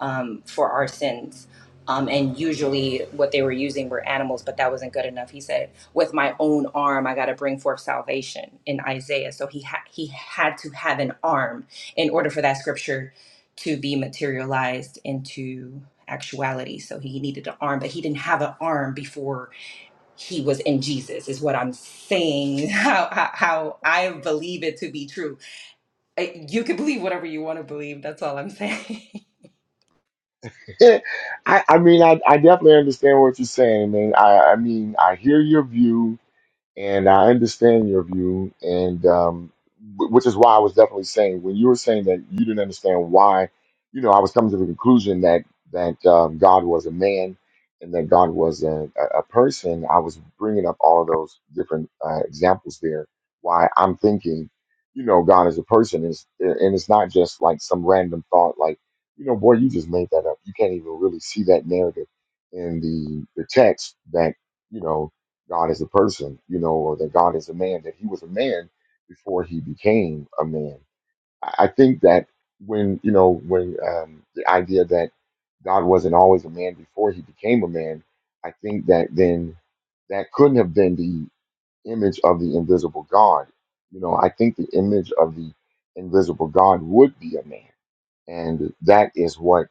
Speaker 25: um, for our sins. Um, and usually what they were using were animals, but that wasn't good enough. He said, "With my own arm, I got to bring forth salvation." In Isaiah, so he ha- he had to have an arm in order for that scripture to be materialized into actuality. So he needed an arm, but he didn't have an arm before he was in Jesus. Is what I'm saying. *laughs* How how, how I believe it to be true uh, You can believe whatever you want to believe. That's all I'm saying.
Speaker 1: *laughs* I I mean I, I definitely understand what you're saying, man. I I mean I hear your view And I understand your view, and um, wh- which is why I was definitely saying when you were saying that you didn't understand why, you know, I was coming to the conclusion that that um, God was a man and that God was a, a a person. I was bringing up all of those different uh, examples there. Why I'm thinking, you know, God is a person, is and it's not just like some random thought, like, you know, boy, you just made that up. You can't even really see that narrative in the the text that you know God is a person, you know, or that God is a man, that he was a man before he became a man. I I think that when, you know, when um, the idea that God wasn't always a man before he became a man, I think that then that couldn't have been the image of the invisible God. You know, I think the image of the invisible God would be a man. And that is what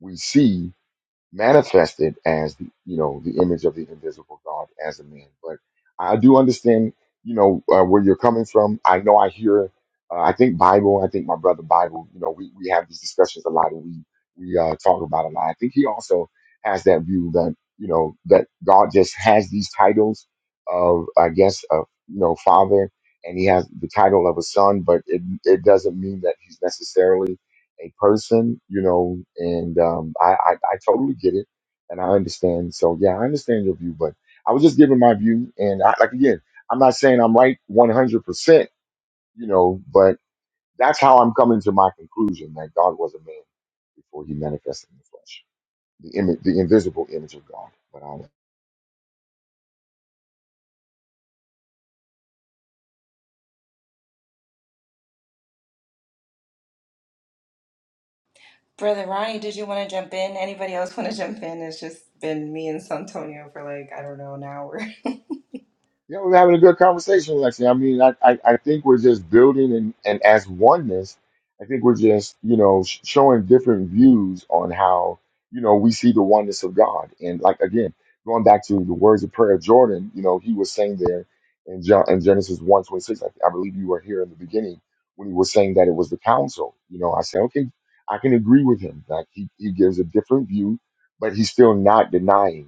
Speaker 1: we see manifested as the you know the image of the invisible God as a man. But I do understand you know uh, where you're coming from. I know I hear. Uh, I think Bible. I think my brother Bible. You know we we have these discussions a lot and we we uh, talk about a lot. I think he also has that view that you know that God just has these titles of I guess of you know father and he has the title of a son, but it it doesn't mean that he's necessarily a person, you know, and um, I, I, I totally get it and I understand. So, yeah, I understand your view, but I was just giving my view. And I, like, again, I'm not saying I'm right 100%, you know, but that's how I'm coming to my conclusion that God was a man before he manifested in the flesh, the, image, the invisible image of God.
Speaker 25: *laughs* Brother Ronnie, did you want to jump in? Anybody else want to jump in? It's just been me and Santonio for like, I don't know, an hour. *laughs*
Speaker 1: Yeah, we're having a good conversation, Lexi. I mean, I, I, I think we're just building and, and as oneness, I think we're just, you know, sh- showing different views on how, you know, we see the oneness of God. And like, again, going back to the words of prayer of Jordan, you know, he was saying there in, John, in Genesis one twenty six. I, I believe you were here in the beginning when he was saying that it was the council. You know, I said, okay, I can agree with him. Like, he, he gives a different view, but he's still not denying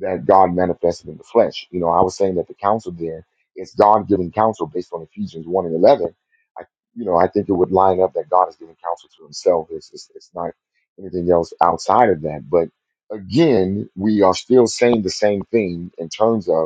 Speaker 1: that God manifested in the flesh. You know, I was saying that the counsel there is God giving counsel based on Ephesians 1 and 11. I, you know, I think it would line up that God is giving counsel to himself. It's, it's, it's not anything else outside of that. But again, we are still saying the same thing in terms of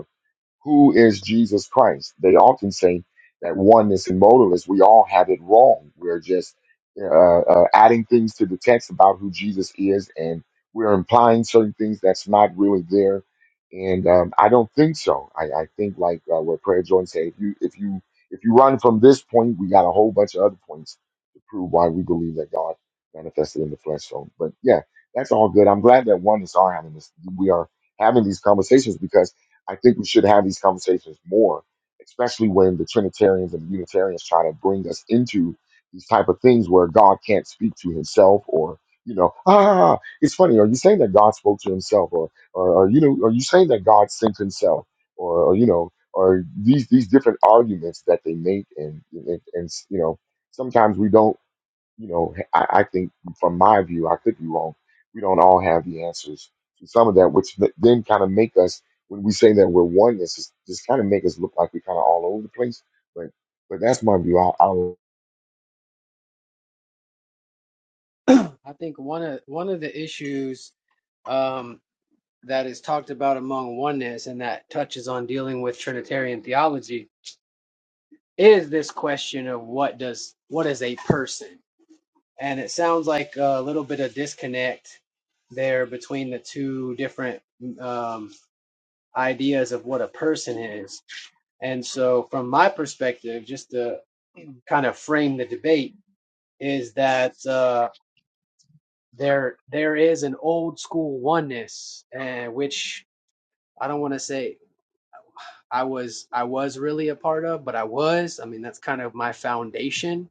Speaker 1: who is Jesus Christ? They often say that oneness and modalists. we all have it wrong. We're just uh, uh, adding things to the text about who Jesus is, and we're implying certain things that's not really there. And um, I don't think so. I, I think, like uh, what Prayer Jordan said, if you if you if you run from this point, we got a whole bunch of other points to prove why we believe that God manifested in the flesh. So, but yeah, that's all good. I'm glad that oneness are having this. We are having these conversations because I think we should have these conversations more, especially when the Trinitarians and the Unitarians try to bring us into these type of things where God can't speak to himself or you know, ah, it's funny. Are you saying that God spoke to himself, or, or are you know, are you saying that God sent himself, or, or you know, or these these different arguments that they make, and, and and you know, sometimes we don't you know, I, I think from my view, I could be wrong. We don't all have the answers to some of that, which th- then kind of make us, when we say that we're oneness, it's just kind of make us look like we're kind of all over the place. But but that's my view. I, I
Speaker 26: *clears throat* I think one of one of the issues um, that is talked about among oneness and that touches on dealing with Trinitarian theology is this question of what does what is a person? And it sounds like a little bit of disconnect there between the two different um, ideas of what a person is And so, from my perspective, just to kind of frame the debate, is that uh, there there is an old school oneness, and which I don't want to say I was I was really a part of, but I was. I mean, that's kind of my foundation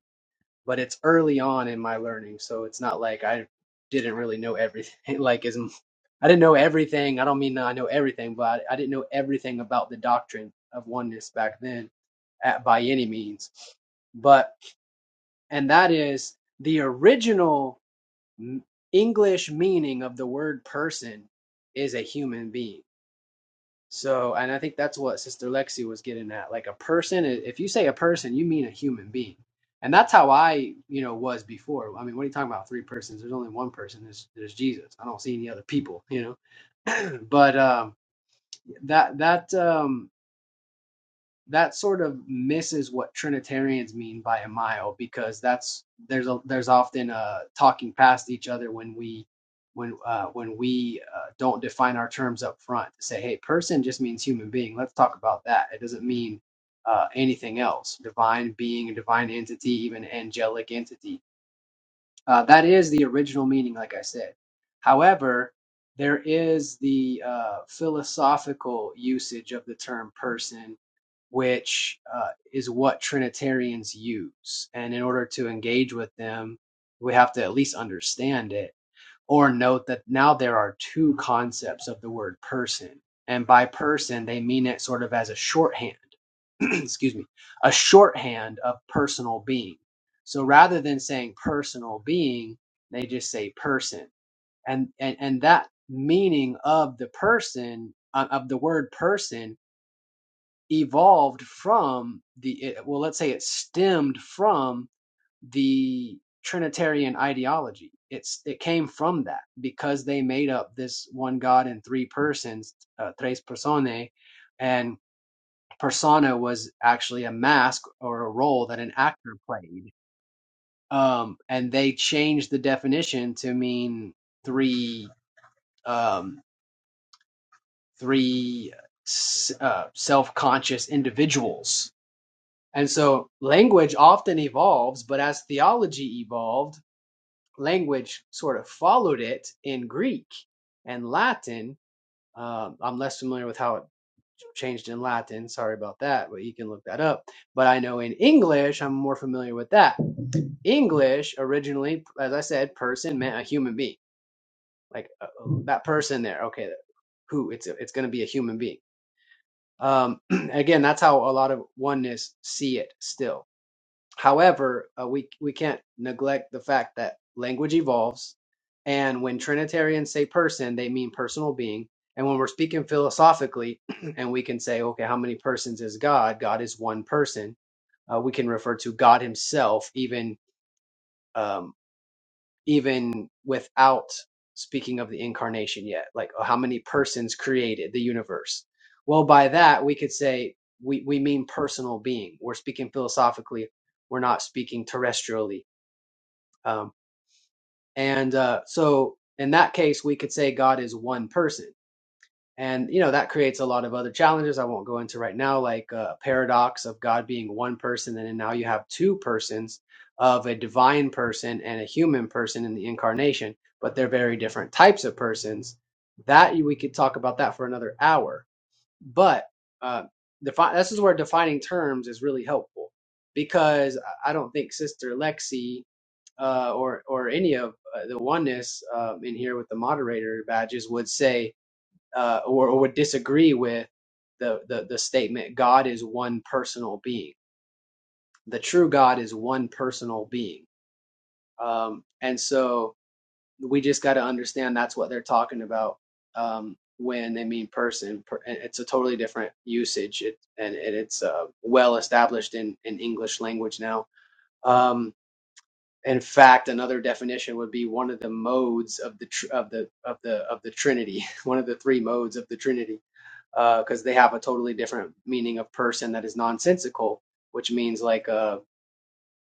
Speaker 26: but it's early on in my learning, so it's not like I didn't really know everything. *laughs* Like as I I didn't know everything. I don't mean that I know everything, but I, I didn't know everything about the doctrine of oneness back then at, by any means. But and that is the original m- English meaning of the word person is a human being so, and I think that's what Sister Lexi was getting at. Like a person, if you say a person, you mean a human being. And that's how I, you know, was before. I mean, what are you talking about? Three persons. There's only one person. There's, there's Jesus. I don't see any other people, you know. *clears throat* But um, that that um, that sort of misses what Trinitarians mean by a mile because that's there's a there's often a talking past each other when we when uh when we uh, don't define our terms up front to say hey person just means human being let's talk about that it doesn't mean uh anything else divine being a divine entity even angelic entity uh, that is the original meaning, like I said. However, there is the uh, philosophical usage of the term person, which uh, is what Trinitarians use. And in order to engage with them, we have to at least understand it or note that now there are two concepts of the word person. And by person, they mean it sort of as a shorthand, *clears throat* excuse me, a shorthand of personal being. So rather than saying personal being, they just say person. And, and, and that meaning of the person, uh, of the word person, evolved from the, it, well, let's say it stemmed from the Trinitarian ideology. It's it came from that because they made up this one God in three persons, uh, tres personae, and persona was actually a mask or a role that an actor played. Um, and they changed the definition to mean three um, three s- uh, self-conscious individuals. And so language often evolves, but as theology evolved language sort of followed it in Greek and Latin. Um, I'm less familiar with how it changed in Latin. Sorry about that, but you can look that up. But I know in English, I'm more familiar with that. English originally, as I said, person meant a human being, like uh, oh, that person there. Okay, who? It's it's going to be a human being. Um, *clears throat* again, that's how a lot of oneness see it still However, uh, we we can't neglect the fact that language evolves, and when Trinitarians say person, they mean personal being. And when we're speaking philosophically, *clears throat* and we can say, okay, how many persons is God? God is one person. Uh, we can refer to God Himself, even um, even without speaking of the incarnation yet. Like, oh, how many persons created the universe? Well, by that we could say we we mean personal being. We're speaking philosophically. We're not speaking terrestrially um, and uh, so in that case, we could say God is one person. And, you know, that creates a lot of other challenges I won't go into right now, like uh, a paradox of God being one person. And then now you have two persons of a divine person and a human person in the incarnation, but they're very different types of persons. That we could talk about that for another hour but uh, defi- this is where defining terms is really helpful because I don't think Sister Lexi uh, or or any of uh, the oneness um, in here with the moderator badges would say uh, or, or would disagree with the, the the statement God is one personal being. The true God is one personal being, um, and so we just got to understand that's what they're talking about um, when they mean person. It's a totally different usage, it, and, and it's uh, well established in, in English language now. Um, in fact, another definition would be one of the modes of the tr- of the of the of the Trinity, *laughs* one of the three modes of the Trinity, because they have a totally different meaning of person that is nonsensical, which means like uh,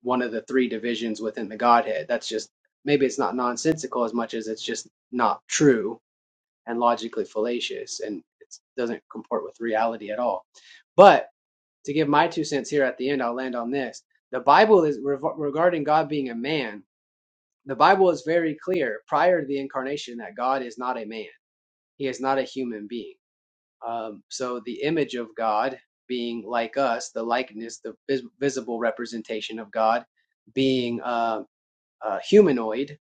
Speaker 26: one of the three divisions within the Godhead. That's just maybe it's not nonsensical as much as it's just not true and logically fallacious and it doesn't comport with reality at all. But to give my two cents here at the end, I'll land on this. The Bible is rev- regarding God being a man. The Bible is very clear prior to the incarnation that God is not a man. He is not a human being. Um, so the image of God being like us, the likeness, the vis- visible representation of God being um, uh, humanoid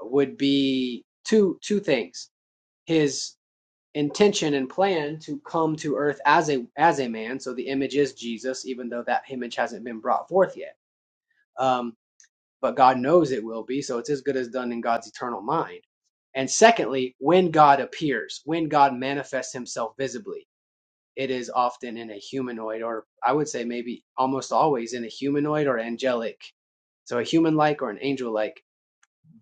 Speaker 26: would be two two things: his intention and plan to come to Earth as a as a man. So the image is Jesus, even though that image hasn't been brought forth yet. Um, but God knows it will be, so it's as good as done in God's eternal mind. And secondly, when God appears, when God manifests Himself visibly, it is often in a humanoid, or I would say maybe almost always in a humanoid or angelic, so a human like or an angel like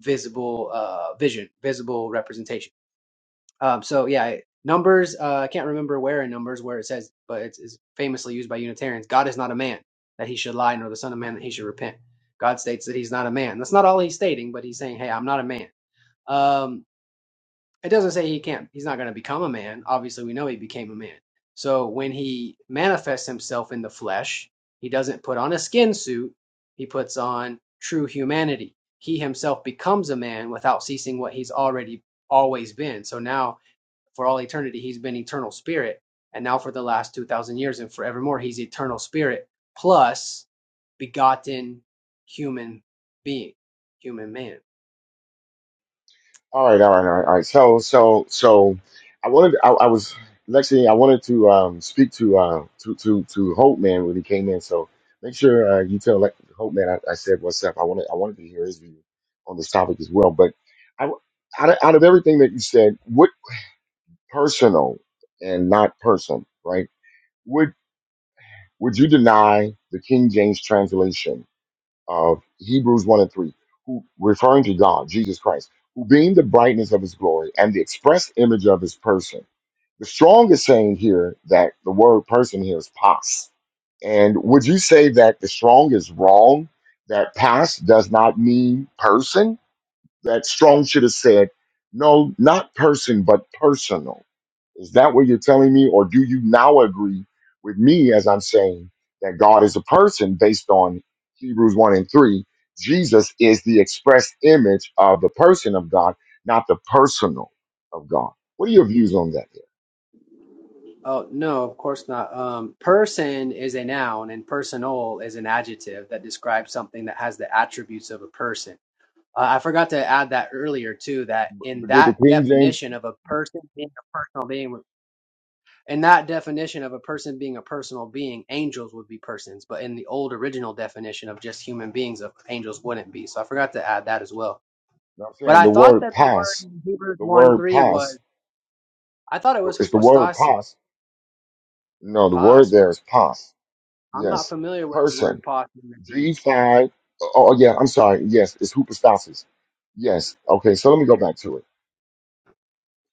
Speaker 26: visible uh, vision, visible representation. Um, so yeah, numbers. Uh, I can't remember where in numbers where it says, but it's, it's famously used by Unitarians. God is not a man that he should lie, nor the son of man that he should repent. God states that he's not a man. That's not all he's stating, but he's saying, hey, I'm not a man. Um, it doesn't say he can't he's not going to become a man obviously we know he became a man so when he manifests himself in the flesh he doesn't put on a skin suit he puts on true humanity he himself becomes a man without ceasing what he's already always been so now for all eternity he's been eternal spirit and now for the last 2000 years and forevermore he's eternal spirit plus begotten human being human man
Speaker 1: All right, all right, all right, all right. So, so, so, I wanted, I, I was, Lexi, I wanted to um, speak to, uh, to, to, to Hope Man when he came in. So make sure uh, you tell Le- Hope Man I, I said what's up. I wanted, I wanted to hear his view on this topic as well. But I, out of, out of everything that you said, what personal and not person, right? Would, would you deny the King James translation? of Hebrews 1 and 3, who referring to God, Jesus Christ, who being the brightness of his glory and the express image of his person. The strongest saying here that the word person here is pas. And would you say that the strong is wrong? That pas does not mean person? That strong should have said, no, not person, but personal is that what you're telling me? Or do you now agree with me as I'm saying that God is a person based on Hebrews 1 and 3? Jesus is the express image of the person of God, not the personal of God. What are your views on that?
Speaker 26: Oh, no, of course not. Um, person is a noun and personal is an adjective that describes something that has the attributes of a person. Uh, I forgot to add that earlier too, that in
Speaker 1: But did the
Speaker 26: that
Speaker 1: King James,
Speaker 26: definition of a person being a personal being, in that definition of a person being a personal being, angels would be persons, but in the old original definition of just human beings, of angels wouldn't be. So I forgot to add that as well.
Speaker 1: no, I'm
Speaker 26: But
Speaker 1: saying
Speaker 26: I
Speaker 1: the
Speaker 26: thought
Speaker 1: word
Speaker 26: that the word
Speaker 1: pass,
Speaker 26: in Hebrews
Speaker 1: the
Speaker 26: 1
Speaker 1: word
Speaker 26: 3 was,
Speaker 1: pass,
Speaker 26: I thought it was
Speaker 1: it's the word
Speaker 26: hypostasis.
Speaker 1: pass. No, the
Speaker 26: Pas,
Speaker 1: word
Speaker 26: what?
Speaker 1: there is pass.
Speaker 26: I'm not
Speaker 1: Yes,
Speaker 26: familiar with the
Speaker 1: person.
Speaker 26: word posse in the Greek.
Speaker 1: G5. Oh, oh, yeah, I'm sorry. Yes, it's hypostasis. Yes. Okay, so let me go
Speaker 26: Okay,
Speaker 1: back to it.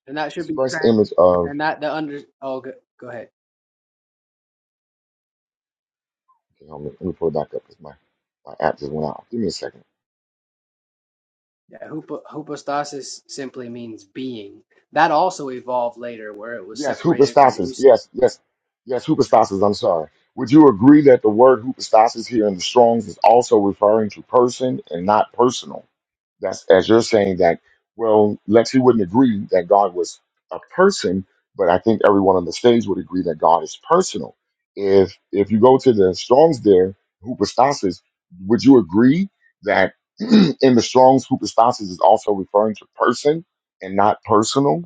Speaker 26: and that should be
Speaker 1: Express
Speaker 26: trans
Speaker 1: image of.
Speaker 26: and that the under. Oh, go, go ahead.
Speaker 1: Okay, hold on, let me pull it back up because my, my app just went out. Give me a second.
Speaker 26: Yeah, hupo, hypostasis simply means being. That also evolved later, where it was
Speaker 1: Yes,
Speaker 26: separated from
Speaker 1: hypostasis.
Speaker 26: us.
Speaker 1: Yes, yes, yes, hypostasis. I'm sorry. Would you agree that the word hypostasis here in the Strongs is also referring to person and not personal? That's as you're saying that. Well, Lexi wouldn't agree that God was a person, but I think everyone on the stage would agree that God is personal. If if you go to the Strong's there, hypostasis, would you agree that *clears throat* in the Strong's hypostasis is also referring to person and not personal?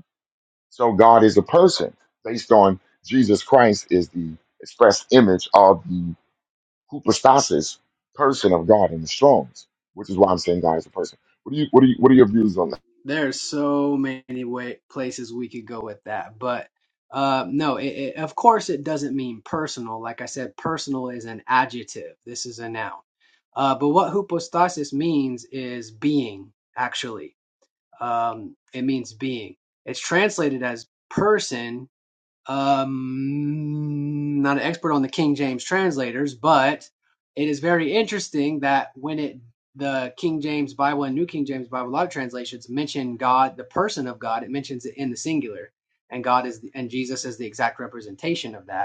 Speaker 1: So God is a person based on Jesus Christ is the express image of the Hypostasis, person of God in the Strong's, which is why I'm saying God is a person. What do you what do you what are your views on that?
Speaker 26: There are so many way, places we could go with that, but uh, no, it, it, of course it doesn't mean personal. Like I said, personal is an adjective. This is a noun. Uh, but what hypostasis means is being, actually Um, it means being. It's translated as person. Um, not an expert on the King James translators, but it is very interesting that when it the King James Bible and New King James Bible, a lot of translations mention God, the person of God. It mentions it in the singular, and God is and Jesus is the exact representation of that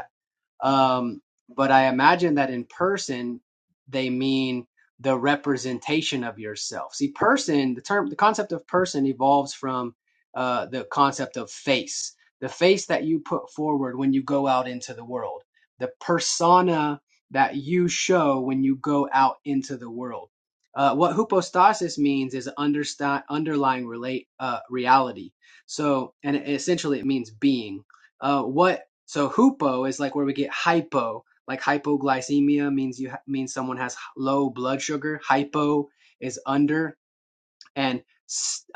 Speaker 26: um, but I imagine that in person, they mean the representation of yourself. See, person, the term, the concept of person evolves from uh, the concept of face, the face that you put forward when you go out into the world, the persona that you show when you go out into the world. Uh, what hypostasis means is understand, underlying relate, uh, reality. So, and essentially it means being. Uh, what so hupo is like where we get hypo. Like hypoglycemia means you ha- means someone has low blood sugar. Hypo is under, and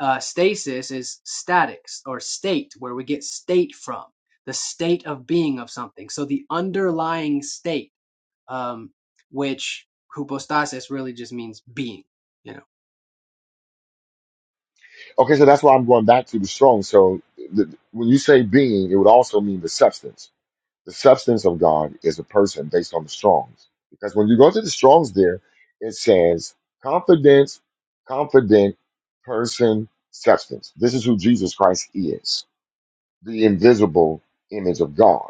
Speaker 26: uh, stasis is statics or state, where we get state from the state of being of something. So the underlying state, um, which hupostasis really just means being. You know.
Speaker 1: Okay, so that's why I'm going back to the Strong's. So the, when you say being, it would also mean the substance. The substance of God is a person based on the Strong's, because when you go to the Strong's, there it says confidence, confident person, substance. This is who Jesus Christ is, the invisible image of God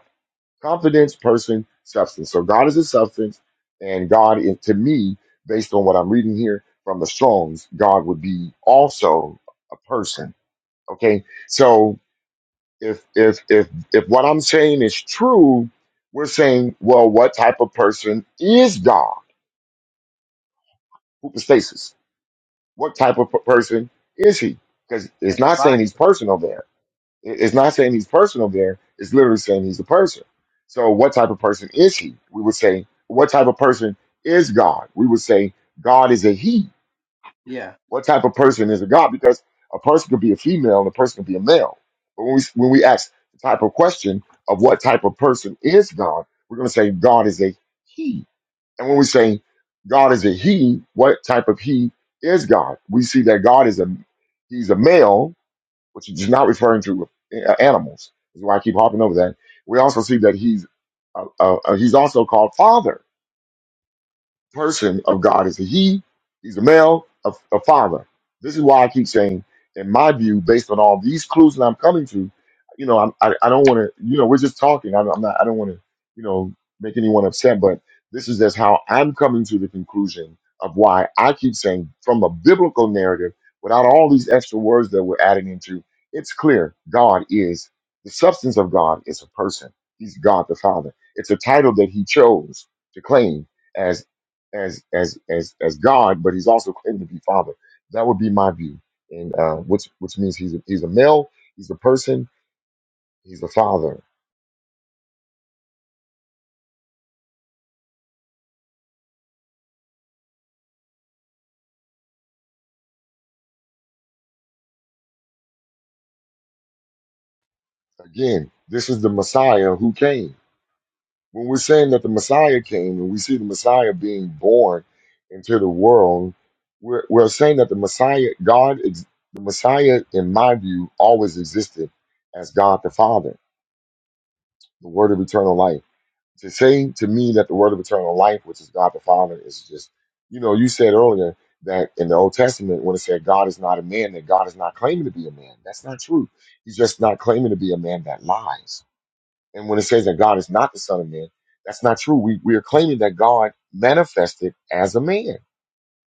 Speaker 1: confidence, person, substance. So God is a substance, and God, is, to me, based on what I'm reading here from the Strong's, God would be also a person. Okay, so if if if if what I'm saying is true, we're saying, well, what type of person is God? Hoopostasis. What type of per- person is he? Because it's not saying
Speaker 26: Fine.
Speaker 1: he's personal there It- It's not saying he's personal there. It's literally saying he's a person. So, what type of person is he? We would say, what type of person is God? We would say, God is a he.
Speaker 26: Yeah.
Speaker 1: What type of person is a God? Because a person could be a female and a person could be a male. But when we, when we ask the type of question of what type of person is God, we're going to say, God is a he. And when we say God is a he, what type of he is God? We see that God is a he's a male which is not referring to uh, animals. This is why I keep harping over that. We also see that he's uh, uh, uh, he's also called Father person of God is a he, he's a male, a, a father. This is why I keep saying, in my view, based on all these clues that I'm coming to, you know, I'm, I, I don't want to, you know, we're just talking. I, I'm not, I don't want to, you know, make anyone upset, but this is just how I'm coming to the conclusion of why I keep saying from a biblical narrative, without all these extra words that we're adding into, it's clear God is the substance of God is a person. He's God the Father. It's a title that he chose to claim as as as as as God, but he's also claimed to be Father. That would be my view, and uh, which which means he's a, he's a male, he's a person, he's a father. Again, this is the Messiah who came. When we're saying that the Messiah came, and we see the Messiah being born into the world, we're we're saying that the Messiah, God, ex- the Messiah, in my view, always existed as God the Father, the Word of Eternal Life. to say to me that the word of eternal life, which is God the Father, is just, you know, you said earlier that in the Old Testament, when it said God is not a man, that God is not claiming to be a man. That's not true. He's just not claiming to be a man that lies. And when it says that God is not the Son of Man, that's not true. We, we are claiming that God manifested as a man,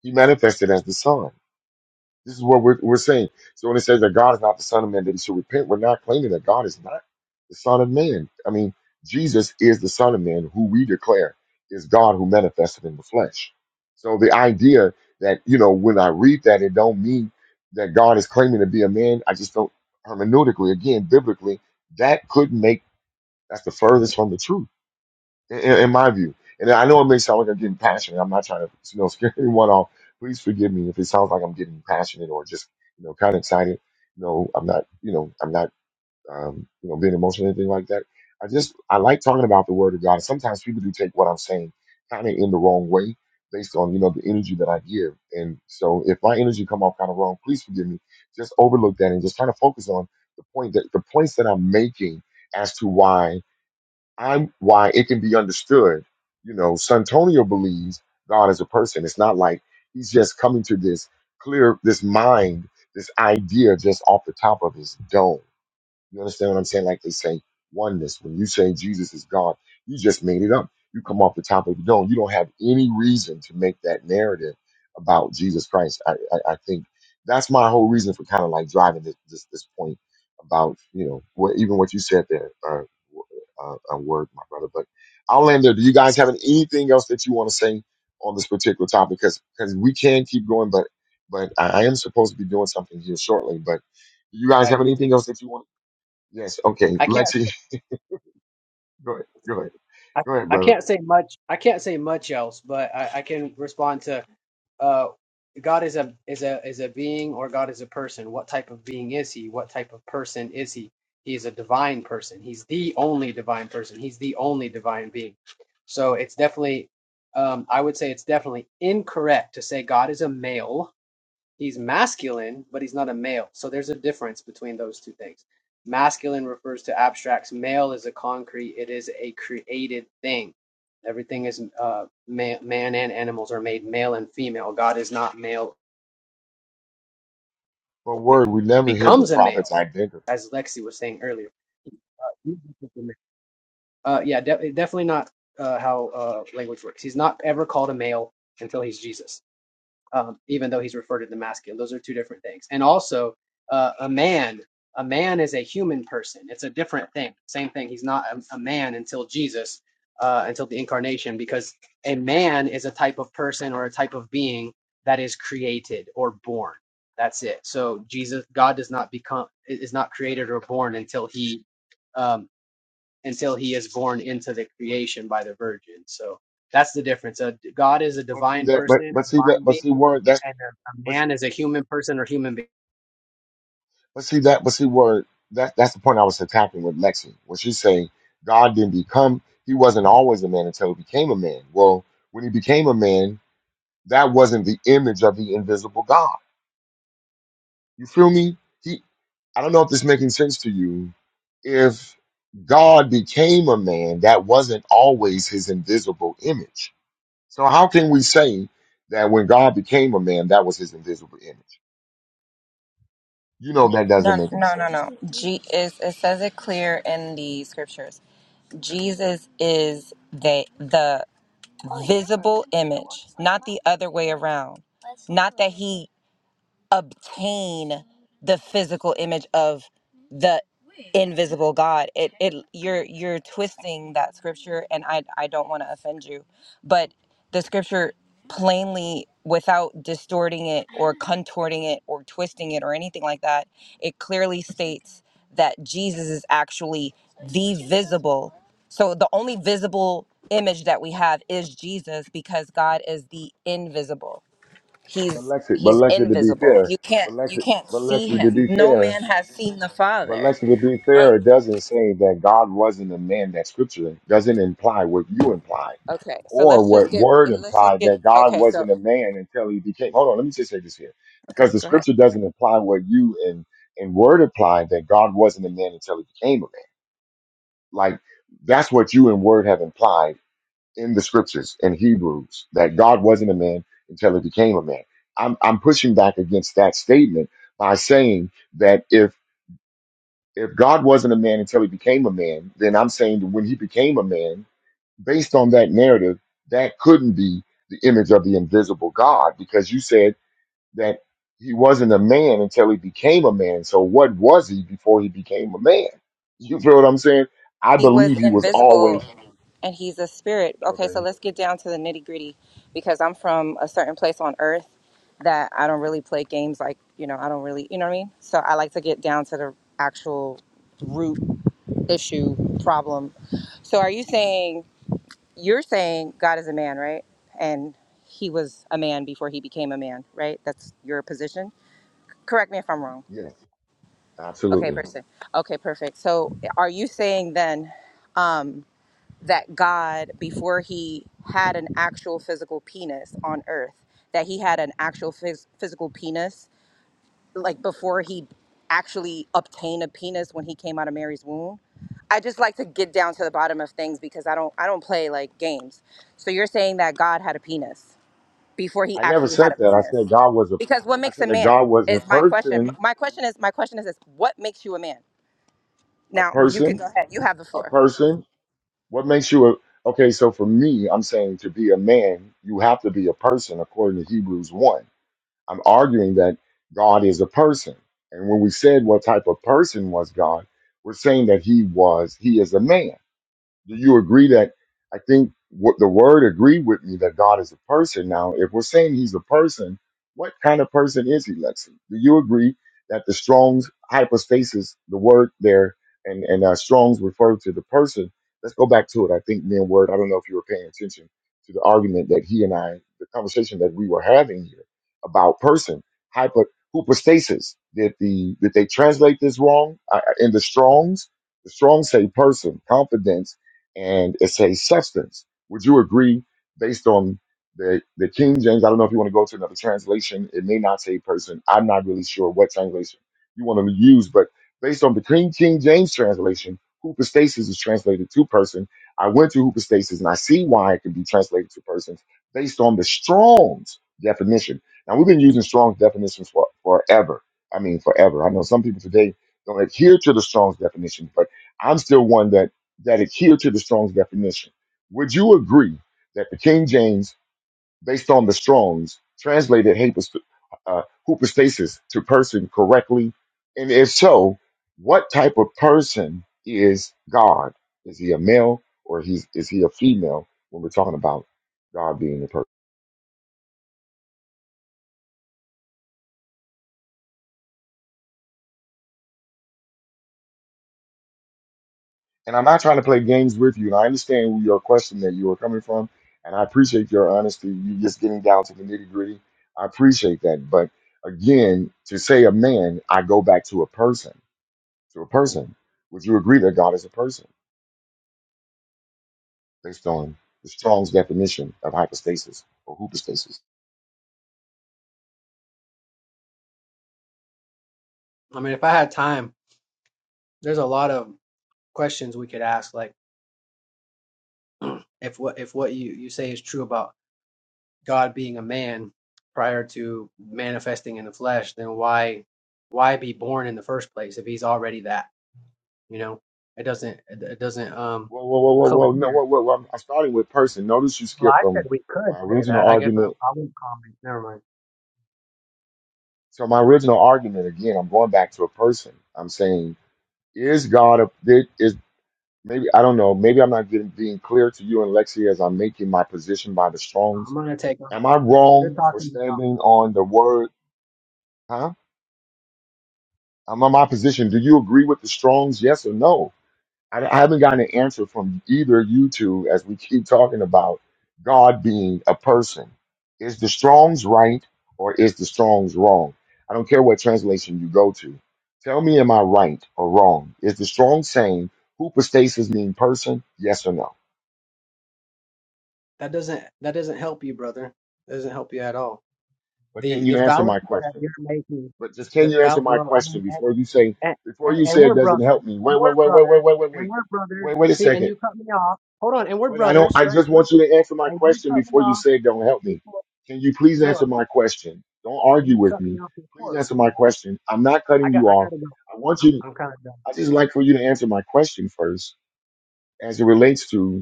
Speaker 1: He manifested as the Son. This is what we're, we're saying. So when it says that God is not the Son of Man, that he should repent, we're not claiming that God is not the Son of Man. I mean, Jesus is the Son of Man, who we declare is God who manifested in the flesh. So the idea that, you know, when I read that, it don't mean that God is claiming to be a man. I just don't hermeneutically, again, biblically, that could make that's the furthest from the truth in, in my view. And I know it may sound like I'm getting passionate. I'm not trying to you know *laughs* scare anyone off. Please forgive me if it sounds like I'm getting passionate or just you know kind of excited. No, I'm not. You know, I'm not. Um, you know, being emotional or anything like that. I just I like talking about the Word of God. Sometimes people do take what I'm saying kind of in the wrong way based on you know the energy that I give. And so if my energy come off kind of wrong, please forgive me. Just overlook that and just kind of focus on the point that the points that I'm making as to why I'm why it can be understood. You know, Santonio believes God is a person. It's not like he's just coming to this clear, this mind, this idea just off the top of his dome. You understand what I'm saying? Like they say oneness. When you say Jesus is God, you just made it up. You come off the top of the dome. You don't have any reason to make that narrative about Jesus Christ. I, I, I think that's my whole reason for kind of like driving this, this this point about you know what even what you said there. Uh, uh, a word, my brother. But I'll end there. Do you guys have anything else that you want to say on this particular topic? Because we can keep going, but but I I am supposed to be doing something here shortly. But do you guys
Speaker 26: Yeah,
Speaker 1: have
Speaker 26: me
Speaker 1: anything
Speaker 26: too.
Speaker 1: else that you want? to Yes, okay.
Speaker 26: I can't.
Speaker 1: Lexi, *laughs* go ahead, go ahead,
Speaker 26: I,
Speaker 1: go ahead,
Speaker 26: I
Speaker 1: brother.
Speaker 26: can't say much. I can't say much else, but I, I can respond to uh, God is a is a is a being or God is a person. What type of being is he? What type of person is he? He is a divine person. He's the only divine person. He's the only divine being. So it's definitely, um, I would say it's definitely incorrect to say God is a male He's masculine, but he's not a male. So there's a difference between those two things. Masculine refers to abstracts. Male is a concrete. It is a created thing. Everything is uh, man, man and animals are made male and female. God is not male.
Speaker 1: But word, we never hear the
Speaker 26: Becomes a
Speaker 1: prophet's
Speaker 26: male,
Speaker 1: identity.
Speaker 26: as Lexi was saying earlier. Uh, yeah, de- definitely not uh, how uh, language works. He's not ever called a male until he's Jesus. um, even though he's referred to the masculine. Those are two different things. And also, uh, a man, a man is a human person. It's a different thing. Same thing. He's not a, a man until Jesus, uh, until the incarnation, because a man is a type of person or a type of being that is created or born. That's it. So Jesus, God does not become is is not created or born until he. um, until he is born into the creation by the virgin. So that's the difference. A, God is a
Speaker 1: But see
Speaker 26: divine
Speaker 1: that, but
Speaker 26: person, a
Speaker 1: but see that,
Speaker 26: divine
Speaker 1: but
Speaker 26: being,
Speaker 1: see word.
Speaker 26: and,
Speaker 1: That's
Speaker 26: and a, a
Speaker 1: but see,
Speaker 26: man is a human person or human being.
Speaker 1: but see that, but see word. That that's the point I was attacking with Lexi. When she's saying God didn't become, He wasn't always a man until He became a man. Well, when He became a man, that wasn't the image of the invisible God. You feel me? He. I don't know if this making sense to you. If God became a man, that wasn't always His invisible image So how can we say that when God became a man, that was his invisible image? You know that doesn't
Speaker 25: No,
Speaker 1: make any
Speaker 25: no,
Speaker 1: sense.
Speaker 25: no, no. G is it says it clear in the scriptures. Jesus is the the visible image, not the other way around. Not that he obtain the physical image of the invisible God. It it you're you're twisting that scripture and I I don't want to offend you, but the scripture plainly without distorting it or contorting it or twisting it or anything like that, it clearly states that Jesus is actually the visible. So the only visible image that we have is Jesus because God is the invisible
Speaker 1: But
Speaker 25: he's
Speaker 1: Lexi, but
Speaker 25: he's
Speaker 1: Lexi, to be
Speaker 25: invisible
Speaker 1: fair,
Speaker 25: you can't
Speaker 1: but
Speaker 25: you
Speaker 1: Lexi,
Speaker 25: can't
Speaker 1: but
Speaker 25: see
Speaker 1: Lexi, to
Speaker 25: him
Speaker 1: be
Speaker 25: no
Speaker 1: fair,
Speaker 25: man has seen the
Speaker 1: but
Speaker 25: father
Speaker 1: Lexi, to be fair,
Speaker 25: um
Speaker 1: it doesn't say that God wasn't a man. That scripture doesn't imply what you imply or what word implied
Speaker 25: it-
Speaker 1: that God wasn't a man until he became. Hold on, let me just say this here because the scripture doesn't imply what you and and word implied that God wasn't a man until he became a man. Like that's what you and word have implied in the scriptures in Hebrews that God wasn't a man until he became a man. I'm I'm pushing back against that statement by saying that if if God wasn't a man until he became a man, then I'm saying that when he became a man, based on that narrative, that couldn't be the image of the invisible God because you said that he wasn't a man until he became a man. So what was he before he became a man? You feel what I'm saying? I
Speaker 25: he was
Speaker 1: believe he was
Speaker 25: invisible
Speaker 1: always
Speaker 25: and he's a spirit okay so
Speaker 1: okay.
Speaker 25: let's get down to the nitty gritty because i'm from a certain place on earth that i don't really play games like you know i don't really you know what i mean so i like to get down to the actual root issue problem so are you saying you're saying god is a man right and he was a man before he became a man right that's your position correct me if I'm wrong.
Speaker 1: Yes,
Speaker 25: Okay,
Speaker 1: absolutely.
Speaker 25: person. Okay, perfect. So are you saying then um, that God, before he had an actual physical penis on earth, that he had an actual phys- physical penis, like before he actually obtained a penis when he came out of Mary's womb? I just like to get down to the bottom of things because I don't I don't play like games. So you're saying that God had a penis before he
Speaker 1: I never
Speaker 25: actually had
Speaker 1: said
Speaker 25: a
Speaker 1: that. I
Speaker 25: penis.
Speaker 1: said God was a.
Speaker 25: Because what
Speaker 1: I
Speaker 25: makes
Speaker 1: said
Speaker 25: a
Speaker 1: that
Speaker 25: man
Speaker 1: God was a
Speaker 25: is my question.
Speaker 1: person,
Speaker 25: My question is my question is this: What makes you a man?
Speaker 1: a
Speaker 25: Now you can
Speaker 1: person,
Speaker 25: go ahead. You have the
Speaker 1: a
Speaker 25: floor.
Speaker 1: person. What makes you a? Okay, so for me, I'm saying to be a man, you have to be a person according to Hebrews one. I'm arguing that God is a person, and when we said what type of person was God, we're saying that He was, He is a man. Do you agree that I think what the word agreed with me that God is a person? Now, if we're saying he's a person, what kind of person is he, Lexi? Do you agree that the Strong's hypostasis, the word there, and, and uh, Strong's referred to the person? Let's go back to it. I think me and Word, I don't know if you were paying attention to the argument that he and I, the conversation that we were having here about person, hypo, hypostasis. Did the did they translate this wrong? Uh, in the Strong's, the Strong's say person, confidence and it says substance. Would you agree, based on the, the King James? I don't know if you want to go to another translation. It may not say person. I'm not really sure what translation you want to use, but based on the King King James translation, hoopostasis is translated to person. I went to hoopostasis and I see why it can be translated to persons based on the Strong's definition. Now we've been using Strong's definitions for forever. I mean, forever. I know some people today don't adhere to the Strong's definition, but I'm still one that that adhere to the Strong's definition. Would you agree that the King James, based on the Strong's, translated hypos- uh, hypostasis to person correctly? And if so, what type of person is God? Is he a male or he's, is he a female when we're talking about God being a person? And I'm not trying to play games with you. And I understand your question that you are coming from. And I appreciate your honesty. You just getting down to the nitty gritty. I appreciate that. But again, to say a man, I go back to a person, to a person. Would you agree that God is a person based on the Strong's definition of hypostasis or hypostasis?
Speaker 26: I mean, if I had time, there's a lot of questions we could ask, like *clears throat* if what if what you you say is true about God being a man prior to manifesting in the flesh, then why why be born in the first place if he's already that? You know, it doesn't it doesn't um
Speaker 1: Whoa, whoa, whoa, whoa, whoa.
Speaker 26: cohere.
Speaker 1: No, whoa, whoa, whoa. I'm starting with person. Notice you
Speaker 26: Well,
Speaker 1: skipped
Speaker 26: I said
Speaker 1: from
Speaker 26: we could
Speaker 1: my
Speaker 26: say
Speaker 1: original
Speaker 26: that. I guess I,
Speaker 1: argument.
Speaker 26: I won't comment. Never mind.
Speaker 1: So my original argument, again, I'm going back to a person. I'm saying, is God a is maybe I don't know. Maybe I'm not getting being clear to you and Lexi as I'm making my position by the Strong's.
Speaker 26: I'm gonna take off.
Speaker 1: Am I
Speaker 26: You're
Speaker 1: wrong for
Speaker 26: talking to y'all.
Speaker 1: standing on the word? Huh? I'm on my position. Do you agree with the Strong's? Yes or no? I, I haven't gotten an answer from either of you two as we keep talking about God being a person. Is the Strong's right or is the Strong's wrong? I don't care what translation you go to. Tell me, am I right or wrong? Is the Strong saying hypostasis mean person? Yes or no?
Speaker 26: That doesn't that doesn't help you, brother. That doesn't help you at all.
Speaker 1: But can
Speaker 26: The
Speaker 1: you
Speaker 26: the
Speaker 1: answer my
Speaker 26: fallacy that
Speaker 1: question?
Speaker 26: you're making,
Speaker 1: But just can
Speaker 26: the
Speaker 1: you answer
Speaker 26: fall.
Speaker 1: my
Speaker 26: Well, I
Speaker 1: question
Speaker 26: mean, and,
Speaker 1: before you say
Speaker 26: and,
Speaker 1: before
Speaker 26: and
Speaker 1: you
Speaker 26: and
Speaker 1: say it
Speaker 26: we're
Speaker 1: doesn't help
Speaker 26: brothers,
Speaker 1: me?
Speaker 26: and
Speaker 1: Wait,
Speaker 26: we're
Speaker 1: wait, wait, wait, wait,
Speaker 26: brothers,
Speaker 1: wait, wait,
Speaker 26: and
Speaker 1: wait,
Speaker 26: we're brothers.
Speaker 1: wait, wait
Speaker 26: You
Speaker 1: a
Speaker 26: See, and
Speaker 1: second.
Speaker 26: you cut me off. Hold on, and we're
Speaker 1: Wait, I don't.
Speaker 26: brothers,
Speaker 1: I
Speaker 26: right?
Speaker 1: just
Speaker 26: We're
Speaker 1: want
Speaker 26: bro-
Speaker 1: you to answer my
Speaker 26: and you
Speaker 1: question
Speaker 26: cut me
Speaker 1: before you
Speaker 26: off
Speaker 1: say it don't help me.
Speaker 26: before.
Speaker 1: Can you please
Speaker 26: No,
Speaker 1: answer my
Speaker 26: but
Speaker 1: question? Don't argue
Speaker 26: you
Speaker 1: with
Speaker 26: cut me
Speaker 1: me.
Speaker 26: off
Speaker 1: Please
Speaker 26: before.
Speaker 1: answer my
Speaker 26: man.
Speaker 1: question. I'm not
Speaker 26: I
Speaker 1: cutting
Speaker 26: got
Speaker 1: you
Speaker 26: I
Speaker 1: off.
Speaker 26: gotta go.
Speaker 1: I want
Speaker 26: I'm
Speaker 1: you.
Speaker 26: I'm kind of done.
Speaker 1: I just like for you to answer my question first, as it relates to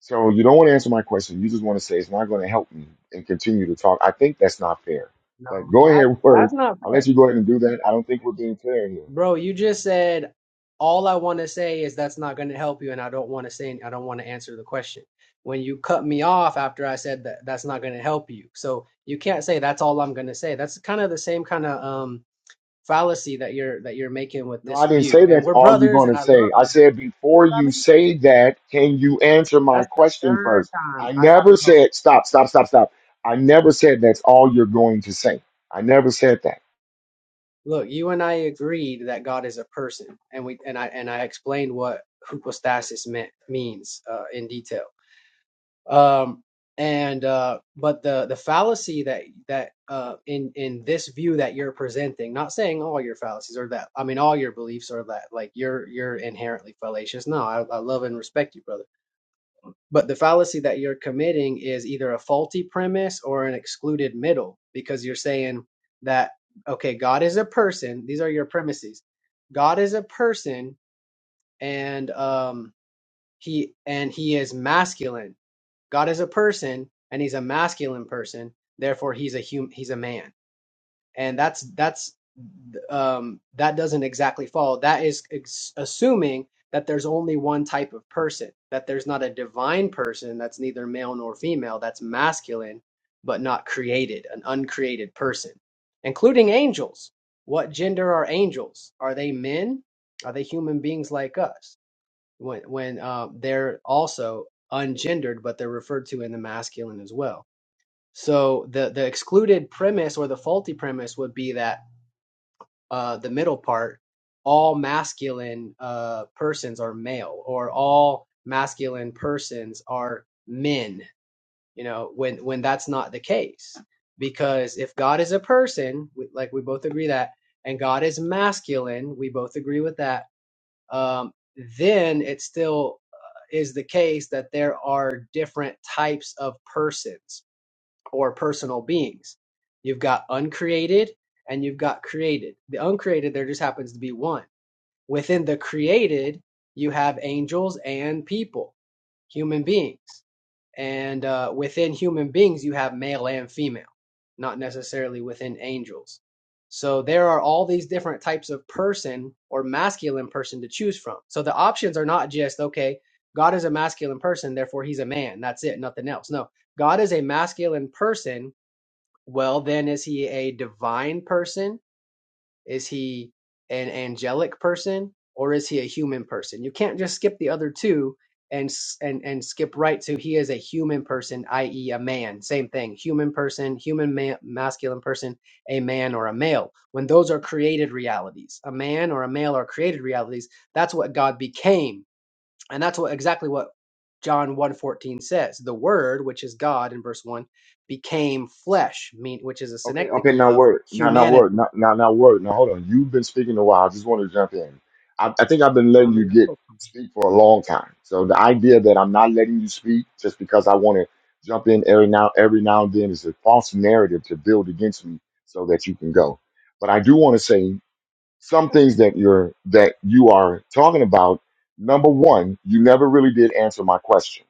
Speaker 1: So you don't want to answer my question. You just want to say it's not going to help me and continue to talk. I think that's not fair.
Speaker 26: No,
Speaker 1: Like, go
Speaker 26: that
Speaker 1: ahead, *laughs* word.
Speaker 26: that's not fair.
Speaker 1: I'll let you go ahead and do that. I don't think we're being fair here.
Speaker 26: Bro, you just said all I want to say is that's not going to help you, and I don't want to say I don't want to answer the question. When you cut me off after I said that that's not going to help you, so you can't say that's all I'm going to say. That's kind of the same kind of um fallacy that you're that you're making with
Speaker 1: No,
Speaker 26: this
Speaker 1: I didn't
Speaker 26: view.
Speaker 1: say
Speaker 26: And
Speaker 1: that's
Speaker 26: we're
Speaker 1: all you're
Speaker 26: brothers,
Speaker 1: going to
Speaker 26: and I
Speaker 1: say.
Speaker 26: love
Speaker 1: I
Speaker 26: you.
Speaker 1: said
Speaker 26: See
Speaker 1: before
Speaker 26: what I
Speaker 1: you
Speaker 26: mean?
Speaker 1: say that, can you answer my
Speaker 26: That's the
Speaker 1: question
Speaker 26: third
Speaker 1: first?
Speaker 26: time
Speaker 1: I
Speaker 26: I gotta
Speaker 1: never
Speaker 26: go.
Speaker 1: said stop, stop, stop, stop. I never said that's all you're going to say. I never said that.
Speaker 26: Look, you and I agreed that God is a person, and we and I and I explained what hypostasis meant means uh, in detail. um and uh but the the fallacy that that uh in in this view that you're presenting not saying all your fallacies are that i mean all your beliefs are that like you're you're inherently fallacious no I, I love and respect you brother but the fallacy that you're committing is either a faulty premise or an excluded middle because you're saying that okay god is a person these are your premises god is a person and um he and he is masculine God is a person and he's a masculine person, therefore he's a hum- he's a man. And that's that's um that doesn't exactly follow. That is ex- assuming that there's only one type of person, that there's not a divine person that's neither male nor female, that's masculine but not created, an uncreated person, including angels. What gender are angels? Are they men? Are they human beings like us? when when uh, they're also ungendered, but they're referred to in the masculine as well. So the the excluded premise or the faulty premise would be that uh, the middle part, all masculine uh, persons are male, or all masculine persons are men. You know, when when that's not the case, because if God is a person, we, like we both agree that, and God is masculine, we both agree with that um, then it still uh, is the case that there are different types of persons or personal beings. You've got uncreated and you've got created. The uncreated, there just happens to be one. Within the created, you have angels and people, human beings. And uh, within human beings, you have male and female, not necessarily within angels. So there are all these different types of person or masculine person to choose from. So the options are not just, okay, God is a masculine person, therefore he's a man. That's it, nothing else. No, God is a masculine person. Well, then is he a divine person? Is he an angelic person or is he a human person? You can't just skip the other two and s- and and skip right to he is a human person, i.e., a man. Same thing, human person, human man, masculine person, a man or a male. When those are created realities, a man or a male are created realities. That's what God became, and that's what exactly what John one fourteen says, "The Word, which is God," in verse one, became flesh, mean which is a
Speaker 1: Okay, okay,
Speaker 26: synecdoche
Speaker 1: now
Speaker 26: of
Speaker 1: word, now now word,
Speaker 26: humanity.
Speaker 1: now now now word. Now hold on, you've been speaking a while. I just want to jump in. I, I think I've been
Speaker 26: I
Speaker 1: letting you
Speaker 26: mean, that's
Speaker 1: get speak for a long time. So the idea that I'm not letting you speak just because I want to jump in every now every now and then is a false narrative to build against me so that you can go. But I do want to say some things that you're that you are talking about. Number one, you never really did answer my question.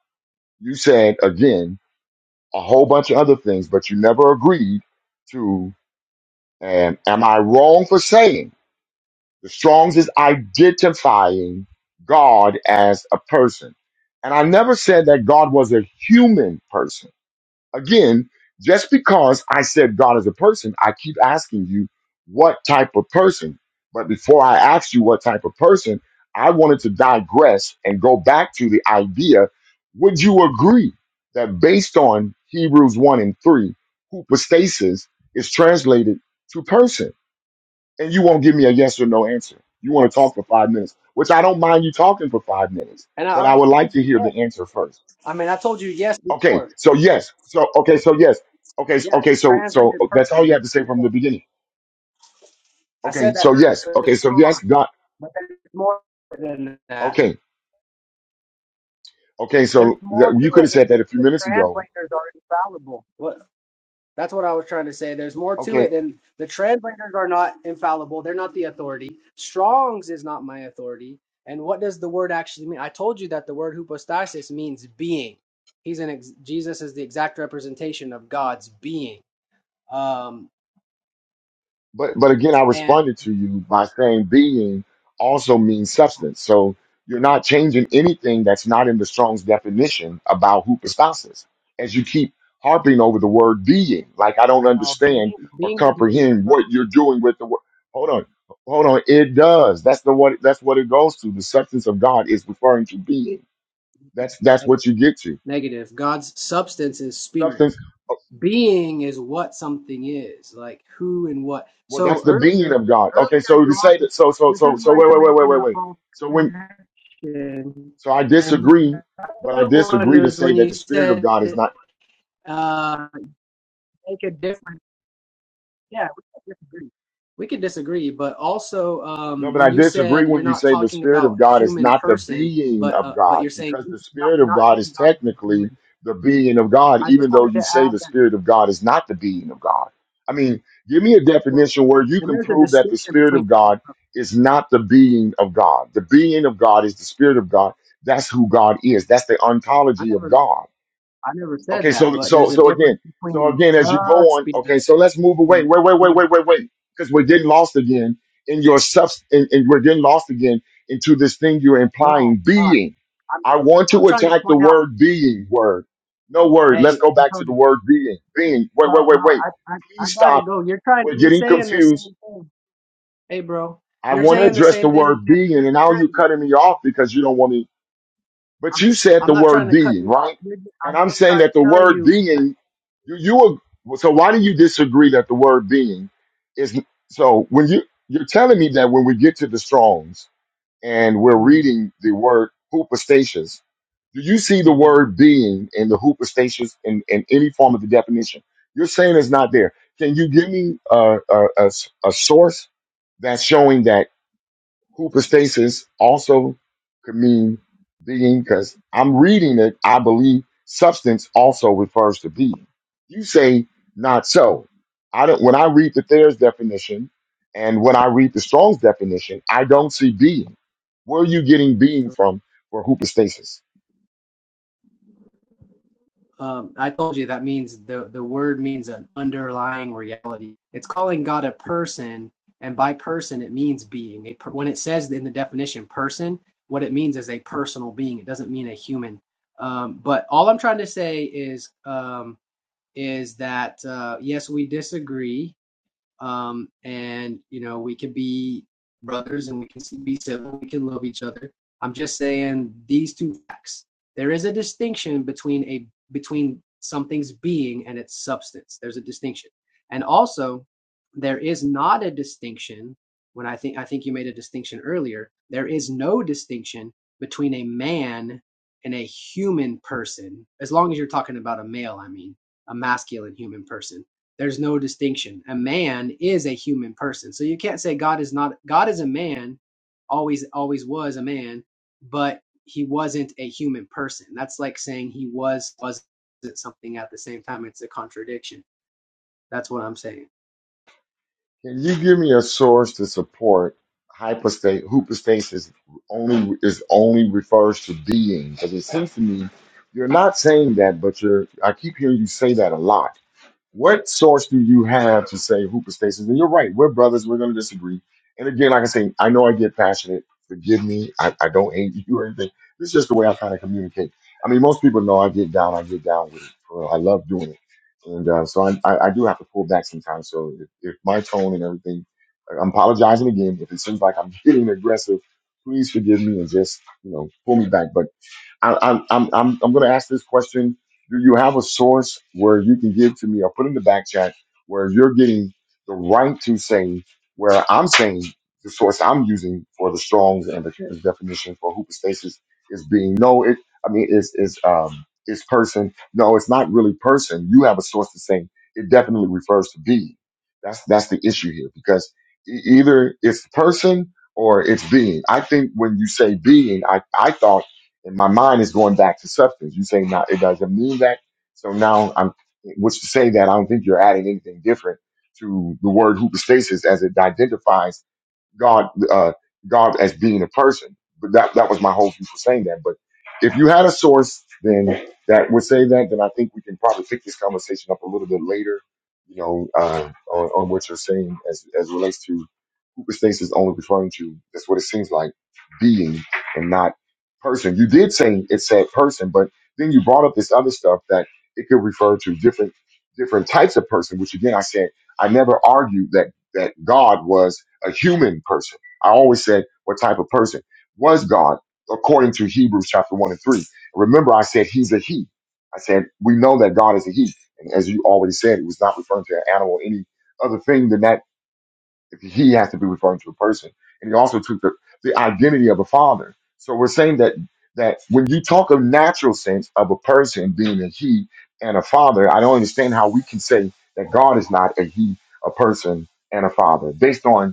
Speaker 1: You said again a whole bunch of other things, but you never agreed and am I wrong for saying the Strong's is identifying God as a person? And I never said that God was a human person. Again, just because I said God is a person, I keep asking you what type of person. But before I asked you what type of person, I wanted to digress and go back to the idea would you agree that based on Hebrews 1 and 3, hypostasis is translated to person? and you won't give me a yes or no answer. You want to
Speaker 26: so
Speaker 1: talk for five minutes, which I don't mind you talking for five minutes,
Speaker 26: And I
Speaker 1: but I
Speaker 26: already
Speaker 1: would like
Speaker 26: told
Speaker 1: to
Speaker 26: you
Speaker 1: hear
Speaker 26: yes.
Speaker 1: the answer first.
Speaker 26: I mean, I told you yes
Speaker 1: Okay,
Speaker 26: before.
Speaker 1: so yes, so okay, so yes, okay, s-
Speaker 26: Yeah, it's
Speaker 1: okay, so so uh,
Speaker 26: translated
Speaker 1: that's all you have
Speaker 26: person.
Speaker 1: to say from the
Speaker 26: yes.
Speaker 1: beginning.
Speaker 26: I
Speaker 1: Okay,
Speaker 26: said that
Speaker 1: so yes,
Speaker 26: early
Speaker 1: okay, so
Speaker 26: on,
Speaker 1: yes, God.
Speaker 26: but there's more than that.
Speaker 1: Okay, okay,
Speaker 26: There's
Speaker 1: so that,
Speaker 26: more to
Speaker 1: you could have
Speaker 26: it than
Speaker 1: said that
Speaker 26: just
Speaker 1: a few
Speaker 26: the
Speaker 1: minutes ago.
Speaker 26: translators are infallible. What? That's what I was trying to say. There's more to
Speaker 1: Okay.
Speaker 26: it than the translators are not infallible. They're not the authority. Strong's is not my authority. And what does the word actually mean? I told you that the word hypostasis means being. He's an ex- Jesus is the exact representation of God's being. Um,
Speaker 1: But but again, I
Speaker 26: And
Speaker 1: responded to you by saying being also means substance. So you're not changing anything that's not in the Strong's definition about hypostasis. As you keep harping over the word being, like I don't
Speaker 26: now
Speaker 1: understand
Speaker 26: being,
Speaker 1: or
Speaker 26: being doesn't mean
Speaker 1: comprehend what you're doing with the word. Hold on, hold on. It does. That's the what. That's what it goes to. The substance of God is referring to being. That's that's
Speaker 26: something
Speaker 1: what you get to.
Speaker 26: negative. God's substance is spirit.
Speaker 1: Substance. oh,
Speaker 26: Being is what something is, like who and what.
Speaker 1: Well, that's
Speaker 26: So
Speaker 1: the being
Speaker 26: earlier,
Speaker 1: of God. Okay,
Speaker 26: earlier
Speaker 1: so to
Speaker 26: you
Speaker 1: say
Speaker 26: also
Speaker 1: that. So so
Speaker 26: this
Speaker 1: so
Speaker 26: is
Speaker 1: so
Speaker 26: where
Speaker 1: wait
Speaker 26: you're
Speaker 1: wait wait wait
Speaker 26: making
Speaker 1: wait
Speaker 26: a
Speaker 1: wait.
Speaker 26: false
Speaker 1: So when
Speaker 26: connection.
Speaker 1: So I
Speaker 26: And
Speaker 1: disagree,
Speaker 26: the
Speaker 1: but I
Speaker 26: other
Speaker 1: disagree
Speaker 26: one
Speaker 1: to
Speaker 26: was
Speaker 1: say
Speaker 26: when
Speaker 1: that
Speaker 26: you
Speaker 1: the Spirit of
Speaker 26: said
Speaker 1: God is not.
Speaker 26: uh, make a difference. Yeah, we could disagree. We could disagree, but also
Speaker 1: No,
Speaker 26: um,
Speaker 1: but I
Speaker 26: when you
Speaker 1: disagree
Speaker 26: said you're
Speaker 1: when you
Speaker 26: not
Speaker 1: say the
Speaker 26: talking
Speaker 1: Spirit
Speaker 26: about
Speaker 1: of God is
Speaker 26: human
Speaker 1: not the
Speaker 26: person,
Speaker 1: being
Speaker 26: but
Speaker 1: of
Speaker 26: uh, but
Speaker 1: God,
Speaker 26: you're saying
Speaker 1: because
Speaker 26: you're
Speaker 1: the
Speaker 26: not,
Speaker 1: Spirit
Speaker 26: you're
Speaker 1: of
Speaker 26: not
Speaker 1: God
Speaker 26: saying
Speaker 1: is
Speaker 26: God is a
Speaker 1: technically
Speaker 26: human.
Speaker 1: the being of God,
Speaker 26: I just
Speaker 1: even though
Speaker 26: wanted to
Speaker 1: you say
Speaker 26: add
Speaker 1: the
Speaker 26: that.
Speaker 1: Spirit of God is not the being of God. I mean, give me a
Speaker 26: Well,
Speaker 1: definition where you
Speaker 26: and
Speaker 1: can
Speaker 26: there's a
Speaker 1: prove that the
Speaker 26: distinction
Speaker 1: Spirit
Speaker 26: between.
Speaker 1: of God is not the being of God. The being of God is the Spirit of God. That's who God is. That's the
Speaker 26: I
Speaker 1: ontology of
Speaker 26: never
Speaker 1: God
Speaker 26: I never said
Speaker 1: Okay,
Speaker 26: that,
Speaker 1: so
Speaker 26: but
Speaker 1: so
Speaker 26: there's a
Speaker 1: so again,
Speaker 26: difference
Speaker 1: so
Speaker 26: between
Speaker 1: again, as you go
Speaker 26: the
Speaker 1: on, okay,
Speaker 26: spirit
Speaker 1: so let's move away.
Speaker 26: and
Speaker 1: Wait, wait, wait,
Speaker 26: spirit.
Speaker 1: wait, wait, wait, because we're getting lost again in your subs, and, and we're getting lost again into this thing you're
Speaker 26: No,
Speaker 1: implying
Speaker 26: we're not.
Speaker 1: being.
Speaker 26: I'm
Speaker 1: I want
Speaker 26: I'm
Speaker 1: to
Speaker 26: trying to
Speaker 1: attack the
Speaker 26: point out.
Speaker 1: word being word. No word. Let's
Speaker 26: Hey,
Speaker 1: go back to the
Speaker 26: Antonio.
Speaker 1: word being. Being. Wait, wait,
Speaker 26: Well, no,
Speaker 1: wait, wait.
Speaker 26: I I, I
Speaker 1: Please
Speaker 26: gotta
Speaker 1: stop.
Speaker 26: go. You're trying.
Speaker 1: We're
Speaker 26: You're
Speaker 1: getting
Speaker 26: saying the
Speaker 1: confused.
Speaker 26: same thing. Hey, bro,
Speaker 1: I
Speaker 26: you're
Speaker 1: want to
Speaker 26: saying the
Speaker 1: address the
Speaker 26: same thing you
Speaker 1: word
Speaker 26: said
Speaker 1: being, and now you're
Speaker 26: earlier.
Speaker 1: cutting me off because you don't want to but
Speaker 26: I'm,
Speaker 1: you said
Speaker 26: I'm
Speaker 1: the
Speaker 26: not trying
Speaker 1: word
Speaker 26: to cut
Speaker 1: being,
Speaker 26: you off.
Speaker 1: right?
Speaker 26: You're ju-
Speaker 1: And
Speaker 26: I'm
Speaker 1: I'm
Speaker 26: just
Speaker 1: saying
Speaker 26: trying
Speaker 1: that the
Speaker 26: to tell
Speaker 1: word
Speaker 26: you that.
Speaker 1: being, you, you ag- so why do you disagree that the word being is so when you you're telling me that when we get to the Strong's and we're
Speaker 26: Mm,
Speaker 1: reading the word hoopostasis, do you see the
Speaker 26: mhm.
Speaker 1: word being in the hoopostasis in, in any form of the definition? You're saying it's not there. Can you give me a a a, a source that's showing that? Hoopostasis also could mean being because I'm reading it. I believe substance also refers to being. You say not so. I don't. When I read the Thayer's definition and when I read the Strong's definition, I don't see being. Where are you getting being from for hoopostasis?
Speaker 26: Um, I told you that means the the word means an underlying reality. It's calling God a person, and by person it means being. A per, when it says in the definition person, what it means is a personal being. It doesn't mean a human. Um, but all I'm trying to say is um, is that uh, yes, we disagree um, and you know we can be brothers and we can be civil we can love each other i'm just saying these two facts there is a distinction between a between something's being and its substance there's a distinction and also there is not a distinction when i think i think you made a distinction earlier there is no distinction between a man and a human person as long as you're talking about a male i mean a masculine human person there's no distinction. A man is a human person. So you can't say God is not God is a man, always always was a man, but he wasn't a human person. That's like saying he was wasn't something at the same time. It's a contradiction. That's what I'm saying.
Speaker 1: Can you give me a source to support hypostate hypostasis only is only refers to being? Because it seems to me you're not saying that, but you're I keep hearing you say that a lot. What source do you have to say hoopostasis? And you're right, we're brothers, we're going to disagree. And again, like I say, I know I get passionate. Forgive me. I, I don't hate *laughs* you or anything. This is just the way I kind of communicate. I mean, most people know I get down, I get down with it. For real. I love doing it. And uh, so I, I, I do have to pull back sometimes. So if, if my tone and everything, I'm apologizing again. If it seems like I'm *laughs* getting aggressive, please forgive me and just, you know, pull me back. But I, I'm, I'm, I'm, I'm going to ask this question. Do you have a source where you can give to me or put in the back chat where you're getting the right to say where I'm saying the source I'm using for the Strong's and the Cairns definition for hoopostasis is being no, it, I mean, is, is, um, is person. No, it's not really person. You have a source to say it definitely refers to being. That's, that's the issue here because e- either it's person or it's being. I think when you say being, I, I thought and my mind is going back to substance. You say now it doesn't mean that. So now I'm, which to say that I don't think you're adding anything different to the word hoopostasis as it identifies God, uh, God as being a person. But that, that was my whole view for saying that. But if you had a source, then that would say that, then I think we can probably pick this conversation up a little bit later, you know, uh, on, on what you're saying as, as it relates to hoopostasis only referring to, that's what it seems like, being and not person. You did say it said person, but then you brought up this other stuff that it could refer to different different types of person, which again, I said, I never argued that that God was a human person. I always said, what type of person was God according to Hebrews chapter 1 and 3? Remember, I said he's a he. I said, we know that God is a he. And as you already said, it was not referring to an animal or any other thing than that he has to be referring to a person, and he also took the, the identity of a father. So we're saying that that when you talk of natural sense of a person being a he and a father, I don't understand how we can say that God is not a he, a person, and a father based on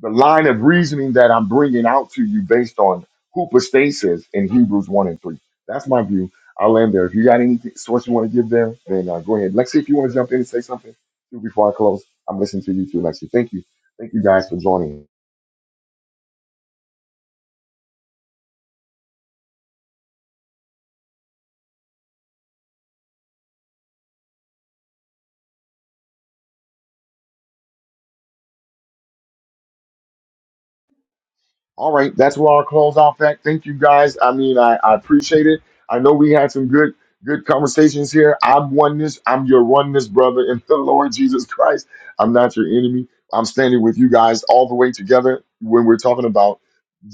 Speaker 1: the line of reasoning that I'm bringing out to you based on hoopostasis in Hebrews 1 and 3. That's my view. I'll end there. If you got any source you want to give there, then uh, go ahead. Lexi, if you want to jump in and say something too before I close, I'm listening to you too, Lexi. Thank you. Thank you guys for joining. All right, that's where I'll close off that. Thank you guys. I mean, I, I appreciate it. I know we had some good good conversations here. I'm oneness. I'm your oneness brother in the Lord Jesus Christ. I'm not your enemy. I'm standing with you guys all the way together when we're talking about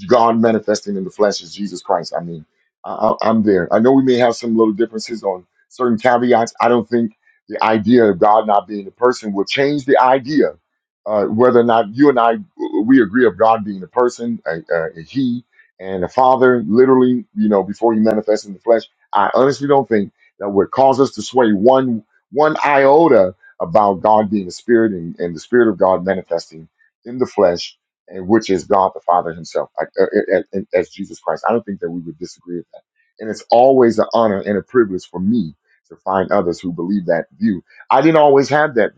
Speaker 1: God manifesting in the flesh as Jesus Christ. I mean, I, I- I'm there. I know we may have some little differences on certain caveats. I don't think the idea of God not being a person will change the idea uh, whether or not you and I we agree of God being a person, a, a, a He, and a Father. Literally, you know, before He manifests in the flesh. I honestly don't think that would cause us to sway one one iota about God being a spirit and, and the Spirit of God manifesting in the flesh, and which is God the Father Himself, like, uh, uh, uh, as Jesus Christ. I don't think that we would disagree with that. And it's always an honor and a privilege for me to find others who believe that view. I didn't always have that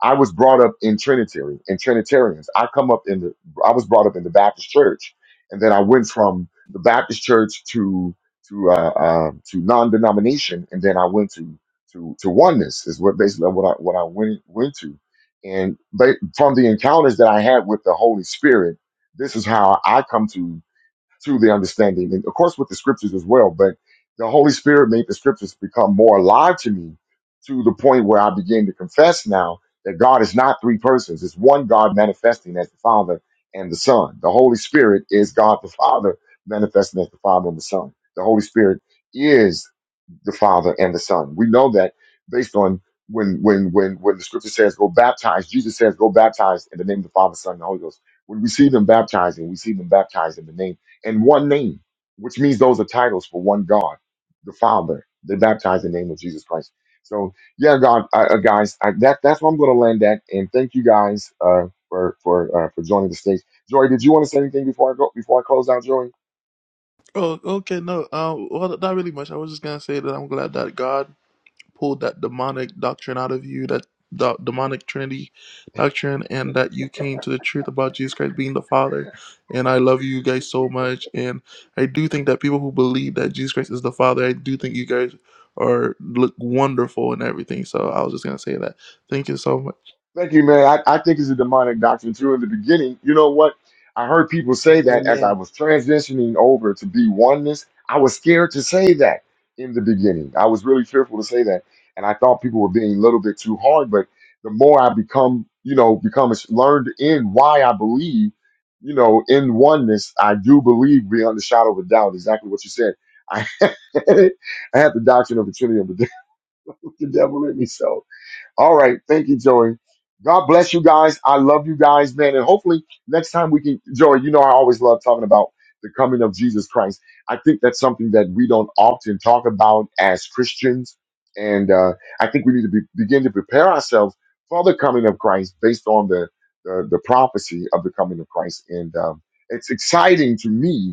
Speaker 1: I was brought up in Trinitarian in Trinitarians. I come up in the I was brought up in the Baptist church, and then I went from the Baptist church to to uh, um to non-denomination, and then I went to to to oneness is what basically what I what I went went to, and ba- from the encounters that I had with the Holy Spirit, this is how I come to through the understanding, and of course with the scriptures as well. But the Holy Spirit made the scriptures become more alive to me to the point where I begin to confess now that God is not three persons; it's one God manifesting as the Father and the Son. The Holy Spirit is God the Father manifesting as the Father and the Son. The Holy Spirit is the Father and the Son. We know that based on when when when when the scripture says go baptize, Jesus says go baptize in the name of the Father, Son, and the Holy Ghost. When we see them baptizing, we see them baptized in the name in one name, which means those are titles for one God, the Father. They baptize in the name of Jesus Christ. So yeah, God, uh, uh, guys, I, that that's where I'm going to land at. And thank you guys uh, for for uh, for joining the stage. Joy, did you want to say anything before I go before I close out, Joy?
Speaker 15: Oh, okay, no. Um, well, not really much. I was just gonna say that I'm glad that God pulled that demonic doctrine out of you, that do- demonic Trinity doctrine, and that you came to the truth about Jesus Christ being the Father. And I love you guys so much. And I do think that people who believe that Jesus Christ is the Father, I do think you guys are look wonderful and everything. So I was just gonna say that. Thank you so much.
Speaker 1: Thank you, man. I, I think it's a demonic doctrine too. In the beginning, you know what? I heard people say that as
Speaker 26: Amen.
Speaker 1: I was transitioning over to be oneness. I was scared to say that in the beginning. I was really fearful to say that, and I thought people were being a little bit too hard. But the more I become, you know, become as- learned in why I believe, you know, in oneness, I do believe beyond the shadow of a doubt. Exactly what you said. I, *laughs* I had the doctrine of the Trinity of the devil, *laughs* the devil in me, so. All right. Thank you, Joey. God bless you guys. I love you guys, man. And hopefully next time we can, Joey, you know, I always love talking about the coming of Jesus Christ. I think that's something that we don't often talk about as Christians. And uh, I think we need to be, begin to prepare ourselves for the coming of Christ based on the, the, the prophecy of the coming of Christ. And um, it's exciting to me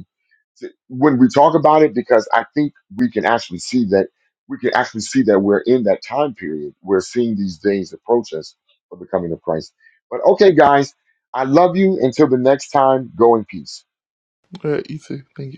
Speaker 1: when we talk about it because I think we can actually see that we can actually see that we're in that time period. We're seeing these days approach us for the coming of Christ. But okay, guys, I love you. Until the next time, go in peace.
Speaker 15: All right, you too. Thank you.